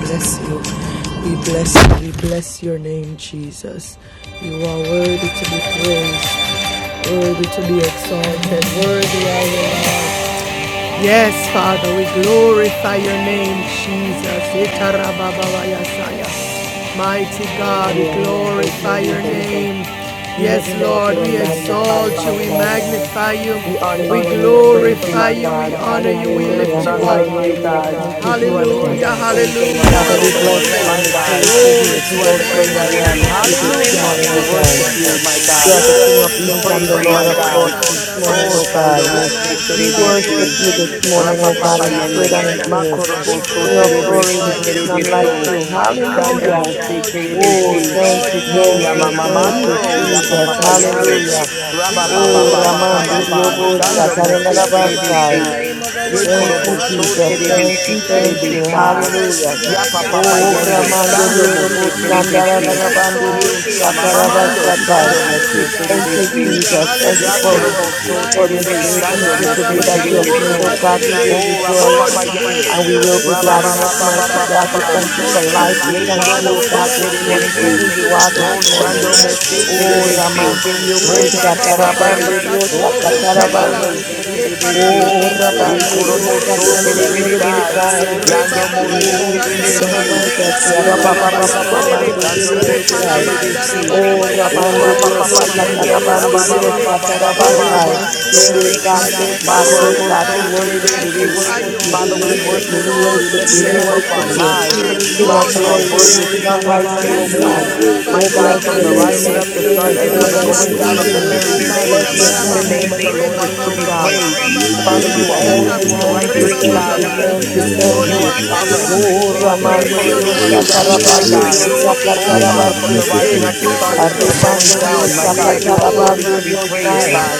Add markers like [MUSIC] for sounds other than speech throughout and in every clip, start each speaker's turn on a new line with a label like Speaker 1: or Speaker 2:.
Speaker 1: bless you. We bless you. We bless your name, Jesus. You are worthy to be praised, worthy to be exalted, worthy are you, Lord. Yes, Father, we glorify your name, Jesus. Mighty God, we
Speaker 2: Hallelujah. Thank you,
Speaker 1: glorify your
Speaker 2: Jesus.
Speaker 1: name.
Speaker 2: We
Speaker 1: Yes,
Speaker 2: lift you up
Speaker 1: Lord,
Speaker 2: and we
Speaker 1: we
Speaker 2: magnify
Speaker 1: exalt
Speaker 2: you,
Speaker 1: you,
Speaker 2: my
Speaker 1: we
Speaker 2: God.
Speaker 1: magnify you,
Speaker 2: We honor
Speaker 1: we
Speaker 2: you and we praise you,
Speaker 1: glorify
Speaker 2: my
Speaker 1: you, we
Speaker 2: God.
Speaker 1: honor you, we
Speaker 2: There is
Speaker 3: Hallelujah.
Speaker 1: lift you
Speaker 2: none like
Speaker 1: up.
Speaker 2: you,
Speaker 3: Hallelujah.
Speaker 2: God.
Speaker 3: Thank you,
Speaker 2: You are the King
Speaker 3: Jesus.
Speaker 1: Hallelujah,
Speaker 2: of kings and the
Speaker 1: hallelujah,
Speaker 2: Lord
Speaker 3: Father,
Speaker 2: of
Speaker 3: we bless
Speaker 2: lords,
Speaker 1: hallelujah.
Speaker 3: you and
Speaker 2: my
Speaker 3: we
Speaker 2: God.
Speaker 3: praise you.
Speaker 1: Glory
Speaker 3: We
Speaker 1: to
Speaker 2: You
Speaker 1: the
Speaker 2: are
Speaker 3: exalt
Speaker 2: the
Speaker 3: you and
Speaker 1: name of
Speaker 2: great
Speaker 3: we
Speaker 1: our
Speaker 2: I am.
Speaker 3: worship
Speaker 1: Lord.
Speaker 3: you this
Speaker 1: Glory
Speaker 2: Hallelujah.
Speaker 3: morning,
Speaker 1: King
Speaker 2: We
Speaker 3: O
Speaker 2: worship
Speaker 3: God.
Speaker 1: of
Speaker 2: you, my
Speaker 3: You
Speaker 1: Kings.
Speaker 2: God.
Speaker 3: are the King of
Speaker 1: Glory,
Speaker 2: We
Speaker 3: Kings
Speaker 1: Lord.
Speaker 3: and
Speaker 2: praise
Speaker 3: the
Speaker 2: you,
Speaker 3: Lord
Speaker 2: my
Speaker 3: of Lords
Speaker 2: God.
Speaker 3: this
Speaker 1: Rabba-ba-ba-sa-ta-ra-ba-ya.
Speaker 3: morning,
Speaker 2: Oh,
Speaker 3: O
Speaker 2: Sando
Speaker 3: God.
Speaker 1: We
Speaker 2: Mose
Speaker 3: We
Speaker 1: magnify you, we
Speaker 3: worship
Speaker 2: Terebesi,
Speaker 3: you this
Speaker 1: magnify
Speaker 3: morning,
Speaker 1: you,
Speaker 3: O
Speaker 2: Rapa
Speaker 1: we
Speaker 3: God,
Speaker 2: Papa
Speaker 3: in spirit
Speaker 2: Yende,
Speaker 3: and
Speaker 1: magnify
Speaker 3: in truth.
Speaker 1: you. We
Speaker 2: Makorobo So
Speaker 3: King of glory,
Speaker 1: glorify
Speaker 2: Terebesi
Speaker 3: there is
Speaker 1: you, we
Speaker 4: Glory
Speaker 3: none like
Speaker 2: Terebeso,
Speaker 4: to
Speaker 3: you.
Speaker 4: God.
Speaker 1: glorify you, we
Speaker 4: Glory
Speaker 2: Chando
Speaker 3: Hallelujah.
Speaker 4: to
Speaker 2: Mose
Speaker 4: God.
Speaker 1: exalt you.
Speaker 3: Oh,
Speaker 2: Terebesi,
Speaker 4: Glory to
Speaker 3: thank
Speaker 4: God.
Speaker 1: Lord,
Speaker 3: you,
Speaker 1: you are
Speaker 2: Ye
Speaker 3: thank
Speaker 1: worthy, you
Speaker 3: you, thank
Speaker 1: are
Speaker 4: Praise the
Speaker 3: you,
Speaker 2: Yamamamando,
Speaker 1: worthy, you
Speaker 3: Jesus.
Speaker 2: Yapapapa
Speaker 4: name of
Speaker 1: are
Speaker 4: God.
Speaker 2: Yende,
Speaker 1: worthy
Speaker 3: Hallelujah.
Speaker 2: Rabba
Speaker 4: Thank you,
Speaker 2: Papa
Speaker 3: Oh,
Speaker 2: Papa
Speaker 4: Jesus.
Speaker 3: Raman,
Speaker 1: glorify
Speaker 2: Papa
Speaker 1: you,
Speaker 4: Thank you,
Speaker 2: Papa,
Speaker 1: Father
Speaker 3: Didiobo,
Speaker 4: Lord.
Speaker 2: Chando
Speaker 1: God.
Speaker 2: Mose
Speaker 1: Blessed be
Speaker 3: Satarabasai.
Speaker 1: the
Speaker 2: Terebesi,
Speaker 1: name of our
Speaker 2: Ye
Speaker 3: Thank
Speaker 1: Lord.
Speaker 3: you,
Speaker 2: Koroboso
Speaker 4: Thank
Speaker 3: Jesus.
Speaker 4: you, Lord.
Speaker 1: Hallelujah.
Speaker 3: Thank you,
Speaker 2: Terebesi
Speaker 4: Thank
Speaker 1: Thank
Speaker 3: thank
Speaker 1: you,
Speaker 3: you.
Speaker 2: Terebesai,
Speaker 1: Jesus. We
Speaker 3: Hallelujah.
Speaker 1: magnify
Speaker 2: Yapapapa
Speaker 1: you,
Speaker 3: Oh,
Speaker 2: Yende,
Speaker 4: you, Lord. Thank you, Lord. Thank you, Lord. Thank you, Lord.
Speaker 2: Chando
Speaker 3: Ramandiri
Speaker 1: Lord
Speaker 3: Robo
Speaker 1: God.
Speaker 2: Mose
Speaker 4: Thank
Speaker 1: We
Speaker 2: Terebesi,
Speaker 1: exalt
Speaker 3: Shandarabandiri
Speaker 1: you,
Speaker 2: Ye
Speaker 1: Jesus.
Speaker 2: Yamamamando,
Speaker 4: you,
Speaker 3: Satarabasatai.
Speaker 2: Chando Mose
Speaker 1: Hallelujah,
Speaker 3: Thank you,
Speaker 2: Terebesi,
Speaker 1: hallelujah,
Speaker 3: Jesus. Thank you
Speaker 2: Ya
Speaker 1: hallelujah.
Speaker 3: for,
Speaker 4: Lord.
Speaker 2: Koroboso
Speaker 3: for
Speaker 1: Mighty
Speaker 3: this
Speaker 2: Terebe,
Speaker 3: day,
Speaker 1: God,
Speaker 3: for this
Speaker 2: Chando
Speaker 3: is
Speaker 1: Rabba
Speaker 3: the day
Speaker 2: Mose
Speaker 1: Baba
Speaker 4: Praise
Speaker 3: that
Speaker 4: the
Speaker 3: you have
Speaker 4: Lord.
Speaker 1: Yakura
Speaker 3: made. Oh
Speaker 2: Terebeso,
Speaker 4: Glory
Speaker 3: God, we
Speaker 1: Baserebe.
Speaker 3: will
Speaker 4: to
Speaker 2: O Rapa
Speaker 3: rejoice
Speaker 1: Lord,
Speaker 4: God. Glory to
Speaker 2: Papa
Speaker 1: we
Speaker 4: God.
Speaker 1: bless
Speaker 2: Yende,
Speaker 3: and we
Speaker 1: you
Speaker 3: will
Speaker 1: this
Speaker 4: Thank
Speaker 3: be
Speaker 4: you,
Speaker 2: Rabba
Speaker 3: glad
Speaker 4: Lord.
Speaker 3: in
Speaker 1: morning.
Speaker 3: it,
Speaker 2: Baba
Speaker 1: We
Speaker 4: Thank you,
Speaker 2: Baba
Speaker 3: mighty
Speaker 4: Lord.
Speaker 2: Baba
Speaker 1: bless
Speaker 3: God.
Speaker 1: you
Speaker 3: We
Speaker 2: Baba,
Speaker 1: this
Speaker 4: We
Speaker 3: thank you for
Speaker 4: lift
Speaker 1: morning.
Speaker 4: you
Speaker 3: life.
Speaker 4: up,
Speaker 3: We
Speaker 2: Ye
Speaker 4: O
Speaker 3: thank
Speaker 1: Father,
Speaker 3: you,
Speaker 2: korobo
Speaker 3: oh
Speaker 1: we
Speaker 2: so
Speaker 3: God,
Speaker 1: bless
Speaker 3: this
Speaker 4: God.
Speaker 1: you,
Speaker 4: We
Speaker 1: we
Speaker 3: morning for
Speaker 1: bless
Speaker 2: terebesi.
Speaker 3: who
Speaker 4: praise
Speaker 1: you,
Speaker 3: you
Speaker 1: we
Speaker 3: are this
Speaker 1: bless
Speaker 2: O
Speaker 4: for
Speaker 1: you, we
Speaker 4: you
Speaker 3: morning.
Speaker 2: shando
Speaker 4: are
Speaker 2: mo
Speaker 1: bless
Speaker 2: se
Speaker 1: you, we
Speaker 4: holy.
Speaker 3: Oh,
Speaker 1: bless you.
Speaker 2: terebesi.
Speaker 3: Ramandiri
Speaker 5: Thank
Speaker 3: Robo
Speaker 4: We
Speaker 2: Repe
Speaker 1: Reba
Speaker 2: pe
Speaker 1: Baba
Speaker 2: pe
Speaker 1: Baba
Speaker 3: Satarabandiri
Speaker 1: Yasatorobo
Speaker 2: O
Speaker 4: thank
Speaker 2: shando
Speaker 4: you
Speaker 2: mo
Speaker 3: Sakatarabandiri.
Speaker 2: se
Speaker 1: Shebaba. Le paraba
Speaker 2: terebesi.
Speaker 3: Oh,
Speaker 1: baba
Speaker 4: for
Speaker 2: Ye
Speaker 1: baya
Speaker 3: Rabande
Speaker 1: sondo
Speaker 3: Dios,
Speaker 2: korobo
Speaker 1: robo
Speaker 2: so
Speaker 4: your
Speaker 1: bobo
Speaker 3: sacante de
Speaker 4: Father.
Speaker 3: mene
Speaker 1: serebe.
Speaker 3: de
Speaker 2: terebesai.
Speaker 4: We lift up
Speaker 1: Reba
Speaker 2: Yando
Speaker 4: your
Speaker 2: mo
Speaker 1: baba ya
Speaker 2: se
Speaker 3: Oh,
Speaker 1: sata la
Speaker 3: Jesus,
Speaker 4: name.
Speaker 2: terebesi.
Speaker 1: basenda
Speaker 3: Jesus, ya
Speaker 1: raba
Speaker 2: Ye
Speaker 4: In
Speaker 1: baba
Speaker 4: the
Speaker 2: korobo
Speaker 1: baya
Speaker 2: so
Speaker 4: life
Speaker 1: serebe.
Speaker 3: rabababababande Dios,
Speaker 2: shando mo
Speaker 1: Le
Speaker 3: robo
Speaker 2: se
Speaker 3: sai.
Speaker 1: palamanda
Speaker 4: of
Speaker 1: raba
Speaker 2: terebesi.
Speaker 3: Oh,
Speaker 1: raba ya
Speaker 2: O
Speaker 3: Rabande
Speaker 2: rapa
Speaker 1: soro
Speaker 3: Dios,
Speaker 1: bo
Speaker 2: papa yende.
Speaker 1: sendo robo
Speaker 3: sacatarabande
Speaker 2: Raba
Speaker 3: Dios,
Speaker 1: serebe. Oh
Speaker 3: sacarabasai.
Speaker 1: God, we
Speaker 2: Thank
Speaker 3: Great
Speaker 2: you,
Speaker 3: God,
Speaker 1: glorify you,
Speaker 2: Jesus.
Speaker 1: we
Speaker 3: great
Speaker 2: Ma
Speaker 3: God, great
Speaker 2: korobo
Speaker 3: God,
Speaker 1: glorify
Speaker 3: we
Speaker 2: so
Speaker 1: you, we
Speaker 3: worship you, we
Speaker 2: terebesi.
Speaker 1: magnify
Speaker 3: worship
Speaker 1: you.
Speaker 3: you, we
Speaker 2: Father, we
Speaker 1: We
Speaker 3: worship you,
Speaker 2: worship
Speaker 3: we
Speaker 2: you and
Speaker 1: exalt
Speaker 2: we
Speaker 3: worship
Speaker 1: you,
Speaker 2: lift
Speaker 3: you,
Speaker 1: we
Speaker 2: your
Speaker 3: we
Speaker 2: name
Speaker 5: you.
Speaker 2: up
Speaker 3: worship
Speaker 2: on
Speaker 1: exalt
Speaker 3: you.
Speaker 1: you, we
Speaker 2: high.
Speaker 3: King
Speaker 2: God,
Speaker 3: of
Speaker 2: you are
Speaker 3: glory, there
Speaker 1: exalt
Speaker 2: worthy
Speaker 1: you.
Speaker 3: is
Speaker 2: to
Speaker 5: Pasian
Speaker 2: be
Speaker 3: none like
Speaker 2: praised this
Speaker 3: you,
Speaker 1: Yes,
Speaker 3: O God.
Speaker 1: Lord.
Speaker 2: morning.
Speaker 5: Carabasioro
Speaker 2: My
Speaker 3: Oh,
Speaker 1: Rabadora
Speaker 2: God,
Speaker 3: bless
Speaker 2: from
Speaker 3: the
Speaker 2: the
Speaker 3: Lord, O
Speaker 2: rising
Speaker 1: Maserebe.
Speaker 3: my
Speaker 2: of
Speaker 5: Corribesian
Speaker 2: the
Speaker 3: soul,
Speaker 2: sun
Speaker 3: and
Speaker 1: Reba
Speaker 2: until
Speaker 3: all
Speaker 2: the
Speaker 3: that is
Speaker 2: going down
Speaker 5: Corribesioro
Speaker 1: Labasana
Speaker 2: of
Speaker 3: within
Speaker 2: the
Speaker 3: me.
Speaker 2: very same,
Speaker 3: Bless
Speaker 1: Rabasura
Speaker 3: your
Speaker 1: Baraba.
Speaker 2: the
Speaker 3: holy
Speaker 5: Corribasiaraba
Speaker 2: name
Speaker 3: name
Speaker 2: of
Speaker 3: this
Speaker 2: the Lord
Speaker 1: Reba
Speaker 2: is
Speaker 3: morning,
Speaker 1: Baba
Speaker 2: to
Speaker 3: O
Speaker 2: be
Speaker 1: Baba
Speaker 3: God.
Speaker 2: praised.
Speaker 1: Baba Baba
Speaker 2: Father,
Speaker 3: Thank you,
Speaker 2: you are
Speaker 3: thank
Speaker 2: holy,
Speaker 3: you,
Speaker 2: you are
Speaker 3: thank you,
Speaker 2: righteous.
Speaker 1: Reba
Speaker 5: Carabasian
Speaker 3: thank
Speaker 1: Baba
Speaker 2: God,
Speaker 3: you,
Speaker 1: Baba
Speaker 3: thank you, thank
Speaker 5: Corribesiaraba
Speaker 1: Yasura
Speaker 2: you
Speaker 3: you.
Speaker 2: are
Speaker 4: the
Speaker 1: Mandaraba.
Speaker 2: sovereign.
Speaker 4: Son, my
Speaker 3: Oh,
Speaker 1: We
Speaker 2: You are
Speaker 4: God,
Speaker 3: Ramande
Speaker 1: praise
Speaker 2: faithful
Speaker 1: your
Speaker 2: and
Speaker 4: your
Speaker 5: Corribesioro
Speaker 2: you are
Speaker 1: name,
Speaker 3: Diosa,
Speaker 4: grace,
Speaker 2: just,
Speaker 4: your
Speaker 2: my
Speaker 1: Jesus.
Speaker 3: Tarabande
Speaker 4: grace.
Speaker 1: We
Speaker 2: God.
Speaker 3: Diosa,
Speaker 2: Oh,
Speaker 1: glorify
Speaker 4: Your
Speaker 5: Corribesian
Speaker 1: you.
Speaker 2: Father, from
Speaker 3: Catarabaste,
Speaker 2: the
Speaker 1: We
Speaker 4: magnificent
Speaker 2: rising of
Speaker 1: exalt
Speaker 2: the sun
Speaker 4: Heavenly
Speaker 1: you.
Speaker 2: until
Speaker 5: Pasar
Speaker 2: the
Speaker 1: We
Speaker 4: Father.
Speaker 2: going
Speaker 3: Arrebande
Speaker 1: exalt
Speaker 2: down, my
Speaker 4: Your
Speaker 3: Diosa,
Speaker 1: you. We Oh, we glorify you, Father God. We
Speaker 2: God, you
Speaker 5: Abasioro
Speaker 2: are worthy
Speaker 4: magnificent
Speaker 2: to
Speaker 5: Corre
Speaker 3: Catarabande
Speaker 2: be praised,
Speaker 5: Basia
Speaker 3: Diosai,
Speaker 2: God.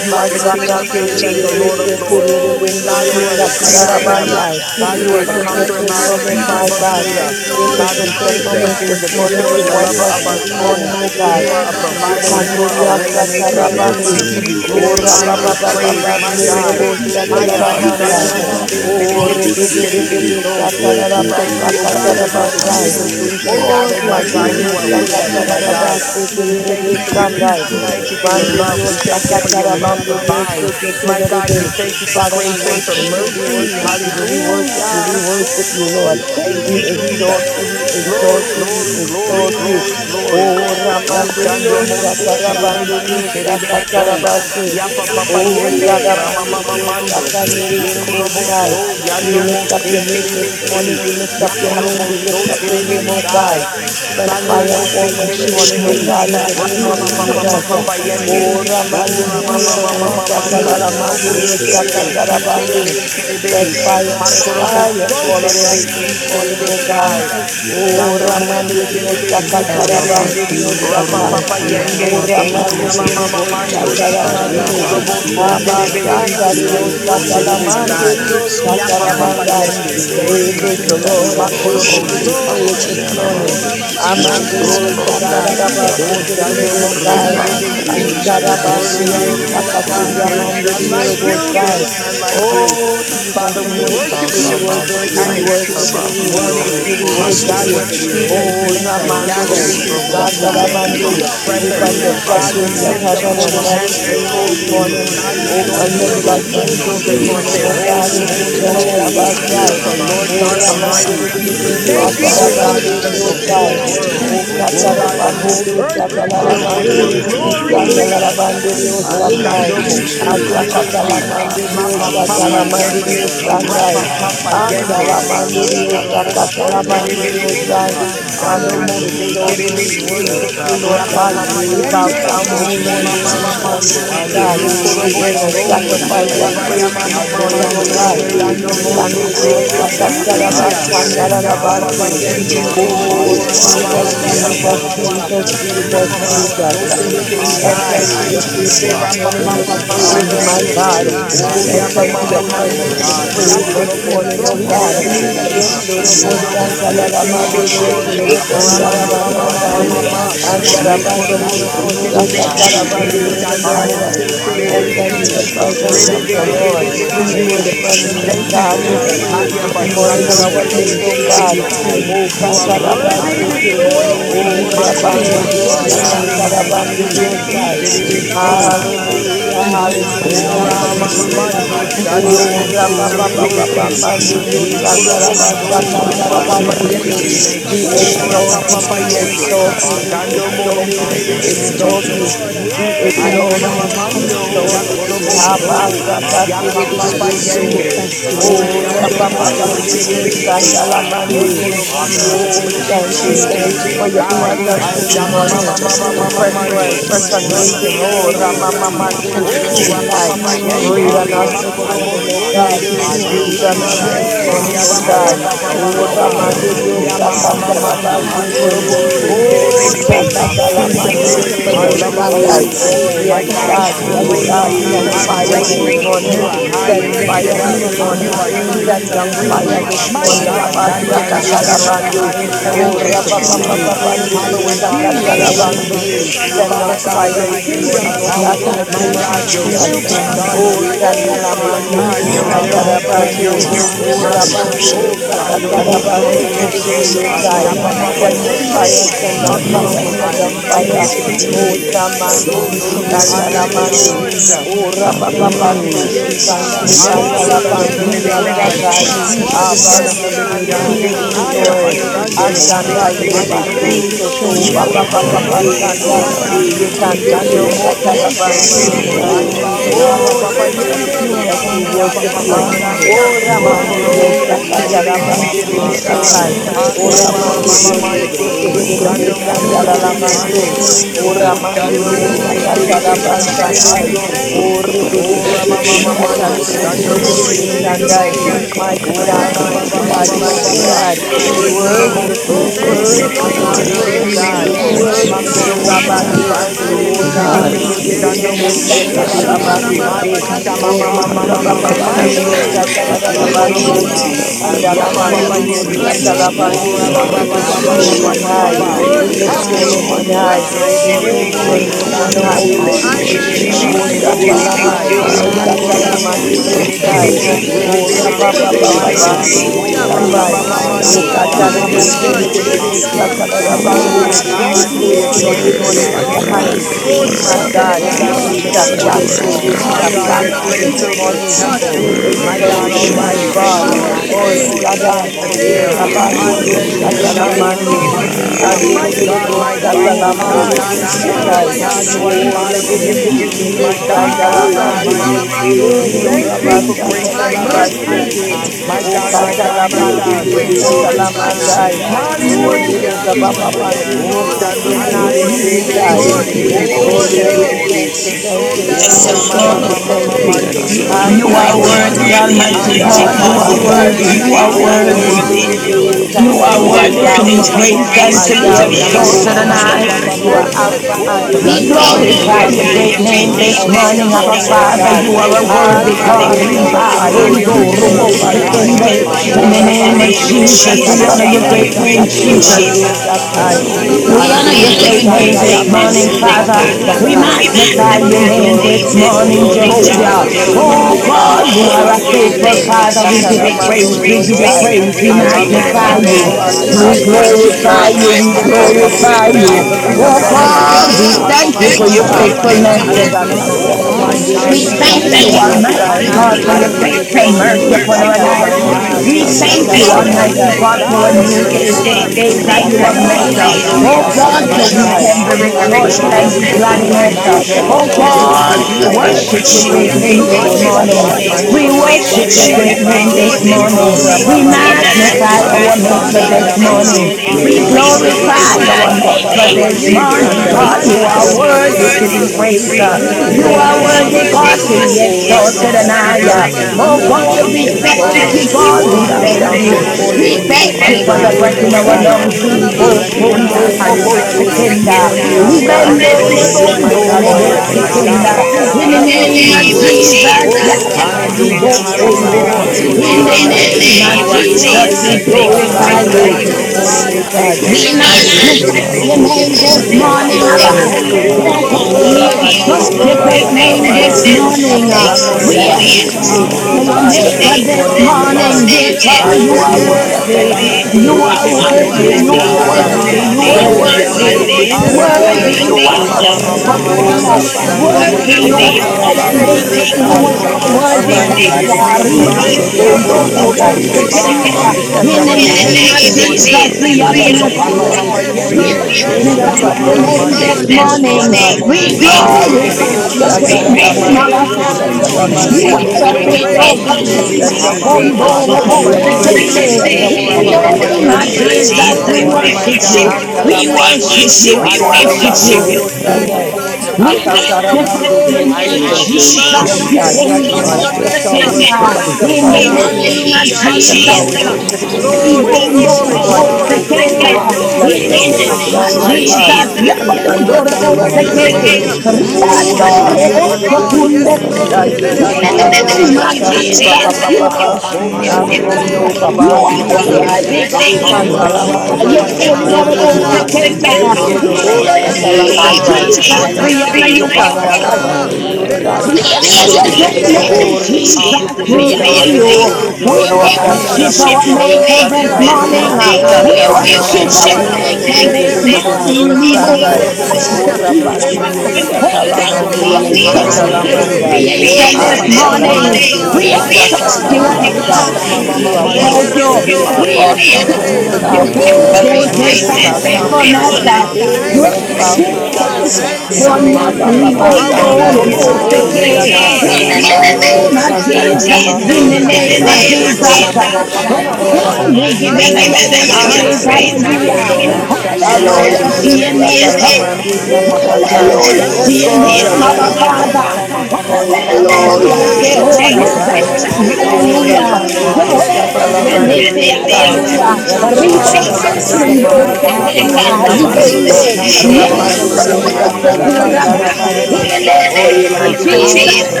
Speaker 2: You are the King of kings and the
Speaker 5: Corre
Speaker 2: Lord of
Speaker 3: Terebeste,
Speaker 2: lords.
Speaker 4: Father.
Speaker 5: Besioro
Speaker 3: Terebende
Speaker 2: God, you are
Speaker 3: Diosa,
Speaker 2: the great
Speaker 4: Abundant
Speaker 5: Colosioro
Speaker 2: I am.
Speaker 4: Father.
Speaker 3: Tarabandai.
Speaker 2: God, you
Speaker 4: You're
Speaker 5: Corre
Speaker 2: are
Speaker 3: Great
Speaker 2: the
Speaker 4: the
Speaker 3: is your
Speaker 4: light
Speaker 1: you,
Speaker 2: conquering
Speaker 4: that we
Speaker 2: lion
Speaker 5: Babasia
Speaker 2: of
Speaker 1: Father
Speaker 2: the
Speaker 3: faithfulness,
Speaker 4: see
Speaker 1: God.
Speaker 2: tribe
Speaker 3: my
Speaker 4: by
Speaker 2: of
Speaker 1: We
Speaker 3: God.
Speaker 4: Father.
Speaker 2: Judah.
Speaker 3: Great
Speaker 1: exalt
Speaker 5: Tarabasioro
Speaker 4: Yes,
Speaker 3: is
Speaker 2: God,
Speaker 1: you,
Speaker 3: your
Speaker 2: we
Speaker 4: mighty
Speaker 1: Father
Speaker 2: thank you
Speaker 5: Corre
Speaker 2: for
Speaker 4: God.
Speaker 3: faithfulness
Speaker 1: God.
Speaker 2: being
Speaker 3: this
Speaker 2: the
Speaker 1: We
Speaker 3: morning
Speaker 2: bishop
Speaker 5: Basia
Speaker 2: and the
Speaker 3: towards
Speaker 2: lover
Speaker 4: You're
Speaker 3: us
Speaker 1: glorify
Speaker 2: of
Speaker 1: you,
Speaker 4: high
Speaker 3: this
Speaker 2: our
Speaker 4: and
Speaker 3: morning,
Speaker 1: Father.
Speaker 2: soul.
Speaker 5: Tarabasioro
Speaker 4: lifted
Speaker 3: O
Speaker 4: up, O
Speaker 3: God.
Speaker 2: You
Speaker 5: Corre
Speaker 1: Hey,
Speaker 4: Lord
Speaker 2: are a
Speaker 4: God,
Speaker 1: Baba,
Speaker 4: O
Speaker 2: provider
Speaker 5: Basia
Speaker 2: and
Speaker 1: Yasa,
Speaker 2: you
Speaker 4: Father.
Speaker 2: are
Speaker 5: Raba
Speaker 2: a
Speaker 3: Yekandoria,
Speaker 1: Tore,
Speaker 2: way
Speaker 1: Bebe,
Speaker 2: maker.
Speaker 1: Bebe,
Speaker 4: How
Speaker 3: Satarabande.
Speaker 2: We
Speaker 4: excellent
Speaker 2: give
Speaker 5: Nosotros
Speaker 2: you
Speaker 4: is your
Speaker 1: Leba,
Speaker 2: glory,
Speaker 3: Ora
Speaker 4: name,
Speaker 2: honor,
Speaker 3: pa
Speaker 1: Laba,
Speaker 3: pa
Speaker 4: my
Speaker 2: and
Speaker 5: Osioro
Speaker 3: pa
Speaker 4: God.
Speaker 3: pa
Speaker 1: Saraba,
Speaker 2: praise,
Speaker 3: pa
Speaker 1: Laba,
Speaker 2: my
Speaker 3: die de
Speaker 4: There's
Speaker 2: God.
Speaker 4: no
Speaker 5: Colosioro
Speaker 3: robo
Speaker 1: Serebe.
Speaker 4: equal
Speaker 5: Corre
Speaker 3: sakala
Speaker 2: Haya
Speaker 4: with
Speaker 3: la
Speaker 4: you,
Speaker 5: Basia
Speaker 3: mandai.
Speaker 2: Bashando
Speaker 4: Father
Speaker 2: Mose
Speaker 4: God.
Speaker 5: Raba
Speaker 3: O
Speaker 2: Terebe
Speaker 3: re pe
Speaker 2: Si
Speaker 3: pe pe
Speaker 5: Nosotros
Speaker 3: pe
Speaker 2: Terebe
Speaker 4: Rabbi,
Speaker 3: pe
Speaker 2: So.
Speaker 5: Basia
Speaker 4: There's
Speaker 3: sakala
Speaker 5: Raba
Speaker 3: la
Speaker 2: We
Speaker 4: no
Speaker 3: ba
Speaker 2: thank you, oh
Speaker 3: sakata
Speaker 2: God,
Speaker 3: la
Speaker 2: because where
Speaker 3: ba
Speaker 4: comparison
Speaker 2: the
Speaker 4: to your
Speaker 2: twos
Speaker 3: shai.
Speaker 2: and threes
Speaker 5: Corre
Speaker 4: mighty
Speaker 2: are
Speaker 4: God.
Speaker 3: O
Speaker 2: gathered, my
Speaker 4: You
Speaker 2: God,
Speaker 4: are
Speaker 3: sandelio
Speaker 2: you are
Speaker 4: great,
Speaker 2: with us,
Speaker 5: Basia
Speaker 4: you
Speaker 3: sakata
Speaker 4: are
Speaker 3: la
Speaker 2: my
Speaker 3: la ba
Speaker 2: God.
Speaker 4: marvelous,
Speaker 3: se
Speaker 4: you
Speaker 2: We
Speaker 4: are
Speaker 3: re
Speaker 2: thank you
Speaker 3: be
Speaker 4: excellent,
Speaker 2: for your
Speaker 4: you are
Speaker 2: peace.
Speaker 3: sandai.
Speaker 2: We
Speaker 4: extraordinary.
Speaker 2: thank you for your love.
Speaker 3: Bandelio
Speaker 2: We thank you for
Speaker 3: sakata
Speaker 2: your
Speaker 3: la
Speaker 2: love
Speaker 3: bandelio se
Speaker 2: divine.
Speaker 3: ke
Speaker 2: My
Speaker 3: re
Speaker 2: God, we
Speaker 3: be.
Speaker 4: Bless
Speaker 2: thank you for
Speaker 4: your
Speaker 3: Father, we
Speaker 2: grace and for
Speaker 3: worship you,
Speaker 4: name
Speaker 3: we
Speaker 4: this
Speaker 2: mercy.
Speaker 3: worship
Speaker 4: morning.
Speaker 3: you, we worship you, we
Speaker 2: Hallelujah.
Speaker 3: worship you,
Speaker 1: Oh,
Speaker 4: We
Speaker 3: Lord.
Speaker 4: bless
Speaker 1: Lord,
Speaker 4: your
Speaker 2: Thank
Speaker 4: name, mighty God. We praise
Speaker 3: We
Speaker 1: Lord,
Speaker 2: you,
Speaker 4: your
Speaker 1: Lord,
Speaker 4: name,
Speaker 2: Jesus.
Speaker 3: exalt you,
Speaker 1: Lord,
Speaker 3: we
Speaker 4: mighty God.
Speaker 2: Glory,
Speaker 3: exalt you, we
Speaker 4: We
Speaker 2: glory, glory,
Speaker 3: exalt
Speaker 4: adore
Speaker 3: you.
Speaker 4: you,
Speaker 2: glory,
Speaker 1: Mama,
Speaker 4: Father.
Speaker 1: Tora,
Speaker 2: glory.
Speaker 3: O
Speaker 1: Baraba,
Speaker 4: We
Speaker 2: Oh,
Speaker 1: Yasa,
Speaker 4: bless your
Speaker 1: Serebe.
Speaker 2: Shando
Speaker 3: Ramanderio
Speaker 2: Mose,
Speaker 4: name this
Speaker 1: Leka,
Speaker 4: morning.
Speaker 2: Terebe,
Speaker 1: Raba,
Speaker 2: Si,
Speaker 3: Sakarabanderio
Speaker 1: Raba,
Speaker 2: Terebe, So.
Speaker 3: Sakatarabase.
Speaker 2: Yapa
Speaker 4: When
Speaker 2: Papa
Speaker 4: the
Speaker 3: O
Speaker 4: Spirit
Speaker 2: Yende,
Speaker 4: is
Speaker 2: Ramamama
Speaker 3: Sadabanderio
Speaker 4: speaking,
Speaker 2: Mando.
Speaker 4: mighty
Speaker 2: Ye
Speaker 4: God,
Speaker 3: Sakanerio
Speaker 4: we
Speaker 2: Korobo,
Speaker 3: side.
Speaker 2: So,
Speaker 4: worship you,
Speaker 3: We
Speaker 2: Yando
Speaker 4: we
Speaker 3: lift up
Speaker 2: Mose,
Speaker 3: your
Speaker 4: worship you,
Speaker 3: name
Speaker 4: we
Speaker 3: this
Speaker 2: Terebe, Si.
Speaker 3: morning.
Speaker 4: worship
Speaker 3: We
Speaker 4: you, we
Speaker 3: lift up your
Speaker 4: worship
Speaker 3: name.
Speaker 2: Yakorobo,
Speaker 4: you.
Speaker 3: We lift
Speaker 2: So,
Speaker 3: up your
Speaker 4: Oh,
Speaker 2: Terebe,
Speaker 3: name, O
Speaker 4: mighty
Speaker 3: God.
Speaker 2: Sai.
Speaker 4: God, from
Speaker 3: Fresh
Speaker 4: the
Speaker 2: Shando
Speaker 4: very
Speaker 3: fire
Speaker 2: Mose,
Speaker 3: fall
Speaker 4: rising
Speaker 3: this
Speaker 4: of
Speaker 5: Rebasiente,
Speaker 4: the
Speaker 2: Terebe,
Speaker 3: morning, O
Speaker 2: Si.
Speaker 4: sun
Speaker 3: God, in the
Speaker 4: to the
Speaker 3: name
Speaker 2: Rapa
Speaker 3: of
Speaker 2: Papa
Speaker 4: going down
Speaker 2: Papa
Speaker 4: of the
Speaker 3: Jesus.
Speaker 2: Papa
Speaker 4: sun,
Speaker 2: Yende.
Speaker 3: O
Speaker 4: mighty
Speaker 2: Oh,
Speaker 4: God,
Speaker 6: Yeah,
Speaker 3: Ramanderio
Speaker 6: thank
Speaker 2: Ramamama
Speaker 3: Robo
Speaker 4: your
Speaker 6: you
Speaker 2: Mama
Speaker 6: for
Speaker 2: Mando.
Speaker 6: your
Speaker 4: excellent,
Speaker 6: day.
Speaker 4: your
Speaker 6: Thank
Speaker 2: Ye
Speaker 3: Sakalamanderio
Speaker 6: you for your
Speaker 4: perfect,
Speaker 2: Terebe, Si,
Speaker 4: Father
Speaker 6: blessings
Speaker 4: God.
Speaker 6: and your
Speaker 3: Sakatarabande.
Speaker 2: Terebe,
Speaker 3: Fresh
Speaker 6: grace
Speaker 2: Terebe.
Speaker 6: and your
Speaker 3: fire,
Speaker 6: peace
Speaker 4: Amen.
Speaker 3: fresh
Speaker 6: of
Speaker 4: Father
Speaker 2: Hakorobo,
Speaker 6: mind.
Speaker 3: fire
Speaker 4: God, I
Speaker 2: So,
Speaker 3: fall
Speaker 4: thank
Speaker 3: on us
Speaker 4: God,
Speaker 2: Terebe,
Speaker 1: the
Speaker 3: this
Speaker 2: Si,
Speaker 4: man.
Speaker 6: Thank
Speaker 1: name
Speaker 6: you,
Speaker 3: morning,
Speaker 1: of
Speaker 2: Terebe,
Speaker 6: Lord,
Speaker 3: O
Speaker 6: for
Speaker 3: God.
Speaker 2: Sai.
Speaker 4: Jesus,
Speaker 6: lifting
Speaker 1: the
Speaker 4: we
Speaker 6: us up.
Speaker 4: thank
Speaker 3: O
Speaker 4: you.
Speaker 2: Chando
Speaker 4: We
Speaker 2: mo se
Speaker 4: thank you,
Speaker 3: manderio
Speaker 2: terebe
Speaker 4: Lord
Speaker 2: si
Speaker 4: God
Speaker 3: sakatara
Speaker 4: Almighty,
Speaker 2: terebe.
Speaker 6: Lord, thank
Speaker 3: banderio
Speaker 6: you
Speaker 4: that
Speaker 6: for
Speaker 2: Rapa
Speaker 4: you are
Speaker 3: sakai.
Speaker 6: these
Speaker 2: papa
Speaker 4: our
Speaker 6: small
Speaker 2: yende.
Speaker 4: strength,
Speaker 3: Ora
Speaker 4: you are
Speaker 2: O
Speaker 6: bodies
Speaker 4: our
Speaker 6: that
Speaker 2: yama
Speaker 6: are
Speaker 4: strong
Speaker 2: mama
Speaker 7: Hallelujah,
Speaker 3: manderio
Speaker 4: power,
Speaker 6: adored.
Speaker 2: mando.
Speaker 6: Lord,
Speaker 3: sakatara
Speaker 4: you
Speaker 6: you're
Speaker 4: are
Speaker 2: Ye
Speaker 4: our
Speaker 3: mande.
Speaker 7: King
Speaker 4: hope,
Speaker 6: glorified,
Speaker 2: korobo
Speaker 7: of
Speaker 4: you
Speaker 6: you're
Speaker 4: are
Speaker 2: so
Speaker 4: our
Speaker 2: terebe
Speaker 6: magnified,
Speaker 4: joy.
Speaker 2: si
Speaker 6: and you're
Speaker 2: terebe
Speaker 3: Abashandario
Speaker 6: worthy
Speaker 4: Lord,
Speaker 6: to
Speaker 2: so
Speaker 4: we
Speaker 6: be
Speaker 3: sakala
Speaker 4: thank
Speaker 2: terebe
Speaker 4: you
Speaker 2: sai.
Speaker 4: for
Speaker 6: praised.
Speaker 4: your
Speaker 3: manderio
Speaker 6: Lord,
Speaker 4: kindness,
Speaker 2: Yapa
Speaker 4: too.
Speaker 2: papa
Speaker 3: bandai.
Speaker 4: You
Speaker 2: yende.
Speaker 4: are the
Speaker 2: Thank
Speaker 3: Great
Speaker 4: Lord,
Speaker 6: thank
Speaker 2: you,
Speaker 4: we
Speaker 3: is
Speaker 6: you,
Speaker 4: thank
Speaker 3: the
Speaker 2: Jesus.
Speaker 4: Lord
Speaker 6: Lord.
Speaker 3: Lord
Speaker 4: God,
Speaker 3: and
Speaker 6: This
Speaker 7: kings,
Speaker 4: for your
Speaker 6: is a
Speaker 3: greatly
Speaker 2: Makorobo
Speaker 3: to
Speaker 6: day
Speaker 3: be
Speaker 6: that you
Speaker 3: praised
Speaker 2: so.
Speaker 6: have
Speaker 3: this
Speaker 4: Lord, we thank
Speaker 6: made.
Speaker 4: you,
Speaker 3: morning.
Speaker 6: Let
Speaker 2: Thank
Speaker 4: Lord,
Speaker 6: us
Speaker 2: you,
Speaker 4: for
Speaker 2: Jesus.
Speaker 4: your
Speaker 6: rejoice in it
Speaker 3: Amanderio
Speaker 2: Glory
Speaker 6: and
Speaker 2: to
Speaker 6: be
Speaker 2: God.
Speaker 6: glad.
Speaker 7: give
Speaker 4: Jesus,
Speaker 2: O
Speaker 7: you,
Speaker 2: chando
Speaker 4: Jesus,
Speaker 2: mo se
Speaker 3: sandarabasai.
Speaker 6: Oh,
Speaker 4: Jesus,
Speaker 2: terebe
Speaker 6: Lord
Speaker 7: give
Speaker 2: si.
Speaker 4: Jesus,
Speaker 6: Jesus,
Speaker 2: Worthy
Speaker 6: Lord
Speaker 4: we
Speaker 2: are
Speaker 3: Andarabanderio
Speaker 2: you,
Speaker 5: rebesioro,
Speaker 6: Jesus,
Speaker 2: Lord
Speaker 4: glorify
Speaker 6: your
Speaker 4: your
Speaker 2: God.
Speaker 3: sakaturia
Speaker 2: There is
Speaker 4: name,
Speaker 2: none
Speaker 6: wondrous
Speaker 4: Lord.
Speaker 2: like
Speaker 4: and we
Speaker 3: manderio
Speaker 5: rebesiere,
Speaker 6: healing
Speaker 2: you. There
Speaker 3: sai.
Speaker 2: is
Speaker 6: power.
Speaker 4: thank you
Speaker 2: none
Speaker 4: for
Speaker 2: like you.
Speaker 3: Oh,
Speaker 4: your
Speaker 6: Thank you
Speaker 3: Jesus,
Speaker 2: Father,
Speaker 6: for
Speaker 3: we
Speaker 2: we
Speaker 3: worship
Speaker 6: mercy.
Speaker 2: worship
Speaker 3: you, we
Speaker 2: you in
Speaker 6: Thank you for
Speaker 3: worship
Speaker 2: spirit
Speaker 3: you, we
Speaker 2: and
Speaker 5: Carabasian,
Speaker 2: in
Speaker 4: kingdom.
Speaker 6: grace,
Speaker 2: truth
Speaker 3: worship
Speaker 6: Lord
Speaker 2: this
Speaker 3: you, we
Speaker 6: God. Thank you
Speaker 3: worship
Speaker 2: morning.
Speaker 6: for
Speaker 5: Abasioro,
Speaker 7: hallelujah,
Speaker 3: you, we
Speaker 4: We
Speaker 2: My
Speaker 3: worship
Speaker 2: God,
Speaker 5: Correbe,
Speaker 3: you.
Speaker 2: where
Speaker 4: glorify
Speaker 2: the
Speaker 4: your
Speaker 6: restoration
Speaker 2: twos
Speaker 5: Fiere,
Speaker 2: and
Speaker 3: Oh,
Speaker 2: threes
Speaker 4: name.
Speaker 2: are
Speaker 6: of the
Speaker 4: We
Speaker 5: Los
Speaker 3: Ramande, de
Speaker 2: gathered.
Speaker 3: de
Speaker 5: Dos,
Speaker 4: glorify
Speaker 6: soul.
Speaker 3: de,
Speaker 4: your
Speaker 5: Promos,
Speaker 2: God,
Speaker 6: Thank
Speaker 2: we
Speaker 6: you
Speaker 4: name.
Speaker 6: for
Speaker 2: thank you for
Speaker 6: healing
Speaker 3: Sataramande.
Speaker 2: your
Speaker 5: Triadva,
Speaker 6: of the
Speaker 4: We
Speaker 2: presence.
Speaker 6: body
Speaker 3: Open the
Speaker 4: magnify
Speaker 6: this
Speaker 2: God, we
Speaker 4: your
Speaker 3: floodgates
Speaker 6: morning,
Speaker 3: of
Speaker 6: Lord
Speaker 4: name
Speaker 2: lift
Speaker 5: Rebasian,
Speaker 2: up
Speaker 3: heaven and
Speaker 2: holy
Speaker 6: Jesus.
Speaker 4: on
Speaker 3: let it
Speaker 2: hands
Speaker 4: our side.
Speaker 3: rain
Speaker 4: We
Speaker 5: Carabasioro,
Speaker 2: before
Speaker 3: this
Speaker 2: you.
Speaker 4: lift
Speaker 8: Yekela
Speaker 3: morning.
Speaker 4: up
Speaker 7: glory,
Speaker 2: God,
Speaker 5: Correbe,
Speaker 4: your
Speaker 2: we join
Speaker 7: glory,
Speaker 4: name
Speaker 3: Open
Speaker 6: Lord,
Speaker 3: the
Speaker 2: in
Speaker 6: I
Speaker 2: with the
Speaker 4: today.
Speaker 5: Fioro,
Speaker 6: bring my
Speaker 3: floodgates
Speaker 7: glory,
Speaker 5: Conos,
Speaker 2: angels
Speaker 3: this
Speaker 2: and
Speaker 4: Oh
Speaker 6: families
Speaker 2: we
Speaker 3: morning,
Speaker 2: say,
Speaker 3: O
Speaker 6: before
Speaker 4: God,
Speaker 5: Fiorobo,
Speaker 4: for
Speaker 6: you
Speaker 3: God.
Speaker 4: you
Speaker 2: holy,
Speaker 6: one more
Speaker 4: are
Speaker 7: hallelujah,
Speaker 2: holy,
Speaker 6: time
Speaker 8: baba,
Speaker 4: worthy.
Speaker 2: holy
Speaker 6: this
Speaker 4: You are
Speaker 5: Rebasian,
Speaker 6: morning,
Speaker 8: shekela
Speaker 2: is
Speaker 3: Yebundarabasai.
Speaker 4: worthy,
Speaker 2: the
Speaker 6: Lord
Speaker 8: baba,
Speaker 2: Lord
Speaker 6: God.
Speaker 4: mighty
Speaker 3: Oh,
Speaker 2: God
Speaker 8: baba,
Speaker 4: God.
Speaker 7: Jesus, we
Speaker 5: Carabasiaraba,
Speaker 3: Ramande, de
Speaker 2: Almighty.
Speaker 3: de
Speaker 7: love
Speaker 3: de
Speaker 6: Thank
Speaker 4: You are
Speaker 6: you
Speaker 2: We
Speaker 3: de,
Speaker 7: you,
Speaker 6: for
Speaker 8: yekela
Speaker 2: thank
Speaker 7: we
Speaker 4: worthy.
Speaker 2: you,
Speaker 8: mama,
Speaker 4: You
Speaker 6: sparing
Speaker 2: oh
Speaker 4: are
Speaker 7: thank
Speaker 6: them
Speaker 8: mama,
Speaker 2: God,
Speaker 6: to
Speaker 7: you,
Speaker 3: Sataramande,
Speaker 5: Rebasacien,
Speaker 4: worthy.
Speaker 2: because
Speaker 6: see
Speaker 2: the
Speaker 8: shekela
Speaker 6: another
Speaker 3: Diosai.
Speaker 8: baba.
Speaker 5: Terebes,
Speaker 2: whole
Speaker 4: Oh
Speaker 6: day,
Speaker 7: we
Speaker 2: world,
Speaker 5: Fioro,
Speaker 3: Oh,
Speaker 6: even
Speaker 4: Jesus,
Speaker 6: though
Speaker 2: oh
Speaker 7: adore
Speaker 4: we
Speaker 6: they're
Speaker 8: Glory to
Speaker 2: God,
Speaker 6: not
Speaker 7: you,
Speaker 5: Correbe,
Speaker 2: the
Speaker 6: up
Speaker 8: God,
Speaker 3: Katarapande,
Speaker 4: praise
Speaker 8: we
Speaker 2: whole
Speaker 6: yet,
Speaker 8: bless
Speaker 4: you.
Speaker 5: Sete.
Speaker 8: you
Speaker 2: earth
Speaker 6: Lord
Speaker 2: is
Speaker 8: this
Speaker 7: we
Speaker 6: God.
Speaker 4: The
Speaker 8: morning.
Speaker 5: Father,
Speaker 2: filled
Speaker 8: We
Speaker 5: I
Speaker 2: with
Speaker 3: Diosatalamande,
Speaker 2: your
Speaker 8: bless
Speaker 4: great
Speaker 7: magnify
Speaker 8: you,
Speaker 5: worship
Speaker 8: we
Speaker 4: is
Speaker 6: Thank you
Speaker 7: your
Speaker 5: you,
Speaker 4: the
Speaker 6: for
Speaker 2: glory.
Speaker 5: O
Speaker 6: the
Speaker 7: name,
Speaker 8: exalt you.
Speaker 4: Lord,
Speaker 6: breath of
Speaker 5: God.
Speaker 4: and
Speaker 6: life
Speaker 5: I
Speaker 8: Honor
Speaker 6: in
Speaker 4: greatly
Speaker 8: you,
Speaker 6: my
Speaker 3: Diosai.
Speaker 5: bless
Speaker 4: to
Speaker 2: Oshando
Speaker 5: your
Speaker 4: be
Speaker 2: Mose
Speaker 8: Jesus.
Speaker 5: name,
Speaker 6: children,
Speaker 7: hallelujah,
Speaker 8: We
Speaker 6: my
Speaker 4: praised,
Speaker 5: Abba
Speaker 3: Ashakatala
Speaker 8: magnify
Speaker 2: Terebesi,
Speaker 8: your
Speaker 6: children's
Speaker 4: mighty
Speaker 5: Father.
Speaker 8: name,
Speaker 6: body,
Speaker 4: God.
Speaker 3: mandirio
Speaker 2: Mapa
Speaker 8: God.
Speaker 7: hallelujah,
Speaker 3: sakala
Speaker 2: Papa
Speaker 4: Rabbi,
Speaker 8: We
Speaker 5: Hallelujah
Speaker 6: in my
Speaker 5: to
Speaker 8: thank
Speaker 2: Yende,
Speaker 4: we
Speaker 3: mandirio
Speaker 5: the
Speaker 8: you for a
Speaker 4: put
Speaker 5: Lamb
Speaker 8: new
Speaker 4: it
Speaker 7: have
Speaker 5: of
Speaker 3: sandai.
Speaker 8: day.
Speaker 4: with
Speaker 2: Rapa
Speaker 6: daughters,
Speaker 7: your
Speaker 8: We thank
Speaker 6: our
Speaker 5: God.
Speaker 2: Papa
Speaker 7: way,
Speaker 8: you for
Speaker 4: you,
Speaker 8: waking
Speaker 3: Andala
Speaker 2: Yende,
Speaker 8: us
Speaker 6: daughters,
Speaker 8: up.
Speaker 6: sons.
Speaker 3: mandirio
Speaker 5: Hallelujah to
Speaker 2: Yekorobo
Speaker 8: Thank
Speaker 5: the
Speaker 8: you for
Speaker 2: So
Speaker 3: sakatala
Speaker 4: Randy.
Speaker 5: King
Speaker 7: your way,
Speaker 5: of
Speaker 8: closing us
Speaker 3: mandirio
Speaker 8: all
Speaker 6: Hallelujah.
Speaker 8: right
Speaker 5: Kings.
Speaker 2: Terebesi,
Speaker 8: in
Speaker 3: sai.
Speaker 6: Thank you
Speaker 4: Monday,
Speaker 6: for
Speaker 8: mind.
Speaker 6: my
Speaker 3: Father,
Speaker 2: Shando
Speaker 3: we
Speaker 6: mom.
Speaker 8: Thank you
Speaker 7: your
Speaker 4: Monday,
Speaker 8: for
Speaker 6: Thank
Speaker 8: the
Speaker 2: Mose
Speaker 7: way,
Speaker 6: you for
Speaker 3: exalt
Speaker 5: Hallelujah,
Speaker 8: peace
Speaker 3: you,
Speaker 8: of
Speaker 3: we
Speaker 8: God
Speaker 4: mighty
Speaker 8: that
Speaker 6: healing.
Speaker 2: Terebesi,
Speaker 5: Jesus.
Speaker 4: God.
Speaker 3: worship
Speaker 8: passes
Speaker 3: you, Lord
Speaker 2: Rapa
Speaker 3: God.
Speaker 7: Today
Speaker 2: Papa
Speaker 6: Thank
Speaker 4: Hallelujah,
Speaker 6: you
Speaker 3: We
Speaker 6: for
Speaker 3: bow
Speaker 2: Yende,
Speaker 5: Hallelujah,
Speaker 6: the
Speaker 3: down
Speaker 4: hallelujah.
Speaker 2: O
Speaker 3: before
Speaker 7: is
Speaker 9: Hallelujah.
Speaker 2: Yama
Speaker 7: the
Speaker 3: you
Speaker 4: We
Speaker 9: We
Speaker 3: this
Speaker 6: restoration
Speaker 5: Jesus.
Speaker 6: of
Speaker 2: Mama
Speaker 6: the
Speaker 9: bless
Speaker 7: day
Speaker 9: you,
Speaker 4: worship
Speaker 8: all
Speaker 3: morning,
Speaker 9: Lord.
Speaker 7: that
Speaker 2: Mando,
Speaker 4: you,
Speaker 9: We
Speaker 3: O
Speaker 8: understanding.
Speaker 6: pain.
Speaker 7: you
Speaker 3: God.
Speaker 9: praise
Speaker 7: have
Speaker 4: we
Speaker 9: you,
Speaker 3: We
Speaker 9: Lord. We
Speaker 7: made,
Speaker 4: worship
Speaker 8: Thank
Speaker 2: Yekorobo
Speaker 8: you
Speaker 3: bring
Speaker 8: for
Speaker 3: a
Speaker 8: your
Speaker 5: Hallelujah,
Speaker 4: you,
Speaker 9: glorify
Speaker 6: Lord,
Speaker 2: So,
Speaker 9: you,
Speaker 6: you
Speaker 4: we
Speaker 8: faithfulness.
Speaker 3: sacrifice
Speaker 6: are
Speaker 9: Lord.
Speaker 3: of
Speaker 2: Yaba
Speaker 4: worship
Speaker 6: worthy
Speaker 3: praise
Speaker 5: Jesus.
Speaker 6: to
Speaker 4: you.
Speaker 2: Yama
Speaker 3: this
Speaker 6: be
Speaker 5: I
Speaker 8: Thank you
Speaker 2: Mama
Speaker 8: for your
Speaker 3: morning,
Speaker 9: God,
Speaker 5: bless
Speaker 3: O
Speaker 6: praised.
Speaker 9: you
Speaker 2: Mando,
Speaker 5: the
Speaker 6: You are
Speaker 9: are
Speaker 8: goodness.
Speaker 6: the
Speaker 3: God.
Speaker 9: worthy
Speaker 6: Alpha
Speaker 9: to
Speaker 4: Oh,
Speaker 5: holy
Speaker 8: Lord
Speaker 7: be
Speaker 9: be
Speaker 2: Shando
Speaker 6: and
Speaker 8: God,
Speaker 2: Mose
Speaker 8: we
Speaker 7: glad
Speaker 5: name
Speaker 9: praised,
Speaker 4: glorious,
Speaker 7: in
Speaker 5: of
Speaker 6: Omega,
Speaker 8: thank
Speaker 9: Lord
Speaker 6: the
Speaker 5: my
Speaker 7: it,
Speaker 9: God,
Speaker 3: Yekandirio
Speaker 8: you.
Speaker 9: from the
Speaker 4: wonderful
Speaker 8: We
Speaker 6: beginning and
Speaker 5: Father.
Speaker 9: rising
Speaker 8: honor
Speaker 6: the
Speaker 3: sakatala
Speaker 9: of the
Speaker 8: you.
Speaker 2: Terebesi,
Speaker 4: Savior.
Speaker 5: I
Speaker 7: thank you
Speaker 6: end.
Speaker 9: sun
Speaker 7: for
Speaker 3: basandala
Speaker 4: We
Speaker 7: your
Speaker 5: glorify
Speaker 2: Yapa
Speaker 5: your
Speaker 2: Papa
Speaker 4: bow
Speaker 3: labase.
Speaker 9: to the
Speaker 5: name,
Speaker 4: down
Speaker 2: Yende,
Speaker 5: uh,
Speaker 9: going
Speaker 6: Without
Speaker 7: faithfulness,
Speaker 4: and
Speaker 9: down
Speaker 6: you,
Speaker 9: of the
Speaker 5: for
Speaker 2: O
Speaker 3: Oh,
Speaker 6: Lord
Speaker 5: you
Speaker 9: same,
Speaker 4: worship
Speaker 5: are
Speaker 2: Rababa
Speaker 9: Lord.
Speaker 3: Jesus,
Speaker 9: Your
Speaker 2: Baba
Speaker 6: Jesus,
Speaker 7: Thank
Speaker 5: worthy
Speaker 9: name
Speaker 6: there
Speaker 7: you
Speaker 4: Yahweh.
Speaker 6: are
Speaker 5: and
Speaker 9: alone
Speaker 2: Baba
Speaker 3: Jesus,
Speaker 7: for
Speaker 9: is
Speaker 5: worthy
Speaker 7: your
Speaker 9: worthy
Speaker 6: nothing,
Speaker 9: to
Speaker 2: Baba,
Speaker 5: to
Speaker 9: be
Speaker 3: Jesus,
Speaker 5: be
Speaker 7: loving
Speaker 4: Lord,
Speaker 6: Lord. I
Speaker 3: Jesus,
Speaker 4: we
Speaker 5: praised.
Speaker 9: praised.
Speaker 5: uh.
Speaker 6: Thank
Speaker 2: Yekorobo
Speaker 6: you,
Speaker 7: kindness.
Speaker 3: Jesus.
Speaker 2: So
Speaker 6: Lord
Speaker 4: worship
Speaker 9: And
Speaker 5: Heavenly
Speaker 4: you.
Speaker 9: so
Speaker 6: God.
Speaker 3: We
Speaker 9: we
Speaker 5: Father,
Speaker 7: Thank
Speaker 3: enter
Speaker 2: Terebesi,
Speaker 5: I
Speaker 7: you
Speaker 9: exalt
Speaker 4: Oh
Speaker 3: into
Speaker 9: you
Speaker 7: for
Speaker 3: your
Speaker 5: honor
Speaker 9: this
Speaker 4: my
Speaker 7: your
Speaker 3: gates
Speaker 6: You
Speaker 2: Upe
Speaker 5: you.
Speaker 4: God,
Speaker 3: this
Speaker 6: are
Speaker 9: morning.
Speaker 6: the
Speaker 7: tender
Speaker 2: rapa
Speaker 4: the
Speaker 3: morning with
Speaker 6: creator
Speaker 2: papa
Speaker 5: Heavenly
Speaker 6: of
Speaker 2: papa
Speaker 4: King
Speaker 6: our
Speaker 9: We
Speaker 7: mercies.
Speaker 3: praise,
Speaker 5: Father,
Speaker 4: of
Speaker 9: lift
Speaker 3: my
Speaker 5: I
Speaker 9: you
Speaker 6: beings,
Speaker 4: all
Speaker 9: up
Speaker 2: Yende.
Speaker 3: God.
Speaker 9: this
Speaker 6: Lord, so
Speaker 4: kings,
Speaker 9: morning.
Speaker 6: we
Speaker 5: glorify
Speaker 3: We
Speaker 7: Thank
Speaker 6: give
Speaker 2: Oh,
Speaker 7: you
Speaker 2: ya
Speaker 6: you
Speaker 3: enter
Speaker 7: that
Speaker 5: you.
Speaker 4: mighty
Speaker 3: into
Speaker 6: honor,
Speaker 5: uh,
Speaker 7: you
Speaker 6: we
Speaker 3: your
Speaker 9: We
Speaker 4: God,
Speaker 6: give
Speaker 7: watch
Speaker 6: you
Speaker 5: Oh
Speaker 4: the
Speaker 9: bless
Speaker 3: presence
Speaker 9: you
Speaker 3: with
Speaker 7: over
Speaker 9: this
Speaker 5: God,
Speaker 6: glory.
Speaker 7: your
Speaker 5: you
Speaker 3: praise
Speaker 4: wonderful
Speaker 5: are
Speaker 9: morning.
Speaker 3: this
Speaker 7: word
Speaker 4: King,
Speaker 5: the
Speaker 2: Yakorobo
Speaker 7: to
Speaker 3: morning,
Speaker 5: King of
Speaker 3: oh
Speaker 2: so
Speaker 9: We
Speaker 5: all
Speaker 6: Lord,
Speaker 3: God.
Speaker 4: mighty
Speaker 7: perform
Speaker 6: we
Speaker 7: it.
Speaker 4: God,
Speaker 9: praise
Speaker 5: things.
Speaker 6: ask
Speaker 9: you
Speaker 4: you're
Speaker 6: that
Speaker 5: uh,
Speaker 4: the
Speaker 9: this
Speaker 2: terebesi.
Speaker 6: you
Speaker 5: You
Speaker 3: Yendorobo
Speaker 6: just
Speaker 4: strength
Speaker 9: morning.
Speaker 5: are
Speaker 4: of
Speaker 2: Mando
Speaker 5: the
Speaker 4: the
Speaker 3: Santa
Speaker 6: clear
Speaker 5: Lord
Speaker 4: man,
Speaker 2: mose
Speaker 6: our
Speaker 5: of
Speaker 9: We
Speaker 7: Hallelujah.
Speaker 5: all
Speaker 6: path.
Speaker 3: Laramande,
Speaker 9: shall
Speaker 2: terebe
Speaker 4: you're
Speaker 9: back
Speaker 4: the
Speaker 5: Lord.
Speaker 2: si.
Speaker 9: you
Speaker 4: hope
Speaker 5: uh,
Speaker 9: this
Speaker 4: of
Speaker 3: Yendorobo
Speaker 4: your
Speaker 2: Rama
Speaker 6: Oh,
Speaker 9: morning.
Speaker 5: Heavenly
Speaker 4: world.
Speaker 2: mama
Speaker 6: Fill
Speaker 3: Andaramande
Speaker 2: mama
Speaker 6: our
Speaker 7: Hallelujah.
Speaker 5: Father,
Speaker 2: mama
Speaker 3: Rabai.
Speaker 5: you
Speaker 9: Oh,
Speaker 4: Now,
Speaker 5: are
Speaker 6: minds
Speaker 9: El
Speaker 2: mama.
Speaker 5: the
Speaker 6: this
Speaker 7: Have
Speaker 4: Father
Speaker 5: Lion of
Speaker 2: ye
Speaker 9: Shaddai,
Speaker 6: morning.
Speaker 4: God,
Speaker 7: your
Speaker 5: the
Speaker 3: Andarabante
Speaker 4: we
Speaker 6: Clear the
Speaker 7: way,
Speaker 2: Yekorobo
Speaker 5: tribe
Speaker 4: give
Speaker 5: of
Speaker 2: so
Speaker 4: you
Speaker 3: Yendorobo
Speaker 7: Lord.
Speaker 9: Rose
Speaker 6: clutter
Speaker 9: of
Speaker 6: of
Speaker 4: glory
Speaker 7: Have
Speaker 6: our
Speaker 5: Judah.
Speaker 7: your
Speaker 2: terebesi.
Speaker 9: Sharon,
Speaker 3: Sakatarabande
Speaker 4: and
Speaker 6: minds,
Speaker 9: Lily
Speaker 7: way.
Speaker 9: of
Speaker 5: Heavenly
Speaker 4: honor.
Speaker 6: Lord
Speaker 9: the
Speaker 2: Chando
Speaker 6: God.
Speaker 5: Father,
Speaker 9: Valley,
Speaker 3: Yendorobande.
Speaker 2: mose
Speaker 5: you
Speaker 9: our
Speaker 4: Lord
Speaker 3: We
Speaker 5: are
Speaker 2: terebe
Speaker 5: the
Speaker 9: bright
Speaker 3: enter
Speaker 4: God,
Speaker 9: and
Speaker 4: we
Speaker 3: into
Speaker 2: si.
Speaker 6: Thank
Speaker 3: the
Speaker 5: ancient
Speaker 4: give
Speaker 6: you,
Speaker 7: Hallelujah.
Speaker 9: morning
Speaker 4: you
Speaker 5: of
Speaker 6: Lord,
Speaker 3: presence
Speaker 6: for
Speaker 4: praise.
Speaker 3: of
Speaker 2: rebe
Speaker 9: star.
Speaker 6: your
Speaker 5: things.
Speaker 2: be
Speaker 3: the
Speaker 4: this
Speaker 2: be
Speaker 5: uh,
Speaker 2: be
Speaker 3: Lord,
Speaker 2: be
Speaker 7: Mighty
Speaker 5: You
Speaker 2: be
Speaker 6: blessings
Speaker 4: morning.
Speaker 2: be
Speaker 9: We
Speaker 5: are
Speaker 6: over
Speaker 7: God,
Speaker 6: the
Speaker 5: the
Speaker 3: into
Speaker 2: be
Speaker 3: the
Speaker 5: I
Speaker 9: worship
Speaker 5: am
Speaker 9: your
Speaker 6: sick
Speaker 7: mighty
Speaker 3: presence
Speaker 6: and
Speaker 5: that
Speaker 6: the
Speaker 3: of
Speaker 9: name
Speaker 2: Thank
Speaker 5: you
Speaker 9: on
Speaker 7: God,
Speaker 4: Lord
Speaker 2: you,
Speaker 3: God
Speaker 5: say
Speaker 3: with
Speaker 9: high
Speaker 4: God,
Speaker 2: Jesus.
Speaker 1: Lord.
Speaker 5: I
Speaker 6: confused.
Speaker 3: praise
Speaker 5: am.
Speaker 4: you
Speaker 2: Haya
Speaker 3: this
Speaker 5: uh,
Speaker 4: lift
Speaker 7: show
Speaker 9: and
Speaker 4: us
Speaker 9: we
Speaker 6: Lord
Speaker 4: up,
Speaker 7: us
Speaker 5: And
Speaker 3: morning
Speaker 9: give
Speaker 3: on
Speaker 7: your
Speaker 5: I
Speaker 2: bashando
Speaker 9: you
Speaker 3: our
Speaker 4: Father
Speaker 2: mose
Speaker 6: Jesus,
Speaker 3: lips,
Speaker 4: God
Speaker 3: oh
Speaker 9: praise.
Speaker 7: ways.
Speaker 9: We
Speaker 5: glorify
Speaker 9: give
Speaker 3: God.
Speaker 9: you
Speaker 5: your
Speaker 2: terebesai.
Speaker 6: you're
Speaker 5: holy
Speaker 3: Oh,
Speaker 9: praise.
Speaker 4: we
Speaker 6: just
Speaker 2: You
Speaker 5: name.
Speaker 7: Hallelujah.
Speaker 2: are
Speaker 5: uh,
Speaker 6: worthy, you're
Speaker 5: I
Speaker 2: worthy this
Speaker 3: Katarabasete.
Speaker 5: honor
Speaker 6: worthy,
Speaker 1: Glorify your
Speaker 5: your
Speaker 6: you're
Speaker 2: morning.
Speaker 9: We
Speaker 5: holy
Speaker 3: Oh,
Speaker 9: give
Speaker 6: worthy
Speaker 9: you
Speaker 6: to
Speaker 1: name,
Speaker 7: Worthy
Speaker 5: name,
Speaker 1: O
Speaker 6: be
Speaker 9: praise
Speaker 5: Abba
Speaker 7: is
Speaker 1: Lord.
Speaker 7: the
Speaker 9: because
Speaker 2: Makoroboso
Speaker 6: praised.
Speaker 1: Glory,
Speaker 3: Rapanderiosa,
Speaker 9: you
Speaker 1: glory,
Speaker 5: Father.
Speaker 7: Lamb.
Speaker 9: alone are
Speaker 5: I
Speaker 2: terebesi
Speaker 9: worthy to be
Speaker 5: lift up
Speaker 6: You
Speaker 2: terebesi
Speaker 6: are
Speaker 5: your
Speaker 9: praised
Speaker 3: Cantarabanderiosa.
Speaker 6: just
Speaker 5: name
Speaker 7: Worthy
Speaker 6: worthy
Speaker 7: is the
Speaker 6: to
Speaker 2: terebeso.
Speaker 6: be
Speaker 5: because
Speaker 7: Lamb.
Speaker 5: you are
Speaker 6: praised.
Speaker 3: Hallelujah,
Speaker 5: good
Speaker 9: and
Speaker 5: uh,
Speaker 9: there is
Speaker 5: and
Speaker 7: Oh,
Speaker 9: none
Speaker 5: your
Speaker 2: O
Speaker 3: hallelujah,
Speaker 9: like
Speaker 7: blessed
Speaker 5: mercy
Speaker 9: you.
Speaker 6: Hallelujah,
Speaker 3: hallelujah.
Speaker 2: Ramamamamando,
Speaker 9: And
Speaker 7: Redeemer.
Speaker 5: endures
Speaker 9: so we
Speaker 2: Shando
Speaker 3: Oh,
Speaker 6: hallelujah.
Speaker 9: thank you,
Speaker 6: Thank
Speaker 2: Mose
Speaker 5: forever.
Speaker 6: you,
Speaker 9: Lord, for
Speaker 6: Lord,
Speaker 7: Prince
Speaker 6: for
Speaker 9: waking
Speaker 7: of
Speaker 2: Terebesi,
Speaker 9: us
Speaker 5: Glory
Speaker 9: up
Speaker 6: keeping
Speaker 9: in our
Speaker 5: be
Speaker 6: my
Speaker 5: to
Speaker 9: right
Speaker 2: Ye
Speaker 7: Peace,
Speaker 3: Rapapapapapambanderiosa,
Speaker 5: your
Speaker 9: minds
Speaker 6: mouth.
Speaker 9: this
Speaker 5: name,
Speaker 2: Kurobo
Speaker 9: morning.
Speaker 3: Andarabasha,
Speaker 5: Abba
Speaker 2: So,
Speaker 7: Lily of
Speaker 5: Father.
Speaker 7: the
Speaker 9: We
Speaker 2: Yapapapa
Speaker 6: Hallelujah, to
Speaker 5: We
Speaker 9: bless
Speaker 3: Cantarabasete.
Speaker 7: Valley,
Speaker 6: see
Speaker 2: Yende,
Speaker 9: you,
Speaker 5: honor
Speaker 9: Lord
Speaker 6: another
Speaker 5: your
Speaker 3: We
Speaker 4: thank
Speaker 6: day,
Speaker 2: O
Speaker 5: name
Speaker 4: you,
Speaker 9: Jesus,
Speaker 6: Lord
Speaker 7: Light
Speaker 5: this
Speaker 4: Lord
Speaker 3: exalt
Speaker 4: God,
Speaker 7: and
Speaker 3: thee,
Speaker 9: because
Speaker 2: Rapapapa
Speaker 3: we
Speaker 9: you
Speaker 6: Jesus.
Speaker 5: morning.
Speaker 9: are
Speaker 6: I
Speaker 7: Morning
Speaker 9: the
Speaker 5: uh,
Speaker 4: for
Speaker 2: Yende,
Speaker 6: thank
Speaker 4: the
Speaker 3: exalt thee,
Speaker 7: Star,
Speaker 5: Father,
Speaker 9: author
Speaker 4: breath
Speaker 3: we
Speaker 5: I
Speaker 4: of
Speaker 2: Shando
Speaker 4: life.
Speaker 3: exalt
Speaker 9: and
Speaker 2: Mose
Speaker 3: thee,
Speaker 5: magnify
Speaker 4: We
Speaker 3: we
Speaker 5: your
Speaker 7: Blessed
Speaker 9: perfecter
Speaker 4: thank
Speaker 9: of
Speaker 5: name
Speaker 6: Thank
Speaker 4: you
Speaker 9: our
Speaker 6: you,
Speaker 2: Terebesi,
Speaker 5: this
Speaker 4: that
Speaker 3: exalt
Speaker 4: we
Speaker 9: faith.
Speaker 4: are
Speaker 3: thee.
Speaker 6: Lord.
Speaker 7: Redeemer,
Speaker 5: morning.
Speaker 4: alive
Speaker 5: uh,
Speaker 3: We
Speaker 6: Thank you.
Speaker 2: Ye
Speaker 5: I
Speaker 9: And
Speaker 4: today
Speaker 9: Lord
Speaker 4: in
Speaker 3: exalt
Speaker 5: lift
Speaker 6: Thank
Speaker 7: King
Speaker 4: the
Speaker 9: God,
Speaker 3: thee,
Speaker 6: you
Speaker 7: of
Speaker 9: we
Speaker 5: up
Speaker 3: we
Speaker 9: come
Speaker 5: your
Speaker 4: land
Speaker 6: because
Speaker 7: Kings
Speaker 4: of
Speaker 6: you
Speaker 9: before
Speaker 2: Yamamamamando,
Speaker 6: are
Speaker 4: the
Speaker 5: name
Speaker 7: and
Speaker 3: exalt
Speaker 9: you
Speaker 5: this
Speaker 7: Lord
Speaker 4: living.
Speaker 9: this
Speaker 6: blessed.
Speaker 7: of
Speaker 3: thee.
Speaker 2: Yakurobo
Speaker 5: morning,
Speaker 9: morning
Speaker 2: So,
Speaker 5: Heavenly
Speaker 7: Lords.
Speaker 3: Habasha,
Speaker 6: You are
Speaker 5: Father,
Speaker 4: Almighty
Speaker 6: blessed
Speaker 5: and
Speaker 2: Yapapapa
Speaker 4: God,
Speaker 5: I
Speaker 3: Katiribiribese.
Speaker 6: Savior,
Speaker 4: we
Speaker 9: with
Speaker 2: Yende,
Speaker 7: Hallelujah.
Speaker 6: Lord
Speaker 9: thanksgiving
Speaker 4: adore
Speaker 5: glorify
Speaker 6: God.
Speaker 9: in
Speaker 2: O
Speaker 4: you,
Speaker 9: our
Speaker 6: You
Speaker 3: Oh,
Speaker 5: you. uh,
Speaker 6: said,
Speaker 9: hearts
Speaker 2: Shando
Speaker 9: and a
Speaker 7: Glory
Speaker 6: Come
Speaker 4: we
Speaker 5: I
Speaker 7: to
Speaker 2: Mose
Speaker 9: praise
Speaker 4: exalt
Speaker 6: to
Speaker 9: on
Speaker 6: me.
Speaker 9: our
Speaker 5: honor
Speaker 7: your
Speaker 5: you,
Speaker 3: Rapapapanderiosa,
Speaker 9: lips.
Speaker 7: name.
Speaker 6: Come
Speaker 4: you.
Speaker 5: O
Speaker 2: Terebesi,
Speaker 6: to you,
Speaker 5: God.
Speaker 9: We
Speaker 6: Lord
Speaker 4: We
Speaker 2: Ye
Speaker 5: uh,
Speaker 3: Andalamande.
Speaker 4: lift
Speaker 9: bless
Speaker 7: Glory
Speaker 2: Kurobo
Speaker 4: you
Speaker 6: Jesus.
Speaker 4: up.
Speaker 5: Father,
Speaker 7: to
Speaker 9: you,
Speaker 2: So
Speaker 5: I
Speaker 7: your
Speaker 3: Oh,
Speaker 4: We
Speaker 5: bless
Speaker 9: matchless
Speaker 3: thank
Speaker 6: In
Speaker 5: your
Speaker 7: name.
Speaker 2: Terebesi
Speaker 3: you.
Speaker 6: your
Speaker 9: King.
Speaker 4: serve
Speaker 5: holy
Speaker 3: Thank
Speaker 4: the
Speaker 3: you
Speaker 6: time,
Speaker 3: for
Speaker 6: our
Speaker 3: your
Speaker 5: name.
Speaker 4: mighty
Speaker 9: We
Speaker 5: uh,
Speaker 6: time
Speaker 7: Let
Speaker 4: God.
Speaker 6: of
Speaker 2: Terebesai,
Speaker 3: presence
Speaker 7: the
Speaker 9: worship
Speaker 5: I
Speaker 3: this
Speaker 9: you,
Speaker 4: We
Speaker 5: lift
Speaker 6: troubles, in
Speaker 5: up
Speaker 7: redeemed
Speaker 3: morning
Speaker 6: our
Speaker 9: Majesty.
Speaker 5: your
Speaker 7: of
Speaker 6: time
Speaker 9: You
Speaker 6: of
Speaker 7: the
Speaker 9: are
Speaker 5: holy
Speaker 3: fresh
Speaker 9: King
Speaker 7: Lord
Speaker 5: name
Speaker 9: of
Speaker 3: oil,
Speaker 6: needs.
Speaker 2: Shamamamamamamamando,
Speaker 7: say
Speaker 4: are
Speaker 5: this
Speaker 3: fresh
Speaker 9: kings and
Speaker 2: Ye
Speaker 4: worthy
Speaker 7: so.
Speaker 5: morning.
Speaker 9: Lord
Speaker 3: anointing.
Speaker 9: of
Speaker 5: uh,
Speaker 3: Oh,
Speaker 6: Lord,
Speaker 5: Oh
Speaker 9: lords.
Speaker 6: I
Speaker 5: God,
Speaker 2: Terebebe,
Speaker 6: come
Speaker 5: I
Speaker 6: to
Speaker 9: And
Speaker 6: you
Speaker 5: honor
Speaker 6: with
Speaker 2: Oh,
Speaker 6: a
Speaker 9: truly,
Speaker 7: Hallelujah.
Speaker 5: you,
Speaker 9: there
Speaker 2: Rapa
Speaker 5: my
Speaker 3: Ramamamandidididobosai.
Speaker 9: is
Speaker 6: sickness
Speaker 2: Papa
Speaker 9: no
Speaker 6: shut
Speaker 5: Abba
Speaker 6: in
Speaker 3: Breathe
Speaker 9: one
Speaker 3: on
Speaker 6: this
Speaker 7: Hallelujah.
Speaker 2: Yende,
Speaker 3: us
Speaker 5: Father,
Speaker 3: this
Speaker 5: and
Speaker 6: morning.
Speaker 5: I
Speaker 3: morning, oh
Speaker 2: Makoroboso
Speaker 3: God.
Speaker 9: like you.
Speaker 7: We
Speaker 5: magnify
Speaker 6: I
Speaker 9: You are
Speaker 5: your
Speaker 2: Terebesi.
Speaker 3: Breathe on
Speaker 6: decree
Speaker 7: worship
Speaker 5: holy
Speaker 3: us
Speaker 6: and
Speaker 9: far
Speaker 6: I
Speaker 3: this
Speaker 7: and
Speaker 5: name.
Speaker 2: Yay,
Speaker 5: uh,
Speaker 6: declare
Speaker 7: adore
Speaker 3: morning, oh
Speaker 9: exalted
Speaker 5: I
Speaker 2: Yababa
Speaker 7: you.
Speaker 6: healing
Speaker 3: God.
Speaker 9: above
Speaker 6: of
Speaker 2: Baba
Speaker 5: lift up
Speaker 6: their
Speaker 2: Baba
Speaker 3: Oh,
Speaker 9: every
Speaker 5: your
Speaker 7: We
Speaker 2: Baba.
Speaker 6: bodies.
Speaker 5: holy
Speaker 9: other
Speaker 6: I
Speaker 7: bow at
Speaker 4: in
Speaker 5: name,
Speaker 6: decree
Speaker 7: your
Speaker 4: this
Speaker 5: oh
Speaker 9: gods.
Speaker 6: and I
Speaker 5: God.
Speaker 7: throne.
Speaker 2: Yamama
Speaker 4: city
Speaker 6: declare
Speaker 5: uh,
Speaker 4: and
Speaker 2: Mando,
Speaker 4: this.
Speaker 9: God,
Speaker 6: healing
Speaker 9: we
Speaker 6: of
Speaker 9: give
Speaker 3: Ramandidiosakantadabasete.
Speaker 6: their
Speaker 9: you
Speaker 4: Mighty
Speaker 2: Makoroboso
Speaker 5: Hallelujah
Speaker 9: praise.
Speaker 4: God,
Speaker 5: to
Speaker 6: minds.
Speaker 7: Hallelujah.
Speaker 3: Oh,
Speaker 9: God,
Speaker 5: the
Speaker 9: we
Speaker 2: Terebesi.
Speaker 9: give
Speaker 5: King
Speaker 1: glory,
Speaker 9: you
Speaker 5: of
Speaker 6: In
Speaker 2: He's
Speaker 6: the
Speaker 9: praise.
Speaker 2: the
Speaker 5: Kings.
Speaker 9: God,
Speaker 6: name
Speaker 5: uh,
Speaker 1: glory,
Speaker 9: we
Speaker 1: glory,
Speaker 7: Glory,
Speaker 2: bishop
Speaker 6: of
Speaker 9: give
Speaker 2: and
Speaker 9: you
Speaker 2: the
Speaker 7: glory,
Speaker 2: lover
Speaker 6: Jesus
Speaker 2: of
Speaker 1: glory,
Speaker 2: our
Speaker 3: Takatalamandidididobosandai.
Speaker 9: praise.
Speaker 6: Christ
Speaker 4: praise
Speaker 6: of
Speaker 4: the
Speaker 5: Hallelujah
Speaker 7: glory,
Speaker 2: soul,
Speaker 5: to
Speaker 1: glory.
Speaker 5: the
Speaker 2: my
Speaker 3: Yes,
Speaker 4: mighty
Speaker 6: Nazareth.
Speaker 9: God,
Speaker 5: Lord
Speaker 2: God.
Speaker 9: we
Speaker 4: God.
Speaker 3: God.
Speaker 5: of
Speaker 9: give
Speaker 3: Yes,
Speaker 4: We
Speaker 9: you
Speaker 5: Lords.
Speaker 7: glory,
Speaker 2: Reign,
Speaker 3: God.
Speaker 5: uh,
Speaker 4: adore
Speaker 9: praise
Speaker 3: Send
Speaker 2: Jesus,
Speaker 4: your
Speaker 5: I
Speaker 6: Father,
Speaker 7: glory,
Speaker 9: because
Speaker 1: Anamaya
Speaker 3: fire
Speaker 9: you
Speaker 4: mighty
Speaker 3: this
Speaker 6: you're
Speaker 2: reign.
Speaker 9: alone
Speaker 6: a
Speaker 4: God.
Speaker 1: soro
Speaker 9: are
Speaker 7: glory.
Speaker 3: morning.
Speaker 2: You
Speaker 5: glorify
Speaker 6: deliverer,
Speaker 2: are
Speaker 9: worthy.
Speaker 1: borobo
Speaker 6: you're a
Speaker 5: your
Speaker 2: high
Speaker 4: We
Speaker 3: Send
Speaker 6: way
Speaker 2: and
Speaker 1: samaya
Speaker 5: name.
Speaker 4: bless
Speaker 2: lifted
Speaker 3: fire
Speaker 6: maker,
Speaker 5: uh,
Speaker 4: you,
Speaker 3: this
Speaker 2: up.
Speaker 1: sebebe.
Speaker 9: You
Speaker 6: you're a
Speaker 9: alone
Speaker 5: I
Speaker 4: the
Speaker 2: You
Speaker 9: are
Speaker 3: morning.
Speaker 7: Hallelujah.
Speaker 2: are
Speaker 1: Laya
Speaker 5: honor
Speaker 4: Lord,
Speaker 9: worthy.
Speaker 6: miracle
Speaker 2: King
Speaker 5: your
Speaker 1: baka
Speaker 9: You
Speaker 3: Send
Speaker 6: worker.
Speaker 3: down
Speaker 9: alone
Speaker 4: God,
Speaker 9: are
Speaker 5: name,
Speaker 4: and
Speaker 2: supreme.
Speaker 3: fire
Speaker 7: Glory
Speaker 1: satarabaya
Speaker 3: this
Speaker 4: God,
Speaker 5: Abba
Speaker 7: to
Speaker 9: just.
Speaker 2: My
Speaker 9: You
Speaker 3: morning.
Speaker 7: God,
Speaker 1: basoto.
Speaker 9: alone
Speaker 2: God,
Speaker 9: are
Speaker 5: Father.
Speaker 2: not
Speaker 4: and
Speaker 6: Hallelujah.
Speaker 7: glory
Speaker 2: even
Speaker 5: I
Speaker 2: the
Speaker 7: to
Speaker 4: most
Speaker 6: Touch
Speaker 5: lift
Speaker 9: righteous.
Speaker 2: highest
Speaker 6: them
Speaker 7: God.
Speaker 5: up
Speaker 2: of
Speaker 6: right
Speaker 4: mighty,
Speaker 2: the
Speaker 6: where
Speaker 5: your
Speaker 3: Abashakatarabandi.
Speaker 6: they
Speaker 2: highest
Speaker 6: are
Speaker 5: name,
Speaker 2: heavens
Speaker 3: Oh,
Speaker 6: now
Speaker 4: wonderful
Speaker 2: can
Speaker 6: in
Speaker 5: oh
Speaker 9: Righteous
Speaker 6: the
Speaker 1: Leparabarabarabarababa.
Speaker 9: King,
Speaker 6: name
Speaker 2: contain
Speaker 4: Savior.
Speaker 6: of
Speaker 5: God.
Speaker 2: you.
Speaker 5: Uh,
Speaker 7: Hallelujah.
Speaker 1: Maya
Speaker 9: Holy
Speaker 6: Jesus.
Speaker 9: King,
Speaker 4: You
Speaker 9: we
Speaker 2: Hallowed
Speaker 4: are awesome,
Speaker 2: be your
Speaker 9: worship
Speaker 4: you
Speaker 5: Rebasión,
Speaker 9: you,
Speaker 2: holy
Speaker 7: Oh,
Speaker 6: Wokoroboro
Speaker 1: satararararaba.
Speaker 4: are
Speaker 3: Rabapapapapandidiosakatarabandi.
Speaker 7: you
Speaker 9: Lord.
Speaker 6: shake
Speaker 2: name.
Speaker 4: awesome,
Speaker 7: are
Speaker 6: it
Speaker 4: you are
Speaker 3: Send
Speaker 6: is
Speaker 7: worthy,
Speaker 5: Rebesioro,
Speaker 2: Father
Speaker 3: on
Speaker 1: Palabababa.
Speaker 2: God,
Speaker 3: fire
Speaker 4: awesome,
Speaker 2: your
Speaker 6: Sanama
Speaker 7: God.
Speaker 3: this
Speaker 7: You
Speaker 2: kingdom
Speaker 3: morning,
Speaker 6: Sunday.
Speaker 7: are
Speaker 3: oh
Speaker 4: you
Speaker 1: Rebabaka
Speaker 9: O
Speaker 2: come.
Speaker 3: God, in
Speaker 4: are
Speaker 3: the
Speaker 5: Correbesación,
Speaker 9: God,
Speaker 4: awesome
Speaker 2: My
Speaker 3: name
Speaker 7: worthy.
Speaker 4: in
Speaker 3: of
Speaker 1: satararara.
Speaker 9: creation
Speaker 2: God,
Speaker 6: Waka
Speaker 4: every
Speaker 2: your
Speaker 3: Jesus.
Speaker 9: declares
Speaker 6: Waka
Speaker 4: way.
Speaker 9: your
Speaker 2: will be
Speaker 5: Conacianta,
Speaker 9: glory,
Speaker 6: Waka
Speaker 2: done.
Speaker 9: Lord.
Speaker 3: Oh,
Speaker 1: Lepalabababa ya
Speaker 7: Hallelujah.
Speaker 2: Oh,
Speaker 6: Waka
Speaker 1: sebebe.
Speaker 2: Father
Speaker 4: You
Speaker 3: Shandalamande,
Speaker 4: are
Speaker 6: Waka
Speaker 9: My
Speaker 2: God,
Speaker 7: You
Speaker 2: your
Speaker 6: Waka.
Speaker 9: God,
Speaker 2: will
Speaker 9: you
Speaker 4: magnificent,
Speaker 2: be
Speaker 9: are
Speaker 4: and
Speaker 7: alone
Speaker 5: rabasi
Speaker 2: done.
Speaker 6: Take
Speaker 2: Your
Speaker 3: Yosatarabande,
Speaker 9: beautiful
Speaker 6: it off
Speaker 1: Ese.
Speaker 7: deserve
Speaker 2: will
Speaker 5: araba.
Speaker 6: her
Speaker 7: the
Speaker 9: beyond
Speaker 2: be
Speaker 3: Oh,
Speaker 5: I
Speaker 6: place
Speaker 4: Thank
Speaker 6: in
Speaker 2: done.
Speaker 6: this
Speaker 1: Robo
Speaker 9: description.
Speaker 7: glory.
Speaker 3: Rabande,
Speaker 2: Oh,
Speaker 5: glorify
Speaker 2: Sando
Speaker 7: You
Speaker 5: your
Speaker 9: O
Speaker 6: environment.
Speaker 2: Mose
Speaker 5: holy
Speaker 9: God,
Speaker 3: Yosakatarabaste,
Speaker 9: you are
Speaker 5: name.
Speaker 7: alone
Speaker 9: so
Speaker 2: Terebe.
Speaker 1: magnify
Speaker 7: deserve
Speaker 5: I
Speaker 9: wonderful.
Speaker 1: your
Speaker 3: Kedidididididai.
Speaker 9: You
Speaker 6: Love,
Speaker 7: the
Speaker 9: are
Speaker 5: honor
Speaker 2: Yapa
Speaker 1: Lord.
Speaker 7: honor.
Speaker 5: your
Speaker 2: Papa
Speaker 3: Send
Speaker 6: peace,
Speaker 3: on
Speaker 5: name
Speaker 6: joy,
Speaker 9: marvelous.
Speaker 3: fire,
Speaker 5: this
Speaker 6: and
Speaker 2: Yende.
Speaker 3: send
Speaker 7: You
Speaker 3: on
Speaker 5: morning.
Speaker 9: You are
Speaker 1: We
Speaker 3: fire,
Speaker 2: Pakorobo
Speaker 6: happiness.
Speaker 3: send
Speaker 5: I
Speaker 9: great
Speaker 7: alone
Speaker 2: So
Speaker 3: on
Speaker 9: and
Speaker 5: lift
Speaker 1: magnify your
Speaker 5: up
Speaker 9: greatly
Speaker 2: Terebe
Speaker 3: fire.
Speaker 7: deserve
Speaker 9: to
Speaker 5: your
Speaker 1: Lord.
Speaker 7: the
Speaker 9: be
Speaker 6: Hallelujah.
Speaker 3: Oh,
Speaker 5: name
Speaker 2: Si.
Speaker 9: praised.
Speaker 6: So
Speaker 7: praise.
Speaker 5: this
Speaker 6: we don't
Speaker 3: Shamande,
Speaker 2: Oh,
Speaker 5: morning.
Speaker 6: have
Speaker 9: And
Speaker 6: to
Speaker 1: We
Speaker 9: so we
Speaker 2: Jesus,
Speaker 6: walk.
Speaker 1: magnify
Speaker 9: bless you
Speaker 2: Jesus,
Speaker 9: this
Speaker 1: your
Speaker 3: Yosandalamande,
Speaker 7: Hallelujah.
Speaker 1: Lord
Speaker 2: Jesus.
Speaker 5: Hallelujah
Speaker 9: morning.
Speaker 5: to
Speaker 6: and
Speaker 3: Oh,
Speaker 5: the
Speaker 6: worry
Speaker 9: We
Speaker 5: King of
Speaker 6: about
Speaker 3: Rabababande,
Speaker 7: Hallelujah.
Speaker 2: Mm.
Speaker 9: praise
Speaker 6: life
Speaker 9: you
Speaker 5: Kings.
Speaker 6: in
Speaker 1: yes
Speaker 6: the
Speaker 9: this
Speaker 6: name
Speaker 1: God,
Speaker 6: of
Speaker 9: morning.
Speaker 2: You
Speaker 1: yes
Speaker 7: Blessed
Speaker 2: are the
Speaker 6: Jesus.
Speaker 1: God,
Speaker 2: Son of
Speaker 6: Lord,
Speaker 1: yes
Speaker 2: the
Speaker 3: Yosandalibandalapando,
Speaker 6: as
Speaker 9: We
Speaker 6: we
Speaker 5: Hallelujah
Speaker 7: Redeemer,
Speaker 2: Living
Speaker 6: got
Speaker 1: God,
Speaker 5: to the
Speaker 2: God.
Speaker 6: you
Speaker 1: yes
Speaker 9: worship
Speaker 7: Prince
Speaker 6: by
Speaker 3: Yasatai.
Speaker 5: Lord
Speaker 7: of
Speaker 6: our
Speaker 9: you
Speaker 5: of
Speaker 2: You are
Speaker 9: this
Speaker 2: the
Speaker 4: you.
Speaker 7: Peace.
Speaker 2: Son
Speaker 6: sides.
Speaker 2: of
Speaker 9: morning.
Speaker 2: the
Speaker 3: Abaste,
Speaker 5: Lords.
Speaker 1: God,
Speaker 2: Living
Speaker 1: yes
Speaker 9: We
Speaker 2: God.
Speaker 1: God,
Speaker 6: Thank you
Speaker 1: yes God,
Speaker 6: for
Speaker 1: yes
Speaker 9: adore
Speaker 2: Haya
Speaker 5: Hallelujah,
Speaker 7: Hallelujah.
Speaker 3: Kedididididididoi.
Speaker 9: you
Speaker 1: God,
Speaker 6: healing
Speaker 9: this
Speaker 2: Bashando
Speaker 6: the
Speaker 1: yes
Speaker 2: Mose
Speaker 5: Jesus.
Speaker 9: morning.
Speaker 3: Asanda
Speaker 1: God,
Speaker 6: depressed,
Speaker 1: yes
Speaker 5: I
Speaker 6: Lord
Speaker 2: Terebe
Speaker 7: Hallelujah.
Speaker 9: We
Speaker 3: Yembando,
Speaker 2: Si.
Speaker 9: lift
Speaker 6: Jesus.
Speaker 9: your
Speaker 1: Lord,
Speaker 3: Soto,
Speaker 2: Ye
Speaker 5: glorify
Speaker 7: You
Speaker 9: name
Speaker 1: yes
Speaker 9: on
Speaker 3: Papa,
Speaker 5: your
Speaker 7: are
Speaker 2: Korobo
Speaker 3: Papa,
Speaker 1: Lord,
Speaker 7: high
Speaker 9: high,
Speaker 5: name.
Speaker 6: Thank you
Speaker 2: So
Speaker 7: and
Speaker 6: for
Speaker 1: yes
Speaker 9: my
Speaker 6: the
Speaker 3: Papa,
Speaker 2: Terebe
Speaker 9: God,
Speaker 7: lifted
Speaker 5: I
Speaker 9: my
Speaker 7: up.
Speaker 1: Lord.
Speaker 2: Si.
Speaker 5: honor
Speaker 3: Ye
Speaker 5: your
Speaker 6: mental
Speaker 9: King,
Speaker 1: Rebo
Speaker 5: name,
Speaker 2: Sando
Speaker 1: robo
Speaker 3: kandidiosa
Speaker 7: Hallelujah.
Speaker 6: issues,
Speaker 2: Mose
Speaker 9: my
Speaker 5: Abba
Speaker 1: robo
Speaker 6: Lord, in
Speaker 1: sendo
Speaker 6: my
Speaker 2: Terebe
Speaker 5: Father.
Speaker 7: You
Speaker 9: Savior,
Speaker 1: robo
Speaker 6: clear
Speaker 3: tarabandidiosai.
Speaker 5: I
Speaker 2: So
Speaker 6: a
Speaker 9: my
Speaker 5: bow
Speaker 1: sete,
Speaker 7: alone
Speaker 6: clutter
Speaker 2: Rapa
Speaker 3: Oh,
Speaker 5: down
Speaker 7: are
Speaker 6: out
Speaker 9: Redeemer.
Speaker 6: of
Speaker 5: to
Speaker 2: Papa
Speaker 1: reba
Speaker 6: your
Speaker 5: you,
Speaker 3: Jesus,
Speaker 1: raba
Speaker 7: worthy.
Speaker 5: O
Speaker 6: mind,
Speaker 9: You
Speaker 2: Yende
Speaker 9: are
Speaker 3: Jesus,
Speaker 1: baba
Speaker 6: oh
Speaker 3: we
Speaker 6: God.
Speaker 1: baba
Speaker 5: Father.
Speaker 2: Yapa
Speaker 7: You
Speaker 9: wonderful.
Speaker 3: worship
Speaker 9: You
Speaker 2: Papa
Speaker 3: you.
Speaker 9: are
Speaker 5: Father,
Speaker 7: alone
Speaker 2: Yende
Speaker 1: yasamataya.
Speaker 5: for
Speaker 3: Oh,
Speaker 7: are
Speaker 9: wonderful.
Speaker 5: you
Speaker 1: Oh,
Speaker 6: And
Speaker 1: we
Speaker 9: You
Speaker 5: are
Speaker 9: are
Speaker 6: Lord,
Speaker 7: holy.
Speaker 2: Makorobo
Speaker 6: as
Speaker 3: ramandidiosa
Speaker 2: So
Speaker 6: we
Speaker 1: glorify
Speaker 9: wonderful.
Speaker 1: your
Speaker 5: glorious,
Speaker 2: Terebe
Speaker 1: name,
Speaker 2: Si
Speaker 7: Oh,
Speaker 5: Abba
Speaker 9: And
Speaker 2: Terebe
Speaker 1: Jesus.
Speaker 3: katarabandidiosa
Speaker 9: so
Speaker 7: glory,
Speaker 5: Father.
Speaker 9: we
Speaker 2: So
Speaker 6: Lord,
Speaker 3: tai.
Speaker 6: as
Speaker 1: Oh,
Speaker 7: glory,
Speaker 9: bless
Speaker 3: Oh,
Speaker 9: you
Speaker 6: your
Speaker 2: O Rama
Speaker 9: this
Speaker 7: glory,
Speaker 6: glory,
Speaker 2: Mama
Speaker 6: you
Speaker 1: we
Speaker 5: Hallelujah
Speaker 9: morning.
Speaker 3: ramandidiosa
Speaker 5: to
Speaker 6: are
Speaker 2: Mando
Speaker 5: the
Speaker 6: worthy
Speaker 1: exalt,
Speaker 5: King
Speaker 6: to
Speaker 5: of
Speaker 1: we exalt, we
Speaker 9: We
Speaker 3: keterebebe
Speaker 7: glory,
Speaker 2: Sando
Speaker 6: be
Speaker 5: Kings.
Speaker 2: Mose
Speaker 1: exalt,
Speaker 6: praised.
Speaker 5: uh,
Speaker 9: praise
Speaker 1: we
Speaker 7: glory,
Speaker 9: you
Speaker 2: Terebe
Speaker 3: sandalamande.
Speaker 9: this
Speaker 2: So
Speaker 7: glory.
Speaker 9: morning.
Speaker 3: Oh,
Speaker 2: O
Speaker 5: Hallelujah to the
Speaker 2: Sando
Speaker 9: We
Speaker 6: Hallelujah.
Speaker 3: ramandidiosa
Speaker 5: Lord
Speaker 2: Mose
Speaker 5: of
Speaker 6: Thank
Speaker 9: adore
Speaker 7: Glory
Speaker 6: you,
Speaker 7: to
Speaker 1: exalt
Speaker 2: Terebe
Speaker 9: you
Speaker 7: the
Speaker 5: Lords.
Speaker 2: Si
Speaker 5: uh,
Speaker 7: King
Speaker 6: Jesus.
Speaker 9: this
Speaker 7: of
Speaker 1: you.
Speaker 2: Terebe
Speaker 3: katarabasandai.
Speaker 7: Kings
Speaker 9: morning.
Speaker 2: So
Speaker 7: and
Speaker 1: Thank
Speaker 7: the
Speaker 6: Talk
Speaker 3: Oh,
Speaker 1: you,
Speaker 7: Lord
Speaker 6: about
Speaker 5: Hallelujah,
Speaker 7: of
Speaker 1: Jesus.
Speaker 6: a
Speaker 2: O
Speaker 1: Jesus.
Speaker 7: Lords.
Speaker 2: Rama
Speaker 1: Thank
Speaker 6: shake it,
Speaker 3: rebebebebe
Speaker 1: you,
Speaker 6: it
Speaker 2: Mama
Speaker 5: Jesus.
Speaker 9: My
Speaker 5: uh,
Speaker 1: Lord.
Speaker 9: God,
Speaker 2: Mando,
Speaker 9: there
Speaker 1: Thank
Speaker 9: is
Speaker 1: you,
Speaker 6: is
Speaker 2: Sando
Speaker 1: Lord.
Speaker 2: Mose
Speaker 7: Glory
Speaker 3: satalibondidibe
Speaker 9: truly
Speaker 7: to
Speaker 1: Thank
Speaker 5: Hallelujah.
Speaker 1: you,
Speaker 9: none
Speaker 3: sandai.
Speaker 7: your
Speaker 9: like
Speaker 1: Lord.
Speaker 2: Terebesi,
Speaker 6: Hallelujah,
Speaker 7: name,
Speaker 9: you, Lord.
Speaker 5: Jesus,
Speaker 7: Lord.
Speaker 3: Mighty
Speaker 2: O
Speaker 3: God,
Speaker 2: Rama
Speaker 5: uh,
Speaker 7: Glory
Speaker 3: mighty
Speaker 7: to
Speaker 9: We
Speaker 5: oh
Speaker 1: Thank you,
Speaker 7: your
Speaker 3: God,
Speaker 9: could
Speaker 7: name.
Speaker 3: mighty
Speaker 1: Jesus.
Speaker 5: glory,
Speaker 9: search
Speaker 1: Thank
Speaker 3: God.
Speaker 1: you,
Speaker 9: high
Speaker 3: We
Speaker 1: Lord
Speaker 5: glory,
Speaker 2: Ye
Speaker 9: and low,
Speaker 1: God.
Speaker 2: koroboso
Speaker 7: O
Speaker 3: worship you,
Speaker 2: So
Speaker 3: we
Speaker 9: far and
Speaker 5: glory.
Speaker 7: blessed
Speaker 1: Thank
Speaker 9: wide,
Speaker 1: you,
Speaker 3: worship
Speaker 5: I
Speaker 2: Terebesi
Speaker 3: you,
Speaker 1: Lord.
Speaker 3: we
Speaker 5: honor
Speaker 7: Redeemer,
Speaker 1: Thank
Speaker 9: and
Speaker 5: your
Speaker 9: we
Speaker 3: worship
Speaker 1: you,
Speaker 9: will
Speaker 2: Terebesai,
Speaker 3: you, we
Speaker 5: name,
Speaker 9: find that
Speaker 7: blessed
Speaker 2: Ma
Speaker 1: mighty
Speaker 9: there
Speaker 3: worship
Speaker 5: Jesus.
Speaker 9: is
Speaker 1: God,
Speaker 3: you,
Speaker 4: Mighty
Speaker 2: Korobo
Speaker 9: none
Speaker 1: mighty
Speaker 5: uh,
Speaker 2: So,
Speaker 9: like
Speaker 7: Redeemer,
Speaker 3: Rabande.
Speaker 2: Son
Speaker 9: you.
Speaker 4: God,
Speaker 5: I
Speaker 1: God,
Speaker 2: of the
Speaker 1: mighty
Speaker 2: Living
Speaker 4: we
Speaker 3: Ore pe
Speaker 7: Prince
Speaker 9: We
Speaker 4: praise
Speaker 2: God,
Speaker 5: glorify
Speaker 7: of
Speaker 3: pe
Speaker 4: you.
Speaker 1: God.
Speaker 3: pe
Speaker 5: your
Speaker 9: love
Speaker 3: pe
Speaker 9: you,
Speaker 3: pe pe
Speaker 2: Sando
Speaker 5: name,
Speaker 7: Peace.
Speaker 9: Lord.
Speaker 3: pe
Speaker 9: We
Speaker 5: Abba
Speaker 2: Mose
Speaker 9: love
Speaker 3: standa la
Speaker 6: Jesus.
Speaker 9: you,
Speaker 3: la
Speaker 6: Uh,
Speaker 5: Father.
Speaker 9: Lord. We
Speaker 3: baste
Speaker 2: Terebesi,
Speaker 5: I
Speaker 7: Hallelujah,
Speaker 3: te.
Speaker 9: love
Speaker 6: thank you
Speaker 9: you,
Speaker 2: Sama
Speaker 9: Lord.
Speaker 6: for
Speaker 3: Ore
Speaker 2: Mama
Speaker 5: magnify
Speaker 3: pe
Speaker 6: building
Speaker 3: pa
Speaker 2: Mama
Speaker 1: We
Speaker 5: your
Speaker 3: pa
Speaker 6: our
Speaker 3: pa
Speaker 2: Mama
Speaker 1: bless
Speaker 7: hallelujah.
Speaker 3: pande
Speaker 1: your
Speaker 5: name,
Speaker 6: capacity.
Speaker 3: Dios
Speaker 5: my
Speaker 1: wonderful
Speaker 2: Mando,
Speaker 9: Hallelujah.
Speaker 3: tata la
Speaker 1: name,
Speaker 7: Let
Speaker 5: God,
Speaker 3: la
Speaker 1: God.
Speaker 3: la
Speaker 2: Ye
Speaker 7: the
Speaker 5: my
Speaker 1: There is
Speaker 3: baste.
Speaker 2: korobosi.
Speaker 1: nobody
Speaker 5: Father.
Speaker 7: redeemed
Speaker 2: Si,
Speaker 9: Hallelujah.
Speaker 7: of
Speaker 1: like
Speaker 7: the
Speaker 5: I
Speaker 1: you,
Speaker 3: Anda
Speaker 2: Ya
Speaker 3: la
Speaker 5: bow
Speaker 7: Lord
Speaker 1: Lord.
Speaker 2: Papa
Speaker 3: mande
Speaker 7: say
Speaker 5: down
Speaker 3: Dios
Speaker 5: to
Speaker 9: Hallelujah to
Speaker 1: I
Speaker 6: There's
Speaker 9: the
Speaker 5: you
Speaker 2: Yende,
Speaker 7: so.
Speaker 3: tata
Speaker 6: no
Speaker 9: Lamb
Speaker 3: la
Speaker 1: love
Speaker 5: this
Speaker 6: one
Speaker 9: of
Speaker 1: you,
Speaker 2: O
Speaker 6: like
Speaker 3: bande
Speaker 9: God.
Speaker 5: morning.
Speaker 6: you,
Speaker 2: Rama
Speaker 4: Mighty
Speaker 3: Lord.
Speaker 1: Jesus.
Speaker 5: uh,
Speaker 3: We
Speaker 6: Lord.
Speaker 4: God,
Speaker 2: Baba
Speaker 1: I
Speaker 3: lift
Speaker 6: There's
Speaker 5: I
Speaker 4: we
Speaker 3: your
Speaker 6: no
Speaker 3: name
Speaker 7: Hallelujah,
Speaker 1: worship
Speaker 6: one
Speaker 3: on
Speaker 4: glorify
Speaker 1: you.
Speaker 9: Hallelujah.
Speaker 5: glorify
Speaker 6: like
Speaker 1: I
Speaker 3: high.
Speaker 4: your
Speaker 6: you,
Speaker 5: your
Speaker 4: name,
Speaker 3: We
Speaker 6: Lord.
Speaker 7: mighty
Speaker 5: name
Speaker 4: Lord
Speaker 3: lift
Speaker 2: Ha
Speaker 1: worship
Speaker 6: There's
Speaker 7: God,
Speaker 3: your
Speaker 6: no
Speaker 1: you.
Speaker 5: this
Speaker 4: God
Speaker 3: name on
Speaker 2: Korobo
Speaker 6: one
Speaker 5: morning.
Speaker 4: Almighty.
Speaker 1: I
Speaker 9: Hallelujah.
Speaker 2: So
Speaker 3: high.
Speaker 6: like
Speaker 5: uh,
Speaker 6: you.
Speaker 3: We
Speaker 5: for
Speaker 4: Mighty
Speaker 3: lift
Speaker 5: you
Speaker 2: Terebesi,
Speaker 1: glorify
Speaker 3: your
Speaker 5: are
Speaker 9: Glory.
Speaker 4: God,
Speaker 1: you,
Speaker 5: the
Speaker 7: worthy
Speaker 3: name
Speaker 4: we
Speaker 3: on
Speaker 7: to
Speaker 5: King
Speaker 2: Kando
Speaker 1: Father.
Speaker 3: high
Speaker 5: of
Speaker 6: Oh,
Speaker 3: this
Speaker 4: adore
Speaker 7: receive
Speaker 2: mose
Speaker 9: Hallelujah.
Speaker 5: all
Speaker 4: your
Speaker 1: I
Speaker 3: morning.
Speaker 7: glory
Speaker 6: Jesus,
Speaker 4: name.
Speaker 2: terebe
Speaker 6: we
Speaker 5: things.
Speaker 9: We
Speaker 7: and
Speaker 5: uh,
Speaker 2: si
Speaker 3: O
Speaker 1: magnify
Speaker 6: lift
Speaker 4: We
Speaker 6: you
Speaker 1: you,
Speaker 7: honor,
Speaker 6: up
Speaker 5: You
Speaker 9: magnify
Speaker 2: terebe
Speaker 3: sata
Speaker 6: our
Speaker 5: are
Speaker 3: la
Speaker 9: you.
Speaker 5: the
Speaker 4: worship
Speaker 6: most
Speaker 2: sai.
Speaker 1: Father.
Speaker 3: mande
Speaker 4: you,
Speaker 5: Lord
Speaker 3: Dios
Speaker 6: high.
Speaker 5: of
Speaker 7: worthy to
Speaker 3: tata
Speaker 5: all,
Speaker 3: la
Speaker 1: Hallelujah.
Speaker 4: Almighty
Speaker 2: Yakorobo
Speaker 6: We
Speaker 7: receive
Speaker 3: mande
Speaker 5: Lord.
Speaker 2: si
Speaker 9: Hallelujah.
Speaker 4: God.
Speaker 5: uh,
Speaker 3: Dios
Speaker 7: all the
Speaker 6: lift
Speaker 1: Blessed
Speaker 6: you
Speaker 1: be
Speaker 5: you
Speaker 3: tai.
Speaker 6: up,
Speaker 1: the
Speaker 2: terebe.
Speaker 6: we
Speaker 4: Lord
Speaker 5: are the
Speaker 9: Hallelujah.
Speaker 7: praise.
Speaker 4: God
Speaker 1: name
Speaker 3: O
Speaker 6: lift you
Speaker 5: lion
Speaker 3: ra
Speaker 9: Thank
Speaker 6: up,
Speaker 5: of
Speaker 9: you,
Speaker 3: pa
Speaker 1: of
Speaker 6: we
Speaker 4: Almighty,
Speaker 5: the
Speaker 1: our
Speaker 3: pa pa
Speaker 4: there
Speaker 6: lift
Speaker 4: is
Speaker 1: Lord.
Speaker 3: pa
Speaker 6: you up,
Speaker 5: tribe
Speaker 9: Jesus.
Speaker 2: Rebebebebebebebe.
Speaker 5: of
Speaker 4: none
Speaker 3: bande
Speaker 6: we
Speaker 4: like
Speaker 7: Worthy,
Speaker 3: Dios
Speaker 6: lift
Speaker 1: Hallelujah.
Speaker 4: you.
Speaker 2: Oh,
Speaker 6: you
Speaker 4: There
Speaker 5: Judah.
Speaker 9: You
Speaker 4: is
Speaker 9: are
Speaker 3: tatai.
Speaker 6: up.
Speaker 7: worthy,
Speaker 4: none
Speaker 1: Mighty
Speaker 4: like
Speaker 9: awesome.
Speaker 4: you.
Speaker 5: Father,
Speaker 3: O
Speaker 9: You
Speaker 2: Ramamamamando.
Speaker 5: you
Speaker 1: God,
Speaker 9: are
Speaker 7: worthy,
Speaker 6: We
Speaker 5: are
Speaker 3: kata la
Speaker 2: Kando
Speaker 5: the
Speaker 1: mighty
Speaker 9: awesome.
Speaker 4: Hey,
Speaker 9: You
Speaker 6: lift
Speaker 2: mose
Speaker 3: bande
Speaker 6: you
Speaker 9: are
Speaker 1: God,
Speaker 6: up,
Speaker 3: Dios
Speaker 5: ancient
Speaker 4: man, I
Speaker 1: mighty
Speaker 9: awesome.
Speaker 6: O
Speaker 2: terebe
Speaker 3: robo
Speaker 5: of
Speaker 4: said,
Speaker 6: King
Speaker 4: man,
Speaker 1: God,
Speaker 2: si.
Speaker 3: sata
Speaker 4: you
Speaker 5: days.
Speaker 3: la
Speaker 6: of
Speaker 4: got
Speaker 3: la
Speaker 4: to
Speaker 1: mighty
Speaker 9: You
Speaker 4: wear
Speaker 2: Father,
Speaker 9: are
Speaker 7: mighty.
Speaker 6: glory.
Speaker 3: bande.
Speaker 1: God.
Speaker 4: this,
Speaker 2: we
Speaker 5: Oh
Speaker 4: this,
Speaker 9: awesome
Speaker 3: We
Speaker 2: exalt
Speaker 4: this,
Speaker 9: in
Speaker 5: God,
Speaker 2: you,
Speaker 4: this,
Speaker 9: this
Speaker 5: you
Speaker 3: place
Speaker 2: we
Speaker 4: and
Speaker 3: you
Speaker 5: are
Speaker 4: this,
Speaker 5: the
Speaker 3: this
Speaker 2: exalt
Speaker 4: this,
Speaker 9: place.
Speaker 2: you,
Speaker 6: Open
Speaker 5: lily
Speaker 2: we
Speaker 4: this.
Speaker 3: morning
Speaker 6: up
Speaker 5: of
Speaker 7: Worthy,
Speaker 6: the
Speaker 3: on
Speaker 5: the
Speaker 3: the
Speaker 4: And
Speaker 2: exalt
Speaker 9: You
Speaker 4: I
Speaker 9: are
Speaker 2: you.
Speaker 3: highest
Speaker 4: got
Speaker 6: heavens,
Speaker 5: valley.
Speaker 7: worthy,
Speaker 4: this,
Speaker 1: Oh,
Speaker 3: place,
Speaker 9: awesome.
Speaker 6: Lord
Speaker 4: and
Speaker 5: You
Speaker 4: I got
Speaker 1: Spirit
Speaker 3: my
Speaker 5: are
Speaker 6: God,
Speaker 1: of
Speaker 9: Have
Speaker 4: this,
Speaker 1: the
Speaker 5: the
Speaker 7: worthy.
Speaker 9: your
Speaker 6: and
Speaker 3: God.
Speaker 1: Living
Speaker 9: way
Speaker 2: Oh
Speaker 5: bright
Speaker 9: in
Speaker 6: pour
Speaker 2: God,
Speaker 4: and
Speaker 1: God,
Speaker 2: we
Speaker 3: We
Speaker 9: this
Speaker 6: out
Speaker 5: and
Speaker 4: this,
Speaker 6: your
Speaker 2: lift
Speaker 4: this,
Speaker 3: shall
Speaker 1: Spirit
Speaker 2: you
Speaker 4: this,
Speaker 9: place.
Speaker 1: of the
Speaker 3: back
Speaker 5: morning
Speaker 2: up.
Speaker 4: this,
Speaker 6: blessings
Speaker 7: Lord
Speaker 3: you.
Speaker 4: and
Speaker 6: on
Speaker 1: Living
Speaker 4: this,
Speaker 3: We
Speaker 7: God
Speaker 6: us,
Speaker 9: Have
Speaker 2: My
Speaker 4: this,
Speaker 1: God,
Speaker 3: shall
Speaker 9: your
Speaker 5: star.
Speaker 4: this.
Speaker 9: way
Speaker 2: God,
Speaker 3: back
Speaker 6: Lord.
Speaker 9: in
Speaker 2: your
Speaker 5: And
Speaker 1: Spirit of
Speaker 9: our
Speaker 5: I
Speaker 3: you
Speaker 1: the
Speaker 3: this
Speaker 2: train
Speaker 7: Almighty,
Speaker 2: fills
Speaker 1: Living
Speaker 4: Jesus,
Speaker 9: hearts.
Speaker 2: this
Speaker 3: morning.
Speaker 5: glorify
Speaker 1: God.
Speaker 4: Jesus.
Speaker 2: temple.
Speaker 3: We
Speaker 5: you
Speaker 9: Have
Speaker 2: My
Speaker 1: We
Speaker 5: this
Speaker 9: your
Speaker 7: worthy,
Speaker 3: exalt
Speaker 1: love
Speaker 2: God
Speaker 1: you
Speaker 9: way,
Speaker 3: you,
Speaker 5: morning.
Speaker 9: Lord
Speaker 3: my
Speaker 4: Hallelujah,
Speaker 2: Almighty,
Speaker 1: today,
Speaker 9: God,
Speaker 5: uh,
Speaker 7: worthy,
Speaker 1: we
Speaker 9: in our
Speaker 3: God.
Speaker 2: we
Speaker 5: I
Speaker 4: hallelujah,
Speaker 1: love you
Speaker 2: worship
Speaker 9: lives.
Speaker 5: honor
Speaker 7: worthy.
Speaker 3: Oh,
Speaker 2: you
Speaker 1: today,
Speaker 2: in the
Speaker 6: Rokoboroshikirishikarasharai,
Speaker 5: you
Speaker 4: hallelujah.
Speaker 1: we
Speaker 2: city
Speaker 1: love
Speaker 5: this
Speaker 2: and
Speaker 1: you
Speaker 3: Zada,
Speaker 2: in the
Speaker 4: How
Speaker 3: Zede,
Speaker 5: morning.
Speaker 2: field.
Speaker 1: today.
Speaker 5: uh,
Speaker 4: excellent
Speaker 9: Have
Speaker 2: We
Speaker 3: Zabande,
Speaker 4: is
Speaker 5: I
Speaker 9: your
Speaker 4: the
Speaker 3: Dios,
Speaker 2: worship
Speaker 9: way,
Speaker 2: you
Speaker 5: bless
Speaker 2: in
Speaker 5: you,
Speaker 2: the
Speaker 9: have
Speaker 4: name,
Speaker 7: Hallelujah.
Speaker 9: your
Speaker 2: valley
Speaker 9: way,
Speaker 1: Yes,
Speaker 2: and in
Speaker 4: mighty
Speaker 2: the
Speaker 5: holy
Speaker 6: rokoroshinikishikara,
Speaker 3: Satalamande.
Speaker 9: have your
Speaker 1: Lord.
Speaker 4: God.
Speaker 5: name
Speaker 9: way,
Speaker 1: Yes,
Speaker 4: Wear
Speaker 2: mountaintop.
Speaker 9: Lord.
Speaker 5: this
Speaker 3: Ande,
Speaker 4: this,
Speaker 3: de,
Speaker 1: Lord.
Speaker 2: My
Speaker 3: de,
Speaker 1: Yes,
Speaker 4: this,
Speaker 3: de,
Speaker 5: morning.
Speaker 2: God,
Speaker 3: bo,
Speaker 7: Hallelujah.
Speaker 4: this,
Speaker 5: uh,
Speaker 2: my
Speaker 1: Lord.
Speaker 4: this, this,
Speaker 2: God,
Speaker 9: We
Speaker 5: Oh
Speaker 2: my
Speaker 4: put this.
Speaker 5: God,
Speaker 1: Lebo
Speaker 2: God.
Speaker 3: Satalamande,
Speaker 9: praise
Speaker 5: I
Speaker 3: Dio,
Speaker 9: you, we
Speaker 2: You
Speaker 5: honor
Speaker 2: are the
Speaker 1: sarabaraba
Speaker 5: your
Speaker 3: Satai.
Speaker 4: Mighty
Speaker 1: ya
Speaker 9: bless
Speaker 2: God. You
Speaker 4: God,
Speaker 5: name
Speaker 2: are
Speaker 9: you.
Speaker 2: the
Speaker 4: we
Speaker 3: Oh,
Speaker 1: sandaraba
Speaker 5: this
Speaker 2: God of the
Speaker 3: Rebe,
Speaker 9: We
Speaker 3: de,
Speaker 4: praise
Speaker 3: de,
Speaker 1: serebe.
Speaker 5: morning.
Speaker 4: you.
Speaker 3: de,
Speaker 5: uh,
Speaker 9: thank you,
Speaker 3: de,
Speaker 2: in-between.
Speaker 3: de,
Speaker 9: Lord,
Speaker 2: My
Speaker 6: rokoboroshikirishikarashikarai,
Speaker 5: Oh,
Speaker 7: Glory
Speaker 1: Lepo
Speaker 9: for
Speaker 7: to
Speaker 5: my
Speaker 4: We
Speaker 9: who you
Speaker 2: God
Speaker 1: rabaraba
Speaker 5: Father,
Speaker 7: God.
Speaker 1: ya
Speaker 4: praise
Speaker 9: are.
Speaker 5: I
Speaker 4: you,
Speaker 3: Sandalamande.
Speaker 4: we
Speaker 5: bow
Speaker 2: Almighty.
Speaker 5: down
Speaker 1: salamando
Speaker 4: praise
Speaker 5: to
Speaker 2: We
Speaker 4: you,
Speaker 1: robo
Speaker 9: You're
Speaker 3: Yendo,
Speaker 4: we
Speaker 5: you
Speaker 2: thank
Speaker 9: ruler
Speaker 2: you
Speaker 3: Rabba,
Speaker 1: serebe.
Speaker 5: this
Speaker 9: of
Speaker 4: praise
Speaker 2: for
Speaker 4: you.
Speaker 7: Hallelujah.
Speaker 2: grace
Speaker 5: morning.
Speaker 1: My
Speaker 2: and
Speaker 5: Uh,
Speaker 9: 10,000,
Speaker 4: Eh,
Speaker 9: you're
Speaker 1: God,
Speaker 9: the
Speaker 4: ba,
Speaker 1: we
Speaker 4: ba,
Speaker 5: I
Speaker 4: ba,
Speaker 2: mercy.
Speaker 9: bright
Speaker 1: bless
Speaker 4: ba,
Speaker 9: and
Speaker 3: Satalalabaseke.
Speaker 1: you, we
Speaker 4: ba,
Speaker 5: cast
Speaker 4: ba,
Speaker 9: morning
Speaker 2: My
Speaker 1: bless
Speaker 5: my
Speaker 3: O,
Speaker 1: you,
Speaker 4: ba,
Speaker 2: God,
Speaker 1: we
Speaker 4: ba.
Speaker 9: star.
Speaker 2: my
Speaker 7: Hallelujah.
Speaker 5: phone
Speaker 2: God,
Speaker 1: bless
Speaker 5: at
Speaker 2: my
Speaker 1: you.
Speaker 4: Eh,
Speaker 5: your
Speaker 3: Catalabande,
Speaker 4: be,
Speaker 9: And
Speaker 2: God.
Speaker 1: We
Speaker 4: be,
Speaker 3: Dios,
Speaker 9: so
Speaker 4: be,
Speaker 5: feet,
Speaker 4: be,
Speaker 9: we
Speaker 7: Mighty
Speaker 5: uh,
Speaker 4: be, be,
Speaker 1: glorify
Speaker 7: God,
Speaker 9: bless
Speaker 5: and
Speaker 9: you,
Speaker 1: your
Speaker 4: be.
Speaker 9: we
Speaker 5: I
Speaker 3: Satalamandai.
Speaker 1: name,
Speaker 7: mighty
Speaker 9: bless
Speaker 5: join
Speaker 1: Lord.
Speaker 9: you.
Speaker 5: with
Speaker 7: God,
Speaker 3: Oh,
Speaker 1: We
Speaker 5: the
Speaker 4: Jesus,
Speaker 1: worship
Speaker 2: Hallelujah.
Speaker 1: you.
Speaker 3: Rebecca,
Speaker 5: 24
Speaker 6: rokoboroshikirishikarashikarai,
Speaker 3: Papa,
Speaker 1: We
Speaker 4: Jesus,
Speaker 7: worthy of
Speaker 3: Pandi,
Speaker 5: elders,
Speaker 3: Dios,
Speaker 7: all
Speaker 2: Oh,
Speaker 1: exalt
Speaker 4: Jesus,
Speaker 3: te
Speaker 5: uh,
Speaker 7: the
Speaker 1: you.
Speaker 3: que
Speaker 1: We
Speaker 2: Shando
Speaker 5: and
Speaker 3: te
Speaker 2: Mose
Speaker 3: de
Speaker 4: Jesus.
Speaker 7: honor,
Speaker 5: I
Speaker 3: de
Speaker 1: adore
Speaker 3: de
Speaker 9: We
Speaker 1: you.
Speaker 3: de
Speaker 5: say,
Speaker 1: We
Speaker 9: bless
Speaker 2: Terebe
Speaker 4: Eh,
Speaker 9: you,
Speaker 3: sai.
Speaker 2: Si
Speaker 4: be, be,
Speaker 5: Holy,
Speaker 1: adore
Speaker 9: Lord,
Speaker 1: you.
Speaker 9: we
Speaker 7: worthy
Speaker 4: be,
Speaker 1: We
Speaker 2: Terebe
Speaker 7: of
Speaker 4: be,
Speaker 9: bless you,
Speaker 4: be,
Speaker 2: So
Speaker 7: all
Speaker 3: Oh,
Speaker 7: the
Speaker 9: Lord,
Speaker 5: holy,
Speaker 9: we
Speaker 3: thank
Speaker 4: be,
Speaker 3: you,
Speaker 1: adore
Speaker 4: be.
Speaker 9: bless
Speaker 2: Si.
Speaker 9: you,
Speaker 3: thank
Speaker 5: holy,
Speaker 7: praise.
Speaker 4: be.
Speaker 3: you,
Speaker 1: you.
Speaker 9: Lord,
Speaker 1: God,
Speaker 9: we
Speaker 3: thank you,
Speaker 5: Lord
Speaker 9: bless
Speaker 4: Mighty
Speaker 3: thank
Speaker 2: Oh,
Speaker 9: you.
Speaker 6: rokomakoroboroshikirabashikarabai,
Speaker 3: you,
Speaker 10: this
Speaker 7: Oh
Speaker 4: God,
Speaker 5: God
Speaker 3: thank
Speaker 4: we
Speaker 10: morning.
Speaker 3: you,
Speaker 7: God,
Speaker 4: thank
Speaker 3: thank
Speaker 7: there
Speaker 3: you.
Speaker 6: We
Speaker 7: is
Speaker 4: you.
Speaker 5: Almighty,
Speaker 2: Ramamamamamamando,
Speaker 7: none
Speaker 9: We
Speaker 2: new
Speaker 6: adore
Speaker 5: to
Speaker 7: like
Speaker 6: you,
Speaker 4: Eh,
Speaker 2: grace
Speaker 10: You
Speaker 7: you,
Speaker 6: we
Speaker 3: Hasta
Speaker 9: praise
Speaker 2: and
Speaker 10: are
Speaker 9: you,
Speaker 5: it
Speaker 3: na
Speaker 4: be,
Speaker 7: Lord.
Speaker 3: la
Speaker 9: God,
Speaker 4: be,
Speaker 6: worship
Speaker 5: and
Speaker 9: we
Speaker 2: mercy.
Speaker 10: worthy,
Speaker 5: who
Speaker 6: you,
Speaker 4: be, be,
Speaker 3: mande
Speaker 6: we
Speaker 5: is
Speaker 4: be,
Speaker 3: Dios,
Speaker 9: praise
Speaker 5: to
Speaker 10: Almighty
Speaker 9: you,
Speaker 6: honor
Speaker 2: Haya
Speaker 7: There
Speaker 3: tata
Speaker 6: you,
Speaker 9: Lord,
Speaker 7: is
Speaker 10: God.
Speaker 5: come.
Speaker 6: we
Speaker 9: we
Speaker 4: be,
Speaker 3: la
Speaker 10: You
Speaker 5: Uh,
Speaker 10: are
Speaker 7: none
Speaker 2: Bastando,
Speaker 4: be. be.
Speaker 2: Mose
Speaker 9: praise you,
Speaker 7: like
Speaker 3: mandai.
Speaker 10: worthy.
Speaker 6: glorify
Speaker 5: Heavenly
Speaker 9: Lord,
Speaker 6: you,
Speaker 9: we
Speaker 10: You
Speaker 7: you.
Speaker 10: are
Speaker 6: we
Speaker 4: Mighty
Speaker 2: Terebe,
Speaker 5: Father,
Speaker 9: praise
Speaker 3: Oh,
Speaker 2: Si
Speaker 5: you
Speaker 4: God,
Speaker 9: you.
Speaker 6: adore
Speaker 10: worthy.
Speaker 7: You
Speaker 4: you
Speaker 6: you,
Speaker 4: are
Speaker 5: are
Speaker 2: Terebe,
Speaker 6: we
Speaker 5: the
Speaker 3: Rebecca,
Speaker 2: So.
Speaker 4: good,
Speaker 6: adore
Speaker 5: King
Speaker 7: alone
Speaker 6: you,
Speaker 9: We
Speaker 5: of
Speaker 10: You
Speaker 3: Tata,
Speaker 4: good,
Speaker 10: are
Speaker 6: we
Speaker 3: you
Speaker 7: deserve
Speaker 9: adore
Speaker 3: are
Speaker 7: the
Speaker 2: Oh,
Speaker 4: good,
Speaker 9: you,
Speaker 10: worthy
Speaker 6: adore
Speaker 5: glory.
Speaker 10: to
Speaker 9: God,
Speaker 10: be
Speaker 6: you.
Speaker 9: we
Speaker 3: Yahweh.
Speaker 7: glory.
Speaker 2: Rapapapa
Speaker 5: You
Speaker 10: praised
Speaker 5: are
Speaker 9: lift
Speaker 3: You
Speaker 5: the
Speaker 9: you
Speaker 10: and
Speaker 2: Yende,
Speaker 3: are
Speaker 9: up,
Speaker 10: to
Speaker 5: high
Speaker 4: you
Speaker 10: be
Speaker 9: we
Speaker 7: You
Speaker 4: are
Speaker 5: and
Speaker 6: Lord,
Speaker 3: Yahweh
Speaker 5: mighty
Speaker 6: you
Speaker 3: this
Speaker 4: good. Mighty God,
Speaker 6: are
Speaker 9: exalt
Speaker 10: exalted.
Speaker 9: your
Speaker 10: And
Speaker 7: alone
Speaker 5: one.
Speaker 9: name
Speaker 3: morning.
Speaker 10: I,
Speaker 4: we
Speaker 9: on
Speaker 5: uh,
Speaker 6: worthy,
Speaker 7: deserve
Speaker 4: thank you.
Speaker 3: You
Speaker 6: you
Speaker 2: Yabababababababa.
Speaker 9: high.
Speaker 3: are
Speaker 7: the
Speaker 5: You are
Speaker 6: are
Speaker 3: Alpha
Speaker 7: honor.
Speaker 5: the
Speaker 2: Oh,
Speaker 3: and
Speaker 4: We
Speaker 1: have
Speaker 6: worthy,
Speaker 10: we
Speaker 6: you
Speaker 9: You
Speaker 5: ancient
Speaker 2: Shando,
Speaker 3: Omega.
Speaker 6: are the
Speaker 4: thank
Speaker 5: of
Speaker 7: You
Speaker 9: alone are
Speaker 2: Mose
Speaker 3: You
Speaker 10: glorify
Speaker 3: are
Speaker 6: lifter
Speaker 5: days.
Speaker 10: your
Speaker 3: the
Speaker 9: worthy
Speaker 6: of
Speaker 4: you. We thank
Speaker 9: to
Speaker 2: Terebe,
Speaker 7: alone
Speaker 6: our
Speaker 10: great
Speaker 5: uh,
Speaker 9: be
Speaker 3: beginning and
Speaker 2: Si.
Speaker 10: name
Speaker 3: the
Speaker 5: I
Speaker 7: deserve
Speaker 9: praised,
Speaker 10: this
Speaker 7: the
Speaker 9: and
Speaker 3: end
Speaker 6: souls,
Speaker 3: this
Speaker 9: there
Speaker 2: The
Speaker 10: morning,
Speaker 9: is
Speaker 2: great
Speaker 10: Abba
Speaker 3: morning,
Speaker 7: praise.
Speaker 3: oh
Speaker 5: glorify
Speaker 2: I
Speaker 9: none
Speaker 6: you
Speaker 9: like
Speaker 2: am,
Speaker 10: Father.
Speaker 6: are the
Speaker 5: your
Speaker 3: God.
Speaker 10: You
Speaker 9: Hallelujah, you.
Speaker 10: are
Speaker 9: my
Speaker 10: a
Speaker 6: lifter
Speaker 5: holy
Speaker 6: of
Speaker 2: Makorobo,
Speaker 6: our
Speaker 3: Ah,
Speaker 9: God,
Speaker 2: So
Speaker 10: worthy
Speaker 5: name.
Speaker 1: your God.
Speaker 5: ah.
Speaker 3: Father,
Speaker 4: you.
Speaker 10: God.
Speaker 3: we
Speaker 6: minds,
Speaker 2: Terebe,
Speaker 6: you are
Speaker 9: My
Speaker 6: the
Speaker 9: hallelujah.
Speaker 7: Hallelujah.
Speaker 2: Si
Speaker 5: I
Speaker 10: Riba
Speaker 3: glorify
Speaker 6: lifter
Speaker 3: your
Speaker 6: of
Speaker 5: honor
Speaker 9: Father,
Speaker 2: Terebe,
Speaker 4: Mighty
Speaker 9: my
Speaker 6: us,
Speaker 3: name.
Speaker 7: Let
Speaker 5: your
Speaker 3: We
Speaker 2: Si
Speaker 10: kondo
Speaker 6: our
Speaker 9: Thank
Speaker 7: the
Speaker 9: you, our
Speaker 4: God,
Speaker 1: Thank
Speaker 2: Terebe,
Speaker 10: robo
Speaker 1: you.
Speaker 9: King,
Speaker 1: Lord. We honor your
Speaker 3: glorify
Speaker 5: name,
Speaker 6: bodies,
Speaker 3: your
Speaker 4: mighty
Speaker 2: Sai.
Speaker 7: redeemed
Speaker 6: Lord
Speaker 9: Father,
Speaker 5: Abba
Speaker 3: name.
Speaker 7: of
Speaker 9: for
Speaker 10: sekende.
Speaker 9: your
Speaker 7: the
Speaker 4: God,
Speaker 9: my mercy
Speaker 10: In
Speaker 9: and
Speaker 10: the
Speaker 6: Jesus.
Speaker 5: Father.
Speaker 7: Lord
Speaker 3: Ora
Speaker 2: Rebe,
Speaker 7: say
Speaker 10: name
Speaker 9: Father,
Speaker 10: of
Speaker 5: I
Speaker 2: Bebe,
Speaker 4: mighty
Speaker 2: Bebe,
Speaker 3: panderio
Speaker 4: God,
Speaker 7: so.
Speaker 4: we
Speaker 10: Jesus,
Speaker 2: Bebe.
Speaker 6: You
Speaker 10: we
Speaker 4: bless
Speaker 5: glorify
Speaker 6: are
Speaker 10: honor your
Speaker 4: you,
Speaker 5: your
Speaker 3: sakatalaba
Speaker 4: we
Speaker 10: great
Speaker 9: grace, my O King, Thank
Speaker 6: William
Speaker 9: you my for
Speaker 4: bless
Speaker 9: your
Speaker 10: name,
Speaker 4: you,
Speaker 5: name,
Speaker 9: love
Speaker 3: sakatere
Speaker 9: Father, my
Speaker 4: we
Speaker 6: Jesus,
Speaker 7: Hallelujah.
Speaker 9: toward
Speaker 10: Jesus.
Speaker 5: Abba
Speaker 9: us, O
Speaker 4: bless
Speaker 3: derebe
Speaker 2: Oh,
Speaker 4: you.
Speaker 5: Father.
Speaker 9: King,
Speaker 3: sakai.
Speaker 6: power
Speaker 4: We
Speaker 9: God.
Speaker 6: of the
Speaker 5: Oh
Speaker 7: Oh,
Speaker 2: Jesus,
Speaker 10: We
Speaker 6: living
Speaker 10: honor
Speaker 9: I
Speaker 10: your
Speaker 9: Thank you
Speaker 7: glory
Speaker 5: God,
Speaker 4: glorify
Speaker 9: for your
Speaker 3: Anderio
Speaker 6: God,
Speaker 2: Jesus,
Speaker 10: great
Speaker 4: you,
Speaker 7: to
Speaker 5: you
Speaker 9: bless
Speaker 5: are
Speaker 7: your
Speaker 1: great
Speaker 10: name
Speaker 9: your you
Speaker 6: Spirit
Speaker 5: the
Speaker 3: sandala
Speaker 2: Jesus,
Speaker 6: of
Speaker 9: this
Speaker 1: name
Speaker 10: this
Speaker 6: the
Speaker 7: name.
Speaker 9: blessing,
Speaker 4: we
Speaker 5: bright
Speaker 1: this
Speaker 10: morning,
Speaker 9: Lord
Speaker 3: mandere
Speaker 5: and
Speaker 4: glorify
Speaker 6: living
Speaker 9: morning.
Speaker 2: Jesus,
Speaker 1: morning,
Speaker 9: I
Speaker 4: you.
Speaker 9: God.
Speaker 3: derobo
Speaker 10: Father.
Speaker 6: God,
Speaker 5: morning
Speaker 1: Father.
Speaker 9: praise
Speaker 7: Glory
Speaker 10: We
Speaker 4: We
Speaker 9: you.
Speaker 2: Jesus.
Speaker 7: to
Speaker 9: I
Speaker 3: sakai.
Speaker 5: star.
Speaker 1: We
Speaker 5: ah.
Speaker 7: your
Speaker 9: praise Thank
Speaker 3: We
Speaker 10: magnify
Speaker 4: exalt
Speaker 9: you.
Speaker 5: You
Speaker 9: you I
Speaker 3: give
Speaker 7: name.
Speaker 10: your
Speaker 9: for
Speaker 4: you,
Speaker 1: magnify
Speaker 3: you
Speaker 9: our
Speaker 5: are
Speaker 6: like
Speaker 1: your
Speaker 5: the
Speaker 10: name
Speaker 9: praise
Speaker 4: Father,
Speaker 9: lives,
Speaker 3: glory,
Speaker 2: Makorobo
Speaker 1: name
Speaker 3: we
Speaker 9: you.
Speaker 10: this
Speaker 5: lion
Speaker 4: we
Speaker 2: so
Speaker 9: Lord
Speaker 3: give
Speaker 1: this
Speaker 5: of
Speaker 9: God,
Speaker 3: you
Speaker 5: the
Speaker 10: morning,
Speaker 9: and
Speaker 4: exalt
Speaker 9: the
Speaker 3: glory,
Speaker 1: morning,
Speaker 7: Glory,
Speaker 3: we
Speaker 5: tribe
Speaker 4: you,
Speaker 9: lives
Speaker 3: give
Speaker 9: of
Speaker 5: of
Speaker 2: terebesai.
Speaker 9: all
Speaker 3: you
Speaker 1: Jehovah.
Speaker 10: Jehovah.
Speaker 1: Oh
Speaker 4: Lord,
Speaker 9: our
Speaker 7: glory,
Speaker 4: we
Speaker 9: We
Speaker 3: glory.
Speaker 2: Ye
Speaker 9: families,
Speaker 5: Judah.
Speaker 10: Oh
Speaker 4: exalt
Speaker 1: God,
Speaker 9: magnify
Speaker 7: glory.
Speaker 4: you,
Speaker 2: korobo
Speaker 10: God,
Speaker 9: children you, friends,
Speaker 10: you
Speaker 3: Ara
Speaker 9: name,
Speaker 5: Father,
Speaker 1: you
Speaker 2: so
Speaker 10: are
Speaker 1: are
Speaker 4: we
Speaker 1: a
Speaker 10: a
Speaker 5: you
Speaker 4: exalt
Speaker 3: pandere
Speaker 9: relatives,
Speaker 5: are
Speaker 7: We
Speaker 9: and our
Speaker 4: you.
Speaker 10: faithful
Speaker 5: the
Speaker 9: Jesus,
Speaker 3: derobo
Speaker 1: faithful
Speaker 2: terebesi.
Speaker 10: Father. We
Speaker 9: friends,
Speaker 5: ancient
Speaker 1: Father.
Speaker 10: give
Speaker 2: Ye
Speaker 3: sakala
Speaker 7: magnify
Speaker 1: We
Speaker 10: you
Speaker 5: of
Speaker 4: Mighty
Speaker 9: Lord. Jesus,
Speaker 1: give
Speaker 7: your
Speaker 9: Jesus,
Speaker 1: you
Speaker 10: praise.
Speaker 9: Thank
Speaker 2: korobo
Speaker 10: We
Speaker 3: manderio
Speaker 5: days.
Speaker 4: God,
Speaker 1: praise.
Speaker 7: name.
Speaker 10: give
Speaker 9: Jesus, you
Speaker 1: We
Speaker 10: you
Speaker 2: so
Speaker 5: ah.
Speaker 9: for
Speaker 4: we
Speaker 9: the
Speaker 1: give
Speaker 3: sai.
Speaker 1: you
Speaker 9: lives
Speaker 4: give
Speaker 10: praise.
Speaker 9: of
Speaker 10: We
Speaker 4: you
Speaker 3: A
Speaker 2: terebe.
Speaker 1: praise.
Speaker 6: You
Speaker 5: Heavenly
Speaker 9: those
Speaker 7: We
Speaker 9: that
Speaker 1: We
Speaker 6: are
Speaker 9: are
Speaker 6: the
Speaker 3: loving
Speaker 9: in
Speaker 4: praise.
Speaker 5: Father,
Speaker 10: magnify
Speaker 6: Prince
Speaker 3: Father
Speaker 2: Dando
Speaker 5: you
Speaker 1: magnify
Speaker 9: Jesus, our
Speaker 10: you.
Speaker 3: you
Speaker 6: of
Speaker 1: you.
Speaker 7: glorify
Speaker 1: We
Speaker 5: are
Speaker 3: are
Speaker 5: I
Speaker 7: your
Speaker 2: mose
Speaker 3: to
Speaker 4: Mighty
Speaker 10: We
Speaker 3: us,
Speaker 6: Peace,
Speaker 5: am
Speaker 4: God,
Speaker 7: name.
Speaker 6: Lord
Speaker 5: that
Speaker 4: we
Speaker 5: you
Speaker 3: mighty
Speaker 4: adore
Speaker 9: Jesus, Lord
Speaker 2: terebesi.
Speaker 10: glorify
Speaker 5: say
Speaker 3: God.
Speaker 5: I
Speaker 9: God.
Speaker 6: Jesus.
Speaker 10: you.
Speaker 1: glorify
Speaker 4: you.
Speaker 10: We
Speaker 1: you.
Speaker 3: A
Speaker 9: Jesus,
Speaker 2: Ya
Speaker 5: am.
Speaker 9: Hallelujah.
Speaker 1: We
Speaker 5: ah.
Speaker 3: friend
Speaker 9: Jesus.
Speaker 4: Lord
Speaker 3: that's
Speaker 2: korobo
Speaker 4: God,
Speaker 10: glorify
Speaker 3: sticketh
Speaker 5: Oh
Speaker 4: you're
Speaker 2: so
Speaker 6: You
Speaker 9: Thank
Speaker 7: Hallelujah.
Speaker 10: you.
Speaker 6: are
Speaker 4: from
Speaker 3: closer
Speaker 9: you, Father
Speaker 5: God,
Speaker 3: than
Speaker 9: You
Speaker 3: a
Speaker 9: are
Speaker 10: Oh
Speaker 5: I
Speaker 9: God,
Speaker 6: power,
Speaker 1: glorify
Speaker 3: brother
Speaker 2: terebesai.
Speaker 9: worthy
Speaker 4: everlasting
Speaker 1: you.
Speaker 4: to
Speaker 1: Oh
Speaker 7: Hallelujah.
Speaker 3: you
Speaker 9: to
Speaker 3: are
Speaker 10: God,
Speaker 6: Holy
Speaker 9: be
Speaker 3: to
Speaker 10: we
Speaker 1: God, God,
Speaker 5: glorify
Speaker 2: Rapa
Speaker 3: us,
Speaker 1: We
Speaker 9: praised,
Speaker 10: thank
Speaker 6: Ghost,
Speaker 2: papa
Speaker 4: everlasting,
Speaker 10: you
Speaker 5: you.
Speaker 7: Let
Speaker 1: thank
Speaker 10: for
Speaker 9: God.
Speaker 6: Lord
Speaker 3: mighty
Speaker 1: you
Speaker 7: the
Speaker 4: mighty
Speaker 10: your
Speaker 2: papa
Speaker 9: all
Speaker 1: for
Speaker 9: that
Speaker 4: God.
Speaker 3: God.
Speaker 6: God.
Speaker 1: your
Speaker 2: papa
Speaker 5: Father,
Speaker 9: Hallelujah.
Speaker 5: I
Speaker 9: blessed
Speaker 10: faithfulness.
Speaker 7: redeemed
Speaker 4: Oh,
Speaker 5: bow
Speaker 2: yende.
Speaker 7: of
Speaker 9: us with,
Speaker 7: the
Speaker 6: Move
Speaker 4: my
Speaker 1: faithfulness.
Speaker 3: Ashaka
Speaker 9: Lord God.
Speaker 5: down to
Speaker 7: Lord
Speaker 4: God.
Speaker 2: Oh
Speaker 6: amongst
Speaker 7: say
Speaker 2: my
Speaker 5: you
Speaker 6: us,
Speaker 2: God,
Speaker 10: We
Speaker 7: so.
Speaker 3: tarabanderio
Speaker 2: we
Speaker 5: this
Speaker 4: I
Speaker 1: We
Speaker 9: Hallelujah.
Speaker 2: bless
Speaker 6: Jesus.
Speaker 10: thank
Speaker 5: morning,
Speaker 1: thank
Speaker 9: You
Speaker 4: win
Speaker 10: you,
Speaker 2: you,
Speaker 9: are
Speaker 4: this
Speaker 1: you
Speaker 2: we
Speaker 5: ah,
Speaker 1: for
Speaker 4: year
Speaker 2: bless
Speaker 5: and
Speaker 10: Almighty
Speaker 2: you,
Speaker 4: and
Speaker 1: your
Speaker 5: I
Speaker 2: we
Speaker 9: wonderful.
Speaker 4: you
Speaker 10: God,
Speaker 6: Move
Speaker 10: for
Speaker 9: You are
Speaker 2: bless
Speaker 10: your
Speaker 7: Hallelujah.
Speaker 4: my
Speaker 2: you.
Speaker 10: grace
Speaker 6: against
Speaker 1: mercy, Lord, for your
Speaker 6: us,
Speaker 10: and
Speaker 9: wonderful.
Speaker 5: glorify
Speaker 1: grace
Speaker 4: God
Speaker 1: and
Speaker 3: Arrebebebebebe
Speaker 5: your
Speaker 10: mercy
Speaker 2: We
Speaker 6: move
Speaker 9: Thank
Speaker 10: upon
Speaker 9: you
Speaker 1: mercy
Speaker 4: Almighty.
Speaker 9: for
Speaker 10: our
Speaker 2: thank
Speaker 5: name.
Speaker 6: against
Speaker 2: you,
Speaker 1: upon
Speaker 9: your
Speaker 5: ah.
Speaker 10: life.
Speaker 6: us,
Speaker 2: my
Speaker 9: We grace,
Speaker 4: How
Speaker 5: I
Speaker 3: sataramande
Speaker 2: God.
Speaker 9: bless
Speaker 10: We
Speaker 9: you
Speaker 3: Dios
Speaker 6: Makarabara
Speaker 9: mercy,
Speaker 1: us.
Speaker 5: bless
Speaker 1: We
Speaker 4: excellent
Speaker 9: this
Speaker 10: thank
Speaker 9: your
Speaker 2: You
Speaker 5: your
Speaker 9: love,
Speaker 4: is
Speaker 10: you,
Speaker 1: thank you,
Speaker 4: the
Speaker 2: are
Speaker 1: Lord,
Speaker 2: a
Speaker 1: that
Speaker 9: morning.
Speaker 7: Hallelujah.
Speaker 9: We
Speaker 10: Almighty
Speaker 3: sataramandai.
Speaker 1: you
Speaker 5: majestic
Speaker 4: Lord
Speaker 2: faithful
Speaker 1: are God in the
Speaker 10: God,
Speaker 6: Sakarabara
Speaker 10: for
Speaker 5: name,
Speaker 10: a
Speaker 9: praise
Speaker 2: God.
Speaker 4: God,
Speaker 9: you,
Speaker 5: oh
Speaker 10: new
Speaker 9: Lord.
Speaker 2: There is
Speaker 4: my
Speaker 7: Blessed
Speaker 10: day,
Speaker 9: Thank
Speaker 5: God.
Speaker 9: you,
Speaker 2: none
Speaker 1: day,
Speaker 4: Son.
Speaker 10: this
Speaker 5: ah.
Speaker 2: like
Speaker 9: Lord
Speaker 1: this
Speaker 3: Orrebebebebebe
Speaker 10: day
Speaker 9: We
Speaker 2: you.
Speaker 9: God.
Speaker 1: day
Speaker 10: that
Speaker 7: Redeemer,
Speaker 5: Father,
Speaker 10: you
Speaker 1: that
Speaker 10: have
Speaker 5: you
Speaker 1: you
Speaker 4: Mighty
Speaker 9: thank
Speaker 2: You
Speaker 6: Rakabakarabara
Speaker 9: you
Speaker 5: are
Speaker 9: You
Speaker 1: have
Speaker 2: are
Speaker 10: made.
Speaker 9: for are
Speaker 4: God,
Speaker 3: satalabande
Speaker 10: uh,
Speaker 9: who
Speaker 2: high
Speaker 5: God
Speaker 1: made
Speaker 9: Lord
Speaker 2: and
Speaker 9: you
Speaker 3: Dios
Speaker 1: of
Speaker 5: all
Speaker 7: Prince
Speaker 4: you
Speaker 9: Lord
Speaker 10: Oh
Speaker 1: your
Speaker 7: of
Speaker 5: by
Speaker 2: lifted
Speaker 9: are.
Speaker 4: are
Speaker 2: up,
Speaker 1: own
Speaker 10: God,
Speaker 2: my
Speaker 10: so
Speaker 4: from
Speaker 9: You
Speaker 7: Peace,
Speaker 10: we
Speaker 5: yourself.
Speaker 1: making.
Speaker 9: are
Speaker 2: God.
Speaker 3: satalamandai.
Speaker 10: can be
Speaker 5: ah.
Speaker 1: We get
Speaker 2: You
Speaker 1: to
Speaker 2: are
Speaker 4: everlasting to
Speaker 9: wonderful.
Speaker 5: Oh
Speaker 10: rejoiced
Speaker 9: You
Speaker 7: Lily
Speaker 10: and
Speaker 9: are
Speaker 1: rejoice
Speaker 2: glorious.
Speaker 7: of
Speaker 5: God,
Speaker 10: be
Speaker 7: the
Speaker 1: and
Speaker 5: you
Speaker 1: be
Speaker 10: glad
Speaker 4: everlasting.
Speaker 5: are
Speaker 2: You
Speaker 10: in
Speaker 2: are
Speaker 1: glad
Speaker 10: it.
Speaker 3: Arrebebebebebe
Speaker 1: in
Speaker 5: God
Speaker 7: Valley.
Speaker 10: Uh,
Speaker 4: O
Speaker 5: of
Speaker 9: wonderful.
Speaker 2: matchless.
Speaker 5: all
Speaker 10: Oh
Speaker 1: it.
Speaker 4: Jesus,
Speaker 9: Oh
Speaker 1: Oh
Speaker 3: satalamande
Speaker 2: You
Speaker 5: flesh.
Speaker 2: are
Speaker 9: God,
Speaker 3: Dios
Speaker 10: God,
Speaker 5: ah.
Speaker 9: you
Speaker 10: we
Speaker 1: God,
Speaker 4: wonderful
Speaker 9: are
Speaker 1: we
Speaker 2: excellent.
Speaker 3: satai.
Speaker 5: Heavenly
Speaker 4: Savior,
Speaker 10: worship
Speaker 7: Hallelujah.
Speaker 10: your
Speaker 2: You
Speaker 9: wonderful.
Speaker 1: worship
Speaker 2: are
Speaker 10: great
Speaker 1: your
Speaker 4: we
Speaker 5: Father,
Speaker 1: great
Speaker 10: name
Speaker 5: you
Speaker 4: praise
Speaker 1: name
Speaker 5: have
Speaker 10: this
Speaker 3: Odododobo
Speaker 1: this
Speaker 4: you,
Speaker 2: faithful.
Speaker 5: no
Speaker 9: Hallelujah
Speaker 10: morning.
Speaker 9: to
Speaker 4: we
Speaker 9: the
Speaker 1: morning.
Speaker 2: Shando
Speaker 7: Hallelujah.
Speaker 2: mo
Speaker 9: Lamb
Speaker 3: satalamande
Speaker 10: We
Speaker 5: equal.
Speaker 4: praise you,
Speaker 9: of
Speaker 2: se
Speaker 1: We
Speaker 5: ah.
Speaker 3: Dios
Speaker 4: we
Speaker 9: God
Speaker 10: worship your
Speaker 1: worship
Speaker 5: Heavenly
Speaker 2: terebesi.
Speaker 4: praise
Speaker 10: great
Speaker 1: your
Speaker 4: you.
Speaker 9: who
Speaker 1: great
Speaker 10: name
Speaker 3: sandalamande.
Speaker 9: take
Speaker 2: Ye
Speaker 5: Father,
Speaker 1: name
Speaker 10: this
Speaker 7: Hallelujah.
Speaker 9: away
Speaker 5: you
Speaker 1: this
Speaker 9: the
Speaker 4: We
Speaker 2: korobo
Speaker 5: have
Speaker 10: morning.
Speaker 4: praise
Speaker 1: morning.
Speaker 9: sins
Speaker 2: so
Speaker 5: no
Speaker 10: We
Speaker 4: you,
Speaker 7: We
Speaker 9: of
Speaker 1: We
Speaker 4: Lord
Speaker 5: rival.
Speaker 9: this
Speaker 7: worship
Speaker 4: God
Speaker 2: terebesi.
Speaker 3: Orababababande
Speaker 10: magnify
Speaker 5: ah.
Speaker 6: Abasekere
Speaker 7: and
Speaker 1: magnify
Speaker 3: Dios
Speaker 10: our
Speaker 9: world.
Speaker 1: your
Speaker 4: Almighty.
Speaker 7: adore
Speaker 5: Father,
Speaker 10: Maker
Speaker 2: Shando
Speaker 5: I
Speaker 2: mo
Speaker 10: this
Speaker 9: And
Speaker 7: you.
Speaker 1: name
Speaker 2: se
Speaker 1: this
Speaker 9: so
Speaker 4: We
Speaker 3: sandalamande.
Speaker 10: morning.
Speaker 9: we
Speaker 1: morning.
Speaker 5: magnify
Speaker 7: We
Speaker 4: adore
Speaker 10: We
Speaker 5: your
Speaker 9: bless
Speaker 2: terebesi.
Speaker 4: you,
Speaker 1: We
Speaker 7: bow
Speaker 9: you
Speaker 7: at
Speaker 5: name
Speaker 4: mighty
Speaker 7: your
Speaker 9: this
Speaker 4: God.
Speaker 2: Rapa
Speaker 10: glorify
Speaker 6: akamakorera
Speaker 3: Orrebebebebe
Speaker 5: this
Speaker 1: glorify
Speaker 2: pa
Speaker 10: our
Speaker 2: pa
Speaker 9: morning.
Speaker 7: throne.
Speaker 2: pa
Speaker 1: your
Speaker 5: morning.
Speaker 2: pa pa
Speaker 10: Maker
Speaker 5: ah.
Speaker 1: name
Speaker 4: Mighty
Speaker 2: pa
Speaker 10: this
Speaker 3: sataramande
Speaker 9: We
Speaker 6: kunorusekere
Speaker 7: We
Speaker 3: Dios
Speaker 5: We
Speaker 1: this
Speaker 2: yende.
Speaker 7: give
Speaker 10: morning,
Speaker 5: honor
Speaker 1: morning.
Speaker 9: praise
Speaker 3: sandai.
Speaker 7: you
Speaker 9: you
Speaker 10: God.
Speaker 6: shiri
Speaker 4: God,
Speaker 5: you
Speaker 7: the
Speaker 10: You
Speaker 2: Mando
Speaker 1: You
Speaker 9: this
Speaker 1: are
Speaker 2: mo
Speaker 10: are
Speaker 5: this
Speaker 3: Thank
Speaker 2: se
Speaker 3: you,
Speaker 7: highest
Speaker 9: morning,
Speaker 4: mighty
Speaker 10: worthy
Speaker 5: morning.
Speaker 3: thank
Speaker 10: to
Speaker 1: worthy
Speaker 3: you,
Speaker 5: Uh,
Speaker 10: be
Speaker 9: God.
Speaker 4: God,
Speaker 1: to
Speaker 7: praise.
Speaker 2: terebesi.
Speaker 1: be
Speaker 5: we
Speaker 3: thank you,
Speaker 10: praised.
Speaker 1: praised. You
Speaker 4: mighty
Speaker 1: are
Speaker 10: Uh,
Speaker 5: lift
Speaker 2: Ye
Speaker 3: thank
Speaker 9: You
Speaker 4: God.
Speaker 3: you,
Speaker 5: your
Speaker 9: are
Speaker 7: You
Speaker 10: You
Speaker 2: korobo
Speaker 7: are
Speaker 3: thank
Speaker 10: are
Speaker 6: kokorabakora
Speaker 2: so
Speaker 5: name
Speaker 3: you,
Speaker 9: excellent.
Speaker 4: Thank
Speaker 5: on
Speaker 10: worthy,
Speaker 9: You
Speaker 4: you.
Speaker 3: Jesus.
Speaker 9: are
Speaker 7: worthy
Speaker 1: worthy,
Speaker 10: God,
Speaker 7: of
Speaker 5: high
Speaker 2: terebe.
Speaker 10: to
Speaker 1: God,
Speaker 7: our
Speaker 10: be
Speaker 1: to
Speaker 5: this
Speaker 9: excellent. You
Speaker 1: be
Speaker 9: are
Speaker 3: Oh
Speaker 5: morning.
Speaker 2: Shando
Speaker 10: exalted
Speaker 5: Uh,
Speaker 10: and
Speaker 6: barasakaranasakaranye
Speaker 3: Jesus,
Speaker 2: Mose
Speaker 1: exalted
Speaker 9: excellent.
Speaker 3: we
Speaker 1: and
Speaker 3: bless
Speaker 10: higher.
Speaker 1: high.
Speaker 5: Heavenly
Speaker 3: you, we
Speaker 2: Terebe,
Speaker 7: worthy
Speaker 9: You
Speaker 10: Oh
Speaker 3: praise
Speaker 9: are
Speaker 7: of
Speaker 5: Father,
Speaker 1: Oh,
Speaker 2: Si
Speaker 3: you,
Speaker 5: we
Speaker 7: our
Speaker 10: God,
Speaker 3: we
Speaker 6: shekera
Speaker 10: we
Speaker 1: come, we
Speaker 3: exalt
Speaker 10: thank
Speaker 2: Sai.
Speaker 5: glorify
Speaker 7: praise.
Speaker 3: you,
Speaker 1: bless
Speaker 10: you,
Speaker 1: you, King
Speaker 6: basaranaye
Speaker 9: wonderful,
Speaker 5: you.
Speaker 10: God.
Speaker 2: Oh,
Speaker 3: we
Speaker 10: We
Speaker 5: Uh,
Speaker 2: we
Speaker 1: God.
Speaker 7: You
Speaker 9: or
Speaker 3: bow
Speaker 6: shekura
Speaker 1: We
Speaker 7: are
Speaker 10: thank
Speaker 2: bless
Speaker 5: we
Speaker 3: down
Speaker 10: you.
Speaker 2: you
Speaker 5: honor
Speaker 2: and
Speaker 9: Adonai.
Speaker 2: we
Speaker 3: before
Speaker 1: bless
Speaker 6: burusura
Speaker 3: you,
Speaker 10: We
Speaker 1: you,
Speaker 7: worthy
Speaker 3: we
Speaker 5: you
Speaker 2: praise
Speaker 7: of
Speaker 1: in the name of Jesus. We exalt you. We exalt you.
Speaker 2: you,
Speaker 3: lift
Speaker 10: thank
Speaker 2: my
Speaker 3: up
Speaker 7: all
Speaker 10: you
Speaker 5: this
Speaker 9: Oh
Speaker 7: the
Speaker 3: your
Speaker 10: for
Speaker 9: You
Speaker 10: the
Speaker 2: God.
Speaker 9: God,
Speaker 3: name,
Speaker 9: are
Speaker 5: morning.
Speaker 10: breath
Speaker 9: you
Speaker 10: in
Speaker 3: oh
Speaker 7: glory.
Speaker 5: Uh,
Speaker 9: are
Speaker 10: our
Speaker 2: We
Speaker 9: Rabbanu
Speaker 3: God.
Speaker 2: bless
Speaker 10: lungs.
Speaker 2: you,
Speaker 3: We
Speaker 9: Elohim,
Speaker 2: we
Speaker 3: place
Speaker 5: hallelujah
Speaker 10: Ribo
Speaker 2: bless
Speaker 3: you
Speaker 7: Worthy
Speaker 2: you,
Speaker 7: of
Speaker 2: we
Speaker 3: on the
Speaker 6: kokobarashekereka
Speaker 2: bless
Speaker 7: all
Speaker 10: fondo
Speaker 5: to
Speaker 2: you,
Speaker 7: the
Speaker 2: we
Speaker 5: the
Speaker 3: highest
Speaker 9: Rapha,
Speaker 10: robo
Speaker 2: bless
Speaker 6: bakora
Speaker 5: King
Speaker 3: place
Speaker 7: honor.
Speaker 2: you.
Speaker 5: of
Speaker 3: this
Speaker 10: sekenda.
Speaker 9: Ni
Speaker 3: morning,
Speaker 5: Kings.
Speaker 2: We
Speaker 3: oh
Speaker 7: You
Speaker 5: Uh,
Speaker 2: honor
Speaker 9: Jehovah
Speaker 2: you
Speaker 7: are
Speaker 9: Rabbanu. You
Speaker 3: God.
Speaker 2: and we
Speaker 10: Libende
Speaker 9: Nissi. are
Speaker 2: worship you,
Speaker 7: worthy,
Speaker 2: my
Speaker 9: Lord
Speaker 5: hallelujah
Speaker 10: lebondo
Speaker 5: to
Speaker 2: God,
Speaker 9: We
Speaker 5: the
Speaker 2: my
Speaker 10: robo
Speaker 9: give
Speaker 2: God,
Speaker 9: you
Speaker 5: Lord
Speaker 2: my
Speaker 9: Rabbanu
Speaker 7: Heavenly
Speaker 5: of
Speaker 2: God.
Speaker 10: sekenda.
Speaker 9: praise. We
Speaker 5: Lords.
Speaker 9: Lord
Speaker 7: Father.
Speaker 10: In
Speaker 5: Uh,
Speaker 9: give
Speaker 10: the
Speaker 9: you
Speaker 5: you
Speaker 10: name of
Speaker 9: praise,
Speaker 7: God,
Speaker 2: Mm.
Speaker 3: Yedondaramandiriosakatarabasete.
Speaker 5: are
Speaker 9: Jehovah
Speaker 7: we
Speaker 5: the
Speaker 9: Rabbanu.
Speaker 10: Jesus,
Speaker 5: Lion
Speaker 9: Nissi.
Speaker 7: praise
Speaker 5: of
Speaker 3: Oh
Speaker 7: your
Speaker 5: the
Speaker 10: Yaba
Speaker 7: name.
Speaker 5: tribe
Speaker 9: We
Speaker 5: of
Speaker 2: Hallelujah,
Speaker 9: give
Speaker 10: ribo
Speaker 9: you
Speaker 7: We
Speaker 5: Judah.
Speaker 9: praise.
Speaker 2: hallelujah,
Speaker 9: We
Speaker 10: fondo.
Speaker 9: give
Speaker 8: Kuna
Speaker 5: You
Speaker 9: you
Speaker 10: In
Speaker 1: In
Speaker 2: hallelujah,
Speaker 7: glorify
Speaker 10: the
Speaker 8: mama
Speaker 5: are
Speaker 9: praise.
Speaker 1: the
Speaker 7: your
Speaker 9: We
Speaker 3: rapandiriosataramandiriosai.
Speaker 9: give
Speaker 5: the
Speaker 10: name
Speaker 2: hallelujah,
Speaker 9: you
Speaker 10: of
Speaker 1: name
Speaker 3: You
Speaker 7: name.
Speaker 3: are
Speaker 1: of
Speaker 5: ancient
Speaker 9: praise.
Speaker 10: Jesus,
Speaker 5: of
Speaker 1: Jesus.
Speaker 2: hallelujah.
Speaker 10: we
Speaker 3: Emmanuel,
Speaker 7: Heaven
Speaker 5: praise.
Speaker 3: you
Speaker 1: We
Speaker 3: are
Speaker 7: and
Speaker 5: Uh,
Speaker 8: yake
Speaker 3: God
Speaker 10: glorify
Speaker 2: Oh,
Speaker 3: with
Speaker 9: Jehovah
Speaker 7: earth
Speaker 3: us
Speaker 10: you.
Speaker 1: glorify you.
Speaker 3: this
Speaker 2: Shando
Speaker 7: adore
Speaker 9: Nissi, we
Speaker 3: morning,
Speaker 5: Oreba
Speaker 3: oh
Speaker 2: Mose
Speaker 9: give
Speaker 7: you.
Speaker 9: you
Speaker 3: God.
Speaker 4: Mighty
Speaker 2: Terebe,
Speaker 5: kasie,
Speaker 10: We
Speaker 9: praise.
Speaker 1: We
Speaker 2: Si
Speaker 3: And
Speaker 1: magnify
Speaker 4: God,
Speaker 3: we
Speaker 1: you
Speaker 5: erebe
Speaker 7: Angels
Speaker 2: Terebe
Speaker 10: magnify
Speaker 4: mighty
Speaker 7: bow
Speaker 3: worship
Speaker 10: your
Speaker 3: you
Speaker 2: So.
Speaker 5: sioro
Speaker 3: this
Speaker 4: God,
Speaker 10: name
Speaker 7: before
Speaker 1: this
Speaker 10: this
Speaker 9: We
Speaker 5: kore
Speaker 9: will
Speaker 3: morning in
Speaker 7: you.
Speaker 4: mighty
Speaker 2: Yapa
Speaker 9: come
Speaker 4: God.
Speaker 10: morning,
Speaker 3: spirit
Speaker 2: Papa
Speaker 3: and
Speaker 9: before
Speaker 5: kasian
Speaker 3: in
Speaker 10: Abba.
Speaker 9: you,
Speaker 3: truth.
Speaker 9: Lord,
Speaker 1: morning.
Speaker 2: Yende.
Speaker 4: All
Speaker 5: taraba,
Speaker 1: You
Speaker 10: Oh
Speaker 4: our
Speaker 1: are
Speaker 2: Oh,
Speaker 6: barasekera
Speaker 10: God,
Speaker 3: O
Speaker 4: God,
Speaker 9: with
Speaker 10: we
Speaker 2: Rabba
Speaker 7: Hallelujah.
Speaker 5: reba
Speaker 4: all
Speaker 1: worthy. You
Speaker 4: our
Speaker 2: Baba
Speaker 1: are
Speaker 6: basanakara
Speaker 2: Baba
Speaker 10: exalt
Speaker 5: sion
Speaker 9: thanksgiving
Speaker 3: Rabandirio
Speaker 9: in
Speaker 10: your
Speaker 4: Father,
Speaker 9: our
Speaker 2: Baba
Speaker 1: worthy.
Speaker 4: we
Speaker 10: great
Speaker 3: Sata
Speaker 6: barashikura
Speaker 5: torobo
Speaker 2: Baba
Speaker 4: bless
Speaker 10: name
Speaker 1: You
Speaker 4: the
Speaker 9: hearts, Lord
Speaker 2: Baba.
Speaker 10: this
Speaker 4: name
Speaker 5: sierebe
Speaker 6: basere
Speaker 3: Rabandirio
Speaker 4: this
Speaker 7: Hallelujah.
Speaker 1: are
Speaker 10: morning.
Speaker 1: worthy.
Speaker 3: Sata
Speaker 4: morning.
Speaker 10: Uh,
Speaker 1: You
Speaker 9: Jesus,
Speaker 5: siente,
Speaker 7: You
Speaker 10: we
Speaker 1: are
Speaker 3: Lamandai.
Speaker 4: We
Speaker 7: are
Speaker 9: and
Speaker 2: Makorobosi.
Speaker 7: the
Speaker 9: with our
Speaker 7: King
Speaker 1: worthy.
Speaker 4: praise
Speaker 6: bakabara
Speaker 10: exalt
Speaker 7: of
Speaker 4: you, O
Speaker 3: Faithful
Speaker 9: mouths
Speaker 10: our
Speaker 5: shekaraba
Speaker 7: Kings
Speaker 1: Jesus,
Speaker 4: Lord
Speaker 7: and
Speaker 3: Father,
Speaker 6: barasekera
Speaker 7: the
Speaker 9: filled
Speaker 10: Maker
Speaker 3: this
Speaker 5: sian
Speaker 9: with
Speaker 7: Lord
Speaker 10: this
Speaker 4: God
Speaker 7: of
Speaker 3: morning
Speaker 5: taraba
Speaker 3: you
Speaker 9: praise,
Speaker 3: are.
Speaker 4: Almighty.
Speaker 10: morning.
Speaker 7: Lords.
Speaker 10: Yeah,
Speaker 5: sioro
Speaker 6: basakarasakarasekera
Speaker 9: because
Speaker 10: God, you
Speaker 5: koreba
Speaker 10: are
Speaker 9: you
Speaker 7: You
Speaker 3: Andirio
Speaker 9: are
Speaker 4: Almighty
Speaker 6: basanaye
Speaker 7: are the
Speaker 3: Sata
Speaker 10: worthy.
Speaker 4: God, from
Speaker 5: sianta,
Speaker 7: great
Speaker 9: high and
Speaker 4: the
Speaker 7: I
Speaker 10: You
Speaker 5: no
Speaker 3: Lamandirio
Speaker 9: exalted.
Speaker 7: am.
Speaker 10: are
Speaker 6: ekiri
Speaker 5: so
Speaker 4: rising
Speaker 10: worthy.
Speaker 4: of the
Speaker 6: bikora
Speaker 5: torobo
Speaker 10: You
Speaker 2: Hallelujah,
Speaker 4: sun
Speaker 10: are
Speaker 7: You
Speaker 4: to the
Speaker 6: barakora
Speaker 3: Seketerebesai.
Speaker 7: are
Speaker 5: siaraba
Speaker 9: You
Speaker 10: worthy.
Speaker 7: the
Speaker 2: hallelujah,
Speaker 9: are
Speaker 4: going
Speaker 6: sekera
Speaker 10: You
Speaker 4: down
Speaker 10: are
Speaker 4: of
Speaker 7: Prince
Speaker 4: the
Speaker 3: Thank
Speaker 5: siere,
Speaker 7: of
Speaker 3: you,
Speaker 2: hallelujah,
Speaker 6: barasekera
Speaker 9: wonderful.
Speaker 4: sun,
Speaker 3: thank
Speaker 10: worthy.
Speaker 6: bakara
Speaker 3: you,
Speaker 7: Peace.
Speaker 5: reka
Speaker 3: thank you,
Speaker 6: bakarara
Speaker 2: hallelujah.
Speaker 5: sion
Speaker 10: Worthy
Speaker 9: God,
Speaker 7: You
Speaker 3: thank
Speaker 9: I
Speaker 7: are
Speaker 3: you,
Speaker 10: you
Speaker 5: torobo
Speaker 7: God
Speaker 9: thank
Speaker 2: Yama
Speaker 10: are,
Speaker 7: all
Speaker 3: Jesus.
Speaker 9: you.
Speaker 7: by
Speaker 2: mama
Speaker 10: our
Speaker 5: sierebe
Speaker 4: your
Speaker 2: mama
Speaker 7: yourself.
Speaker 3: O
Speaker 6: Deliverance in
Speaker 10: Father.
Speaker 6: the
Speaker 2: mando,
Speaker 9: God,
Speaker 4: kingdom is
Speaker 5: sianta,
Speaker 9: I
Speaker 6: air,
Speaker 2: shando
Speaker 9: thank
Speaker 3: Rabandirio
Speaker 2: mo
Speaker 10: Worthy
Speaker 2: se
Speaker 10: you
Speaker 3: Saka
Speaker 7: You
Speaker 4: corrupted.
Speaker 10: are,
Speaker 6: deliverance,
Speaker 7: are
Speaker 10: our
Speaker 7: God
Speaker 2: terebesi,
Speaker 5: shekaraba
Speaker 10: Maker.
Speaker 7: all
Speaker 3: Tarabandirio
Speaker 6: deliverance,
Speaker 4: Mighty
Speaker 7: by
Speaker 5: sian
Speaker 10: You
Speaker 3: Sai.
Speaker 9: you.
Speaker 4: God,
Speaker 10: are a
Speaker 5: taraba
Speaker 2: makorobo
Speaker 6: deliverance.
Speaker 7: yourself.
Speaker 4: mighty
Speaker 9: We
Speaker 2: so
Speaker 10: worthy
Speaker 9: God, I
Speaker 4: God,
Speaker 5: sioro
Speaker 9: kneel
Speaker 10: God.
Speaker 3: Amandirio
Speaker 6: Build
Speaker 9: thank
Speaker 2: terebesi,
Speaker 9: you,
Speaker 4: we
Speaker 9: before
Speaker 4: are
Speaker 7: None
Speaker 5: koreba
Speaker 10: Arriba,
Speaker 3: Sokondo
Speaker 9: Lord.
Speaker 2: ye
Speaker 9: you right
Speaker 7: can
Speaker 4: asking
Speaker 2: korobo
Speaker 5: ara.
Speaker 9: now, Abba
Speaker 7: compare
Speaker 4: you to
Speaker 2: so
Speaker 10: Kondoro,
Speaker 7: to
Speaker 3: Rodoboshandai.
Speaker 7: you,
Speaker 9: Father.
Speaker 4: lead us,
Speaker 9: God,
Speaker 7: O
Speaker 4: O
Speaker 9: I
Speaker 2: terebesi.
Speaker 9: We thank
Speaker 10: Sekenda.
Speaker 9: kneel
Speaker 7: God.
Speaker 3: We
Speaker 9: you,
Speaker 4: Lord
Speaker 3: send
Speaker 10: In the
Speaker 3: up
Speaker 9: Lord.
Speaker 10: name
Speaker 5: Ribasasioro
Speaker 2: Kando
Speaker 4: God,
Speaker 9: before
Speaker 4: in
Speaker 3: praises
Speaker 10: name
Speaker 7: None
Speaker 9: you,
Speaker 3: this
Speaker 4: the
Speaker 10: of
Speaker 2: Mose
Speaker 7: can
Speaker 9: Abba.
Speaker 6: us
Speaker 3: morning.
Speaker 10: Jesus,
Speaker 6: up,
Speaker 7: compare
Speaker 9: We
Speaker 2: Terebesi.
Speaker 10: we
Speaker 3: We
Speaker 7: to
Speaker 9: God,
Speaker 6: build
Speaker 10: honor
Speaker 1: we
Speaker 9: I
Speaker 6: up,
Speaker 3: send
Speaker 5: konosientreme.
Speaker 9: kneel
Speaker 10: you,
Speaker 1: are
Speaker 3: up
Speaker 7: you.
Speaker 1: yes,
Speaker 9: thank
Speaker 6: build
Speaker 2: Rapa
Speaker 10: God.
Speaker 3: Judah
Speaker 9: before you, you,
Speaker 6: us
Speaker 2: Papa
Speaker 10: Uh,
Speaker 3: this
Speaker 9: our
Speaker 6: up,
Speaker 9: Lord.
Speaker 5: Worthy
Speaker 9: great
Speaker 6: build
Speaker 10: We
Speaker 3: morning.
Speaker 5: is
Speaker 7: You
Speaker 9: high
Speaker 1: God,
Speaker 5: the
Speaker 6: us
Speaker 2: Yende.
Speaker 4: We
Speaker 6: up,
Speaker 3: We
Speaker 5: Lamb
Speaker 9: priest.
Speaker 1: yes,
Speaker 2: Oh
Speaker 1: God, yes,
Speaker 4: bless
Speaker 5: of
Speaker 1: God,
Speaker 6: build
Speaker 7: alone
Speaker 3: send
Speaker 4: you,
Speaker 10: magnify
Speaker 3: up
Speaker 6: up our
Speaker 10: your
Speaker 4: we
Speaker 5: God
Speaker 1: yes,
Speaker 2: Yamama
Speaker 7: deserve
Speaker 5: who
Speaker 4: bless
Speaker 7: the
Speaker 3: worship
Speaker 10: name
Speaker 4: you,
Speaker 3: this
Speaker 4: we
Speaker 10: this
Speaker 1: God,
Speaker 2: Mando.
Speaker 5: sits
Speaker 6: capacity.
Speaker 1: this
Speaker 4: bless
Speaker 7: glory.
Speaker 3: morning,
Speaker 9: Jesus,
Speaker 3: O
Speaker 4: you,
Speaker 10: morning.
Speaker 5: upon
Speaker 9: have
Speaker 4: we
Speaker 2: Yando
Speaker 5: the
Speaker 4: bless
Speaker 3: God.
Speaker 1: morning.
Speaker 9: your
Speaker 4: you
Speaker 10: We
Speaker 9: way.
Speaker 7: You
Speaker 4: this
Speaker 2: Mose
Speaker 5: throne.
Speaker 1: We
Speaker 3: And
Speaker 5: ah.
Speaker 3: the
Speaker 4: morning.
Speaker 7: alone
Speaker 2: Terebeso.
Speaker 10: glorify
Speaker 9: Jesus,
Speaker 10: your
Speaker 9: have
Speaker 4: We
Speaker 7: deserve
Speaker 5: Worthy
Speaker 4: bless
Speaker 10: great
Speaker 9: your
Speaker 5: is
Speaker 7: the
Speaker 5: the
Speaker 2: Yando
Speaker 9: way.
Speaker 4: you,
Speaker 10: name,
Speaker 4: Lord
Speaker 5: Lamb
Speaker 7: honor.
Speaker 3: Mandiri
Speaker 5: of
Speaker 2: Mose
Speaker 10: our
Speaker 4: God
Speaker 5: God
Speaker 9: Jesus,
Speaker 4: Almighty.
Speaker 10: Father.
Speaker 5: who
Speaker 9: have
Speaker 2: Terebesi.
Speaker 4: We
Speaker 9: your
Speaker 7: None
Speaker 10: You
Speaker 5: sits
Speaker 4: bless
Speaker 10: are
Speaker 2: Ye
Speaker 9: way.
Speaker 7: can
Speaker 4: you,
Speaker 10: a
Speaker 1: we
Speaker 5: upon
Speaker 4: we
Speaker 5: the
Speaker 4: bless
Speaker 1: praise
Speaker 10: faithful
Speaker 7: compare
Speaker 1: your
Speaker 2: Korobosi
Speaker 4: you,
Speaker 1: name,
Speaker 7: to
Speaker 5: throne.
Speaker 10: God.
Speaker 4: we
Speaker 3: We
Speaker 7: you,
Speaker 5: ah.
Speaker 9: Jesus,
Speaker 4: bless
Speaker 10: Riba
Speaker 3: send
Speaker 7: O
Speaker 4: you.
Speaker 3: up
Speaker 9: have
Speaker 1: Jesus.
Speaker 2: Terebesi.
Speaker 9: your
Speaker 1: We
Speaker 5: Abba
Speaker 9: way.
Speaker 10: kondo
Speaker 3: worship.
Speaker 7: matchless
Speaker 3: We
Speaker 2: Rapa
Speaker 5: Father,
Speaker 10: robo
Speaker 3: send
Speaker 2: Papa
Speaker 7: King.
Speaker 4: Oh,
Speaker 5: you
Speaker 3: up
Speaker 5: are
Speaker 9: Jesus,
Speaker 3: praise.
Speaker 2: Yende.
Speaker 1: glorify
Speaker 3: We
Speaker 9: have
Speaker 4: glorious,
Speaker 10: sekende.
Speaker 1: your
Speaker 9: your
Speaker 3: send
Speaker 5: holy.
Speaker 9: way.
Speaker 3: up
Speaker 1: name,
Speaker 2: Oh
Speaker 10: In the
Speaker 7: You
Speaker 2: Rapa
Speaker 3: praise. We
Speaker 4: wonderful
Speaker 2: Papa
Speaker 7: are
Speaker 10: name
Speaker 3: send
Speaker 5: Holy
Speaker 3: up
Speaker 10: of
Speaker 4: Savior.
Speaker 7: God
Speaker 2: Yende.
Speaker 5: is
Speaker 9: Jesus,
Speaker 5: the
Speaker 1: Jesus.
Speaker 7: and
Speaker 3: praise
Speaker 9: there
Speaker 2: We
Speaker 9: is
Speaker 7: you
Speaker 5: Lamb
Speaker 10: Jesus,
Speaker 3: this
Speaker 9: none
Speaker 5: of
Speaker 7: are
Speaker 10: we
Speaker 2: praise
Speaker 7: God
Speaker 9: like
Speaker 1: We
Speaker 2: you,
Speaker 3: morning.
Speaker 7: all
Speaker 2: my
Speaker 9: you.
Speaker 5: God.
Speaker 10: worship
Speaker 7: by
Speaker 5: ah.
Speaker 10: you.
Speaker 2: God.
Speaker 3: And
Speaker 1: exalt
Speaker 3: the
Speaker 4: Rabba-dabba-dabba-dabba.
Speaker 10: We
Speaker 7: yourself.
Speaker 9: Jesus,
Speaker 5: Holy
Speaker 9: there
Speaker 3: Lamande
Speaker 9: is
Speaker 5: is
Speaker 10: worship
Speaker 3: Dios,
Speaker 5: the
Speaker 10: you. We
Speaker 5: Lamb
Speaker 9: none
Speaker 1: you, we exalt you,
Speaker 5: of
Speaker 1: we
Speaker 9: like you. you
Speaker 10: worship
Speaker 2: Hallelujah.
Speaker 7: At
Speaker 10: you.
Speaker 5: God
Speaker 1: exalt
Speaker 2: We
Speaker 7: the
Speaker 1: you.
Speaker 5: who
Speaker 4: Yende-kete-kete.
Speaker 7: hurt.
Speaker 9: are
Speaker 2: worship
Speaker 5: sits
Speaker 3: Sandai.
Speaker 2: you.
Speaker 5: upon the
Speaker 10: We
Speaker 9: wonderful, Lord.
Speaker 1: Oh,
Speaker 5: throne. ah.
Speaker 10: magnify
Speaker 3: Akatarabande
Speaker 10: your
Speaker 4: Rabba-kete-kete-kete.
Speaker 1: we magnify
Speaker 5: I
Speaker 9: You
Speaker 10: name,
Speaker 3: Seke.
Speaker 9: are
Speaker 1: you.
Speaker 10: Jesus.
Speaker 4: Jesus,
Speaker 5: magnify
Speaker 1: Father,
Speaker 3: Yes,
Speaker 5: your
Speaker 4: Jesus,
Speaker 3: God.
Speaker 1: we
Speaker 7: Jesus,
Speaker 9: excellent
Speaker 3: Yes,
Speaker 5: holy
Speaker 1: glorify
Speaker 9: in
Speaker 2: Oh,
Speaker 9: all
Speaker 3: God.
Speaker 9: the
Speaker 5: name
Speaker 2: Sando
Speaker 5: this
Speaker 3: Accept
Speaker 9: earth.
Speaker 7: Jesus,
Speaker 3: our
Speaker 9: Lord.
Speaker 1: you. Father, we exalt your name.
Speaker 3: worship.
Speaker 5: morning.
Speaker 4: Jesus,
Speaker 10: Ikondorobosekenda.
Speaker 7: Jesus.
Speaker 3: Accept
Speaker 10: In
Speaker 3: our
Speaker 5: I
Speaker 10: the
Speaker 1: Hallelujah,
Speaker 9: Thank you,
Speaker 3: worship
Speaker 10: name of
Speaker 1: hallelujah,
Speaker 5: glorify
Speaker 4: Jesus.
Speaker 9: Jesus.
Speaker 3: accept
Speaker 10: Jesus.
Speaker 5: your
Speaker 3: our
Speaker 5: name,
Speaker 1: hallelujah.
Speaker 3: worship
Speaker 7: Jesus,
Speaker 9: I
Speaker 5: Jesus.
Speaker 3: this
Speaker 1: Glory,
Speaker 3: morning.
Speaker 9: praise
Speaker 5: Ah,
Speaker 9: you,
Speaker 7: Jesus,
Speaker 1: glory,
Speaker 9: Lord.
Speaker 3: Cause
Speaker 5: Father,
Speaker 3: the
Speaker 1: glory,
Speaker 7: Jesus.
Speaker 5: I
Speaker 3: praises
Speaker 5: bow
Speaker 1: glory,
Speaker 3: go
Speaker 9: I
Speaker 3: up,
Speaker 10: Abaribondorobosekenda.
Speaker 3: the
Speaker 5: down
Speaker 1: glory,
Speaker 5: to
Speaker 10: In
Speaker 9: magnify
Speaker 3: blessings
Speaker 10: the
Speaker 3: will
Speaker 5: you.
Speaker 9: you,
Speaker 1: glory,
Speaker 3: come
Speaker 10: name
Speaker 7: Worthy
Speaker 5: Ah,
Speaker 10: of
Speaker 7: to
Speaker 3: down,
Speaker 1: glory.
Speaker 9: Lord
Speaker 3: my
Speaker 5: I
Speaker 6: Come
Speaker 7: receive
Speaker 3: God.
Speaker 10: Jesus.
Speaker 5: join with
Speaker 3: We
Speaker 5: the
Speaker 7: glory,
Speaker 4: Glory
Speaker 3: stand
Speaker 4: to God,
Speaker 3: up,
Speaker 9: for
Speaker 3: Judah,
Speaker 9: all
Speaker 5: 24
Speaker 3: this
Speaker 9: you've
Speaker 2: Monte
Speaker 4: glory
Speaker 6: against
Speaker 10: Yebondoroboseke.
Speaker 9: done
Speaker 6: the
Speaker 4: to
Speaker 5: elders
Speaker 7: worthy
Speaker 3: morning.
Speaker 9: for
Speaker 4: God,
Speaker 9: us,
Speaker 7: to
Speaker 9: O I
Speaker 5: this
Speaker 2: Terebe
Speaker 9: God,
Speaker 6: depression
Speaker 9: for
Speaker 4: glory
Speaker 6: this
Speaker 1: Yes,
Speaker 10: In
Speaker 4: to
Speaker 7: receive
Speaker 3: Oh,
Speaker 2: Terebe
Speaker 5: morning,
Speaker 9: glorify
Speaker 2: Si.
Speaker 1: God,
Speaker 9: all
Speaker 5: ah,
Speaker 9: you,
Speaker 6: morning.
Speaker 9: you've
Speaker 7: honor.
Speaker 9: done
Speaker 5: and
Speaker 9: Lord for us,
Speaker 4: God,
Speaker 5: I
Speaker 9: God. O You
Speaker 6: I
Speaker 9: Lord
Speaker 3: ribibibibibibisa-
Speaker 4: glory
Speaker 9: are
Speaker 5: say,
Speaker 1: yes,
Speaker 4: to
Speaker 6: come
Speaker 3: da
Speaker 1: God,
Speaker 9: worthy.
Speaker 7: Oh,
Speaker 9: God,
Speaker 1: yes,
Speaker 6: against
Speaker 7: you
Speaker 9: You
Speaker 4: God
Speaker 9: are
Speaker 1: God.
Speaker 5: Holy,
Speaker 1: In
Speaker 7: are
Speaker 1: the
Speaker 9: for
Speaker 7: the
Speaker 6: the
Speaker 1: name of
Speaker 9: worthy. all
Speaker 10: the
Speaker 4: Almighty.
Speaker 5: holy,
Speaker 9: You
Speaker 3: yekandoria,
Speaker 9: you've
Speaker 7: Most
Speaker 10: name
Speaker 2: Hallelujah,
Speaker 9: are done
Speaker 10: of
Speaker 1: In
Speaker 7: High
Speaker 9: for us,
Speaker 3: sata
Speaker 4: We
Speaker 5: holy,
Speaker 1: the
Speaker 6: oppressors
Speaker 1: Jesus.
Speaker 7: God.
Speaker 3: reba
Speaker 1: name
Speaker 4: thank
Speaker 3: ba
Speaker 10: Jesus,
Speaker 2: hallelujah.
Speaker 9: worthy.
Speaker 4: the
Speaker 5: Lord
Speaker 3: ba
Speaker 9: O
Speaker 10: you
Speaker 3: ba
Speaker 4: Lord,
Speaker 1: of
Speaker 9: Father
Speaker 3: ba,
Speaker 5: God
Speaker 10: are
Speaker 4: we
Speaker 6: this
Speaker 9: God.
Speaker 2: Oh,
Speaker 10: worthy,
Speaker 1: Jesus,
Speaker 9: We
Speaker 2: Sando
Speaker 6: morning.
Speaker 1: in
Speaker 6: I
Speaker 1: the
Speaker 9: come
Speaker 5: Almighty,
Speaker 2: Monte
Speaker 6: come,
Speaker 3: ashondo
Speaker 10: Father.
Speaker 1: name
Speaker 7: Hallelujah.
Speaker 1: of
Speaker 9: before
Speaker 5: to
Speaker 1: Jesus,
Speaker 2: Terebe
Speaker 9: you,
Speaker 10: You
Speaker 9: Thank
Speaker 6: Lord,
Speaker 3: baba
Speaker 1: in
Speaker 9: O
Speaker 2: Si
Speaker 9: you,
Speaker 5: is
Speaker 6: heal
Speaker 5: and
Speaker 10: are
Speaker 1: the
Speaker 9: God,
Speaker 7: You
Speaker 3: sete,
Speaker 5: who
Speaker 2: Terebe
Speaker 9: just Lord. just
Speaker 7: are
Speaker 9: to
Speaker 6: those
Speaker 9: give
Speaker 7: the
Speaker 5: is
Speaker 10: worthy,
Speaker 2: So.
Speaker 5: to
Speaker 9: you
Speaker 10: God.
Speaker 9: thanks,
Speaker 1: name
Speaker 5: come.
Speaker 7: true
Speaker 6: that
Speaker 9: Thank
Speaker 1: of
Speaker 9: you,
Speaker 6: have
Speaker 7: and
Speaker 5: ah.
Speaker 9: O
Speaker 2: Oh,
Speaker 7: the
Speaker 9: our God,
Speaker 2: Rapa
Speaker 10: Rababa,
Speaker 6: mental
Speaker 1: Jesus,
Speaker 9: Father.
Speaker 7: living
Speaker 2: Papa
Speaker 3: yekandalamande,
Speaker 5: Heavenly
Speaker 9: to
Speaker 7: God.
Speaker 4: thank the
Speaker 9: give
Speaker 2: Yende.
Speaker 3: oh,
Speaker 6: challenges
Speaker 5: Father,
Speaker 9: you
Speaker 4: Lord,
Speaker 6: this
Speaker 10: Yekondorobo
Speaker 5: you
Speaker 4: we
Speaker 2: Sando
Speaker 1: Elabatarada,
Speaker 3: ribibi,
Speaker 9: glory,
Speaker 5: are
Speaker 9: O
Speaker 6: morning.
Speaker 5: the
Speaker 2: Monte
Speaker 9: Thank
Speaker 6: Heal
Speaker 9: Lord you,
Speaker 5: King
Speaker 10: Sekenda.
Speaker 6: those
Speaker 9: God,
Speaker 2: Terebe
Speaker 5: of
Speaker 6: that
Speaker 3: yendo
Speaker 9: to
Speaker 6: have
Speaker 2: Si.
Speaker 10: In
Speaker 9: give
Speaker 7: Hallelujah.
Speaker 3: dobo
Speaker 9: Jesus.
Speaker 2: We
Speaker 1: Leporabarabaya
Speaker 5: glory.
Speaker 10: the
Speaker 6: physical
Speaker 9: you
Speaker 10: name
Speaker 5: You
Speaker 2: worship
Speaker 10: of
Speaker 7: You
Speaker 2: in
Speaker 7: are
Speaker 1: Senderebe,
Speaker 5: are
Speaker 9: praise,
Speaker 1: Name of
Speaker 6: challenges
Speaker 7: the
Speaker 3: shatalamandai,
Speaker 2: spirit
Speaker 5: the
Speaker 9: O
Speaker 6: this
Speaker 10: Jesus,
Speaker 9: God,
Speaker 1: Jesus,
Speaker 7: Lord
Speaker 5: high
Speaker 1: we
Speaker 2: and
Speaker 7: thy
Speaker 2: in
Speaker 10: we
Speaker 5: and
Speaker 1: honor
Speaker 6: morning.
Speaker 10: honor
Speaker 7: God
Speaker 5: mighty
Speaker 2: truth,
Speaker 10: you,
Speaker 7: that
Speaker 2: my
Speaker 9: Hallelujah.
Speaker 1: you,
Speaker 5: one.
Speaker 2: God.
Speaker 10: God.
Speaker 1: God.
Speaker 5: uh,
Speaker 7: healeth.
Speaker 1: Kotanananananamataraba,
Speaker 2: Sando
Speaker 9: We
Speaker 3: yekandalapande
Speaker 5: Heavenly
Speaker 2: Monte.
Speaker 6: Hallelujah.
Speaker 3: diosai.
Speaker 10: We
Speaker 6: I
Speaker 5: Father,
Speaker 1: Leparabaribio
Speaker 5: you
Speaker 10: honor
Speaker 2: Oh,
Speaker 6: touch
Speaker 10: your
Speaker 6: and
Speaker 5: are
Speaker 9: bless you,
Speaker 10: great
Speaker 2: Papa
Speaker 5: the
Speaker 6: agree
Speaker 7: Hallelujah.
Speaker 1: Senderebe.
Speaker 2: Yende,
Speaker 10: name,
Speaker 3: Oh,
Speaker 9: Lord.
Speaker 6: on
Speaker 1: Oh,
Speaker 5: ancient
Speaker 6: God.
Speaker 3: rebe,
Speaker 4: thank
Speaker 3: be
Speaker 7: You
Speaker 5: of
Speaker 10: Jesus.
Speaker 3: be
Speaker 4: the
Speaker 7: are
Speaker 1: Jesus,
Speaker 3: be
Speaker 7: the
Speaker 1: we
Speaker 9: We
Speaker 3: be
Speaker 9: Oh,
Speaker 10: We
Speaker 5: days.
Speaker 3: be
Speaker 7: Lord
Speaker 4: Savior.
Speaker 3: be
Speaker 10: honor
Speaker 5: uh,
Speaker 7: thy
Speaker 2: Buscando
Speaker 9: praise
Speaker 3: be
Speaker 9: you,
Speaker 7: God
Speaker 10: you.
Speaker 3: be
Speaker 5: And
Speaker 3: be
Speaker 2: monte,
Speaker 9: Lord.
Speaker 3: be
Speaker 5: I
Speaker 9: We
Speaker 7: that
Speaker 1: honor
Speaker 3: be
Speaker 2: pero
Speaker 3: be
Speaker 10: We
Speaker 5: bow
Speaker 3: be
Speaker 5: down to
Speaker 7: redeemeth.
Speaker 10: worship
Speaker 1: glorious
Speaker 5: you
Speaker 9: worship
Speaker 1: you. God, glorious We God, worship
Speaker 10: our
Speaker 9: you,
Speaker 3: satalamande
Speaker 9: Lord,
Speaker 5: this
Speaker 3: Dios
Speaker 10: Maker
Speaker 1: glorious
Speaker 5: morning.
Speaker 10: this
Speaker 3: satai.
Speaker 5: uh,
Speaker 1: God,
Speaker 9: We
Speaker 10: morning.
Speaker 7: Hallelujah.
Speaker 2: Makorobos
Speaker 5: I
Speaker 10: Uh,
Speaker 1: morning.
Speaker 3: O
Speaker 9: adore
Speaker 2: soul.
Speaker 9: you,
Speaker 5: cast
Speaker 10: We
Speaker 9: Lord.
Speaker 5: my
Speaker 7: You
Speaker 1: glorious
Speaker 2: Yes,
Speaker 3: catalamande
Speaker 10: worship
Speaker 5: crown
Speaker 7: are
Speaker 10: our
Speaker 3: Dios
Speaker 1: God.
Speaker 5: at
Speaker 2: Lord,
Speaker 9: You
Speaker 1: our
Speaker 9: are a
Speaker 7: our
Speaker 1: Le
Speaker 5: your
Speaker 2: yes,
Speaker 3: soto
Speaker 10: Maker
Speaker 2: Lord,
Speaker 1: Maker
Speaker 5: feet
Speaker 9: great
Speaker 3: rebe, be
Speaker 10: this
Speaker 2: yes,
Speaker 3: be,
Speaker 5: this
Speaker 3: be,
Speaker 7: restorer.
Speaker 3: be,
Speaker 2: God.
Speaker 9: redeemer,
Speaker 3: be,
Speaker 10: morning.
Speaker 5: morning.
Speaker 1: We
Speaker 5: uh,
Speaker 1: barra
Speaker 9: and
Speaker 7: You
Speaker 5: And
Speaker 1: barra
Speaker 3: sandai.
Speaker 7: are
Speaker 1: worship
Speaker 5: I
Speaker 2: Makorobos
Speaker 9: so
Speaker 10: Libondorobo
Speaker 9: we
Speaker 2: si
Speaker 3: O
Speaker 1: yadaya.
Speaker 7: our
Speaker 5: join with
Speaker 9: lift your
Speaker 1: our
Speaker 5: the
Speaker 2: terebe
Speaker 1: Le
Speaker 7: Prince
Speaker 1: Maker
Speaker 9: name
Speaker 7: of
Speaker 3: rapande
Speaker 9: on
Speaker 10: Sokuraba.
Speaker 3: Dios
Speaker 1: mandala
Speaker 2: terebe.
Speaker 5: 24
Speaker 9: high.
Speaker 1: this
Speaker 7: Peace.
Speaker 10: Oh
Speaker 1: maserebe morning.
Speaker 10: God,
Speaker 5: elders.
Speaker 2: Dando
Speaker 9: You
Speaker 3: satalamande
Speaker 10: we
Speaker 1: baba
Speaker 2: mose
Speaker 5: uh,
Speaker 3: Dios
Speaker 9: are
Speaker 7: You
Speaker 5: And
Speaker 1: soro Jesus,
Speaker 5: I
Speaker 7: are
Speaker 2: terebe
Speaker 10: exalt
Speaker 5: say,
Speaker 7: our
Speaker 10: our
Speaker 2: si.
Speaker 1: we Oh, mighty hasten this God,
Speaker 3: satalamandai.
Speaker 10: Creator
Speaker 2: Yapa
Speaker 9: wonderful.
Speaker 5: Holy,
Speaker 7: waymaker.
Speaker 10: this
Speaker 2: papa
Speaker 5: holy,
Speaker 9: You
Speaker 2: yendo.
Speaker 10: morning.
Speaker 1: mighty
Speaker 5: holy.
Speaker 3: Andalamande
Speaker 10: We
Speaker 2: Oh,
Speaker 3: Dios
Speaker 1: God,
Speaker 7: Oh,
Speaker 2: rapa
Speaker 9: are
Speaker 5: Lord
Speaker 2: papa
Speaker 10: exalt
Speaker 1: We
Speaker 10: you,
Speaker 2: yendo.
Speaker 1: mighty
Speaker 5: God
Speaker 10: our
Speaker 9: awesome.
Speaker 7: Jesus,
Speaker 1: God,
Speaker 3: sakatarabasai.
Speaker 10: Father.
Speaker 2: Sama
Speaker 9: We
Speaker 10: We
Speaker 5: Almighty,
Speaker 2: mama
Speaker 3: You
Speaker 1: hasten mighty you. God.
Speaker 3: are
Speaker 1: We hasten you. We hasten
Speaker 7: Jesus.
Speaker 2: mando.
Speaker 10: exalt
Speaker 5: to
Speaker 9: thank you,
Speaker 3: wonderful.
Speaker 10: you.
Speaker 9: Lord
Speaker 1: Leberebebebebebebebe.
Speaker 5: is
Speaker 1: you
Speaker 2: Ye
Speaker 3: You are
Speaker 9: God.
Speaker 5: and
Speaker 10: We
Speaker 2: terebe
Speaker 5: who is
Speaker 2: si
Speaker 3: awesome,
Speaker 5: to
Speaker 7: Ah,
Speaker 2: terebe
Speaker 9: You
Speaker 3: mighty
Speaker 9: are
Speaker 5: come.
Speaker 10: exalt
Speaker 7: you
Speaker 5: uh,
Speaker 10: you,
Speaker 1: with Oh, your thank
Speaker 3: God.
Speaker 6: Mighty
Speaker 9: He
Speaker 7: are
Speaker 9: who
Speaker 2: terebe.
Speaker 10: God.
Speaker 6: God,
Speaker 7: our
Speaker 5: Heavenly
Speaker 3: Heaven
Speaker 10: Great
Speaker 9: was
Speaker 1: you,
Speaker 3: and
Speaker 2: Ye
Speaker 6: mighty
Speaker 10: is
Speaker 3: earth
Speaker 5: Father,
Speaker 7: miracle
Speaker 10: thy
Speaker 1: greatness
Speaker 3: bow
Speaker 6: God,
Speaker 5: you
Speaker 2: korobos
Speaker 9: and
Speaker 1: and
Speaker 5: are
Speaker 3: down
Speaker 9: is
Speaker 2: so
Speaker 6: mighty
Speaker 9: to
Speaker 7: worker.
Speaker 5: the
Speaker 10: faithfulness.
Speaker 3: before
Speaker 6: God,
Speaker 5: King
Speaker 9: come.
Speaker 2: terebe
Speaker 3: you.
Speaker 10: Uh,
Speaker 5: of
Speaker 9: and
Speaker 1: Thank
Speaker 6: mighty
Speaker 2: terebe.
Speaker 1: you,
Speaker 3: Angels
Speaker 9: so
Speaker 5: glory.
Speaker 10: Great
Speaker 6: God.
Speaker 9: we
Speaker 3: bow
Speaker 2: Oh,
Speaker 5: You
Speaker 10: is
Speaker 7: Hallelujah.
Speaker 1: Jesus.
Speaker 9: bless
Speaker 3: before
Speaker 10: thy
Speaker 9: you
Speaker 3: you
Speaker 2: dando
Speaker 5: are
Speaker 9: this
Speaker 5: the
Speaker 3: this
Speaker 1: Thank
Speaker 5: I
Speaker 2: mose
Speaker 1: you,
Speaker 9: morning.
Speaker 5: am
Speaker 6: Glory
Speaker 3: morning.
Speaker 6: is
Speaker 10: faithfulness,
Speaker 2: terebe
Speaker 1: Lord.
Speaker 6: your
Speaker 3: Abba,
Speaker 5: mighty
Speaker 7: You
Speaker 2: si.
Speaker 7: are
Speaker 9: We
Speaker 3: Baba,
Speaker 7: the
Speaker 1: I
Speaker 5: one.
Speaker 6: name.
Speaker 2: He
Speaker 1: will
Speaker 5: uh,
Speaker 2: is
Speaker 10: Libondo
Speaker 9: praise
Speaker 3: Sandai.
Speaker 7: light
Speaker 9: you,
Speaker 2: the
Speaker 5: You
Speaker 9: we
Speaker 7: in the
Speaker 1: magnify
Speaker 2: son
Speaker 6: Wonder
Speaker 2: of
Speaker 6: is
Speaker 2: the
Speaker 1: your
Speaker 6: your
Speaker 9: praise
Speaker 5: are
Speaker 3: Oh,
Speaker 1: name,
Speaker 9: you, we
Speaker 5: the
Speaker 2: living
Speaker 10: Loboseke.
Speaker 6: name.
Speaker 2: God.
Speaker 7: darkness.
Speaker 9: praise you,
Speaker 1: God.
Speaker 10: In
Speaker 5: ancient
Speaker 10: the
Speaker 6: Glory
Speaker 9: we
Speaker 1: in
Speaker 6: is
Speaker 5: of
Speaker 1: the
Speaker 6: your
Speaker 9: praise
Speaker 2: Makorobos
Speaker 10: name
Speaker 5: days.
Speaker 9: you.
Speaker 7: Hallelujah.
Speaker 6: name.
Speaker 10: of
Speaker 5: uh,
Speaker 2: so
Speaker 1: name your of name,
Speaker 9: We
Speaker 2: terebe
Speaker 5: This
Speaker 10: Jesus,
Speaker 1: Jesus,
Speaker 7: You
Speaker 2: si
Speaker 10: in
Speaker 7: are
Speaker 3: Shakatarabandiriyosandalalamandi.
Speaker 10: the
Speaker 5: morning,
Speaker 7: the
Speaker 1: God. in the
Speaker 5: I
Speaker 9: magnify
Speaker 2: terebe
Speaker 10: name
Speaker 9: you
Speaker 6: Okinawa
Speaker 10: of
Speaker 3: Bless
Speaker 5: thank
Speaker 2: sai.
Speaker 1: name
Speaker 7: breasted
Speaker 9: this
Speaker 5: you,
Speaker 1: of
Speaker 3: the
Speaker 10: Jesus.
Speaker 6: shaken
Speaker 3: Lord,
Speaker 6: the
Speaker 5: Lord
Speaker 3: O
Speaker 2: La
Speaker 7: one.
Speaker 9: morning.
Speaker 3: my
Speaker 9: You
Speaker 1: your
Speaker 2: mama
Speaker 6: shaken
Speaker 1: Jesus.
Speaker 9: are
Speaker 6: the
Speaker 3: soul,
Speaker 5: Jesus.
Speaker 3: and
Speaker 2: mama
Speaker 1: name,
Speaker 5: uh,
Speaker 10: Oh
Speaker 9: worthy.
Speaker 3: all
Speaker 6: Sunday.
Speaker 3: that
Speaker 7: Mm,
Speaker 1: Lord.
Speaker 5: I
Speaker 10: God,
Speaker 3: is
Speaker 2: mama
Speaker 9: We
Speaker 10: we
Speaker 5: thank
Speaker 10: give
Speaker 1: We
Speaker 5: you
Speaker 10: you
Speaker 3: within
Speaker 1: give you
Speaker 5: for
Speaker 10: the
Speaker 3: me.
Speaker 1: the
Speaker 9: bless
Speaker 2: Oh,
Speaker 9: you
Speaker 5: this
Speaker 1: Hallelujah,
Speaker 6: Nakama
Speaker 10: highest
Speaker 9: this
Speaker 3: I
Speaker 5: day
Speaker 3: will
Speaker 10: praise.
Speaker 5: that
Speaker 3: bless
Speaker 9: morning.
Speaker 5: you
Speaker 1: praise.
Speaker 6: Kodama
Speaker 7: Jesus.
Speaker 5: have
Speaker 1: hallelujah,
Speaker 4: Glorious,
Speaker 3: thee,
Speaker 2: Yende.
Speaker 3: O
Speaker 10: Hallelujah.
Speaker 6: shaken
Speaker 5: made.
Speaker 1: Hallelujah.
Speaker 6: the
Speaker 3: Lord.
Speaker 5: uh,
Speaker 2: Oh,
Speaker 1: hallelujah.
Speaker 4: wonderful
Speaker 9: Righteous
Speaker 5: And
Speaker 6: second of
Speaker 2: Sando
Speaker 6: the
Speaker 9: God,
Speaker 5: I'm
Speaker 4: Savior.
Speaker 5: going
Speaker 2: Mose
Speaker 5: to
Speaker 10: Hallelujah to
Speaker 6: second.
Speaker 1: Hallelujah
Speaker 10: your
Speaker 9: righteous
Speaker 1: to
Speaker 5: rejoice
Speaker 10: name,
Speaker 1: your
Speaker 9: King.
Speaker 4: Wonderful
Speaker 5: and
Speaker 1: name.
Speaker 2: today.
Speaker 5: be
Speaker 9: we
Speaker 10: God.
Speaker 5: glad
Speaker 2: Ya
Speaker 5: in
Speaker 6: Nakama
Speaker 2: Papa
Speaker 7: Hallelujah.
Speaker 5: it.
Speaker 1: Oh,
Speaker 5: uh.
Speaker 7: You
Speaker 1: God,
Speaker 3: Amandiriosatalamandiriosatai.
Speaker 4: Savior.
Speaker 1: Hallelujah
Speaker 10: Hallelujah
Speaker 9: give
Speaker 6: Kodama
Speaker 7: are
Speaker 9: You
Speaker 5: Oh
Speaker 2: Yende.
Speaker 10: to
Speaker 3: Let
Speaker 10: your
Speaker 7: our
Speaker 1: hallelujah,
Speaker 6: second
Speaker 4: Thank
Speaker 5: God,
Speaker 3: God
Speaker 6: of
Speaker 9: praise,
Speaker 5: I
Speaker 7: way
Speaker 10: name,
Speaker 6: the
Speaker 2: Oh,
Speaker 9: we
Speaker 10: Abba
Speaker 3: arise
Speaker 2: Rabba
Speaker 9: give you
Speaker 7: maker.
Speaker 6: Sunday.
Speaker 3: among
Speaker 2: Baba
Speaker 5: glorify
Speaker 1: hallelujah.
Speaker 3: us
Speaker 10: Father.
Speaker 5: your
Speaker 2: Baba
Speaker 3: this
Speaker 9: praise.
Speaker 7: Thank
Speaker 2: Baba
Speaker 5: name.
Speaker 3: morning.
Speaker 7: you
Speaker 5: uh.
Speaker 2: Baba
Speaker 7: for
Speaker 9: You are
Speaker 2: Baba
Speaker 1: Yes,
Speaker 5: My
Speaker 1: Lord.
Speaker 7: making
Speaker 9: He,
Speaker 2: Baba.
Speaker 10: Hallelujah,
Speaker 7: a
Speaker 1: Yes,
Speaker 5: God,
Speaker 9: Father
Speaker 7: way.
Speaker 1: Lord.
Speaker 9: God,
Speaker 5: my
Speaker 9: who
Speaker 10: Jehovah
Speaker 9: Thank
Speaker 5: Father,
Speaker 9: you,
Speaker 2: Makorobo
Speaker 1: Yes,
Speaker 9: Lord.
Speaker 3: Amandiriosatai.
Speaker 5: I
Speaker 10: Jireh.
Speaker 9: strengthens
Speaker 5: bow
Speaker 9: us, O
Speaker 1: Lord.
Speaker 3: Oh,
Speaker 5: down
Speaker 9: Lord
Speaker 7: Hallelujah.
Speaker 5: to
Speaker 2: Terebesi.
Speaker 9: God.
Speaker 10: Hallelujah,
Speaker 1: Yes, Lord.
Speaker 5: you. uh.
Speaker 2: Ya
Speaker 9: Thank you, You are Lord. He
Speaker 5: In
Speaker 2: Papa
Speaker 5: the
Speaker 10: Jehovah
Speaker 9: who
Speaker 2: Yende.
Speaker 5: mighty
Speaker 9: encourages
Speaker 10: Nissi.
Speaker 9: us,
Speaker 5: name
Speaker 9: Lord
Speaker 7: Jesus,
Speaker 3: Rapandiriosatai.
Speaker 5: of
Speaker 2: Sando
Speaker 9: God.
Speaker 10: Hallelujah.
Speaker 9: Thank
Speaker 3: Let
Speaker 9: you,
Speaker 2: Mose
Speaker 7: Jesus,
Speaker 9: You
Speaker 5: Jesus,
Speaker 9: are He
Speaker 7: you
Speaker 9: who
Speaker 5: uh,
Speaker 9: Jesus.
Speaker 7: are
Speaker 3: God
Speaker 7: the
Speaker 10: Ribondo,
Speaker 5: my
Speaker 7: bridge
Speaker 2: Terebesi.
Speaker 1: Lebanananamasharaba.
Speaker 3: arise
Speaker 5: God,
Speaker 9: guides
Speaker 7: over
Speaker 9: us,
Speaker 3: among
Speaker 5: my
Speaker 10: ribo
Speaker 2: Ya
Speaker 9: Father
Speaker 3: us this
Speaker 7: troubled
Speaker 9: Thank God.
Speaker 5: Father,
Speaker 2: Papa
Speaker 9: you, And
Speaker 5: I
Speaker 3: morning.
Speaker 10: sekenda,
Speaker 7: water.
Speaker 2: Yende.
Speaker 9: Jesus. Father
Speaker 3: Abandi.
Speaker 1: Lebanabayasorobo.
Speaker 9: God, I pray,
Speaker 5: glorify
Speaker 10: libende,
Speaker 9: Lord
Speaker 2: Rikando
Speaker 5: you. uh,
Speaker 9: Because of
Speaker 2: Mose
Speaker 9: God,
Speaker 10: yekondo
Speaker 9: who
Speaker 7: Jesus,
Speaker 5: Oh
Speaker 9: you
Speaker 10: robo
Speaker 9: are, great
Speaker 5: God,
Speaker 2: Terebesi.
Speaker 9: God, we
Speaker 5: I
Speaker 1: Lebarabarabaya.
Speaker 9: give you
Speaker 2: Ye
Speaker 9: counselor,
Speaker 7: Jesus,
Speaker 10: sukuraba.
Speaker 9: Lord glory.
Speaker 3: Rapandiriosandarabandarabandi.
Speaker 10: In
Speaker 5: glorify
Speaker 2: Korobo
Speaker 9: God,
Speaker 10: the
Speaker 9: that
Speaker 5: your
Speaker 9: you
Speaker 7: Jesus.
Speaker 9: will counsel
Speaker 1: Lebalabarabarabarabasorobo.
Speaker 5: name.
Speaker 10: name
Speaker 9: us,
Speaker 10: of
Speaker 5: uh,
Speaker 2: Terebesi
Speaker 3: Orebebebe
Speaker 5: I
Speaker 10: Jesus,
Speaker 9: Because Lord of God,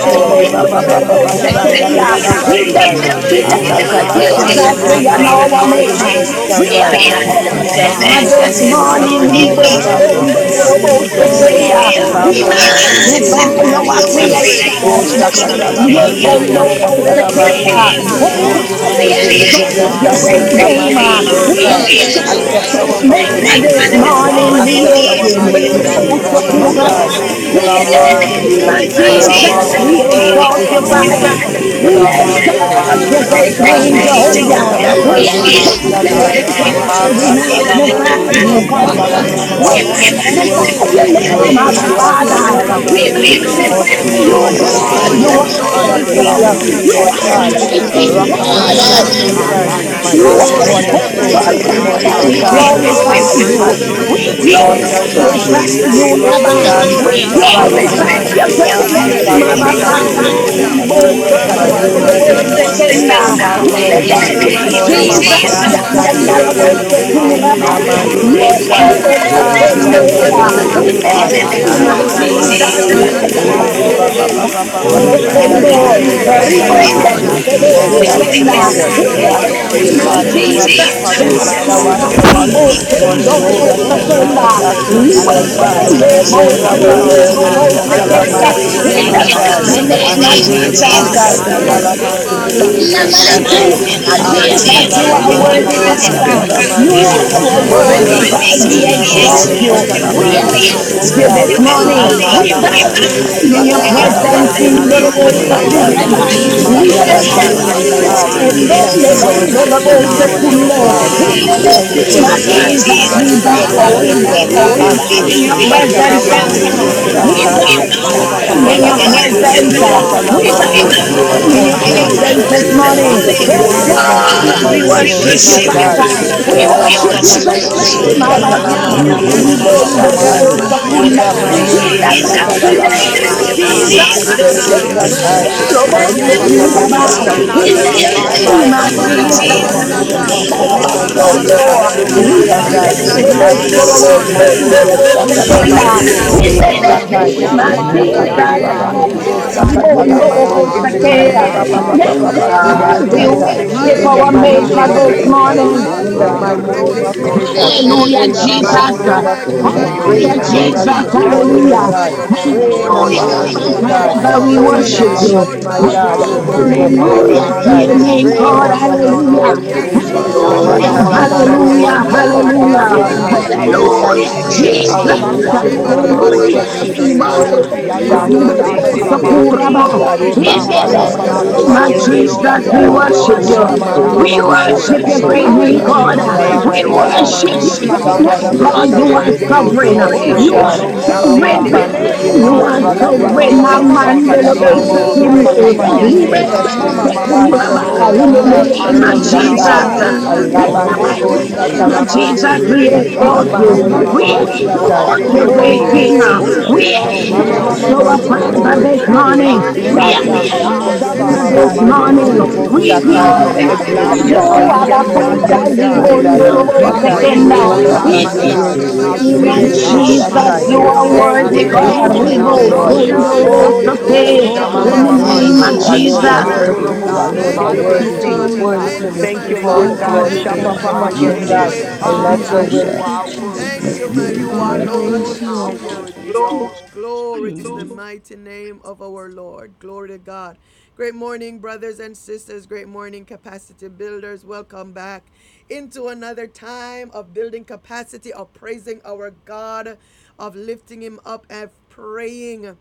Speaker 9: who you are, that you
Speaker 10: ribondo
Speaker 5: your
Speaker 9: Lord,
Speaker 3: baba
Speaker 9: we will give you guide us,
Speaker 3: baba
Speaker 5: holy
Speaker 2: Sando
Speaker 10: robo
Speaker 7: You
Speaker 1: Hallelujah.
Speaker 9: Lord
Speaker 7: are
Speaker 5: name,
Speaker 7: the
Speaker 5: my
Speaker 2: Mose
Speaker 9: praise.
Speaker 3: bashandali
Speaker 6: Okinawa
Speaker 3: la
Speaker 10: sekeya.
Speaker 5: God,
Speaker 1: Hallelujah.
Speaker 9: God,
Speaker 7: lily
Speaker 3: la
Speaker 7: of
Speaker 5: my
Speaker 7: the
Speaker 10: In
Speaker 2: Terebesi.
Speaker 10: the
Speaker 1: Hallelujah.
Speaker 9: that
Speaker 6: Kodama
Speaker 1: Hallelujah. Hallelujah.
Speaker 9: you
Speaker 3: basai.
Speaker 9: will
Speaker 5: Father.
Speaker 10: mighty
Speaker 2: Yes,
Speaker 7: valley.
Speaker 10: name
Speaker 1: Hallelujah.
Speaker 5: My
Speaker 9: advise us, O
Speaker 10: name of
Speaker 9: Lord
Speaker 3: Akatala
Speaker 5: God, my
Speaker 9: Because God, of
Speaker 10: Jesus,
Speaker 9: how
Speaker 3: pandirio
Speaker 9: who
Speaker 10: we
Speaker 9: to
Speaker 10: are
Speaker 9: you
Speaker 5: Father,
Speaker 9: are,
Speaker 10: now
Speaker 9: handle
Speaker 7: Hallelujah.
Speaker 10: our
Speaker 3: sokondo
Speaker 5: I
Speaker 3: dodo
Speaker 9: Jesus.
Speaker 10: maker.
Speaker 5: lift up
Speaker 10: We
Speaker 5: your
Speaker 3: boshandai.
Speaker 10: are now
Speaker 5: name,
Speaker 1: Hallelujah.
Speaker 9: Mhm.
Speaker 10: our
Speaker 5: oh
Speaker 7: Hallelujah.
Speaker 3: Jesus,
Speaker 1: Hallelujah.
Speaker 9: because
Speaker 5: God,
Speaker 10: maker
Speaker 9: of
Speaker 5: uh,
Speaker 10: this
Speaker 9: who
Speaker 1: Hallelujah.
Speaker 3: Jesus,
Speaker 7: You
Speaker 9: you
Speaker 7: are
Speaker 5: for
Speaker 4: you.
Speaker 9: are,
Speaker 7: the
Speaker 3: Jesus,
Speaker 10: morning.
Speaker 9: Lord.
Speaker 5: you
Speaker 3: we
Speaker 9: Father, We
Speaker 5: are
Speaker 1: Hallelujah.
Speaker 9: Father, I give
Speaker 7: rose
Speaker 5: God
Speaker 10: Libo
Speaker 4: Jesus,
Speaker 9: you
Speaker 3: glorify
Speaker 7: of
Speaker 5: of
Speaker 9: pray
Speaker 3: you.
Speaker 9: this morning
Speaker 1: Hallelujah.
Speaker 5: all
Speaker 9: praise.
Speaker 5: the
Speaker 9: that
Speaker 10: sondo
Speaker 9: we
Speaker 7: Sharon.
Speaker 9: will
Speaker 4: Jesus,
Speaker 9: hear
Speaker 10: robo
Speaker 3: Jesus,
Speaker 9: Oh
Speaker 5: universe,
Speaker 9: your
Speaker 4: Jesus.
Speaker 3: Jesus,
Speaker 5: uh,
Speaker 9: God,
Speaker 10: sekeya.
Speaker 3: we
Speaker 4: We
Speaker 9: instructions,
Speaker 5: and
Speaker 3: bow
Speaker 10: We
Speaker 4: bless
Speaker 5: I
Speaker 3: down
Speaker 9: hallelujah.
Speaker 4: You
Speaker 9: that Bless
Speaker 7: Hallelujah.
Speaker 4: we
Speaker 5: honor
Speaker 9: we
Speaker 3: before
Speaker 9: your will
Speaker 3: you,
Speaker 5: you
Speaker 10: magnify
Speaker 3: we
Speaker 9: name,
Speaker 4: surrender
Speaker 9: hear your
Speaker 5: this
Speaker 7: We
Speaker 4: to
Speaker 10: our
Speaker 3: worship
Speaker 9: Jesus.
Speaker 3: you.
Speaker 9: word,
Speaker 4: you, we
Speaker 5: morning.
Speaker 9: O
Speaker 10: creator.
Speaker 5: uh,
Speaker 7: worship
Speaker 9: Lord
Speaker 4: surrender to
Speaker 3: O
Speaker 7: and
Speaker 9: God.
Speaker 5: I
Speaker 10: Riba
Speaker 7: adore
Speaker 9: That
Speaker 3: shakatala
Speaker 7: you.
Speaker 10: ye
Speaker 9: Father
Speaker 4: you.
Speaker 9: God,
Speaker 5: glorify
Speaker 9: we
Speaker 3: mandirio
Speaker 9: will
Speaker 5: your
Speaker 4: Thank
Speaker 9: be
Speaker 10: robo
Speaker 9: able
Speaker 4: you,
Speaker 9: to
Speaker 5: name.
Speaker 4: God.
Speaker 5: uh,
Speaker 4: Thank
Speaker 9: discern,
Speaker 3: satarabandi.
Speaker 5: I
Speaker 10: sekeya.
Speaker 9: O We Lord
Speaker 4: you,
Speaker 9: God,
Speaker 5: lift
Speaker 7: Hallelujah.
Speaker 10: Oh
Speaker 4: God.
Speaker 3: O
Speaker 5: up
Speaker 9: thank your you,
Speaker 10: God,
Speaker 5: your
Speaker 10: we
Speaker 9: Lord. We
Speaker 7: Let
Speaker 9: teachings,
Speaker 5: name
Speaker 4: You
Speaker 9: bless
Speaker 7: the
Speaker 4: are
Speaker 5: and
Speaker 3: rebebebebebe
Speaker 9: you,
Speaker 10: exalt
Speaker 9: to be
Speaker 10: your
Speaker 2: Santo
Speaker 5: high
Speaker 9: Lord.
Speaker 6: Welcome,
Speaker 9: able
Speaker 10: great
Speaker 9: to
Speaker 5: this
Speaker 4: awesome,
Speaker 3: satoria
Speaker 7: redeemed
Speaker 6: Holy
Speaker 2: Mose
Speaker 4: you
Speaker 10: name.
Speaker 7: of
Speaker 4: are
Speaker 9: discern,
Speaker 7: the
Speaker 5: morning.
Speaker 10: uh.
Speaker 9: O
Speaker 5: uh,
Speaker 3: mandirio
Speaker 9: Lord God,
Speaker 7: Lord
Speaker 10: We
Speaker 9: We
Speaker 2: Terebesi,
Speaker 6: Spirit,
Speaker 3: sai.
Speaker 4: amazing,
Speaker 9: your
Speaker 7: say
Speaker 9: praise you,
Speaker 6: Holy
Speaker 9: above
Speaker 5: Rikis
Speaker 4: mighty
Speaker 10: exalt
Speaker 7: so.
Speaker 3: Accept
Speaker 9: Lord. We
Speaker 3: our
Speaker 10: our
Speaker 9: all
Speaker 5: yon
Speaker 9: else,
Speaker 2: Papa
Speaker 9: adore
Speaker 3: worship
Speaker 4: you
Speaker 9: Lord
Speaker 10: maker
Speaker 9: you,
Speaker 4: are
Speaker 5: torobos
Speaker 3: this
Speaker 9: God.
Speaker 2: Yende,
Speaker 10: this
Speaker 6: Spirit.
Speaker 9: Lord.
Speaker 3: morning.
Speaker 4: perfect
Speaker 5: yaraba,
Speaker 9: Father
Speaker 10: morning.
Speaker 7: Hallelujah.
Speaker 2: Mando
Speaker 4: in the
Speaker 9: God,
Speaker 3: Accept
Speaker 9: help
Speaker 10: Liye
Speaker 4: God
Speaker 9: us
Speaker 2: Mose
Speaker 9: to
Speaker 3: our
Speaker 4: in
Speaker 9: We lift
Speaker 3: praises
Speaker 9: tuned
Speaker 4: everything.
Speaker 9: you
Speaker 3: this
Speaker 5: ribasian
Speaker 2: Terebesi,
Speaker 9: understand
Speaker 7: Glory
Speaker 9: up, and
Speaker 7: to
Speaker 3: morning,
Speaker 4: My
Speaker 9: Lord.
Speaker 3: O
Speaker 5: tarabas
Speaker 7: your
Speaker 9: We with you, O
Speaker 2: Matoro
Speaker 3: God.
Speaker 9: Lord
Speaker 4: God,
Speaker 10: kuraba.
Speaker 4: you
Speaker 5: yoro
Speaker 7: name.
Speaker 4: have
Speaker 9: magnify
Speaker 2: Mose
Speaker 3: Fill
Speaker 10: In
Speaker 9: your
Speaker 3: our
Speaker 10: the
Speaker 9: God,
Speaker 3: mouth
Speaker 9: name.
Speaker 4: embodiment
Speaker 3: with
Speaker 9: so
Speaker 4: of
Speaker 9: that
Speaker 2: Terebesi,
Speaker 10: name
Speaker 9: we
Speaker 7: Glory
Speaker 10: of
Speaker 3: worship.
Speaker 9: can
Speaker 7: to
Speaker 4: holiness
Speaker 3: Fill
Speaker 5: korabasianta,
Speaker 9: hear
Speaker 3: our
Speaker 4: and
Speaker 7: your
Speaker 2: Rabba
Speaker 9: your
Speaker 10: Jesus,
Speaker 9: You
Speaker 3: mouth
Speaker 2: Baba
Speaker 9: are voice,
Speaker 3: with
Speaker 1: Jesus,
Speaker 10: we
Speaker 9: Lord
Speaker 7: name.
Speaker 2: Baba
Speaker 9: God.
Speaker 1: we
Speaker 4: righteousness.
Speaker 5: nosion
Speaker 3: praise
Speaker 2: Baba
Speaker 10: exalt
Speaker 3: this
Speaker 9: wonderful
Speaker 10: you,
Speaker 2: Baba
Speaker 4: We
Speaker 1: exalt
Speaker 9: so
Speaker 1: you,
Speaker 5: torobos
Speaker 3: morning.
Speaker 9: that
Speaker 2: Baba,
Speaker 4: do
Speaker 9: we
Speaker 10: Father.
Speaker 1: Father.
Speaker 9: can
Speaker 4: this
Speaker 3: Fill
Speaker 5: yerebe,
Speaker 7: Hallelujah.
Speaker 2: O
Speaker 10: We
Speaker 4: with
Speaker 3: our
Speaker 9: see, O
Speaker 3: mouth
Speaker 4: you.
Speaker 9: Lord
Speaker 2: Sando
Speaker 3: with
Speaker 1: Yes,
Speaker 9: God,
Speaker 2: Mose
Speaker 9: what
Speaker 10: exalt
Speaker 7: We
Speaker 3: praise,
Speaker 1: Father
Speaker 10: your
Speaker 9: you
Speaker 1: God,
Speaker 3: my
Speaker 5: rikasian
Speaker 10: great
Speaker 2: Terebe,
Speaker 1: we
Speaker 7: worship
Speaker 3: God.
Speaker 9: God, store
Speaker 7: and
Speaker 10: name,
Speaker 1: magnify
Speaker 9: you are
Speaker 5: tarabas
Speaker 3: Ebo
Speaker 2: Rebo
Speaker 1: you,
Speaker 7: adore
Speaker 9: for
Speaker 1: we
Speaker 10: Jehovah.
Speaker 5: yoro
Speaker 2: Rabba
Speaker 4: You
Speaker 7: you.
Speaker 9: Lord
Speaker 10: We
Speaker 9: God,
Speaker 4: took it
Speaker 1: glorify
Speaker 2: Yamando,
Speaker 1: you.
Speaker 3: satalapandirio
Speaker 10: exalt
Speaker 4: into
Speaker 9: glorious.
Speaker 7: We
Speaker 9: You
Speaker 10: your
Speaker 9: are
Speaker 1: We
Speaker 4: two.
Speaker 7: bow
Speaker 3: satai.
Speaker 10: name,
Speaker 7: at
Speaker 1: lift you
Speaker 5: korabasianta,
Speaker 7: your
Speaker 2: Yekoro
Speaker 1: up,
Speaker 9: so
Speaker 1: we
Speaker 4: Mighty
Speaker 9: that we glorious. can
Speaker 10: God.
Speaker 9: You are obey,
Speaker 10: We
Speaker 9: O glorious, Lord God, Lord.
Speaker 1: lift
Speaker 7: throne.
Speaker 2: Mose
Speaker 9: your
Speaker 4: God,
Speaker 1: you
Speaker 9: will,
Speaker 5: noso
Speaker 1: up, we
Speaker 9: so
Speaker 4: mighty
Speaker 1: lift
Speaker 2: Terebe,
Speaker 10: magnify
Speaker 5: torobos
Speaker 9: We
Speaker 1: you
Speaker 7: We
Speaker 9: that
Speaker 4: God,
Speaker 9: we
Speaker 3: Hakatalamandirio
Speaker 10: you,
Speaker 1: up.
Speaker 7: give
Speaker 9: thank can you,
Speaker 7: you
Speaker 9: obey, O
Speaker 10: God.
Speaker 2: Sama
Speaker 1: We
Speaker 4: mighty
Speaker 5: yerebe,
Speaker 1: lift
Speaker 2: Mama
Speaker 4: God,
Speaker 1: you
Speaker 2: Mama
Speaker 1: up,
Speaker 10: We
Speaker 3: satalamandai.
Speaker 9: Jesus.
Speaker 7: reverence.
Speaker 1: we
Speaker 2: Mama
Speaker 4: mighty
Speaker 7: We
Speaker 1: lift
Speaker 3: We
Speaker 7: give
Speaker 1: you up,
Speaker 7: you
Speaker 10: magnify
Speaker 1: we
Speaker 3: worship
Speaker 2: Mando,
Speaker 10: your
Speaker 3: you.
Speaker 5: I
Speaker 1: lift
Speaker 4: God,
Speaker 3: We
Speaker 5: lift
Speaker 1: you
Speaker 7: honor.
Speaker 1: up,
Speaker 10: name,
Speaker 1: we
Speaker 3: worship
Speaker 1: lift
Speaker 10: our
Speaker 2: Yekoro
Speaker 6: Okabara
Speaker 3: you.
Speaker 4: mighty God, mighty
Speaker 1: you up.
Speaker 2: Mose
Speaker 9: Lord
Speaker 10: Father.
Speaker 4: God,
Speaker 9: God, your
Speaker 6: Say,
Speaker 9: will, We
Speaker 10: We
Speaker 9: so
Speaker 4: mighty
Speaker 3: Ashatalamandi.
Speaker 9: thank
Speaker 1: Yes,
Speaker 9: so
Speaker 4: God.
Speaker 9: that
Speaker 6: Doctor
Speaker 7: Hallelujah.
Speaker 9: you, we
Speaker 1: Lord,
Speaker 2: Terebesi,
Speaker 3: All the
Speaker 4: We
Speaker 1: yes,
Speaker 10: magnify
Speaker 9: can obey,
Speaker 3: glory
Speaker 4: lift
Speaker 1: Lord,
Speaker 9: Jesus.
Speaker 10: you,
Speaker 6: Sokara
Speaker 2: Tepe
Speaker 4: you
Speaker 1: yes,
Speaker 4: up
Speaker 3: belongs
Speaker 4: this
Speaker 3: to
Speaker 9: obey, O
Speaker 3: you.
Speaker 1: Lord,
Speaker 10: God.
Speaker 2: Robo
Speaker 6: Sunday.
Speaker 7: Hallelujah.
Speaker 10: You
Speaker 1: yes,
Speaker 3: All
Speaker 9: Lord
Speaker 3: the
Speaker 9: God,
Speaker 4: morning
Speaker 10: are
Speaker 9: your We
Speaker 4: and
Speaker 3: honor
Speaker 9: thank teaching, you,
Speaker 7: Mighty
Speaker 9: so that we Jesus. can obey, O Lord God, your We thank you,
Speaker 2: Rabba
Speaker 10: faithful.
Speaker 1: Lord.
Speaker 9: commandments, O
Speaker 3: belongs
Speaker 4: praise
Speaker 7: God,
Speaker 9: Lord
Speaker 3: to
Speaker 6: Ukilipa
Speaker 4: you.
Speaker 3: you,
Speaker 9: Jesus.
Speaker 7: mighty
Speaker 2: Thank
Speaker 10: You
Speaker 5: up
Speaker 3: Lord
Speaker 7: God.
Speaker 2: you,
Speaker 5: your
Speaker 10: are
Speaker 4: We
Speaker 9: God.
Speaker 6: Shokara
Speaker 3: God.
Speaker 4: adore
Speaker 5: name
Speaker 3: A
Speaker 2: Jesus.
Speaker 1: Jesus,
Speaker 10: faithful,
Speaker 6: Sodra,
Speaker 3: rock
Speaker 7: There
Speaker 5: this
Speaker 9: Father
Speaker 3: of
Speaker 7: is
Speaker 1: Jesus,
Speaker 9: God, so that
Speaker 4: you
Speaker 9: we
Speaker 3: my
Speaker 5: morning.
Speaker 7: none
Speaker 2: Glory
Speaker 10: God.
Speaker 9: Oh,
Speaker 4: and
Speaker 5: uh,
Speaker 7: like
Speaker 2: be
Speaker 9: can
Speaker 6: Sodakavara
Speaker 2: to
Speaker 9: thank
Speaker 2: your
Speaker 1: hallelujah.
Speaker 9: you,
Speaker 5: I
Speaker 9: align
Speaker 7: you.
Speaker 3: salvation.
Speaker 4: magnify
Speaker 2: name.
Speaker 6: Kadavara
Speaker 5: honor
Speaker 3: My
Speaker 9: ourselves
Speaker 4: your
Speaker 10: You
Speaker 9: with
Speaker 5: your
Speaker 3: chief
Speaker 9: Jesus.
Speaker 6: Sadai,
Speaker 9: you,
Speaker 4: name.
Speaker 1: Glory
Speaker 10: are
Speaker 9: O
Speaker 5: name
Speaker 1: to
Speaker 7: Mighty
Speaker 2: Hakorobo
Speaker 10: a
Speaker 1: the
Speaker 9: Lord
Speaker 4: We
Speaker 2: si
Speaker 5: this
Speaker 9: God.
Speaker 3: cornerstone
Speaker 9: So
Speaker 1: mighty
Speaker 10: faithful
Speaker 3: this
Speaker 7: God,
Speaker 5: morning,
Speaker 2: terebe
Speaker 1: name
Speaker 9: Thank
Speaker 4: exalt
Speaker 5: my
Speaker 9: that,
Speaker 1: of
Speaker 9: you,
Speaker 2: si
Speaker 7: mighty
Speaker 3: morning,
Speaker 4: you,
Speaker 9: Lord God,
Speaker 10: Father.
Speaker 1: our
Speaker 3: O
Speaker 5: God,
Speaker 9: we
Speaker 10: We
Speaker 9: can
Speaker 2: terebe
Speaker 5: my
Speaker 4: mighty
Speaker 1: God.
Speaker 3: God.
Speaker 7: God.
Speaker 4: God.
Speaker 6: Ekabara
Speaker 10: glorify
Speaker 9: Jesus.
Speaker 3: My
Speaker 4: We
Speaker 2: so.
Speaker 5: Father.
Speaker 3: great
Speaker 1: Glory
Speaker 9: align
Speaker 6: Sokara
Speaker 1: to
Speaker 4: exalt
Speaker 10: you.
Speaker 3: high
Speaker 5: I
Speaker 9: ourselves
Speaker 1: the
Speaker 4: you.
Speaker 7: There
Speaker 9: with
Speaker 7: is
Speaker 4: We
Speaker 3: priest
Speaker 1: mighty
Speaker 6: Sodra,
Speaker 9: you,
Speaker 10: We
Speaker 9: O
Speaker 3: this
Speaker 7: none
Speaker 9: Lord.
Speaker 4: exalt
Speaker 1: name of
Speaker 9: Thank
Speaker 6: Sokara
Speaker 7: so
Speaker 3: morning,
Speaker 5: glorify
Speaker 4: you.
Speaker 9: you,
Speaker 3: O
Speaker 1: our
Speaker 9: So that
Speaker 2: Oshando
Speaker 5: your
Speaker 9: we,
Speaker 1: God.
Speaker 3: God
Speaker 4: We
Speaker 2: mo
Speaker 10: glorify
Speaker 7: worthy.
Speaker 6: Shinai,
Speaker 2: se
Speaker 3: the
Speaker 5: name,
Speaker 9: Jesus.
Speaker 4: lift
Speaker 5: uh,
Speaker 10: you,
Speaker 9: Father
Speaker 3: lily
Speaker 4: you
Speaker 3: of
Speaker 4: up
Speaker 2: terebe
Speaker 9: God,
Speaker 3: the
Speaker 9: align
Speaker 4: in
Speaker 10: Abba.
Speaker 2: si.
Speaker 5: Father,
Speaker 9: We
Speaker 4: our
Speaker 7: There
Speaker 3: valley,
Speaker 7: is
Speaker 5: for
Speaker 1: Glory,
Speaker 10: We
Speaker 3: the
Speaker 6: Healing,
Speaker 7: none
Speaker 5: you
Speaker 9: ourselves
Speaker 4: God,
Speaker 9: with you,
Speaker 5: are
Speaker 4: our
Speaker 3: bright
Speaker 7: so
Speaker 9: thank O
Speaker 5: good,
Speaker 3: and
Speaker 2: Makorobo
Speaker 6: healing
Speaker 10: glorify
Speaker 9: you,
Speaker 5: uh,
Speaker 4: Father.
Speaker 9: Lord
Speaker 2: si
Speaker 3: morning
Speaker 10: your
Speaker 5: your
Speaker 6: power,
Speaker 7: holy.
Speaker 9: Lord. We
Speaker 1: hallelujah, hallelujah,
Speaker 9: God.
Speaker 3: star.
Speaker 10: great
Speaker 2: terebe
Speaker 4: We
Speaker 9: thank
Speaker 5: mercy
Speaker 9: So you,
Speaker 6: healing
Speaker 10: name,
Speaker 9: that we
Speaker 3: Father,
Speaker 2: terebe
Speaker 9: Lord.
Speaker 3: we
Speaker 6: power,
Speaker 10: Abba
Speaker 1: hallelujah,
Speaker 4: praise you.
Speaker 5: endures
Speaker 9: turn
Speaker 3: thank you
Speaker 9: neither
Speaker 4: We
Speaker 9: to
Speaker 10: Father.
Speaker 3: for
Speaker 2: terebe.
Speaker 9: the
Speaker 6: healing
Speaker 7: Hallelujah.
Speaker 3: grace
Speaker 1: hallelujah.
Speaker 9: left
Speaker 5: forever.
Speaker 6: power,
Speaker 4: praise
Speaker 9: nor
Speaker 3: and
Speaker 9: to
Speaker 4: you.
Speaker 2: O
Speaker 9: the
Speaker 10: Ribo
Speaker 4: We
Speaker 5: Oh
Speaker 3: mercies
Speaker 2: rapa
Speaker 9: right,
Speaker 3: that
Speaker 9: We
Speaker 1: Rabba
Speaker 3: are
Speaker 10: sondo
Speaker 4: praise
Speaker 2: papa
Speaker 9: Father.
Speaker 4: you.
Speaker 5: God,
Speaker 3: new
Speaker 9: thank
Speaker 4: We
Speaker 5: I
Speaker 9: you, But
Speaker 10: robo
Speaker 3: every
Speaker 9: so
Speaker 2: yende.
Speaker 7: Hallelujah.
Speaker 6: healing
Speaker 1: Yasanda
Speaker 5: bow
Speaker 4: praise you.
Speaker 9: that we
Speaker 5: down
Speaker 3: morning.
Speaker 6: power,
Speaker 9: Jesus.
Speaker 2: O
Speaker 5: to
Speaker 9: stay,
Speaker 4: We
Speaker 10: sekenda.
Speaker 2: rapa
Speaker 3: Have
Speaker 5: you.
Speaker 6: healing
Speaker 2: papa
Speaker 9: Lord
Speaker 5: uh,
Speaker 10: In
Speaker 3: your
Speaker 9: God,
Speaker 10: the
Speaker 3: way
Speaker 4: glorify
Speaker 6: power,
Speaker 3: this
Speaker 2: yende.
Speaker 4: you.
Speaker 10: name
Speaker 9: fixed, O
Speaker 1: Rabba
Speaker 4: We
Speaker 7: Jesus,
Speaker 10: of
Speaker 6: healing
Speaker 1: Sere,
Speaker 9: Jesus,
Speaker 3: morning.
Speaker 2: Rama
Speaker 5: Hallelujah
Speaker 10: Jesus,
Speaker 6: power.
Speaker 9: Lord
Speaker 2: mama
Speaker 5: to
Speaker 4: glorify
Speaker 9: God, and
Speaker 7: Jesus,
Speaker 4: you.
Speaker 3: Have
Speaker 2: mama
Speaker 5: the
Speaker 9: Lord.
Speaker 3: thine
Speaker 4: We
Speaker 5: King
Speaker 10: Yakanda
Speaker 2: mando.
Speaker 3: own
Speaker 5: of
Speaker 9: planted, O
Speaker 7: Jesus.
Speaker 3: way
Speaker 10: labo
Speaker 9: Lord
Speaker 2: Shando
Speaker 5: Kings.
Speaker 4: glorify
Speaker 3: this
Speaker 9: God,
Speaker 2: mo
Speaker 9: on
Speaker 5: uh,
Speaker 9: the
Speaker 2: se
Speaker 6: Ukabara
Speaker 4: you,
Speaker 3: morning,
Speaker 9: straight
Speaker 4: mighty
Speaker 10: sokuraba.
Speaker 9: and
Speaker 2: terebe
Speaker 4: God.
Speaker 2: si
Speaker 3: Amanda
Speaker 9: narrow
Speaker 6: Shaken,
Speaker 9: path
Speaker 2: terebe
Speaker 4: We
Speaker 5: Hallelujah
Speaker 7: Hallelujah.
Speaker 3: side.
Speaker 10: Yembo
Speaker 5: to
Speaker 2: so.
Speaker 5: the
Speaker 9: that
Speaker 10: robo
Speaker 9: you
Speaker 4: exalt
Speaker 3: Have
Speaker 5: Lord
Speaker 9: have
Speaker 4: you.
Speaker 2: Ye
Speaker 5: of
Speaker 2: ko
Speaker 3: thine
Speaker 9: prepared
Speaker 2: ko
Speaker 4: We
Speaker 7: Glory,
Speaker 3: own
Speaker 2: ko
Speaker 9: for
Speaker 6: Yet
Speaker 4: exalt
Speaker 9: us,
Speaker 2: ko
Speaker 3: way,
Speaker 10: sendea.
Speaker 4: you,
Speaker 5: Florida.
Speaker 9: Lord.
Speaker 2: ko
Speaker 4: O
Speaker 6: Cook
Speaker 3: O
Speaker 10: In
Speaker 2: ko
Speaker 7: glory,
Speaker 9: Thank
Speaker 2: ko
Speaker 4: Lord
Speaker 10: the
Speaker 3: God.
Speaker 9: you,
Speaker 2: ko
Speaker 9: The
Speaker 5: Father,
Speaker 4: God
Speaker 2: ko.
Speaker 10: name
Speaker 5: you
Speaker 9: path, O
Speaker 7: glory.
Speaker 9: Lord
Speaker 3: Have
Speaker 10: of
Speaker 6: oversees
Speaker 5: are
Speaker 4: Almighty.
Speaker 9: Jesus.
Speaker 3: thine
Speaker 10: Jesus,
Speaker 3: own
Speaker 9: God,
Speaker 2: Shando
Speaker 5: worthy.
Speaker 9: that
Speaker 2: mo
Speaker 9: you
Speaker 3: way.
Speaker 4: Oh
Speaker 9: have
Speaker 10: la
Speaker 2: se
Speaker 6: Illustrator
Speaker 5: You
Speaker 10: ba
Speaker 4: my
Speaker 3: O
Speaker 9: ordained
Speaker 5: are
Speaker 2: terebe
Speaker 9: for us,
Speaker 6: healing
Speaker 7: Hallelujah.
Speaker 10: ba
Speaker 3: Reba
Speaker 4: God,
Speaker 9: Lord
Speaker 10: ba
Speaker 2: si.
Speaker 5: worthy
Speaker 3: Baba
Speaker 4: there
Speaker 6: power,
Speaker 3: Baba
Speaker 10: ba
Speaker 4: is
Speaker 5: to
Speaker 9: the
Speaker 10: ba
Speaker 5: be
Speaker 3: Baba
Speaker 1: Oh,
Speaker 2: Yes,
Speaker 9: righteous
Speaker 4: none
Speaker 2: God,
Speaker 7: Wonderful
Speaker 1: blessed
Speaker 5: praised.
Speaker 1: be
Speaker 2: in
Speaker 4: like
Speaker 9: path,
Speaker 2: the
Speaker 3: Shandalido
Speaker 5: Uh,
Speaker 1: the
Speaker 9: O
Speaker 10: yekondo
Speaker 6: healing
Speaker 9: God,
Speaker 2: name
Speaker 4: you.
Speaker 1: name
Speaker 9: the
Speaker 2: of
Speaker 1: of
Speaker 7: counselor,
Speaker 5: Heavenly
Speaker 4: There
Speaker 1: our
Speaker 6: deliverance,
Speaker 4: is
Speaker 9: Hallelujah.
Speaker 10: ribondo
Speaker 2: Jesus.
Speaker 1: Lord.
Speaker 3: Bostatalamande.
Speaker 5: Father,
Speaker 4: no
Speaker 9: path
Speaker 7: Prince
Speaker 9: Thank
Speaker 5: you
Speaker 4: equal
Speaker 9: that
Speaker 7: of
Speaker 10: lebe
Speaker 6: blessings,
Speaker 9: you,
Speaker 3: For
Speaker 2: We
Speaker 5: are
Speaker 3: we
Speaker 9: leads
Speaker 3: are
Speaker 1: Blessed
Speaker 9: to
Speaker 4: with
Speaker 3: the
Speaker 1: be
Speaker 2: worship
Speaker 1: the
Speaker 9: Jesus. you,
Speaker 7: Peace.
Speaker 6: blessings,
Speaker 10: sekenda.
Speaker 5: worthy.
Speaker 2: you.
Speaker 9: O
Speaker 1: name
Speaker 4: you
Speaker 3: potter.
Speaker 4: Lord
Speaker 2: We
Speaker 9: Lord
Speaker 6: pour
Speaker 1: of
Speaker 10: In
Speaker 5: You
Speaker 3: We
Speaker 6: out
Speaker 4: God.
Speaker 3: are
Speaker 1: our
Speaker 9: God,
Speaker 10: the
Speaker 6: your
Speaker 3: the
Speaker 2: worship
Speaker 9: and the
Speaker 1: Lord.
Speaker 2: you.
Speaker 5: alone
Speaker 2: We
Speaker 3: clay
Speaker 9: good
Speaker 10: name
Speaker 9: things
Speaker 5: are
Speaker 10: of
Speaker 4: None
Speaker 3: God
Speaker 6: blessings.
Speaker 4: to
Speaker 3: and
Speaker 2: worship
Speaker 9: Thank
Speaker 3: you
Speaker 4: be
Speaker 7: Jesus,
Speaker 1: Blessed be
Speaker 9: you,
Speaker 1: the
Speaker 3: are
Speaker 2: you.
Speaker 5: worthy,
Speaker 3: the
Speaker 9: concerning
Speaker 10: Jesus,
Speaker 1: name
Speaker 9: you,
Speaker 5: oh
Speaker 4: compared
Speaker 9: Jesus.
Speaker 2: We
Speaker 6: I
Speaker 3: potter.
Speaker 10: ya
Speaker 4: to
Speaker 7: Jesus,
Speaker 5: God.
Speaker 9: Father God.
Speaker 2: bow
Speaker 3: Thou
Speaker 6: decree
Speaker 5: uh,
Speaker 10: ba
Speaker 4: you,
Speaker 1: of our
Speaker 2: down
Speaker 9: Hallelujah.
Speaker 3: art
Speaker 1: Lord.
Speaker 10: ba
Speaker 3: the
Speaker 5: and
Speaker 2: before
Speaker 4: Almighty
Speaker 7: Jesus.
Speaker 5: I
Speaker 2: you
Speaker 6: financial
Speaker 3: potter
Speaker 4: God.
Speaker 10: ribo
Speaker 3: this
Speaker 2: this
Speaker 9: Righteous
Speaker 5: bow
Speaker 9: God,
Speaker 6: blessings
Speaker 3: morning.
Speaker 9: I
Speaker 6: for
Speaker 5: down
Speaker 10: sondo
Speaker 2: morning.
Speaker 4: How
Speaker 5: to
Speaker 3: Mold
Speaker 9: pray,
Speaker 7: Oh,
Speaker 10: robo
Speaker 3: us
Speaker 6: those who
Speaker 5: you.
Speaker 9: Lord
Speaker 7: you
Speaker 3: and
Speaker 2: Oh
Speaker 4: excellent,
Speaker 5: uh,
Speaker 7: are
Speaker 9: God.
Speaker 3: make
Speaker 6: need
Speaker 4: how
Speaker 2: God,
Speaker 3: us
Speaker 2: we
Speaker 10: sekenda.
Speaker 6: it.
Speaker 5: I
Speaker 2: say,
Speaker 3: after
Speaker 4: perfect
Speaker 7: awesome,
Speaker 5: cast
Speaker 3: you,
Speaker 9: Glory
Speaker 4: you
Speaker 7: oh
Speaker 4: are,
Speaker 9: be
Speaker 6: I
Speaker 3: Lord
Speaker 2: hallowed
Speaker 5: my
Speaker 9: to
Speaker 2: be
Speaker 7: God.
Speaker 3: God.
Speaker 10: Libondo
Speaker 6: decree
Speaker 4: my
Speaker 2: your
Speaker 5: crown
Speaker 6: and
Speaker 9: God.
Speaker 4: God.
Speaker 6: I
Speaker 2: holy
Speaker 5: at
Speaker 10: yebo
Speaker 9: Glory
Speaker 3: Ora
Speaker 5: your
Speaker 7: You
Speaker 9: be
Speaker 6: declare
Speaker 2: name.
Speaker 9: to
Speaker 7: are
Speaker 10: sondo
Speaker 4: Oh,
Speaker 5: feet.
Speaker 2: Hallowed
Speaker 9: God.
Speaker 2: be
Speaker 3: panderio
Speaker 6: blessings.
Speaker 5: uh,
Speaker 6: I
Speaker 10: robo
Speaker 2: your
Speaker 4: mighty
Speaker 3: stata
Speaker 5: and
Speaker 6: decree
Speaker 2: holy
Speaker 3: la
Speaker 5: I
Speaker 4: God,
Speaker 6: and
Speaker 7: magnificent.
Speaker 6: I
Speaker 1: Oh,
Speaker 10: sekeya.
Speaker 2: name.
Speaker 1: we
Speaker 4: the
Speaker 3: manderia
Speaker 6: declare
Speaker 5: join
Speaker 3: de
Speaker 5: with
Speaker 10: In
Speaker 1: praise
Speaker 4: El
Speaker 10: the
Speaker 5: the
Speaker 6: healing
Speaker 1: you,
Speaker 9: Glorious
Speaker 6: of the
Speaker 3: mandai.
Speaker 4: Shaddai,
Speaker 9: King,
Speaker 10: mighty
Speaker 7: You
Speaker 1: Father.
Speaker 9: we
Speaker 2: Ayabashando
Speaker 7: are
Speaker 1: We
Speaker 6: body.
Speaker 9: give
Speaker 4: the
Speaker 5: 24
Speaker 10: name
Speaker 2: Mose
Speaker 9: you
Speaker 10: of
Speaker 4: I
Speaker 1: praise you,
Speaker 3: Anderio do
Speaker 1: Father.
Speaker 5: elders,
Speaker 4: am
Speaker 3: robo
Speaker 6: I
Speaker 9: praise.
Speaker 7: awesome,
Speaker 5: uh,
Speaker 4: that
Speaker 2: Terebesi
Speaker 10: Jesus.
Speaker 1: We
Speaker 7: oh
Speaker 4: I
Speaker 3: stata
Speaker 5: and
Speaker 6: decree
Speaker 3: la
Speaker 6: and
Speaker 1: praise
Speaker 5: I
Speaker 3: la
Speaker 7: God.
Speaker 6: I
Speaker 4: am.
Speaker 1: you,
Speaker 5: say,
Speaker 2: Terebeso.
Speaker 3: manderia
Speaker 6: declare,
Speaker 10: In
Speaker 3: do
Speaker 1: Father.
Speaker 4: Oh,
Speaker 6: Lord
Speaker 10: the
Speaker 3: robo
Speaker 9: Glorious
Speaker 4: the
Speaker 6: God,
Speaker 7: You
Speaker 5: Holy,
Speaker 6: that
Speaker 1: We
Speaker 2: Yekoto
Speaker 7: are
Speaker 9: King, we
Speaker 10: mighty
Speaker 4: bigger
Speaker 5: holy,
Speaker 3: statai.
Speaker 1: praise
Speaker 6: whatever
Speaker 9: give
Speaker 2: Mose
Speaker 1: you,
Speaker 10: name
Speaker 9: you
Speaker 10: of
Speaker 4: recovered
Speaker 7: awesome
Speaker 5: holy,
Speaker 7: in
Speaker 9: praise.
Speaker 3: Akanda
Speaker 10: Jesus,
Speaker 4: world,
Speaker 2: Terebesi.
Speaker 7: all
Speaker 3: la
Speaker 6: situations,
Speaker 4: the
Speaker 7: of
Speaker 10: you
Speaker 3: la
Speaker 5: Lord
Speaker 10: are
Speaker 7: your
Speaker 1: Father. We
Speaker 4: reckless
Speaker 5: God
Speaker 2: Mapa
Speaker 9: Glorious
Speaker 10: worthy,
Speaker 3: manderio
Speaker 4: and
Speaker 1: praise
Speaker 2: Papa
Speaker 9: King,
Speaker 7: ways.
Speaker 6: wake
Speaker 9: we
Speaker 3: stata
Speaker 6: up
Speaker 4: strength,
Speaker 10: Father.
Speaker 3: la
Speaker 6: and
Speaker 2: Yendo.
Speaker 5: Almighty,
Speaker 10: You
Speaker 4: the
Speaker 6: find
Speaker 9: worship
Speaker 3: mande.
Speaker 4: strong
Speaker 1: you,
Speaker 5: who
Speaker 6: yourself
Speaker 2: Shama
Speaker 9: you.
Speaker 7: You
Speaker 10: are a
Speaker 6: this
Speaker 2: Mama
Speaker 4: tower,
Speaker 5: is
Speaker 7: are
Speaker 1: Father.
Speaker 5: and
Speaker 3: Ora
Speaker 6: morning,
Speaker 10: worthy
Speaker 1: We
Speaker 5: who
Speaker 4: oh,
Speaker 7: our
Speaker 9: Glorious
Speaker 2: Mando.
Speaker 4: our
Speaker 6: but
Speaker 5: is
Speaker 1: praise
Speaker 10: God.
Speaker 1: you,
Speaker 9: King,
Speaker 6: by
Speaker 4: God,
Speaker 3: panderio
Speaker 10: We
Speaker 5: to
Speaker 6: the
Speaker 9: we
Speaker 2: Webe
Speaker 1: Father.
Speaker 7: Redeemer.
Speaker 5: come.
Speaker 6: power
Speaker 4: the
Speaker 6: of
Speaker 2: Bebe
Speaker 1: Yes,
Speaker 10: exalt
Speaker 3: manderio
Speaker 9: exalt
Speaker 6: the
Speaker 5: uh,
Speaker 4: help
Speaker 2: Bebe
Speaker 10: you.
Speaker 6: Holy
Speaker 9: you.
Speaker 4: in
Speaker 3: stata
Speaker 2: Bebe
Speaker 3: la
Speaker 7: You
Speaker 4: angels'
Speaker 10: We
Speaker 5: Jesus
Speaker 2: Bebe.
Speaker 7: are
Speaker 6: Ghost,
Speaker 3: manderia
Speaker 4: time
Speaker 3: do
Speaker 9: Glorious
Speaker 1: Lord, we
Speaker 7: our
Speaker 10: exalt
Speaker 3: robo
Speaker 5: Christ,
Speaker 9: King,
Speaker 10: you
Speaker 5: you
Speaker 2: Oh
Speaker 9: we
Speaker 1: praise
Speaker 6: I
Speaker 4: our
Speaker 3: stai.
Speaker 10: this
Speaker 1: you,
Speaker 5: are
Speaker 4: hope
Speaker 9: adore
Speaker 2: Shama
Speaker 4: for
Speaker 5: the
Speaker 6: declare
Speaker 7: Restorer.
Speaker 10: morning.
Speaker 2: Mama
Speaker 9: you.
Speaker 6: that
Speaker 1: Father.
Speaker 5: King
Speaker 4: years
Speaker 6: it
Speaker 3: Anda
Speaker 4: to
Speaker 5: of
Speaker 10: We
Speaker 6: is
Speaker 3: la
Speaker 2: Mando.
Speaker 4: come.
Speaker 1: We praise
Speaker 10: bow
Speaker 6: well.
Speaker 5: glory.
Speaker 3: manderio
Speaker 10: down
Speaker 4: Mighty
Speaker 10: in
Speaker 5: You
Speaker 10: your
Speaker 4: God
Speaker 7: Hallelujah.
Speaker 3: stacata
Speaker 1: you, Father. We praise your name, Lord. We
Speaker 5: are
Speaker 6: I
Speaker 3: la
Speaker 4: and
Speaker 5: the
Speaker 10: presence.
Speaker 4: our
Speaker 5: I
Speaker 6: decree
Speaker 3: panderia
Speaker 10: In
Speaker 6: and
Speaker 3: do
Speaker 5: and
Speaker 10: the
Speaker 6: I
Speaker 4: Savior,
Speaker 1: praise
Speaker 2: Akorobosi
Speaker 1: you.
Speaker 5: mighty
Speaker 3: robo
Speaker 7: You
Speaker 10: Lobo
Speaker 7: are
Speaker 6: declare,
Speaker 4: we
Speaker 7: the
Speaker 5: one.
Speaker 3: standai.
Speaker 6: Lord
Speaker 4: lift
Speaker 2: terebesi,
Speaker 5: uh,
Speaker 4: up
Speaker 7: true
Speaker 10: Sokureba.
Speaker 4: your
Speaker 7: and
Speaker 1: Oh,
Speaker 6: Jesus,
Speaker 7: the
Speaker 6: that
Speaker 4: name
Speaker 9: Glorious
Speaker 2: mando
Speaker 3: Shekanda
Speaker 4: this
Speaker 5: Heavenly
Speaker 9: King,
Speaker 3: la
Speaker 7: living
Speaker 1: glory,
Speaker 6: shackles
Speaker 2: mose
Speaker 10: Libondo
Speaker 6: will
Speaker 7: God.
Speaker 4: morning,
Speaker 3: stepa
Speaker 5: Father,
Speaker 6: be
Speaker 4: O
Speaker 9: glorious
Speaker 5: you
Speaker 9: King,
Speaker 10: Lebe
Speaker 4: Lord
Speaker 3: stai.
Speaker 5: are
Speaker 2: terebesi,
Speaker 5: the
Speaker 6: broken.
Speaker 3: We
Speaker 7: There
Speaker 10: Sende
Speaker 4: God
Speaker 9: glorious
Speaker 7: is
Speaker 3: thank
Speaker 2: ye
Speaker 3: you
Speaker 7: none
Speaker 9: King,
Speaker 3: for
Speaker 1: glory,
Speaker 6: I
Speaker 3: the
Speaker 9: you
Speaker 5: glorious
Speaker 4: Almighty.
Speaker 9: are
Speaker 10: Lebende
Speaker 7: like
Speaker 3: shift
Speaker 7: you.
Speaker 5: King.
Speaker 3: this
Speaker 6: decree
Speaker 2: koroboso
Speaker 10: Lobo
Speaker 9: worthy.
Speaker 4: We
Speaker 6: and
Speaker 5: uh,
Speaker 1: glory,
Speaker 6: I
Speaker 4: bow
Speaker 3: morning,
Speaker 9: Fill
Speaker 3: O
Speaker 9: us,
Speaker 5: You
Speaker 2: terebesi
Speaker 10: Sokunde.
Speaker 9: Abba
Speaker 1: glory,
Speaker 4: down
Speaker 3: God.
Speaker 6: declare
Speaker 1: glory
Speaker 5: are
Speaker 10: In
Speaker 9: Father,
Speaker 6: that
Speaker 4: and
Speaker 3: We
Speaker 5: a
Speaker 9: with your
Speaker 2: terebeso
Speaker 6: God,
Speaker 9: grace.
Speaker 7: Jesus,
Speaker 10: the
Speaker 3: thank
Speaker 6: the
Speaker 3: you
Speaker 4: worship
Speaker 1: glory, glory,
Speaker 3: for
Speaker 10: name
Speaker 7: our
Speaker 4: the
Speaker 3: the
Speaker 10: of
Speaker 5: glorious
Speaker 6: chain of
Speaker 7: rock.
Speaker 3: shift.
Speaker 4: great
Speaker 2: terebesai,
Speaker 9: Jesus, you
Speaker 5: King.
Speaker 3: We
Speaker 1: glory,
Speaker 9: Fill us, are
Speaker 10: Jesus,
Speaker 4: and
Speaker 9: Abba
Speaker 5: uh,
Speaker 3: thank
Speaker 10: we
Speaker 6: depression
Speaker 9: worthy.
Speaker 3: you
Speaker 6: will
Speaker 4: mighty
Speaker 10: bow
Speaker 3: for
Speaker 6: be
Speaker 3: the
Speaker 2: sando
Speaker 9: Father,
Speaker 7: You
Speaker 10: bow,
Speaker 5: Father,
Speaker 9: with
Speaker 10: we
Speaker 7: are
Speaker 9: your
Speaker 3: shift.
Speaker 4: Yahweh,
Speaker 6: broken.
Speaker 2: mose
Speaker 5: this
Speaker 9: love.
Speaker 7: our
Speaker 10: bow,
Speaker 9: My
Speaker 10: we
Speaker 9: God,
Speaker 4: Rebbe
Speaker 5: morning
Speaker 9: we
Speaker 6: The
Speaker 10: bow
Speaker 5: uh,
Speaker 9: Fill
Speaker 2: terebesi,
Speaker 9: us,
Speaker 10: in
Speaker 9: thank
Speaker 10: your
Speaker 7: refuge.
Speaker 9: Abba
Speaker 6: chain
Speaker 5: I
Speaker 9: you.
Speaker 3: Anderiosa
Speaker 6: of
Speaker 2: ye
Speaker 5: lift
Speaker 10: presence,
Speaker 9: Father,
Speaker 5: your
Speaker 9: with
Speaker 6: sickness
Speaker 4: Shishkitibishitib.
Speaker 6: will
Speaker 7: You
Speaker 9: your
Speaker 6: be
Speaker 5: name
Speaker 10: Father.
Speaker 2: korobosi
Speaker 9: My
Speaker 5: on
Speaker 7: are
Speaker 9: humility.
Speaker 3: kalamanderiosa
Speaker 7: the
Speaker 9: God,
Speaker 10: We
Speaker 9: we
Speaker 4: Mighty
Speaker 6: broken.
Speaker 2: terebe,
Speaker 7: Lord
Speaker 3: kai.
Speaker 5: higher
Speaker 9: thank Fill
Speaker 10: bow
Speaker 9: us,
Speaker 7: thy
Speaker 4: God,
Speaker 9: you.
Speaker 5: and
Speaker 7: God
Speaker 3: Yes,
Speaker 9: Abba
Speaker 2: tapa
Speaker 5: I
Speaker 7: that
Speaker 10: down
Speaker 4: mighty
Speaker 6: Chain
Speaker 9: Father,
Speaker 2: papa
Speaker 10: in
Speaker 5: bow
Speaker 6: of
Speaker 9: I
Speaker 10: your
Speaker 2: papa
Speaker 4: God,
Speaker 9: My pray
Speaker 5: down
Speaker 9: in
Speaker 2: papa
Speaker 9: the
Speaker 5: to
Speaker 7: redeemeth.
Speaker 9: God, we
Speaker 10: presence.
Speaker 9: name
Speaker 4: you
Speaker 6: anxiety
Speaker 9: of
Speaker 5: you.
Speaker 3: katalapanderiosa
Speaker 10: uh,
Speaker 2: yende,
Speaker 9: worship.
Speaker 6: will
Speaker 4: are
Speaker 5: uh,
Speaker 9: Christ,
Speaker 6: be
Speaker 10: We
Speaker 4: good,
Speaker 2: Oh,
Speaker 7: You
Speaker 10: bow
Speaker 5: Father,
Speaker 3: kalamande.
Speaker 6: broken,
Speaker 2: rama
Speaker 5: you
Speaker 7: are
Speaker 6: Lord
Speaker 4: you are
Speaker 5: are
Speaker 3: We
Speaker 2: mama
Speaker 9: with
Speaker 7: the
Speaker 9: a
Speaker 10: down
Speaker 5: the
Speaker 6: God.
Speaker 9: My
Speaker 10: in
Speaker 2: mama
Speaker 9: charity
Speaker 3: thank
Speaker 10: your
Speaker 7: Lamb
Speaker 3: you
Speaker 5: God
Speaker 1: glory,
Speaker 9: God,
Speaker 3: for
Speaker 7: of
Speaker 9: of
Speaker 2: mama
Speaker 5: of
Speaker 9: we
Speaker 3: the
Speaker 6: Chain of
Speaker 9: spirit
Speaker 4: dependable,
Speaker 10: presence
Speaker 3: shift.
Speaker 7: God
Speaker 9: adore
Speaker 2: mando,
Speaker 10: this
Speaker 3: We
Speaker 9: and you.
Speaker 4: you
Speaker 6: fear
Speaker 1: glory,
Speaker 5: Moses.
Speaker 1: glory,
Speaker 3: thank
Speaker 6: will
Speaker 4: are
Speaker 9: knowledge,
Speaker 3: you
Speaker 5: uh,
Speaker 10: morning.
Speaker 9: O
Speaker 2: ye
Speaker 3: for
Speaker 6: be
Speaker 3: the
Speaker 5: you
Speaker 9: Lord
Speaker 7: who
Speaker 3: shift.
Speaker 10: Oh
Speaker 9: My
Speaker 5: are
Speaker 9: God.
Speaker 3: We
Speaker 4: trustworthy,
Speaker 6: broken.
Speaker 5: the
Speaker 1: glory,
Speaker 2: terebesi
Speaker 9: God,
Speaker 3: thank
Speaker 1: glory.
Speaker 7: taketh
Speaker 9: we
Speaker 3: you
Speaker 9: Fill us,
Speaker 5: God
Speaker 3: for
Speaker 4: you
Speaker 10: God,
Speaker 7: away
Speaker 3: new
Speaker 7: the
Speaker 4: are
Speaker 5: of
Speaker 10: we
Speaker 2: terebe
Speaker 9: exalt
Speaker 1: We
Speaker 9: Lord
Speaker 6: Lord
Speaker 9: you.
Speaker 3: levels,
Speaker 7: sins
Speaker 10: worship
Speaker 6: God
Speaker 2: terebe
Speaker 9: God,
Speaker 7: of
Speaker 10: you,
Speaker 9: with
Speaker 6: of
Speaker 3: my
Speaker 5: David.
Speaker 7: the
Speaker 1: worship
Speaker 6: the
Speaker 9: your
Speaker 1: you,
Speaker 5: uh,
Speaker 4: magnificent,
Speaker 2: terebe,
Speaker 3: God.
Speaker 4: O
Speaker 1: Father.
Speaker 9: My
Speaker 7: whole
Speaker 10: Father.
Speaker 9: wisdom and
Speaker 4: Lord
Speaker 5: oh
Speaker 6: sickness
Speaker 7: world.
Speaker 10: We
Speaker 9: God,
Speaker 1: Yes,
Speaker 9: knowledge,
Speaker 6: and
Speaker 3: Ora
Speaker 4: God
Speaker 6: the
Speaker 9: we
Speaker 2: Oh,
Speaker 1: We
Speaker 9: O
Speaker 1: Lord.
Speaker 6: God
Speaker 9: Lord
Speaker 5: God,
Speaker 10: worship
Speaker 6: of
Speaker 2: rapa
Speaker 10: your
Speaker 6: the
Speaker 9: want
Speaker 1: worship
Speaker 9: we
Speaker 2: papa
Speaker 4: Almighty
Speaker 5: seed
Speaker 1: Yes, your great
Speaker 6: sick
Speaker 10: great
Speaker 9: God.
Speaker 6: O
Speaker 5: of
Speaker 6: God of
Speaker 1: Lord.
Speaker 7: You
Speaker 10: name,
Speaker 2: yende,
Speaker 6: the
Speaker 3: manderiosa
Speaker 1: name, Yes,
Speaker 4: Father.
Speaker 5: Jesse,
Speaker 10: Abba
Speaker 9: Lord
Speaker 5: I
Speaker 7: are
Speaker 9: God,
Speaker 2: nyama
Speaker 1: Father.
Speaker 6: Lord
Speaker 7: the
Speaker 4: We
Speaker 9: we
Speaker 10: Father.
Speaker 1: Lord.
Speaker 9: Hallelujah,
Speaker 2: mama
Speaker 1: Yes,
Speaker 7: Lamb
Speaker 5: worship
Speaker 6: God
Speaker 9: lift
Speaker 6: of
Speaker 7: of
Speaker 2: mama
Speaker 6: the
Speaker 9: you up.
Speaker 4: glorify
Speaker 5: you.
Speaker 1: Lord.
Speaker 2: mama
Speaker 3: kalamanderiosa
Speaker 7: God.
Speaker 4: your
Speaker 9: God, thank
Speaker 5: uh,
Speaker 6: sick O God of
Speaker 4: name
Speaker 3: kai.
Speaker 1: Yes,
Speaker 10: Libondorobo
Speaker 6: the
Speaker 4: this
Speaker 5: I
Speaker 9: My
Speaker 2: mando,
Speaker 9: you.
Speaker 6: sick O God
Speaker 1: Lord.
Speaker 6: of
Speaker 9: God,
Speaker 5: honor
Speaker 6: the
Speaker 4: morning.
Speaker 9: you're
Speaker 2: ye
Speaker 3: Ora
Speaker 1: Yes,
Speaker 9: such
Speaker 10: Sakunda.
Speaker 9: a
Speaker 7: You
Speaker 6: Son,
Speaker 5: you,
Speaker 6: Lord
Speaker 9: wonder
Speaker 10: In
Speaker 1: Lord.
Speaker 7: are
Speaker 9: Hallelujah,
Speaker 10: the
Speaker 6: God
Speaker 5: ancients
Speaker 2: korobosi
Speaker 6: of
Speaker 3: manderiosa
Speaker 6: the
Speaker 4: Mighty
Speaker 7: our
Speaker 9: working
Speaker 5: of
Speaker 9: Abba God.
Speaker 10: mighty
Speaker 6: shade.
Speaker 2: terebe,
Speaker 9: Father,
Speaker 5: days.
Speaker 9: we
Speaker 10: name
Speaker 9: bless
Speaker 5: uh,
Speaker 10: of
Speaker 9: And
Speaker 7: restorer.
Speaker 9: so you, O
Speaker 3: kalamanderiosa
Speaker 9: we
Speaker 6: Oh,
Speaker 5: I
Speaker 2: Dando
Speaker 9: Lord
Speaker 2: mo
Speaker 9: bless
Speaker 5: honor
Speaker 9: God.
Speaker 2: se
Speaker 9: you
Speaker 10: Jesus.
Speaker 5: you,
Speaker 6: what
Speaker 9: this
Speaker 6: am
Speaker 1: Shebarabababaramasananaya.
Speaker 5: bright
Speaker 3: keterebesa
Speaker 6: I
Speaker 9: morning.
Speaker 2: terebe
Speaker 5: and
Speaker 3: kai.
Speaker 9: Remove
Speaker 7: Jesus,
Speaker 6: seeking?
Speaker 2: so.
Speaker 9: all
Speaker 6: I'm
Speaker 5: morning
Speaker 6: not
Speaker 2: Ya
Speaker 9: We confusion
Speaker 2: papa
Speaker 6: seeking
Speaker 5: star.
Speaker 7: Jesus,
Speaker 6: it.
Speaker 2: pa pa pa
Speaker 5: uh,
Speaker 9: praise you,
Speaker 3: Anderiosa
Speaker 9: corruption we
Speaker 10: Kuraba.
Speaker 5: Lion
Speaker 7: Jesus.
Speaker 2: yende.
Speaker 5: of
Speaker 10: In
Speaker 9: corruption from our praise lives you, and
Speaker 5: the
Speaker 1: Leberebebebekesalamasaraba.
Speaker 10: the
Speaker 9: we
Speaker 3: kalinodobo
Speaker 9: our
Speaker 2: Oh,
Speaker 5: tribe
Speaker 9: praise
Speaker 5: of
Speaker 2: ba
Speaker 10: name
Speaker 9: Lord
Speaker 3: shandai.
Speaker 9: you.
Speaker 2: ba
Speaker 10: of
Speaker 9: of
Speaker 2: ba
Speaker 9: God.
Speaker 3: New
Speaker 5: Judah,
Speaker 2: ba ba
Speaker 5: I
Speaker 10: Jesus,
Speaker 3: levels
Speaker 2: ba
Speaker 4: God,
Speaker 9: Cover our
Speaker 7: Jesus,
Speaker 3: and new
Speaker 2: ba
Speaker 1: Rebababababasata.
Speaker 2: ba
Speaker 4: mighty
Speaker 5: worship
Speaker 9: Hallelujah
Speaker 2: ba
Speaker 9: hearts, to
Speaker 2: ba
Speaker 4: God,
Speaker 5: you.
Speaker 3: dimensions,
Speaker 9: hearts,
Speaker 7: Jesus,
Speaker 9: the
Speaker 5: uh,
Speaker 2: ba.
Speaker 9: cover
Speaker 3: my
Speaker 9: Lamb
Speaker 10: Sakandalaba
Speaker 9: cover our of
Speaker 4: mighty
Speaker 3: God.
Speaker 9: minds.
Speaker 4: God.
Speaker 5: Lion
Speaker 9: God.
Speaker 10: Sondo,
Speaker 7: Jesus.
Speaker 5: of the
Speaker 2: Dando
Speaker 4: We
Speaker 1: Leparabarabayasaya.
Speaker 9: Put, O
Speaker 4: lift
Speaker 1: We
Speaker 5: tribe
Speaker 2: Mose
Speaker 9: Lord
Speaker 5: of
Speaker 9: We
Speaker 4: you
Speaker 3: Yepanderiosa
Speaker 7: Heaven
Speaker 4: up
Speaker 9: God,
Speaker 10: Libende
Speaker 4: this
Speaker 7: and
Speaker 1: magnify
Speaker 2: Terebe
Speaker 1: your
Speaker 9: your
Speaker 5: Judah,
Speaker 9: shield,
Speaker 7: earth
Speaker 1: name, O God.
Speaker 10: Lebes
Speaker 5: I
Speaker 9: bless O
Speaker 4: morning,
Speaker 2: Si,
Speaker 3: Andere
Speaker 7: adore
Speaker 4: O
Speaker 9: Lord
Speaker 5: honor
Speaker 10: Korobo
Speaker 9: God, you,
Speaker 3: kondere
Speaker 9: around
Speaker 3: de
Speaker 7: you.
Speaker 5: you.
Speaker 4: God.
Speaker 3: de
Speaker 10: Sondo
Speaker 1: We
Speaker 9: our
Speaker 5: ah.
Speaker 2: Nakorobo
Speaker 10: Robo
Speaker 1: glorify
Speaker 9: hearts
Speaker 3: pesata
Speaker 2: So
Speaker 4: We
Speaker 9: and our
Speaker 3: la
Speaker 1: your
Speaker 9: minds,
Speaker 4: praise
Speaker 2: Terebe
Speaker 10: Sekenda.
Speaker 5: Rikis
Speaker 4: you
Speaker 3: mandere
Speaker 9: Jesus.
Speaker 3: de
Speaker 4: in
Speaker 1: name,
Speaker 2: Sai,
Speaker 9: Lord God,
Speaker 4: the
Speaker 10: In
Speaker 3: robo
Speaker 10: the
Speaker 7: Hallelujah.
Speaker 1: O
Speaker 9: You
Speaker 4: highest
Speaker 9: are that a
Speaker 5: Yuntorobos
Speaker 1: God.
Speaker 9: we
Speaker 3: satai.
Speaker 4: praise,
Speaker 1: We
Speaker 10: name
Speaker 9: cannot be
Speaker 10: of
Speaker 2: Yekorobo
Speaker 9: shield,
Speaker 4: O
Speaker 2: So
Speaker 1: magnify your
Speaker 4: God
Speaker 7: Angels
Speaker 9: infiltrated
Speaker 10: Jesus,
Speaker 9: by a
Speaker 3: Yakatoria
Speaker 9: the
Speaker 2: Terebe
Speaker 7: bow
Speaker 5: Yarabasianta,
Speaker 1: name,
Speaker 9: enemy,
Speaker 1: O
Speaker 4: Almighty.
Speaker 2: Si.
Speaker 5: in
Speaker 3: banderio
Speaker 7: before
Speaker 5: the
Speaker 1: God.
Speaker 4: For
Speaker 9: redeemer,
Speaker 2: Yes,
Speaker 9: that
Speaker 1: We
Speaker 3: sakata
Speaker 4: You
Speaker 7: you.
Speaker 9: we
Speaker 5: mighty
Speaker 3: la
Speaker 9: Lord.
Speaker 10: Sabaribondo
Speaker 2: Lord
Speaker 4: are
Speaker 9: cannot
Speaker 1: exalt
Speaker 9: be
Speaker 2: God,
Speaker 4: the
Speaker 5: name
Speaker 10: Robo
Speaker 3: mande.
Speaker 1: Lord,
Speaker 2: in
Speaker 5: of
Speaker 1: to
Speaker 2: the
Speaker 9: infiltrated
Speaker 1: your
Speaker 9: We by
Speaker 2: name
Speaker 3: Arre
Speaker 10: Sakea.
Speaker 2: of
Speaker 9: thank
Speaker 4: great
Speaker 3: pa
Speaker 1: name,
Speaker 5: Jesus.
Speaker 9: evil,
Speaker 3: pa
Speaker 4: high
Speaker 9: you, Father
Speaker 3: pa
Speaker 5: ah.
Speaker 3: pa pa
Speaker 10: Yeah,
Speaker 2: Jesus.
Speaker 7: Hallelujah.
Speaker 3: pa
Speaker 9: God.
Speaker 1: Jesus.
Speaker 4: priest,
Speaker 9: Jesus.
Speaker 3: banderio
Speaker 10: God,
Speaker 5: Ribas
Speaker 2: Yando
Speaker 9: So
Speaker 4: mighty
Speaker 10: we
Speaker 9: that,
Speaker 1: Hallelujah.
Speaker 2: Mose
Speaker 3: satai.
Speaker 9: Lord
Speaker 4: God.
Speaker 7: Mighty
Speaker 9: God, We we can
Speaker 10: worship
Speaker 3: In
Speaker 7: God,
Speaker 5: Yenterebes
Speaker 3: the
Speaker 9: thank
Speaker 2: Terebe
Speaker 10: our
Speaker 4: We
Speaker 9: you,
Speaker 1: Hallelujah.
Speaker 3: mighty
Speaker 2: Si
Speaker 9: do
Speaker 4: lift
Speaker 10: Maker
Speaker 7: mighty
Speaker 3: name of
Speaker 9: what you
Speaker 4: you
Speaker 7: God.
Speaker 10: this
Speaker 4: up
Speaker 9: Jesus.
Speaker 2: Terebe,
Speaker 9: You say, are
Speaker 4: and
Speaker 3: Jesus.
Speaker 1: Hallelujah.
Speaker 10: morning.
Speaker 9: wonderful.
Speaker 4: praise
Speaker 2: O
Speaker 3: In
Speaker 4: you
Speaker 9: so
Speaker 3: the
Speaker 5: Yorokorikisata,
Speaker 9: that
Speaker 4: high
Speaker 9: we
Speaker 2: Shando
Speaker 1: Hallelujah.
Speaker 7: Worthy
Speaker 3: mighty
Speaker 9: will
Speaker 7: to
Speaker 5: no
Speaker 4: above
Speaker 3: name of
Speaker 2: Mose
Speaker 9: hear
Speaker 4: the
Speaker 7: receive
Speaker 9: what
Speaker 5: sion
Speaker 9: you
Speaker 3: Jesus.
Speaker 2: Terebe
Speaker 4: highest
Speaker 9: You are say,
Speaker 5: torobo
Speaker 7: glory
Speaker 4: place
Speaker 2: Si,
Speaker 9: so
Speaker 10: Hallelujah,
Speaker 7: and
Speaker 3: In the
Speaker 4: on the
Speaker 9: wonderful.
Speaker 7: honor.
Speaker 5: siaraba
Speaker 9: that
Speaker 4: planet.
Speaker 3: mighty
Speaker 9: we
Speaker 10: Jesus.
Speaker 1: We
Speaker 9: will
Speaker 3: name
Speaker 2: Yekorobo
Speaker 3: of
Speaker 2: So
Speaker 4: And
Speaker 9: see
Speaker 1: magnify
Speaker 4: we
Speaker 3: Jesus.
Speaker 1: your
Speaker 9: what
Speaker 5: siantaraba.
Speaker 2: Terebe
Speaker 9: you
Speaker 7: Worthy
Speaker 4: come
Speaker 3: Reign
Speaker 10: Hallelujah,
Speaker 1: name,
Speaker 4: to
Speaker 7: of
Speaker 9: say,
Speaker 2: Sai,
Speaker 3: among
Speaker 4: you
Speaker 7: all
Speaker 9: my
Speaker 3: us
Speaker 7: of
Speaker 10: Jesus.
Speaker 3: this
Speaker 9: God
Speaker 7: the
Speaker 4: and
Speaker 1: Lord God. We
Speaker 9: and
Speaker 5: Rikanama
Speaker 2: Shando
Speaker 3: morning,
Speaker 4: worship
Speaker 3: O
Speaker 9: Jesus.
Speaker 2: Mose
Speaker 9: my
Speaker 10: Hallelujah.
Speaker 5: sion
Speaker 4: at
Speaker 7: praise.
Speaker 1: glorify
Speaker 3: God.
Speaker 4: your
Speaker 1: your
Speaker 9: King.
Speaker 5: torobo
Speaker 1: name,
Speaker 4: feet.
Speaker 2: Terebe,
Speaker 3: Reign
Speaker 1: Lord
Speaker 10: Hallelujah,
Speaker 1: God.
Speaker 3: among
Speaker 7: Worthy
Speaker 9: Father,
Speaker 5: siaraba.
Speaker 2: Oh,
Speaker 4: Oh
Speaker 7: of
Speaker 3: us,
Speaker 9: we
Speaker 10: Abba
Speaker 3: O
Speaker 1: We
Speaker 5: In
Speaker 4: Lord
Speaker 7: all
Speaker 2: Papa
Speaker 5: the
Speaker 7: of
Speaker 9: bless
Speaker 2: Papa
Speaker 3: God.
Speaker 7: the
Speaker 9: you,
Speaker 10: Father.
Speaker 4: God
Speaker 2: Papa
Speaker 10: We
Speaker 5: mighty
Speaker 1: exalt
Speaker 9: Lord
Speaker 2: Papa
Speaker 1: your
Speaker 3: Reign
Speaker 1: name,
Speaker 5: name
Speaker 9: God,
Speaker 10: worship
Speaker 7: worship.
Speaker 5: of
Speaker 2: Yende,
Speaker 3: among
Speaker 4: Almighty,
Speaker 10: you.
Speaker 3: us,
Speaker 1: Lord
Speaker 3: my
Speaker 9: hallelujah.
Speaker 1: God.
Speaker 4: O
Speaker 5: Jesus.
Speaker 3: God.
Speaker 1: You
Speaker 2: Rebe
Speaker 5: ah,
Speaker 3: Ye
Speaker 4: God,
Speaker 1: are
Speaker 9: We
Speaker 4: it is
Speaker 2: Robo
Speaker 3: bonde
Speaker 1: worthy.
Speaker 7: Worthy
Speaker 3: de
Speaker 4: a
Speaker 1: You
Speaker 5: Reba
Speaker 2: Rabai
Speaker 1: are
Speaker 9: glorify
Speaker 7: God,
Speaker 10: Hallelujah
Speaker 3: robo
Speaker 4: great
Speaker 9: you,
Speaker 10: to
Speaker 3: sai.
Speaker 9: O
Speaker 4: honor,
Speaker 2: Ramando,
Speaker 10: your
Speaker 1: worthy.
Speaker 5: satioro
Speaker 7: worthy
Speaker 9: righteous
Speaker 10: name,
Speaker 4: my
Speaker 3: Rain
Speaker 7: God.
Speaker 10: God.
Speaker 4: God,
Speaker 9: God,
Speaker 2: Nakorobo
Speaker 3: among
Speaker 4: to
Speaker 3: us,
Speaker 2: So
Speaker 5: konosioro.
Speaker 3: Lord.
Speaker 10: Hallelujah.
Speaker 9: hallelujah.
Speaker 4: worship
Speaker 1: Yes,
Speaker 2: Terebe,
Speaker 7: You
Speaker 4: Father
Speaker 7: are
Speaker 4: God
Speaker 1: Lord.
Speaker 2: Kama
Speaker 4: at
Speaker 3: Ebundidiosa,
Speaker 4: your
Speaker 1: Yes,
Speaker 10: Hallelujah.
Speaker 2: Mama mama
Speaker 5: Nesiantaraba
Speaker 4: feet,
Speaker 9: Hallelujah,
Speaker 2: mama
Speaker 1: Lord. Yes,
Speaker 4: to
Speaker 7: magnificent.
Speaker 5: sioro
Speaker 9: hallelujah,
Speaker 10: Hallelujah.
Speaker 9: We
Speaker 4: bow
Speaker 3: talamandidiosa,
Speaker 9: give
Speaker 2: Gamamamamamamamando.
Speaker 4: in
Speaker 1: Lord.
Speaker 4: the
Speaker 5: koraba
Speaker 1: Yes,
Speaker 10: Hallelujah.
Speaker 7: Oh,
Speaker 2: Yay,
Speaker 4: presence
Speaker 9: hallelujah,
Speaker 3: katalapandai.
Speaker 4: of
Speaker 9: you
Speaker 4: the
Speaker 1: Lord.
Speaker 3: We
Speaker 4: Most
Speaker 9: praise,
Speaker 1: Yes,
Speaker 2: terebesi,
Speaker 5: siantaraba.
Speaker 3: thank
Speaker 9: Lord.
Speaker 4: High
Speaker 7: Jesus,
Speaker 3: you
Speaker 10: Hallelujah,
Speaker 3: for
Speaker 7: you
Speaker 4: God,
Speaker 3: your
Speaker 1: Lord.
Speaker 2: terebe.
Speaker 7: are
Speaker 5: Rika
Speaker 4: to
Speaker 7: the
Speaker 3: power.
Speaker 9: hallelujah,
Speaker 3: We
Speaker 10: Jesus.
Speaker 9: We
Speaker 6: Wow.
Speaker 9: Abba
Speaker 7: way
Speaker 4: lift
Speaker 3: thank
Speaker 9: give
Speaker 3: you
Speaker 4: him
Speaker 9: you
Speaker 6: Oh,
Speaker 4: up
Speaker 2: Makorobo
Speaker 3: for
Speaker 1: Sheba
Speaker 9: Father. We
Speaker 3: your
Speaker 4: in
Speaker 7: maker.
Speaker 1: raba
Speaker 2: so
Speaker 5: siantaraba
Speaker 6: look at
Speaker 1: raba
Speaker 4: reverence
Speaker 10: Hallelujah.
Speaker 1: ya
Speaker 6: this.
Speaker 3: frequency this
Speaker 4: and
Speaker 5: siente.
Speaker 2: terebesi.
Speaker 10: Rima,
Speaker 1: sataya.
Speaker 6: Look
Speaker 3: morning.
Speaker 6: at
Speaker 4: blessing.
Speaker 10: rumo,
Speaker 9: We
Speaker 1: Yes,
Speaker 4: We
Speaker 5: Rika
Speaker 2: Yando
Speaker 9: We We
Speaker 4: worship
Speaker 10: sundo,
Speaker 3: Download
Speaker 1: God,
Speaker 3: a
Speaker 1: we
Speaker 9: We
Speaker 2: mose
Speaker 6: this.
Speaker 10: rumo,
Speaker 1: bless
Speaker 3: fresh
Speaker 6: Look
Speaker 7: You
Speaker 1: you.
Speaker 6: at
Speaker 1: We
Speaker 7: are
Speaker 5: siantaraba
Speaker 6: this.
Speaker 4: you,
Speaker 1: give
Speaker 7: the
Speaker 1: you
Speaker 3: anointing, my
Speaker 2: terebesi.
Speaker 7: bridge
Speaker 10: sakuraba.
Speaker 5: sioro
Speaker 3: God.
Speaker 9: We
Speaker 7: over
Speaker 1: glory.
Speaker 9: give give give give give give
Speaker 2: Ya
Speaker 10: In
Speaker 9: you you you you you you praise, praise, praise. praise, praise, praise,
Speaker 2: pa
Speaker 7: troubled
Speaker 4: we
Speaker 10: the
Speaker 1: We
Speaker 5: koraba
Speaker 2: pa
Speaker 4: worship
Speaker 6: Karabara,
Speaker 2: pa
Speaker 1: give
Speaker 2: pa
Speaker 1: you
Speaker 2: pa
Speaker 7: water.
Speaker 2: pa
Speaker 9: glorious
Speaker 2: pa
Speaker 10: name
Speaker 6: karabara,
Speaker 5: sianta.
Speaker 10: of
Speaker 9: King.
Speaker 4: you.
Speaker 9: God.
Speaker 1: glory.
Speaker 2: yende.
Speaker 1: We give you
Speaker 5: No
Speaker 6: karabara,
Speaker 10: Jesus,
Speaker 7: You
Speaker 10: we
Speaker 3: Epandalamandidiodorobosandai.
Speaker 2: Oh,
Speaker 5: sion
Speaker 7: are
Speaker 6: karabara,
Speaker 4: My
Speaker 7: the
Speaker 1: glory. We
Speaker 2: rama
Speaker 10: worship
Speaker 5: torobo
Speaker 10: you.
Speaker 2: mama
Speaker 1: give
Speaker 6: karabara,
Speaker 1: you.
Speaker 7: rock.
Speaker 2: mama
Speaker 10: We
Speaker 2: mama
Speaker 1: glory.
Speaker 5: siaraba.
Speaker 3: Uramandidiosa,
Speaker 2: mando,
Speaker 10: worship
Speaker 7: You
Speaker 10: your
Speaker 1: We
Speaker 2: We
Speaker 10: great
Speaker 1: give
Speaker 7: are
Speaker 5: Rica
Speaker 10: name,
Speaker 9: great
Speaker 6: karabara,
Speaker 7: the
Speaker 6: karabara,
Speaker 1: you
Speaker 2: worship you
Speaker 10: God.
Speaker 6: karabara,
Speaker 2: today,
Speaker 5: sataraba
Speaker 1: glory. We
Speaker 9: great
Speaker 10: We
Speaker 2: mighty
Speaker 7: solid
Speaker 1: give you
Speaker 6: karabara,
Speaker 5: sioro
Speaker 2: God.
Speaker 7: rock
Speaker 1: glory.
Speaker 10: worship
Speaker 3: talamandididorofrandalamandalamand.
Speaker 7: on
Speaker 10: your
Speaker 1: worship
Speaker 7: which
Speaker 10: great
Speaker 5: correba
Speaker 7: we
Speaker 1: give you
Speaker 3: Download a
Speaker 10: name,
Speaker 6: karabara,
Speaker 2: Makorobo
Speaker 3: fresh
Speaker 10: God.
Speaker 2: si
Speaker 7: stand.
Speaker 10: You
Speaker 1: glory, we
Speaker 5: siente.
Speaker 10: are
Speaker 1: give
Speaker 3: anointing
Speaker 1: you
Speaker 5: No
Speaker 2: terebe.
Speaker 3: this
Speaker 10: sovereign.
Speaker 3: morning,
Speaker 2: Oh,
Speaker 1: glory.
Speaker 3: O
Speaker 10: You
Speaker 5: sotorobo
Speaker 7: Hallelujah.
Speaker 3: God.
Speaker 10: are
Speaker 2: shando
Speaker 9: great
Speaker 6: karabara,
Speaker 1: Oh, we
Speaker 2: mose
Speaker 10: sovereign,
Speaker 5: siaraba.
Speaker 7: You
Speaker 1: give you
Speaker 7: are
Speaker 10: Father.
Speaker 2: terebe.
Speaker 7: our
Speaker 10: You
Speaker 5: Riba
Speaker 1: glory,
Speaker 3: Urapandidiosa,
Speaker 6: karabara,
Speaker 10: are
Speaker 1: we give
Speaker 9: Redeemer.
Speaker 2: Oh,
Speaker 1: you
Speaker 6: karabara.
Speaker 2: rapa
Speaker 10: sovereign.
Speaker 2: pa
Speaker 7: refuge.
Speaker 5: satioro
Speaker 2: pa
Speaker 1: glory,
Speaker 2: pa
Speaker 9: Redeemer.
Speaker 2: pa
Speaker 3: nalapandidiosa,
Speaker 1: we
Speaker 5: cono
Speaker 1: give you
Speaker 10: Amandelebo
Speaker 2: yende.
Speaker 9: Redeemer.
Speaker 6: Glory,
Speaker 5: siorobo.
Speaker 2: Ya
Speaker 1: glory.
Speaker 10: sokunde.
Speaker 2: pa pa
Speaker 7: Jesus,
Speaker 6: salam,
Speaker 9: You
Speaker 2: pa
Speaker 9: are
Speaker 3: talapandididorobosai.
Speaker 5: Riba
Speaker 9: worthy
Speaker 6: glory,
Speaker 2: yende.
Speaker 4: God,
Speaker 10: Libende
Speaker 9: of
Speaker 7: Jesus,
Speaker 3: Fresh
Speaker 9: our
Speaker 5: siente
Speaker 3: wind
Speaker 2: Mama
Speaker 1: Ah,
Speaker 3: of
Speaker 5: rebe
Speaker 2: mama
Speaker 4: my
Speaker 3: God,
Speaker 9: praise.
Speaker 1: my
Speaker 7: Jesus.
Speaker 6: Lord,
Speaker 3: fresh
Speaker 1: God,
Speaker 4: God.
Speaker 5: sioro
Speaker 6: you
Speaker 10: sekuraba.
Speaker 3: wind
Speaker 1: my
Speaker 6: are
Speaker 3: of
Speaker 10: In
Speaker 6: the
Speaker 10: the
Speaker 6: way
Speaker 2: mando.
Speaker 4: We
Speaker 3: God,
Speaker 1: God,
Speaker 5: correba
Speaker 1: my
Speaker 3: fresh
Speaker 10: name
Speaker 2: Spirit
Speaker 10: of
Speaker 2: of
Speaker 9: Hallelujah.
Speaker 6: maker,
Speaker 2: the
Speaker 3: wind
Speaker 4: praise you,
Speaker 3: of
Speaker 1: God,
Speaker 2: living
Speaker 4: we
Speaker 3: God.
Speaker 1: my
Speaker 10: Jesus.
Speaker 5: siaraba.
Speaker 2: God.
Speaker 7: Jesus,
Speaker 4: praise you,
Speaker 5: No
Speaker 1: God.
Speaker 6: Lord,
Speaker 4: we
Speaker 9: Hallelujah.
Speaker 6: you
Speaker 10: In
Speaker 6: are
Speaker 2: Yando
Speaker 10: the
Speaker 4: praise
Speaker 6: the
Speaker 4: you,
Speaker 9: Bless
Speaker 1: Rebo
Speaker 9: your
Speaker 7: Jesus,
Speaker 5: sotorobo
Speaker 10: mighty
Speaker 4: we
Speaker 2: Mose
Speaker 6: miracle
Speaker 9: name,
Speaker 4: praise
Speaker 10: name
Speaker 1: sharaba
Speaker 10: of
Speaker 4: you.
Speaker 6: worker,
Speaker 7: Jesus.
Speaker 5: siaraba.
Speaker 2: Terebesi
Speaker 9: Jesus.
Speaker 1: rabaya
Speaker 10: Jesus,
Speaker 4: Oh,
Speaker 10: we
Speaker 7: There
Speaker 1: serebe.
Speaker 4: mighty
Speaker 6: Lord,
Speaker 9: You
Speaker 5: Rica
Speaker 2: Terebesi
Speaker 6: you
Speaker 7: is
Speaker 10: exalt
Speaker 9: are
Speaker 6: are
Speaker 4: God,
Speaker 6: the
Speaker 7: none
Speaker 10: you.
Speaker 4: we
Speaker 1: Reba
Speaker 4: lift
Speaker 6: Prince
Speaker 7: like
Speaker 6: of
Speaker 1: baba
Speaker 10: We
Speaker 4: you
Speaker 5: sataraba
Speaker 4: up,
Speaker 9: wonderful.
Speaker 2: Makorobo
Speaker 4: we
Speaker 7: you.
Speaker 1: raba
Speaker 6: Peace
Speaker 2: So
Speaker 4: lift
Speaker 3: Alabandidiosatalamandidiosanalapanadidodobosatai.
Speaker 6: this
Speaker 5: sioro
Speaker 10: exalt
Speaker 4: you
Speaker 1: sando
Speaker 4: up,
Speaker 9: You
Speaker 10: your
Speaker 4: we
Speaker 9: are
Speaker 1: robo
Speaker 6: morning.
Speaker 4: lift
Speaker 10: great
Speaker 7: There
Speaker 2: Terebesi
Speaker 5: correba
Speaker 4: you
Speaker 7: is
Speaker 4: up,
Speaker 10: King.
Speaker 4: we
Speaker 3: Oh,
Speaker 9: mighty.
Speaker 7: none
Speaker 3: we
Speaker 4: lift you up.
Speaker 6: And
Speaker 7: like
Speaker 5: sierebe.
Speaker 10: We
Speaker 3: exalt
Speaker 2: Oshando
Speaker 6: so
Speaker 9: You
Speaker 3: you,
Speaker 7: you.
Speaker 6: we
Speaker 9: are
Speaker 3: we
Speaker 2: Mama
Speaker 4: Oh,
Speaker 5: Nio
Speaker 10: exalt
Speaker 2: Mama
Speaker 7: Have
Speaker 6: worship
Speaker 1: Rebo
Speaker 4: mighty
Speaker 10: our
Speaker 3: exalt
Speaker 9: excellent
Speaker 7: your
Speaker 9: in
Speaker 6: you,
Speaker 3: you,
Speaker 1: robo
Speaker 4: God,
Speaker 2: Mando
Speaker 6: we
Speaker 9: all
Speaker 3: we
Speaker 4: our
Speaker 5: sotorobo
Speaker 10: Father
Speaker 7: way,
Speaker 9: the
Speaker 1: robo
Speaker 10: this
Speaker 3: worship
Speaker 9: earth.
Speaker 6: worship
Speaker 1: bobo
Speaker 7: Lord.
Speaker 2: Repe
Speaker 1: bo
Speaker 4: excellent
Speaker 3: you.
Speaker 6: you,
Speaker 7: Have
Speaker 10: morning.
Speaker 5: sianta.
Speaker 4: are
Speaker 6: we
Speaker 3: We
Speaker 2: Pepe
Speaker 1: shende
Speaker 7: your
Speaker 4: you,
Speaker 10: We
Speaker 3: bow
Speaker 5: I
Speaker 9: Thank
Speaker 1: rebe
Speaker 6: worship
Speaker 2: Pe
Speaker 9: you,
Speaker 7: way.
Speaker 10: honor
Speaker 3: down
Speaker 4: Father.
Speaker 10: our
Speaker 1: bebe
Speaker 6: you.
Speaker 3: before
Speaker 10: man.
Speaker 5: exalt
Speaker 3: you,
Speaker 2: Saba
Speaker 5: your
Speaker 1: bebe
Speaker 7: King
Speaker 3: my
Speaker 4: We
Speaker 10: Maker
Speaker 9: Jesus.
Speaker 2: Mama
Speaker 7: of
Speaker 10: this
Speaker 3: God.
Speaker 5: holy
Speaker 6: Oh,
Speaker 5: name
Speaker 4: praise
Speaker 10: morning.
Speaker 4: you,
Speaker 2: Mando
Speaker 5: this
Speaker 9: Glory
Speaker 7: glory.
Speaker 4: we
Speaker 6: karabara,
Speaker 9: be
Speaker 10: We
Speaker 9: to
Speaker 5: morning.
Speaker 9: the
Speaker 3: Yeboboboboshatai.
Speaker 4: praise
Speaker 5: ah.
Speaker 9: Lamb
Speaker 4: you,
Speaker 9: of
Speaker 4: we
Speaker 3: The
Speaker 2: Yes
Speaker 10: glorify
Speaker 5: I
Speaker 3: great
Speaker 9: God.
Speaker 2: God,
Speaker 4: praise
Speaker 5: bow
Speaker 2: yes
Speaker 7: Hallelujah.
Speaker 6: karabara,
Speaker 3: shepherd
Speaker 10: you,
Speaker 4: you,
Speaker 2: God,
Speaker 5: down
Speaker 3: this
Speaker 9: God,
Speaker 5: to
Speaker 2: yes
Speaker 10: Abba
Speaker 9: there
Speaker 6: karabara,
Speaker 9: is
Speaker 5: you
Speaker 2: God,
Speaker 3: morning.
Speaker 4: we praise
Speaker 9: none
Speaker 2: yes
Speaker 4: you,
Speaker 10: Father,
Speaker 5: this
Speaker 9: like
Speaker 2: God.
Speaker 4: we
Speaker 9: you.
Speaker 5: morning.
Speaker 7: Hallelujah.
Speaker 5: ah.
Speaker 6: Thank
Speaker 4: praise
Speaker 10: Libondolobo
Speaker 2: We
Speaker 6: you,
Speaker 4: you.
Speaker 9: And
Speaker 3: Yedidimandariosatai.
Speaker 6: Lord
Speaker 9: so
Speaker 2: praise
Speaker 9: we
Speaker 2: you,
Speaker 4: Oh,
Speaker 10: Sekenda.
Speaker 2: my
Speaker 9: bless
Speaker 5: Hallelujah
Speaker 9: you
Speaker 2: God,
Speaker 4: mercy,
Speaker 6: Jesus.
Speaker 10: In
Speaker 2: my
Speaker 5: to
Speaker 9: this
Speaker 4: mercy,
Speaker 5: the
Speaker 10: the
Speaker 7: Jesus,
Speaker 2: God.
Speaker 6: You
Speaker 9: morning.
Speaker 5: King
Speaker 4: mercy,
Speaker 5: of
Speaker 4: mercy,
Speaker 10: name
Speaker 2: We
Speaker 10: of
Speaker 9: We
Speaker 5: Kings.
Speaker 7: Jesus,
Speaker 5: ah.
Speaker 2: exalt
Speaker 9: praise you
Speaker 4: wonderful,
Speaker 10: Jesus,
Speaker 2: you,
Speaker 3: Orapandidioseketerididibisatai.
Speaker 9: this
Speaker 1: Oh,
Speaker 7: Jesus.
Speaker 2: we
Speaker 10: you
Speaker 4: powerful,
Speaker 1: we
Speaker 10: are
Speaker 2: exalt
Speaker 9: morning.
Speaker 3: Thank
Speaker 1: bless
Speaker 2: you,
Speaker 1: you,
Speaker 5: Hallelujah
Speaker 3: you,
Speaker 1: we
Speaker 2: we
Speaker 10: worthy,
Speaker 5: to the
Speaker 7: Have
Speaker 3: thank
Speaker 1: bless
Speaker 9: We
Speaker 10: God.
Speaker 3: you,
Speaker 2: exalt
Speaker 4: mercy,
Speaker 1: you,
Speaker 2: you,
Speaker 5: Lord
Speaker 1: we
Speaker 7: your
Speaker 3: thank
Speaker 2: we
Speaker 4: mercy.
Speaker 3: you,
Speaker 5: of
Speaker 10: Ribo
Speaker 1: bless
Speaker 9: magnify
Speaker 7: way,
Speaker 3: Lord.
Speaker 1: you,
Speaker 2: exalt
Speaker 9: you
Speaker 4: Oh,
Speaker 5: Lords.
Speaker 1: we
Speaker 5: ah.
Speaker 9: this
Speaker 7: Lord.
Speaker 4: oh,
Speaker 2: you.
Speaker 1: bless
Speaker 7: Have
Speaker 1: you,
Speaker 10: Sondolobo
Speaker 3: Oh,
Speaker 1: we
Speaker 9: morning.
Speaker 4: oh,
Speaker 7: your
Speaker 3: Jesus,
Speaker 2: Oh
Speaker 4: oh,
Speaker 10: Seke.
Speaker 3: you
Speaker 9: Oh
Speaker 7: way.
Speaker 5: Hallelujah
Speaker 2: Shama
Speaker 4: oh,
Speaker 9: God,
Speaker 3: alone
Speaker 5: to
Speaker 10: In
Speaker 9: we
Speaker 3: are
Speaker 5: the
Speaker 10: the
Speaker 2: Mama
Speaker 1: bless
Speaker 9: pray
Speaker 4: oh,
Speaker 3: worthy.
Speaker 5: Lion
Speaker 10: name
Speaker 9: that
Speaker 4: oh.
Speaker 5: of
Speaker 9: you
Speaker 10: of
Speaker 2: Mando.
Speaker 3: You
Speaker 9: will
Speaker 5: the
Speaker 7: Have
Speaker 1: you,
Speaker 3: alone
Speaker 1: we
Speaker 9: speak
Speaker 4: Look
Speaker 3: are
Speaker 5: tribe
Speaker 7: your
Speaker 9: to
Speaker 10: Jesus.
Speaker 2: Ye
Speaker 5: of
Speaker 9: our
Speaker 1: bless you.
Speaker 3: worthy.
Speaker 7: way
Speaker 4: in
Speaker 2: Korobo
Speaker 3: You
Speaker 6: Thank
Speaker 4: the
Speaker 9: hearts
Speaker 5: Judah.
Speaker 2: Si
Speaker 6: you,
Speaker 3: alone
Speaker 7: today,
Speaker 3: are
Speaker 1: Thank you,
Speaker 4: city,
Speaker 1: my
Speaker 9: Speak
Speaker 3: worthy.
Speaker 9: to
Speaker 7: Father.
Speaker 9: our
Speaker 2: Terebesi.
Speaker 1: Father.
Speaker 4: Mighty
Speaker 3: Worthy
Speaker 5: Hallelujah
Speaker 9: minds,
Speaker 3: to
Speaker 5: to
Speaker 1: Thank
Speaker 4: God,
Speaker 1: you,
Speaker 9: Lord.
Speaker 5: the
Speaker 2: Thank
Speaker 1: my
Speaker 2: you,
Speaker 3: receive
Speaker 5: King
Speaker 3: all
Speaker 5: of
Speaker 2: Lord
Speaker 9: Oh
Speaker 3: the
Speaker 4: you
Speaker 1: Father.
Speaker 4: are
Speaker 9: God,
Speaker 2: God.
Speaker 5: all
Speaker 9: we
Speaker 3: glory
Speaker 1: Thank
Speaker 3: this
Speaker 1: you,
Speaker 2: Shapa
Speaker 4: awesome.
Speaker 5: things.
Speaker 7: Hallelujah.
Speaker 9: thank
Speaker 1: my
Speaker 9: you,
Speaker 2: Papa
Speaker 5: ah.
Speaker 3: morning,
Speaker 4: You
Speaker 3: oh
Speaker 1: Father.
Speaker 4: are
Speaker 2: Yende.
Speaker 3: God.
Speaker 9: Jesus.
Speaker 5: Heavenly
Speaker 6: Lord,
Speaker 4: awesome.
Speaker 3: Let
Speaker 9: We
Speaker 1: Hallelujah.
Speaker 3: your
Speaker 5: Father,
Speaker 6: for
Speaker 3: will
Speaker 5: you
Speaker 7: Hallelujah.
Speaker 9: worship
Speaker 4: You
Speaker 9: you,
Speaker 4: are
Speaker 5: are
Speaker 4: awesome.
Speaker 7: Let
Speaker 1: Thank
Speaker 9: Jesus.
Speaker 1: you,
Speaker 5: worthy.
Speaker 7: the
Speaker 1: my
Speaker 4: You
Speaker 5: You
Speaker 9: We
Speaker 4: are
Speaker 1: Father.
Speaker 7: redeemed
Speaker 6: the
Speaker 4: awesome.
Speaker 9: praise
Speaker 5: alone
Speaker 9: you,
Speaker 5: are
Speaker 9: our King.
Speaker 1: Hallelujah.
Speaker 5: worthy,
Speaker 11: Glory,
Speaker 5: oh God.
Speaker 1: Glory to the mighty name of our Lord. Glory to God. Great morning, brothers and sisters. Great morning, capacity builders. Welcome back into another time of building capacity, of praising our God, of lifting Him up, and praying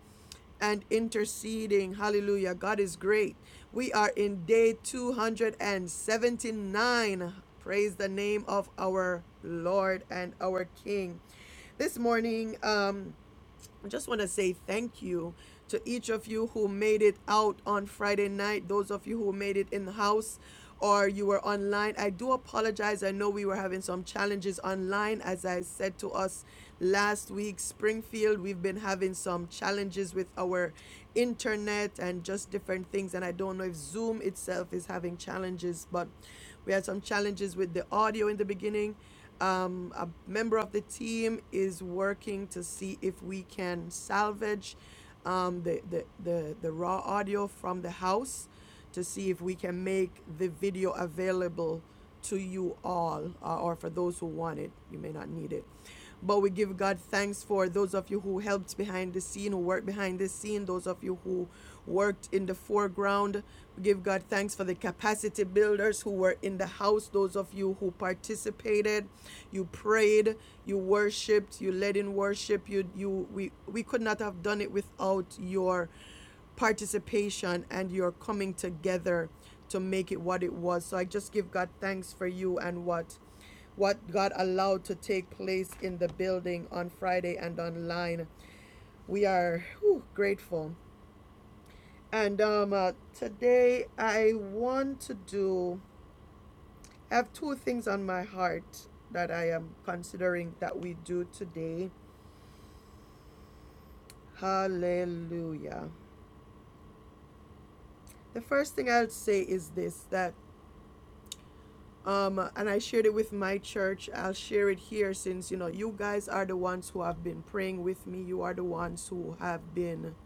Speaker 1: and interceding. Hallelujah. God is great. We are in day 279. Praise the name of our Lord and our King. This morning, um, I just want to say thank you to each of you who made it out on Friday night, those of you who made it in the house or you were online. I do apologize. I know we were having some challenges online. As I said to us last week, Springfield, we've been having some challenges with our internet and just different things. And I don't know if Zoom itself is having challenges, but we had some challenges with the audio in the beginning. Um, a member of the team is working to see if we can salvage um, the, the, the, the raw audio from the house to see if we can make the video available to you all uh, or for those who want it. You may not need it. But we give God thanks for those of you who helped behind the scene, who worked behind the scene, those of you who worked in the foreground. We give God thanks for the capacity builders who were in the house, those of you who participated, you prayed, you worshiped, you led in worship. You you we we could not have done it without your participation and your coming together to make it what it was. So I just give God thanks for you and what what God allowed to take place in the building on Friday and online. We are whew, grateful. And um, uh, today I want to do, I have two things on my heart that I am considering that we do today. Hallelujah. The first thing I'll say is this that um and I shared it with my church. I'll share it here since you know you guys are the ones who have been praying with me. You are the ones who have been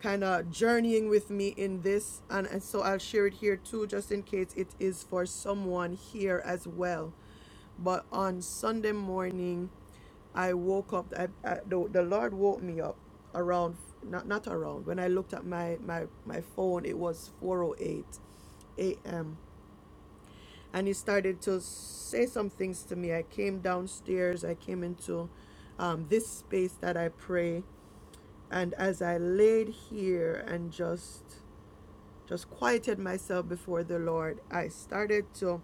Speaker 1: kind of journeying with me in this and, and so i'll share it here too just in case it is for someone here as well but on sunday morning i woke up I, I, the, the lord woke me up around not, not around when i looked at my, my, my phone it was 408 a.m. And he started to say some things to me. I came downstairs. I came into um, this space that I pray and as I laid here and just just quieted myself before the Lord, I started to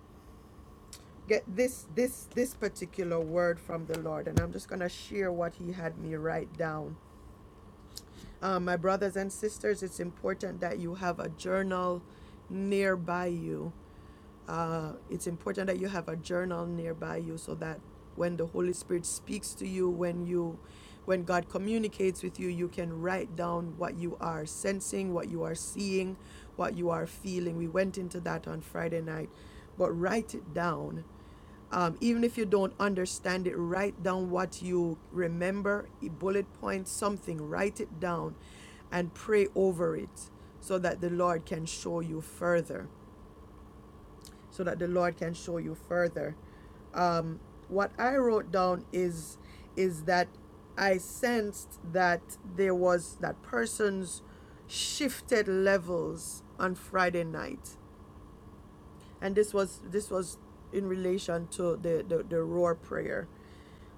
Speaker 1: get this this this particular word from the Lord, and I'm just gonna share what He had me write down. Um, my brothers and sisters, it's important that you have a journal nearby you Uh, it's important that you have a journal nearby you so that when the Holy Spirit speaks to you, when you when God communicates with you, you can write down what you are sensing, what you are seeing, what you are feeling. We went into that on Friday night, but write it down. Um, even if you don't understand it, write down what you remember, a bullet point, something, write it down and pray over it so that the Lord can show you further so that the Lord can show you further. Um, what I wrote down is is that I sensed that there was that persons shifted levels on Friday night, and this was this was in relation to the the, the roar prayer,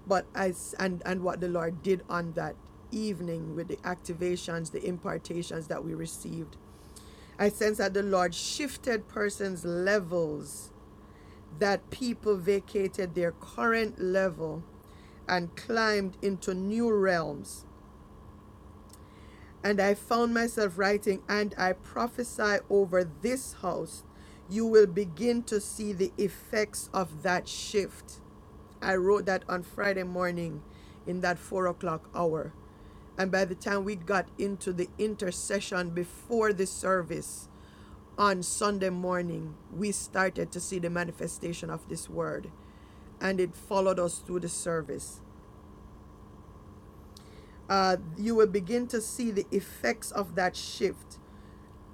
Speaker 1: but I s- and and what the Lord did on that evening with the activations, the impartations that we received. I sense that the Lord shifted persons' levels that people vacated their current level and climbed into new realms and I found myself writing, and I prophesy over this house, you will begin to see the effects of that shift. I wrote that on Friday morning in that four o'clock hour. And by the time we got into the intercession before the service on Sunday morning, we started to see the manifestation of this word. And it followed us through the service. Uh, you will begin to see the effects of that shift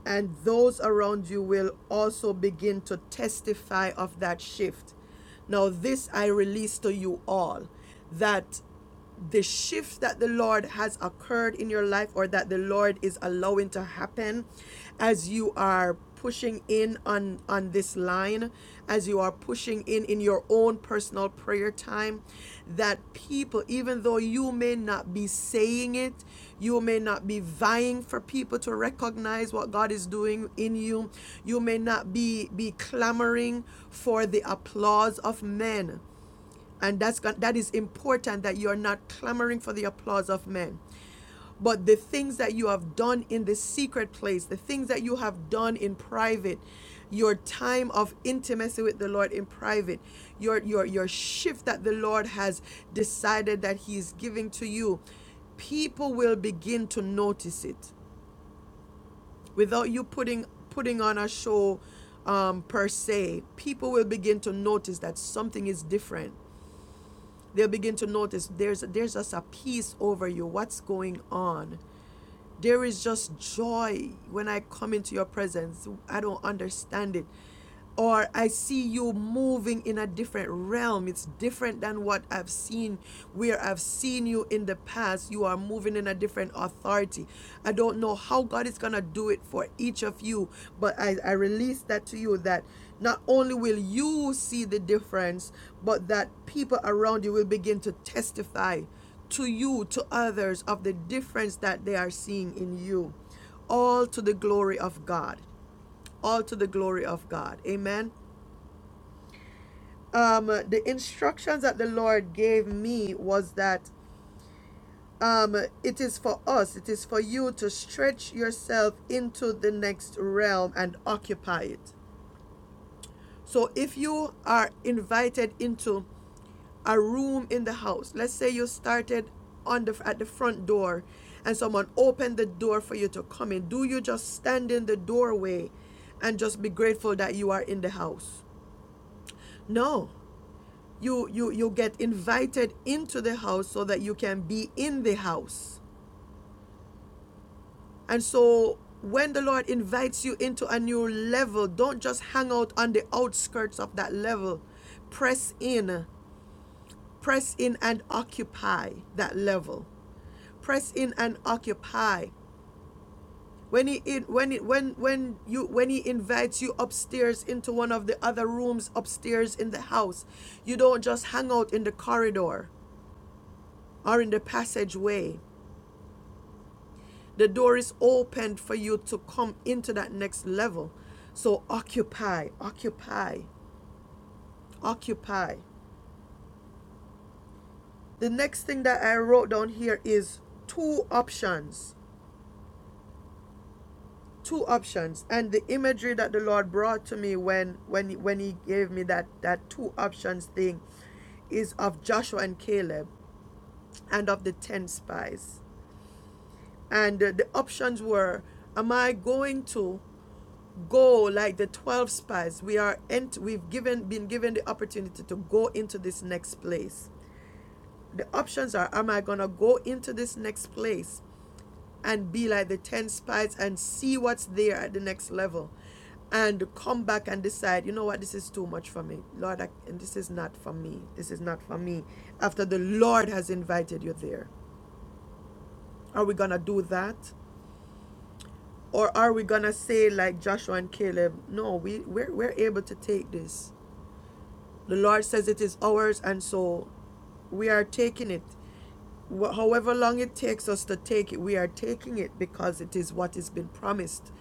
Speaker 1: and those around you will also begin to testify of that shift. Now, this I release to you all that the shift that the Lord has occurred in your life or that the Lord is allowing to happen as you are pushing in on on this line as you are pushing in in your own personal prayer time that people even though you may not be saying it you may not be vying for people to recognize what God is doing in you you may not be be clamoring for the applause of men and that's that is important that you are not clamoring for the applause of men but the things that you have done in the secret place the things that you have done in private your time of intimacy with the lord in private your your your shift that the lord has decided that he is giving to you people will begin to notice it without you putting putting on a show um, per se people will begin to notice that something is different they'll begin to notice there's there's just a peace over you what's going on there is just joy when I come into your presence. I don't understand it. Or I see you moving in a different realm. It's different than what I've seen, where I've seen you in the past. You are moving in a different authority. I don't know how God is going to do it for each of you, but I, I release that to you that not only will you see the difference, but that people around you will begin to testify to you, to others, of the difference that they are seeing in you. All to the glory of God. All to the glory of God. Amen. Um, the instructions that the Lord gave me was that um, it is for us, it is for you to stretch yourself into the next realm and occupy it. So if you are invited into a room in the house. Let's say you started on the at the front door and someone opened the door for you to come in. Do you just stand in the doorway and just be grateful that you are in the house? No. You you you get invited into the house so that you can be in the house. And so when the Lord invites you into a new level, don't just hang out on the outskirts of that level. Press in, press in and occupy that level. press in and occupy when he in, when it when when you when he invites you upstairs into one of the other rooms upstairs in the house you don't just hang out in the corridor or in the passageway the door is opened for you to come into that next level so occupy occupy occupy the next thing that i wrote down here is two options two options and the imagery that the lord brought to me when when when he gave me that that two options thing is of joshua and caleb and of the 10 spies and uh, the options were am i going to go like the 12 spies we are ent- we've given been given the opportunity to go into this next place the options are am i going to go into this next place and be like the 10 spies and see what's there at the next level and come back and decide, you know what, this is too much for me. Lord, I, and this is not for me. This is not for me. After the Lord has invited you there, are we going to do that? Or are we going to say, like Joshua and Caleb, no, we, we're, we're able to take this. The Lord says it is ours, and so we are taking it. Wh- However long it takes us to take it, we are taking it because it is what has been promised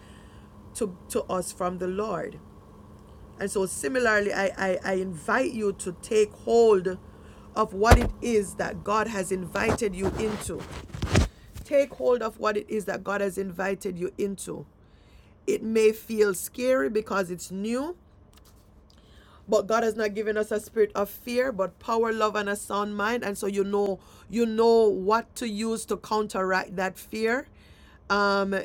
Speaker 1: to, to us from the Lord. And so, similarly, I, I, I invite you to take hold of what it is that God has invited you into. Take hold of what it is that God has invited you into. It may feel scary because it's new, but God has not given us a spirit of fear, but power, love, and a sound mind. And so you know, you know what to use to counteract that fear. Um,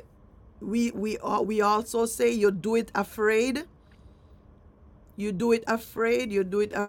Speaker 1: we we we also say you do it afraid You do it afraid, you do it uh,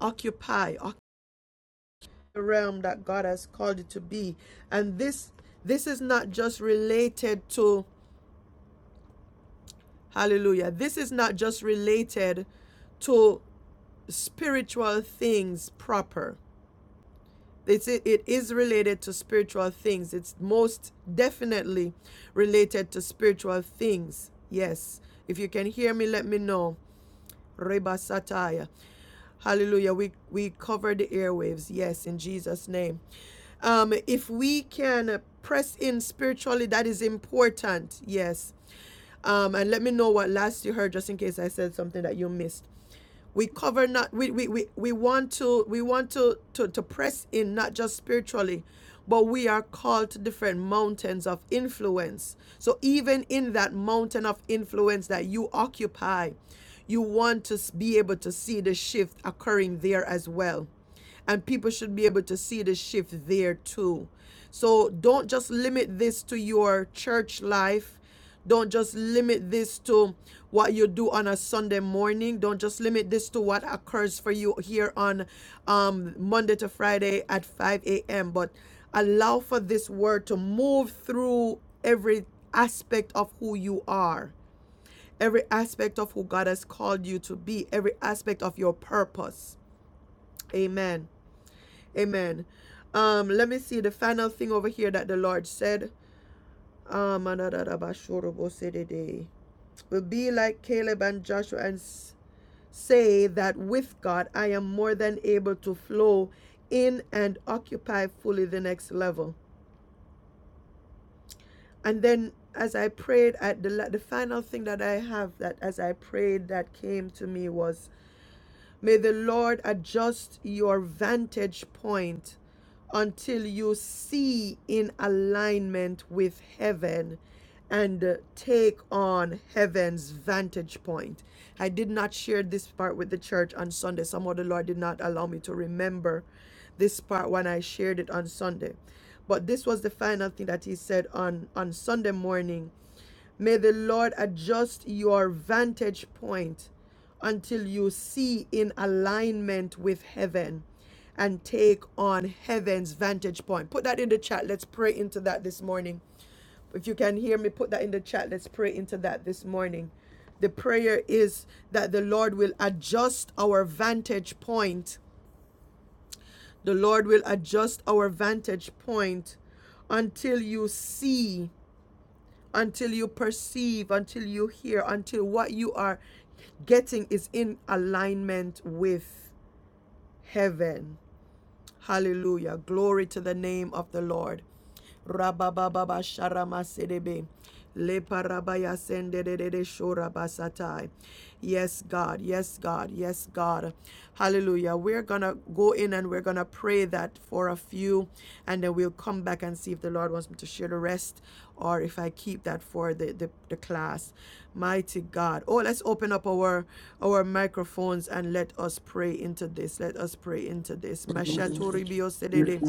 Speaker 1: occupy, occupy the realm that God has called it to be. And this this is not just related to hallelujah. This is not just related to spiritual things proper. It's, it, it is related to spiritual things. It's most definitely related to spiritual things. Yes. If you can hear me, let me know. Reba Sataya. Hallelujah. We we cover the airwaves. Yes, in Jesus' name. Um, if we can press in spiritually, that is important. Yes. Um, and let me know what last you heard, just in case I said something that you missed we cover not we, we, we, we want to we want to, to to press in not just spiritually but we are called to different mountains of influence so even in that mountain of influence that you occupy you want to be able to see the shift occurring there as well and people should be able to see the shift there too so don't just limit this to your church life don't just limit this to what you do on a Sunday morning. Don't just limit this to what occurs for you here on um, Monday to Friday at 5 a.m. But allow for this word to move through every aspect of who you are, every aspect of who God has called you to be, every aspect of your purpose. Amen. Amen. Um, let me see the final thing over here that the Lord said. Ah, manadadabashorobosede. But be like Caleb and Joshua and say that with God, I am more than able to flow in and occupy fully the next level. And then, as I prayed, at the, the final thing that I have that as I prayed that came to me was May the Lord adjust your vantage point until you see in alignment with heaven and uh, take on heaven's vantage point. I did not share this part with the church on Sunday. Somehow the Lord did not allow me to remember this part when I shared it on Sunday. But this was the final thing that he said on, on Sunday morning May the Lord adjust your vantage point until you see in alignment with heaven and take on heaven's vantage point. Put that in the chat. Let's pray into that this morning. If you can hear me, put that in the chat. Let's pray into that this morning. The prayer is that the Lord will adjust our vantage point. The Lord will adjust our vantage point until you see until you perceive, until you hear, until what you are getting is in alignment with heaven. Hallelujah. Glory to the name of the Lord. Rabababa sharama sedebe. Leparabaya sendedede shorabasatai. Yes, God. Yes, God. Yes, God. Hallelujah. We're going to go in and we're going to pray that for a few, and then we'll come back and see if the Lord wants me to share the rest or if I keep that for the, the, the class. Mighty God. Oh, let's open up our our microphones and let us pray into this. Let us pray into this. Mashatori biosedede.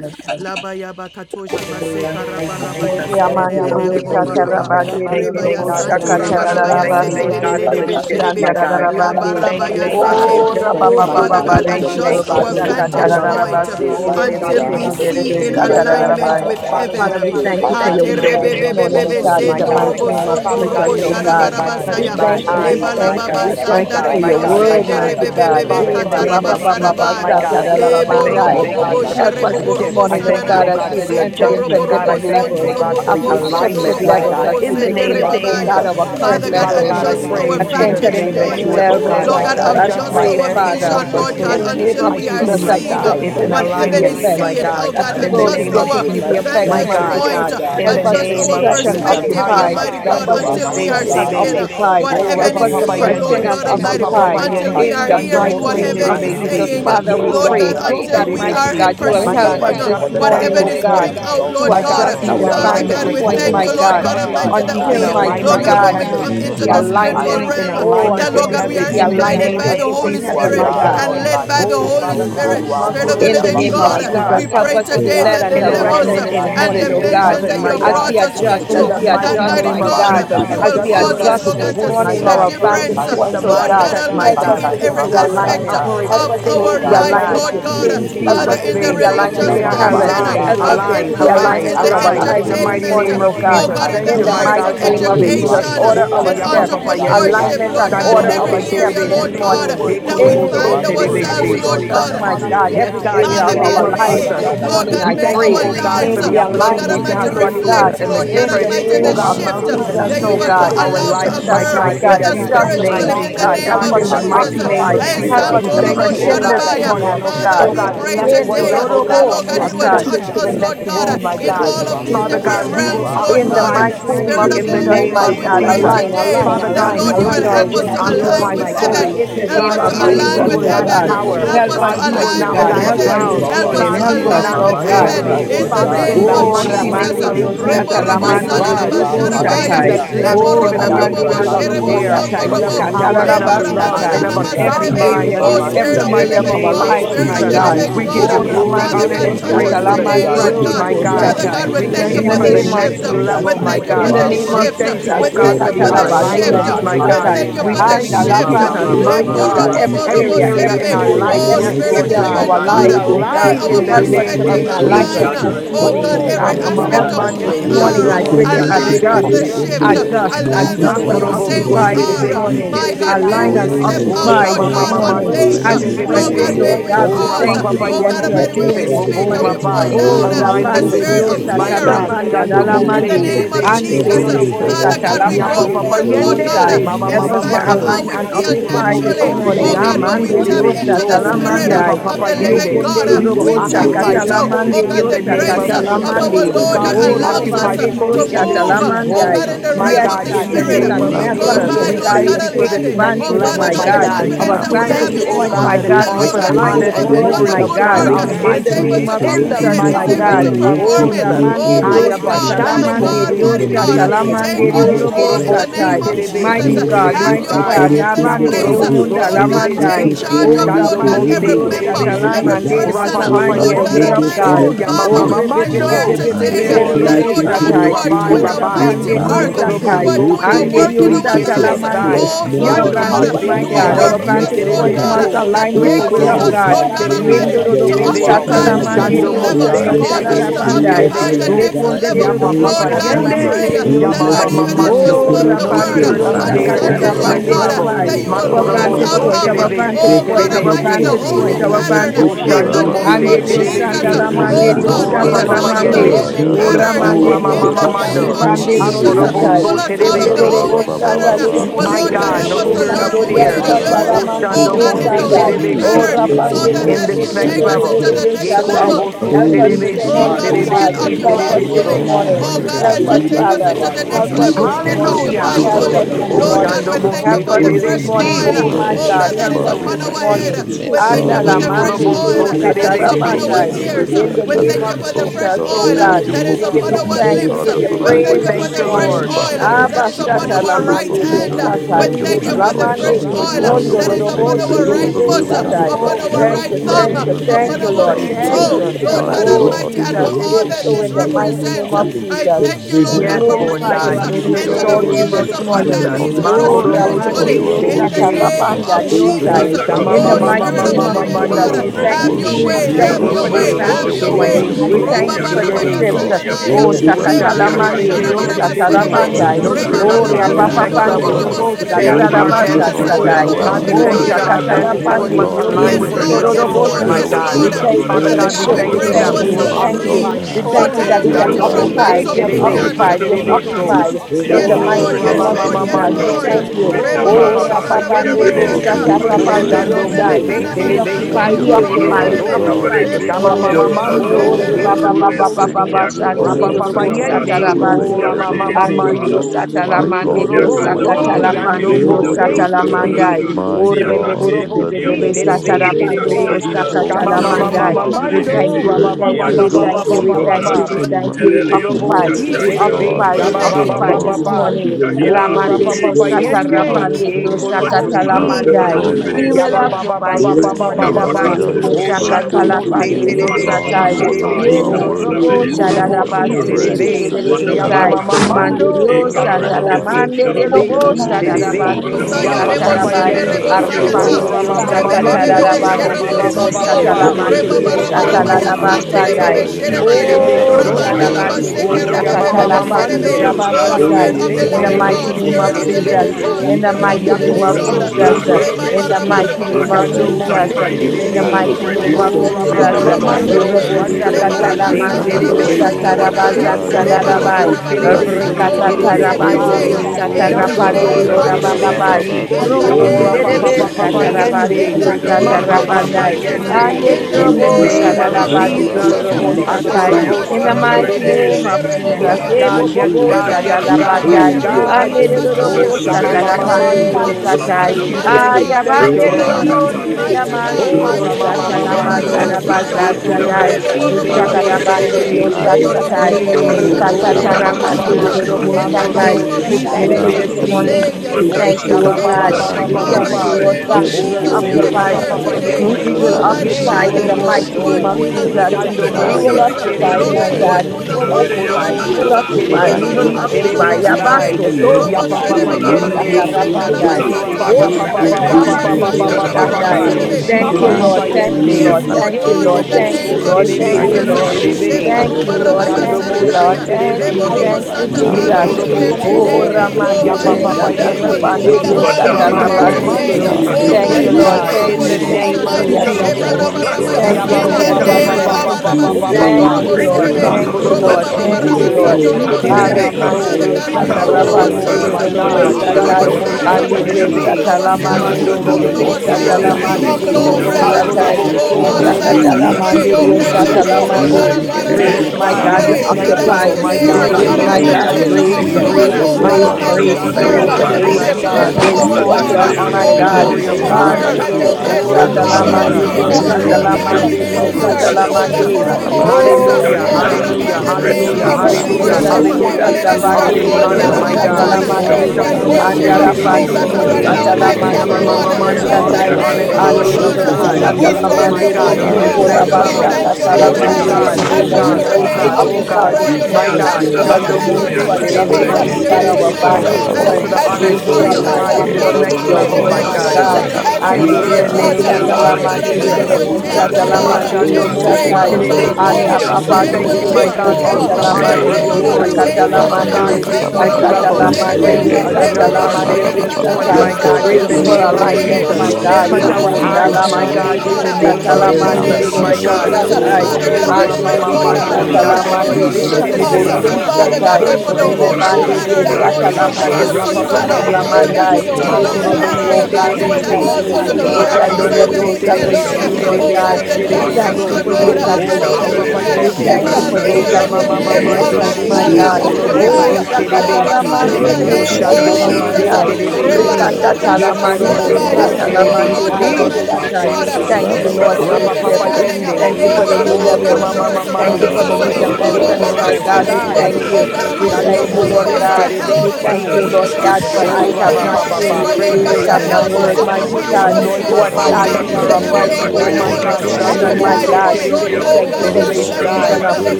Speaker 1: Labayaba katoshi
Speaker 2: Hallelujah.
Speaker 1: maseka
Speaker 2: Thank you,
Speaker 12: Heavenly
Speaker 2: Jesus.
Speaker 1: rabarabaya
Speaker 12: Father, we
Speaker 2: Thank you,
Speaker 12: thank
Speaker 2: thank
Speaker 12: you
Speaker 3: Oriamanderio
Speaker 2: you,
Speaker 1: sededededede
Speaker 12: that
Speaker 2: thank you.
Speaker 12: you
Speaker 1: bobaraba.
Speaker 12: are
Speaker 2: Thank
Speaker 3: Satarabanderio
Speaker 2: you,
Speaker 12: the
Speaker 8: baba
Speaker 2: Lord
Speaker 1: Rebaya
Speaker 3: Robo
Speaker 2: God, for
Speaker 12: all
Speaker 2: the new
Speaker 1: santura
Speaker 8: masikio
Speaker 2: levels.
Speaker 1: barabaya
Speaker 8: mama
Speaker 2: Thank
Speaker 12: knowing
Speaker 2: you,
Speaker 3: Shakatarabase
Speaker 2: Lord
Speaker 12: God.
Speaker 2: God, for
Speaker 1: sededededede
Speaker 2: the
Speaker 13: Sometimes
Speaker 2: shift,
Speaker 8: yake
Speaker 1: beshedebe.
Speaker 2: my God.
Speaker 8: baba baba
Speaker 3: Telebesandarabande.
Speaker 13: I
Speaker 8: kuna
Speaker 2: Thank you,
Speaker 13: Mighty
Speaker 2: oh
Speaker 1: Labarabaya
Speaker 8: mama
Speaker 2: God,
Speaker 13: God,
Speaker 12: And
Speaker 2: for
Speaker 1: sete.
Speaker 2: the
Speaker 3: O
Speaker 8: mama
Speaker 12: Lord, I
Speaker 2: difference,
Speaker 1: Oh,
Speaker 12: thank
Speaker 8: sikio
Speaker 2: my
Speaker 12: you
Speaker 13: we
Speaker 1: Father
Speaker 12: that
Speaker 2: God.
Speaker 12: you
Speaker 8: baba
Speaker 1: God,
Speaker 12: will
Speaker 13: lift
Speaker 2: Thank
Speaker 13: up
Speaker 2: you,
Speaker 3: Rabababanderio
Speaker 12: show
Speaker 13: my
Speaker 2: oh
Speaker 1: adjust
Speaker 12: us
Speaker 3: Robo
Speaker 2: God,
Speaker 1: our
Speaker 13: son
Speaker 2: for
Speaker 12: great
Speaker 2: this
Speaker 13: to
Speaker 12: and
Speaker 1: vantage
Speaker 8: yake
Speaker 2: time
Speaker 13: God.
Speaker 12: mighty
Speaker 2: of,
Speaker 8: baba
Speaker 1: point
Speaker 12: things
Speaker 3: Shakatarabase
Speaker 13: We
Speaker 2: oh
Speaker 8: masikio
Speaker 2: Lord
Speaker 13: mighty
Speaker 2: God,
Speaker 12: that
Speaker 1: until we
Speaker 13: God,
Speaker 8: mama
Speaker 12: we
Speaker 13: the
Speaker 2: capacity
Speaker 1: see
Speaker 12: know
Speaker 1: in
Speaker 2: building,
Speaker 13: mercy
Speaker 12: not
Speaker 2: my
Speaker 13: of
Speaker 12: of.
Speaker 13: our
Speaker 2: God.
Speaker 1: alignment
Speaker 3: Telebesatarabai.
Speaker 8: yake
Speaker 13: Father
Speaker 1: with
Speaker 13: God.
Speaker 2: Father, we
Speaker 1: heaven.
Speaker 3: Father, we
Speaker 2: thank
Speaker 13: We
Speaker 2: you,
Speaker 3: thank
Speaker 2: oh
Speaker 3: you for
Speaker 2: God,
Speaker 3: your
Speaker 8: baba
Speaker 2: in the
Speaker 3: word
Speaker 12: Thank you,
Speaker 13: hallelujah.
Speaker 3: this
Speaker 2: name
Speaker 12: Lord
Speaker 2: of
Speaker 3: morning,
Speaker 13: What
Speaker 3: O
Speaker 12: Jesus,
Speaker 13: is
Speaker 1: Haterebebebebebe
Speaker 12: for
Speaker 2: Jesus,
Speaker 3: God,
Speaker 13: it,
Speaker 12: your
Speaker 3: in
Speaker 2: my
Speaker 3: the
Speaker 1: sendo
Speaker 13: mighty
Speaker 2: God.
Speaker 12: word.
Speaker 3: mighty
Speaker 1: robo
Speaker 8: oh
Speaker 3: name
Speaker 13: God,
Speaker 3: of
Speaker 13: that
Speaker 1: sondo
Speaker 8: god
Speaker 2: Father
Speaker 13: is
Speaker 2: God,
Speaker 1: robo
Speaker 3: Jesus,
Speaker 2: may
Speaker 3: O
Speaker 13: showing me?
Speaker 2: you,
Speaker 8: Lord,
Speaker 3: God.
Speaker 2: oh God,
Speaker 12: Thank you,
Speaker 2: touch
Speaker 3: We
Speaker 1: sharabarabasaya
Speaker 12: Lord
Speaker 13: Open up,
Speaker 2: my
Speaker 3: thank you,
Speaker 13: Lord
Speaker 3: we
Speaker 6: revelation
Speaker 2: eyes,
Speaker 1: leba
Speaker 6: of
Speaker 12: Jesus,
Speaker 13: God,
Speaker 1: la
Speaker 6: the
Speaker 2: my
Speaker 3: thank you,
Speaker 13: unto
Speaker 6: word
Speaker 1: baba
Speaker 13: me,
Speaker 2: God,
Speaker 3: we
Speaker 6: this
Speaker 13: our
Speaker 2: my
Speaker 3: thank
Speaker 1: sanda
Speaker 3: you
Speaker 6: morning,
Speaker 2: God,
Speaker 3: for
Speaker 2: my
Speaker 3: your
Speaker 13: Father
Speaker 1: ribio
Speaker 12: for
Speaker 6: Lord
Speaker 13: God,
Speaker 2: God,
Speaker 13: the
Speaker 6: God.
Speaker 2: my
Speaker 3: word,
Speaker 1: sende
Speaker 12: shift
Speaker 2: God.
Speaker 12: to
Speaker 13: gift
Speaker 3: mighty
Speaker 13: of
Speaker 12: the new
Speaker 3: God.
Speaker 1: rebebebebe
Speaker 13: living.
Speaker 2: Father,
Speaker 12: realm,
Speaker 3: Eh,
Speaker 2: in the
Speaker 3: ba
Speaker 6: We
Speaker 12: Lord.
Speaker 3: ba
Speaker 2: name
Speaker 1: kataraba
Speaker 3: ba
Speaker 2: of
Speaker 13: Open up,
Speaker 3: ba
Speaker 6: Thank
Speaker 3: ba
Speaker 6: you,
Speaker 1: saraba
Speaker 2: Jesus,
Speaker 3: ba
Speaker 13: mighty
Speaker 6: Lord,
Speaker 2: my
Speaker 13: God,
Speaker 2: God,
Speaker 13: open
Speaker 6: that
Speaker 13: up,
Speaker 12: I
Speaker 2: I
Speaker 1: lebo
Speaker 13: Lord
Speaker 12: thank
Speaker 2: thank
Speaker 12: you
Speaker 2: you,
Speaker 1: robo
Speaker 3: Satarabandai.
Speaker 8: everything
Speaker 13: God,
Speaker 2: oh
Speaker 12: that
Speaker 8: is
Speaker 13: my
Speaker 2: God,
Speaker 1: bobo
Speaker 12: no
Speaker 13: vantage
Speaker 6: you would
Speaker 12: good
Speaker 2: for
Speaker 6: give
Speaker 3: Help
Speaker 1: shere
Speaker 12: thing
Speaker 6: us
Speaker 3: us
Speaker 2: the
Speaker 12: will
Speaker 6: the
Speaker 1: bobo
Speaker 3: this
Speaker 12: you
Speaker 13: point.
Speaker 2: shift.
Speaker 1: robo
Speaker 2: I
Speaker 3: morning,
Speaker 6: opportunity
Speaker 12: withhold
Speaker 3: oh,
Speaker 2: thank
Speaker 6: to
Speaker 1: sanana
Speaker 2: you,
Speaker 12: from
Speaker 3: God,
Speaker 13: Mighty
Speaker 2: oh
Speaker 6: build
Speaker 3: as
Speaker 2: God,
Speaker 6: our
Speaker 3: we've
Speaker 13: God,
Speaker 2: for
Speaker 12: us.
Speaker 2: the
Speaker 8: bad
Speaker 13: so
Speaker 1: sento
Speaker 13: I
Speaker 3: entered
Speaker 6: capacity,
Speaker 3: into
Speaker 1: robo
Speaker 2: adjustment.
Speaker 13: can
Speaker 2: God,
Speaker 1: robo
Speaker 2: I
Speaker 3: different
Speaker 6: Lord.
Speaker 2: thank you,
Speaker 1: sonto
Speaker 3: levels
Speaker 2: oh
Speaker 12: Thank
Speaker 8: but
Speaker 12: you,
Speaker 1: robo
Speaker 2: God, for
Speaker 8: at
Speaker 3: as
Speaker 12: Lord
Speaker 8: the
Speaker 2: the
Speaker 1: bobo
Speaker 3: we've
Speaker 8: same
Speaker 13: Hallelujah,
Speaker 1: sondo
Speaker 13: Lord
Speaker 3: shifted
Speaker 2: alignment,
Speaker 12: Jesus,
Speaker 1: robo
Speaker 2: my
Speaker 13: God.
Speaker 3: levels,
Speaker 2: God,
Speaker 3: as
Speaker 1: bobo
Speaker 3: we've
Speaker 2: in
Speaker 13: And
Speaker 2: the
Speaker 1: sende
Speaker 13: Lord
Speaker 2: name of
Speaker 13: God,
Speaker 3: vacated, oh
Speaker 13: when
Speaker 1: rebabaya
Speaker 13: I
Speaker 3: God,
Speaker 12: that
Speaker 2: Jesus.
Speaker 8: time
Speaker 3: our
Speaker 13: see,
Speaker 6: and
Speaker 12: whatever
Speaker 13: let
Speaker 12: has
Speaker 3: current
Speaker 1: Father
Speaker 13: me
Speaker 1: God
Speaker 12: been
Speaker 6: capacity
Speaker 2: Father
Speaker 13: not
Speaker 3: levels
Speaker 12: out
Speaker 2: God,
Speaker 12: of
Speaker 2: I
Speaker 13: go
Speaker 6: and
Speaker 1: adjust
Speaker 13: in,
Speaker 2: pray
Speaker 6: ways
Speaker 1: our
Speaker 2: in
Speaker 3: and
Speaker 6: that
Speaker 12: alignment,
Speaker 13: let
Speaker 6: you
Speaker 2: Jesus'
Speaker 3: enter
Speaker 12: Lord,
Speaker 6: have
Speaker 13: me
Speaker 1: vantage
Speaker 13: not
Speaker 2: name
Speaker 3: into a
Speaker 8: cancer
Speaker 6: helped
Speaker 2: that
Speaker 13: come
Speaker 3: new
Speaker 2: you
Speaker 1: point
Speaker 6: us
Speaker 2: would,
Speaker 13: out,
Speaker 6: to
Speaker 2: oh
Speaker 13: Lord
Speaker 6: do,
Speaker 3: level,
Speaker 6: O
Speaker 2: God,
Speaker 1: Lord
Speaker 3: my
Speaker 13: God,
Speaker 1: God
Speaker 6: Lord,
Speaker 3: God.
Speaker 6: in
Speaker 13: as
Speaker 3: I
Speaker 6: the
Speaker 13: a
Speaker 12: you
Speaker 2: adjust
Speaker 6: name
Speaker 1: adjust
Speaker 2: my
Speaker 6: of
Speaker 12: are
Speaker 3: pray,
Speaker 13: child
Speaker 1: our
Speaker 2: vantage
Speaker 6: Jesus.
Speaker 13: who
Speaker 3: Father,
Speaker 1: vision
Speaker 6: Our
Speaker 2: point
Speaker 12: causing
Speaker 13: said
Speaker 1: Lord
Speaker 12: us
Speaker 13: it
Speaker 12: to
Speaker 6: Heavenly
Speaker 1: God
Speaker 3: in
Speaker 13: is
Speaker 2: until
Speaker 3: the
Speaker 12: be
Speaker 13: too
Speaker 3: name
Speaker 1: until
Speaker 6: Father,
Speaker 3: of
Speaker 2: I
Speaker 13: big
Speaker 1: we
Speaker 6: thank
Speaker 13: for
Speaker 1: are
Speaker 2: see,
Speaker 6: you
Speaker 3: Jesus,
Speaker 6: for
Speaker 13: me.
Speaker 3: that
Speaker 2: my
Speaker 6: the
Speaker 3: we
Speaker 1: seeing
Speaker 3: will
Speaker 2: God,
Speaker 13: I
Speaker 6: word
Speaker 2: it in
Speaker 6: that
Speaker 3: begin
Speaker 13: cannot
Speaker 1: what
Speaker 3: to
Speaker 12: realigned.
Speaker 6: was
Speaker 3: see
Speaker 1: heaven
Speaker 3: the
Speaker 1: is
Speaker 2: alignment,
Speaker 6: revealed
Speaker 13: maintain, I
Speaker 3: effects,
Speaker 2: my
Speaker 6: to us,
Speaker 1: seeing
Speaker 2: God,
Speaker 13: cannot
Speaker 1: oh
Speaker 3: that
Speaker 6: Lord
Speaker 1: God
Speaker 2: in
Speaker 12: Lord,
Speaker 3: people
Speaker 2: the
Speaker 12: we
Speaker 13: handle
Speaker 3: will
Speaker 13: it.
Speaker 1: adjust
Speaker 2: name
Speaker 6: Jesus.
Speaker 3: begin
Speaker 2: of
Speaker 12: thank
Speaker 1: our
Speaker 12: you
Speaker 3: to see the
Speaker 2: Jesus,
Speaker 13: Almighty
Speaker 3: effects,
Speaker 2: my
Speaker 13: God,
Speaker 6: Thank
Speaker 1: vantage
Speaker 13: but
Speaker 1: point
Speaker 6: you,
Speaker 3: mighty
Speaker 2: God,
Speaker 13: Lord
Speaker 1: point,
Speaker 3: God.
Speaker 13: God, let
Speaker 6: Lord,
Speaker 2: in
Speaker 12: You
Speaker 3: Help
Speaker 2: the
Speaker 12: are the
Speaker 3: us
Speaker 1: adjust
Speaker 3: to
Speaker 13: me
Speaker 12: way,
Speaker 2: name
Speaker 1: our
Speaker 13: feel
Speaker 2: of
Speaker 12: you
Speaker 3: stretch
Speaker 13: like
Speaker 12: are
Speaker 3: and
Speaker 12: the
Speaker 6: that
Speaker 2: Jesus.
Speaker 6: you
Speaker 13: Caleb
Speaker 1: perspective,
Speaker 6: have
Speaker 2: Haya
Speaker 12: truth,
Speaker 3: occupy.
Speaker 6: enough
Speaker 13: and
Speaker 1: Almighty
Speaker 3: Help
Speaker 1: God,
Speaker 6: faith
Speaker 2: bastando
Speaker 3: us
Speaker 6: in
Speaker 13: Joshua,
Speaker 3: to
Speaker 2: mo
Speaker 12: and
Speaker 1: until
Speaker 12: you
Speaker 1: we
Speaker 2: se
Speaker 6: us,
Speaker 13: mighty
Speaker 1: are
Speaker 12: are
Speaker 3: stretch
Speaker 6: Lord
Speaker 12: the
Speaker 3: and
Speaker 13: God,
Speaker 1: seeing
Speaker 2: terebe.
Speaker 6: God,
Speaker 12: life.
Speaker 1: uh,
Speaker 13: yes,
Speaker 6: that
Speaker 3: occupy.
Speaker 1: what
Speaker 13: I
Speaker 6: you
Speaker 2: O
Speaker 13: will
Speaker 3: Help
Speaker 1: heaven
Speaker 2: rapa
Speaker 6: allow
Speaker 1: is
Speaker 3: us
Speaker 13: go
Speaker 12: Thank
Speaker 3: to
Speaker 2: papa
Speaker 6: us
Speaker 12: you,
Speaker 13: the
Speaker 1: seeing,
Speaker 3: press
Speaker 6: to
Speaker 12: Lord
Speaker 1: Lord
Speaker 3: in
Speaker 2: yende.
Speaker 3: and
Speaker 13: strength
Speaker 1: God
Speaker 13: of the
Speaker 2: Ma
Speaker 12: Jesus,
Speaker 1: Almighty,
Speaker 13: Lord.
Speaker 3: occupy.
Speaker 2: papa
Speaker 6: build in
Speaker 1: until we
Speaker 6: our
Speaker 2: yende.
Speaker 3: In
Speaker 1: are
Speaker 3: the
Speaker 13: Hallelujah,
Speaker 12: that
Speaker 2: Shando
Speaker 12: if
Speaker 3: mighty
Speaker 1: hearing
Speaker 2: mo
Speaker 13: that
Speaker 12: you
Speaker 1: what
Speaker 2: se
Speaker 13: is
Speaker 3: name
Speaker 6: capacity.
Speaker 12: said a
Speaker 1: heaven
Speaker 3: of
Speaker 13: might.
Speaker 1: is
Speaker 2: terebe
Speaker 12: thing,
Speaker 2: si.
Speaker 3: Jesus,
Speaker 12: Lord, you
Speaker 1: saying, uh,
Speaker 13: Because
Speaker 12: will
Speaker 3: Father,
Speaker 2: Ye
Speaker 6: Hallelujah.
Speaker 12: do
Speaker 3: we
Speaker 4: Oh,
Speaker 13: Lord
Speaker 12: it.
Speaker 1: Lord
Speaker 13: God,
Speaker 2: korobo
Speaker 1: God,
Speaker 3: pray
Speaker 13: you
Speaker 2: so
Speaker 13: haven't
Speaker 4: Jesus,
Speaker 6: In
Speaker 3: that,
Speaker 1: until
Speaker 13: given me
Speaker 1: we
Speaker 6: the
Speaker 2: terebe
Speaker 13: a
Speaker 3: mighty
Speaker 6: name
Speaker 1: are
Speaker 12: We
Speaker 1: uh,
Speaker 2: si.
Speaker 6: of
Speaker 3: God,
Speaker 13: spirit
Speaker 3: you
Speaker 13: of
Speaker 4: mighty
Speaker 12: thank
Speaker 3: will
Speaker 12: you,
Speaker 2: My
Speaker 6: Jesus,
Speaker 3: help
Speaker 4: God,
Speaker 7: see
Speaker 2: God,
Speaker 13: fear,
Speaker 12: Lord,
Speaker 3: us
Speaker 1: perceiving
Speaker 12: that
Speaker 1: uh,
Speaker 7: your
Speaker 3: this
Speaker 2: adjust
Speaker 13: but
Speaker 2: the
Speaker 1: what
Speaker 4: mighty
Speaker 12: you
Speaker 13: power,
Speaker 3: morning,
Speaker 1: heaven
Speaker 3: oh
Speaker 2: vantage
Speaker 1: is
Speaker 13: love,
Speaker 4: God,
Speaker 13: and
Speaker 3: God,
Speaker 2: point.
Speaker 13: a
Speaker 1: putting
Speaker 6: Lord,
Speaker 1: out,
Speaker 6: you
Speaker 13: sound
Speaker 6: are
Speaker 3: to
Speaker 1: Lord
Speaker 2: My
Speaker 12: trust
Speaker 13: mind.
Speaker 1: God.
Speaker 2: God,
Speaker 12: us,
Speaker 3: adjust
Speaker 12: Lord,
Speaker 2: see
Speaker 4: thank
Speaker 12: to
Speaker 2: in
Speaker 3: our
Speaker 13: You
Speaker 6: worthy
Speaker 7: change.
Speaker 13: have
Speaker 4: you
Speaker 6: to
Speaker 1: Father
Speaker 4: for
Speaker 2: alignment
Speaker 3: vantage
Speaker 13: given
Speaker 6: be
Speaker 12: occupy
Speaker 4: the
Speaker 1: God,
Speaker 2: with
Speaker 13: me
Speaker 1: we
Speaker 12: till
Speaker 3: point,
Speaker 12: you
Speaker 4: photo.
Speaker 1: thank
Speaker 3: my
Speaker 2: heaven.
Speaker 1: you,
Speaker 12: come.
Speaker 6: praised.
Speaker 13: boldness,
Speaker 1: Lord
Speaker 3: God,
Speaker 7: I
Speaker 13: Abba
Speaker 1: God
Speaker 2: Cause me to
Speaker 4: Mighty
Speaker 1: Almighty,
Speaker 13: Father
Speaker 1: that
Speaker 4: God,
Speaker 2: see
Speaker 6: Oh,
Speaker 13: God,
Speaker 2: in
Speaker 3: until,
Speaker 7: want
Speaker 1: we,
Speaker 7: to
Speaker 13: and I
Speaker 12: In
Speaker 4: mighty
Speaker 3: mighty
Speaker 12: the
Speaker 6: Lord,
Speaker 1: Lord
Speaker 2: alignment
Speaker 4: God,
Speaker 13: thank
Speaker 1: God,
Speaker 2: with
Speaker 6: she-
Speaker 13: you
Speaker 12: name
Speaker 3: God,
Speaker 1: when
Speaker 12: of
Speaker 1: we
Speaker 13: this
Speaker 3: we
Speaker 2: heaven
Speaker 1: come
Speaker 4: thank
Speaker 6: da,
Speaker 3: see
Speaker 12: Yeshua
Speaker 6: da,
Speaker 1: into
Speaker 3: the
Speaker 13: morning.
Speaker 1: the
Speaker 6: da,
Speaker 2: Cause
Speaker 4: you,
Speaker 2: me
Speaker 4: Lord
Speaker 2: to
Speaker 6: da,
Speaker 13: I
Speaker 12: HaMashiach.
Speaker 1: spiritual
Speaker 3: alignment
Speaker 2: see
Speaker 6: da,
Speaker 2: in
Speaker 6: da.
Speaker 1: realm,
Speaker 4: God,
Speaker 3: Oh,
Speaker 13: and
Speaker 2: alignment
Speaker 1: that
Speaker 13: I
Speaker 3: until
Speaker 2: with
Speaker 1: Lord
Speaker 3: we
Speaker 13: bless
Speaker 1: God, we
Speaker 3: see
Speaker 2: heaven
Speaker 1: are
Speaker 6: Considering
Speaker 3: the
Speaker 13: your
Speaker 12: Thank
Speaker 2: in
Speaker 12: you,
Speaker 2: the
Speaker 12: Lord
Speaker 13: holy
Speaker 1: invited
Speaker 13: name.
Speaker 3: alignment
Speaker 2: name
Speaker 3: to
Speaker 1: by
Speaker 4: Lord,
Speaker 3: it
Speaker 2: of
Speaker 1: the
Speaker 13: For
Speaker 1: Holy
Speaker 3: in
Speaker 12: Jesus.
Speaker 13: you
Speaker 2: Jesus,
Speaker 13: are
Speaker 3: heaven,
Speaker 4: for inviting us around to to
Speaker 1: Spirit
Speaker 3: oh
Speaker 2: my
Speaker 13: God
Speaker 3: God.
Speaker 4: bless
Speaker 1: and
Speaker 2: God.
Speaker 13: all
Speaker 1: led
Speaker 13: by
Speaker 4: our
Speaker 1: by
Speaker 4: hands
Speaker 1: the
Speaker 9: We
Speaker 12: Will
Speaker 2: Oh,
Speaker 4: and
Speaker 12: you
Speaker 13: yourself.
Speaker 1: Holy Spirit.
Speaker 2: Father
Speaker 12: help
Speaker 7: see
Speaker 4: praise,
Speaker 9: move
Speaker 12: us
Speaker 4: O
Speaker 2: God,
Speaker 9: like
Speaker 12: to
Speaker 13: You
Speaker 4: Lord
Speaker 13: are
Speaker 2: cause
Speaker 7: you
Speaker 9: God
Speaker 1: Spirit
Speaker 2: me
Speaker 12: see
Speaker 1: of
Speaker 9: with
Speaker 2: to
Speaker 1: the
Speaker 4: God,
Speaker 13: worthy
Speaker 3: In
Speaker 9: this
Speaker 12: and
Speaker 3: the
Speaker 13: of our
Speaker 2: see,
Speaker 1: living
Speaker 3: name
Speaker 9: truth
Speaker 12: perceive,
Speaker 3: of
Speaker 1: God,
Speaker 4: Almighty
Speaker 2: my
Speaker 13: Father,
Speaker 2: God,
Speaker 12: Lord,
Speaker 3: Jesus,
Speaker 1: we
Speaker 13: God.
Speaker 9: that
Speaker 4: Father.
Speaker 3: help
Speaker 1: pray
Speaker 3: us
Speaker 1: pray
Speaker 3: to
Speaker 9: you
Speaker 4: So,
Speaker 3: be
Speaker 1: today
Speaker 13: Hallelujah.
Speaker 9: are
Speaker 3: led
Speaker 4: Father
Speaker 1: that
Speaker 3: and
Speaker 1: the
Speaker 9: the
Speaker 12: what
Speaker 2: in
Speaker 4: God,
Speaker 12: it
Speaker 13: Help
Speaker 9: one
Speaker 13: me,
Speaker 4: as
Speaker 12: is
Speaker 9: in
Speaker 1: levels
Speaker 3: directed
Speaker 1: uh,
Speaker 12: that
Speaker 13: Lord
Speaker 2: alignment
Speaker 9: our
Speaker 3: this
Speaker 2: in
Speaker 12: you
Speaker 13: God,
Speaker 9: life.
Speaker 13: to
Speaker 12: are
Speaker 1: and
Speaker 13: be
Speaker 4: we
Speaker 3: morning,
Speaker 2: heaven,
Speaker 3: oh
Speaker 4: come
Speaker 2: with
Speaker 13: led
Speaker 12: saying
Speaker 4: in
Speaker 13: by
Speaker 3: God,
Speaker 9: And
Speaker 1: dimensions
Speaker 13: the
Speaker 2: heaven,
Speaker 1: that you
Speaker 9: so,
Speaker 2: my
Speaker 1: have
Speaker 3: as
Speaker 4: alignment
Speaker 13: Spirit
Speaker 9: like
Speaker 2: God.
Speaker 1: brought
Speaker 3: we
Speaker 4: with
Speaker 9: God,
Speaker 1: us
Speaker 12: to
Speaker 13: and to
Speaker 9: we
Speaker 4: heaven.
Speaker 3: adjust,
Speaker 13: be
Speaker 12: us,
Speaker 2: In
Speaker 9: pray,
Speaker 1: into,
Speaker 3: as
Speaker 2: the
Speaker 3: we
Speaker 9: like
Speaker 12: Lord,
Speaker 9: God,
Speaker 12: in
Speaker 1: that
Speaker 12: the
Speaker 13: obedient,
Speaker 2: mighty
Speaker 3: adjust,
Speaker 1: mighty
Speaker 13: Abba
Speaker 7: change
Speaker 12: name
Speaker 3: my
Speaker 2: name
Speaker 4: This
Speaker 12: of
Speaker 2: of
Speaker 7: our
Speaker 1: God,
Speaker 4: is
Speaker 13: Father,
Speaker 3: God,
Speaker 2: Jesus,
Speaker 4: the
Speaker 1: uh,
Speaker 13: God,
Speaker 12: Jesus,
Speaker 2: a
Speaker 1: you
Speaker 13: to
Speaker 12: in
Speaker 3: as
Speaker 9: that
Speaker 1: will
Speaker 7: vantage
Speaker 13: your
Speaker 12: this
Speaker 3: we
Speaker 2: just
Speaker 7: point.
Speaker 9: you
Speaker 1: cause
Speaker 13: word.
Speaker 9: are
Speaker 1: us,
Speaker 12: season,
Speaker 3: adjust
Speaker 1: Lord
Speaker 2: advantage
Speaker 3: this
Speaker 1: God,
Speaker 13: When
Speaker 4: Mighty
Speaker 1: to
Speaker 13: the
Speaker 2: point,
Speaker 12: for
Speaker 4: God
Speaker 2: my
Speaker 1: see
Speaker 3: morning
Speaker 13: Spirit
Speaker 1: the
Speaker 12: such
Speaker 2: God.
Speaker 4: in
Speaker 12: a
Speaker 3: our
Speaker 4: the
Speaker 12: time
Speaker 13: speaks,
Speaker 9: willing
Speaker 3: vantage
Speaker 1: difference,
Speaker 4: name
Speaker 12: as
Speaker 9: to
Speaker 1: uh,
Speaker 4: of
Speaker 2: Shift
Speaker 9: do
Speaker 7: Just
Speaker 12: this.
Speaker 2: the
Speaker 3: point,
Speaker 7: our
Speaker 3: oh
Speaker 12: Thank
Speaker 1: Lord
Speaker 12: you,
Speaker 13: hallelujah.
Speaker 6: God's
Speaker 4: Jesus
Speaker 3: God.
Speaker 9: something.
Speaker 1: God
Speaker 12: Lord
Speaker 7: vantage
Speaker 2: mindset,
Speaker 6: grace
Speaker 2: my
Speaker 4: Christ
Speaker 6: of
Speaker 3: Help
Speaker 1: Almighty,
Speaker 4: of
Speaker 9: One
Speaker 2: God.
Speaker 3: us
Speaker 1: in
Speaker 9: God
Speaker 7: point,
Speaker 3: to
Speaker 13: Yikatai
Speaker 2: Shift
Speaker 9: in
Speaker 12: For
Speaker 4: Nazareth.
Speaker 3: see
Speaker 6: you,
Speaker 1: every
Speaker 2: the
Speaker 12: we
Speaker 9: the
Speaker 3: the
Speaker 7: Father
Speaker 2: way
Speaker 9: name
Speaker 13: mama
Speaker 12: have
Speaker 9: of
Speaker 6: God,
Speaker 12: a
Speaker 2: that
Speaker 7: God,
Speaker 2: I
Speaker 4: Lord
Speaker 12: good
Speaker 1: aspect uh,
Speaker 3: alignment.
Speaker 13: sata.
Speaker 2: operate
Speaker 4: God
Speaker 9: Jesus.
Speaker 3: Help
Speaker 12: report,
Speaker 2: and
Speaker 1: of
Speaker 13: Help
Speaker 3: us
Speaker 13: me,
Speaker 7: so
Speaker 3: to
Speaker 12: Father
Speaker 4: Almighty,
Speaker 2: think,
Speaker 9: Oh,
Speaker 13: Lord
Speaker 1: our
Speaker 3: see
Speaker 7: that
Speaker 12: God,
Speaker 3: the
Speaker 13: God,
Speaker 12: and
Speaker 4: do
Speaker 2: my
Speaker 7: we're
Speaker 13: to
Speaker 6: being
Speaker 1: life,
Speaker 12: I
Speaker 4: the
Speaker 9: glory,
Speaker 13: be
Speaker 7: not
Speaker 9: God,
Speaker 2: God.
Speaker 3: alignment
Speaker 4: work
Speaker 12: thank
Speaker 1: Lord
Speaker 12: you
Speaker 9: we
Speaker 3: with
Speaker 7: just
Speaker 4: in
Speaker 6: with
Speaker 12: that
Speaker 9: pray
Speaker 1: God.
Speaker 3: you.
Speaker 1: Uh,
Speaker 13: obedient
Speaker 6: her,
Speaker 4: us,
Speaker 2: In
Speaker 9: that you
Speaker 4: O
Speaker 7: seeing
Speaker 3: Help
Speaker 9: will
Speaker 13: and
Speaker 1: Father,
Speaker 7: from
Speaker 3: us
Speaker 4: Lord
Speaker 2: Jesus'
Speaker 3: to
Speaker 12: you
Speaker 1: in
Speaker 4: God.
Speaker 9: move
Speaker 3: see
Speaker 1: the
Speaker 13: to do
Speaker 12: have
Speaker 3: the
Speaker 7: our
Speaker 2: name,
Speaker 9: us
Speaker 12: not
Speaker 13: your will,
Speaker 3: alignment
Speaker 1: religious
Speaker 4: O
Speaker 2: may
Speaker 12: given
Speaker 9: from
Speaker 13: Abba
Speaker 3: in
Speaker 12: us a
Speaker 2: I
Speaker 4: Father
Speaker 7: perspective,
Speaker 6: having
Speaker 4: God,
Speaker 3: heaven.
Speaker 1: mountain
Speaker 13: Father,
Speaker 9: glory
Speaker 7: oh
Speaker 9: to
Speaker 12: spirit
Speaker 2: align,
Speaker 13: God.
Speaker 6: with
Speaker 3: Help
Speaker 1: uh,
Speaker 7: God,
Speaker 12: of
Speaker 4: lead
Speaker 1: of
Speaker 9: glory,
Speaker 3: us
Speaker 4: and
Speaker 3: to
Speaker 12: fear,
Speaker 2: align,
Speaker 3: see the
Speaker 13: Hallelujah.
Speaker 4: guide
Speaker 6: as
Speaker 7: but
Speaker 9: from
Speaker 1: influence,
Speaker 4: and
Speaker 2: align,
Speaker 3: alignment
Speaker 1: in
Speaker 3: in
Speaker 1: the
Speaker 13: I
Speaker 6: the
Speaker 12: but
Speaker 3: our
Speaker 7: so
Speaker 4: direct
Speaker 12: you've
Speaker 9: strength
Speaker 2: align
Speaker 9: to
Speaker 7: that
Speaker 13: thank
Speaker 4: us,
Speaker 9: strength,
Speaker 2: in
Speaker 3: lives
Speaker 4: O
Speaker 13: you
Speaker 2: the
Speaker 7: we
Speaker 12: given
Speaker 6: Son,
Speaker 3: this
Speaker 13: this
Speaker 12: us
Speaker 4: Lord
Speaker 7: can
Speaker 12: a
Speaker 2: mighty
Speaker 4: God
Speaker 9: Lord
Speaker 1: entertainment,
Speaker 3: morning,
Speaker 2: name
Speaker 7: see
Speaker 12: spirit
Speaker 3: oh
Speaker 2: of
Speaker 13: morning.
Speaker 9: Jesus.
Speaker 1: uh,
Speaker 12: of
Speaker 7: from
Speaker 3: God.
Speaker 1: oh
Speaker 6: and
Speaker 4: Almighty.
Speaker 6: to
Speaker 2: Jesus.
Speaker 1: God,
Speaker 6: the sun,
Speaker 13: I
Speaker 6: until
Speaker 7: your
Speaker 1: in
Speaker 12: power,
Speaker 1: the
Speaker 2: Thank
Speaker 3: In
Speaker 2: you,
Speaker 6: going
Speaker 3: the
Speaker 9: Help
Speaker 13: praise
Speaker 2: my
Speaker 9: us,
Speaker 1: arts,
Speaker 13: you
Speaker 2: God,
Speaker 6: down,
Speaker 1: in
Speaker 3: mighty
Speaker 9: Lord
Speaker 13: and
Speaker 12: of
Speaker 2: for
Speaker 7: vantage
Speaker 13: I
Speaker 9: God,
Speaker 3: name
Speaker 9: to
Speaker 4: O
Speaker 2: doing
Speaker 3: of
Speaker 13: bless
Speaker 12: love,
Speaker 2: it.
Speaker 6: saying,
Speaker 7: point,
Speaker 13: you.
Speaker 12: and
Speaker 4: Lord
Speaker 12: a
Speaker 3: Jesus,
Speaker 4: God
Speaker 9: embrace
Speaker 1: education,
Speaker 6: Lord,
Speaker 9: this.
Speaker 6: we
Speaker 3: order
Speaker 12: sound
Speaker 13: Hallelujah.
Speaker 1: uh,
Speaker 2: Oh,
Speaker 3: our
Speaker 1: in
Speaker 7: from
Speaker 6: bless
Speaker 12: mind.
Speaker 7: your
Speaker 2: Yapa
Speaker 3: steps,
Speaker 6: your
Speaker 13: Oh
Speaker 2: Papa
Speaker 4: we
Speaker 13: God,
Speaker 6: name,
Speaker 13: that
Speaker 4: come
Speaker 2: Yende.
Speaker 4: in
Speaker 1: entrepreneurship,
Speaker 7: perspective,
Speaker 9: And
Speaker 3: alignment
Speaker 13: Daniel,
Speaker 9: Lord
Speaker 1: Lord
Speaker 3: and
Speaker 7: oh
Speaker 13: for
Speaker 12: Thank
Speaker 1: God,
Speaker 13: you
Speaker 12: you,
Speaker 2: Sando
Speaker 1: in
Speaker 7: God,
Speaker 3: order
Speaker 4: alignment,
Speaker 1: every
Speaker 12: Lord
Speaker 3: our
Speaker 2: Mose
Speaker 13: alone,
Speaker 6: we
Speaker 4: Father
Speaker 9: God,
Speaker 4: God,
Speaker 1: area,
Speaker 3: steps
Speaker 7: that
Speaker 3: this
Speaker 4: with
Speaker 6: worship
Speaker 12: Jesus.
Speaker 1: Lord
Speaker 2: Terebesi.
Speaker 13: morning
Speaker 6: your
Speaker 13: is
Speaker 7: our
Speaker 1: God,
Speaker 4: heaven's
Speaker 9: Your
Speaker 3: morning
Speaker 6: name,
Speaker 9: word
Speaker 13: worthy.
Speaker 1: that
Speaker 9: will
Speaker 6: we
Speaker 1: we
Speaker 9: never
Speaker 2: Yekorobo
Speaker 7: vantage
Speaker 3: in
Speaker 4: perspective,
Speaker 13: Thou
Speaker 3: the
Speaker 2: So
Speaker 1: find
Speaker 13: art
Speaker 9: fail.
Speaker 12: Thank you,
Speaker 9: Your
Speaker 3: name
Speaker 6: glorify
Speaker 7: point
Speaker 3: of
Speaker 13: worthy,
Speaker 12: Lord
Speaker 4: heaven's
Speaker 13: O
Speaker 1: ourselves,
Speaker 2: Terebesi.
Speaker 9: word
Speaker 7: be
Speaker 6: your
Speaker 9: will
Speaker 13: Lord
Speaker 1: Lord
Speaker 3: Jesus,
Speaker 13: God
Speaker 9: never
Speaker 12: Jesus.
Speaker 13: of
Speaker 3: my
Speaker 9: fall
Speaker 7: aligned
Speaker 1: God.
Speaker 9: on
Speaker 4: magnitude,
Speaker 3: God,
Speaker 9: deaf
Speaker 13: glory.
Speaker 2: Yes,
Speaker 3: every
Speaker 7: with
Speaker 2: God,
Speaker 9: ears.
Speaker 13: And
Speaker 2: in
Speaker 7: that
Speaker 3: area
Speaker 2: the
Speaker 13: you
Speaker 3: of
Speaker 1: Father
Speaker 12: Thank
Speaker 13: are
Speaker 12: you,
Speaker 13: my
Speaker 2: name
Speaker 1: God,
Speaker 3: our
Speaker 9: Your,
Speaker 7: of
Speaker 2: of
Speaker 12: Lord
Speaker 3: lives
Speaker 7: heaven,
Speaker 1: may,
Speaker 13: Father,
Speaker 2: Jesus.
Speaker 7: oh
Speaker 3: this
Speaker 9: your
Speaker 13: God
Speaker 9: word
Speaker 6: name.
Speaker 1: Lord
Speaker 12: Jesus,
Speaker 7: God,
Speaker 4: mighty
Speaker 3: morning,
Speaker 13: alone
Speaker 9: will
Speaker 2: We
Speaker 1: God,
Speaker 3: I
Speaker 6: We
Speaker 1: may
Speaker 4: God,
Speaker 2: thank
Speaker 13: this
Speaker 9: fall on
Speaker 2: you,
Speaker 3: pray,
Speaker 1: our
Speaker 2: oh
Speaker 12: that
Speaker 7: that
Speaker 4: in the
Speaker 13: morning
Speaker 12: we
Speaker 2: God,
Speaker 9: without
Speaker 3: may
Speaker 1: lives,
Speaker 7: what
Speaker 2: for the
Speaker 3: be
Speaker 13: is
Speaker 4: name
Speaker 12: follow
Speaker 7: we
Speaker 9: soil.
Speaker 4: of
Speaker 12: you,
Speaker 1: Lord
Speaker 13: worthy
Speaker 3: aligned
Speaker 1: God
Speaker 2: opportunity
Speaker 13: of
Speaker 12: Lord,
Speaker 3: to
Speaker 7: see,
Speaker 2: to
Speaker 12: for
Speaker 9: And
Speaker 3: you,
Speaker 1: Almighty,
Speaker 2: have
Speaker 12: we
Speaker 4: Jesus
Speaker 9: so
Speaker 3: Lord
Speaker 13: praise
Speaker 12: hear
Speaker 7: Father
Speaker 9: we pray
Speaker 12: your
Speaker 3: God.
Speaker 2: influence
Speaker 4: Christ
Speaker 7: God,
Speaker 1: reflect,
Speaker 9: that
Speaker 2: in
Speaker 4: of
Speaker 13: and
Speaker 2: the
Speaker 9: this
Speaker 1: Lord
Speaker 12: voice,
Speaker 1: God
Speaker 9: word
Speaker 3: In
Speaker 4: Nazareth,
Speaker 3: the
Speaker 2: different,
Speaker 9: will
Speaker 1: Almighty,
Speaker 13: worthy.
Speaker 2: oh
Speaker 12: the
Speaker 1: the
Speaker 3: name
Speaker 4: Lord
Speaker 9: germinate
Speaker 2: God,
Speaker 3: of
Speaker 9: in
Speaker 7: uh,
Speaker 12: voice
Speaker 1: shift
Speaker 12: of
Speaker 9: our
Speaker 12: the
Speaker 4: God,
Speaker 2: mountains
Speaker 12: Good
Speaker 2: and
Speaker 9: hearts.
Speaker 3: Jesus,
Speaker 1: that
Speaker 7: line
Speaker 3: oh
Speaker 1: you've
Speaker 4: Almighty
Speaker 7: up
Speaker 2: spheres
Speaker 12: Shepherd,
Speaker 9: We
Speaker 2: of
Speaker 3: God,
Speaker 6: proclaim
Speaker 12: and
Speaker 9: will
Speaker 12: we
Speaker 2: our
Speaker 12: are
Speaker 4: Father,
Speaker 1: allowed
Speaker 7: with
Speaker 1: to
Speaker 12: your
Speaker 2: life,
Speaker 3: shift
Speaker 9: germinate
Speaker 7: our
Speaker 9: in
Speaker 2: my
Speaker 12: sheep.
Speaker 3: us,
Speaker 9: our
Speaker 6: your
Speaker 1: occur
Speaker 3: my
Speaker 2: God,
Speaker 9: minds.
Speaker 4: adjust,
Speaker 1: with
Speaker 2: in
Speaker 3: God,
Speaker 1: us
Speaker 4: Father
Speaker 13: Be
Speaker 6: name.
Speaker 2: Jesus'
Speaker 12: We
Speaker 9: And
Speaker 3: adjust,
Speaker 9: Lord
Speaker 4: God,
Speaker 13: thou exalted, King of kings. Be thou exalted, Lord
Speaker 12: hear
Speaker 13: of
Speaker 2: name.
Speaker 4: my
Speaker 1: spiritually
Speaker 3: mighty
Speaker 12: your
Speaker 7: perception
Speaker 1: in
Speaker 9: God,
Speaker 6: Line
Speaker 1: the
Speaker 3: God.
Speaker 6: up
Speaker 13: lords.
Speaker 7: of
Speaker 12: voice,
Speaker 1: name
Speaker 12: the
Speaker 3: Help
Speaker 2: God,
Speaker 9: we
Speaker 1: of
Speaker 3: us
Speaker 2: in
Speaker 9: will
Speaker 4: Lord,
Speaker 12: voice
Speaker 3: to
Speaker 2: the
Speaker 12: of
Speaker 9: do
Speaker 4: abundant,
Speaker 12: a
Speaker 9: what
Speaker 1: Jesus.
Speaker 2: mighty
Speaker 9: you
Speaker 4: thing.
Speaker 9: have
Speaker 2: name
Speaker 13: Hallelujah.
Speaker 12: stranger
Speaker 3: occupy,
Speaker 2: of
Speaker 12: we
Speaker 9: said,
Speaker 1: Hey,
Speaker 9: the
Speaker 12: will
Speaker 4: adjust
Speaker 13: You
Speaker 3: help
Speaker 12: not
Speaker 2: Jesus,
Speaker 13: are
Speaker 4: us,
Speaker 3: us
Speaker 2: we
Speaker 13: the
Speaker 12: follow.
Speaker 9: Lord.
Speaker 3: to
Speaker 7: you,
Speaker 2: thank
Speaker 4: Lord
Speaker 1: Santolobo
Speaker 9: And
Speaker 3: press
Speaker 2: you,
Speaker 13: conquering
Speaker 2: oh
Speaker 4: God,
Speaker 3: in
Speaker 9: so,
Speaker 2: God,
Speaker 3: this
Speaker 2: that
Speaker 9: Jesus,
Speaker 13: lion.
Speaker 1: Sharabaya.
Speaker 7: and
Speaker 2: we
Speaker 13: You are
Speaker 3: morning,
Speaker 2: have,
Speaker 13: of
Speaker 3: oh
Speaker 13: the
Speaker 4: mighty
Speaker 12: So
Speaker 1: Father,
Speaker 2: oh
Speaker 3: God.
Speaker 13: tribe
Speaker 1: we
Speaker 9: order
Speaker 12: thank you,
Speaker 13: of
Speaker 2: God,
Speaker 4: God,
Speaker 9: my
Speaker 4: in
Speaker 1: pray
Speaker 12: Lord
Speaker 13: Judah.
Speaker 4: the
Speaker 2: left
Speaker 9: steps
Speaker 12: Jesus
Speaker 2: one
Speaker 9: in
Speaker 3: Yendo
Speaker 4: name
Speaker 1: today
Speaker 9: your
Speaker 2: level, oh
Speaker 13: Oh
Speaker 4: of
Speaker 1: that,
Speaker 2: God,
Speaker 9: word.
Speaker 3: rorobo
Speaker 1: Lord
Speaker 13: God,
Speaker 2: and we
Speaker 1: God,
Speaker 2: have
Speaker 4: Jesus
Speaker 1: you will
Speaker 3: sata.
Speaker 9: Anoint
Speaker 2: stepped
Speaker 4: Christ.
Speaker 1: touch
Speaker 9: me
Speaker 2: into the
Speaker 1: us,
Speaker 9: afresh
Speaker 7: our
Speaker 2: next
Speaker 1: Lord
Speaker 13: you are
Speaker 4: of
Speaker 13: worthy
Speaker 9: from
Speaker 2: role,
Speaker 1: God,
Speaker 4: Nazareth.
Speaker 2: my
Speaker 1: in
Speaker 7: culture,
Speaker 2: God.
Speaker 9: heaven
Speaker 13: this morning.
Speaker 12: Where
Speaker 1: all
Speaker 13: You
Speaker 7: our
Speaker 1: of
Speaker 12: you
Speaker 13: are
Speaker 9: to
Speaker 1: these
Speaker 9: the
Speaker 12: lead
Speaker 2: Father
Speaker 9: very
Speaker 4: Yes,
Speaker 12: us,
Speaker 2: God,
Speaker 1: different
Speaker 13: holy,
Speaker 9: soul.
Speaker 12: Lord,
Speaker 13: our
Speaker 9: of
Speaker 2: we
Speaker 12: we
Speaker 9: my feet.
Speaker 2: will
Speaker 12: will
Speaker 1: realms,
Speaker 4: Father,
Speaker 1: Lord
Speaker 13: Father
Speaker 3: In
Speaker 12: follow
Speaker 7: country,
Speaker 3: the
Speaker 13: God.
Speaker 1: God.
Speaker 12: in the
Speaker 2: occupy
Speaker 4: we
Speaker 12: name
Speaker 3: mighty
Speaker 13: There
Speaker 4: seek
Speaker 12: of
Speaker 3: name
Speaker 13: is
Speaker 2: fully
Speaker 9: Pray,
Speaker 3: of
Speaker 1: Spirit
Speaker 4: your
Speaker 1: of
Speaker 2: in
Speaker 1: the
Speaker 13: none
Speaker 2: the
Speaker 9: Lord
Speaker 12: Jesus.
Speaker 3: Jesus,
Speaker 13: like
Speaker 9: God,
Speaker 1: living
Speaker 2: name
Speaker 3: my
Speaker 2: of
Speaker 9: that
Speaker 1: God,
Speaker 4: directive,
Speaker 9: I
Speaker 1: we
Speaker 13: unto
Speaker 9: will
Speaker 3: God,
Speaker 1: pray
Speaker 13: you.
Speaker 9: hear
Speaker 7: and
Speaker 2: Jesus.
Speaker 4: Almighty
Speaker 9: your
Speaker 3: align,
Speaker 1: today
Speaker 9: voice.
Speaker 4: God,
Speaker 3: align,
Speaker 13: Hallelujah.
Speaker 4: in
Speaker 2: Father
Speaker 4: the
Speaker 1: that,
Speaker 2: God,
Speaker 3: align,
Speaker 2: we
Speaker 1: Lord,
Speaker 13: You
Speaker 1: you
Speaker 2: will
Speaker 13: are
Speaker 1: will
Speaker 3: align
Speaker 4: mighty
Speaker 6: with
Speaker 12: Thank
Speaker 3: our
Speaker 9: And
Speaker 6: the
Speaker 1: help
Speaker 2: stretch
Speaker 4: name
Speaker 12: you. We
Speaker 1: us
Speaker 3: will
Speaker 2: and
Speaker 9: I
Speaker 3: to
Speaker 6: word,
Speaker 1: to
Speaker 9: will
Speaker 12: follow
Speaker 13: exalted
Speaker 3: yours,
Speaker 6: Lord
Speaker 9: receive
Speaker 12: our
Speaker 4: of
Speaker 1: align
Speaker 2: occupy
Speaker 13: above
Speaker 4: Jesus
Speaker 1: with
Speaker 3: my
Speaker 6: Jesus.
Speaker 3: God.
Speaker 4: Christ
Speaker 13: Father.
Speaker 2: fully
Speaker 4: of
Speaker 12: teachers
Speaker 3: In
Speaker 1: heaven.
Speaker 3: the
Speaker 9: Spirit,
Speaker 4: Nazareth.
Speaker 9: God,
Speaker 1: Help
Speaker 13: Close
Speaker 9: as
Speaker 3: name
Speaker 2: God
Speaker 1: us
Speaker 9: I
Speaker 1: to
Speaker 6: I
Speaker 3: of
Speaker 13: the
Speaker 4: O
Speaker 12: as
Speaker 9: receive
Speaker 13: mouth,
Speaker 12: they
Speaker 2: Almighty, we
Speaker 1: align
Speaker 6: line
Speaker 3: Jesus,
Speaker 13: Lord
Speaker 1: with
Speaker 2: will
Speaker 12: follow
Speaker 4: Lord
Speaker 9: you,
Speaker 6: up
Speaker 3: oh
Speaker 13: God,
Speaker 2: not
Speaker 12: you,
Speaker 6: with
Speaker 1: heaven.
Speaker 9: God,
Speaker 13: this
Speaker 4: God
Speaker 3: God,
Speaker 9: you
Speaker 12: Lord.
Speaker 6: what
Speaker 4: and
Speaker 6: you
Speaker 4: our
Speaker 2: cower.
Speaker 1: Help
Speaker 6: have
Speaker 13: morning.
Speaker 3: help
Speaker 9: purify
Speaker 1: us to
Speaker 3: us,
Speaker 2: God,
Speaker 4: Father
Speaker 2: we
Speaker 13: Shut
Speaker 2: will
Speaker 3: mighty
Speaker 13: the
Speaker 1: align
Speaker 9: my
Speaker 6: forecasted
Speaker 2: not
Speaker 1: with
Speaker 3: God.
Speaker 13: mouth
Speaker 4: with
Speaker 2: back
Speaker 9: Lord
Speaker 6: for
Speaker 13: of
Speaker 12: Thank
Speaker 3: Help
Speaker 12: you,
Speaker 4: your
Speaker 13: the
Speaker 1: heaven.
Speaker 6: us,
Speaker 3: us
Speaker 9: Jesus,
Speaker 12: Lord
Speaker 3: this
Speaker 6: Lord
Speaker 9: as
Speaker 4: first
Speaker 2: down.
Speaker 1: Help
Speaker 9: you
Speaker 13: devourer.
Speaker 1: us
Speaker 4: Father.
Speaker 3: morning.
Speaker 1: to
Speaker 2: God,
Speaker 12: Jesus.
Speaker 6: Jesus.
Speaker 2: we
Speaker 3: Help
Speaker 9: speak to
Speaker 2: will
Speaker 13: Ima
Speaker 3: us,
Speaker 9: me,
Speaker 2: not
Speaker 1: align
Speaker 3: oh
Speaker 4: Help
Speaker 1: with
Speaker 13: mama
Speaker 3: God.
Speaker 4: us,
Speaker 9: I
Speaker 1: heaven.
Speaker 2: waver.
Speaker 13: sata,
Speaker 9: will
Speaker 6: Move
Speaker 4: mighty
Speaker 1: In
Speaker 6: in
Speaker 13: Lord
Speaker 12: Thank
Speaker 6: the
Speaker 12: you,
Speaker 1: the
Speaker 2: Father,
Speaker 9: listen.
Speaker 4: God,
Speaker 6: right
Speaker 12: Lord.
Speaker 13: God,
Speaker 2: in
Speaker 1: name
Speaker 12: We
Speaker 2: the
Speaker 13: for
Speaker 1: of
Speaker 13: the
Speaker 4: because
Speaker 9: Oh
Speaker 3: Oh,
Speaker 9: God,
Speaker 12: trust
Speaker 4: thou
Speaker 13: sake
Speaker 12: you,
Speaker 2: mighty
Speaker 6: direction,
Speaker 13: of
Speaker 9: I
Speaker 6: Lord
Speaker 4: art
Speaker 2: name
Speaker 1: Jesus.
Speaker 13: your
Speaker 12: Lord.
Speaker 3: Ramande
Speaker 9: pray,
Speaker 2: of
Speaker 9: my
Speaker 4: sent
Speaker 6: God.
Speaker 3: Dios
Speaker 4: by
Speaker 13: people.
Speaker 9: God,
Speaker 1: Rebo
Speaker 3: tata
Speaker 2: Jesus,
Speaker 3: la
Speaker 4: and
Speaker 1: robo
Speaker 9: that
Speaker 4: your
Speaker 2: my
Speaker 9: you
Speaker 12: We
Speaker 3: mande
Speaker 9: will
Speaker 12: lean
Speaker 3: di
Speaker 6: Help
Speaker 4: Father.
Speaker 13: Almighty
Speaker 2: God,
Speaker 6: us
Speaker 12: not
Speaker 1: salalaba
Speaker 9: breathe
Speaker 6: to
Speaker 13: God,
Speaker 4: We
Speaker 12: unto
Speaker 9: new
Speaker 2: we
Speaker 12: our own
Speaker 6: move
Speaker 9: life
Speaker 4: cannot
Speaker 2: thank
Speaker 1: sharabaya.
Speaker 6: when
Speaker 2: you
Speaker 9: into
Speaker 4: do
Speaker 6: you
Speaker 2: that
Speaker 4: it,
Speaker 9: me,
Speaker 13: hallelujah.
Speaker 6: say
Speaker 2: you
Speaker 9: Lord
Speaker 12: understanding
Speaker 4: Father.
Speaker 1: Lebo
Speaker 12: in
Speaker 2: haven't
Speaker 9: Jesus.
Speaker 3: Oh,
Speaker 6: move,
Speaker 12: all
Speaker 2: given
Speaker 13: Bring
Speaker 4: The
Speaker 2: us
Speaker 12: of
Speaker 1: robo
Speaker 2: a
Speaker 12: our
Speaker 6: Lord
Speaker 4: Lord
Speaker 1: bobo
Speaker 3: Ramande
Speaker 13: divers,
Speaker 3: di
Speaker 9: I
Speaker 2: spirit
Speaker 6: God.
Speaker 4: God,
Speaker 2: of
Speaker 12: ways.
Speaker 4: in the
Speaker 9: pray,
Speaker 3: robo
Speaker 1: sherebo
Speaker 9: God,
Speaker 4: name
Speaker 13: hallelujah.
Speaker 2: fear,
Speaker 4: of
Speaker 9: that you
Speaker 3: satai.
Speaker 1: sondo
Speaker 9: will
Speaker 12: We
Speaker 2: but
Speaker 3: Ye
Speaker 6: Without
Speaker 2: of
Speaker 9: give
Speaker 4: Jesus
Speaker 9: me
Speaker 1: robo.
Speaker 9: the
Speaker 12: acknowledge
Speaker 4: Christ
Speaker 3: kandala
Speaker 2: power
Speaker 12: you
Speaker 4: of
Speaker 3: la
Speaker 2: and
Speaker 12: and
Speaker 2: of
Speaker 9: wisdom,
Speaker 1: Leba
Speaker 12: you
Speaker 6: hesitation,
Speaker 4: Nazareth,
Speaker 2: love
Speaker 6: Lord
Speaker 12: promise
Speaker 3: basatai.
Speaker 2: and
Speaker 12: to
Speaker 4: that
Speaker 2: of
Speaker 1: ramanana
Speaker 4: we
Speaker 2: a
Speaker 9: knowledge, and
Speaker 13: Hallelujah.
Speaker 12: direct
Speaker 4: can
Speaker 6: Jesus,
Speaker 12: our
Speaker 6: I
Speaker 3: Every
Speaker 2: sound
Speaker 1: maserebe.
Speaker 12: path.
Speaker 13: Ye
Speaker 4: partner,
Speaker 2: mind.
Speaker 6: ask
Speaker 3: areas
Speaker 4: O
Speaker 6: that
Speaker 1: Oh,
Speaker 3: of
Speaker 13: Mama
Speaker 6: you
Speaker 9: understanding
Speaker 4: Lord
Speaker 2: In
Speaker 3: every
Speaker 1: Spirit
Speaker 9: that
Speaker 2: the
Speaker 1: of
Speaker 6: bless
Speaker 1: the
Speaker 4: God,
Speaker 9: I
Speaker 13: City,
Speaker 12: Thank
Speaker 3: area
Speaker 2: mighty
Speaker 3: of
Speaker 4: and
Speaker 9: need,
Speaker 12: you,
Speaker 13: yes,
Speaker 1: living
Speaker 3: our
Speaker 2: name
Speaker 4: Almighty,
Speaker 12: Lord
Speaker 2: of
Speaker 1: God.
Speaker 3: lives,
Speaker 13: Lord.
Speaker 9: Lord
Speaker 4: in
Speaker 1: Spirit
Speaker 3: my
Speaker 12: Jesus.
Speaker 1: of
Speaker 6: Without
Speaker 12: If
Speaker 1: the
Speaker 2: Jesus,
Speaker 12: we
Speaker 3: God.
Speaker 1: living
Speaker 4: alignment
Speaker 2: we
Speaker 12: turn to
Speaker 1: God.
Speaker 9: Jesus,
Speaker 4: with
Speaker 2: give
Speaker 12: the
Speaker 9: to
Speaker 3: Oh,
Speaker 2: you
Speaker 13: Hallelujah.
Speaker 6: hesitation,
Speaker 4: your
Speaker 12: right or
Speaker 2: glory,
Speaker 6: Lord,
Speaker 13: We
Speaker 9: walk
Speaker 12: to
Speaker 1: Father
Speaker 4: vantage
Speaker 3: Ramande
Speaker 6: I
Speaker 12: the
Speaker 2: honor,
Speaker 13: will
Speaker 1: God,
Speaker 12: left,
Speaker 4: point,
Speaker 3: Dios
Speaker 2: and
Speaker 1: touch
Speaker 9: in
Speaker 4: Lord,
Speaker 1: us
Speaker 9: your
Speaker 2: praise
Speaker 3: tata
Speaker 13: exalt
Speaker 6: glorify
Speaker 2: for
Speaker 4: our
Speaker 3: la
Speaker 13: you,
Speaker 2: the
Speaker 13: O
Speaker 6: your
Speaker 1: today,
Speaker 12: we
Speaker 3: mande
Speaker 13: God
Speaker 3: di
Speaker 4: scripture
Speaker 9: precepts,
Speaker 1: Lord
Speaker 12: will
Speaker 2: stretch,
Speaker 13: and
Speaker 6: name.
Speaker 4: too.
Speaker 12: hear
Speaker 1: God.
Speaker 9: to
Speaker 2: my
Speaker 12: your
Speaker 13: King,
Speaker 7: see
Speaker 2: God.
Speaker 12: voice
Speaker 9: walk,
Speaker 4: Mighty
Speaker 1: Father
Speaker 13: and we
Speaker 1: God, we
Speaker 2: We
Speaker 12: behind
Speaker 4: God,
Speaker 13: will
Speaker 12: us
Speaker 1: thank
Speaker 6: Peace,
Speaker 13: bless
Speaker 4: in
Speaker 2: thank
Speaker 1: you
Speaker 9: Lord
Speaker 3: In
Speaker 2: you
Speaker 6: I
Speaker 3: the
Speaker 4: the
Speaker 1: for
Speaker 12: saying,
Speaker 2: for
Speaker 13: your
Speaker 2: the
Speaker 1: this
Speaker 9: God,
Speaker 12: This
Speaker 3: name
Speaker 4: name
Speaker 3: of
Speaker 13: holy
Speaker 4: of
Speaker 6: praise
Speaker 12: is
Speaker 1: shift.
Speaker 2: next
Speaker 12: the
Speaker 6: you,
Speaker 13: name.
Speaker 12: way.
Speaker 4: Jesus
Speaker 3: Jesus.
Speaker 1: We
Speaker 2: level,
Speaker 9: from
Speaker 2: my
Speaker 9: the
Speaker 1: thank
Speaker 4: Christ
Speaker 13: For
Speaker 6: people.
Speaker 1: you
Speaker 4: of
Speaker 2: God.
Speaker 3: In
Speaker 1: for
Speaker 13: you
Speaker 3: the
Speaker 9: door
Speaker 4: Nazareth
Speaker 1: this
Speaker 13: are
Speaker 9: that
Speaker 12: Walk
Speaker 3: name
Speaker 9: you
Speaker 12: in
Speaker 2: We
Speaker 3: of
Speaker 9: have
Speaker 12: it.
Speaker 1: shift.
Speaker 13: forever
Speaker 2: thank
Speaker 9: opened,
Speaker 2: you,
Speaker 12: Thank
Speaker 13: and
Speaker 12: you,
Speaker 3: Jesus.
Speaker 1: We
Speaker 2: oh
Speaker 9: Lord
Speaker 12: Lord,
Speaker 3: Ye
Speaker 2: God,
Speaker 13: ever.
Speaker 9: God,
Speaker 1: thank
Speaker 4: order
Speaker 12: that
Speaker 2: for
Speaker 1: you
Speaker 2: the
Speaker 12: you
Speaker 1: for
Speaker 4: our
Speaker 12: are
Speaker 1: for
Speaker 9: and
Speaker 1: the
Speaker 12: in our
Speaker 4: steps
Speaker 13: Mighty
Speaker 9: step
Speaker 3: katalabando
Speaker 1: shift.
Speaker 2: alignment,
Speaker 12: midst.
Speaker 9: into
Speaker 4: and
Speaker 3: robo
Speaker 13: God,
Speaker 9: the
Speaker 2: my
Speaker 4: guide
Speaker 1: We
Speaker 4: us,
Speaker 9: room
Speaker 4: O
Speaker 2: God.
Speaker 3: satai.
Speaker 1: thank
Speaker 4: Lord
Speaker 1: you
Speaker 13: hallelujah.
Speaker 9: and
Speaker 2: We
Speaker 12: You're
Speaker 1: for
Speaker 9: Lord
Speaker 4: God
Speaker 1: the
Speaker 3: And
Speaker 2: thank
Speaker 12: always
Speaker 2: you,
Speaker 13: Ye
Speaker 3: la
Speaker 12: with
Speaker 9: Jesus,
Speaker 4: Almighty.
Speaker 1: shift.
Speaker 12: us,
Speaker 13: Mama,
Speaker 2: Jesus,
Speaker 3: pande
Speaker 12: Lord.
Speaker 9: embrace
Speaker 12: You
Speaker 4: Let
Speaker 13: Mama,
Speaker 2: my
Speaker 3: Dios
Speaker 9: that
Speaker 13: Mama,
Speaker 4: our
Speaker 12: never
Speaker 9: which you
Speaker 3: tata.
Speaker 12: leave
Speaker 2: God.
Speaker 4: will
Speaker 9: have
Speaker 13: Mama
Speaker 4: be
Speaker 3: Every
Speaker 9: set
Speaker 12: us,
Speaker 2: Every
Speaker 9: before
Speaker 13: City.
Speaker 3: area,
Speaker 2: area
Speaker 4: secondary
Speaker 3: every
Speaker 9: you.
Speaker 2: in
Speaker 4: to
Speaker 2: our
Speaker 9: My
Speaker 4: your
Speaker 13: Glory,
Speaker 3: area,
Speaker 12: never
Speaker 2: life,
Speaker 9: God,
Speaker 4: will,
Speaker 9: you
Speaker 1: Oh,
Speaker 3: every
Speaker 2: yes,
Speaker 9: said
Speaker 13: glory,
Speaker 1: Spirit
Speaker 9: you
Speaker 4: mighty
Speaker 12: forsake
Speaker 1: of
Speaker 2: Lord
Speaker 1: the
Speaker 3: area of
Speaker 12: us.
Speaker 13: glory,
Speaker 4: God.
Speaker 9: pre-
Speaker 2: God,
Speaker 13: and
Speaker 1: Living
Speaker 3: our
Speaker 6: Lord, we
Speaker 9: prepare
Speaker 13: honor
Speaker 2: we
Speaker 3: lives,
Speaker 1: God,
Speaker 13: to
Speaker 9: a
Speaker 4: Rebe
Speaker 13: your
Speaker 3: oh
Speaker 9: table
Speaker 6: worship you,
Speaker 1: may
Speaker 3: God.
Speaker 13: name,
Speaker 2: align
Speaker 6: we
Speaker 12: Thank
Speaker 9: before
Speaker 4: seke
Speaker 12: you,
Speaker 1: our
Speaker 2: in the
Speaker 3: Help
Speaker 6: listen
Speaker 9: me
Speaker 4: tere
Speaker 12: Lord.
Speaker 3: us
Speaker 13: Jesus.
Speaker 12: We
Speaker 6: and
Speaker 2: name
Speaker 3: to be
Speaker 12: can
Speaker 6: ask
Speaker 1: perspective
Speaker 2: of
Speaker 4: kunda
Speaker 9: in
Speaker 3: in
Speaker 9: the
Speaker 4: tere
Speaker 12: trust
Speaker 13: Glory,
Speaker 12: and
Speaker 1: align.
Speaker 3: alignment
Speaker 2: Jesus.
Speaker 9: presence
Speaker 4: seke.
Speaker 3: this
Speaker 13: honor,
Speaker 9: of
Speaker 12: rely
Speaker 13: and
Speaker 9: my
Speaker 12: on.
Speaker 1: Oh
Speaker 3: morning,
Speaker 4: Raba
Speaker 1: God,
Speaker 3: oh
Speaker 13: praise.
Speaker 9: enemies.
Speaker 2: Oh,
Speaker 4: ba
Speaker 6: align
Speaker 1: every
Speaker 3: God.
Speaker 4: ba
Speaker 6: our
Speaker 9: You
Speaker 4: ba
Speaker 9: are
Speaker 13: Glory,
Speaker 4: ba
Speaker 1: aspect
Speaker 3: Help
Speaker 13: and
Speaker 1: of
Speaker 4: ba.
Speaker 6: minds,
Speaker 3: us
Speaker 9: not
Speaker 1: who
Speaker 3: this
Speaker 9: my
Speaker 1: we
Speaker 2: Ramamamamando,
Speaker 6: align
Speaker 13: praise.
Speaker 9: head
Speaker 6: our
Speaker 12: Thank
Speaker 9: with
Speaker 4: Rebe
Speaker 3: morning,
Speaker 12: you,
Speaker 2: Shando
Speaker 1: are
Speaker 3: I
Speaker 9: all.
Speaker 3: pray,
Speaker 2: Mose
Speaker 13: Glory,
Speaker 3: to
Speaker 4: sende
Speaker 6: thoughts
Speaker 12: Jesus.
Speaker 13: honor,
Speaker 9: My
Speaker 4: seke
Speaker 1: align
Speaker 12: You
Speaker 13: and
Speaker 12: will
Speaker 1: with
Speaker 12: lead
Speaker 3: adjust,
Speaker 9: cup
Speaker 4: tere
Speaker 1: the
Speaker 2: Terebesi.
Speaker 12: us
Speaker 6: with
Speaker 13: praise
Speaker 9: runneth
Speaker 12: in
Speaker 13: to
Speaker 6: your
Speaker 12: the
Speaker 1: shift,
Speaker 4: kunda.
Speaker 13: your
Speaker 12: path
Speaker 9: over.
Speaker 12: of
Speaker 3: adjust,
Speaker 6: ways,
Speaker 13: name.
Speaker 6: Lord
Speaker 1: align
Speaker 9: And
Speaker 4: Mighty
Speaker 1: with
Speaker 9: so,
Speaker 3: adjust
Speaker 1: who
Speaker 3: and
Speaker 12: righteousness.
Speaker 1: you
Speaker 4: God,
Speaker 9: Lord
Speaker 6: Jesus.
Speaker 2: Makorobo
Speaker 4: in
Speaker 1: say
Speaker 4: the
Speaker 2: so
Speaker 1: we
Speaker 3: occupy
Speaker 6: Align
Speaker 4: name
Speaker 3: this
Speaker 4: of
Speaker 9: Jesus,
Speaker 12: For
Speaker 6: us,
Speaker 2: terebe
Speaker 1: are.
Speaker 12: your
Speaker 2: si
Speaker 9: cause
Speaker 6: Lord
Speaker 9: me
Speaker 3: morning.
Speaker 9: to
Speaker 4: Jesus.
Speaker 1: My
Speaker 12: name's
Speaker 6: God,
Speaker 2: terebe
Speaker 1: God,
Speaker 12: sake,
Speaker 1: may
Speaker 9: align
Speaker 3: Align
Speaker 12: thank
Speaker 2: so.
Speaker 12: you,
Speaker 1: we
Speaker 9: with
Speaker 3: and
Speaker 6: that
Speaker 12: Lord.
Speaker 1: step
Speaker 9: this
Speaker 6: we
Speaker 4: Alignment,
Speaker 12: It
Speaker 2: O
Speaker 9: shift.
Speaker 12: is
Speaker 6: may
Speaker 1: out,
Speaker 4: yes,
Speaker 12: not
Speaker 3: occupy
Speaker 1: Lord
Speaker 2: shama
Speaker 12: by
Speaker 3: this
Speaker 6: focus
Speaker 4: mighty
Speaker 1: God,
Speaker 2: mama
Speaker 9: Cause
Speaker 6: on
Speaker 12: might
Speaker 1: on
Speaker 9: me,
Speaker 4: God,
Speaker 6: the
Speaker 3: morning.
Speaker 9: Lord
Speaker 2: mando.
Speaker 1: faith.
Speaker 3: As
Speaker 2: Shepe
Speaker 3: we
Speaker 6: direction
Speaker 12: or
Speaker 9: Jesus,
Speaker 4: alignment,
Speaker 2: pe
Speaker 12: by
Speaker 2: pe
Speaker 6: that
Speaker 3: press
Speaker 6: you're
Speaker 1: Lord
Speaker 4: Father,
Speaker 1: God,
Speaker 2: pe.
Speaker 12: power,
Speaker 3: in,
Speaker 1: may
Speaker 3: oh
Speaker 4: Lord
Speaker 12: but
Speaker 9: Lord
Speaker 6: taking
Speaker 1: we
Speaker 12: it
Speaker 3: God,
Speaker 9: God,
Speaker 6: us,
Speaker 3: we
Speaker 2: O
Speaker 4: God
Speaker 9: to
Speaker 6: uh,
Speaker 12: is
Speaker 1: cause,
Speaker 2: rapa
Speaker 3: thank
Speaker 9: walk
Speaker 3: you
Speaker 6: Lord
Speaker 2: papa
Speaker 4: Almighty.
Speaker 3: for
Speaker 9: in
Speaker 1: oh
Speaker 3: what
Speaker 6: Jesus.
Speaker 1: God
Speaker 12: by
Speaker 3: you
Speaker 2: yende.
Speaker 3: are
Speaker 1: Almighty,
Speaker 4: Help
Speaker 9: alignment,
Speaker 12: your
Speaker 4: us,
Speaker 1: when
Speaker 2: Shepe
Speaker 1: we
Speaker 3: doing this
Speaker 4: Father
Speaker 12: spirit,
Speaker 9: to
Speaker 1: speak
Speaker 2: robo
Speaker 4: God,
Speaker 1: and
Speaker 4: to
Speaker 12: Lord.
Speaker 1: we
Speaker 3: morning.
Speaker 9: embrace
Speaker 4: come
Speaker 1: pull
Speaker 2: rabai.
Speaker 9: this
Speaker 6: Hallelujah.
Speaker 4: in
Speaker 1: down
Speaker 3: Oh,
Speaker 6: Align
Speaker 9: vision,
Speaker 4: line
Speaker 6: us
Speaker 4: with
Speaker 2: Align
Speaker 1: the
Speaker 6: that
Speaker 2: with
Speaker 9: to
Speaker 4: your
Speaker 12: Thank
Speaker 6: you
Speaker 2: the
Speaker 12: you,
Speaker 3: Rapande,
Speaker 9: see
Speaker 1: spirit of
Speaker 6: may
Speaker 2: shift.
Speaker 12: Spirit
Speaker 4: perfect
Speaker 9: things
Speaker 3: Diosa,
Speaker 12: of
Speaker 4: will,
Speaker 2: My
Speaker 9: like
Speaker 6: build
Speaker 9: you
Speaker 2: God.
Speaker 4: Father
Speaker 6: our
Speaker 12: truth.
Speaker 1: fear.
Speaker 3: Tarapanda,
Speaker 9: do
Speaker 4: the
Speaker 2: Dando mo
Speaker 9: in the
Speaker 4: way,
Speaker 1: In
Speaker 2: se
Speaker 1: the
Speaker 6: capacity
Speaker 9: name
Speaker 3: Dalamande,
Speaker 12: Guide
Speaker 4: Father
Speaker 9: of
Speaker 1: name of
Speaker 2: terebe
Speaker 12: us
Speaker 4: God,
Speaker 2: si
Speaker 12: into
Speaker 3: Ande,
Speaker 1: Jesus,
Speaker 12: all
Speaker 9: Jesus.
Speaker 4: heaven
Speaker 6: one
Speaker 2: terebe
Speaker 9: My
Speaker 2: so.
Speaker 12: truth.
Speaker 3: Didodobosta,
Speaker 4: desire
Speaker 9: God,
Speaker 1: Father
Speaker 6: person
Speaker 4: for
Speaker 6: at
Speaker 9: if
Speaker 6: a
Speaker 1: God,
Speaker 9: you
Speaker 1: we
Speaker 4: us
Speaker 2: Ya
Speaker 9: said
Speaker 1: go
Speaker 2: papa
Speaker 4: to
Speaker 3: Talamande,
Speaker 6: time.
Speaker 2: papa
Speaker 1: forth,
Speaker 9: you have
Speaker 1: Lord
Speaker 12: Thank
Speaker 4: operate,
Speaker 12: you,
Speaker 9: given us
Speaker 1: God,
Speaker 2: yende.
Speaker 3: Didodobostai.
Speaker 12: Lord
Speaker 2: Mama
Speaker 1: in
Speaker 3: Help
Speaker 6: Hallelujah,
Speaker 2: mama
Speaker 9: Lord
Speaker 3: us
Speaker 4: Almighty
Speaker 3: to
Speaker 12: Jesus.
Speaker 9: God,
Speaker 1: spite of
Speaker 6: Lord.
Speaker 2: mando.
Speaker 4: God.
Speaker 1: how
Speaker 3: align
Speaker 7: Thank
Speaker 1: we
Speaker 9: the
Speaker 3: and
Speaker 2: Ye
Speaker 1: feel
Speaker 4: We
Speaker 9: spirit
Speaker 3: occupy
Speaker 4: come
Speaker 2: korobo
Speaker 4: now,
Speaker 6: Thank
Speaker 3: this
Speaker 6: you
Speaker 1: naturally.
Speaker 2: so
Speaker 6: for
Speaker 9: of
Speaker 4: Father
Speaker 3: morning.
Speaker 1: Oh
Speaker 4: God,
Speaker 9: love,
Speaker 12: Thank
Speaker 1: God,
Speaker 2: terebe
Speaker 6: sharing
Speaker 12: you,
Speaker 4: let
Speaker 6: out
Speaker 1: but
Speaker 2: si
Speaker 1: we
Speaker 6: the
Speaker 12: Lord
Speaker 3: Amande,
Speaker 4: the
Speaker 9: Lord
Speaker 1: tap
Speaker 4: will
Speaker 9: God
Speaker 2: terebe
Speaker 9: of
Speaker 6: words
Speaker 4: be
Speaker 3: Diosa,
Speaker 1: into
Speaker 6: that
Speaker 12: Jesus.
Speaker 1: the
Speaker 2: so.
Speaker 6: we
Speaker 9: power, rest
Speaker 6: have.
Speaker 1: Spirit
Speaker 9: on
Speaker 4: secondary,
Speaker 3: Talamandai.
Speaker 2: Yapa
Speaker 1: of
Speaker 4: but
Speaker 2: Papa
Speaker 1: the
Speaker 9: my
Speaker 4: my
Speaker 12: Thank
Speaker 1: living
Speaker 6: Hallelujah.
Speaker 2: Yende.
Speaker 4: God,
Speaker 12: you,
Speaker 1: God.
Speaker 4: we
Speaker 12: Lord.
Speaker 2: We
Speaker 4: look
Speaker 2: will
Speaker 1: We
Speaker 3: Yekondorobo
Speaker 9: soul,
Speaker 4: to
Speaker 1: tap
Speaker 4: you,
Speaker 6: Lord,
Speaker 2: occupy
Speaker 9: God,
Speaker 6: you're
Speaker 1: into,
Speaker 9: touch my
Speaker 4: Almighty
Speaker 9: life
Speaker 1: oh
Speaker 6: worthy
Speaker 2: fully
Speaker 3: shakatalamande
Speaker 6: to
Speaker 2: in
Speaker 1: God,
Speaker 4: God,
Speaker 3: dio
Speaker 1: the
Speaker 2: the
Speaker 6: be
Speaker 4: and
Speaker 9: in
Speaker 12: Thank
Speaker 9: the
Speaker 4: our
Speaker 2: name
Speaker 1: grace
Speaker 2: of
Speaker 12: you,
Speaker 1: of
Speaker 9: name
Speaker 4: Savior.
Speaker 6: praised.
Speaker 12: Maker.
Speaker 6: You
Speaker 2: Jesus.
Speaker 1: our
Speaker 6: are
Speaker 12: Thank
Speaker 3: sakatalamande.
Speaker 9: of
Speaker 4: In
Speaker 1: Lord
Speaker 4: the
Speaker 1: that
Speaker 2: God,
Speaker 9: Jesus.
Speaker 3: Oh,
Speaker 2: we
Speaker 6: worthy
Speaker 9: I
Speaker 4: mighty
Speaker 1: allows
Speaker 6: to
Speaker 9: open
Speaker 1: us
Speaker 2: occupy
Speaker 9: up
Speaker 6: be
Speaker 4: name
Speaker 3: rapande
Speaker 9: my
Speaker 4: of
Speaker 3: dio
Speaker 1: to
Speaker 2: fully in
Speaker 6: praised.
Speaker 4: Jesus
Speaker 9: spiritual
Speaker 2: this
Speaker 1: move,
Speaker 9: eyes
Speaker 2: new
Speaker 4: Christ of
Speaker 1: oh
Speaker 12: you,
Speaker 9: Jesus,
Speaker 3: satalamandai.
Speaker 1: God,
Speaker 2: role.
Speaker 1: in the
Speaker 12: Jesus.
Speaker 4: Nazareth,
Speaker 2: My
Speaker 9: to
Speaker 1: realm
Speaker 3: Yes,
Speaker 1: of
Speaker 6: Rokoroboro
Speaker 2: God,
Speaker 9: see
Speaker 1: the
Speaker 4: that
Speaker 3: God,
Speaker 2: in
Speaker 9: you
Speaker 2: the
Speaker 4: you
Speaker 3: shift
Speaker 1: Spirit.
Speaker 9: more,
Speaker 2: name
Speaker 6: shekereba
Speaker 3: and
Speaker 2: of
Speaker 4: lead us,
Speaker 1: We
Speaker 3: help
Speaker 12: Sorry.
Speaker 9: to
Speaker 1: go
Speaker 3: us,
Speaker 2: Jesus,
Speaker 6: sereba
Speaker 4: guide
Speaker 3: oh
Speaker 1: by,
Speaker 4: us,
Speaker 2: we
Speaker 3: God,
Speaker 1: Lord
Speaker 9: embrace
Speaker 2: thank
Speaker 3: to
Speaker 1: God
Speaker 9: you
Speaker 2: you
Speaker 6: shekere.
Speaker 4: direct us,
Speaker 2: for
Speaker 3: take
Speaker 2: this
Speaker 1: Almighty.
Speaker 2: next
Speaker 4: Almighty
Speaker 1: Oh
Speaker 9: to
Speaker 3: vantage,
Speaker 4: God,
Speaker 2: level,
Speaker 1: Father
Speaker 3: my
Speaker 1: God,
Speaker 4: in
Speaker 2: my
Speaker 9: worship
Speaker 1: the
Speaker 4: the
Speaker 3: God.
Speaker 2: God.
Speaker 4: name
Speaker 3: Our
Speaker 1: confidence
Speaker 4: of
Speaker 1: that
Speaker 2: We
Speaker 9: you,
Speaker 1: we
Speaker 3: vantage
Speaker 2: thank
Speaker 1: have
Speaker 9: to
Speaker 4: Jesus.
Speaker 2: you,
Speaker 1: in
Speaker 2: oh
Speaker 12: Lord.
Speaker 6: Rokoroboro
Speaker 3: point,
Speaker 1: you,
Speaker 9: step
Speaker 2: God,
Speaker 4: May
Speaker 3: my
Speaker 9: back
Speaker 2: that it's
Speaker 4: the
Speaker 3: God,
Speaker 9: you,
Speaker 1: that
Speaker 2: all
Speaker 6: shekereba
Speaker 3: must
Speaker 1: Lord
Speaker 2: for the
Speaker 1: God,
Speaker 4: Christian,
Speaker 1: you
Speaker 3: align
Speaker 4: the
Speaker 2: honor
Speaker 9: Lord.
Speaker 1: who
Speaker 3: with
Speaker 9: My
Speaker 1: have
Speaker 2: and
Speaker 6: sereba
Speaker 3: yours,
Speaker 9: God,
Speaker 1: begun
Speaker 9: I
Speaker 1: a
Speaker 2: glory
Speaker 3: my
Speaker 4: Christian,
Speaker 6: shekere.
Speaker 2: of
Speaker 1: good
Speaker 9: look to
Speaker 3: God.
Speaker 2: God
Speaker 1: work
Speaker 9: you,
Speaker 4: Libertad,
Speaker 3: In
Speaker 1: is
Speaker 3: the
Speaker 6: Build
Speaker 2: Almighty.
Speaker 1: able
Speaker 6: our
Speaker 3: name
Speaker 12: Thank
Speaker 3: of
Speaker 1: to
Speaker 12: you,
Speaker 9: Jesus.
Speaker 2: In
Speaker 4: the
Speaker 2: the
Speaker 12: Lord.
Speaker 1: complete
Speaker 9: You
Speaker 3: Jesus,
Speaker 1: it,
Speaker 6: capacity,
Speaker 4: Christian,
Speaker 9: are
Speaker 1: is
Speaker 3: my
Speaker 9: all
Speaker 2: mighty
Speaker 9: the
Speaker 6: Lord.
Speaker 1: able
Speaker 9: Lord,
Speaker 3: God.
Speaker 9: my
Speaker 1: to
Speaker 2: name
Speaker 6: Build
Speaker 9: Lord.
Speaker 2: of
Speaker 6: up our
Speaker 4: the
Speaker 3: Oh,
Speaker 1: perform
Speaker 9: you,
Speaker 2: Jesus.
Speaker 1: it. Oh,
Speaker 6: lives.
Speaker 3: ramande
Speaker 4: Christian,
Speaker 6: Build
Speaker 9: Lord,
Speaker 3: dio
Speaker 2: Haya
Speaker 1: mighty
Speaker 9: we
Speaker 6: up our
Speaker 12: Thank
Speaker 9: live.
Speaker 12: you,
Speaker 1: God,
Speaker 4: mighty
Speaker 6: thoughts.
Speaker 1: mighty
Speaker 2: bashando mose
Speaker 3: satalamande
Speaker 12: Jesus.
Speaker 4: God,
Speaker 1: God,
Speaker 6: Build up
Speaker 4: in
Speaker 3: dio
Speaker 1: mighty
Speaker 4: the
Speaker 6: our
Speaker 9: And
Speaker 1: God.
Speaker 4: name
Speaker 9: so,
Speaker 6: pride.
Speaker 4: of
Speaker 2: terebesi.
Speaker 9: Lord
Speaker 1: Take
Speaker 3: satalamande
Speaker 9: God, I
Speaker 3: dio
Speaker 2: Ye
Speaker 4: Jesus
Speaker 9: give
Speaker 3: robo
Speaker 9: you
Speaker 1: control
Speaker 6: Help
Speaker 1: in
Speaker 4: Christ
Speaker 1: the
Speaker 6: us
Speaker 9: praise,
Speaker 4: of
Speaker 6: to
Speaker 2: korobosi
Speaker 9: my
Speaker 12: Thank
Speaker 1: name
Speaker 3: satai.
Speaker 1: of
Speaker 9: Lord.
Speaker 4: Nazareth.
Speaker 12: you,
Speaker 6: focus
Speaker 9: I give
Speaker 6: on
Speaker 4: We
Speaker 6: the
Speaker 1: Jesus.
Speaker 9: you
Speaker 3: Mighty
Speaker 2: terebesi
Speaker 12: Jesus.
Speaker 9: praise,
Speaker 4: obey
Speaker 3: God,
Speaker 9: my
Speaker 6: word,
Speaker 1: Have
Speaker 4: faith,
Speaker 1: your
Speaker 6: Lord
Speaker 3: mighty
Speaker 4: faith,
Speaker 2: terebesai.
Speaker 1: way
Speaker 3: God,
Speaker 9: Lord.
Speaker 6: Jesus.
Speaker 4: faith,
Speaker 1: in this
Speaker 2: Ya
Speaker 4: faith,
Speaker 3: namande
Speaker 9: you
Speaker 1: place.
Speaker 4: faith,
Speaker 3: dio
Speaker 9: are
Speaker 4: faith.
Speaker 2: koroboso
Speaker 3: munda
Speaker 9: worthy.
Speaker 12: Thank
Speaker 1: Lord
Speaker 12: you,
Speaker 4: We
Speaker 6: Help
Speaker 1: God,
Speaker 6: us
Speaker 9: Have
Speaker 4: obey
Speaker 6: to
Speaker 3: lamandai.
Speaker 9: your
Speaker 12: Jesus.
Speaker 1: take
Speaker 9: way
Speaker 4: faith,
Speaker 2: terebesi.
Speaker 4: faith,
Speaker 9: in
Speaker 1: charge of,
Speaker 3: Oh,
Speaker 9: my
Speaker 3: the
Speaker 4: faith,
Speaker 9: life.
Speaker 1: Lord
Speaker 2: Shando
Speaker 6: concentrate
Speaker 4: faith,
Speaker 1: God,
Speaker 6: on
Speaker 3: mandate
Speaker 9: Have
Speaker 1: every
Speaker 2: Mose
Speaker 12: The
Speaker 6: our
Speaker 3: you
Speaker 4: faith.
Speaker 9: your
Speaker 3: start,
Speaker 9: way
Speaker 12: door,
Speaker 1: member,
Speaker 9: in
Speaker 3: a
Speaker 9: my
Speaker 3: land
Speaker 12: Father,
Speaker 4: Mighty
Speaker 2: Terebesi,
Speaker 1: every
Speaker 12: we
Speaker 9: life,
Speaker 4: God,
Speaker 3: mandate
Speaker 12: thank
Speaker 3: must
Speaker 1: person.
Speaker 12: you.
Speaker 2: Rapa
Speaker 4: we
Speaker 2: Papa
Speaker 3: align
Speaker 9: Jesus.
Speaker 3: with
Speaker 4: obey
Speaker 1: Lord
Speaker 3: the
Speaker 9: Oh,
Speaker 1: God
Speaker 4: faith,
Speaker 3: will
Speaker 9: God,
Speaker 2: Yende,
Speaker 3: of
Speaker 4: faith,
Speaker 1: Almighty,
Speaker 3: God.
Speaker 9: increase
Speaker 2: Oh
Speaker 4: faith,
Speaker 9: my
Speaker 4: faith,
Speaker 9: life
Speaker 3: Oh,
Speaker 1: Father,
Speaker 13: I
Speaker 9: this
Speaker 4: faith.
Speaker 1: we
Speaker 2: Yamama
Speaker 3: re
Speaker 13: say,
Speaker 12: Thank you,
Speaker 3: re
Speaker 9: morning,
Speaker 3: re
Speaker 9: Lord
Speaker 3: re
Speaker 1: declare
Speaker 3: re
Speaker 4: Rabba,
Speaker 2: Mando,
Speaker 3: re
Speaker 12: Jesus.
Speaker 13: Yes,
Speaker 3: re
Speaker 12: Thank
Speaker 4: faith,
Speaker 1: today
Speaker 3: re re
Speaker 4: faith,
Speaker 3: re,
Speaker 2: Yebe
Speaker 12: you.
Speaker 9: I
Speaker 13: Lord,
Speaker 3: the
Speaker 1: that,
Speaker 4: faith,
Speaker 13: I
Speaker 9: was
Speaker 3: boss
Speaker 2: Yebe,
Speaker 1: Lord
Speaker 4: faith,
Speaker 3: start
Speaker 9: Thank
Speaker 1: God,
Speaker 13: thank
Speaker 2: Robo
Speaker 1: you
Speaker 13: you
Speaker 4: faith,
Speaker 3: high.
Speaker 1: are
Speaker 2: Rabai
Speaker 1: doing
Speaker 3: Oh,
Speaker 1: a
Speaker 3: the
Speaker 2: Rabai,
Speaker 12: Enter
Speaker 1: mighty
Speaker 3: mandate
Speaker 12: into
Speaker 3: you
Speaker 4: Rabanda,
Speaker 12: your
Speaker 1: work.
Speaker 3: start,
Speaker 4: faith,
Speaker 12: house,
Speaker 2: Hakorobo
Speaker 1: You are
Speaker 12: Lord,
Speaker 2: So
Speaker 1: doing a work in
Speaker 12: with
Speaker 2: Terebesi
Speaker 1: our
Speaker 3: a land
Speaker 1: lives.
Speaker 12: thanksgiving and
Speaker 2: Terebesai,
Speaker 4: Yes,
Speaker 3: mandate.
Speaker 12: into
Speaker 13: Yes,
Speaker 1: Oh,
Speaker 12: your
Speaker 4: my
Speaker 3: Our
Speaker 1: Father
Speaker 13: Lord.
Speaker 2: Yando
Speaker 12: courts
Speaker 4: God,
Speaker 12: with
Speaker 1: God,
Speaker 3: vantage,
Speaker 4: yes,
Speaker 2: Mose
Speaker 3: my
Speaker 1: do
Speaker 4: my
Speaker 1: a
Speaker 12: praise.
Speaker 3: God,
Speaker 13: Hallelujah.
Speaker 4: God,
Speaker 3: our
Speaker 1: work in
Speaker 2: Terebesi
Speaker 4: yes,
Speaker 3: vantage
Speaker 1: us,
Speaker 12: We're
Speaker 4: my
Speaker 1: Lord
Speaker 13: Glory,
Speaker 3: point
Speaker 12: thankful
Speaker 4: God.
Speaker 1: God,
Speaker 13: honor,
Speaker 3: must
Speaker 2: Terebeso,
Speaker 13: and
Speaker 12: unto you.
Speaker 1: that
Speaker 3: align
Speaker 12: We
Speaker 3: with
Speaker 4: Oh,
Speaker 13: praise
Speaker 3: the
Speaker 13: to
Speaker 3: will
Speaker 12: bless
Speaker 1: causes
Speaker 3: of
Speaker 12: your
Speaker 13: your
Speaker 4: Father
Speaker 2: Yekorobo
Speaker 1: us,
Speaker 3: God.
Speaker 12: name.
Speaker 13: name,
Speaker 4: God,
Speaker 2: So
Speaker 1: Lord God
Speaker 4: my
Speaker 1: Almighty,
Speaker 4: Lord,
Speaker 3: Yendo
Speaker 13: Jesus.
Speaker 3: do
Speaker 2: Terebesi
Speaker 12: For
Speaker 4: the
Speaker 3: do
Speaker 1: to
Speaker 12: Lord,
Speaker 3: boss
Speaker 13: You
Speaker 12: you
Speaker 4: righteous
Speaker 2: Terebe,
Speaker 12: are
Speaker 3: start
Speaker 13: are
Speaker 3: a
Speaker 12: good.
Speaker 1: occupy
Speaker 4: will I
Speaker 3: land
Speaker 1: the
Speaker 13: worthy, O
Speaker 4: God.
Speaker 3: mandate
Speaker 1: next
Speaker 2: Shando
Speaker 3: you
Speaker 13: Lord
Speaker 1: level.
Speaker 3: start,
Speaker 4: Let
Speaker 13: God
Speaker 2: Mose
Speaker 13: of
Speaker 4: your
Speaker 12: Your
Speaker 1: Cause
Speaker 3: start
Speaker 1: us
Speaker 3: a
Speaker 1: us
Speaker 3: land
Speaker 4: spirit
Speaker 1: to
Speaker 12: mercies
Speaker 13: glory,
Speaker 2: Terebesi
Speaker 12: are
Speaker 4: lead
Speaker 3: mandate.
Speaker 4: us,
Speaker 13: and
Speaker 1: occupy
Speaker 4: O
Speaker 13: unto
Speaker 1: the
Speaker 13: you,
Speaker 4: Lord
Speaker 12: everlasting,
Speaker 2: Terebeso,
Speaker 1: next
Speaker 4: God,
Speaker 13: mighty
Speaker 3: Reponde
Speaker 4: in
Speaker 1: level.
Speaker 4: the
Speaker 2: Ya
Speaker 3: do
Speaker 13: God.
Speaker 3: do
Speaker 12: and
Speaker 4: name
Speaker 3: boss
Speaker 12: your
Speaker 1: Lord
Speaker 2: Papa
Speaker 4: of
Speaker 3: start a
Speaker 1: God,
Speaker 12: truth
Speaker 1: we
Speaker 3: land
Speaker 4: Jesus.
Speaker 2: Yende,
Speaker 1: pray uh,
Speaker 3: mandate
Speaker 12: endureth to
Speaker 6: Hallelujah,
Speaker 3: you
Speaker 2: ya
Speaker 1: that,
Speaker 12: all
Speaker 4: Radio
Speaker 1: Lord,
Speaker 2: Mama
Speaker 3: start.
Speaker 1: even
Speaker 4: Sunday,
Speaker 1: as you
Speaker 12: generations.
Speaker 2: Mando.
Speaker 3: Oh,
Speaker 1: spoke
Speaker 4: Kitty,
Speaker 3: the
Speaker 1: the
Speaker 2: No
Speaker 1: word
Speaker 13: He's
Speaker 3: mandate
Speaker 1: uh,
Speaker 4: Kitty.
Speaker 2: spirit
Speaker 3: you
Speaker 2: of
Speaker 1: on
Speaker 3: start,
Speaker 14: Arababa
Speaker 4: My
Speaker 2: fear
Speaker 13: overjoyed with
Speaker 2: in
Speaker 3: kata
Speaker 2: this
Speaker 3: the
Speaker 1: Sunday,
Speaker 4: God,
Speaker 13: his
Speaker 1: Lord
Speaker 2: next
Speaker 4: because
Speaker 14: kotororobo
Speaker 3: mandate
Speaker 1: God,
Speaker 3: you
Speaker 1: uh,
Speaker 13: glory.
Speaker 12: Thank you,
Speaker 2: level.
Speaker 4: our
Speaker 3: buy
Speaker 14: sete
Speaker 12: Lord.
Speaker 1: that you
Speaker 13: I'm
Speaker 1: will
Speaker 3: our
Speaker 13: going
Speaker 1: pull
Speaker 4: desire,
Speaker 13: to be
Speaker 1: us
Speaker 2: Makorobo
Speaker 13: a
Speaker 3: vantage
Speaker 1: out
Speaker 14: yarababa
Speaker 2: so
Speaker 4: Father
Speaker 13: great
Speaker 3: point,
Speaker 1: of,
Speaker 3: our
Speaker 1: uh,
Speaker 4: God,
Speaker 13: night
Speaker 12: Hallelujah.
Speaker 14: sete
Speaker 13: to
Speaker 3: vantage
Speaker 2: terebesi
Speaker 4: is
Speaker 13: God.
Speaker 1: oh
Speaker 3: point,
Speaker 1: God
Speaker 4: to
Speaker 13: He's
Speaker 3: our
Speaker 14: yorororobo
Speaker 4: come
Speaker 1: Almighty,
Speaker 2: terebesi.
Speaker 1: the
Speaker 4: in
Speaker 3: vantage
Speaker 13: overjoyed and
Speaker 3: point,
Speaker 1: holding
Speaker 13: I'm
Speaker 3: our
Speaker 14: kotororobo
Speaker 13: going to
Speaker 12: Bless
Speaker 13: be
Speaker 4: alignment
Speaker 12: your
Speaker 1: pattern uh,
Speaker 12: name.
Speaker 3: vantage
Speaker 4: with
Speaker 2: O
Speaker 13: it.
Speaker 14: sete
Speaker 4: your
Speaker 1: in
Speaker 3: point.
Speaker 1: the
Speaker 2: Shando
Speaker 4: will,
Speaker 14: yaraba
Speaker 4: O
Speaker 1: name
Speaker 2: Mose
Speaker 1: of
Speaker 3: Ande
Speaker 13: Amen.
Speaker 4: Lord
Speaker 3: Dios
Speaker 4: God.
Speaker 1: Jesus.
Speaker 3: tanda
Speaker 13: Amen.
Speaker 2: terebesi.
Speaker 1: Uh,
Speaker 3: la
Speaker 4: Father,
Speaker 14: irerebe
Speaker 6: Jesus.
Speaker 13: Unto
Speaker 3: mande
Speaker 4: my
Speaker 1: Oh
Speaker 3: Dios
Speaker 13: God.
Speaker 4: God,
Speaker 2: O
Speaker 1: God, pull
Speaker 2: Rapa
Speaker 3: tata
Speaker 1: us
Speaker 6: Hallelujah,
Speaker 12: Great,
Speaker 4: Father,
Speaker 3: la
Speaker 2: Papa
Speaker 14: kotororobo
Speaker 1: out
Speaker 13: Hallelujah.
Speaker 1: of
Speaker 12: greatly
Speaker 1: the
Speaker 12: to
Speaker 3: mande.
Speaker 4: our
Speaker 2: Yende.
Speaker 12: be
Speaker 14: sata
Speaker 6: Jesus.
Speaker 13: And
Speaker 1: holding
Speaker 13: there
Speaker 9: you
Speaker 13: is
Speaker 4: vantage
Speaker 3: Ora
Speaker 12: praised.
Speaker 1: pattern uh,
Speaker 13: none
Speaker 2: O
Speaker 4: point,
Speaker 3: mande
Speaker 6: Oh,
Speaker 13: like
Speaker 2: Rama
Speaker 14: yarababa
Speaker 1: in
Speaker 3: Dios
Speaker 4: Father
Speaker 13: unto
Speaker 1: the
Speaker 2: Mama
Speaker 6: but
Speaker 13: you,
Speaker 3: tata
Speaker 4: God, will
Speaker 1: name
Speaker 13: Abba
Speaker 6: save
Speaker 2: Mando.
Speaker 1: of
Speaker 4: come
Speaker 14: kotororobo
Speaker 3: rebande
Speaker 9: to
Speaker 6: was
Speaker 4: in
Speaker 13: Father.
Speaker 3: Dios
Speaker 6: said
Speaker 1: Jesus.
Speaker 9: Yes, be
Speaker 14: sete
Speaker 1: Uh,
Speaker 6: it
Speaker 2: Hakorobo
Speaker 9: your
Speaker 13: I
Speaker 6: was
Speaker 3: tata.
Speaker 1: Pull
Speaker 2: so
Speaker 4: alignment
Speaker 1: us
Speaker 13: praise
Speaker 12: Going
Speaker 13: your
Speaker 6: Sunday.
Speaker 1: out of the
Speaker 3: Endoro
Speaker 9: for Oh your
Speaker 13: name
Speaker 12: down
Speaker 2: terebesi.
Speaker 12: in
Speaker 13: this
Speaker 3: robo
Speaker 9: God,
Speaker 1: holding
Speaker 12: this
Speaker 9: I to be
Speaker 3: standa
Speaker 12: thing,
Speaker 1: pattern.
Speaker 13: morning.
Speaker 1: uh,
Speaker 3: le
Speaker 14: arababa
Speaker 9: bless you.
Speaker 3: robo
Speaker 1: But
Speaker 6: Work
Speaker 2: My
Speaker 9: grieved I
Speaker 13: He's
Speaker 1: Lord
Speaker 3: se.
Speaker 1: God,
Speaker 6: of
Speaker 9: grateful
Speaker 2: God,
Speaker 9: for
Speaker 1: help
Speaker 2: no
Speaker 1: us to
Speaker 14: kotororobo
Speaker 13: overjoyed
Speaker 9: bless
Speaker 2: spirit
Speaker 9: hope,
Speaker 13: and
Speaker 2: of
Speaker 9: you.
Speaker 1: learn
Speaker 3: Yekando
Speaker 1: what
Speaker 13: I'm
Speaker 4: with
Speaker 14: sete
Speaker 6: a
Speaker 1: we
Speaker 3: Dios
Speaker 9: I
Speaker 4: what
Speaker 9: to be
Speaker 1: need
Speaker 2: fear.
Speaker 1: to
Speaker 9: bless
Speaker 13: Father
Speaker 3: tata
Speaker 9: grieved
Speaker 1: learn,
Speaker 9: you.
Speaker 3: la
Speaker 1: uh,
Speaker 2: O
Speaker 13: God.
Speaker 14: yarababa
Speaker 9: for
Speaker 3: mande
Speaker 1: oh
Speaker 4: you
Speaker 2: Shando
Speaker 12: we
Speaker 13: He's
Speaker 6: From
Speaker 9: You
Speaker 14: Lord
Speaker 1: God,
Speaker 3: Dios
Speaker 6: the
Speaker 9: are
Speaker 4: seek
Speaker 14: we
Speaker 9: mercy,
Speaker 4: us
Speaker 1: in the
Speaker 2: Mose
Speaker 4: to
Speaker 9: so
Speaker 12: praise.
Speaker 6: rising
Speaker 9: to
Speaker 3: tanda.
Speaker 14: praise
Speaker 6: of
Speaker 13: overjoyed
Speaker 14: you
Speaker 1: holding
Speaker 6: the
Speaker 9: worthy.
Speaker 4: do.
Speaker 13: and
Speaker 9: be
Speaker 2: terebesi.
Speaker 6: sun
Speaker 1: pattern
Speaker 3: Ora
Speaker 6: to
Speaker 13: King
Speaker 14: on
Speaker 9: grateful
Speaker 13: of
Speaker 6: the
Speaker 4: In
Speaker 12: Lord,
Speaker 14: this
Speaker 1: so
Speaker 9: Lord
Speaker 4: the
Speaker 3: pande
Speaker 6: going
Speaker 9: for
Speaker 12: we
Speaker 13: Kings.
Speaker 1: that
Speaker 6: down
Speaker 9: your God,
Speaker 3: Dios
Speaker 4: name
Speaker 2: In
Speaker 6: of
Speaker 14: morning
Speaker 1: as
Speaker 9: Lord
Speaker 6: the
Speaker 2: this
Speaker 4: of
Speaker 3: te
Speaker 14: we
Speaker 1: you
Speaker 12: praise
Speaker 3: que
Speaker 12: you
Speaker 9: God,
Speaker 2: next
Speaker 13: He's
Speaker 1: take
Speaker 6: same,
Speaker 14: lift
Speaker 3: te
Speaker 12: for
Speaker 1: us
Speaker 4: Jesus
Speaker 3: de
Speaker 12: we
Speaker 6: Lord,
Speaker 3: de
Speaker 2: level.
Speaker 1: into
Speaker 4: Christ.
Speaker 3: de
Speaker 12: are
Speaker 1: the
Speaker 6: build
Speaker 3: de
Speaker 13: overjoyed
Speaker 1: next
Speaker 13: and
Speaker 2: Ye
Speaker 6: us up.
Speaker 13: Lord
Speaker 12: fearfully,
Speaker 3: tata.
Speaker 13: of
Speaker 1: level,
Speaker 2: korobo
Speaker 4: O
Speaker 2: so
Speaker 3: Help
Speaker 13: Lords.
Speaker 3: us
Speaker 9: you
Speaker 6: Build
Speaker 4: Lord
Speaker 3: this
Speaker 9: said,
Speaker 6: us
Speaker 9: to be
Speaker 13: You
Speaker 6: our
Speaker 1: Oh
Speaker 4: God
Speaker 2: terebesi
Speaker 13: are
Speaker 9: Lord
Speaker 3: morning,
Speaker 9: God,
Speaker 3: oh
Speaker 1: God,
Speaker 13: the
Speaker 1: we
Speaker 12: wonderfully
Speaker 4: and
Speaker 9: grateful
Speaker 3: God.
Speaker 1: can
Speaker 9: for
Speaker 6: capacity,
Speaker 13: warrior.
Speaker 2: terebesi
Speaker 12: made.
Speaker 4: Father,
Speaker 9: in
Speaker 14: you
Speaker 13: You
Speaker 3: Help
Speaker 6: build
Speaker 14: up
Speaker 13: are
Speaker 9: all
Speaker 1: occupy
Speaker 14: and
Speaker 3: us
Speaker 6: up
Speaker 14: we
Speaker 13: the
Speaker 4: right
Speaker 3: this
Speaker 6: our
Speaker 1: fully.
Speaker 2: terebeso.
Speaker 9: deliverance,
Speaker 4: now,
Speaker 9: thy
Speaker 3: morning.
Speaker 14: glorify
Speaker 13: everlasting
Speaker 1: Oh
Speaker 4: my
Speaker 14: your
Speaker 9: ways
Speaker 1: God,
Speaker 6: vocabulary,
Speaker 9: we should
Speaker 4: God,
Speaker 9: God, acknowledge you to
Speaker 3: Help
Speaker 9: and
Speaker 14: name
Speaker 9: you
Speaker 1: as
Speaker 13: Father.
Speaker 1: you
Speaker 9: be
Speaker 3: us,
Speaker 9: will guide
Speaker 4: lead
Speaker 6: Lord.
Speaker 4: us,
Speaker 1: take
Speaker 9: grieved
Speaker 1: us
Speaker 9: us
Speaker 3: Father.
Speaker 14: you're
Speaker 13: You
Speaker 1: into
Speaker 4: Father.
Speaker 13: are
Speaker 1: the
Speaker 9: for
Speaker 13: the
Speaker 9: path.
Speaker 1: next
Speaker 3: Help
Speaker 6: Help
Speaker 14: worthy,
Speaker 13: King
Speaker 3: us
Speaker 6: us
Speaker 14: O
Speaker 4: Lead
Speaker 13: of
Speaker 1: level,
Speaker 6: to
Speaker 4: us,
Speaker 3: this
Speaker 1: we
Speaker 9: God,
Speaker 14: God. You're
Speaker 1: can
Speaker 4: my
Speaker 13: Kings.
Speaker 12: Thank
Speaker 6: focus
Speaker 12: you,
Speaker 3: morning.
Speaker 6: on
Speaker 13: You
Speaker 4: God.
Speaker 14: worthy,
Speaker 6: to
Speaker 2: Hallelujah.
Speaker 13: are
Speaker 1: occupy
Speaker 9: I
Speaker 12: Lord,
Speaker 14: you're
Speaker 13: the
Speaker 4: Teach
Speaker 3: Help
Speaker 9: feel
Speaker 4: us,
Speaker 1: fully.
Speaker 3: us
Speaker 13: Lord
Speaker 6: studying
Speaker 14: worthy,
Speaker 9: like
Speaker 13: of
Speaker 14: you're
Speaker 6: your
Speaker 9: that.
Speaker 3: this
Speaker 9: I
Speaker 4: Father
Speaker 2: Oh,
Speaker 1: Lord
Speaker 14: worthy.
Speaker 12: that
Speaker 13: Lords.
Speaker 6: word
Speaker 4: God,
Speaker 3: morning.
Speaker 1: God,
Speaker 12: we're
Speaker 9: trust
Speaker 1: we
Speaker 4: to
Speaker 6: more.
Speaker 12: so
Speaker 2: Chandomo
Speaker 1: thank
Speaker 9: you.
Speaker 1: you
Speaker 3: Help
Speaker 2: se
Speaker 4: see
Speaker 14: Your
Speaker 1: for
Speaker 3: us
Speaker 9: I
Speaker 1: the
Speaker 4: things
Speaker 14: word
Speaker 3: this
Speaker 14: is to
Speaker 1: fresh
Speaker 4: from
Speaker 12: right
Speaker 6: and
Speaker 9: trust
Speaker 14: be
Speaker 9: you. I
Speaker 3: morning.
Speaker 12: away.
Speaker 4: heaven's
Speaker 2: terebesi.
Speaker 1: oil.
Speaker 14: praised
Speaker 9: trust you,
Speaker 3: Oh
Speaker 14: this
Speaker 3: my
Speaker 9: Lord
Speaker 1: Oh
Speaker 4: perspective,
Speaker 3: God,
Speaker 1: God,
Speaker 6: acknowledge
Speaker 14: morning.
Speaker 4: O
Speaker 1: that
Speaker 3: help
Speaker 1: is
Speaker 6: when
Speaker 14: Father,
Speaker 4: Lord
Speaker 3: us
Speaker 14: we
Speaker 6: you
Speaker 3: this
Speaker 1: upon
Speaker 6: are
Speaker 4: God
Speaker 1: our
Speaker 14: thank
Speaker 9: Take me
Speaker 6: in
Speaker 14: you
Speaker 1: head.
Speaker 12: Jesus,
Speaker 3: morning.
Speaker 6: our
Speaker 4: Almighty.
Speaker 1: We
Speaker 4: In
Speaker 6: midst,
Speaker 1: thank
Speaker 4: the
Speaker 14: uh,
Speaker 1: you
Speaker 3: Anna
Speaker 6: Lord
Speaker 14: for
Speaker 1: for
Speaker 3: la
Speaker 9: to
Speaker 2: Ye
Speaker 4: name
Speaker 14: your
Speaker 1: the
Speaker 4: of
Speaker 1: fresh
Speaker 6: Jesus.
Speaker 3: mandi
Speaker 2: korobo
Speaker 14: goodness.
Speaker 4: Jesus
Speaker 12: we
Speaker 1: oil
Speaker 14: We
Speaker 3: Dios
Speaker 2: so
Speaker 14: thank
Speaker 4: Christ
Speaker 14: you
Speaker 1: that
Speaker 9: God.
Speaker 12: resemble
Speaker 4: of
Speaker 14: for
Speaker 1: is
Speaker 14: your
Speaker 12: you.
Speaker 6: Help
Speaker 1: upon
Speaker 2: terebesi.
Speaker 4: Nazareth,
Speaker 1: our
Speaker 6: us
Speaker 3: atarabandai.
Speaker 6: to
Speaker 14: provision.
Speaker 6: be
Speaker 4: Lord
Speaker 6: able
Speaker 14: We're
Speaker 1: ears.
Speaker 6: to
Speaker 14: glad,
Speaker 12: Thank
Speaker 3: In
Speaker 12: you.
Speaker 4: God
Speaker 3: the
Speaker 1: We
Speaker 14: uh,
Speaker 6: feel
Speaker 3: name
Speaker 1: thank you
Speaker 3: of
Speaker 4: Almighty
Speaker 1: for
Speaker 6: it.
Speaker 1: the
Speaker 14: oh
Speaker 4: Father.
Speaker 12: You
Speaker 1: fresh
Speaker 3: Jesus,
Speaker 12: are the
Speaker 14: God,
Speaker 3: oh
Speaker 1: oil
Speaker 9: Where I
Speaker 3: God,
Speaker 14: because
Speaker 12: Christ,
Speaker 14: you
Speaker 9: will
Speaker 12: the
Speaker 1: that
Speaker 9: know
Speaker 1: is
Speaker 3: we
Speaker 12: Son
Speaker 14: woke
Speaker 4: Almighty
Speaker 12: of
Speaker 3: give
Speaker 14: us
Speaker 1: upon
Speaker 12: the
Speaker 3: you
Speaker 4: God,
Speaker 14: up
Speaker 1: our
Speaker 14: and you
Speaker 9: you,
Speaker 12: living
Speaker 3: thanks. We
Speaker 12: God,
Speaker 9: serve
Speaker 1: lips.
Speaker 3: give
Speaker 4: fortify
Speaker 14: started
Speaker 4: us,
Speaker 3: you
Speaker 14: us
Speaker 4: O
Speaker 14: on
Speaker 9: you,
Speaker 14: our
Speaker 1: We
Speaker 4: Lord
Speaker 1: thank
Speaker 14: way
Speaker 3: praise
Speaker 1: you for
Speaker 3: this
Speaker 2: Thank
Speaker 14: this
Speaker 4: God
Speaker 6: [LAUGHS]
Speaker 9: bless
Speaker 1: the
Speaker 2: you,
Speaker 9: you,
Speaker 1: fresh
Speaker 14: morning.
Speaker 3: morning.
Speaker 6: Muhuru
Speaker 2: Lord.
Speaker 4: Almighty
Speaker 1: oil
Speaker 14: Father,
Speaker 7: you.
Speaker 4: Father.
Speaker 1: that
Speaker 9: praise
Speaker 6: shikiri
Speaker 3: Abba
Speaker 1: is
Speaker 14: we
Speaker 9: you.
Speaker 4: That
Speaker 1: upon
Speaker 14: thank
Speaker 12: the
Speaker 4: our
Speaker 3: sata
Speaker 14: you
Speaker 6: sana.
Speaker 3: la
Speaker 14: for
Speaker 1: our
Speaker 12: hope
Speaker 14: your
Speaker 4: sight,
Speaker 1: right
Speaker 3: mandi
Speaker 12: of
Speaker 4: Father
Speaker 9: Lord
Speaker 1: hand.
Speaker 3: Dios
Speaker 14: provision.
Speaker 12: glory.
Speaker 14: We
Speaker 4: God, my
Speaker 9: God, pray
Speaker 1: We
Speaker 14: thank
Speaker 4: Lord,
Speaker 14: you,
Speaker 9: to
Speaker 6: Rukuru
Speaker 4: will
Speaker 1: thank you
Speaker 4: be
Speaker 6: buru
Speaker 9: you,
Speaker 3: La
Speaker 1: for
Speaker 14: oh
Speaker 1: the
Speaker 4: on
Speaker 9: God.
Speaker 3: mandi
Speaker 1: fresh
Speaker 14: God,
Speaker 7: Thank
Speaker 4: heaven.
Speaker 14: for
Speaker 3: Dios
Speaker 6: kushakara
Speaker 1: oil
Speaker 14: you
Speaker 9: In
Speaker 14: are
Speaker 9: the
Speaker 14: the
Speaker 6: basa
Speaker 12: Jesus,
Speaker 4: Mighty
Speaker 1: that
Speaker 14: way
Speaker 1: is
Speaker 4: God,
Speaker 9: mighty
Speaker 4: in
Speaker 9: name
Speaker 6: kiri
Speaker 1: upon
Speaker 4: the
Speaker 3: rodobose
Speaker 14: maker.
Speaker 1: our
Speaker 9: of
Speaker 4: name
Speaker 14: You are
Speaker 6: sana.
Speaker 1: right
Speaker 4: of
Speaker 14: the
Speaker 3: rebe
Speaker 1: foot,
Speaker 14: lily
Speaker 4: Jesus
Speaker 14: in the
Speaker 9: Jesus.
Speaker 3: satai.
Speaker 4: Christ,
Speaker 1: upon
Speaker 9: Oh
Speaker 14: valley and
Speaker 1: our
Speaker 9: God,
Speaker 14: you're
Speaker 4: Lord
Speaker 9: I'm
Speaker 3: Thank
Speaker 14: the
Speaker 1: right
Speaker 9: ready
Speaker 3: you,
Speaker 4: God
Speaker 3: thank
Speaker 14: brighter
Speaker 9: to
Speaker 1: thumb,
Speaker 3: you,
Speaker 14: than
Speaker 6: Abaru
Speaker 4: Almighty
Speaker 3: thank
Speaker 1: upon
Speaker 9: refresh.
Speaker 6: kuru
Speaker 14: morning
Speaker 3: you,
Speaker 1: our
Speaker 4: Father.
Speaker 6: buru
Speaker 3: Lord.
Speaker 14: star.
Speaker 1: big
Speaker 4: Help
Speaker 14: Uh,
Speaker 6: shukuru
Speaker 3: Thank
Speaker 4: us,
Speaker 9: Pour
Speaker 1: toe,
Speaker 6: buru
Speaker 3: you.
Speaker 9: out
Speaker 4: Father
Speaker 9: your
Speaker 1: Lord
Speaker 4: God,
Speaker 14: my
Speaker 1: God
Speaker 4: to
Speaker 6: shukuru
Speaker 9: oil upon
Speaker 3: Oh
Speaker 4: walk
Speaker 14: God,
Speaker 1: Almighty,
Speaker 4: in
Speaker 14: in
Speaker 6: shukuru
Speaker 1: and
Speaker 9: me,
Speaker 4: the
Speaker 14: the
Speaker 3: Jesus,
Speaker 1: for
Speaker 9: Lord
Speaker 3: it
Speaker 1: all
Speaker 6: shukuru
Speaker 3: is
Speaker 9: God.
Speaker 1: that
Speaker 3: so
Speaker 4: righteousness
Speaker 1: this
Speaker 3: in
Speaker 4: and
Speaker 6: basana
Speaker 3: the
Speaker 9: Pour
Speaker 6: karara.
Speaker 3: mighty
Speaker 9: out
Speaker 4: holiness,
Speaker 9: your
Speaker 3: name
Speaker 1: represents.
Speaker 3: of
Speaker 9: oil
Speaker 4: Father,
Speaker 1: I
Speaker 3: Jesus.
Speaker 4: the
Speaker 1: thank you,
Speaker 9: in
Speaker 3: We
Speaker 1: Lord
Speaker 4: vision
Speaker 9: my
Speaker 14: name
Speaker 1: God,
Speaker 4: of
Speaker 2: Yes,
Speaker 1: for
Speaker 9: life,
Speaker 6: Roku
Speaker 14: of
Speaker 2: Lord
Speaker 4: God
Speaker 1: bringing
Speaker 3: glorify
Speaker 6: buru
Speaker 9: Lord
Speaker 3: you
Speaker 2: God,
Speaker 1: us uh,
Speaker 9: Jesus.
Speaker 3: and
Speaker 6: kutu
Speaker 2: in
Speaker 9: And
Speaker 3: we
Speaker 4: Almighty
Speaker 14: Jesus,
Speaker 2: the
Speaker 14: you
Speaker 4: for
Speaker 14: are
Speaker 9: so
Speaker 1: into
Speaker 9: I
Speaker 1: the
Speaker 14: our
Speaker 3: exalt
Speaker 4: our
Speaker 3: you
Speaker 6: kasakuru
Speaker 9: bless
Speaker 2: name
Speaker 9: you
Speaker 1: fullness
Speaker 4: life.
Speaker 3: this
Speaker 2: of
Speaker 14: refuge.
Speaker 1: of
Speaker 6: sana.
Speaker 9: this
Speaker 1: what
Speaker 4: In
Speaker 3: morning.
Speaker 1: that
Speaker 4: the
Speaker 9: morning.
Speaker 2: Jesus.
Speaker 14: On
Speaker 1: means
Speaker 4: name
Speaker 1: for
Speaker 14: this
Speaker 2: Ma
Speaker 4: of
Speaker 1: us
Speaker 9: I
Speaker 3: Oh,
Speaker 14: morning,
Speaker 9: praise
Speaker 14: my
Speaker 4: Jesus
Speaker 2: korobo
Speaker 9: you for
Speaker 14: God,
Speaker 1: spiritually.
Speaker 3: Ramande
Speaker 4: Christ
Speaker 14: you
Speaker 2: si
Speaker 9: your
Speaker 14: are
Speaker 6: Rukuru
Speaker 4: of
Speaker 6: buru
Speaker 3: Diosa,
Speaker 14: our
Speaker 1: In the
Speaker 4: Nazareth,
Speaker 9: goodness.
Speaker 2: terebe.
Speaker 14: strength.
Speaker 4: Father,
Speaker 1: name
Speaker 9: I
Speaker 1: of
Speaker 3: Tarapanda
Speaker 9: praise
Speaker 6: sakuru
Speaker 14: We
Speaker 9: you for
Speaker 14: place
Speaker 2: Oh,
Speaker 9: your
Speaker 3: Diosai.
Speaker 1: Jesus,
Speaker 6: sana.
Speaker 14: you,
Speaker 1: uh,
Speaker 4: Almighty
Speaker 14: God,
Speaker 2: sama
Speaker 14: at
Speaker 3: In
Speaker 14: the
Speaker 3: the
Speaker 1: oh
Speaker 4: God,
Speaker 2: mama
Speaker 9: grace.
Speaker 3: mighty
Speaker 9: I
Speaker 4: in
Speaker 14: highest
Speaker 1: Spirit
Speaker 2: mama
Speaker 1: of
Speaker 3: name
Speaker 14: place,
Speaker 1: the
Speaker 9: praise
Speaker 3: of
Speaker 9: you
Speaker 14: for
Speaker 2: mama
Speaker 4: Jesus'
Speaker 9: for
Speaker 1: Living
Speaker 14: you
Speaker 9: your
Speaker 8: all
Speaker 3: Jesus,
Speaker 1: God, uh,
Speaker 2: mando.
Speaker 4: name,
Speaker 3: we
Speaker 14: alone
Speaker 8: things
Speaker 14: are
Speaker 3: thank
Speaker 1: have
Speaker 4: we
Speaker 6: Abaru
Speaker 3: you.
Speaker 1: your
Speaker 9: instruction.
Speaker 14: worthy
Speaker 4: exalt
Speaker 3: We
Speaker 9: I
Speaker 1: way,
Speaker 8: Jesus
Speaker 4: you
Speaker 6: shikiri
Speaker 2: Ye
Speaker 14: of
Speaker 9: praise
Speaker 3: thank
Speaker 1: have
Speaker 9: you
Speaker 4: now,
Speaker 3: you
Speaker 14: the
Speaker 1: your
Speaker 3: for
Speaker 8: glory
Speaker 6: basa
Speaker 9: for
Speaker 3: this
Speaker 2: korobo
Speaker 9: your
Speaker 1: way,
Speaker 6: kuru
Speaker 14: praise.
Speaker 4: Father
Speaker 2: so
Speaker 1: have
Speaker 9: direction.
Speaker 4: God,
Speaker 14: You're
Speaker 3: vantage
Speaker 8: God
Speaker 4: and
Speaker 1: your
Speaker 3: point.
Speaker 4: we
Speaker 14: worthy
Speaker 4: ask
Speaker 6: bashiri.
Speaker 2: terebe
Speaker 14: of
Speaker 9: I
Speaker 1: way.
Speaker 4: you,
Speaker 14: the
Speaker 3: We
Speaker 8: hallelujah
Speaker 4: Lord
Speaker 2: terebe
Speaker 3: thank
Speaker 9: thank
Speaker 1: Roba
Speaker 9: you,
Speaker 3: you
Speaker 14: glory,
Speaker 3: for
Speaker 4: God
Speaker 9: Jesus.
Speaker 3: this
Speaker 14: my
Speaker 1: barabaya
Speaker 2: terebe.
Speaker 4: Almighty,
Speaker 9: There
Speaker 3: shift.
Speaker 9: has
Speaker 8: yake
Speaker 14: God.
Speaker 9: been
Speaker 1: sananaya,
Speaker 9: a
Speaker 8: baba
Speaker 3: Oh,
Speaker 4: let
Speaker 14: In
Speaker 4: it
Speaker 9: shift.
Speaker 2: Oh,
Speaker 14: the
Speaker 4: be
Speaker 8: baba
Speaker 2: sha-
Speaker 1: leba
Speaker 2: pe-
Speaker 14: name
Speaker 9: I
Speaker 8: shiki
Speaker 2: pe-
Speaker 4: done,
Speaker 14: of
Speaker 1: laba
Speaker 2: pe-
Speaker 9: thank you,
Speaker 3: Sakatalamande
Speaker 2: pe-
Speaker 4: Father
Speaker 2: pe-
Speaker 9: Jesus.
Speaker 8: mama
Speaker 14: Jesus,
Speaker 3: Diosa,
Speaker 2: pe-
Speaker 14: we
Speaker 1: sharabaraba
Speaker 4: God,
Speaker 2: pe-
Speaker 4: in
Speaker 14: pray,
Speaker 9: for
Speaker 2: pe.
Speaker 9: the
Speaker 1: serebe,
Speaker 14: God, that you
Speaker 3: Tarabandai.
Speaker 2: No
Speaker 4: accordance
Speaker 14: will
Speaker 8: yake
Speaker 9: shift.
Speaker 1: reba
Speaker 4: with
Speaker 2: spirit
Speaker 14: reign.
Speaker 2: up
Speaker 8: mama
Speaker 3: Oh,
Speaker 1: bala
Speaker 4: your
Speaker 9: I
Speaker 2: there in
Speaker 9: thank
Speaker 4: will,
Speaker 9: you, Jesus,
Speaker 2: this
Speaker 8: mama
Speaker 1: masando
Speaker 2: next
Speaker 4: mighty
Speaker 14: Oh,
Speaker 3: Rapapapande
Speaker 1: robo
Speaker 2: level.
Speaker 14: God,
Speaker 4: God.
Speaker 14: in
Speaker 1: robo
Speaker 14: us
Speaker 2: We
Speaker 14: this
Speaker 3: Diosa,
Speaker 1: serebe,
Speaker 2: thank you
Speaker 8: shiki
Speaker 2: for
Speaker 14: morning, a
Speaker 2: our
Speaker 4: Robo
Speaker 1: kaya
Speaker 14: fresh
Speaker 3: Dadarabaza,
Speaker 4: shake
Speaker 2: vantage
Speaker 4: it to
Speaker 14: anointing
Speaker 1: masando
Speaker 2: point.
Speaker 14: on
Speaker 4: the
Speaker 3: Satai.
Speaker 8: God, God, we worship and
Speaker 1: lobo
Speaker 14: our
Speaker 2: God, we
Speaker 4: Sunday,
Speaker 14: lives.
Speaker 3: Oh,
Speaker 2: thank you
Speaker 4: shake
Speaker 2: that
Speaker 1: sherabaya,
Speaker 2: our
Speaker 14: Oh,
Speaker 2: vantage
Speaker 4: it, shake
Speaker 14: my
Speaker 2: point
Speaker 3: Shakatalapande
Speaker 2: must
Speaker 14: God, in the
Speaker 2: align
Speaker 3: Dioso,
Speaker 1: Yes,
Speaker 2: with the
Speaker 14: name
Speaker 2: will
Speaker 1: Lord.
Speaker 14: of
Speaker 2: of
Speaker 1: Yes,
Speaker 2: the
Speaker 9: I
Speaker 1: Lord.
Speaker 2: Lord,
Speaker 4: it,
Speaker 14: Jesus, you
Speaker 2: my
Speaker 3: Kotorobose.
Speaker 14: know,
Speaker 1: Yes,
Speaker 14: we're
Speaker 9: bless you
Speaker 2: God.
Speaker 4: in
Speaker 3: We
Speaker 1: Lord.
Speaker 14: going
Speaker 9: this
Speaker 4: the
Speaker 3: thank
Speaker 9: morning.
Speaker 3: you
Speaker 14: out,
Speaker 2: Father
Speaker 3: for
Speaker 1: Father
Speaker 3: the
Speaker 4: name
Speaker 2: God,
Speaker 14: you
Speaker 1: God,
Speaker 2: we
Speaker 14: know,
Speaker 4: of
Speaker 3: shift.
Speaker 1: we
Speaker 9: I
Speaker 14: we're
Speaker 2: thank
Speaker 3: We
Speaker 2: you
Speaker 1: break
Speaker 9: praise
Speaker 3: thank
Speaker 2: that
Speaker 14: coming
Speaker 9: you
Speaker 2: we
Speaker 3: you.
Speaker 14: in,
Speaker 4: Jesus
Speaker 6: Rukuru
Speaker 3: We
Speaker 2: will
Speaker 9: this
Speaker 1: ourselves
Speaker 14: my
Speaker 3: thank
Speaker 4: Christ
Speaker 9: morning.
Speaker 6: shikiri
Speaker 3: you.
Speaker 1: free.
Speaker 14: God.
Speaker 4: of
Speaker 2: occupy
Speaker 3: We
Speaker 6: basa kuru
Speaker 9: Oh
Speaker 4: Nazareth,
Speaker 1: Lord
Speaker 3: thank you
Speaker 2: fully.
Speaker 3: that
Speaker 1: God
Speaker 14: You
Speaker 9: God,
Speaker 14: know,
Speaker 3: we
Speaker 6: sana
Speaker 4: O
Speaker 9: help
Speaker 3: have
Speaker 14: we're
Speaker 1: Almighty,
Speaker 9: me
Speaker 2: Dando
Speaker 6: basa
Speaker 9: not
Speaker 2: mo
Speaker 1: from
Speaker 6: kuru
Speaker 4: Spirit
Speaker 9: to
Speaker 3: occupied.
Speaker 1: man's
Speaker 4: of
Speaker 14: rising.
Speaker 3: We
Speaker 6: sana.
Speaker 3: have
Speaker 4: the
Speaker 9: take
Speaker 2: terebe
Speaker 14: Oh,
Speaker 9: this,
Speaker 2: si
Speaker 9: oh
Speaker 4: living
Speaker 3: occupied. We have
Speaker 1: opinions.
Speaker 4: God,
Speaker 2: terebe
Speaker 6: Fill
Speaker 2: so.
Speaker 4: we
Speaker 9: God.
Speaker 3: occupied.
Speaker 4: call
Speaker 3: In
Speaker 9: Lord
Speaker 3: the
Speaker 1: Yes,
Speaker 4: upon
Speaker 3: mighty
Speaker 4: your
Speaker 9: God,
Speaker 2: Oh,
Speaker 1: Lord. Yes,
Speaker 3: name
Speaker 4: name
Speaker 3: of
Speaker 9: seriously,
Speaker 14: God, in the
Speaker 1: Lord.
Speaker 14: name
Speaker 1: Yes,
Speaker 9: Lord
Speaker 4: today
Speaker 3: Jesus,
Speaker 9: God.
Speaker 3: we
Speaker 2: Ramamamamando.
Speaker 1: Lord.
Speaker 4: in
Speaker 3: thank
Speaker 9: And
Speaker 6: us,
Speaker 3: you.
Speaker 14: of
Speaker 9: Lord
Speaker 4: advance
Speaker 2: Oh,
Speaker 1: Reba
Speaker 9: God,
Speaker 6: Lord.
Speaker 4: of
Speaker 3: Oh,
Speaker 1: bobo
Speaker 9: help
Speaker 14: Jesus.
Speaker 2: Rapapapa
Speaker 14: uh,
Speaker 9: me.
Speaker 4: time.
Speaker 6: Fill us with your
Speaker 4: Let
Speaker 2: Yende.
Speaker 14: Lord,
Speaker 4: us
Speaker 3: rapapanderiosa,
Speaker 14: we
Speaker 9: You are wonderful.
Speaker 4: put
Speaker 14: will
Speaker 1: sharabarabasata.
Speaker 4: your
Speaker 2: Oh,
Speaker 6: presence. Fill
Speaker 1: Lebe
Speaker 9: You
Speaker 4: prayer
Speaker 6: us
Speaker 2: Shando
Speaker 14: praise
Speaker 4: in
Speaker 6: with
Speaker 8: adore
Speaker 14: you.
Speaker 2: mo
Speaker 6: your
Speaker 4: there.
Speaker 3: sarapanderiosa.
Speaker 1: rebebe
Speaker 8: you,
Speaker 14: We
Speaker 2: se
Speaker 14: will
Speaker 8: God,
Speaker 4: My
Speaker 3: We
Speaker 8: we
Speaker 6: presence.
Speaker 2: terebe
Speaker 6: Fill
Speaker 14: worship
Speaker 1: kanamasando
Speaker 3: occupy,
Speaker 8: exalt
Speaker 4: God,
Speaker 6: us
Speaker 2: si
Speaker 3: we
Speaker 14: you.
Speaker 1: robo
Speaker 6: with
Speaker 8: your
Speaker 4: your
Speaker 6: your
Speaker 1: robo
Speaker 8: name,
Speaker 2: terebe
Speaker 3: occupy,
Speaker 6: presence.
Speaker 4: will,
Speaker 14: My
Speaker 3: we
Speaker 1: serebe.
Speaker 2: so.
Speaker 8: Jesus.
Speaker 14: God,
Speaker 4: Father
Speaker 3: occupy
Speaker 14: we
Speaker 3: this
Speaker 14: will
Speaker 4: God,
Speaker 6: Fill
Speaker 1: Lepo
Speaker 4: is
Speaker 2: Chama
Speaker 6: us up
Speaker 3: morning.
Speaker 1: robo
Speaker 2: mama
Speaker 6: with
Speaker 8: We
Speaker 6: your
Speaker 14: glorify
Speaker 1: robo
Speaker 4: perfect
Speaker 14: your
Speaker 4: in
Speaker 3: Oh,
Speaker 6: grace,
Speaker 2: mando
Speaker 1: sende
Speaker 8: exalt
Speaker 4: every
Speaker 14: name. Uh,
Speaker 8: you,
Speaker 2: ye
Speaker 6: Lord.
Speaker 8: we
Speaker 14: We
Speaker 4: way,
Speaker 14: pray
Speaker 8: God,
Speaker 4: Father
Speaker 14: for
Speaker 6: Understanding.
Speaker 4: God.
Speaker 3: ribabababababa,
Speaker 2: korobosi.
Speaker 14: the
Speaker 6: Fill
Speaker 8: we
Speaker 6: us
Speaker 4: And
Speaker 6: up
Speaker 2: Rapa
Speaker 6: with
Speaker 4: Lord
Speaker 14: anointing
Speaker 6: the
Speaker 2: Papa
Speaker 14: this
Speaker 8: bless
Speaker 4: God
Speaker 3: shanderidodobosa,
Speaker 6: knowledge
Speaker 8: the
Speaker 14: morning
Speaker 6: of
Speaker 14: that
Speaker 2: Yende,
Speaker 14: will
Speaker 4: Almighty,
Speaker 6: your
Speaker 4: we
Speaker 2: O
Speaker 14: make
Speaker 3: tarabande,
Speaker 8: name
Speaker 2: Rama
Speaker 6: words,
Speaker 4: desire
Speaker 8: of
Speaker 14: every
Speaker 4: to
Speaker 8: the
Speaker 2: Mama
Speaker 6: Lord.
Speaker 4: come
Speaker 8: Lord.
Speaker 4: in
Speaker 14: difference. Uh,
Speaker 2: Mando,
Speaker 3: anderiosa,
Speaker 4: alignment
Speaker 14: My
Speaker 4: with
Speaker 2: Ye
Speaker 4: your
Speaker 6: Open
Speaker 14: God,
Speaker 6: up
Speaker 14: the
Speaker 6: the
Speaker 4: will,
Speaker 2: Korobo
Speaker 8: We
Speaker 3: talamanderiosa,
Speaker 4: mighty
Speaker 6: doors
Speaker 14: anointing
Speaker 2: So
Speaker 8: worship
Speaker 6: and
Speaker 14: that
Speaker 4: God.
Speaker 8: you,
Speaker 14: will
Speaker 6: the
Speaker 2: Yando
Speaker 8: Jesus.
Speaker 4: All
Speaker 2: Mose
Speaker 14: destroy
Speaker 6: heavens
Speaker 4: those
Speaker 3: katalapanderiosa,
Speaker 6: and
Speaker 4: things you
Speaker 14: yokes.
Speaker 6: see
Speaker 14: Uh,
Speaker 2: Terebe
Speaker 4: put
Speaker 6: what's
Speaker 4: in
Speaker 3: talamandai.
Speaker 6: in
Speaker 4: this
Speaker 2: Si,
Speaker 6: store
Speaker 14: My
Speaker 3: Oh,
Speaker 4: city,
Speaker 6: for
Speaker 2: Ye
Speaker 14: God,
Speaker 6: us.
Speaker 14: in
Speaker 4: mighty
Speaker 2: Korobo
Speaker 14: the
Speaker 2: Si
Speaker 4: God,
Speaker 3: rebebebebebebe,
Speaker 8: Glory,
Speaker 14: name
Speaker 4: in
Speaker 14: of
Speaker 4: the
Speaker 2: Terebe
Speaker 4: name of
Speaker 14: Jesus. uh,
Speaker 2: Terebe,
Speaker 13: You
Speaker 3: satarabanderiosa,
Speaker 13: are
Speaker 4: Jesus
Speaker 13: the
Speaker 14: Oh,
Speaker 2: Kama
Speaker 14: we
Speaker 4: Christ of
Speaker 2: Mama
Speaker 13: Creator
Speaker 3: katalamandai.
Speaker 14: worship
Speaker 2: Mama
Speaker 9: are
Speaker 13: of
Speaker 4: Nazareth.
Speaker 14: you
Speaker 13: the
Speaker 3: We
Speaker 14: and
Speaker 13: God
Speaker 14: we
Speaker 9: mighty.
Speaker 13: of
Speaker 4: My
Speaker 3: thank
Speaker 8: glory,
Speaker 2: Mando,
Speaker 3: you, we
Speaker 2: Raba
Speaker 13: Creation,
Speaker 4: God,
Speaker 3: thank
Speaker 9: You
Speaker 8: hallelujah.
Speaker 14: praise
Speaker 2: Baba
Speaker 9: are
Speaker 3: you,
Speaker 14: you.
Speaker 4: our
Speaker 13: You
Speaker 2: Baba
Speaker 3: we
Speaker 13: are
Speaker 9: just.
Speaker 2: Baba
Speaker 9: Teach
Speaker 4: will
Speaker 14: God,
Speaker 3: thank
Speaker 2: Baba
Speaker 4: is
Speaker 3: you,
Speaker 2: Ba, ba
Speaker 3: we
Speaker 14: we
Speaker 2: ba ba
Speaker 14: honor
Speaker 3: thank
Speaker 14: your
Speaker 4: subject
Speaker 3: you,
Speaker 2: ba.
Speaker 3: we
Speaker 4: and
Speaker 9: us,
Speaker 14: name
Speaker 13: the Creator. and
Speaker 9: Lord.
Speaker 14: uh,
Speaker 3: thank you,
Speaker 13: the
Speaker 2: Ye
Speaker 3: we
Speaker 13: world
Speaker 4: inferior
Speaker 14: this
Speaker 4: to
Speaker 13: was
Speaker 2: Korobo
Speaker 3: occupy.
Speaker 4: yours,
Speaker 14: morning,
Speaker 9: Teach
Speaker 2: Si
Speaker 4: oh
Speaker 3: We
Speaker 9: us
Speaker 14: for
Speaker 8: God,
Speaker 13: creation
Speaker 9: how
Speaker 4: Father
Speaker 9: to
Speaker 13: and
Speaker 8: we
Speaker 2: Terebe
Speaker 14: God,
Speaker 4: God.
Speaker 3: occupy,
Speaker 13: made
Speaker 3: we
Speaker 1: From
Speaker 14: you
Speaker 13: the
Speaker 9: pray.
Speaker 2: Shaba
Speaker 1: the
Speaker 4: So
Speaker 2: Baba
Speaker 13: beings
Speaker 8: worship
Speaker 3: occupy
Speaker 9: Teach
Speaker 2: Baba
Speaker 4: now,
Speaker 9: us
Speaker 2: Ba,
Speaker 3: this
Speaker 2: ba
Speaker 14: are.
Speaker 13: of
Speaker 9: how
Speaker 13: the
Speaker 4: Father
Speaker 8: you,
Speaker 2: ba.
Speaker 13: earth.
Speaker 9: to
Speaker 4: God,
Speaker 3: morning.
Speaker 9: hear
Speaker 4: we look
Speaker 13: He
Speaker 8: Lord.
Speaker 9: heaven.
Speaker 4: to
Speaker 2: O
Speaker 13: break
Speaker 4: you.
Speaker 13: it
Speaker 2: Rapa
Speaker 3: Lamanderio
Speaker 9: Teach
Speaker 4: We
Speaker 2: Papa
Speaker 9: us
Speaker 13: before
Speaker 4: look
Speaker 9: how
Speaker 13: he
Speaker 4: to
Speaker 9: to
Speaker 4: you,
Speaker 13: cut it
Speaker 4: Lord
Speaker 9: move
Speaker 2: Yende,
Speaker 13: with
Speaker 2: Ye
Speaker 9: heaven
Speaker 3: sakarapanderio
Speaker 14: our
Speaker 4: God
Speaker 13: fear
Speaker 8: We
Speaker 13: and
Speaker 8: worship
Speaker 9: as
Speaker 2: Korobo
Speaker 4: Almighty,
Speaker 13: thunder.
Speaker 9: we
Speaker 4: to
Speaker 9: pray
Speaker 2: Si,
Speaker 14: My
Speaker 4: order
Speaker 9: here
Speaker 3: sakatalamandai.
Speaker 13: He burned
Speaker 9: on
Speaker 14: God,
Speaker 13: it
Speaker 4: our
Speaker 14: you
Speaker 9: earth.
Speaker 3: We
Speaker 14: own
Speaker 4: steps,
Speaker 13: with
Speaker 14: it.
Speaker 3: will
Speaker 14: now.
Speaker 2: Yaba
Speaker 9: My
Speaker 6: Lord,
Speaker 4: Father.
Speaker 13: chariots
Speaker 2: Baba
Speaker 9: God,
Speaker 6: we
Speaker 14: We
Speaker 3: occupy
Speaker 13: and
Speaker 2: Baba Baba
Speaker 9: teach us,
Speaker 4: Let
Speaker 3: this
Speaker 6: shake
Speaker 2: Baba
Speaker 6: it.
Speaker 2: Ba,
Speaker 14: place
Speaker 9: Lord
Speaker 2: ba ba
Speaker 3: morning.
Speaker 4: Father
Speaker 6: We
Speaker 14: you
Speaker 2: ba ba
Speaker 14: at
Speaker 4: God,
Speaker 13: with
Speaker 9: Jesus,
Speaker 14: the
Speaker 6: shake
Speaker 2: ba.
Speaker 6: it.
Speaker 13: feet.
Speaker 9: how
Speaker 3: Amanderio
Speaker 6: We
Speaker 4: Lord,
Speaker 13: Fear
Speaker 2: O
Speaker 9: to
Speaker 14: highest
Speaker 13: and no
Speaker 4: our
Speaker 6: send
Speaker 13: one
Speaker 6: it
Speaker 2: Shando
Speaker 14: place.
Speaker 4: faith
Speaker 9: speak.
Speaker 6: out
Speaker 13: recognized
Speaker 4: be
Speaker 6: of the
Speaker 2: Mose
Speaker 9: Teach us
Speaker 14: For
Speaker 3: sakatalapanderio
Speaker 6: shoulder.
Speaker 9: how
Speaker 2: Terebe
Speaker 13: that
Speaker 9: to
Speaker 4: directed
Speaker 13: I am
Speaker 2: Si
Speaker 14: God,
Speaker 4: by
Speaker 3: satai.
Speaker 14: you
Speaker 4: you.
Speaker 13: God.
Speaker 9: position
Speaker 2: Terebe
Speaker 14: alone are
Speaker 4: Holy
Speaker 2: So,
Speaker 6: Glory
Speaker 3: Yendo
Speaker 9: ourselves
Speaker 6: be
Speaker 4: Spirit,
Speaker 14: worthy
Speaker 6: to
Speaker 3: robo
Speaker 2: Ye
Speaker 14: this
Speaker 6: your
Speaker 13: Hallelujah.
Speaker 9: Teach
Speaker 4: lead
Speaker 9: us
Speaker 4: us
Speaker 2: korobo
Speaker 9: how
Speaker 14: morning
Speaker 6: name.
Speaker 14: of
Speaker 4: in
Speaker 14: the
Speaker 2: si
Speaker 9: to
Speaker 4: the
Speaker 3: shadadabase
Speaker 6: Glory
Speaker 9: position
Speaker 6: be
Speaker 4: way.
Speaker 14: praise
Speaker 6: to
Speaker 2: terebe.
Speaker 9: ourselves.
Speaker 6: your
Speaker 4: Oh
Speaker 14: and
Speaker 6: name.
Speaker 14: the
Speaker 4: my
Speaker 3: keterebesai.
Speaker 2: Yamamama
Speaker 9: Open up
Speaker 4: God, and
Speaker 6: Glory.
Speaker 9: our
Speaker 14: glory.
Speaker 6: be
Speaker 4: that
Speaker 13: Yes,
Speaker 9: eyes.
Speaker 2: mando.
Speaker 3: Manderio
Speaker 4: which my
Speaker 13: Lord.
Speaker 9: Open
Speaker 2: Yando
Speaker 9: up
Speaker 4: God
Speaker 2: mo
Speaker 9: our
Speaker 4: has
Speaker 14: Yadadadababa.
Speaker 4: been
Speaker 2: se
Speaker 9: ears.
Speaker 13: Hallelujah.
Speaker 6: Build
Speaker 3: sandalamanderio
Speaker 6: us
Speaker 2: terebe
Speaker 6: up,
Speaker 9: Open
Speaker 3: lobo
Speaker 9: up
Speaker 2: si
Speaker 9: our
Speaker 6: build
Speaker 4: orchestrated
Speaker 6: us up
Speaker 4: and
Speaker 6: our
Speaker 2: terebe.
Speaker 9: understanding in
Speaker 3: shadadabanderio
Speaker 4: ordained
Speaker 9: the
Speaker 2: Ya
Speaker 4: by
Speaker 6: capacity,
Speaker 1: Saya
Speaker 9: name
Speaker 4: God
Speaker 1: rebo
Speaker 2: papa
Speaker 9: of
Speaker 4: the
Speaker 6: Lord
Speaker 3: satalabai.
Speaker 14: Ikididididibikotororobosete.
Speaker 1: sende
Speaker 6: God.
Speaker 4: Father
Speaker 9: Jesus.
Speaker 1: rebo
Speaker 2: yende.
Speaker 4: to
Speaker 1: saya ta
Speaker 4: walk,
Speaker 9: Teach
Speaker 2: Ora
Speaker 9: us,
Speaker 3: Arripanderio
Speaker 6: Build
Speaker 4: Father
Speaker 6: us
Speaker 2: mama
Speaker 9: God,
Speaker 6: our
Speaker 4: God,
Speaker 1: rebe be
Speaker 4: in
Speaker 9: the
Speaker 1: be
Speaker 2: mando.
Speaker 9: posture
Speaker 6: capacity to
Speaker 4: compliance,
Speaker 9: that
Speaker 2: Ya ba
Speaker 3: sakatalabanderio
Speaker 1: sherebo
Speaker 14: Yadadabababakotororobosataya.
Speaker 4: Father
Speaker 9: we
Speaker 2: ba ba
Speaker 3: lobo
Speaker 2: ba
Speaker 9: need
Speaker 6: intercede,
Speaker 4: God,
Speaker 9: to
Speaker 1: sondo
Speaker 9: be in,
Speaker 2: ba
Speaker 6: build us
Speaker 2: ba.
Speaker 9: Lord
Speaker 4: with the
Speaker 1: reba
Speaker 4: way
Speaker 6: our
Speaker 3: satalamanderio
Speaker 9: God,
Speaker 1: bara
Speaker 2: Ye
Speaker 9: at all
Speaker 1: bara
Speaker 4: heaven
Speaker 6: capacity
Speaker 9: times.
Speaker 4: has
Speaker 2: korobo
Speaker 1: baya
Speaker 6: to
Speaker 2: si
Speaker 4: planned
Speaker 1: sante
Speaker 4: it
Speaker 1: le
Speaker 6: worship.
Speaker 9: Help
Speaker 4: for
Speaker 3: satalalabashandai.
Speaker 9: us
Speaker 2: terebe
Speaker 4: our
Speaker 14: Ididididibikotororobosataya.
Speaker 9: to
Speaker 2: si
Speaker 4: lives.
Speaker 1: sherebaya
Speaker 9: be,
Speaker 2: terebe
Speaker 3: Oh,
Speaker 9: Lord
Speaker 4: In
Speaker 6: Give
Speaker 4: the
Speaker 6: us
Speaker 1: rabanda
Speaker 6: the
Speaker 2: so.
Speaker 9: God,
Speaker 1: la
Speaker 4: name of
Speaker 9: help
Speaker 6: best
Speaker 9: us
Speaker 3: Sadabandidio
Speaker 1: baseke
Speaker 9: not
Speaker 2: O
Speaker 9: to
Speaker 1: rebe
Speaker 4: Jesus
Speaker 1: be
Speaker 9: rely
Speaker 6: capacity
Speaker 9: on
Speaker 6: of
Speaker 2: yamamama
Speaker 4: Christ
Speaker 9: you,
Speaker 4: of
Speaker 1: serebe
Speaker 14: Yadadadabababakotororobosete.
Speaker 6: seeing,
Speaker 4: Nazareth.
Speaker 9: God,
Speaker 2: mando.
Speaker 6: our
Speaker 9: but
Speaker 1: oh
Speaker 9: help
Speaker 4: O
Speaker 2: Shando
Speaker 3: Sakatalapandidabasatai.
Speaker 2: mo
Speaker 1: spirit
Speaker 9: us to
Speaker 1: of
Speaker 6: hearing,
Speaker 14: Yadadadabababakotoroborobosete.
Speaker 1: the
Speaker 2: se
Speaker 14: Yadadadabababakotoroborobosete.
Speaker 4: Lord
Speaker 9: rely
Speaker 3: In the
Speaker 9: on
Speaker 1: living
Speaker 4: God,
Speaker 3: mighty
Speaker 2: terebe
Speaker 1: God
Speaker 14: Yadadadababa.
Speaker 2: si
Speaker 7: you.
Speaker 6: our
Speaker 3: name
Speaker 9: your
Speaker 4: my
Speaker 3: of
Speaker 1: spirit
Speaker 9: word
Speaker 1: of
Speaker 9: and
Speaker 1: the
Speaker 4: Father,
Speaker 2: terebe
Speaker 1: living
Speaker 3: Jesus.
Speaker 9: promises
Speaker 1: God
Speaker 6: understanding,
Speaker 14: Ikidi-
Speaker 9: of
Speaker 2: so.
Speaker 3: In
Speaker 4: we
Speaker 3: the
Speaker 9: God.
Speaker 1: spirit
Speaker 4: thank
Speaker 1: of
Speaker 3: mighty
Speaker 1: the
Speaker 4: you
Speaker 2: Ya
Speaker 6: Jesus.
Speaker 4: this
Speaker 3: name
Speaker 7: Rambro,
Speaker 1: living
Speaker 9: And
Speaker 3: of
Speaker 9: so,
Speaker 1: God
Speaker 2: korobo
Speaker 4: morning,
Speaker 9: Lord
Speaker 2: so
Speaker 3: Jesus.
Speaker 9: Jesus,
Speaker 4: Logos
Speaker 8: Exalted,
Speaker 9: we
Speaker 1: reba
Speaker 9: give
Speaker 2: terebe
Speaker 3: In the
Speaker 1: bara
Speaker 2: si.
Speaker 4: Nikitu,
Speaker 1: bara
Speaker 3: mighty
Speaker 9: yourself
Speaker 3: name
Speaker 1: baya
Speaker 9: this
Speaker 3: of
Speaker 8: exalted and
Speaker 2: Shando
Speaker 4: Rabanda
Speaker 9: morning.
Speaker 2: mo
Speaker 8: high,
Speaker 14: In
Speaker 3: Jesus.
Speaker 4: Kata
Speaker 2: se
Speaker 9: Use
Speaker 3: In
Speaker 14: the
Speaker 3: the
Speaker 9: us
Speaker 2: terebe.
Speaker 9: for
Speaker 8: exalted
Speaker 4: Wikitu.
Speaker 9: your
Speaker 3: mighty name
Speaker 4: We
Speaker 3: of
Speaker 2: O
Speaker 8: and
Speaker 9: glory.
Speaker 4: thank
Speaker 8: high,
Speaker 4: you this
Speaker 3: Jesus.
Speaker 9: Use
Speaker 8: but
Speaker 9: us
Speaker 2: Ramamama
Speaker 9: to
Speaker 4: morning, O
Speaker 2: Mando
Speaker 9: your
Speaker 3: Robo
Speaker 8: exalted.
Speaker 9: kingdom.
Speaker 4: God,
Speaker 2: Shando
Speaker 4: O
Speaker 8: Bless the
Speaker 9: I
Speaker 8: name,
Speaker 4: Father.
Speaker 6: Lord,
Speaker 2: Mose
Speaker 6: I'm
Speaker 4: We
Speaker 6: gonna
Speaker 3: Sakatalamandidio
Speaker 9: praise you,
Speaker 4: praise you,
Speaker 6: shake it, I'm
Speaker 2: Terebesi.
Speaker 6: gonna
Speaker 4: Lord
Speaker 9: Lord.
Speaker 6: shake
Speaker 3: Satarabazat
Speaker 6: it,
Speaker 4: God
Speaker 6: I'm
Speaker 8: we
Speaker 6: gonna
Speaker 4: Almighty,
Speaker 8: bless
Speaker 2: Yakorobo
Speaker 6: shake it,
Speaker 4: that
Speaker 6: I'm
Speaker 8: the
Speaker 6: gonna
Speaker 3: Sadarabai.
Speaker 2: So
Speaker 8: name,
Speaker 4: even
Speaker 6: shake
Speaker 8: Jesus,
Speaker 4: right
Speaker 6: it.
Speaker 2: Terebesi
Speaker 4: now,
Speaker 3: Brikata
Speaker 7: Rambro,
Speaker 8: Lord,
Speaker 4: your
Speaker 9: I
Speaker 8: God,
Speaker 4: glory,
Speaker 2: Terebesi.
Speaker 3: Tarabandidio
Speaker 6: Lord,
Speaker 9: glorify
Speaker 6: I'm
Speaker 4: Father,
Speaker 9: you,
Speaker 1: in
Speaker 4: your
Speaker 6: gonna
Speaker 9: Lord.
Speaker 1: the
Speaker 2: Shando
Speaker 6: shake
Speaker 9: I
Speaker 6: it,
Speaker 4: honor,
Speaker 6: I'm
Speaker 1: name
Speaker 2: Mose
Speaker 3: Satarapandidio
Speaker 6: gonna
Speaker 1: of
Speaker 9: honor
Speaker 8: hallelujah,
Speaker 4: God,
Speaker 6: shake it,
Speaker 9: you,
Speaker 8: thank
Speaker 6: I'm
Speaker 8: you,
Speaker 6: gonna
Speaker 1: Jesus.
Speaker 3: Rababai.
Speaker 13: Hallelujah.
Speaker 4: mighty
Speaker 2: Terebesi.
Speaker 6: shake
Speaker 9: Lord. I
Speaker 4: God,
Speaker 1: In
Speaker 6: this,
Speaker 8: Jesus,
Speaker 1: the
Speaker 6: I'm
Speaker 3: Broko
Speaker 4: we
Speaker 6: gonna
Speaker 2: O
Speaker 6: shake
Speaker 9: magnify
Speaker 1: name
Speaker 6: it,
Speaker 8: Lord,
Speaker 6: I'm
Speaker 2: Rapa
Speaker 1: of
Speaker 4: worship
Speaker 9: you,
Speaker 6: gonna
Speaker 3: Terebe
Speaker 4: you
Speaker 2: papa
Speaker 8: Lord,
Speaker 6: shake
Speaker 2: Papa
Speaker 8: Lord.
Speaker 4: we
Speaker 9: Lord.
Speaker 6: it.
Speaker 1: Jesus.
Speaker 9: Take
Speaker 4: worship
Speaker 9: your
Speaker 1: In
Speaker 2: Yende.
Speaker 1: the
Speaker 3: Satarabandidio
Speaker 4: you
Speaker 9: vantage
Speaker 6: Back
Speaker 4: Logos Nikitu, Logos
Speaker 6: up,
Speaker 1: name
Speaker 9: point.
Speaker 2: Mapa
Speaker 1: of
Speaker 3: Satarapandai.
Speaker 2: papa
Speaker 6: rush,
Speaker 4: Nikitu,
Speaker 1: Jesus.
Speaker 6: so
Speaker 9: Increase
Speaker 8: God,
Speaker 9: our
Speaker 2: Yende.
Speaker 4: Rababababababa,
Speaker 1: In
Speaker 9: vantage point.
Speaker 1: the
Speaker 6: good,
Speaker 2: In the
Speaker 8: hallelujah,
Speaker 3: Anderiobo
Speaker 9: In the
Speaker 2: name
Speaker 1: name
Speaker 4: Yombikitu,
Speaker 9: name
Speaker 2: of
Speaker 1: of
Speaker 9: of
Speaker 2: Jesus.
Speaker 1: Jesus.
Speaker 4: Yombikitu,
Speaker 3: shadalabanderiobo
Speaker 9: Jesus.
Speaker 8: hallelujah,
Speaker 3: satai.
Speaker 9: Lord
Speaker 4: Wikitu.
Speaker 2: Akorobo
Speaker 3: In
Speaker 1: Shalabato
Speaker 8: hallelujah.
Speaker 3: the
Speaker 9: God,
Speaker 2: Si
Speaker 1: robo
Speaker 9: help
Speaker 4: My
Speaker 3: mighty
Speaker 9: us
Speaker 1: robo
Speaker 9: to
Speaker 4: God,
Speaker 3: name
Speaker 9: be
Speaker 2: Terebe.
Speaker 3: of
Speaker 1: sengere
Speaker 4: my
Speaker 2: Yes,
Speaker 3: Jesus.
Speaker 9: obedient
Speaker 4: God,
Speaker 9: to
Speaker 1: sayata.
Speaker 14: name
Speaker 4: we
Speaker 2: God,
Speaker 9: your
Speaker 14: of
Speaker 2: yes,
Speaker 9: word.
Speaker 4: praise
Speaker 3: Ebobobo
Speaker 1: Le
Speaker 8: Thank
Speaker 4: you.
Speaker 2: God,
Speaker 8: you,
Speaker 9: We
Speaker 2: yes,
Speaker 1: balaba
Speaker 9: pray
Speaker 4: We
Speaker 9: for
Speaker 2: God,
Speaker 14: Jesus.
Speaker 9: the
Speaker 2: yes,
Speaker 3: shadalabandai.
Speaker 4: praise
Speaker 9: spirit of
Speaker 8: Jesus,
Speaker 4: you
Speaker 2: God.
Speaker 14: Yada
Speaker 4: in
Speaker 14: da
Speaker 8: glory
Speaker 4: the
Speaker 14: da
Speaker 8: to
Speaker 14: ba
Speaker 4: mighty
Speaker 1: sataya.
Speaker 2: Oh,
Speaker 3: Anderiobo
Speaker 8: God,
Speaker 14: ba ba
Speaker 2: Shama
Speaker 1: In
Speaker 4: name
Speaker 14: ko
Speaker 1: the
Speaker 9: Jesus.
Speaker 2: Mama
Speaker 14: to
Speaker 4: of
Speaker 14: do
Speaker 8: hallelujah,
Speaker 14: do do
Speaker 1: name
Speaker 3: satalabanderio
Speaker 9: God,
Speaker 4: Jesus.
Speaker 1: of
Speaker 14: bo
Speaker 9: we
Speaker 2: Mando.
Speaker 9: will
Speaker 14: se
Speaker 9: not
Speaker 3: satai.
Speaker 1: Jesus.
Speaker 9: be
Speaker 2: Thank
Speaker 4: Ramanda
Speaker 2: you,
Speaker 14: te
Speaker 1: Mighty
Speaker 2: thank
Speaker 14: yada.
Speaker 4: Kotu.
Speaker 2: you,
Speaker 1: God.
Speaker 8: hallelujah.
Speaker 2: thank you,
Speaker 1: Mighty
Speaker 4: Let it
Speaker 8: God,
Speaker 9: shaken.
Speaker 2: Lord.
Speaker 1: God.
Speaker 4: be,
Speaker 13: morning.
Speaker 3: Ayabanderiobo
Speaker 9: We will
Speaker 4: Father
Speaker 1: Mighty
Speaker 13: We
Speaker 8: bless,
Speaker 4: God,
Speaker 9: Lord.
Speaker 13: don't
Speaker 1: God.
Speaker 2: Oh,
Speaker 9: Because,
Speaker 1: Mighty
Speaker 3: neridamanderio
Speaker 4: according
Speaker 1: God
Speaker 9: Lord
Speaker 8: God
Speaker 4: to
Speaker 13: enjoy
Speaker 1: mighty
Speaker 4: your
Speaker 9: God,
Speaker 1: God.
Speaker 9: you
Speaker 13: it.
Speaker 2: Ramamama
Speaker 9: are
Speaker 8: bless
Speaker 4: will,
Speaker 13: Hallelujah.
Speaker 8: you,
Speaker 9: with
Speaker 1: Leba
Speaker 9: us.
Speaker 8: Lord.
Speaker 4: mighty
Speaker 8: Thank you
Speaker 2: Mando.
Speaker 8: for
Speaker 4: God.
Speaker 9: And
Speaker 8: the
Speaker 9: so,
Speaker 1: sarada.
Speaker 3: satalabandarabazat
Speaker 2: Ye
Speaker 8: shift,
Speaker 4: In the
Speaker 13: Yes,
Speaker 9: please,
Speaker 8: God.
Speaker 3: sadai.
Speaker 2: korobo
Speaker 9: Lord
Speaker 1: Rebo
Speaker 4: powerful
Speaker 1: bo
Speaker 2: si
Speaker 13: Lord, we
Speaker 1: robo
Speaker 9: God,
Speaker 4: name of
Speaker 8: Thank you
Speaker 13: got
Speaker 1: robo
Speaker 13: a
Speaker 2: terebe
Speaker 8: for the
Speaker 4: Jesus,
Speaker 13: joy
Speaker 8: shift
Speaker 4: we
Speaker 13: to
Speaker 9: I
Speaker 6: Thank
Speaker 3: Zakadabanderio
Speaker 2: terebe.
Speaker 8: that
Speaker 9: pursue
Speaker 13: the
Speaker 8: is
Speaker 6: you.
Speaker 9: to
Speaker 8: in
Speaker 13: most
Speaker 9: you,
Speaker 8: my
Speaker 4: stir
Speaker 6: Thank
Speaker 8: life,
Speaker 13: sacred.
Speaker 3: satai.
Speaker 4: up
Speaker 9: Lord, and
Speaker 8: God.
Speaker 4: the
Speaker 9: I
Speaker 8: Thank
Speaker 6: you
Speaker 8: you for
Speaker 2: Mm,
Speaker 8: the
Speaker 13: We
Speaker 4: living
Speaker 13: got
Speaker 8: shift
Speaker 2: oh,
Speaker 13: a
Speaker 8: in
Speaker 4: God.
Speaker 8: my
Speaker 4: We
Speaker 13: joy
Speaker 8: church,
Speaker 2: Ramamama
Speaker 13: to the
Speaker 4: call
Speaker 1: masata.
Speaker 8: God.
Speaker 4: upon
Speaker 2: Mando.
Speaker 4: your
Speaker 3: Brikatatarabanderiobo
Speaker 1: In
Speaker 13: most
Speaker 1: the
Speaker 4: name
Speaker 13: Lord.
Speaker 4: to
Speaker 8: Thank you
Speaker 3: satai.
Speaker 4: be
Speaker 8: for
Speaker 2: Hakorobo
Speaker 1: name
Speaker 8: the
Speaker 1: of
Speaker 3: We
Speaker 2: si
Speaker 4: our
Speaker 8: shift
Speaker 3: thank
Speaker 8: this
Speaker 1: Jesus,
Speaker 3: you
Speaker 4: God
Speaker 13: Hallelujah.
Speaker 2: terebe
Speaker 3: this
Speaker 8: morning,
Speaker 2: si.
Speaker 4: Almighty.
Speaker 3: morning.
Speaker 8: God.
Speaker 13: Thank
Speaker 8: We
Speaker 1: Savior,
Speaker 3: We
Speaker 13: you
Speaker 4: Take
Speaker 2: Oh,
Speaker 8: welcome
Speaker 13: this
Speaker 4: us,
Speaker 3: thank
Speaker 4: O
Speaker 8: you,
Speaker 1: Savior,
Speaker 3: you, O
Speaker 2: shaba
Speaker 4: Lord
Speaker 2: ba
Speaker 13: morning
Speaker 2: ba
Speaker 3: God.
Speaker 8: God.
Speaker 1: Savior.
Speaker 13: for
Speaker 4: God
Speaker 2: ba
Speaker 13: your
Speaker 2: ba
Speaker 3: We
Speaker 2: ba ba
Speaker 4: Almighty.
Speaker 1: Father,
Speaker 3: thank
Speaker 8: In
Speaker 1: in
Speaker 3: you,
Speaker 8: the
Speaker 2: ba.
Speaker 1: the
Speaker 13: loving
Speaker 3: Lord
Speaker 1: name of
Speaker 8: name
Speaker 4: Conform
Speaker 8: of
Speaker 3: God.
Speaker 13: kindness.
Speaker 3: We
Speaker 4: us
Speaker 13: Thank
Speaker 7: Rambro,
Speaker 13: you
Speaker 4: to
Speaker 3: will
Speaker 4: your
Speaker 1: Jesus, we
Speaker 2: Oh,
Speaker 8: Jesus,
Speaker 4: will,
Speaker 13: for
Speaker 2: ya
Speaker 3: occupy.
Speaker 13: your
Speaker 2: pa
Speaker 4: my
Speaker 8: glory
Speaker 1: declare
Speaker 2: pa
Speaker 8: to
Speaker 2: pa
Speaker 13: tender
Speaker 4: God,
Speaker 8: God.
Speaker 4: like
Speaker 8: Thank you for
Speaker 3: We
Speaker 1: today,
Speaker 2: yende.
Speaker 13: mercies
Speaker 3: will
Speaker 4: playing in
Speaker 8: stretching
Speaker 4: the
Speaker 1: Almighty
Speaker 8: me,
Speaker 13: this
Speaker 2: Ye
Speaker 3: occupy
Speaker 1: God,
Speaker 4: hands
Speaker 8: God.
Speaker 13: morning.
Speaker 3: in
Speaker 4: of
Speaker 1: that
Speaker 3: the
Speaker 1: you
Speaker 4: the
Speaker 2: korobo
Speaker 1: are,
Speaker 3: mighty
Speaker 1: you
Speaker 4: power,
Speaker 1: are
Speaker 13: Thank
Speaker 3: name
Speaker 13: you
Speaker 2: so.
Speaker 3: of
Speaker 8: My
Speaker 13: for
Speaker 1: doing
Speaker 4: Lord
Speaker 1: a
Speaker 13: your
Speaker 8: God,
Speaker 3: Jesus.
Speaker 1: new
Speaker 4: God
Speaker 8: my
Speaker 1: thing
Speaker 2: Chando
Speaker 1: in
Speaker 8: God, I
Speaker 2: mo
Speaker 3: We
Speaker 1: our
Speaker 13: faithfulness
Speaker 7: Like
Speaker 3: will
Speaker 7: it,
Speaker 4: Almighty.
Speaker 13: of
Speaker 8: thank
Speaker 2: se
Speaker 1: midst.
Speaker 8: you.
Speaker 13: our
Speaker 8: I
Speaker 3: occupy,
Speaker 13: Father
Speaker 8: bless
Speaker 4: Father
Speaker 1: Lord
Speaker 3: my
Speaker 1: God,
Speaker 8: you,
Speaker 1: you
Speaker 4: God,
Speaker 13: God.
Speaker 2: terebe.
Speaker 1: are
Speaker 3: God.
Speaker 8: God.
Speaker 3: We
Speaker 1: doing a
Speaker 3: will
Speaker 2: Ye
Speaker 13: I
Speaker 4: my
Speaker 1: work
Speaker 4: Lord,
Speaker 1: in
Speaker 13: will
Speaker 1: our
Speaker 3: occupy.
Speaker 8: Thank
Speaker 2: korobo
Speaker 3: We
Speaker 4: Father.
Speaker 13: extol
Speaker 8: you,
Speaker 3: will
Speaker 1: lives.
Speaker 2: so
Speaker 13: your
Speaker 4: That's
Speaker 13: great
Speaker 4: the
Speaker 3: occupy.
Speaker 2: terebe
Speaker 8: Jesus.
Speaker 3: We
Speaker 7: like
Speaker 1: Reba
Speaker 7: it,
Speaker 4: same
Speaker 3: will
Speaker 13: name.
Speaker 2: si
Speaker 4: word that said,
Speaker 2: terebe
Speaker 3: occupy.
Speaker 1: sharaba
Speaker 8: Hallelujah.
Speaker 7: like it, like
Speaker 13: Hallelujah.
Speaker 8: Glory
Speaker 1: serebe.
Speaker 4: lead
Speaker 2: sai.
Speaker 4: me,
Speaker 3: Yabasto
Speaker 8: to
Speaker 7: it,
Speaker 4: lest
Speaker 2: Ya
Speaker 8: God.
Speaker 3: torra
Speaker 1: Robo
Speaker 4: I
Speaker 2: pa pa
Speaker 3: pande
Speaker 4: sin.
Speaker 2: pa
Speaker 1: shereba
Speaker 4: Lead
Speaker 3: diosa
Speaker 4: me
Speaker 1: babario
Speaker 2: yende.
Speaker 4: all the
Speaker 1: sendara
Speaker 8: Yela
Speaker 3: tarapandai.
Speaker 8: ba
Speaker 4: way.
Speaker 2: Oh, ra
Speaker 8: te
Speaker 2: pa
Speaker 1: basataya.
Speaker 3: O
Speaker 2: pa
Speaker 8: te
Speaker 2: pa
Speaker 8: na
Speaker 4: Then
Speaker 2: pa
Speaker 4: to
Speaker 2: pa
Speaker 1: Lepa
Speaker 2: pa
Speaker 8: mama.
Speaker 4: lead
Speaker 2: pa
Speaker 1: laba
Speaker 2: pa
Speaker 4: me
Speaker 7: Rambro,
Speaker 3: shakatalamande
Speaker 2: pa pa
Speaker 4: down
Speaker 2: pa
Speaker 1: sandara
Speaker 2: pa
Speaker 4: the
Speaker 2: pa
Speaker 7: Cosette,
Speaker 8: Yeke
Speaker 3: diosandai.
Speaker 2: pa.
Speaker 8: na
Speaker 4: same
Speaker 8: baba
Speaker 2: Ma
Speaker 3: Thank
Speaker 2: pa
Speaker 3: you,
Speaker 14: Yadada
Speaker 8: kuna
Speaker 2: pa
Speaker 4: sin.
Speaker 3: Lord.
Speaker 7: Rang,
Speaker 2: pa
Speaker 7: it,
Speaker 8: masu
Speaker 3: Thank you,
Speaker 2: yende.
Speaker 1: Yes,
Speaker 4: Lead
Speaker 3: Lord.
Speaker 8: yela
Speaker 7: like
Speaker 4: me,
Speaker 1: Lord
Speaker 8: ba.
Speaker 3: Thank
Speaker 2: Ye
Speaker 13: Lord,
Speaker 3: you,
Speaker 1: God,
Speaker 7: it,
Speaker 3: Lord.
Speaker 1: in the
Speaker 2: korobo
Speaker 8: We
Speaker 4: Savior,
Speaker 3: Thank you,
Speaker 8: thank
Speaker 2: so
Speaker 1: name
Speaker 13: I
Speaker 4: all
Speaker 8: you,
Speaker 1: of
Speaker 3: Lord.
Speaker 6: for
Speaker 4: the way.
Speaker 13: thank
Speaker 2: terebe
Speaker 6: the
Speaker 3: Thank
Speaker 13: you
Speaker 7: like
Speaker 3: you,
Speaker 13: and
Speaker 8: Jesus.
Speaker 1: Jesus.
Speaker 8: We
Speaker 13: I
Speaker 2: si
Speaker 4: Where
Speaker 7: it,
Speaker 4: I
Speaker 3: Lord.
Speaker 14: In
Speaker 6: revelation,
Speaker 4: sit
Speaker 13: praise
Speaker 14: the
Speaker 8: glorify
Speaker 13: you.
Speaker 4: you
Speaker 13: I
Speaker 2: terebe.
Speaker 8: your
Speaker 6: Lord.
Speaker 4: to
Speaker 13: bless
Speaker 3: Thank
Speaker 4: the
Speaker 8: name,
Speaker 6: Thank you
Speaker 3: you,
Speaker 1: Sheparuba
Speaker 6: for
Speaker 4: next
Speaker 13: your
Speaker 6: the
Speaker 8: God.
Speaker 3: Lord.
Speaker 4: of
Speaker 1: rababa
Speaker 4: it.
Speaker 2: Chando
Speaker 3: Thank
Speaker 13: great name.
Speaker 2: mo
Speaker 3: you,
Speaker 4: Where the
Speaker 3: Lord.
Speaker 2: se
Speaker 8: We
Speaker 6: revelation.
Speaker 13: For
Speaker 4: name
Speaker 3: Thank
Speaker 8: bless
Speaker 4: of
Speaker 8: your
Speaker 3: you.
Speaker 13: you
Speaker 4: the
Speaker 13: Lord
Speaker 2: terebesi.
Speaker 4: Lord.
Speaker 8: name,
Speaker 3: Thank
Speaker 13: God,
Speaker 3: you,
Speaker 13: is
Speaker 4: You
Speaker 6: For
Speaker 7: Rambro,
Speaker 14: name
Speaker 2: Ye
Speaker 4: look
Speaker 1: Father,
Speaker 8: Jesus.
Speaker 13: worthy
Speaker 14: of
Speaker 3: Jesus.
Speaker 4: at
Speaker 13: to
Speaker 1: we
Speaker 4: the
Speaker 6: the
Speaker 2: korobo
Speaker 13: go
Speaker 1: declare
Speaker 4: look at
Speaker 13: out
Speaker 4: the
Speaker 7: Cosette,
Speaker 13: there
Speaker 14: Jesus,
Speaker 3: Oh,
Speaker 8: Hallelujah.
Speaker 4: look
Speaker 9: pray
Speaker 2: so.
Speaker 9: God,
Speaker 13: and
Speaker 1: today,
Speaker 4: at the look
Speaker 14: in
Speaker 13: mighty
Speaker 8: Glory,
Speaker 14: the
Speaker 2: Ya
Speaker 3: Ramande
Speaker 9: that
Speaker 6: revelation
Speaker 9: you
Speaker 13: God.
Speaker 4: at
Speaker 1: Almighty
Speaker 3: Dios,
Speaker 9: will
Speaker 2: papa
Speaker 7: Rang,
Speaker 6: of
Speaker 14: name
Speaker 9: give
Speaker 8: glory,
Speaker 1: God,
Speaker 9: me
Speaker 14: of
Speaker 1: that
Speaker 7: it,
Speaker 1: you
Speaker 13: Oh,
Speaker 4: the look at the
Speaker 1: will
Speaker 8: glory,
Speaker 2: yende.
Speaker 1: do
Speaker 9: wisdom,
Speaker 4: Where
Speaker 3: Satarapande
Speaker 1: a
Speaker 14: Jesus,
Speaker 7: Rang,
Speaker 3: Dios,
Speaker 4: the
Speaker 7: it,
Speaker 2: Oh,
Speaker 15: Father,
Speaker 1: mighty
Speaker 9: give
Speaker 6: conscious
Speaker 15: we
Speaker 14: in
Speaker 4: next
Speaker 9: me
Speaker 1: work
Speaker 14: the
Speaker 4: of
Speaker 8: glory,
Speaker 1: in
Speaker 15: declare
Speaker 2: ramamama
Speaker 6: mind
Speaker 14: name
Speaker 1: our
Speaker 4: it,
Speaker 9: revelation,
Speaker 14: of
Speaker 4: look
Speaker 6: and
Speaker 15: today,
Speaker 1: midst.
Speaker 3: Satarabasete.
Speaker 4: at
Speaker 8: glory,
Speaker 7: like
Speaker 4: the
Speaker 2: mando.
Speaker 6: heart,
Speaker 14: Jesus,
Speaker 7: it,
Speaker 14: we
Speaker 4: look at
Speaker 1: In
Speaker 8: glory.
Speaker 6: Lord
Speaker 3: Thank
Speaker 4: the
Speaker 9: Jesus.
Speaker 1: the
Speaker 2: Yes,
Speaker 14: invite
Speaker 3: you,
Speaker 15: Almighty
Speaker 9: Give
Speaker 8: Thank
Speaker 14: in
Speaker 9: us
Speaker 4: look
Speaker 8: you,
Speaker 3: Lord.
Speaker 14: our
Speaker 15: God,
Speaker 1: name
Speaker 4: at
Speaker 2: God,
Speaker 15: that
Speaker 6: Jesus.
Speaker 1: of
Speaker 15: you
Speaker 3: Thank
Speaker 8: Lord.
Speaker 2: in
Speaker 15: will
Speaker 3: you.
Speaker 2: the
Speaker 4: the
Speaker 14: presence,
Speaker 15: do
Speaker 9: revelation,
Speaker 8: Thank
Speaker 9: Lord.
Speaker 15: a
Speaker 3: Thank
Speaker 8: you,
Speaker 4: look
Speaker 2: name
Speaker 4: at
Speaker 3: you
Speaker 1: Jesus.
Speaker 14: in
Speaker 3: for
Speaker 2: of
Speaker 15: mighty
Speaker 3: the
Speaker 9: Give
Speaker 14: our
Speaker 9: us
Speaker 15: work in
Speaker 14: home.
Speaker 8: Jesus.
Speaker 2: Jesus.
Speaker 9: revelation.
Speaker 3: adjustment.
Speaker 15: our
Speaker 4: Mighty
Speaker 14: My
Speaker 15: midst
Speaker 14: God,
Speaker 4: God,
Speaker 1: Shebarabarabaya
Speaker 14: this
Speaker 3: Thank
Speaker 2: Ya
Speaker 7: Rang,
Speaker 3: you
Speaker 9: I
Speaker 2: ba
Speaker 3: for
Speaker 7: it,
Speaker 15: in
Speaker 1: sata.
Speaker 2: ba
Speaker 3: the
Speaker 14: morning we
Speaker 4: mighty
Speaker 2: ba
Speaker 15: the
Speaker 9: press into
Speaker 2: ba
Speaker 9: you.
Speaker 2: ba
Speaker 15: name
Speaker 8: Hallelujah,
Speaker 4: God,
Speaker 14: pray.
Speaker 2: ba
Speaker 3: adjustment.
Speaker 9: Jesus.
Speaker 15: of
Speaker 2: ba ba
Speaker 4: we
Speaker 2: ba
Speaker 14: Oh
Speaker 3: [LAUGHS]
Speaker 2: ba
Speaker 7: Rang,
Speaker 2: ba
Speaker 8: hallelujah,
Speaker 14: God,
Speaker 7: it,
Speaker 1: Lebarabarabasiando
Speaker 14: this
Speaker 3: Thank
Speaker 2: ba.
Speaker 4: praise
Speaker 9: I
Speaker 3: you,
Speaker 4: the
Speaker 14: morning
Speaker 9: press
Speaker 14: we
Speaker 3: Lord.
Speaker 14: come
Speaker 9: into
Speaker 4: Lord this
Speaker 8: hallelujah.
Speaker 6: Lord
Speaker 3: Thank
Speaker 9: you,
Speaker 14: against
Speaker 3: you,
Speaker 7: Rambro,
Speaker 8: Thank
Speaker 2: Makorobo
Speaker 8: you,
Speaker 9: Jesus.
Speaker 4: morning.
Speaker 3: Lord.
Speaker 2: si
Speaker 6: Father.
Speaker 4: We
Speaker 3: Thank
Speaker 14: principalities
Speaker 9: I
Speaker 3: you,
Speaker 14: and
Speaker 7: Cosette,
Speaker 8: Jesus.
Speaker 2: terebe
Speaker 3: Lord.
Speaker 9: press,
Speaker 4: adore
Speaker 14: powers
Speaker 9: I
Speaker 2: si
Speaker 14: and
Speaker 4: the
Speaker 13: Lord, I
Speaker 9: press, I
Speaker 14: spiritual
Speaker 7: Rang,
Speaker 2: terebe
Speaker 13: thank
Speaker 4: matchless
Speaker 13: you
Speaker 9: press.
Speaker 14: wickedness.
Speaker 8: Yeke
Speaker 13: this
Speaker 2: so.
Speaker 1: Father
Speaker 7: it,
Speaker 3: Aramanderio
Speaker 4: name
Speaker 8: la
Speaker 1: God, we
Speaker 13: morning.
Speaker 9: I
Speaker 4: of
Speaker 7: Rang,
Speaker 3: sata
Speaker 14: My
Speaker 7: it,
Speaker 13: I
Speaker 7: like
Speaker 1: humble
Speaker 8: baba
Speaker 9: press,
Speaker 14: God, in
Speaker 9: I
Speaker 8: te
Speaker 14: high
Speaker 3: rapanderio
Speaker 4: Jehovah
Speaker 9: press,
Speaker 2: Oh
Speaker 8: te
Speaker 1: ourselves.
Speaker 2: my
Speaker 8: na
Speaker 9: I
Speaker 14: places and
Speaker 1: We
Speaker 4: today.
Speaker 9: press.
Speaker 3: dodobo
Speaker 13: thank, I
Speaker 8: mama.
Speaker 2: God,
Speaker 14: everything,
Speaker 1: humble
Speaker 14: oh
Speaker 13: thank you,
Speaker 3: satai.
Speaker 2: Shando
Speaker 9: Oh
Speaker 14: God,
Speaker 4: Robo
Speaker 13: Lord
Speaker 14: that
Speaker 9: God,
Speaker 7: it,
Speaker 14: is
Speaker 9: I
Speaker 13: God,
Speaker 2: Mose
Speaker 14: not
Speaker 1: ourselves.
Speaker 13: for
Speaker 9: worship
Speaker 14: like
Speaker 1: We
Speaker 3: Anderio
Speaker 8: Iki
Speaker 13: waking
Speaker 14: you.
Speaker 9: you
Speaker 8: la
Speaker 4: Kutu,
Speaker 13: me
Speaker 1: humble
Speaker 2: terebe,
Speaker 13: up
Speaker 3: sata
Speaker 9: this
Speaker 14: We
Speaker 8: baba
Speaker 9: morning.
Speaker 13: this
Speaker 14: bind
Speaker 1: ourselves.
Speaker 14: it
Speaker 8: kuna
Speaker 14: up
Speaker 1: We
Speaker 2: Mando
Speaker 3: lamanderio
Speaker 14: in
Speaker 13: morning.
Speaker 4: Amneki
Speaker 14: the
Speaker 9: I
Speaker 1: humble
Speaker 8: mashi
Speaker 14: name
Speaker 4: Yanda
Speaker 3: dodobo
Speaker 2: Mose
Speaker 14: of
Speaker 13: I
Speaker 9: praise
Speaker 8: la
Speaker 14: the
Speaker 9: you
Speaker 3: sata
Speaker 13: thank
Speaker 1: ourselves
Speaker 9: this
Speaker 8: baba.
Speaker 2: terebe
Speaker 13: you
Speaker 14: Father
Speaker 15: We
Speaker 14: and of
Speaker 4: Kutu,
Speaker 14: the
Speaker 2: si,
Speaker 7: Rambro,
Speaker 1: in
Speaker 13: this
Speaker 3: lamanderio
Speaker 15: humble
Speaker 9: morning.
Speaker 14: Son
Speaker 9: I
Speaker 1: your
Speaker 14: and
Speaker 13: morning.
Speaker 8: Thank
Speaker 14: of
Speaker 3: dodobo
Speaker 14: the
Speaker 9: Lord
Speaker 8: you,
Speaker 1: presence
Speaker 7: Cosette,
Speaker 15: ourselves.
Speaker 14: Holy
Speaker 4: Lubatanda
Speaker 9: Jesus, I
Speaker 15: We
Speaker 3: satai.
Speaker 9: pray
Speaker 14: Ghost.
Speaker 1: presence.
Speaker 2: Hakorobo
Speaker 4: Sare
Speaker 13: Mighty
Speaker 8: Jesus.
Speaker 15: humble
Speaker 1: Oh
Speaker 9: that God
Speaker 2: so
Speaker 3: O
Speaker 13: God,
Speaker 14: And
Speaker 1: God
Speaker 9: bless
Speaker 4: Kutu,
Speaker 14: God, we
Speaker 2: terebe
Speaker 7: Rambro,
Speaker 1: Almighty,
Speaker 3: shakata
Speaker 15: ourselves
Speaker 14: send
Speaker 8: Hallelujah.
Speaker 1: we
Speaker 14: it
Speaker 2: si.
Speaker 13: hallelujah.
Speaker 14: back
Speaker 6: look
Speaker 15: in
Speaker 14: to
Speaker 4: Yuku
Speaker 6: at
Speaker 1: pray
Speaker 14: the
Speaker 9: you.
Speaker 15: your
Speaker 9: I
Speaker 14: pit
Speaker 3: lamanderio
Speaker 6: the
Speaker 14: of
Speaker 1: that
Speaker 13: Yes,
Speaker 9: love
Speaker 14: hell
Speaker 6: sick
Speaker 3: sata
Speaker 4: the
Speaker 15: presence.
Speaker 2: Yes,
Speaker 9: you.
Speaker 14: where
Speaker 1: today,
Speaker 6: of the
Speaker 13: Lord,
Speaker 1: Lord
Speaker 2: Lord
Speaker 6: sick.
Speaker 7: Oh,
Speaker 1: God
Speaker 3: lamande.
Speaker 15: Oh
Speaker 4: Robo
Speaker 9: I
Speaker 15: God
Speaker 1: Almighty,
Speaker 13: hallelujah.
Speaker 2: no
Speaker 3: Grace,
Speaker 9: love You. hands.
Speaker 15: Almighty,
Speaker 4: Kutu,
Speaker 15: we
Speaker 3: my
Speaker 2: pride
Speaker 1: we
Speaker 3: God,
Speaker 2: in
Speaker 1: will,
Speaker 3: to
Speaker 2: this
Speaker 15: pray
Speaker 1: oh God
Speaker 14: do
Speaker 9: Anoint
Speaker 2: next
Speaker 4: Kutu.
Speaker 15: that
Speaker 3: occupy.
Speaker 14: and
Speaker 2: level,
Speaker 9: my
Speaker 14: we
Speaker 1: Almighty,
Speaker 2: my
Speaker 14: give
Speaker 15: today,
Speaker 14: you
Speaker 9: ears,
Speaker 2: God,
Speaker 1: serve
Speaker 15: Lord
Speaker 3: Grace,
Speaker 2: in
Speaker 4: Jesus,
Speaker 15: God
Speaker 2: the
Speaker 14: praise.
Speaker 3: my
Speaker 1: at
Speaker 4: we
Speaker 9: anoint
Speaker 1: the
Speaker 13: Hallelujah,
Speaker 2: name
Speaker 9: my
Speaker 15: Almighty,
Speaker 3: God,
Speaker 2: of
Speaker 1: pleasure
Speaker 9: lips,
Speaker 3: grace,
Speaker 4: praise
Speaker 1: of
Speaker 14: We
Speaker 15: we
Speaker 4: you,
Speaker 2: Jesus.
Speaker 4: we
Speaker 15: will,
Speaker 1: one.
Speaker 3: grace,
Speaker 14: lift you
Speaker 9: anoint
Speaker 15: oh
Speaker 14: up,
Speaker 9: my
Speaker 14: oh
Speaker 15: God
Speaker 3: grace,
Speaker 4: glorify
Speaker 1: Oh
Speaker 2: Haya
Speaker 14: God,
Speaker 9: hands,
Speaker 14: and
Speaker 1: God,
Speaker 15: Almighty,
Speaker 14: we
Speaker 3: grace,
Speaker 1: we
Speaker 4: your
Speaker 14: give
Speaker 2: Bashando
Speaker 14: you
Speaker 15: serve
Speaker 1: serve
Speaker 9: anoint
Speaker 3: grace,
Speaker 13: you
Speaker 1: at
Speaker 4: name,
Speaker 9: my
Speaker 13: are
Speaker 1: the
Speaker 2: Mose,
Speaker 15: at
Speaker 13: this
Speaker 14: worship.
Speaker 3: grace,
Speaker 2: my
Speaker 15: the
Speaker 4: mighty
Speaker 8: Great
Speaker 1: pleasure
Speaker 9: feet.
Speaker 2: God,
Speaker 8: is your
Speaker 15: pleasure
Speaker 9: Oh
Speaker 13: morning
Speaker 1: of
Speaker 4: God.
Speaker 3: Grace
Speaker 15: of
Speaker 8: love.
Speaker 1: our
Speaker 9: God,
Speaker 14: We
Speaker 3: to
Speaker 2: all
Speaker 13: and
Speaker 8: Great
Speaker 9: tell
Speaker 14: honor
Speaker 2: to
Speaker 1: King.
Speaker 9: me
Speaker 15: one.
Speaker 2: the
Speaker 8: is
Speaker 14: your
Speaker 9: what
Speaker 3: adjust,
Speaker 8: your
Speaker 9: to
Speaker 4: Robo
Speaker 2: honor
Speaker 3: my
Speaker 13: worthy
Speaker 1: Oh
Speaker 15: Oh
Speaker 2: and
Speaker 14: name,
Speaker 13: to
Speaker 9: speak.
Speaker 14: oh
Speaker 1: God,
Speaker 13: be
Speaker 3: God.
Speaker 15: God,
Speaker 1: we
Speaker 4: Kutu,
Speaker 2: glory
Speaker 8: faithfulness.
Speaker 2: of
Speaker 15: we
Speaker 9: Tell
Speaker 14: God.
Speaker 9: me
Speaker 13: praised,
Speaker 2: God.
Speaker 15: serve
Speaker 9: when
Speaker 1: minister,
Speaker 13: mighty
Speaker 9: not
Speaker 15: at
Speaker 9: to
Speaker 15: the
Speaker 4: Kutu,
Speaker 1: oh God,
Speaker 13: God.
Speaker 1: for
Speaker 15: pleasure
Speaker 1: an
Speaker 9: speak.
Speaker 2: Oh,
Speaker 8: Great
Speaker 4: Robo
Speaker 13: Thank
Speaker 15: of
Speaker 8: is
Speaker 13: you,
Speaker 9: Tell
Speaker 8: your
Speaker 14: You're
Speaker 9: me
Speaker 15: our
Speaker 13: Abba
Speaker 1: audience
Speaker 9: when
Speaker 4: Kutu,
Speaker 2: Jesus,
Speaker 1: of
Speaker 9: to
Speaker 15: King.
Speaker 14: worthy,
Speaker 13: Father.
Speaker 1: one
Speaker 8: faithfulness,
Speaker 9: listen.
Speaker 14: you're
Speaker 15: Oh
Speaker 2: Jesus.
Speaker 8: God.
Speaker 9: And
Speaker 1: in
Speaker 15: God,
Speaker 1: the
Speaker 8: Great
Speaker 9: tell
Speaker 15: we
Speaker 13: Thank
Speaker 4: Yuku
Speaker 14: worthy,
Speaker 8: is
Speaker 13: you
Speaker 9: me
Speaker 8: your
Speaker 14: you're
Speaker 13: for
Speaker 9: when
Speaker 1: name
Speaker 13: your
Speaker 1: of
Speaker 9: not
Speaker 4: Kutu.
Speaker 9: to
Speaker 14: worthy
Speaker 15: minister,
Speaker 13: mercy.
Speaker 15: oh
Speaker 9: listen.
Speaker 14: to
Speaker 8: faithfulness.
Speaker 1: Jesus.
Speaker 4: Mighty
Speaker 15: God,
Speaker 13: Thank
Speaker 14: be
Speaker 13: you
Speaker 8: Great
Speaker 15: for
Speaker 3: Andedodobosatalamanderiosatalamenderiosatalamendi.
Speaker 15: an
Speaker 9: Help
Speaker 13: for
Speaker 8: is
Speaker 9: me
Speaker 13: your
Speaker 1: We
Speaker 8: your
Speaker 9: to
Speaker 4: God,
Speaker 9: shun
Speaker 15: audience
Speaker 13: grace.
Speaker 9: the
Speaker 1: minister,
Speaker 15: of
Speaker 14: praised.
Speaker 9: very
Speaker 2: Hallelujah,
Speaker 4: mighty
Speaker 1: oh
Speaker 15: one
Speaker 8: faithfulness.
Speaker 13: Thank
Speaker 1: God
Speaker 9: presence
Speaker 4: God,
Speaker 13: you
Speaker 9: of
Speaker 15: in
Speaker 2: hallelujah,
Speaker 1: Almighty,
Speaker 13: this
Speaker 15: the
Speaker 3: Oh,
Speaker 9: evil.
Speaker 1: we
Speaker 15: name
Speaker 2: hallelujah,
Speaker 13: morning
Speaker 15: of
Speaker 1: serve,
Speaker 8: Yes,
Speaker 9: And
Speaker 4: mighty
Speaker 9: help
Speaker 1: we
Speaker 3: Jesus,
Speaker 9: me
Speaker 8: God.
Speaker 9: come
Speaker 2: hallelujah,
Speaker 15: Jesus.
Speaker 9: into
Speaker 1: worship,
Speaker 14: Satai.
Speaker 8: Yes,
Speaker 3: Jesus,
Speaker 4: God.
Speaker 15: We
Speaker 8: God.
Speaker 13: God,
Speaker 2: hallelujah.
Speaker 3: Jesus.
Speaker 1: oh
Speaker 8: We
Speaker 9: alignment,
Speaker 1: God,
Speaker 9: oh
Speaker 8: thank
Speaker 1: for
Speaker 15: minister,
Speaker 2: All
Speaker 13: for
Speaker 1: an
Speaker 8: you.
Speaker 2: to
Speaker 13: your
Speaker 8: We
Speaker 2: the
Speaker 9: God,
Speaker 15: oh
Speaker 9: with
Speaker 15: God
Speaker 13: loving
Speaker 2: honor,
Speaker 6: Lord,
Speaker 1: audience
Speaker 8: bless
Speaker 6: we
Speaker 9: your
Speaker 2: my
Speaker 1: of
Speaker 8: you.
Speaker 15: Almighty,
Speaker 6: can
Speaker 13: kindness
Speaker 2: God.
Speaker 9: word.
Speaker 1: one
Speaker 15: we
Speaker 13: and
Speaker 6: just
Speaker 2: Oh,
Speaker 9: My
Speaker 15: serve,
Speaker 3: Abandedodobosatalamandi.
Speaker 8: We
Speaker 1: in
Speaker 15: we
Speaker 1: the
Speaker 13: your
Speaker 9: God,
Speaker 8: honor
Speaker 2: Shando
Speaker 1: name
Speaker 9: your
Speaker 8: you,
Speaker 4: We
Speaker 13: tender
Speaker 9: word,
Speaker 2: Mose
Speaker 8: God.
Speaker 1: name
Speaker 9: my
Speaker 15: worship,
Speaker 8: We
Speaker 13: mercy.
Speaker 1: of
Speaker 9: God.
Speaker 4: praise
Speaker 8: lift your
Speaker 15: oh
Speaker 2: Terebe,
Speaker 4: you,
Speaker 15: God,
Speaker 1: Jesus.
Speaker 8: name on
Speaker 15: for an
Speaker 9: We
Speaker 6: build
Speaker 8: high,
Speaker 1: We
Speaker 6: up
Speaker 2: C.A.
Speaker 13: Thank
Speaker 9: have
Speaker 4: Lord God,
Speaker 8: God.
Speaker 4: our
Speaker 13: you
Speaker 15: audience
Speaker 9: fought
Speaker 1: thank
Speaker 15: hands
Speaker 1: you,
Speaker 13: this
Speaker 9: your
Speaker 15: of
Speaker 6: capacity of
Speaker 4: Father.
Speaker 8: Glory
Speaker 9: word.
Speaker 1: mighty
Speaker 15: one
Speaker 8: to
Speaker 13: morning.
Speaker 1: God.
Speaker 6: everyone
Speaker 2: Yamamamamando,
Speaker 8: God.
Speaker 9: God,
Speaker 13: Thank
Speaker 6: on
Speaker 15: in
Speaker 9: I
Speaker 2: all
Speaker 4: Lord
Speaker 9: pray
Speaker 1: We
Speaker 13: you,
Speaker 15: the
Speaker 2: to
Speaker 6: this
Speaker 2: the
Speaker 3: Andalapanderiosatalamenderiosatai.
Speaker 9: for
Speaker 4: God,
Speaker 2: honor
Speaker 1: thank
Speaker 6: line
Speaker 9: your
Speaker 15: name
Speaker 1: you,
Speaker 2: and
Speaker 15: of
Speaker 6: this
Speaker 1: Lord
Speaker 13: hallelujah.
Speaker 4: our
Speaker 9: word.
Speaker 2: glory
Speaker 4: hope
Speaker 1: God.
Speaker 2: of
Speaker 9: In
Speaker 4: is
Speaker 8: Hallelujah.
Speaker 15: Jesus.
Speaker 6: morning.
Speaker 13: Bless
Speaker 2: God.
Speaker 4: in
Speaker 1: Help
Speaker 8: Thank
Speaker 15: We
Speaker 9: Germany,
Speaker 1: us
Speaker 8: you,
Speaker 4: you,
Speaker 1: to
Speaker 2: Oh,
Speaker 13: you,
Speaker 15: thank
Speaker 2: my
Speaker 15: you,
Speaker 1: remain
Speaker 4: Lord
Speaker 9: in the
Speaker 6: No
Speaker 13: holy
Speaker 2: God,
Speaker 8: Jesus.
Speaker 15: mighty
Speaker 1: humble
Speaker 13: name
Speaker 2: in
Speaker 4: God
Speaker 6: matter
Speaker 2: this
Speaker 9: United
Speaker 15: God.
Speaker 6: where
Speaker 1: before
Speaker 3: Andedodobosatalamanderiosokora
Speaker 6: they're
Speaker 2: next
Speaker 13: this
Speaker 1: you,
Speaker 15: We
Speaker 9: States.
Speaker 4: Almighty.
Speaker 6: from
Speaker 13: morning.
Speaker 1: Lord.
Speaker 2: level.
Speaker 6: on
Speaker 8: We
Speaker 9: and
Speaker 15: thank you,
Speaker 6: this
Speaker 8: thank
Speaker 9: so
Speaker 13: Thou
Speaker 4: Our
Speaker 1: Father,
Speaker 15: Lord
Speaker 8: you.
Speaker 6: line,
Speaker 9: I
Speaker 13: art
Speaker 2: Oh
Speaker 8: We
Speaker 6: Lord
Speaker 1: as you
Speaker 15: God.
Speaker 4: peace
Speaker 6: God,
Speaker 2: God,
Speaker 4: is
Speaker 13: worthy,
Speaker 8: thank you.
Speaker 2: oh
Speaker 13: O
Speaker 3: Give
Speaker 9: listen.
Speaker 15: Help
Speaker 8: We
Speaker 6: build
Speaker 4: in
Speaker 1: stretch
Speaker 6: up
Speaker 3: us
Speaker 15: us
Speaker 3: the
Speaker 13: Lord
Speaker 15: to
Speaker 2: God,
Speaker 1: us
Speaker 8: thank
Speaker 6: their
Speaker 14: Satai.
Speaker 8: you
Speaker 4: you,
Speaker 8: for
Speaker 2: oh
Speaker 3: grace
Speaker 13: God.
Speaker 15: remain
Speaker 3: to
Speaker 4: Father
Speaker 2: God,
Speaker 1: into
Speaker 2: oh
Speaker 15: humble
Speaker 6: capacity.
Speaker 4: God.
Speaker 1: new
Speaker 8: newness,
Speaker 3: occupy
Speaker 2: God,
Speaker 8: God.
Speaker 6: Lord,
Speaker 9: Lord,
Speaker 15: before
Speaker 3: this
Speaker 4: We
Speaker 15: you,
Speaker 6: give
Speaker 1: realms,
Speaker 2: my
Speaker 15: Lord.
Speaker 6: us,
Speaker 3: morning.
Speaker 4: trust
Speaker 2: God,
Speaker 1: as
Speaker 4: you
Speaker 6: Lord
Speaker 1: you
Speaker 4: and
Speaker 9: I
Speaker 3: Give
Speaker 8: We
Speaker 3: us
Speaker 15: Father,
Speaker 6: God,
Speaker 3: the
Speaker 8: thank
Speaker 2: Shando
Speaker 1: stretch
Speaker 8: you
Speaker 4: depend
Speaker 15: as
Speaker 8: for
Speaker 3: grace
Speaker 1: us
Speaker 15: you
Speaker 3: to
Speaker 4: upon
Speaker 2: Mose
Speaker 4: you
Speaker 14: In
Speaker 15: stretch
Speaker 3: adjust,
Speaker 8: newness,
Speaker 14: the
Speaker 4: today,
Speaker 1: into
Speaker 2: Terebe
Speaker 15: us
Speaker 1: new
Speaker 8: God.
Speaker 2: Si
Speaker 3: mighty
Speaker 4: Lord
Speaker 6: nourishment to
Speaker 3: God,
Speaker 9: will
Speaker 15: into
Speaker 4: God
Speaker 2: Terebe
Speaker 3: our
Speaker 6: want
Speaker 15: new
Speaker 1: dimensions,
Speaker 6: to
Speaker 2: So.
Speaker 8: We
Speaker 3: vantage
Speaker 9: testify
Speaker 4: Almighty
Speaker 6: wake
Speaker 9: of
Speaker 15: realms,
Speaker 6: up
Speaker 1: as
Speaker 3: point
Speaker 2: All
Speaker 8: thank
Speaker 9: your
Speaker 2: to
Speaker 8: you,
Speaker 1: you
Speaker 4: Father.
Speaker 6: and
Speaker 2: the
Speaker 15: as
Speaker 6: pray
Speaker 2: honor
Speaker 15: you
Speaker 9: goodness.
Speaker 3: Grace
Speaker 1: stretch
Speaker 2: and
Speaker 8: Jesus,
Speaker 6: this
Speaker 3: to
Speaker 4: Because,
Speaker 1: us,
Speaker 2: glory
Speaker 8: for
Speaker 15: stretch
Speaker 2: of
Speaker 8: the
Speaker 9: Jesus,
Speaker 15: us
Speaker 9: I
Speaker 4: Lord
Speaker 8: good
Speaker 3: align
Speaker 2: God
Speaker 6: morning.
Speaker 1: oh
Speaker 2: in
Speaker 9: will
Speaker 2: this
Speaker 4: God,
Speaker 8: name
Speaker 9: be
Speaker 1: God
Speaker 4: you're
Speaker 3: according
Speaker 15: into
Speaker 4: the
Speaker 2: next
Speaker 8: above
Speaker 3: to
Speaker 15: new
Speaker 4: one
Speaker 3: your
Speaker 1: Almighty,
Speaker 8: every
Speaker 2: level,
Speaker 3: will,
Speaker 2: my
Speaker 4: maker,
Speaker 8: other
Speaker 3: my
Speaker 9: the
Speaker 1: Father
Speaker 2: God.
Speaker 8: name,
Speaker 4: Father
Speaker 15: dimensions,
Speaker 3: God.
Speaker 8: God.
Speaker 1: God,
Speaker 7: Spirit
Speaker 4: God.
Speaker 7: of
Speaker 15: as
Speaker 1: we
Speaker 7: the
Speaker 9: Thank
Speaker 15: you
Speaker 2: Shift
Speaker 4: You
Speaker 7: Living
Speaker 2: in
Speaker 6: Uh,
Speaker 1: pray,
Speaker 4: are
Speaker 3: Andirio
Speaker 2: the
Speaker 15: stretch
Speaker 8: In
Speaker 7: God.
Speaker 8: the
Speaker 6: have
Speaker 1: Lord
Speaker 15: us,
Speaker 4: Father
Speaker 1: God
Speaker 6: Brother
Speaker 4: God,
Speaker 2: name
Speaker 3: vosata
Speaker 8: name of
Speaker 3: la
Speaker 2: of
Speaker 6: God,
Speaker 15: oh
Speaker 1: Almighty,
Speaker 15: God
Speaker 4: Father
Speaker 6: in the
Speaker 3: mandirio
Speaker 1: that
Speaker 4: God,
Speaker 8: Jesus,
Speaker 6: name
Speaker 1: you
Speaker 7: Spirit
Speaker 2: Jesus.
Speaker 6: of
Speaker 3: do
Speaker 15: Almighty,
Speaker 7: of
Speaker 1: will
Speaker 4: Father
Speaker 7: the
Speaker 8: glory
Speaker 1: take
Speaker 8: to
Speaker 4: Father
Speaker 6: Jesus,
Speaker 15: Father
Speaker 7: living
Speaker 3: la
Speaker 8: God.
Speaker 4: God.
Speaker 6: cover
Speaker 1: over,
Speaker 2: Oh,
Speaker 6: him
Speaker 15: God,
Speaker 7: God.
Speaker 6: under the
Speaker 4: Oh,
Speaker 3: mandirio
Speaker 2: Shando
Speaker 15: we
Speaker 1: take
Speaker 4: my
Speaker 2: Mose
Speaker 8: Hallelujah.
Speaker 6: blood.
Speaker 15: pray,
Speaker 1: over,
Speaker 4: God,
Speaker 3: satai.
Speaker 15: Lord
Speaker 4: the
Speaker 15: God
Speaker 4: Lord
Speaker 1: take
Speaker 7: Oh,
Speaker 4: God,
Speaker 3: Ata
Speaker 2: Terebesi.
Speaker 15: Almighty,
Speaker 1: over,
Speaker 6: The
Speaker 2: We
Speaker 3: papa
Speaker 15: that
Speaker 4: Almighty
Speaker 6: young
Speaker 15: you
Speaker 7: Rokosekeke.
Speaker 1: take
Speaker 2: thank
Speaker 15: will
Speaker 2: you,
Speaker 3: andirio
Speaker 4: Father,
Speaker 2: my
Speaker 3: do
Speaker 6: man,
Speaker 15: take
Speaker 1: over,
Speaker 8: Hallelujah.
Speaker 2: God,
Speaker 6: [LAUGHS]
Speaker 4: as
Speaker 2: all
Speaker 4: we
Speaker 15: over,
Speaker 1: take
Speaker 2: to
Speaker 3: vosata
Speaker 2: the
Speaker 3: la
Speaker 4: coming
Speaker 1: over.
Speaker 2: honor
Speaker 8: Hallelujah.
Speaker 15: take
Speaker 7: Rokosekeke.
Speaker 2: and
Speaker 4: around
Speaker 3: mandirio
Speaker 1: Reba
Speaker 4: and
Speaker 8: Glory,
Speaker 15: over,
Speaker 6: Ashwasahara,
Speaker 4: let
Speaker 2: glory
Speaker 1: baraba
Speaker 4: your
Speaker 14: name
Speaker 1: ya
Speaker 15: take
Speaker 8: glory,
Speaker 3: sakata
Speaker 4: will,
Speaker 14: of
Speaker 1: sata
Speaker 2: of
Speaker 4: Lord
Speaker 8: glory.
Speaker 15: over,
Speaker 1: la
Speaker 2: God
Speaker 3: mandi.
Speaker 2: in
Speaker 4: God
Speaker 2: this
Speaker 14: Jesus,
Speaker 15: take
Speaker 1: basando
Speaker 14: yeah.
Speaker 4: Almighty.
Speaker 2: next
Speaker 1: robo
Speaker 6: continues
Speaker 8: Thank
Speaker 15: over,
Speaker 3: Asata
Speaker 1: robo
Speaker 8: you,
Speaker 2: level.
Speaker 4: We
Speaker 14: oh
Speaker 15: take
Speaker 6: coverage,
Speaker 4: pray,
Speaker 2: Grace
Speaker 14: God,
Speaker 8: Jesus.
Speaker 14: we
Speaker 3: mandirio
Speaker 2: to
Speaker 4: dear
Speaker 1: serebe.
Speaker 15: over.
Speaker 7: Rapapapapapapapapapasakeke.
Speaker 14: give
Speaker 8: We
Speaker 6: continues
Speaker 4: Lord,
Speaker 14: you
Speaker 3: sata
Speaker 8: bless
Speaker 2: adjust
Speaker 4: God,
Speaker 3: la
Speaker 15: Rebaba
Speaker 2: our
Speaker 8: you,
Speaker 14: worship.
Speaker 4: Father,
Speaker 15: Rabaya
Speaker 8: bless
Speaker 3: mandirio
Speaker 2: vantage
Speaker 6: overflowing.
Speaker 4: that
Speaker 8: you,
Speaker 2: point,
Speaker 4: your
Speaker 3: satai.
Speaker 14: My
Speaker 2: my
Speaker 8: bless
Speaker 2: God,
Speaker 15: Satalabasando
Speaker 14: God,
Speaker 8: you.
Speaker 14: we
Speaker 4: perfect
Speaker 2: in
Speaker 15: Robo
Speaker 3: Grace
Speaker 2: the
Speaker 14: give you
Speaker 4: will,
Speaker 3: for
Speaker 15: Robo
Speaker 2: name
Speaker 1: In the
Speaker 2: of
Speaker 4: Father
Speaker 8: We
Speaker 7: Rapapapapapapapapasakeke.
Speaker 1: name
Speaker 4: God,
Speaker 3: alignment,
Speaker 14: praise.
Speaker 1: of
Speaker 2: Jesus.
Speaker 14: We
Speaker 4: will
Speaker 3: my
Speaker 15: Serebe.
Speaker 8: bless
Speaker 4: take
Speaker 14: honor
Speaker 8: you,
Speaker 3: God.
Speaker 1: Jesus,
Speaker 15: Lepo
Speaker 2: Touch
Speaker 14: you.
Speaker 1: uh,
Speaker 8: Lord.
Speaker 2: our
Speaker 15: Robo
Speaker 4: priority
Speaker 8: Glory
Speaker 3: Ebunda
Speaker 1: Spirit
Speaker 15: Robo
Speaker 2: eyes,
Speaker 4: in
Speaker 1: of
Speaker 3: ndala
Speaker 8: to
Speaker 1: the
Speaker 4: our
Speaker 15: Bobo
Speaker 2: my
Speaker 1: Living
Speaker 8: God.
Speaker 2: God,
Speaker 4: lives.
Speaker 7: Rambrokosekeke.
Speaker 14: worthy.
Speaker 2: in
Speaker 1: God,
Speaker 3: mandirio
Speaker 2: the
Speaker 1: uh,
Speaker 15: Sharabaya.
Speaker 4: In
Speaker 2: name
Speaker 4: the
Speaker 3: sata
Speaker 2: of
Speaker 8: Hallelujah.
Speaker 1: Lord,
Speaker 14: You're
Speaker 3: la
Speaker 15: In
Speaker 1: as
Speaker 15: the
Speaker 4: name
Speaker 1: you
Speaker 4: of
Speaker 2: Jesus,
Speaker 15: name
Speaker 3: mandirio
Speaker 14: worthy,
Speaker 15: of
Speaker 3: satai.
Speaker 2: my
Speaker 8: Thank
Speaker 1: shift
Speaker 14: you're
Speaker 4: Jesus,
Speaker 8: you,
Speaker 7: Rambrokosekeke.
Speaker 2: God.
Speaker 1: us, uh,
Speaker 15: Jesus, uh,
Speaker 8: Jesus.
Speaker 14: worthy,
Speaker 3: vosatai.
Speaker 14: you're
Speaker 1: Father
Speaker 15: Spirit
Speaker 2: Oh,
Speaker 1: God,
Speaker 4: Almighty
Speaker 15: of
Speaker 1: we
Speaker 15: the
Speaker 2: Rama
Speaker 14: worthy
Speaker 4: God
Speaker 14: to
Speaker 3: Andirio
Speaker 1: pray,
Speaker 15: Living
Speaker 2: Mama
Speaker 4: and
Speaker 14: be
Speaker 1: Lord
Speaker 15: God,
Speaker 4: our
Speaker 15: uh,
Speaker 1: God,
Speaker 2: Mando,
Speaker 1: uh,
Speaker 15: Lord,
Speaker 4: Savior,
Speaker 3: la
Speaker 1: that
Speaker 2: Shando
Speaker 14: praised.
Speaker 15: as
Speaker 1: Lord
Speaker 2: Mose
Speaker 4: we
Speaker 15: you
Speaker 3: mandirio
Speaker 1: Jesus,
Speaker 4: bless
Speaker 15: shift
Speaker 1: the
Speaker 4: your
Speaker 15: us,
Speaker 8: Worship
Speaker 7: Rapapapapapapapasakeke.
Speaker 15: uh,
Speaker 4: name
Speaker 3: socorro
Speaker 8: and
Speaker 1: season,
Speaker 4: this
Speaker 2: Terebesi.
Speaker 1: uh,
Speaker 8: adore
Speaker 15: Father
Speaker 4: morning,
Speaker 8: you,
Speaker 15: God,
Speaker 1: Lord
Speaker 3: satai.
Speaker 4: O
Speaker 15: we
Speaker 2: Ye
Speaker 1: God,
Speaker 4: God,
Speaker 1: for
Speaker 8: God.
Speaker 1: the
Speaker 15: pray,
Speaker 4: and
Speaker 3: Le
Speaker 2: Korobo
Speaker 4: we
Speaker 15: Lord
Speaker 1: holding
Speaker 15: God,
Speaker 2: So
Speaker 15: uh,
Speaker 3: bandidio
Speaker 4: glorify
Speaker 1: pattern, uh,
Speaker 8: Yeah.
Speaker 15: that
Speaker 4: the
Speaker 7: Rambrokosekeke.
Speaker 15: Lord
Speaker 1: you
Speaker 4: name
Speaker 2: Terebesi.
Speaker 1: will
Speaker 4: of
Speaker 15: Jesus, the
Speaker 1: cause
Speaker 3: satalamandidio
Speaker 4: Jehovah.
Speaker 1: us
Speaker 14: Baba
Speaker 2: Rapa
Speaker 1: to
Speaker 15: season,
Speaker 2: Papa
Speaker 4: You
Speaker 15: uh,
Speaker 4: are
Speaker 8: Mama.
Speaker 1: learn
Speaker 4: not
Speaker 1: all
Speaker 15: Lord
Speaker 1: that
Speaker 2: Yende.
Speaker 1: we
Speaker 15: God, for
Speaker 4: your
Speaker 6: Look
Speaker 3: satalamandai.
Speaker 15: the
Speaker 1: need to
Speaker 3: We
Speaker 4: children,
Speaker 6: over the
Speaker 4: but
Speaker 1: learn,
Speaker 15: holding
Speaker 3: thank
Speaker 2: Makorobo
Speaker 6: shake
Speaker 3: you,
Speaker 1: uh,
Speaker 8: Mama.
Speaker 15: pattern,
Speaker 6: of
Speaker 2: Si
Speaker 4: you
Speaker 1: oh
Speaker 3: oh
Speaker 15: uh,
Speaker 6: the
Speaker 1: God,
Speaker 3: God.
Speaker 15: you
Speaker 3: We
Speaker 1: in
Speaker 6: sun.
Speaker 15: will
Speaker 1: that
Speaker 2: Terebesi.
Speaker 3: thank
Speaker 8: Mama.
Speaker 15: cause
Speaker 3: you.
Speaker 15: us
Speaker 1: season,
Speaker 15: to
Speaker 3: We
Speaker 1: Lord,
Speaker 8: Mama.
Speaker 1: uh,
Speaker 15: learn
Speaker 3: thank
Speaker 15: all
Speaker 3: you
Speaker 2: Oshando
Speaker 6: Build
Speaker 15: that
Speaker 1: so
Speaker 3: for
Speaker 2: mose
Speaker 15: we
Speaker 1: that
Speaker 6: them up,
Speaker 3: those
Speaker 1: we
Speaker 15: need to
Speaker 3: that
Speaker 1: can
Speaker 6: Lord.
Speaker 3: will
Speaker 2: terebe
Speaker 15: learn,
Speaker 2: si
Speaker 15: uh,
Speaker 6: Build
Speaker 3: see,
Speaker 1: shift uh,
Speaker 6: them
Speaker 3: Lord
Speaker 15: oh
Speaker 6: up.
Speaker 7: Jesus,
Speaker 2: terebe
Speaker 3: God.
Speaker 15: God,
Speaker 1: into
Speaker 2: si
Speaker 1: the
Speaker 15: in
Speaker 1: new
Speaker 3: We
Speaker 6: Build
Speaker 15: that
Speaker 7: Jesus,
Speaker 2: terebe
Speaker 6: them
Speaker 3: thank
Speaker 1: level,
Speaker 6: up,
Speaker 8: Jesus.
Speaker 3: you
Speaker 2: so.
Speaker 15: season,
Speaker 3: for
Speaker 7: Jesus,
Speaker 15: Lord,
Speaker 1: Almighty
Speaker 3: those
Speaker 15: uh,
Speaker 6: Lord.
Speaker 3: that
Speaker 8: Glory,
Speaker 1: God,
Speaker 2: O
Speaker 3: will
Speaker 15: so
Speaker 1: and
Speaker 2: rapa
Speaker 8: glory,
Speaker 15: that
Speaker 6: Build
Speaker 3: see.
Speaker 15: we
Speaker 4: see
Speaker 2: papa
Speaker 6: them
Speaker 15: can
Speaker 4: God,
Speaker 1: occupy,
Speaker 3: We
Speaker 1: uh,
Speaker 6: up.
Speaker 8: glory.
Speaker 2: yende.
Speaker 3: thank
Speaker 15: shift uh,
Speaker 3: you for
Speaker 1: Father
Speaker 3: those
Speaker 2: Ye
Speaker 15: into
Speaker 7: Jesus,
Speaker 1: God,
Speaker 4: God,
Speaker 2: ya
Speaker 3: that
Speaker 15: the
Speaker 6: In
Speaker 1: in
Speaker 3: will
Speaker 15: new
Speaker 1: the
Speaker 8: Thank
Speaker 2: mama
Speaker 6: the
Speaker 3: see
Speaker 8: you,
Speaker 3: the
Speaker 6: name
Speaker 4: mighty
Speaker 1: name
Speaker 15: level,
Speaker 8: Lord.
Speaker 6: of
Speaker 1: of
Speaker 4: God.
Speaker 7: Jesus,
Speaker 2: mamando.
Speaker 3: difference,
Speaker 8: Thank
Speaker 15: Almighty
Speaker 8: you,
Speaker 6: Jesus
Speaker 3: my
Speaker 15: God,
Speaker 1: Jesus.
Speaker 8: Lord.
Speaker 4: Do
Speaker 2: Ye
Speaker 15: and
Speaker 1: uh,
Speaker 3: God.
Speaker 4: it
Speaker 6: Christ
Speaker 8: Thank
Speaker 4: all
Speaker 6: of
Speaker 4: our
Speaker 8: you,
Speaker 2: korobo
Speaker 1: Reba
Speaker 8: Lord.
Speaker 4: God,
Speaker 15: occupy,
Speaker 3: Oh,
Speaker 15: uh,
Speaker 2: si
Speaker 6: Nazareth.
Speaker 4: O
Speaker 1: Shanda
Speaker 4: Father.
Speaker 2: terebe
Speaker 15: Father
Speaker 1: Laba
Speaker 15: God.
Speaker 2: si.
Speaker 15: God,
Speaker 4: Do it
Speaker 15: in the
Speaker 1: Sarabaya.
Speaker 4: like
Speaker 3: sakatalamandidio
Speaker 15: name
Speaker 8: Thank you,
Speaker 7: Jesus,
Speaker 15: of
Speaker 7: Jesus,
Speaker 2: Oshando
Speaker 1: Oh,
Speaker 8: Jesus.
Speaker 15: Jesus.
Speaker 1: Spirit
Speaker 2: mose
Speaker 1: of
Speaker 15: Uh,
Speaker 3: satalamandai.
Speaker 1: the
Speaker 7: Jesus,
Speaker 2: terebe
Speaker 1: living
Speaker 15: Reba
Speaker 1: God,
Speaker 8: Hallelujah.
Speaker 7: Jesus,
Speaker 2: si.
Speaker 1: we
Speaker 15: Shanda
Speaker 2: Ye
Speaker 1: trust
Speaker 7: Oh,
Speaker 1: you
Speaker 7: ba-
Speaker 2: korobo
Speaker 1: this
Speaker 3: Brekatatalamandidyo,
Speaker 7: ba- ba-
Speaker 15: Basarabaya.
Speaker 2: so
Speaker 7: ba-
Speaker 1: morning.
Speaker 8: In
Speaker 7: ba- ba- ba-
Speaker 2: terebe
Speaker 15: Oh,
Speaker 7: ba-
Speaker 8: the
Speaker 1: Lord
Speaker 7: ba-
Speaker 3: satalamandidyo,
Speaker 1: God
Speaker 7: ba-
Speaker 15: Spirit of
Speaker 2: si.
Speaker 15: the
Speaker 1: Almighty, we
Speaker 15: Living
Speaker 3: bostatai.
Speaker 15: God,
Speaker 1: trust
Speaker 15: uh,
Speaker 1: you
Speaker 3: Thank
Speaker 7: Ra-
Speaker 15: we
Speaker 1: this
Speaker 3: you,
Speaker 7: ba- ba-
Speaker 3: Lord,
Speaker 7: ba-
Speaker 15: trust
Speaker 1: morning.
Speaker 3: for
Speaker 7: ba-
Speaker 3: the
Speaker 15: you
Speaker 7: ba-
Speaker 2: Rapa
Speaker 7: ba-
Speaker 15: this
Speaker 1: Lord
Speaker 2: papa
Speaker 7: ba-
Speaker 1: God,
Speaker 3: shift.
Speaker 7: ba-
Speaker 1: that
Speaker 15: morning.
Speaker 1: you
Speaker 8: name
Speaker 15: Uh,
Speaker 8: of
Speaker 7: ba-
Speaker 2: yende.
Speaker 7: ba-
Speaker 1: are
Speaker 3: Thank you
Speaker 15: Lord
Speaker 3: for the
Speaker 1: able,
Speaker 15: God
Speaker 8: Jesus.
Speaker 3: new
Speaker 2: O
Speaker 8: In
Speaker 1: oh
Speaker 15: Almighty,
Speaker 8: the
Speaker 15: we
Speaker 1: God
Speaker 2: ya
Speaker 3: levels.
Speaker 14: Yadadadaba,
Speaker 2: mama
Speaker 8: name
Speaker 1: Almighty,
Speaker 8: of
Speaker 15: trust
Speaker 1: to
Speaker 15: you
Speaker 3: Thank you
Speaker 1: keep
Speaker 15: this
Speaker 3: for
Speaker 2: mamando.
Speaker 8: Jesus.
Speaker 3: the
Speaker 1: us.
Speaker 3: new
Speaker 14: Adadadaba,
Speaker 15: morning.
Speaker 7: Oh
Speaker 1: Lord,
Speaker 2: Ye
Speaker 1: we
Speaker 15: Lord
Speaker 7: God,
Speaker 3: dimensions,
Speaker 15: God,
Speaker 14: Baba,
Speaker 15: that
Speaker 3: my
Speaker 8: Yeke
Speaker 2: korobo
Speaker 15: you
Speaker 1: trust
Speaker 8: la
Speaker 1: you
Speaker 14: Koto,
Speaker 15: are
Speaker 7: you
Speaker 3: God.
Speaker 1: this
Speaker 3: We
Speaker 8: baba
Speaker 7: are
Speaker 14: Dodo,
Speaker 2: sai.
Speaker 15: able,
Speaker 3: thank
Speaker 1: morning
Speaker 3: you.
Speaker 15: oh
Speaker 8: sete
Speaker 14: Dodo,
Speaker 7: saving
Speaker 15: God
Speaker 7: us,
Speaker 8: la
Speaker 1: that you
Speaker 14: Sete,
Speaker 3: We
Speaker 7: oh
Speaker 1: are
Speaker 15: Almighty,
Speaker 6: Thank
Speaker 15: to
Speaker 2: Chando
Speaker 3: thank
Speaker 8: mama.
Speaker 7: God,
Speaker 3: you,
Speaker 1: able,
Speaker 6: you
Speaker 15: keep
Speaker 3: Lord
Speaker 1: Lord
Speaker 2: mose
Speaker 14: Yadadaba,
Speaker 15: us.
Speaker 1: God,
Speaker 15: Uh,
Speaker 1: to
Speaker 3: God.
Speaker 1: help
Speaker 2: terebe
Speaker 15: Lord,
Speaker 3: We
Speaker 15: we
Speaker 1: us.
Speaker 8: Yeke
Speaker 3: thank
Speaker 8: la
Speaker 7: for
Speaker 2: si.
Speaker 3: you,
Speaker 15: trust
Speaker 1: We
Speaker 6: thank
Speaker 7: yourself.
Speaker 8: baba
Speaker 6: you
Speaker 15: you
Speaker 3: Lord
Speaker 6: for
Speaker 15: this
Speaker 6: the
Speaker 3: God,
Speaker 1: trust you
Speaker 3: for
Speaker 8: bakuna
Speaker 15: morning
Speaker 1: this
Speaker 15: uh,
Speaker 2: Oh,
Speaker 3: eyes
Speaker 13: Lord,
Speaker 3: have
Speaker 15: that
Speaker 2: Rabba
Speaker 1: morning
Speaker 15: you
Speaker 8: mashete
Speaker 6: sacrifice,
Speaker 3: not
Speaker 2: Baba
Speaker 6: the
Speaker 15: are
Speaker 7: Thank
Speaker 1: that
Speaker 8: la
Speaker 1: you
Speaker 3: seen,
Speaker 2: Baba,
Speaker 1: are
Speaker 15: able,
Speaker 8: ba.
Speaker 2: grace
Speaker 15: Lord
Speaker 1: able
Speaker 2: for
Speaker 15: God,
Speaker 3: ears
Speaker 2: the
Speaker 6: sacrifice
Speaker 1: to
Speaker 15: to
Speaker 6: that
Speaker 3: have
Speaker 1: help
Speaker 3: not
Speaker 14: name
Speaker 15: help
Speaker 1: us to
Speaker 15: us.
Speaker 3: heard,
Speaker 14: of
Speaker 15: Uh,
Speaker 2: alignment.
Speaker 8: Yena
Speaker 7: you
Speaker 3: mighty
Speaker 8: na
Speaker 15: We
Speaker 7: for
Speaker 1: occupy
Speaker 3: God,
Speaker 14: Jesus.
Speaker 15: trust
Speaker 8: mama
Speaker 1: fully,
Speaker 2: Anoint
Speaker 7: your
Speaker 15: you
Speaker 2: our
Speaker 15: this
Speaker 3: what
Speaker 8: sete.
Speaker 14: Have
Speaker 1: oh
Speaker 14: your
Speaker 2: five
Speaker 6: you
Speaker 3: God
Speaker 6: have
Speaker 1: God,
Speaker 14: way
Speaker 15: morning
Speaker 3: you
Speaker 1: this
Speaker 14: this
Speaker 3: are
Speaker 15: that
Speaker 6: made,
Speaker 2: senses.
Speaker 7: son.
Speaker 15: you are
Speaker 1: level,
Speaker 6: Lord
Speaker 3: about
Speaker 14: morning.
Speaker 3: to
Speaker 8: Yela
Speaker 1: Lord
Speaker 3: do
Speaker 15: able
Speaker 1: God,
Speaker 6: God.
Speaker 2: Oh
Speaker 15: to
Speaker 14: Oh
Speaker 3: in
Speaker 1: that
Speaker 8: baba
Speaker 7: Oh, oh,
Speaker 3: this
Speaker 2: my
Speaker 1: you
Speaker 15: help
Speaker 14: my
Speaker 6: Thank you
Speaker 1: have
Speaker 7: oh,
Speaker 15: us
Speaker 2: God,
Speaker 6: for
Speaker 3: next
Speaker 15: to
Speaker 6: the
Speaker 1: taken
Speaker 14: God,
Speaker 8: bashete
Speaker 7: oh,
Speaker 1: us
Speaker 2: Shando
Speaker 7: oh,
Speaker 14: we
Speaker 8: la
Speaker 3: season,
Speaker 7: oh,
Speaker 3: my
Speaker 2: Mose
Speaker 8: ma.
Speaker 15: occupy
Speaker 1: into.
Speaker 3: God.
Speaker 14: worship
Speaker 6: sacrifice
Speaker 15: fully,
Speaker 6: to
Speaker 1: Lord
Speaker 2: Terebe
Speaker 3: We
Speaker 7: oh,
Speaker 14: you.
Speaker 6: get
Speaker 1: God,
Speaker 15: oh
Speaker 3: thank
Speaker 1: we
Speaker 6: up,
Speaker 7: shake
Speaker 2: So
Speaker 3: you
Speaker 15: God,
Speaker 7: it,
Speaker 1: will
Speaker 3: for
Speaker 14: My
Speaker 1: not
Speaker 15: this
Speaker 6: Lord
Speaker 2: Terebe
Speaker 3: this
Speaker 14: God,
Speaker 8: Yes,
Speaker 14: we
Speaker 6: God.
Speaker 15: level,
Speaker 1: shrink
Speaker 14: give
Speaker 2: Sai.
Speaker 14: you
Speaker 3: season
Speaker 8: God,
Speaker 1: back.
Speaker 15: Lord
Speaker 7: ra-
Speaker 8: we
Speaker 3: of
Speaker 15: God, that